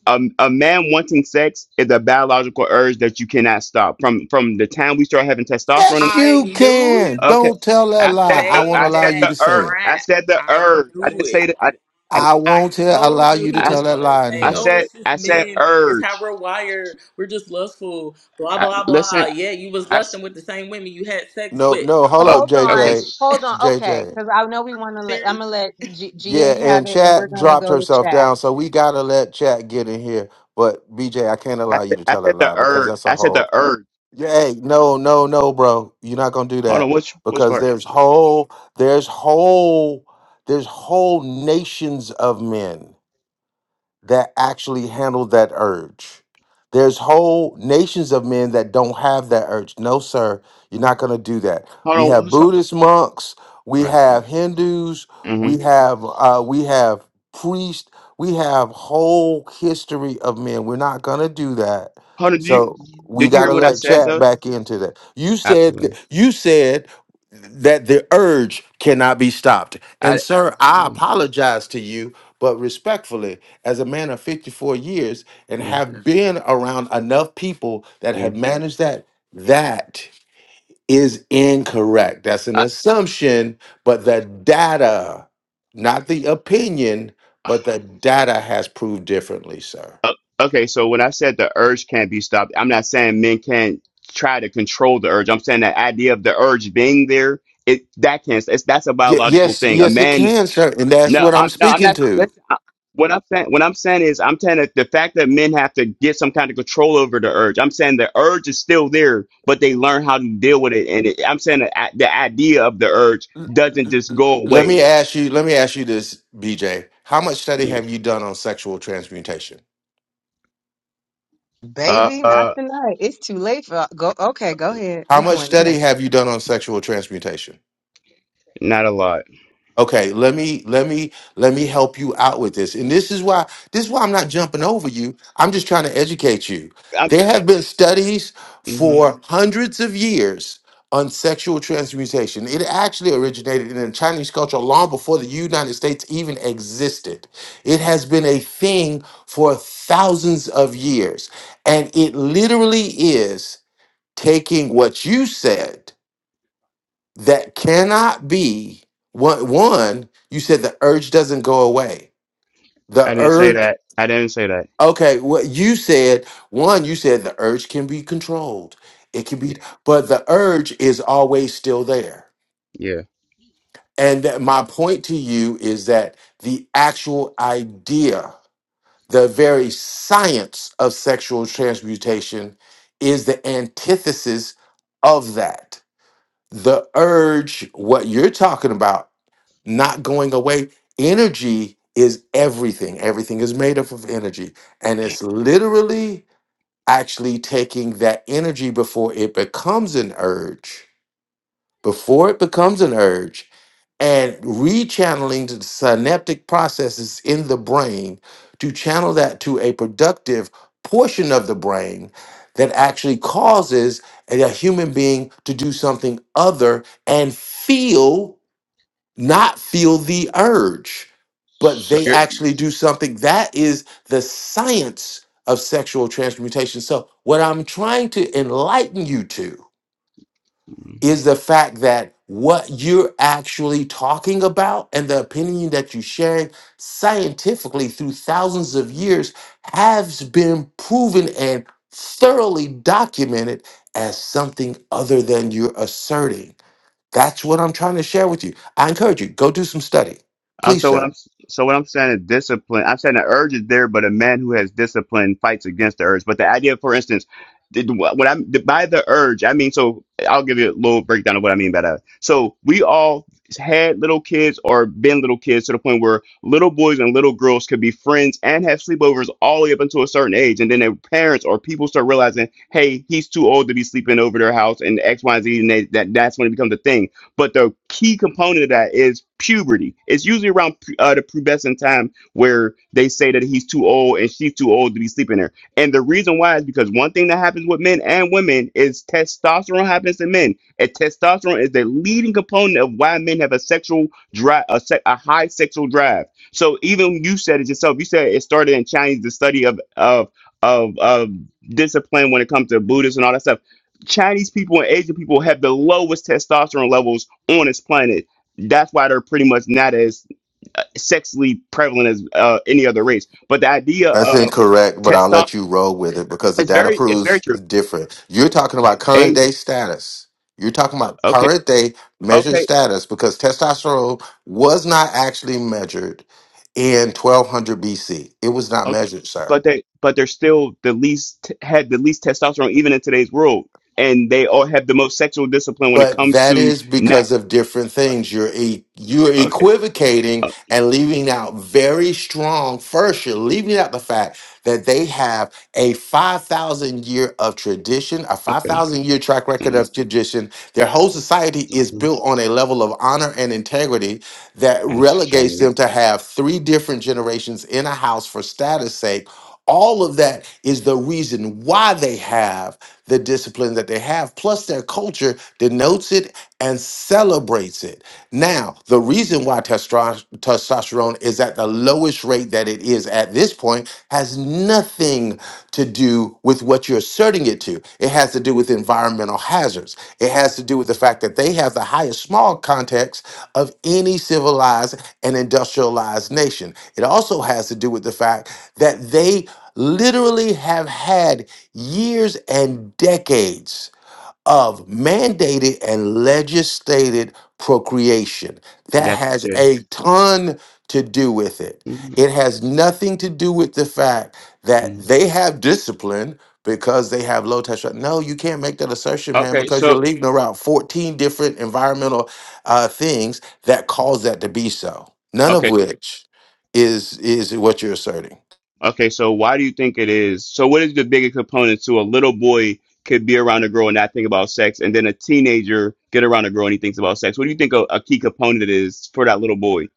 Speaker 17: um, a man wanting sex is a biological urge that you cannot stop. From from the time we start having testosterone, in-
Speaker 1: Yes,
Speaker 25: I
Speaker 1: you
Speaker 25: knew he
Speaker 1: can.
Speaker 17: okay.
Speaker 1: Don't tell
Speaker 25: was
Speaker 1: that
Speaker 17: I
Speaker 25: to
Speaker 17: said
Speaker 1: lie. I
Speaker 17: the
Speaker 1: won't
Speaker 25: say
Speaker 17: I
Speaker 1: allow
Speaker 17: said
Speaker 1: you
Speaker 17: the
Speaker 1: to
Speaker 25: that
Speaker 1: say
Speaker 17: urge.
Speaker 1: it.
Speaker 17: I
Speaker 25: crap.
Speaker 17: said the
Speaker 25: I
Speaker 17: urge. I
Speaker 25: knew
Speaker 17: didn't
Speaker 25: it.
Speaker 17: say that. I I,
Speaker 1: I
Speaker 25: I
Speaker 1: won't tell,
Speaker 25: told
Speaker 1: allow
Speaker 25: you
Speaker 1: you
Speaker 25: he
Speaker 1: to
Speaker 17: I,
Speaker 1: tell
Speaker 25: was
Speaker 1: that
Speaker 25: gonna
Speaker 1: lie in
Speaker 25: say,
Speaker 17: I
Speaker 25: "Oh,
Speaker 1: here.
Speaker 17: said
Speaker 25: it's just
Speaker 17: I said
Speaker 25: men. It's how
Speaker 17: urge.
Speaker 25: we're wired. We're just lustful." Blah
Speaker 17: I,
Speaker 25: blah blah.
Speaker 17: listen.
Speaker 25: Yeah, you was
Speaker 17: I s-
Speaker 25: lusting with the same women you had sex
Speaker 1: No,
Speaker 25: with.
Speaker 1: no, hold up,
Speaker 11: Hold
Speaker 17: o- okay.
Speaker 11: on.
Speaker 1: JJ.
Speaker 11: Hold on. Okay.
Speaker 1: JJ.
Speaker 11: Because I know we want to let, I'm going to
Speaker 25: Serious?
Speaker 11: let G-
Speaker 1: Yeah,
Speaker 11: GA have
Speaker 1: and
Speaker 11: it and we're
Speaker 1: Chat
Speaker 11: going to
Speaker 1: dropped
Speaker 11: go to
Speaker 1: herself
Speaker 11: chat.
Speaker 1: down, so we gotta let Chat get in here. But BJ, I can't
Speaker 17: I
Speaker 1: allow you
Speaker 17: said
Speaker 1: to
Speaker 17: I
Speaker 1: tell that
Speaker 17: said the
Speaker 1: lie because
Speaker 17: urge.
Speaker 1: that's
Speaker 17: I
Speaker 1: a
Speaker 17: said the
Speaker 1: whole
Speaker 17: urge.
Speaker 1: yeah, hey, no, no, no, bro. You're not gonna do
Speaker 17: Hold on,
Speaker 1: that.
Speaker 17: which which
Speaker 1: Because
Speaker 17: part?
Speaker 1: there's whole there's whole there's whole nations of men. that actually handle that urge. There's whole nations of men that don't have that urge. No, sir, you're not going to do that.
Speaker 17: Hold
Speaker 1: We
Speaker 17: on,
Speaker 1: have
Speaker 17: what's up?
Speaker 1: Buddhist monks, we
Speaker 17: right?
Speaker 1: have Hindus, we
Speaker 17: Mm-hmm.
Speaker 1: have uh, we have priests, we have whole history of men. We're not going to do that.
Speaker 17: Hold on. Did you
Speaker 1: So we
Speaker 17: did you
Speaker 1: got
Speaker 17: hear
Speaker 1: to
Speaker 17: what I
Speaker 1: let
Speaker 17: said
Speaker 1: chat
Speaker 17: though?
Speaker 1: back into that. You said th-
Speaker 17: Absolutely.
Speaker 1: you said that the urge cannot be stopped. And
Speaker 17: I
Speaker 1: sir, I
Speaker 17: yeah
Speaker 1: apologize to you, but respectfully as a man of 54 years and
Speaker 17: yeah
Speaker 1: have been around enough people that
Speaker 17: yeah.
Speaker 1: have managed that, that is incorrect. That's an
Speaker 17: I,
Speaker 1: assumption, but the data, not the opinion, but the data has proved differently, sir.
Speaker 17: okay, so when I said the urge can't be stopped, I'm not saying men can't try to control the urge. I'm saying the idea of the urge being there, it that can't. It's that's a
Speaker 1: Y-
Speaker 17: biological
Speaker 1: yes,
Speaker 17: thing. A
Speaker 1: yes, it
Speaker 17: man
Speaker 1: can, sir. And that's
Speaker 17: No,
Speaker 1: what I'm
Speaker 17: I'm no, I'm
Speaker 1: speaking
Speaker 17: not.
Speaker 1: to.
Speaker 17: Listen, I, what I'm saying, what I'm saying is, I'm saying that the fact that men have to get some kind of control over the urge. I'm saying the urge is still there, but they learn how to deal with it. And it, I'm saying that a- the idea of the urge
Speaker 1: L-
Speaker 17: doesn't
Speaker 1: l-
Speaker 17: just go
Speaker 1: Let
Speaker 17: away.
Speaker 1: me ask you, let me ask you this, BJ. How much study have you done on sexual transmutation?
Speaker 17: Uh,
Speaker 11: Baby, not
Speaker 17: uh
Speaker 11: tonight. It's too late for go. Okay, go ahead.
Speaker 1: How
Speaker 11: We
Speaker 1: much
Speaker 11: going there.
Speaker 1: study have you done on sexual transmutation?
Speaker 17: not a lot.
Speaker 1: Okay, let me let me let me help you out with this. And this is why this is why I'm not jumping over you. I'm just trying to educate you.
Speaker 17: I,
Speaker 1: There have been studies
Speaker 17: mhm.
Speaker 1: for hundreds of years on sexual transmutation. It actually originated in Chinese culture long before the United States even existed. It has been a thing for thousands of years. And it literally is taking what you said that cannot be one one you said the urge doesn't go away the
Speaker 17: I didn't say
Speaker 1: urge
Speaker 17: that. I didn't say that.
Speaker 1: okay what you said one you said the urge can be controlled it can be
Speaker 17: Yeah,
Speaker 1: but the urge is always still there
Speaker 17: yeah.
Speaker 1: and that my point to you is that the actual idea the very science of sexual transmutation is the antithesis of that the urge what you're talking about not going away. Energy is everything. Everything is made up of energy. And it's literally actually taking that energy before it becomes an urge, before it becomes an urge, and rechanneling the synaptic processes in the brain to channel that to a productive portion of the brain that actually causes a a human being to do something other and feel not feel the urge, but
Speaker 17: So
Speaker 1: they actually do something. That is the science of sexual transmutation. So, what I'm trying to enlighten you to
Speaker 17: you're.
Speaker 1: is the fact that what you're actually talking about and the opinion that you're sharing scientifically through thousands of years has been proven and thoroughly documented as something other than you're asserting. That's what I'm trying to share with you. I encourage you, go do some study.
Speaker 17: Uh,
Speaker 1: Please,
Speaker 17: so what
Speaker 1: sir.
Speaker 17: I'm so what I'm saying is discipline. I'm saying the urge is there, but a man who has discipline fights against the urge. But the idea, for instance, did- what I'm by the urge, I mean. So I'll give you a little breakdown of what I mean by that. So we all had little kids or been little kids to the point where little boys and little girls could be friends and have sleepovers all the way up until a certain age, and then their parents or people start realizing, hey, he's too old to be sleeping over their house, and X, Y, Z, and they, that that's when it becomes a thing but the key component of that is puberty. It's usually around uh, the pubescent time where they say that he's too old and she's too old to be sleeping there. And the reason why is because one thing that happens with men and women is testosterone happens in men. And testosterone is the leading component of why men have a sexual drive, a, se- a high sexual drive. So even you said it yourself. You said it started in Chinese, the study of of of, of discipline when it comes to Buddhists and all that stuff. Chinese people and Asian people have the lowest testosterone levels on this planet. That's why they're pretty much not as uh, sexually prevalent as uh, any other race. But the idea
Speaker 1: That's
Speaker 17: of
Speaker 1: incorrect, but I'll let you
Speaker 17: testosterone,
Speaker 1: roll with it because the
Speaker 17: it's
Speaker 1: data
Speaker 17: very, it's very
Speaker 1: proves
Speaker 17: true.
Speaker 1: different. You're talking about current
Speaker 17: Asian,
Speaker 1: day status. You're talking about
Speaker 17: okay,
Speaker 1: current day measured
Speaker 17: okay,
Speaker 1: status because testosterone was not actually measured in 1200 BC. It was not
Speaker 17: okay,
Speaker 1: measured, sir.
Speaker 17: but they, but they're still the least had the least testosterone even in today's world, and they all have the most sexual discipline when it
Speaker 1: But
Speaker 17: comes
Speaker 1: that
Speaker 17: to
Speaker 1: is
Speaker 17: not.
Speaker 1: because of different things. You're e- you're
Speaker 17: Okay,
Speaker 1: equivocating
Speaker 17: uh,
Speaker 1: and leaving out very strong. First, you're leaving out the fact that they have a five thousand year of tradition, a five
Speaker 17: okay,
Speaker 1: thousand year track record
Speaker 17: Mhm,
Speaker 1: of tradition. Their whole society is
Speaker 17: mhm,
Speaker 1: built on a level of honor and integrity that
Speaker 17: that's
Speaker 1: relegates
Speaker 17: strange.
Speaker 1: them to have three different generations in a house for status sake. All of that is the reason why they have the discipline that they have. Plus, their culture denotes it, and celebrates it. Now, the reason why testro- testosterone is at the lowest rate that it is at this point has nothing to do with what you're asserting it to. It has to do with environmental hazards. It has to do with the fact that they have the highest small context of any civilized and industrialized nation. It also has to do with the fact that they literally have had years and decades of mandated and legislated procreation. That
Speaker 17: That's
Speaker 1: has
Speaker 17: good.
Speaker 1: a ton to do with it.
Speaker 17: Mhm,
Speaker 1: It has nothing to do with the fact that
Speaker 17: mhm.
Speaker 1: they have discipline because they have low testosterone. No, you can't make that assertion, man,
Speaker 17: Okay,
Speaker 1: because you're
Speaker 17: so
Speaker 1: leaving around 14 different environmental uh, things that cause that to be so. None of
Speaker 17: okay.
Speaker 1: which is is what you're asserting.
Speaker 17: Okay, so why do you think it is? So what is the biggest component to a little boy could be around a girl and not think about sex, and then a teenager get around a girl and he thinks about sex? What do you think a, a key component is for that little boy?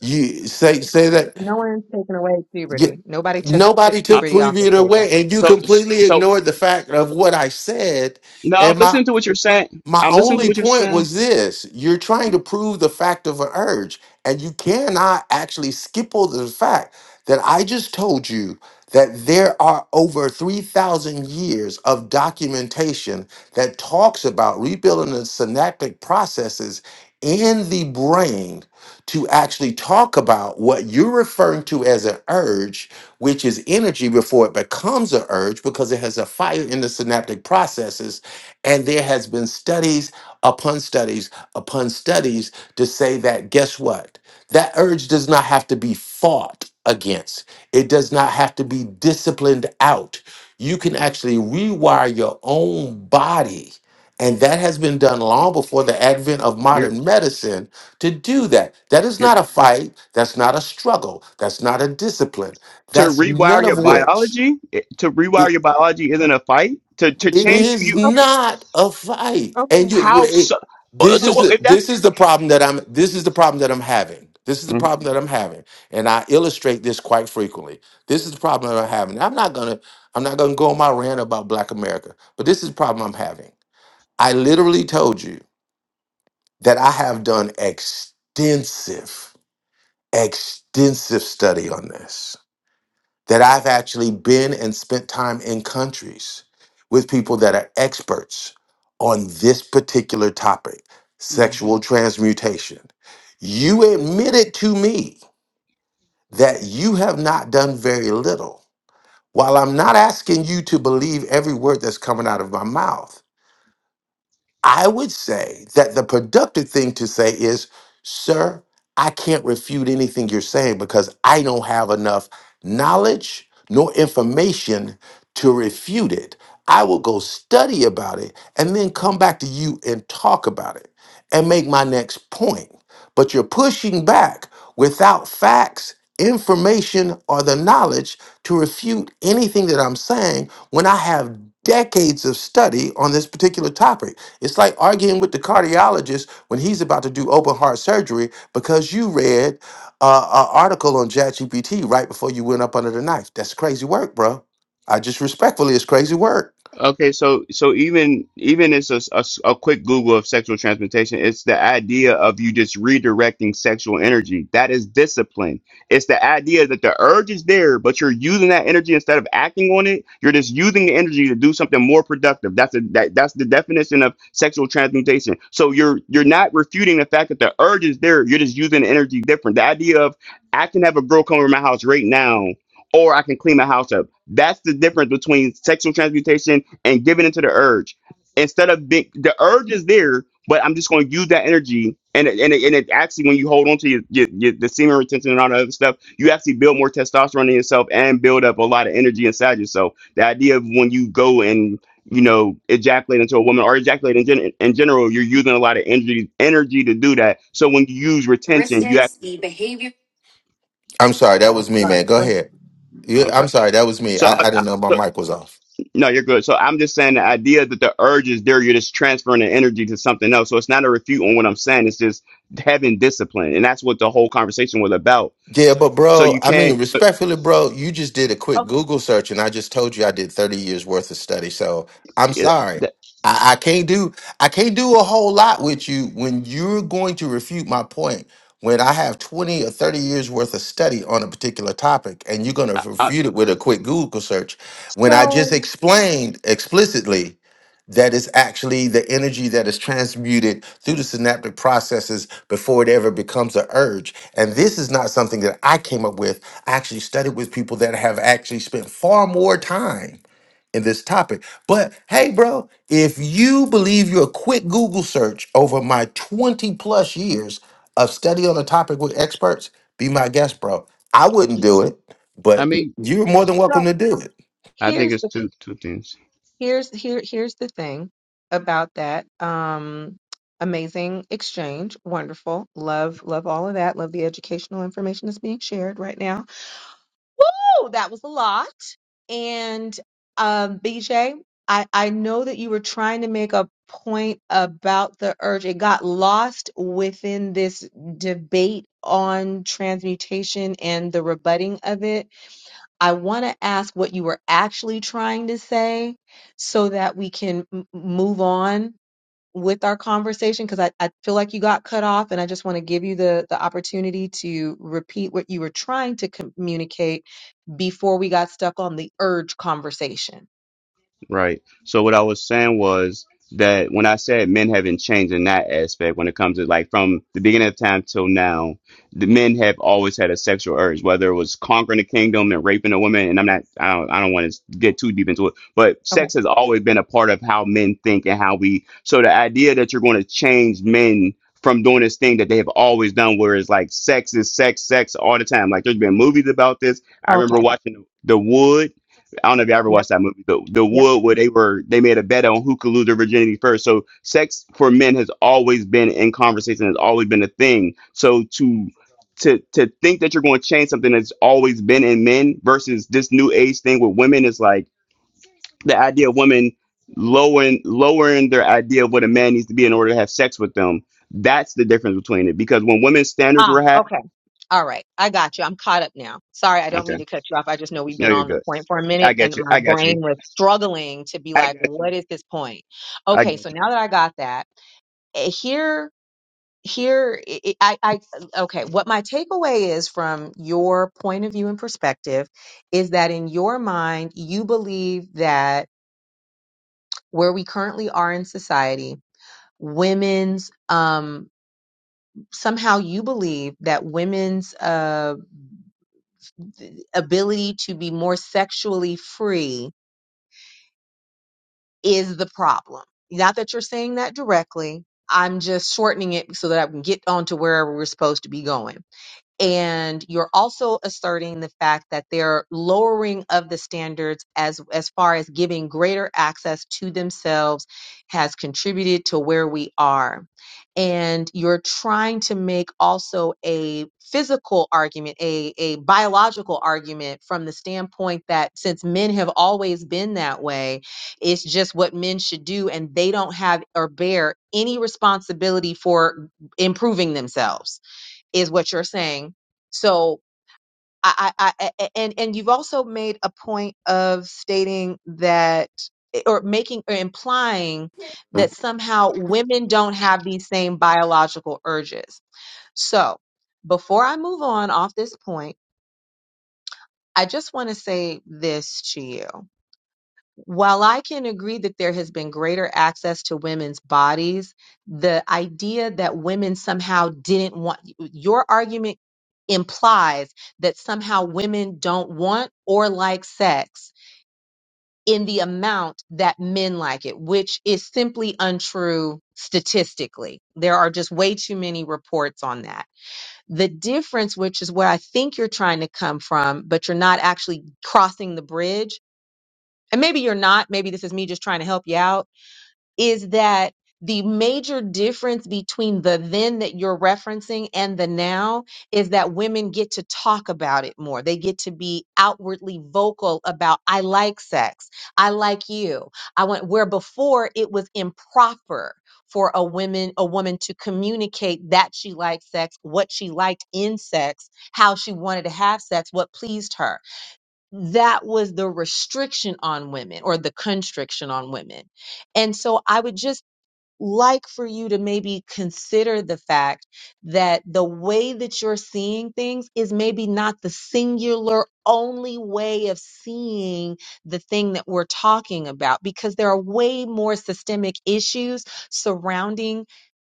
Speaker 1: You say say that.
Speaker 11: No one's taking away
Speaker 1: yeah,
Speaker 11: puberty. Nobody took took
Speaker 1: nobody
Speaker 17: I'm,
Speaker 1: took
Speaker 11: puberty off the
Speaker 1: preview
Speaker 11: table.
Speaker 1: away, and you
Speaker 17: so
Speaker 1: completely
Speaker 17: so
Speaker 1: ignored the fact of what I said.
Speaker 17: no, I'm
Speaker 1: And my
Speaker 17: listening to what you're saying.
Speaker 1: my
Speaker 17: I'm listening to
Speaker 1: only
Speaker 17: what you're
Speaker 1: point
Speaker 17: saying.
Speaker 1: was this you're trying to prove the fact of an urge, and you cannot actually skip over the fact that I just told you that there are over 3,000 years of documentation that talks about rebuilding the synaptic processes in the brain to actually talk about what you're referring to as an urge, which is energy before it becomes an urge because it has a fire in the synaptic processes and there has been studies upon studies upon studies to say that guess what? That urge does not have to be fought against. It does not have to be disciplined out. You can actually rewire your own body. And that has been done long before the advent of
Speaker 17: You're
Speaker 1: modern medicine to do that. That is
Speaker 17: you're
Speaker 1: not a fight. That's not a struggle. That's not a discipline.
Speaker 17: to
Speaker 1: That's
Speaker 17: rewire
Speaker 1: none
Speaker 17: your
Speaker 1: of which.
Speaker 17: biology. it- To rewire your biology isn't a fight. To to
Speaker 1: It
Speaker 17: change who
Speaker 1: is
Speaker 17: you
Speaker 11: Okay,
Speaker 1: not a fight, and
Speaker 11: okay,
Speaker 1: you.
Speaker 17: how so.
Speaker 1: Wait, this
Speaker 17: So
Speaker 1: is
Speaker 17: what
Speaker 11: okay.
Speaker 1: the,
Speaker 17: if that's?
Speaker 1: this is the problem that I'm. This is the problem that I'm having. This is the problem that I'm having, and I illustrate this quite frequently. This is the problem that I'm having. I'm not gonna. I'm not gonna go on my rant about Black America, but this is the problem I'm having. I literally told you that I have done extensive, extensive study on this that I've actually been and spent time in countries with people that are experts on this particular topic
Speaker 17: Mhm.
Speaker 1: sexual transmutation. You admitted to me that you have not done very little. While I'm not asking you to believe every word that's coming out of my mouth, I would say that the productive thing to say is, sir, I can't refute anything you're saying because I don't have enough knowledge nor information to refute it. I will go study about it and then come back to you and talk about it and make my next point. But you're pushing back without facts, information, or the knowledge to refute anything that I'm saying when I have decades of study on this particular topic. It's like arguing with the cardiologist when he's about to do open heart surgery because you read uh, an article on ChatGPT right before you went up under the knife. That's crazy work, bro. I just respectfully, it's crazy work.
Speaker 17: Okay, so so even even it's a, s- a s- a quick Google of sexual transmutation. It's the idea of you just redirecting sexual energy. That is discipline. It's the idea that the urge is there, but you're using that energy instead of acting on it. You're just using the energy to do something more productive. That's a, that that's the definition of sexual transmutation. So you're you're not refuting the fact that the urge is there. You're just using the energy different. The idea of I can have a girl come over my house right now, or I can clean my house up. That's the difference between sexual transmutation and giving into the urge instead of being the urge is there but i'm just going to use that energy and it, and, it, and it actually when you hold on to your, your, your the semen retention and all the other stuff you actually build more testosterone in yourself and build up a lot of energy inside yourself the idea of when you go and you know ejaculate into a woman or ejaculate in, gen- in general you're using a lot of energy energy to do that so when you use retention you
Speaker 1: Heuristics,
Speaker 17: actually
Speaker 1: the behavior. I'm sorry, that was
Speaker 11: Oh,
Speaker 1: me,
Speaker 11: sorry.
Speaker 1: man. Go
Speaker 11: Go ahead.
Speaker 1: ahead. Yeah,
Speaker 17: i'm
Speaker 1: I'm
Speaker 17: sorry
Speaker 1: sorry, that was me.
Speaker 17: so I,
Speaker 1: I, I
Speaker 17: I,
Speaker 1: didn't know my
Speaker 17: so
Speaker 1: mic was off.
Speaker 17: No, you're good. So I'm just saying the idea that the urge is there, you're just transferring the energy to something else. So it's not a refute on what I'm saying. It's just having discipline, and that's what the whole conversation was about.
Speaker 1: Yeah, but
Speaker 17: So
Speaker 1: bro,
Speaker 17: you
Speaker 1: I mean,
Speaker 17: can't. so
Speaker 1: respectfully, bro, you just did a quick
Speaker 11: Okay,
Speaker 1: Google search and I just told you I did 30 years worth of study. So I'm
Speaker 17: It,
Speaker 1: sorry.
Speaker 17: that,
Speaker 1: I, I can't do I can't do a whole lot with you when you're going to refute my point when I have 20 or 30 years worth of study on a particular topic and you're gonna
Speaker 17: I, I
Speaker 1: refute it with a quick Google search when I just
Speaker 11: so
Speaker 1: explained explicitly that is actually the energy that is transmuted through the synaptic processes before it ever becomes an urge. And this is not something that I came up with. I actually studied with people that have actually spent far more time in this topic. But hey, bro, if you believe your quick Google search over my 20 plus years of study on a topic with experts, be my guest, bro. I wouldn't do it,
Speaker 17: I
Speaker 1: but
Speaker 17: mean,
Speaker 1: you're more than welcome
Speaker 11: so
Speaker 1: to do it.
Speaker 17: I think
Speaker 11: here's
Speaker 17: it's
Speaker 11: the
Speaker 17: two two things.
Speaker 11: here's here here's the thing about that um amazing exchange wonderful love love all of that love the educational information that's being shared right now Woo! that was a lot and um bj i i know that you were trying to make a point about the urge it got lost within this debate on transmutation and the rebutting of it I want to ask what you were actually trying to say so that we can m- move on with our conversation because I, I feel like you got cut off and I just want to give you the, the opportunity to repeat what you were trying to communicate before we got stuck on the urge conversation.
Speaker 17: Right. So what I was saying was that when I said men haven't changed in that aspect, when it comes to like from the beginning of time till now, the men have always had a sexual urge, whether it was conquering a kingdom and raping a woman. And I'm not, I don't, I don't want to get too deep into it, but
Speaker 11: Okay.
Speaker 17: sex has always been a part of how men think and how we. So the idea that you're going to change men from doing this thing that they have always done, where it's like sex is sex, sex all the time. Like there's been movies about this. I remember
Speaker 11: Okay.
Speaker 17: watching The Wood I don't know if you ever watched
Speaker 11: Yep.
Speaker 17: that movie, but the wood where they were they made a bet on who could lose their virginity first. So sex for men has always been in conversation, has always been a thing. So to to to think that you're going to change something that's always been in men versus this new age thing with women is like the idea of women lowering lowering their idea of what a man needs to be in order to have sex with them. That's the difference between it. Because when women's standards
Speaker 11: Ah,
Speaker 17: were high,
Speaker 11: okay. All right. I got you. I'm caught up now. Sorry, I don't
Speaker 17: okay,
Speaker 11: mean to cut you off. I just know we've
Speaker 17: no,
Speaker 11: been
Speaker 17: you're
Speaker 11: on the
Speaker 17: good.
Speaker 11: point for a
Speaker 17: I
Speaker 11: minute
Speaker 17: got
Speaker 11: and
Speaker 17: you.
Speaker 11: my
Speaker 17: I got you.
Speaker 11: brain was struggling to be
Speaker 17: I
Speaker 11: like,
Speaker 17: got you.
Speaker 11: what is this point?
Speaker 17: I
Speaker 11: Okay,
Speaker 17: got
Speaker 11: so now that I got that, eh, here here i i I- I- okay what my takeaway is from your point of view and perspective is that in your mind you believe that where we currently are in society women's um somehow you believe that women's uh, ability to be more sexually free is the problem. Not that you're saying that directly. I'm just shortening it so that I can get on to wherever we're supposed to be going and you're also asserting the fact that they're lowering of the standards as as far as giving greater access to themselves has contributed to where we are and you're trying to make also a physical argument a a biological argument from the standpoint that since men have always been that way it's just what men should do and they don't have or bear any responsibility for improving themselves is what you're saying. So I, I, I a- a- and and you've also made a point of stating that eh, or making or implying
Speaker 17: you.
Speaker 11: that somehow women don't have these same biological urges. So before I move on off this point, I just want to say this to you. While I can agree that there has been greater access to women's bodies, the idea that women somehow didn't want your argument implies that somehow women don't want or like sex in the amount that men like it, which is simply untrue statistically. There are just way too many reports on that. The difference, which is where I think you're trying to come from, but you're not actually crossing the bridge and maybe you're not, maybe this is me just trying to help you out, is that the major difference between the then that you're referencing and the now is that women get to talk about it more. They get to be outwardly vocal about I like sex. I like you. I want where before it was improper for a woman a woman to communicate that she liked sex, what she liked in sex, how she wanted to have sex, what pleased her that was the restriction on women or the constriction on women. And so I would just like for you to maybe consider the fact that the way that you're seeing things is maybe not the singular only way of seeing the thing that we're talking about because there are way more systemic issues surrounding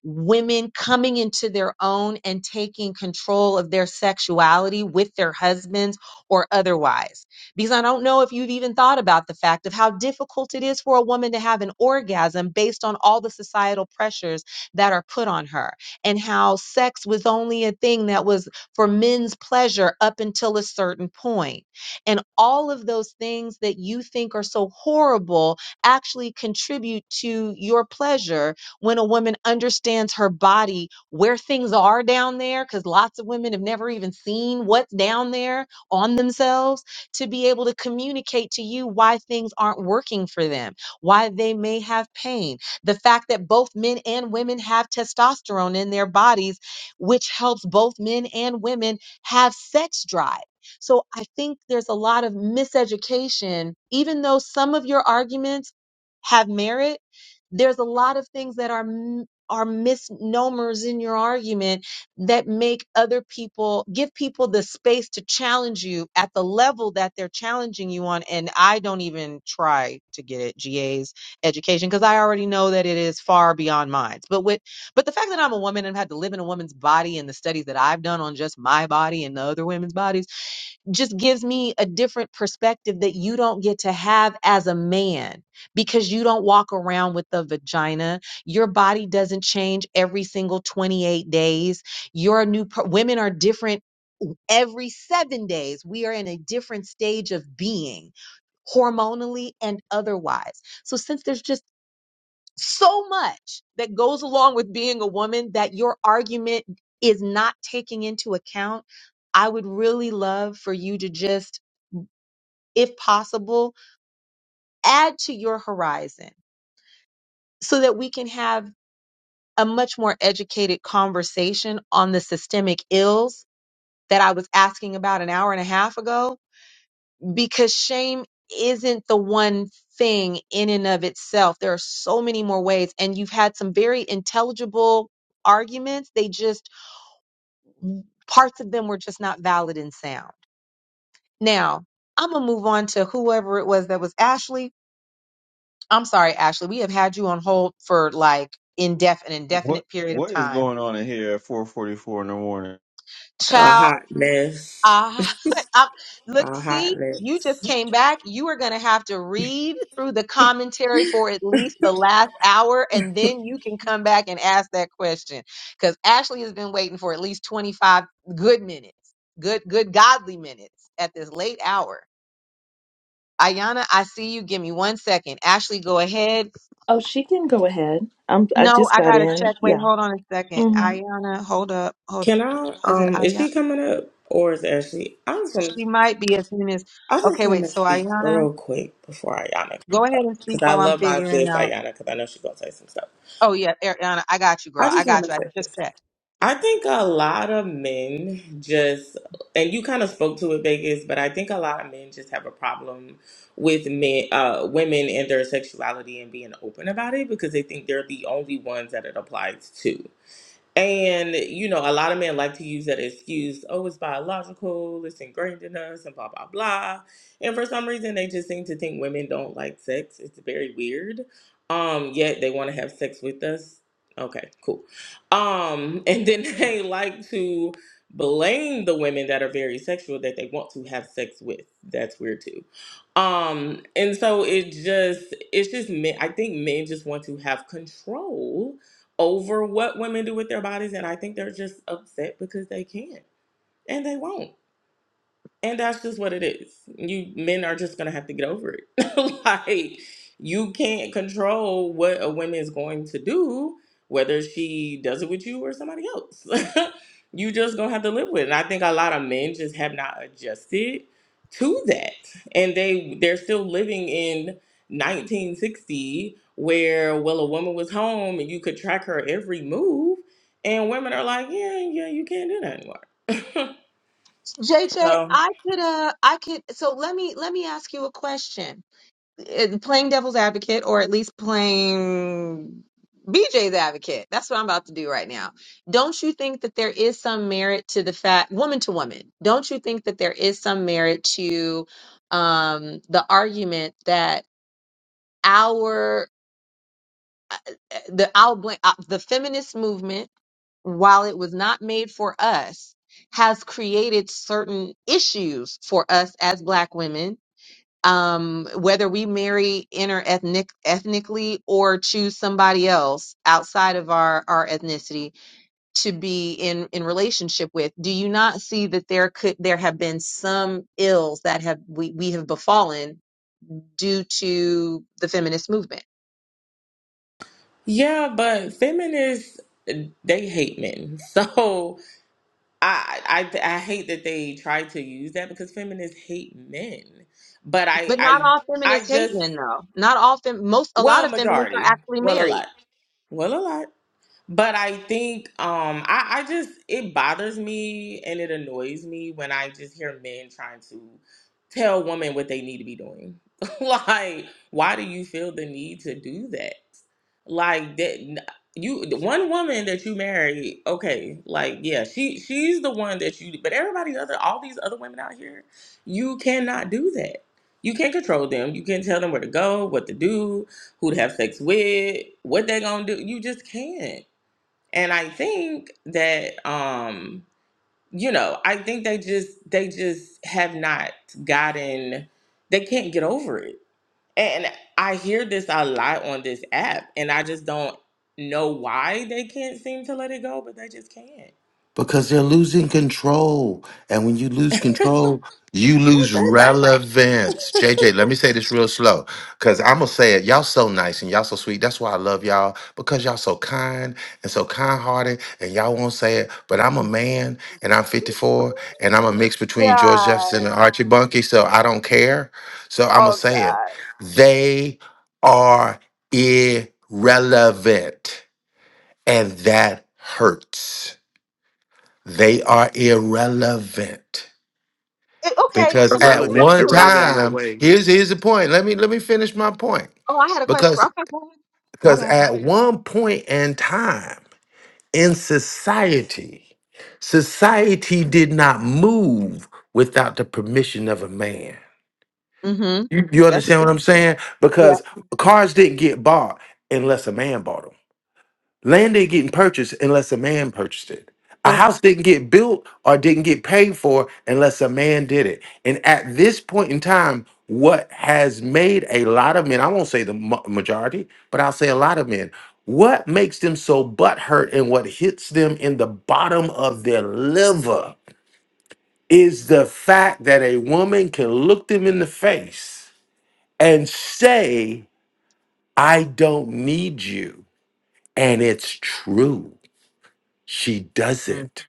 Speaker 11: women coming into their own and taking control of their sexuality with their husbands or otherwise. Because I don't know if you've even thought about the fact of how difficult it is for a woman to have an orgasm based on all the societal pressures that are put on her, and how sex was only a thing that was for men's pleasure up until a certain point. And all of those things that you think are so horrible actually contribute to your pleasure when a woman understands her body, where things are down there, because lots of women have never even seen what's down there on themselves, to be able to communicate to you why things aren't working for them, why they may have pain. The fact that both men and women have testosterone in their bodies, which helps both men and women have sex drive. So I think there's a lot of miseducation, even though some of your arguments have merit there's a lot of things that are m- are misnomers in your argument that make other people give people the space to challenge you at the level that they're challenging you on and I don't even try to get at GA's education because I already know that it is far beyond mine but with but the fact that I'm a woman and had to live in a woman's body and the studies that I've done on just my body and the other women's bodies just gives me a different perspective that you don't get to have as a man because you don't walk around with a vagina. Your body doesn't change every single 28 days. You're a new per- women are different every 7 days. We are in a different stage of being hormonally and otherwise. So since there's just so much that goes along with being a woman that your argument is not taking into account, I would really love for you to just if possible, add to your horizon so that we can have a much more educated conversation on the systemic ills that I was asking about an hour and a half ago, because shame isn't the one thing in and of itself. There are so many more ways, and you've had some very intelligible arguments. They just, parts of them were just not valid and sound. Now, I'm going to move on to whoever it was that was Ashley I'm sorry, Ashley. We have had you on hold for like indef- an
Speaker 10: what
Speaker 11: indefinite period of
Speaker 10: What is
Speaker 11: time.
Speaker 10: going on in here at 4:44 in the morning?
Speaker 25: A
Speaker 11: Child,
Speaker 25: hot mess.
Speaker 11: I, I look,
Speaker 25: A hot
Speaker 11: see,
Speaker 25: mess.
Speaker 11: you just came back. You are going to have to read through the commentary for at least the last hour, and then you can come back and ask that question. Because Ashley has been waiting for at least 25 good minutes, good, good, godly minutes at this late hour. Ayana, I see you. Give me one second. Ashley, go ahead.
Speaker 26: Oh, she can go ahead. I'm. I
Speaker 11: No,
Speaker 26: just
Speaker 11: I
Speaker 26: got
Speaker 11: gotta
Speaker 26: in.
Speaker 11: check. Wait,
Speaker 26: Yeah.
Speaker 11: hold on a second.
Speaker 26: hmm
Speaker 11: Ayana, hold up, hold.
Speaker 25: Can I?
Speaker 11: Is it
Speaker 25: Um, is
Speaker 11: Ayana?
Speaker 25: she coming up or is Ashley? I just
Speaker 11: She
Speaker 25: want.
Speaker 11: might be as soon as.
Speaker 25: I just
Speaker 11: Okay,
Speaker 25: want
Speaker 11: wait.
Speaker 25: to
Speaker 11: So
Speaker 25: speak
Speaker 11: Ayana,
Speaker 25: real quick before Ayana,
Speaker 11: go ahead and
Speaker 25: because
Speaker 11: speak
Speaker 25: I
Speaker 11: while I'm
Speaker 25: love my
Speaker 11: figuring
Speaker 25: sis
Speaker 11: out.
Speaker 25: Ayana, because I know she gonna say some stuff.
Speaker 11: Oh yeah, Ariana, I got you,
Speaker 25: I
Speaker 11: girl. I
Speaker 25: just want
Speaker 11: got
Speaker 25: to
Speaker 11: you. I
Speaker 25: say
Speaker 11: just
Speaker 25: this.
Speaker 11: checked.
Speaker 25: I think a lot of men just, and you kind of spoke to it, Vegas, but I think a lot of men just have a problem with men, uh, women and their sexuality and being open about it because they think they're the only ones that it applies to. And you know, a lot of men like to use that excuse, oh, it's biological, it's ingrained in us, and blah blah blah. And for some reason, they just seem to think women don't like sex. It's very weird. Um, yet they want to have sex with us. Okay, cool. Um, and then they like to blame the women that are very sexual that they want to have sex with. That's weird too. Um, and so it just it's just men. I think men just want to have control over what women do with their bodies, and I think they're just upset because they can't and they won't. And that's just what it is. You men are just gonna have to get over it. like you can't control what a woman is going to do, whether she does it with you or somebody else. you just gonna have to live with it. And I think a lot of men just have not adjusted to that. And they they're still living in 1960 where well a woman was home and you could track her every move and women are like, Yeah, yeah, you can't do that anymore.
Speaker 11: JJ,
Speaker 25: So
Speaker 11: I could uh I could so let me let me ask you a question. it- playing devil's advocate or at least playing BJ's advocate. That's what I'm about to do right now. Don't you think that there is some merit to the fact, woman to woman, don't you think that there is some merit to um, the argument that our eh, eh, the I'll blame, uh, the feminist movement while it was not made for us, has created certain issues for us as Black women um, whether we marry interethnic ethnically or choose somebody else outside of our, our ethnicity to be in, in relationship with, do you not see that there could there have been some ills that have we, we have befallen due to the feminist movement?
Speaker 25: Yeah, but feminists they hate men. So I I I hate that they try to use that because feminists hate men. But I
Speaker 11: But not
Speaker 25: I
Speaker 11: all
Speaker 25: I
Speaker 11: feminists hate
Speaker 25: just
Speaker 11: men though. Not all fem- most a lot
Speaker 25: well
Speaker 11: of feminists are
Speaker 25: majority.
Speaker 11: actually
Speaker 25: Well a
Speaker 11: married.
Speaker 25: lot. Well a lot. But I think um I, I just it bothers me and it annoys me when I just hear men trying to tell women what they need to be doing. like, why do you feel the need to do that? Like that n- you the one woman that you marry, okay, like yeah, she she's the one that you but everybody other all these other women out here, you cannot do that. You can't control them. You can't tell them where to go, what to do, who to have sex with, what they gonna do. You just can't. And I think that um, you know, I think they just they just have not gotten they can't get over it. And I hear this a lot on this app and I just don't know why they can't seem to let it go, but they just can't.
Speaker 1: Because they're losing control. And when you lose control, you
Speaker 25: That's
Speaker 1: lose
Speaker 25: their
Speaker 1: relevance. JJ, let me say this real slow. Cause I'm gonna say it. Y'all so nice and y'all so sweet. That's why I love y'all. Because y'all so kind and so kind hearted and y'all won't say it. But I'm a man and I'm 54 and I'm a mix between George Jefferson
Speaker 11: God.
Speaker 1: and Archie Bunkie. So I don't care. So I'm gonna
Speaker 11: Oh
Speaker 1: say it.
Speaker 11: God.
Speaker 1: They are irrelevant. And that hurts. They are irrelevant
Speaker 11: Eh, Okay,
Speaker 1: because
Speaker 11: so let me
Speaker 1: at
Speaker 11: ask
Speaker 27: I,
Speaker 17: Irrelevant.
Speaker 1: one
Speaker 11: you about
Speaker 17: Irrelevant in
Speaker 11: that.
Speaker 17: what
Speaker 1: time,
Speaker 17: way?
Speaker 1: here's here's the point. Let me let me finish my point.
Speaker 11: Oh, I had a question.
Speaker 1: Because
Speaker 11: Okay, go ahead. my
Speaker 1: because
Speaker 11: bad.
Speaker 1: at one point in time in society, society did not move without the permission of a man.
Speaker 11: Mm-hmm.
Speaker 1: You, you
Speaker 11: That's
Speaker 1: understand
Speaker 11: true.
Speaker 1: what I'm saying?
Speaker 11: Yeah,
Speaker 1: Because cars didn't get bought unless a man bought them. Land ain't getting purchased unless a man purchased it. A
Speaker 11: true.
Speaker 1: house didn't get built or didn't get paid for unless a man did it. And at this point in time, what has made a lot of men, I won't say the ma- majority, but I'll say a lot of men, what makes them so butthurt and what hits them in the bottom of their liver is the fact that a woman can look them in the face and say, I don't need you. And it's true. She does
Speaker 11: Mm.
Speaker 1: it.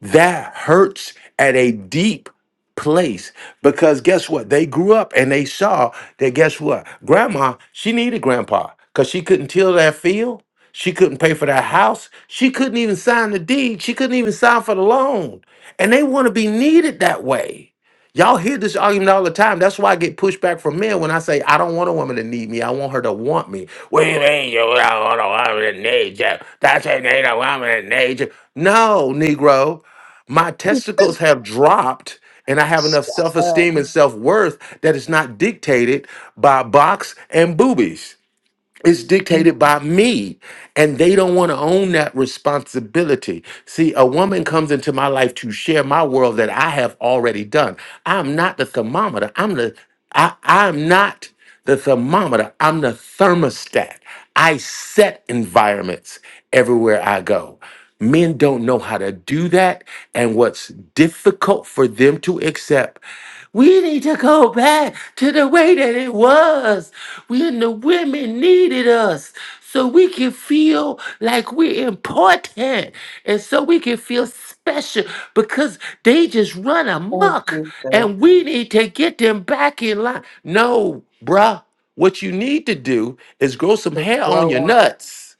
Speaker 1: That hurts at a deep place because guess what? They grew up and they saw that guess what? Grandma, she needed grandpa because she couldn't till that field. She couldn't pay for that house. She couldn't even sign the deed. She couldn't even sign for the loan. And they want to be needed that way. Y'all hear this argument all the time. That's why I get pushback from men when I say I don't want a woman to need me. I want her to want me. What do you mean you don't want a woman to need you? That's a need a woman to need you. No, Negro my testicles have dropped and I have enough self
Speaker 11: Uh,
Speaker 1: esteem and self worth that it's not dictated by box and boobies. It's
Speaker 11: mm,
Speaker 1: dictated by me. And they don't want to own that responsibility. See, a woman comes into my life to share my world that I have already done. I'm not the thermometer. I'm the I, I'm not the thermometer. I'm the thermostat. I set environments everywhere I go. Men don't know how to do that. And what's difficult for them to accept, we need to go back to the way that it was when the women needed us so we can feel like we're important and so we can feel special because they just run
Speaker 11: oh,
Speaker 1: amok
Speaker 11: Jesus.
Speaker 1: and we need to get them back in line. No, bruh. What you need to do is grow some
Speaker 11: Just
Speaker 1: hair on your
Speaker 11: grow up.
Speaker 1: nuts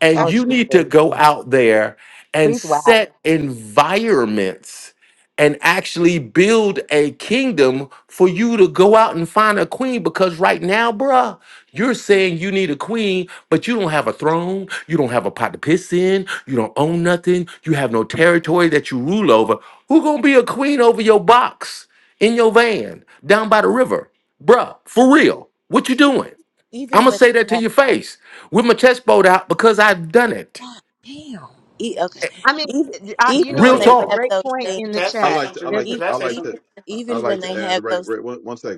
Speaker 1: and
Speaker 11: Oh,
Speaker 1: you need to
Speaker 11: Jesus.
Speaker 1: go out there and
Speaker 11: Please whack.
Speaker 1: set environments and actually build a kingdom for you to go out and find a queen because right now, bruh, you're saying you need a queen, but you don't have a throne, you don't have a pot to piss in, you don't own nothing, you have no territory that you rule over. Who gonna be a queen over your box in your van down by the river? Bruh, for real. What you doing? I'm
Speaker 27: even
Speaker 1: gonna
Speaker 27: when
Speaker 1: say that
Speaker 27: they
Speaker 1: to your face with my chest bowed out because I've done it.
Speaker 27: God damn. E, okay.
Speaker 11: I mean,
Speaker 27: Even
Speaker 11: I, you
Speaker 27: even
Speaker 11: know
Speaker 1: Real
Speaker 27: when
Speaker 11: what?
Speaker 27: they
Speaker 11: There's
Speaker 10: So
Speaker 11: a
Speaker 27: have
Speaker 11: great
Speaker 1: talk.
Speaker 27: those
Speaker 11: point in the
Speaker 17: Can
Speaker 27: things,
Speaker 17: I
Speaker 10: I
Speaker 17: say
Speaker 10: like,
Speaker 11: chat.
Speaker 17: something?
Speaker 11: There's
Speaker 10: like
Speaker 11: a,
Speaker 10: to.
Speaker 17: Can
Speaker 27: even
Speaker 17: I
Speaker 10: I
Speaker 17: say
Speaker 10: like
Speaker 27: even
Speaker 10: to.
Speaker 17: something?
Speaker 10: I
Speaker 27: even
Speaker 10: I
Speaker 27: when they have those things,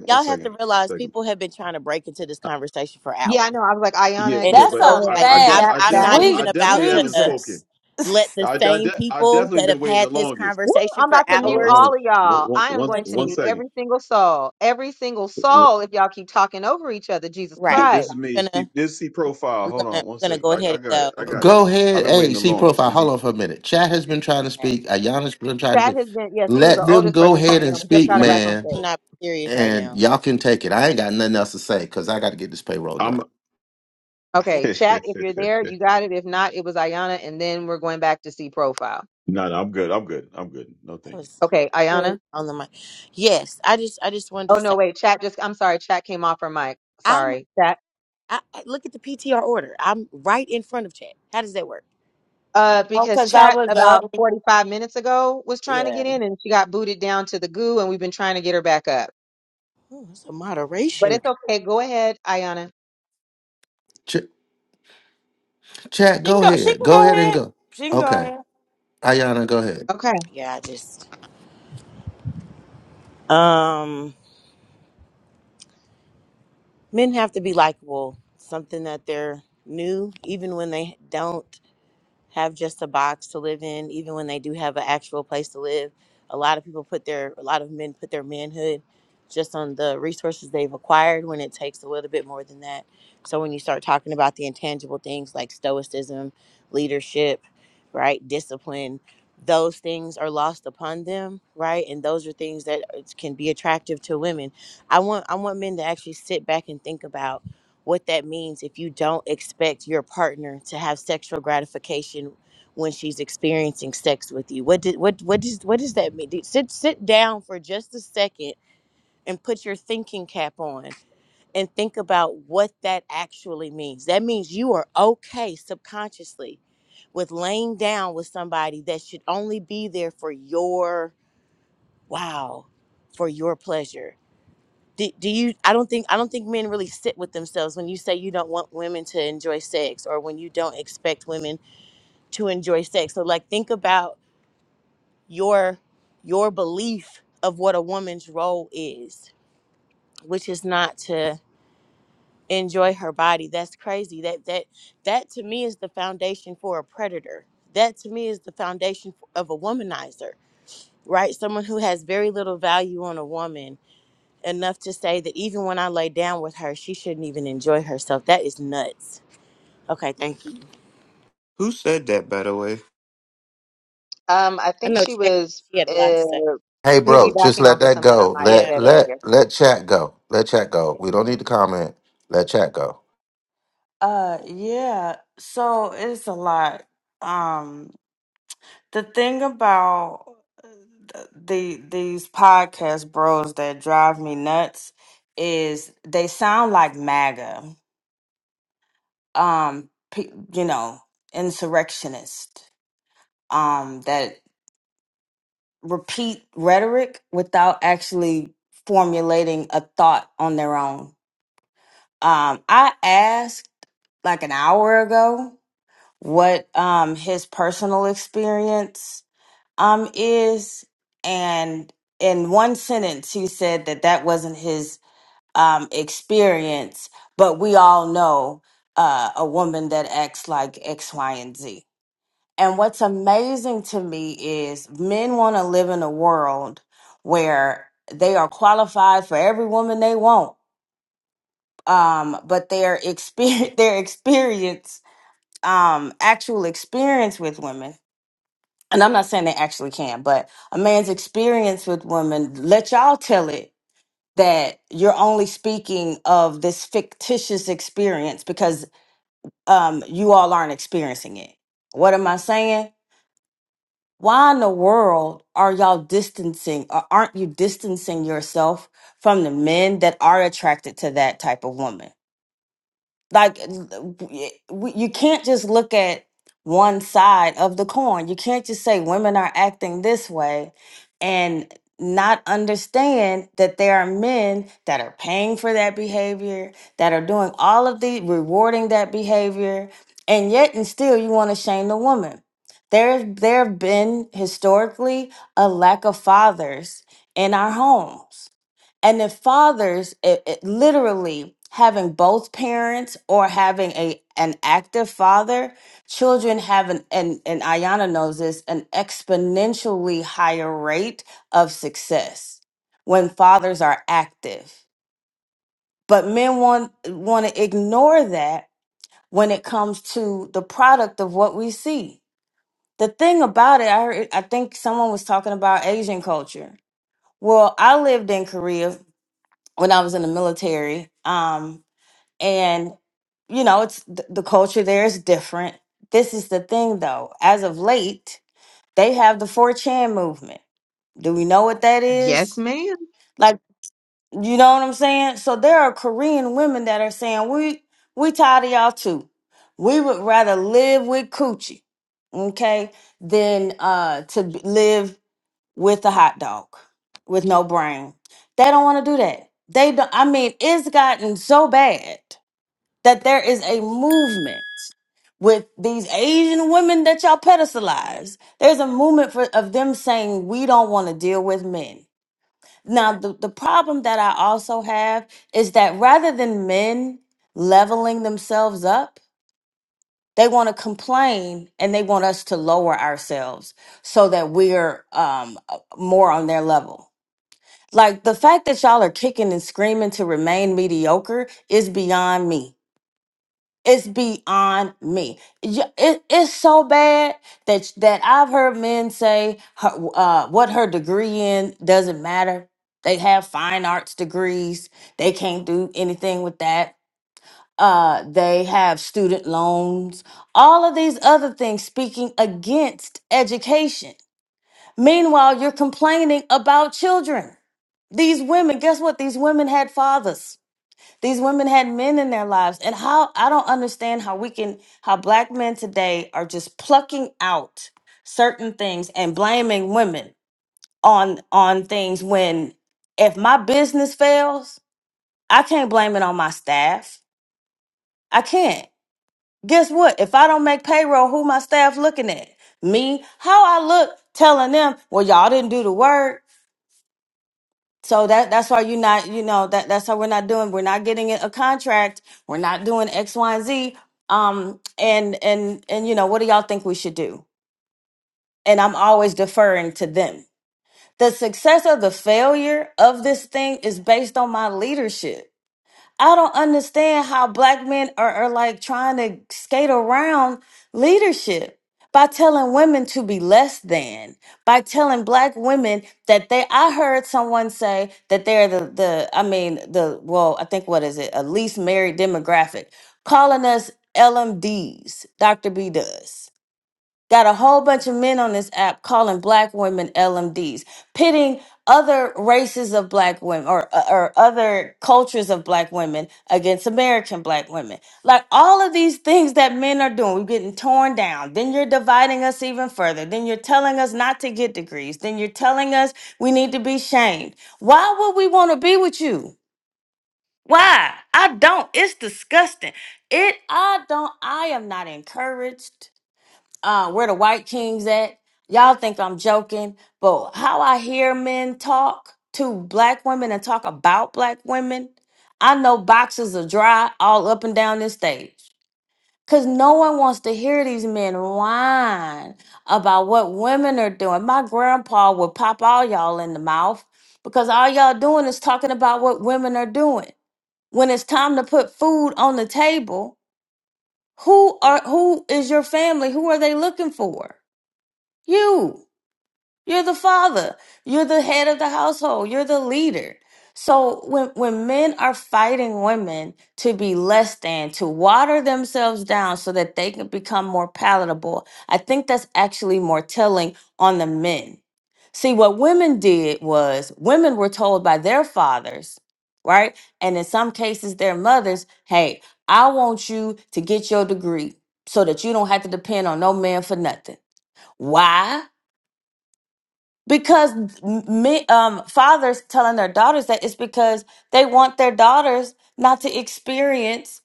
Speaker 27: y'all
Speaker 10: like
Speaker 27: have to
Speaker 10: it.
Speaker 27: realize people have been trying to break into this conversation for
Speaker 11: yeah, I
Speaker 27: hours.
Speaker 11: know. I was like,
Speaker 10: Yeah,
Speaker 11: Ayana,
Speaker 27: And
Speaker 10: yeah,
Speaker 11: you
Speaker 18: That's
Speaker 10: but
Speaker 11: go
Speaker 27: so
Speaker 18: a
Speaker 10: I,
Speaker 11: ahead
Speaker 27: like
Speaker 10: I,
Speaker 11: and
Speaker 10: de-
Speaker 27: I'm
Speaker 18: fact.
Speaker 11: chat
Speaker 10: I
Speaker 27: I'm
Speaker 11: that.
Speaker 27: not
Speaker 10: definitely,
Speaker 18: Sweet
Speaker 10: I
Speaker 27: even
Speaker 10: definitely
Speaker 27: about
Speaker 10: haven't
Speaker 27: to
Speaker 10: spoken.
Speaker 18: Jesus.
Speaker 27: let the
Speaker 10: I, I,
Speaker 27: same
Speaker 10: de- I
Speaker 27: people
Speaker 10: definitely
Speaker 27: that
Speaker 10: been
Speaker 27: have
Speaker 10: waiting
Speaker 27: had
Speaker 10: the
Speaker 27: this
Speaker 10: longest.
Speaker 11: Woo,
Speaker 27: conversation
Speaker 11: I'm
Speaker 27: for
Speaker 11: about
Speaker 10: No,
Speaker 11: to
Speaker 10: Hold
Speaker 11: mute
Speaker 10: on, hold
Speaker 11: all
Speaker 27: hours
Speaker 10: on,
Speaker 11: of y'all.
Speaker 10: one,
Speaker 11: I am
Speaker 10: one,
Speaker 11: going to
Speaker 10: one
Speaker 27: continue.
Speaker 11: mute
Speaker 10: second.
Speaker 11: every single soul. Every single
Speaker 10: W-
Speaker 11: soul, if y'all keep talking over each other, Jesus
Speaker 27: Right.
Speaker 10: Th- This
Speaker 11: Christ.
Speaker 10: is
Speaker 27: So
Speaker 10: me.
Speaker 27: I'm
Speaker 10: See-
Speaker 27: gonna
Speaker 10: This is C profile.
Speaker 27: I'm
Speaker 10: Hold
Speaker 27: gonna
Speaker 10: on, one
Speaker 27: I'm gonna go
Speaker 10: second. I,
Speaker 27: ahead
Speaker 10: I got it.
Speaker 27: and
Speaker 10: I
Speaker 27: go.
Speaker 10: got it.
Speaker 1: Go
Speaker 10: I've
Speaker 1: ahead.
Speaker 10: been waiting
Speaker 1: Hey,
Speaker 10: the
Speaker 1: see
Speaker 10: longest.
Speaker 1: profile.
Speaker 10: Let
Speaker 1: Hold
Speaker 10: me.
Speaker 1: on for a minute. Chat has been trying to
Speaker 27: Okay.
Speaker 1: speak. Ayana's been trying to
Speaker 11: That
Speaker 1: speak.
Speaker 11: has been, yeah, she was the
Speaker 1: Let them
Speaker 11: oldest
Speaker 1: go
Speaker 11: person
Speaker 10: Uh,
Speaker 11: trying
Speaker 1: ahead
Speaker 11: to get
Speaker 1: and
Speaker 11: on. We just
Speaker 1: speak,
Speaker 11: got her
Speaker 27: Can't-
Speaker 11: back
Speaker 10: Rick,
Speaker 11: on
Speaker 1: man.
Speaker 11: stage.
Speaker 27: Cannot be serious right
Speaker 1: And
Speaker 27: now.
Speaker 1: y'all can take it. I ain't got nothing else to say because I got to get this payroll
Speaker 10: I'm.
Speaker 1: done.
Speaker 11: Okay,
Speaker 10: no,
Speaker 11: chat, if you're there, you got it. If not, it was Ayana, and then we're going back to see profile.
Speaker 10: no, I'm good. I'm good. I'm good. No, thank
Speaker 27: I
Speaker 10: you.
Speaker 27: was
Speaker 11: Okay,
Speaker 27: here
Speaker 11: Ayana.
Speaker 27: on the mic. Yes, I just I just wanted to
Speaker 11: Oh
Speaker 27: say
Speaker 11: no, wait, chat just I'm sorry, chat came off her mic.
Speaker 27: I'm
Speaker 11: Sorry. Chat.
Speaker 27: I, I look at the PTR order. I'm right in front of chat. How does that work?
Speaker 11: Uh,
Speaker 18: Oh,
Speaker 11: because
Speaker 18: cause I
Speaker 11: chat
Speaker 18: was up.
Speaker 11: about 45 minutes ago was trying to
Speaker 18: Yeah.
Speaker 11: get in and she got booted down to the goo and we've been trying to get her back up.
Speaker 27: Oh, that's a
Speaker 11: But
Speaker 27: moderation.
Speaker 11: it's okay. Go ahead, Ayana.
Speaker 1: Ch- chat,
Speaker 18: She can
Speaker 1: go
Speaker 18: go she
Speaker 1: ahead.
Speaker 18: can
Speaker 1: Go
Speaker 18: go
Speaker 1: ahead and
Speaker 18: ahead.
Speaker 1: go.
Speaker 18: She can go
Speaker 1: Okay.
Speaker 18: ahead.
Speaker 1: Ayana, go ahead.
Speaker 11: Okay.
Speaker 27: Yeah, I just um men have to be likable. Something that they're new, even when they don't. have just a box to live in, even when they do have an actual place to live. A lot of people put their, a lot of men put their manhood just on the resources they've acquired when it takes a little bit more than that. So when you start talking about the intangible things like stoicism, leadership, right, discipline, those things are lost upon them, right? And those are things that uh, can be attractive to women. I want I want men to actually sit back and think about what that means if you don't expect your partner to have sexual gratification when she's experiencing sex with you. What did what what does what does that mean? Dude, Sit sit down for just a second and put your thinking cap on and think about what that actually means. That means you are okay subconsciously with laying down with somebody that should only be there for your wow, for your pleasure do, do you i don't think i don't think men really sit with themselves when you say you don't want women to enjoy sex or when you don't expect women to enjoy sex so like think about your your belief of what a woman's role is which is not to enjoy her body that's crazy that that that to me is the foundation for a predator that to me is the foundation of a womanizer right someone who has very little value on a woman enough to say that even when I lay down with her, she shouldn't even enjoy herself. That is nuts. Okay, thank you.
Speaker 17: Who said that, by the way?
Speaker 11: Um, I
Speaker 27: I
Speaker 11: think
Speaker 27: know
Speaker 11: she
Speaker 27: Chad said
Speaker 11: was
Speaker 27: she had a lot to
Speaker 11: uh
Speaker 27: say.
Speaker 1: Hey, bro, just
Speaker 11: piggybacking
Speaker 1: let
Speaker 11: off of
Speaker 1: that
Speaker 11: something I
Speaker 1: go.
Speaker 11: might have
Speaker 27: Yeah.
Speaker 1: Let
Speaker 11: said earlier.
Speaker 1: let let chat go. Let chat go. We don't need to comment. Let chat go.
Speaker 18: Uh yeah. So it's a lot. Um the thing about th- the these podcast bros that drive me nuts is they sound like MAGA. Um pe- you know, insurrectionist. Um that repeat rhetoric without actually formulating a thought on their own. Um, I asked like an hour ago what um, his personal experience um, is, and in one sentence, he said that that wasn't his um, experience, but we all know uh, a woman that acts like X, Y, and Z and what's amazing to me is men want to live in a world where they are qualified for every woman they want, um, but their experience, their experience, um, actual experience with women. And I'm not saying they actually can, but a man's experience with women, let y'all tell it that you're only speaking of this fictitious experience because um, you all aren't experiencing it. What am I saying? why in the world are y'all distancing or aren't you distancing yourself from the men that are attracted to that type of woman? like l- w- y- you can't just look at one side of the coin you can't just say women are acting this way and not understand that there are men that are paying for that behavior that are doing all of the rewarding that behavior and yet and still you want to shame the woman there there have been historically a lack of fathers in our homes and if fathers it, it- literally having both parents or having a an active father children have an and and ayana knows this an exponentially higher rate of success when fathers are active but men want want to ignore that when it comes to the product of what we see the thing about it i heard, i think someone was talking about asian culture well i lived in korea when I was in the military. Um, and you know, it's th- the culture there is different. This is the thing, though. As of late, they have the 4chan movement. Do we know what that
Speaker 11: Yes,
Speaker 18: is?
Speaker 11: ma'am.
Speaker 18: Like, you know what I'm saying? So there are Korean women that are saying, "We we tired of y'all too. We would rather live with coochie, okay, than uh to b- live with a hot dog with no brain. They don't want to do that. They don't I mean, it's gotten so bad that there is a movement with these Asian women that y'all pedestalize. There's a movement for of them saying we don't want to deal with men. Now the, the problem that I also have is that rather than men leveling themselves up, they want to complain and they want us to lower ourselves so that we're um, uh, more on their level like the fact that y'all are kicking and screaming to remain mediocre is beyond me. It's beyond me. Y- it- it's so bad that that I've heard men say her, uh, what her degree in doesn't matter. They have fine arts degrees. They can't do anything with that. Uh, they have student loans. All of these other things speaking against education Meanwhile, you're complaining about children. These women, guess what? These women had fathers. These women had men in their lives. And how I don't understand how we can how black men today are just plucking out certain things and blaming women on on things when if my business fails, I can't blame it on my staff. I can't. Guess what? If I don't make payroll, who my staff looking at? Me? How I look telling them, well, y'all didn't do the work So that that's why you're not, you know, that that's how we're not doing. We're not getting a contract. We're not doing X, Y, and Z. Um, and and and you know, what do y'all think we should do? And I'm always deferring to them. The success or the failure of this thing is based on my leadership. I don't understand how black men are, are like trying to skate around leadership by telling women to be less than, by telling black women that they, I heard someone say that they're the, the I mean, the, well, I think what is it, a least married demographic, calling us LMDs, Dr. B does. Got a whole bunch of men on this app calling black women LMDs, pitting other races of black women or, uh, or other cultures of black women against American black women. Like all of these things that men are doing, we're getting torn down. Then you're dividing us even further. Then you're telling us not to get degrees. Then you're telling us we need to be shamed. Why would we want to be with you? Why? I don't. It's disgusting. It I don't I am not encouraged uh, where the white kings at. Y'all think I'm joking, but how I hear men talk to black women and talk about black women, I know boxes are dry all up and down this stage. Cause no one wants to hear these men whine about what women are doing. My grandpa would pop all y'all in the mouth because all y'all doing is talking about what women are doing. When it's time to put food on the table, who are who is your family? Who are they looking for? You, you're the father. You're the head of the household. You're the leader. So when when men are fighting women to be less than, to water themselves down so that they can become more palatable, I think that's actually more telling on the men. See, what women did was women were told by their fathers, right? And in some cases their mothers, "Hey, I want you to get your degree so that you don't have to depend on no man for nothing." Why? because me, um, fathers telling their daughters that it's because they want their daughters not to experience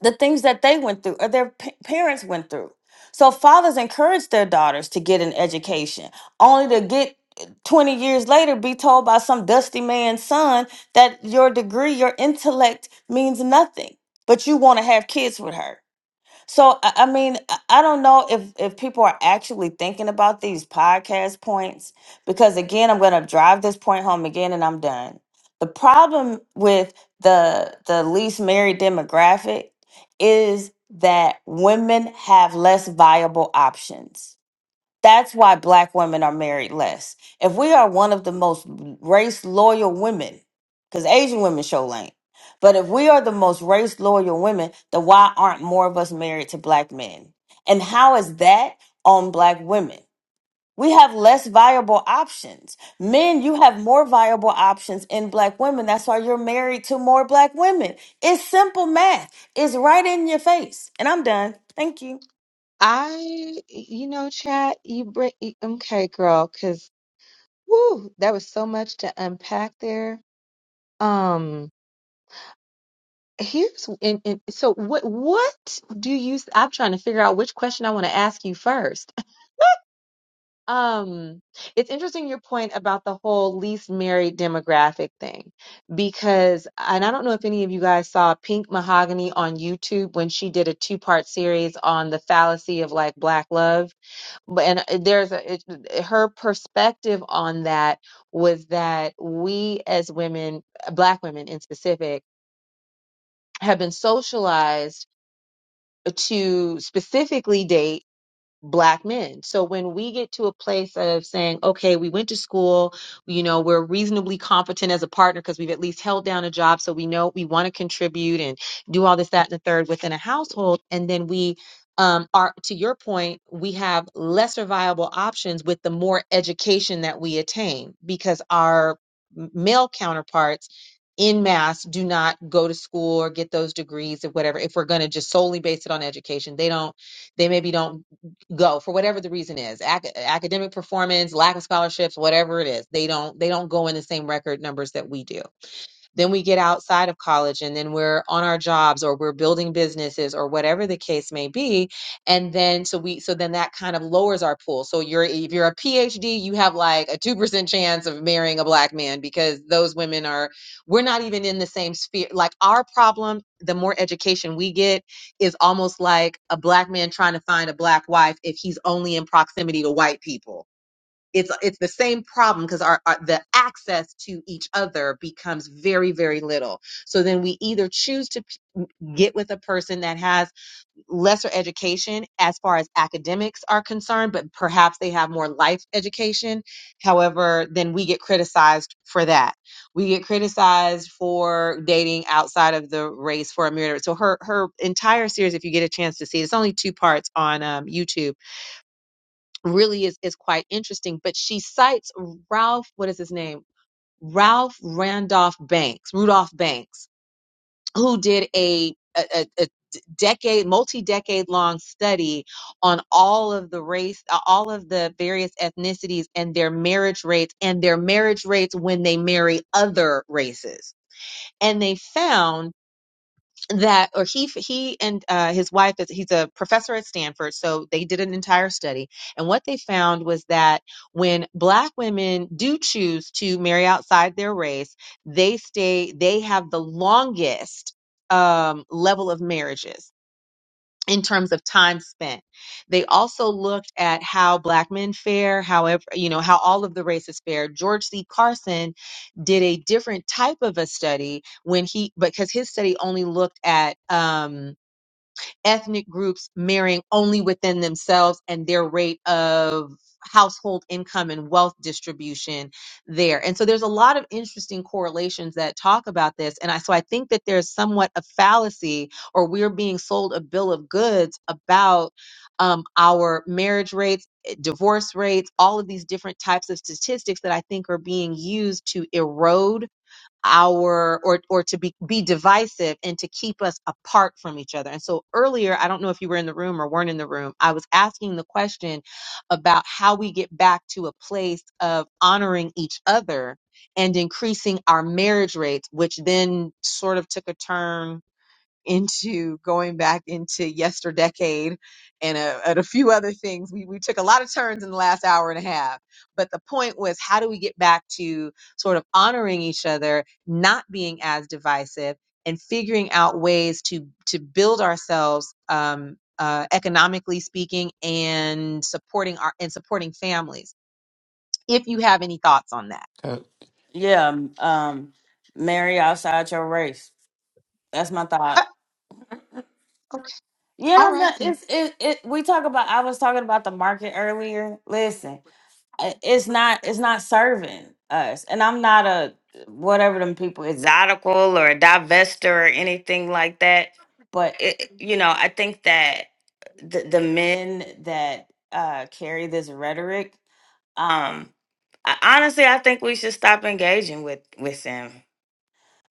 Speaker 18: the things that they went through or their pa- parents went through. So fathers encourage their daughters to get an education, only to get uh, 20 years later be told by some dusty man's son that your degree, your intellect means nothing, but you want to have kids with her. So I I mean, I I don't know if if people are actually thinking about these podcast points because again, I'm going to drive this point home again and I'm done. The problem with the the least married demographic is that women have less viable options that's why black women are married less. If we are one of the most race loyal women, because Asian women show lane, but if we are the most race loyal women, then why aren't more of us married to black men? And how is that on black women? We have less viable options. Men, you have more viable options in black women. That's why you're married to more black women. It's simple math. It's right in your face. And I'm done. Thank you.
Speaker 11: I, you know, chat, you bring, okay, girl, 'cause Woo, that was so much to unpack there. Um, here's and, and so what what do you I'm trying to figure out which question I want to ask you first. Um, it's interesting your point about the whole least married demographic thing because and I don't know if any of you guys saw Pink Mahogany on YouTube when she did a two-part series on the fallacy of like black love but and uh, there's a it, her perspective on that was that we as women uh, black women in specific have been socialized to specifically date black men. So when we get to a place of saying, okay, we went to school, you know, we're reasonably competent as a partner because we've at least held down a job. So we know we want to contribute and do all this, that, and the third within a household. And then we um, are, to your point, we have lesser viable options with the more education that we attain because our m- male counterparts in mass do not go to school or get those degrees or whatever if we're going to just solely base it on education they don't they maybe don't go for whatever the reason is Ac- academic performance lack of scholarships whatever it is they don't they don't go in the same record numbers that we do then we get outside of college and then we're on our jobs or we're building businesses or whatever the case may be. And then so we so then that kind of lowers our pool. So you're if you're a PhD, you have like a 2% chance of marrying a black man because those women are we're not even in the same sphere. Like our problem, the more education we get, is almost like a black man trying to find a black wife if he's only in proximity to white people it's it's the same problem because our, our the access to each other becomes very very little so then we either choose to p- get with a person that has lesser education as far as academics are concerned but perhaps they have more life education however then we get criticized for that we get criticized for dating outside of the race for a myriad so her her entire series if you get a chance to see it, it's only two parts on um, youtube really is is quite interesting. But she cites Ralph, what is his name? Ralph Randolph Banks, Rudolph Banks, who did a a, a, a decade, multi-decade long study on all of the race, uh, all of the various ethnicities and their marriage rates and their marriage rates when they marry other races. And they found that or he he and uh, his wife is he's a professor at Stanford so they did an entire study and what they found was that when black women do choose to marry outside their race they stay they have the longest um level of marriages in terms of time spent. They also looked at how black men fare, however, you know, how all of the races fare. George C. Carson did a different type of a study when he, because his study only looked at, um, ethnic groups marrying only within themselves and their rate of household income and wealth distribution there. And so there's a lot of interesting correlations that talk about this. And I, so I think that there's somewhat a fallacy or we're being sold a bill of goods about um, our marriage rates, eh, divorce rates, all of these different types of statistics that I think are being used to erode our or or to be be divisive and to keep us apart from each other. And so earlier, I don't know if you were in the room or weren't in the room, I was asking the question about how we get back to a place of honoring each other and increasing our marriage rates, which then sort of took a turn into going back into yesterdecade and a, and a few other things. We, we took a lot of turns in the last hour and a half. But the point was, how do we get back to sort of honoring each other, not being as divisive, and figuring out ways to to build ourselves um, uh, economically speaking and supporting our and supporting families. If you have any thoughts on that.
Speaker 18: Yeah, m- um, marry outside your race. That's my
Speaker 11: Uh,
Speaker 18: thought.
Speaker 11: okay.
Speaker 18: Yeah,
Speaker 11: All
Speaker 18: I'm
Speaker 11: right
Speaker 18: not,
Speaker 11: then.
Speaker 18: it's it, it. We talk about. I was talking about the market earlier. Listen, i- it's not it's not serving us, and I'm not a whatever them people exotical or a divester or anything like that. But it, you know, I think that the the men that uh carry this rhetoric, um, I, honestly, I think we should stop engaging with with them.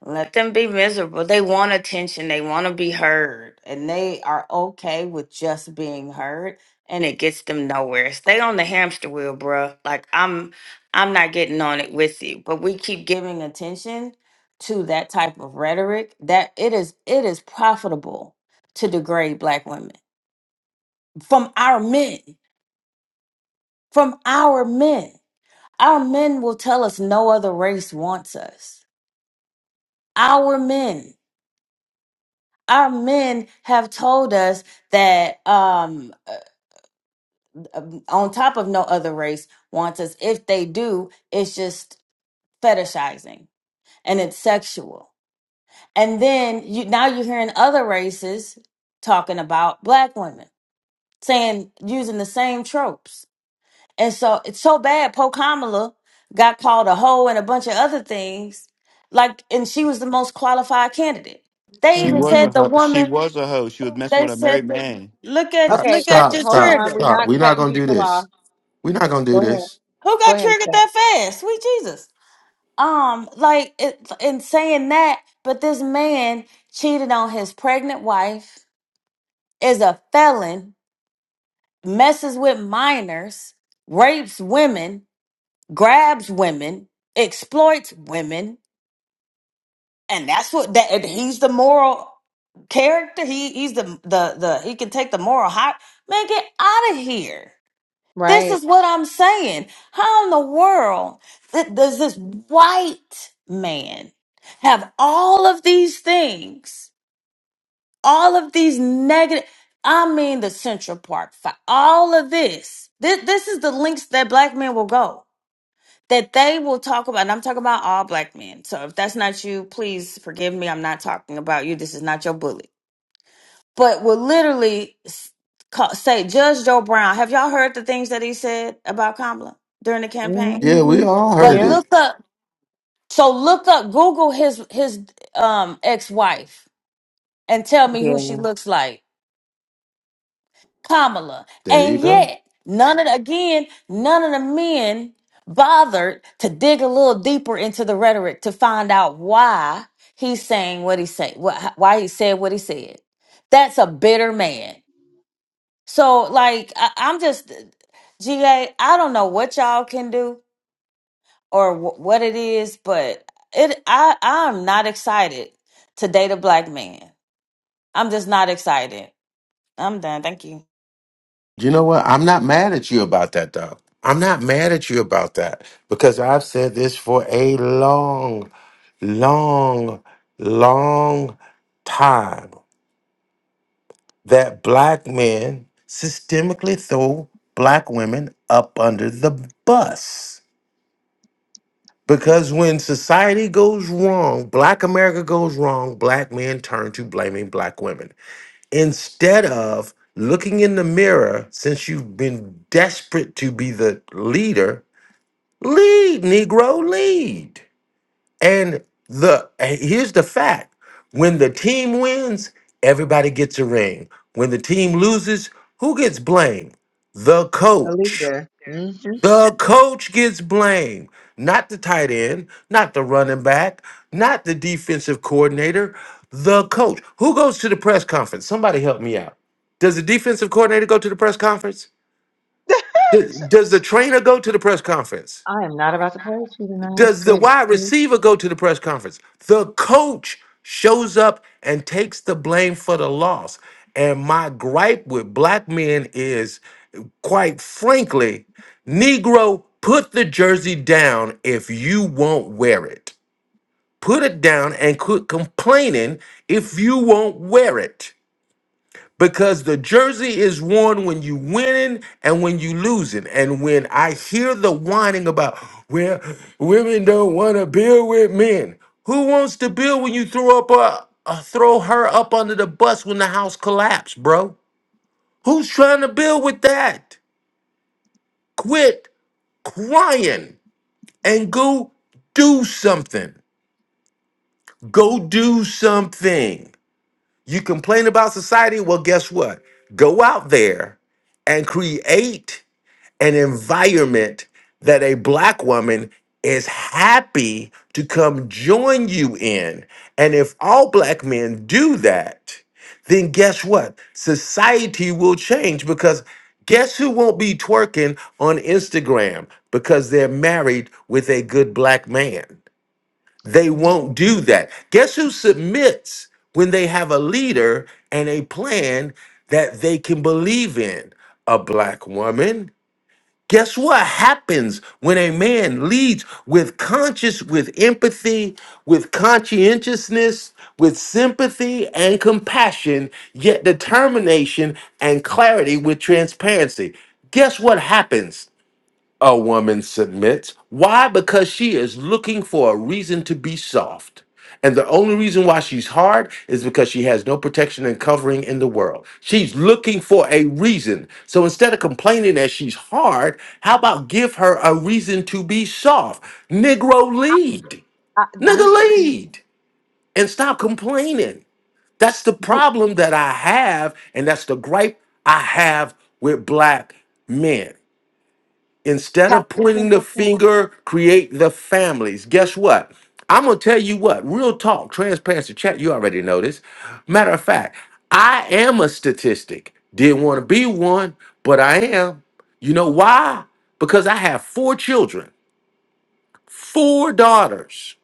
Speaker 18: Let them be miserable. They want attention. They want to be heard. And they are okay with just being heard and it gets them nowhere. Stay on the hamster wheel, bruh. Like I'm I'm not getting on it with you. But we keep giving attention to that type of rhetoric that it is it is profitable to degrade black women from our men. From our men. Our men will tell us no other race wants us. Our men. our men have told us that um uh, um, on top of no other race wants us if they do it's just fetishizing and it's sexual and then you now you're hearing other races talking about black women saying using the same tropes and so it's so bad po kamala got called a hoe and a bunch of other things like and she was the most qualified candidate they
Speaker 17: She
Speaker 18: even
Speaker 17: was
Speaker 11: hmm
Speaker 18: said
Speaker 17: a
Speaker 18: the
Speaker 17: hoe. She
Speaker 18: woman
Speaker 17: was a hoe. She was messing
Speaker 18: They
Speaker 17: with a married
Speaker 18: said,
Speaker 17: man.
Speaker 18: "Look at
Speaker 1: Stop,
Speaker 11: Okay.
Speaker 18: look at
Speaker 11: Okay.
Speaker 1: stop,
Speaker 18: your
Speaker 11: Hold
Speaker 1: stop.
Speaker 11: on.
Speaker 18: trigger."
Speaker 11: We're
Speaker 1: stop.
Speaker 11: not
Speaker 1: We're not
Speaker 11: cutting
Speaker 1: gonna do
Speaker 11: people off.
Speaker 1: this. We're not gonna do
Speaker 11: Go ahead.
Speaker 1: this.
Speaker 18: Who
Speaker 11: Go
Speaker 18: got
Speaker 11: ahead,
Speaker 18: triggered
Speaker 11: Seth.
Speaker 18: that fast? Sweet Jesus. Um, like it, in saying that, but this man cheated on his pregnant wife, is a felon, messes with minors, rapes women, grabs women, exploits women, and that's what that and he's the moral character. He he's the the the he can take the moral high. Man, get out of here. This
Speaker 11: Right.
Speaker 18: is what I'm saying. How in the world th- does this white man have all of these things, all of these negative? I mean, the Central Park for all of this. This, this is the links that black men will go, that they will talk about. And I'm talking about all black men. So if that's not you, please forgive me. I'm not talking about you. This is not your bully but will literally s- ca- say, Judge Joe Brown, have y'all heard the things that he said about Kamala during the campaign?
Speaker 1: Yeah,
Speaker 11: hmm
Speaker 1: we all
Speaker 18: But
Speaker 1: heard
Speaker 11: Yeah.
Speaker 1: it.
Speaker 18: look up, so look up, Google his his um ex wife and tell me who
Speaker 11: Yeah.
Speaker 18: she looks like, Kamala.
Speaker 1: There you
Speaker 18: And
Speaker 1: go.
Speaker 18: yet, none of the, again, none of the men bothered to dig a little deeper into the rhetoric to find out why he's saying what he say, what, why he said what he said. That's a bitter man. So, like, I, I'm just, GA, I don't know what y'all can do or wh- what it is, but it, I, I'm not excited to date a black man. I'm just not excited. I'm done. Thank you.
Speaker 1: You about that though. I'm not mad at you about that because I've said this for a long, long, long time that black men systemically throw black women up under the bus. Because when society goes wrong, black America goes wrong, black men turn to blaming black women. instead of looking in the mirror since you've been desperate to be the leader lead negro lead and the and here's the fact when the team wins everybody gets a ring when the team loses who gets blamed the
Speaker 11: The
Speaker 1: coach
Speaker 11: leader. hmm
Speaker 1: the coach gets blamed, not the tight end, not the running back, not the defensive coordinator, the coach. Who goes to the press conference? Somebody help me out. Does the defensive coordinator go to the press conference? Th- Does the trainer go to the press conference?
Speaker 11: I am not about to play with you tonight.
Speaker 1: Does the
Speaker 11: It,
Speaker 1: wide
Speaker 11: it,
Speaker 1: receiver go to the press conference? The coach shows up and takes the blame for the loss. And my gripe with black men is, quite frankly, Negro, put the jersey down if you won't wear it. Put it down and quit complaining if you won't wear it because the jersey is worn when you winning and when you losing. And when I hear the whining about where women don't want to build with men. Who wants to build when you throw up a, a throw her up under the bus when the house collapsed, bro? Who's trying to build with that? Quit crying and go do something. Go do something. You complain about society? Well, guess what? Go out there and create an environment that a black woman is happy to come join you in. And if all black men do that, then guess what? Society will change because guess who won't be twerking on Instagram because they're married with a good black man? They won't do that. Guess who submits when they have a leader and a plan that they can believe in? A black woman Guess what happens when a man leads with conscious, with empathy, with conscientiousness, with sympathy and compassion, yet determination and clarity with transparency? Guess what happens? a woman submits. Why? Because she is looking for a reason to be soft. And the only reason why she's hard is because she has no protection and covering in the world. She's looking for a reason. So instead of complaining that she's hard, how about give her a reason to be soft? Negro lead.
Speaker 11: I,
Speaker 1: Nigga
Speaker 11: listen,
Speaker 1: lead. And stop complaining. That's the problem that I have, and that's the gripe I have with black men. Instead of
Speaker 11: Pastor
Speaker 1: pointing the
Speaker 11: Pimpleton.
Speaker 1: finger, create the families. Guess what? I'm gonna tell you what, real talk, transparency, chat, you already know this. Matter of fact, I am a statistic. Didn't want to be one, but I am. You know why? Because I have four children, four daughters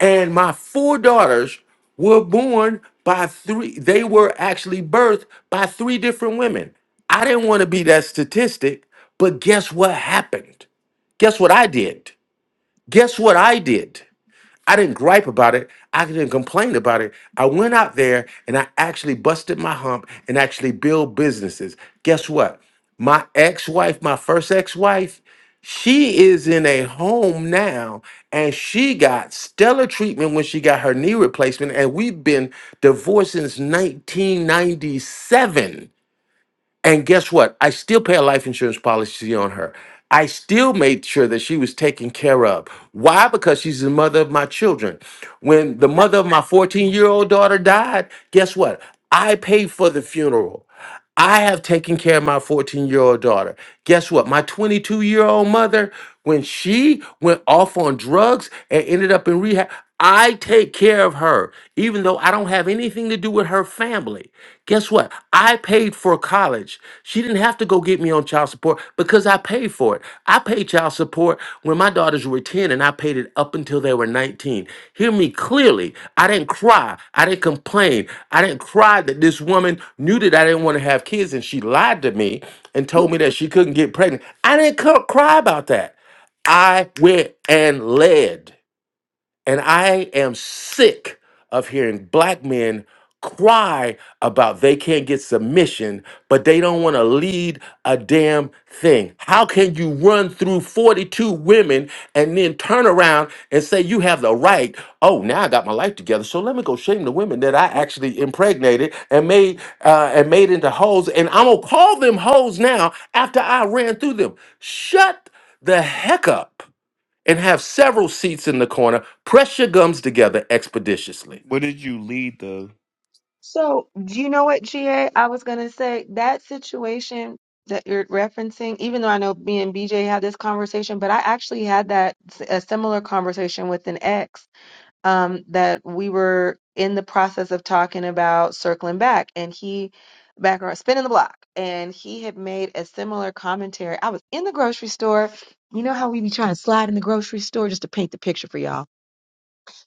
Speaker 1: and my four daughters were born by three they were actually birthed by three different women i didn't want to be that statistic but guess what happened guess what i did guess what i did I didn't gripe about it. I didn't complain about it. I went out there and I actually busted my hump and actually build businesses. Guess what? My ex-wife, my first ex-wife, she is in a home now and she got stellar treatment when she got her knee replacement and we've been divorced since 1997 and guess what? I still pay a life insurance policy on her. I still made sure that she was taken care of. Why? Because she's the mother of my children. When the
Speaker 11: I,
Speaker 1: mother of my 14 year old daughter died, guess what? I paid for the funeral. I have taken care of my 14 year old daughter. Guess what? My 22 year old mother, when she went off on drugs and ended up in rehab, I take care of her, even though I don't have anything to do with her family. Guess what? I paid for college. She didn't have to go get me on child support because I paid for it. I paid child support when my daughters were 10 and I paid it up until they were 19. Hear me clearly. I didn't cry. I didn't complain. I didn't cry that this woman knew that I didn't want to have kids and she lied to me and
Speaker 11: mm,
Speaker 1: told me that she couldn't get pregnant. I didn't c- cry about that. I went and led. And I am sick of hearing black men cry about they can't get submission, but they don't want to lead a damn thing. How can you run through 42 women and then turn around and say you have the right? Oh, now I got my life together, so let me go shame the women that I
Speaker 11: oh,
Speaker 1: actually impregnated and made uh, and made into hoes, and I'm gonna call them hoes now after I ran through them. Shut the heck up and have several seats in the corner. Press your gums together expeditiously.
Speaker 17: What did you lead though?
Speaker 11: so, do you know what, GA? I was going to say that situation that you're referencing, even though I know me and BJ had this conversation, but I actually had that, s- a similar conversation with an ex. um, that we were in the process of talking about circling back, and he back around spinning the block, and he had made a similar commentary. I was in the grocery store. You know how we be trying to slide in the grocery store just to paint the picture for y'all.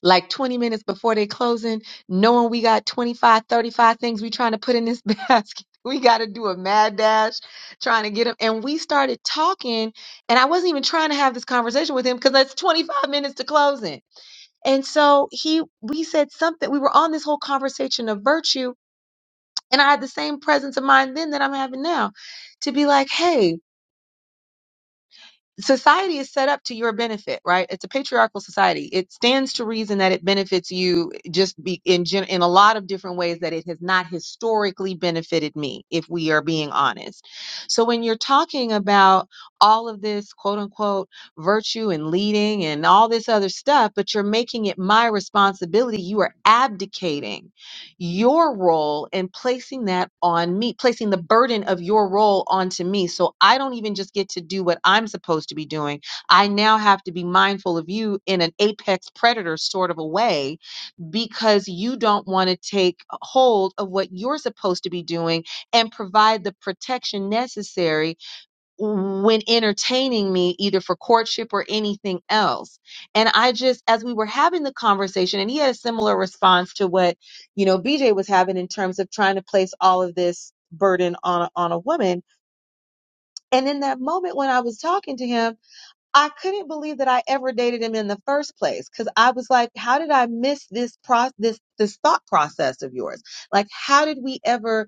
Speaker 11: Like 20 minutes before they closing, knowing we got 25, 35 things we trying to put in this basket. We got to do a mad dash trying to get them. And we started talking, and I wasn't even trying to have this conversation with him because that's 25 minutes to closing and so he we said something. We were on this whole conversation of virtue, and I had the same presence of mind then that I'm having now to be like, hey, society is set up to your benefit, right? It's a patriarchal society. It stands to reason that it benefits you just be in gen- in a lot of different ways that it has not historically benefited me, if we are being honest. So when you're talking about all of this quote unquote virtue and leading and all this other stuff, but you're making it my responsibility, you are abdicating your role and placing that on me, placing the burden of your role onto me. So I don't even just get to do what I'm supposed to be doing. I now have to be mindful of you in an apex predator sort of a way because you don't want to take hold of what you're supposed to be doing and provide the protection necessary when entertaining me either for courtship or anything else and i just as we were having the conversation and he had a similar response to what you know bj was having in terms of trying to place all of this burden on a, on a woman and in that moment when i was talking to him i couldn't believe that i ever dated him in the first place cuz i was like how did i miss this pro this this thought process of yours like how did we ever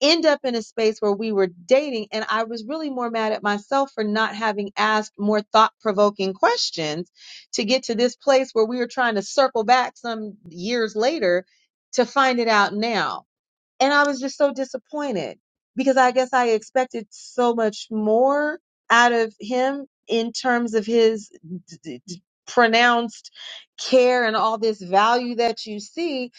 Speaker 11: end up in a space where we were dating and I was really more mad at myself for not having asked more thought-provoking questions to get to this place where we were trying to circle back some years later to find it out now and I was just so disappointed because I guess I expected so much more out of him in terms of his d- d- d- pronounced care and all this value that you see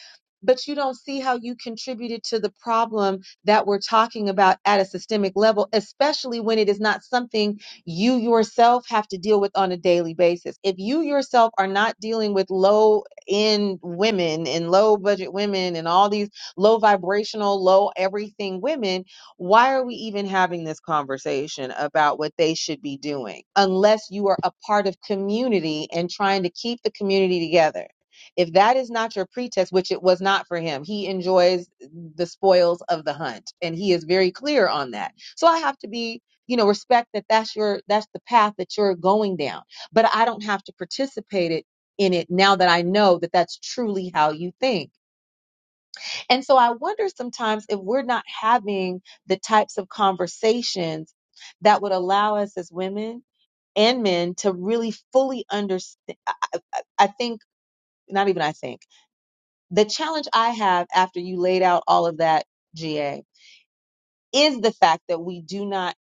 Speaker 11: but you don't see how you contributed to the problem that we're talking about at a systemic level especially when it is not something you yourself have to deal with on a daily basis if you yourself are not dealing with low end women and low budget women and all these low vibrational, low everything women, why are we even having this conversation about what they should be doing unless you are a part of community and trying to keep the community together? If that is not your pretext, which it was not for him, he enjoys the spoils of the hunt and he is very clear on that. So I have to be, you know, respect that that's your that's the path that you're going down, but I don't have to participate it in it now that I know that that's truly how you think and so I wonder sometimes if we're not having the types of conversations that would allow us as women and men to really fully understand. I I think, not even I think, the challenge I have after you laid out all of that, GA, is the fact that we do not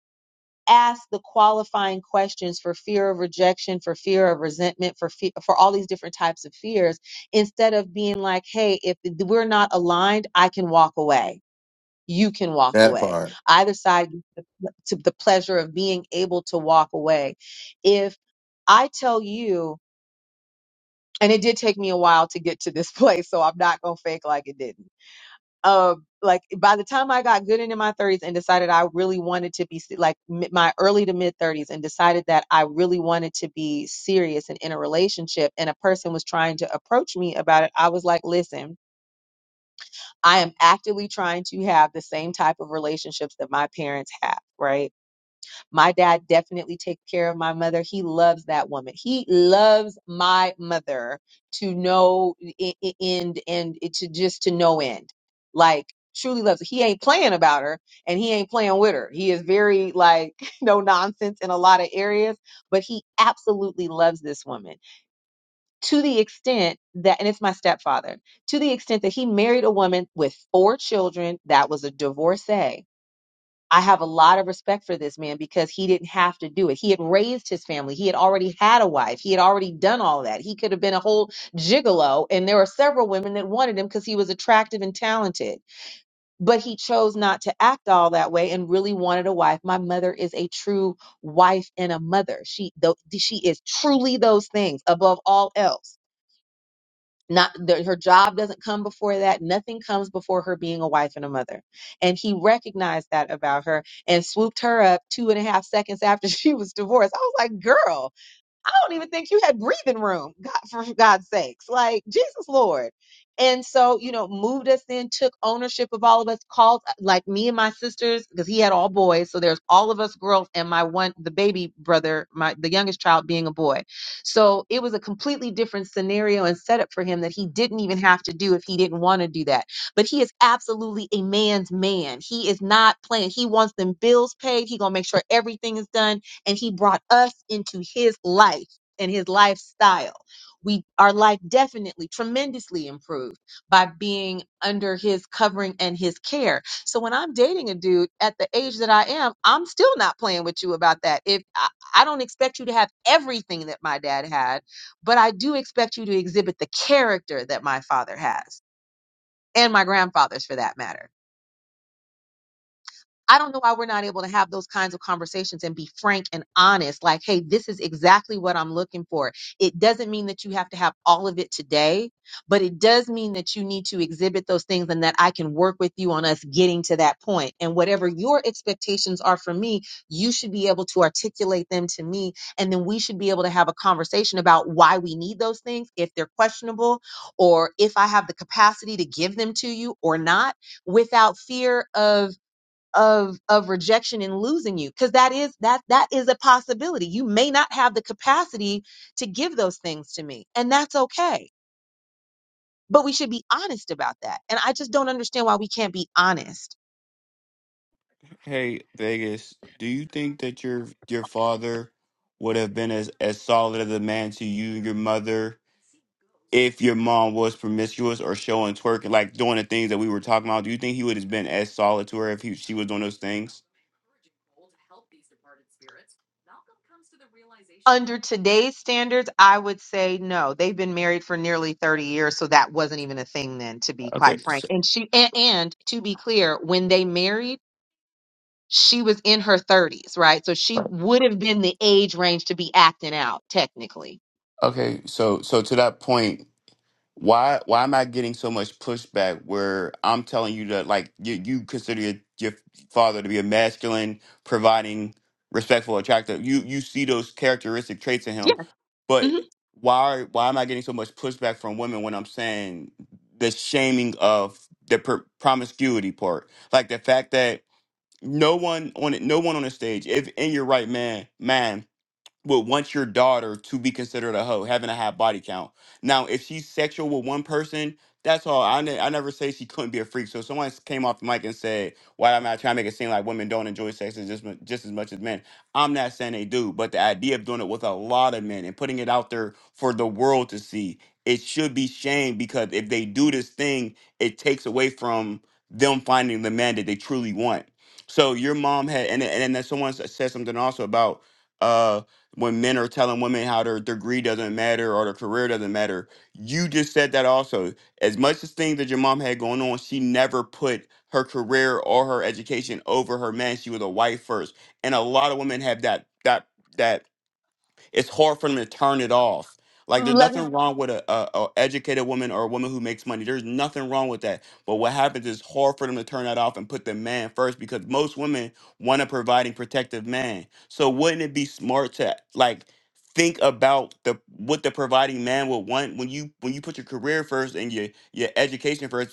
Speaker 11: ask the qualifying questions for fear of rejection for fear of resentment for fear for all these different types of fears instead of being like hey if we're not aligned i can walk away you can walk away. I decide to the pleasure of being able to walk away. If I tell you, and it did take me a while to get to this place, so I'm not gonna fake like it didn't. Um, like by the time I got good into my 30s and decided I really wanted to be se- like mi- my early to mid 30s and decided that I really wanted to be serious and in a relationship, and a person was trying to approach me about it, I was like, listen. I am actively trying to have the same type of relationships that my parents have, right? My dad definitely takes care of my mother. He loves that woman. He loves my mother to no e- e- end and to just to no end. Like truly loves her. He ain't playing about her and he ain't playing with her. He is very like no nonsense in a lot of areas, but he absolutely loves this woman to the extent that, and it's my stepfather, to the extent that he married a woman with four children that was a divorcee. I have a lot of respect for this man because he didn't have to do it. He had raised his family. He had already had a wife. He had already done all that. He could have been a whole gigolo. And there were several women that wanted him because he was attractive and talented. But he chose not to act all that way and really wanted a wife. My mother is a true wife and a mother. She, though, she is truly those things above all else not the, her job doesn't come before that nothing comes before her being a wife and a mother and he recognized that about her and swooped her up two and a half seconds after she was divorced i was like girl I don't even think you had breathing room, God, for God's sakes. Like, Jesus Lord. And so, you know, moved us in, took ownership of all of us, called uh, like me and my sisters, because he had all boys. So there's all of us girls and my one, the baby brother, my the youngest child being a boy. So it was a completely different scenario and setup for him that he didn't even have to do if he didn't want to do that. But he is absolutely a man's man. He is not playing. He wants them bills paid. He gonna make sure everything is done and he brought us into his life and his lifestyle. We our life definitely tremendously improved by being under his covering and his care. So when I'm dating a dude at the age that I am, I'm still not playing with you about that. If I, I don't expect you to have everything that my dad had, but I do expect you to exhibit the character that my father has and my grandfather's for that matter I don't know why we're not able to have those kinds of conversations and be frank and honest. Like, hey, this is exactly what I'm looking for. It doesn't mean that you have to have all of it today, but it does mean that you need to exhibit those things and that I can work with you on us getting to that point. And whatever your expectations are from me, you should be able to articulate them to me. And then we should be able to have a conversation about why we need those things, if they're questionable, or if I have the capacity to give them to you or not without fear of of of rejection and losing you because that is that that is a possibility you may not have the capacity to give those things to me and that's okay but we should be honest about that and i just don't understand why we can't be honest
Speaker 17: Hey, Vegas, do you think that your your father would have been as as solid as a man to you and your mother if your mom was promiscuous or showing twerking, like doing the things that we were talking about? Do you think he would have been as solid to her if he, she was doing those things?
Speaker 11: under today's standards i would say no they've been married for nearly 30 years so that wasn't even a thing then to be
Speaker 17: Okay,
Speaker 11: quite frank
Speaker 17: so,
Speaker 11: and she and, and to be clear when they married she was in her 30s, right? So she would have been the age range to be acting out, technically.
Speaker 17: okay. So, so to that point. why why am I getting so much pushback where I'm telling you that like you, you consider your, your father to be a masculine, providing, respectful, attractive. You you see those characteristic traits in
Speaker 11: Yeah.
Speaker 17: him,
Speaker 11: hmm
Speaker 17: but why why am I getting so much pushback from women when I'm saying the shaming of the pr- promiscuity part, like the fact that no one on it, no one on the stage, if in your right man, man would want your daughter to be considered a hoe, having a high body count. Now, if she's sexual with one person, that's all. I, ne- I never say she couldn't be a freak. So if someone came off the mic and said, "Why am I trying to make it seem like women don't enjoy sex as just mu- just as much as men?" I'm not saying they do, but the idea of doing it with a lot of men and putting it out there for the world to see, it should be shamed because if they do this thing, it takes away from them finding the man that they truly want. So your mom had, and and then someone s- said something also about. Um, when men are telling women how their degree doesn't matter or their career doesn't matter. You just said that also. As much as things that your mom had going on, she never put her career or her education over her man. She was a wife first. And a lot of women have that that that it's hard for them to turn it off. Like there's
Speaker 11: Let me.
Speaker 17: nothing wrong with a, a, a educated woman or a woman who makes money. There's nothing wrong with that. But what happens is hard for them to turn that off and put the man first because most women want a providing protective man. So wouldn't it be smart to like think about the what the providing man would want when you when you put your career first and your your education first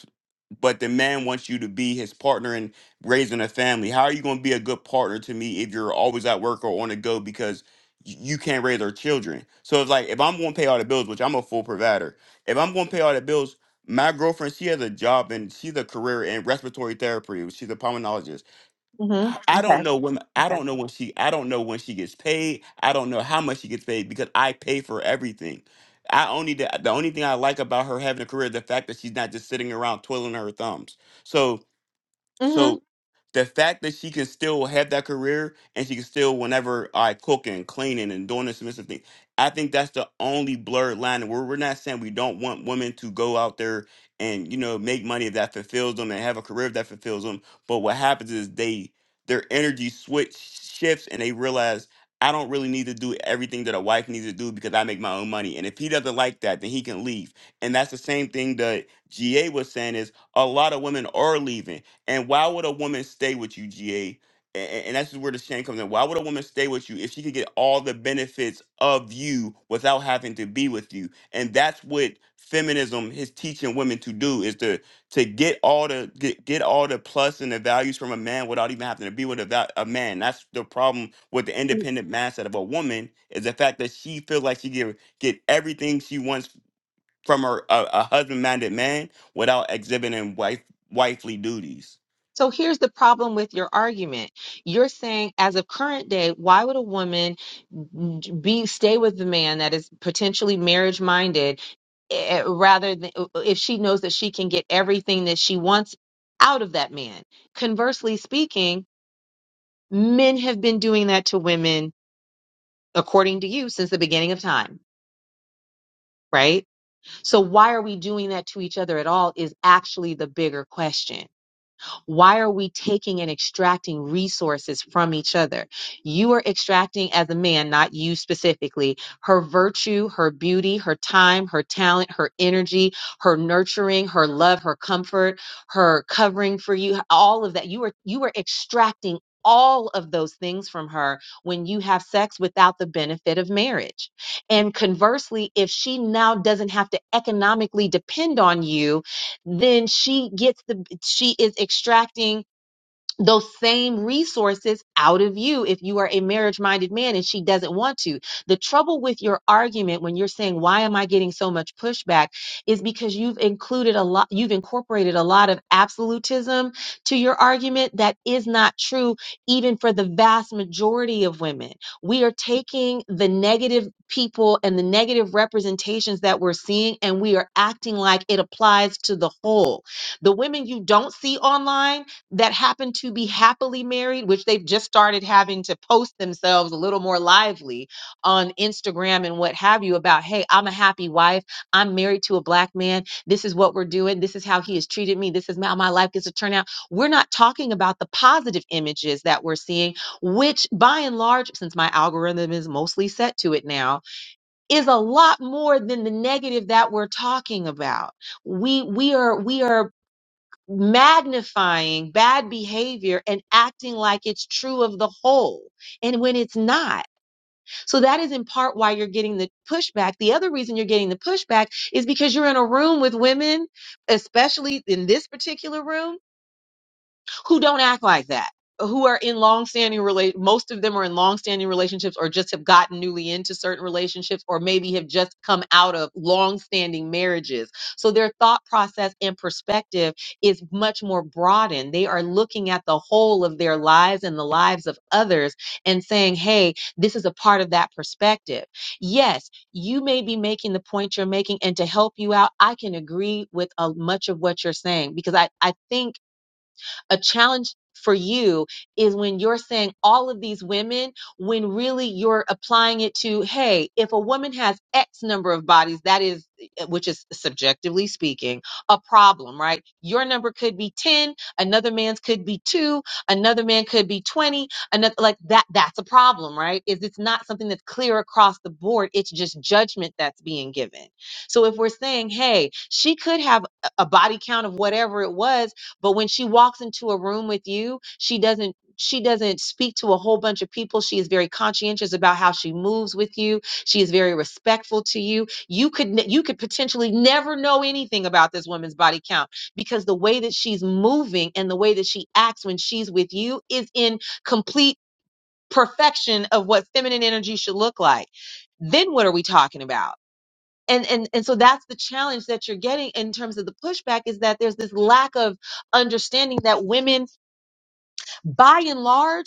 Speaker 17: but the man wants you to be his partner in raising a family. How are you going to be a good partner to me if you're always at work or on the go because y- you can't raise our children? So it's like if I'm going to pay all the bills, which I'm a full provider, if I'm going to pay all the bills, my girlfriend she has a job and she's a career in respiratory therapy. She's a pulmonologist
Speaker 11: hmm
Speaker 17: I I don't
Speaker 11: Okay.
Speaker 17: know when I
Speaker 11: Okay.
Speaker 17: don't know when she I don't know when she gets paid. I don't know how much she gets paid because I pay for everything. I only the, the only thing I like about her having a career is the fact that she's not just sitting around twiddling her thumbs. So
Speaker 11: hmm
Speaker 17: so the fact that she can still have that career and she can still whenever I cooking, cleaning, and doing this submissive thing, I think that's the only blurred line. And we're we're not saying we don't want women to go out there and you know make money that fulfills them and have a career that fulfills them. But what happens is they their energy switch shifts and they realize I don't really need to do everything that a wife needs to do because I make my own money. And if he doesn't like that, then he can leave. And that's the same thing that GA was saying is a lot of women are leaving and why would a woman stay with you, GA? And, that's where the shame comes in. Why would a woman stay with you if she could get all the benefits of you without having to be with you? And that's what feminism is teaching women to do is to to get all the get, get all the plus and the values from a man without even having to be with a, val- a man. That's the problem with the independent mindset of a woman is the fact that she feels like she get get everything she wants from her a, a husband minded man without exhibiting wife wifely duties.
Speaker 11: So here's the problem with your argument. You're saying, as of current day, why would a woman d- be stay with the man that is potentially marriage minded eh, rather than uh, uh, if she knows that she can get everything that she wants out of that man. Conversely speaking, men have been doing that to women according to you since the beginning of time, right? So why are we doing that to each other at all is actually the bigger question. Why are we taking and extracting resources from each other? You are extracting as a man, not you specifically, her virtue, her beauty, her time, her talent, her energy, her nurturing, her love, her comfort, her covering for you, all of that. You are you are extracting all of those things from her when you have sex without the benefit of marriage. And conversely, if she now doesn't have to economically depend on you then she gets the she is extracting those same resources out of you if you are a marriage minded man and she doesn't want to. The trouble with your argument when you're saying, why am I getting so much pushback is because you've included a lot, you've incorporated a lot of absolutism to your argument that is not true even for the vast majority of women. We are taking the negative people and the negative representations that we're seeing and we are acting like it applies to the whole. The women you don't see online, that happen to be happily married, which they've just started having to post themselves a little more lively on Instagram and what have you about, hey, I'm a happy wife. I'm married to a black man. This is what we're doing. This is how he has treated me. This is how my life gets to turn out. We're not talking about the positive images that we're seeing, which by and large, since my algorithm is mostly set to it now, is a lot more than the negative that we're talking about. We we are we are magnifying bad behavior and acting like it's true of the whole and when it's not. So that is in part why you're getting the pushback. The other reason you're getting the pushback is because you're in a room with women, especially in this particular room who don't act like that, who are in long-standing relate. Most of them are in long-standing relationships, or just have gotten newly into certain relationships, or maybe have just come out of long-standing marriages. So their thought process and perspective is much more broadened. They are looking at the whole of their lives and the lives of others, and saying, "Hey, this is a part of that perspective." Yes, you may be making the point you're making, and to help you out, I can agree with a, much of what you're saying because I I think a challenge for you is when you're saying all of these women when really you're applying it to hey if a woman has x number of bodies that is eh, which is subjectively speaking a problem right your number could be 10 another man's could be 2 another man could be 20 another like that that's a problem right is it's not something that's clear across the board it's just judgment that's being given so if we're saying hey she could have a a body count of whatever it was but when she walks into a room with you she doesn't she doesn't speak to a whole bunch of people she is very conscientious about how she moves with you she is very respectful to you you could ne- you could potentially never know anything about this woman's body count because the way that she's moving and the way that she acts when she's with you is in complete perfection of what feminine energy should look like then what are we talking about and and and so that's the challenge that you're getting in terms of the pushback is that there's this lack of understanding that women by and large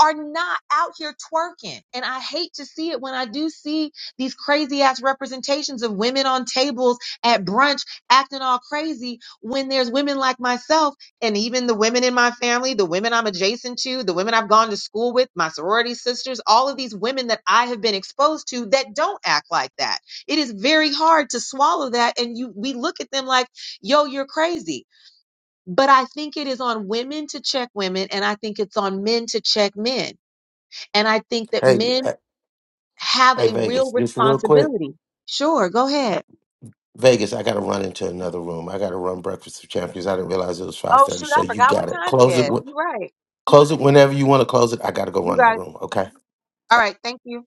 Speaker 11: are not out here twerking. And I hate to see it when I do see these crazy ass representations of women on tables at brunch acting all crazy when there's women like myself and even the women in my family, the women I'm adjacent to, the women I've gone to school with, my sorority sisters, all of these women that I have been exposed to that don't act like that. It is very hard to swallow that and you we look at them like, "Yo, you're crazy." But I think it is on women to check women and I think it's on men to check men and I think that
Speaker 1: Hey,
Speaker 11: men
Speaker 1: uh,
Speaker 11: have
Speaker 1: hey,
Speaker 11: a real
Speaker 1: Vegas, just real quick.
Speaker 11: responsibility. Sure, go ahead.
Speaker 1: Vegas, I gotta run into another room. I gotta run Breakfast of Champions. I didn't realize it was five
Speaker 11: Oh,
Speaker 1: thirty.
Speaker 11: shoot,
Speaker 1: So
Speaker 11: I
Speaker 1: you
Speaker 11: forgot what
Speaker 1: got it.
Speaker 11: time
Speaker 1: Close
Speaker 11: it
Speaker 1: it.
Speaker 11: is.
Speaker 1: wh-
Speaker 11: You're right.
Speaker 1: Close it whenever you want to close it. I gotta go
Speaker 11: You
Speaker 1: run that
Speaker 11: got it.
Speaker 1: room. Okay.
Speaker 11: All right, thank you.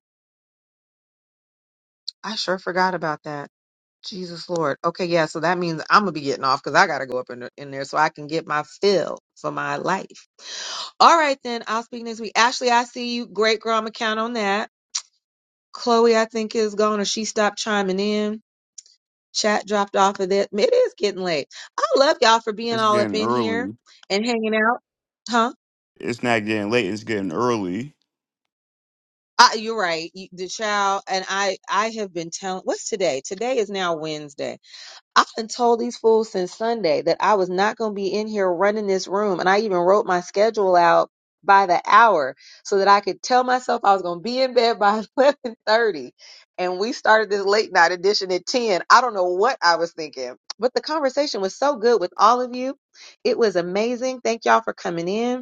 Speaker 11: I sure forgot about that. Jesus Lord. Okay, yeah, so that means I'm going to be getting off because I got to go up in, the- in there so I can get my fill for my life. All right, then. I'll speak next week. Ashley, I see you. Great girl. I'm going to count on that. Chloe, I think, is gone or she stopped chiming in. Chat dropped off of that. It is getting late. I love y'all for being
Speaker 17: It's
Speaker 11: all up
Speaker 17: getting
Speaker 11: in here
Speaker 17: early.
Speaker 11: and hanging out. Huh?
Speaker 17: It's not getting late. It's getting early.
Speaker 11: I, you're right. You, the child and I. I have been telling. What's today? Today is now Wednesday. I done told these fools since Sunday that I was not going to be in here running this room. And I even wrote my schedule out by the hour so that I could tell myself I was going to be in bed by 1130. And we started this late night edition at 10. I don't know what I was thinking, but the conversation was so good with all of you. It was amazing. Thank y'all for coming in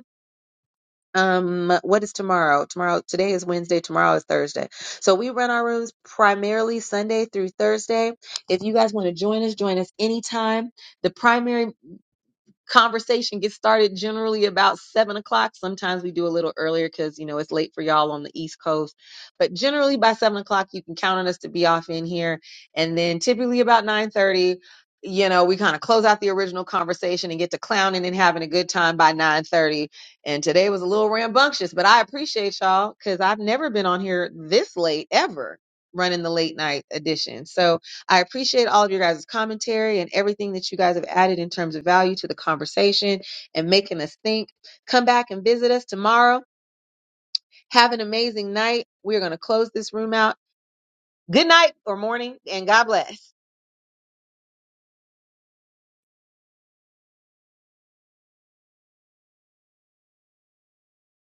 Speaker 11: um what is tomorrow tomorrow today is wednesday tomorrow is thursday so we run our rooms primarily sunday through thursday if you guys want to join us join us anytime the primary conversation gets started generally about seven o'clock. Sometimes we do a little earlier because you know it's late for y'all on the East Coast, but generally by seven o'clock you can count on us to be off in here, and then typically about nine thirty. You know, we kind of close out the original conversation and get to clowning and having a good time by 9:30. And today was a little rambunctious, but I appreciate y'all because I've never been on here this late ever running the late night edition. So I appreciate all of your guys' commentary and everything that you guys have added in terms of value to the conversation and making us think. Come back and visit us tomorrow. Have an amazing night. We're going to close this room out. Good night or morning, and God bless.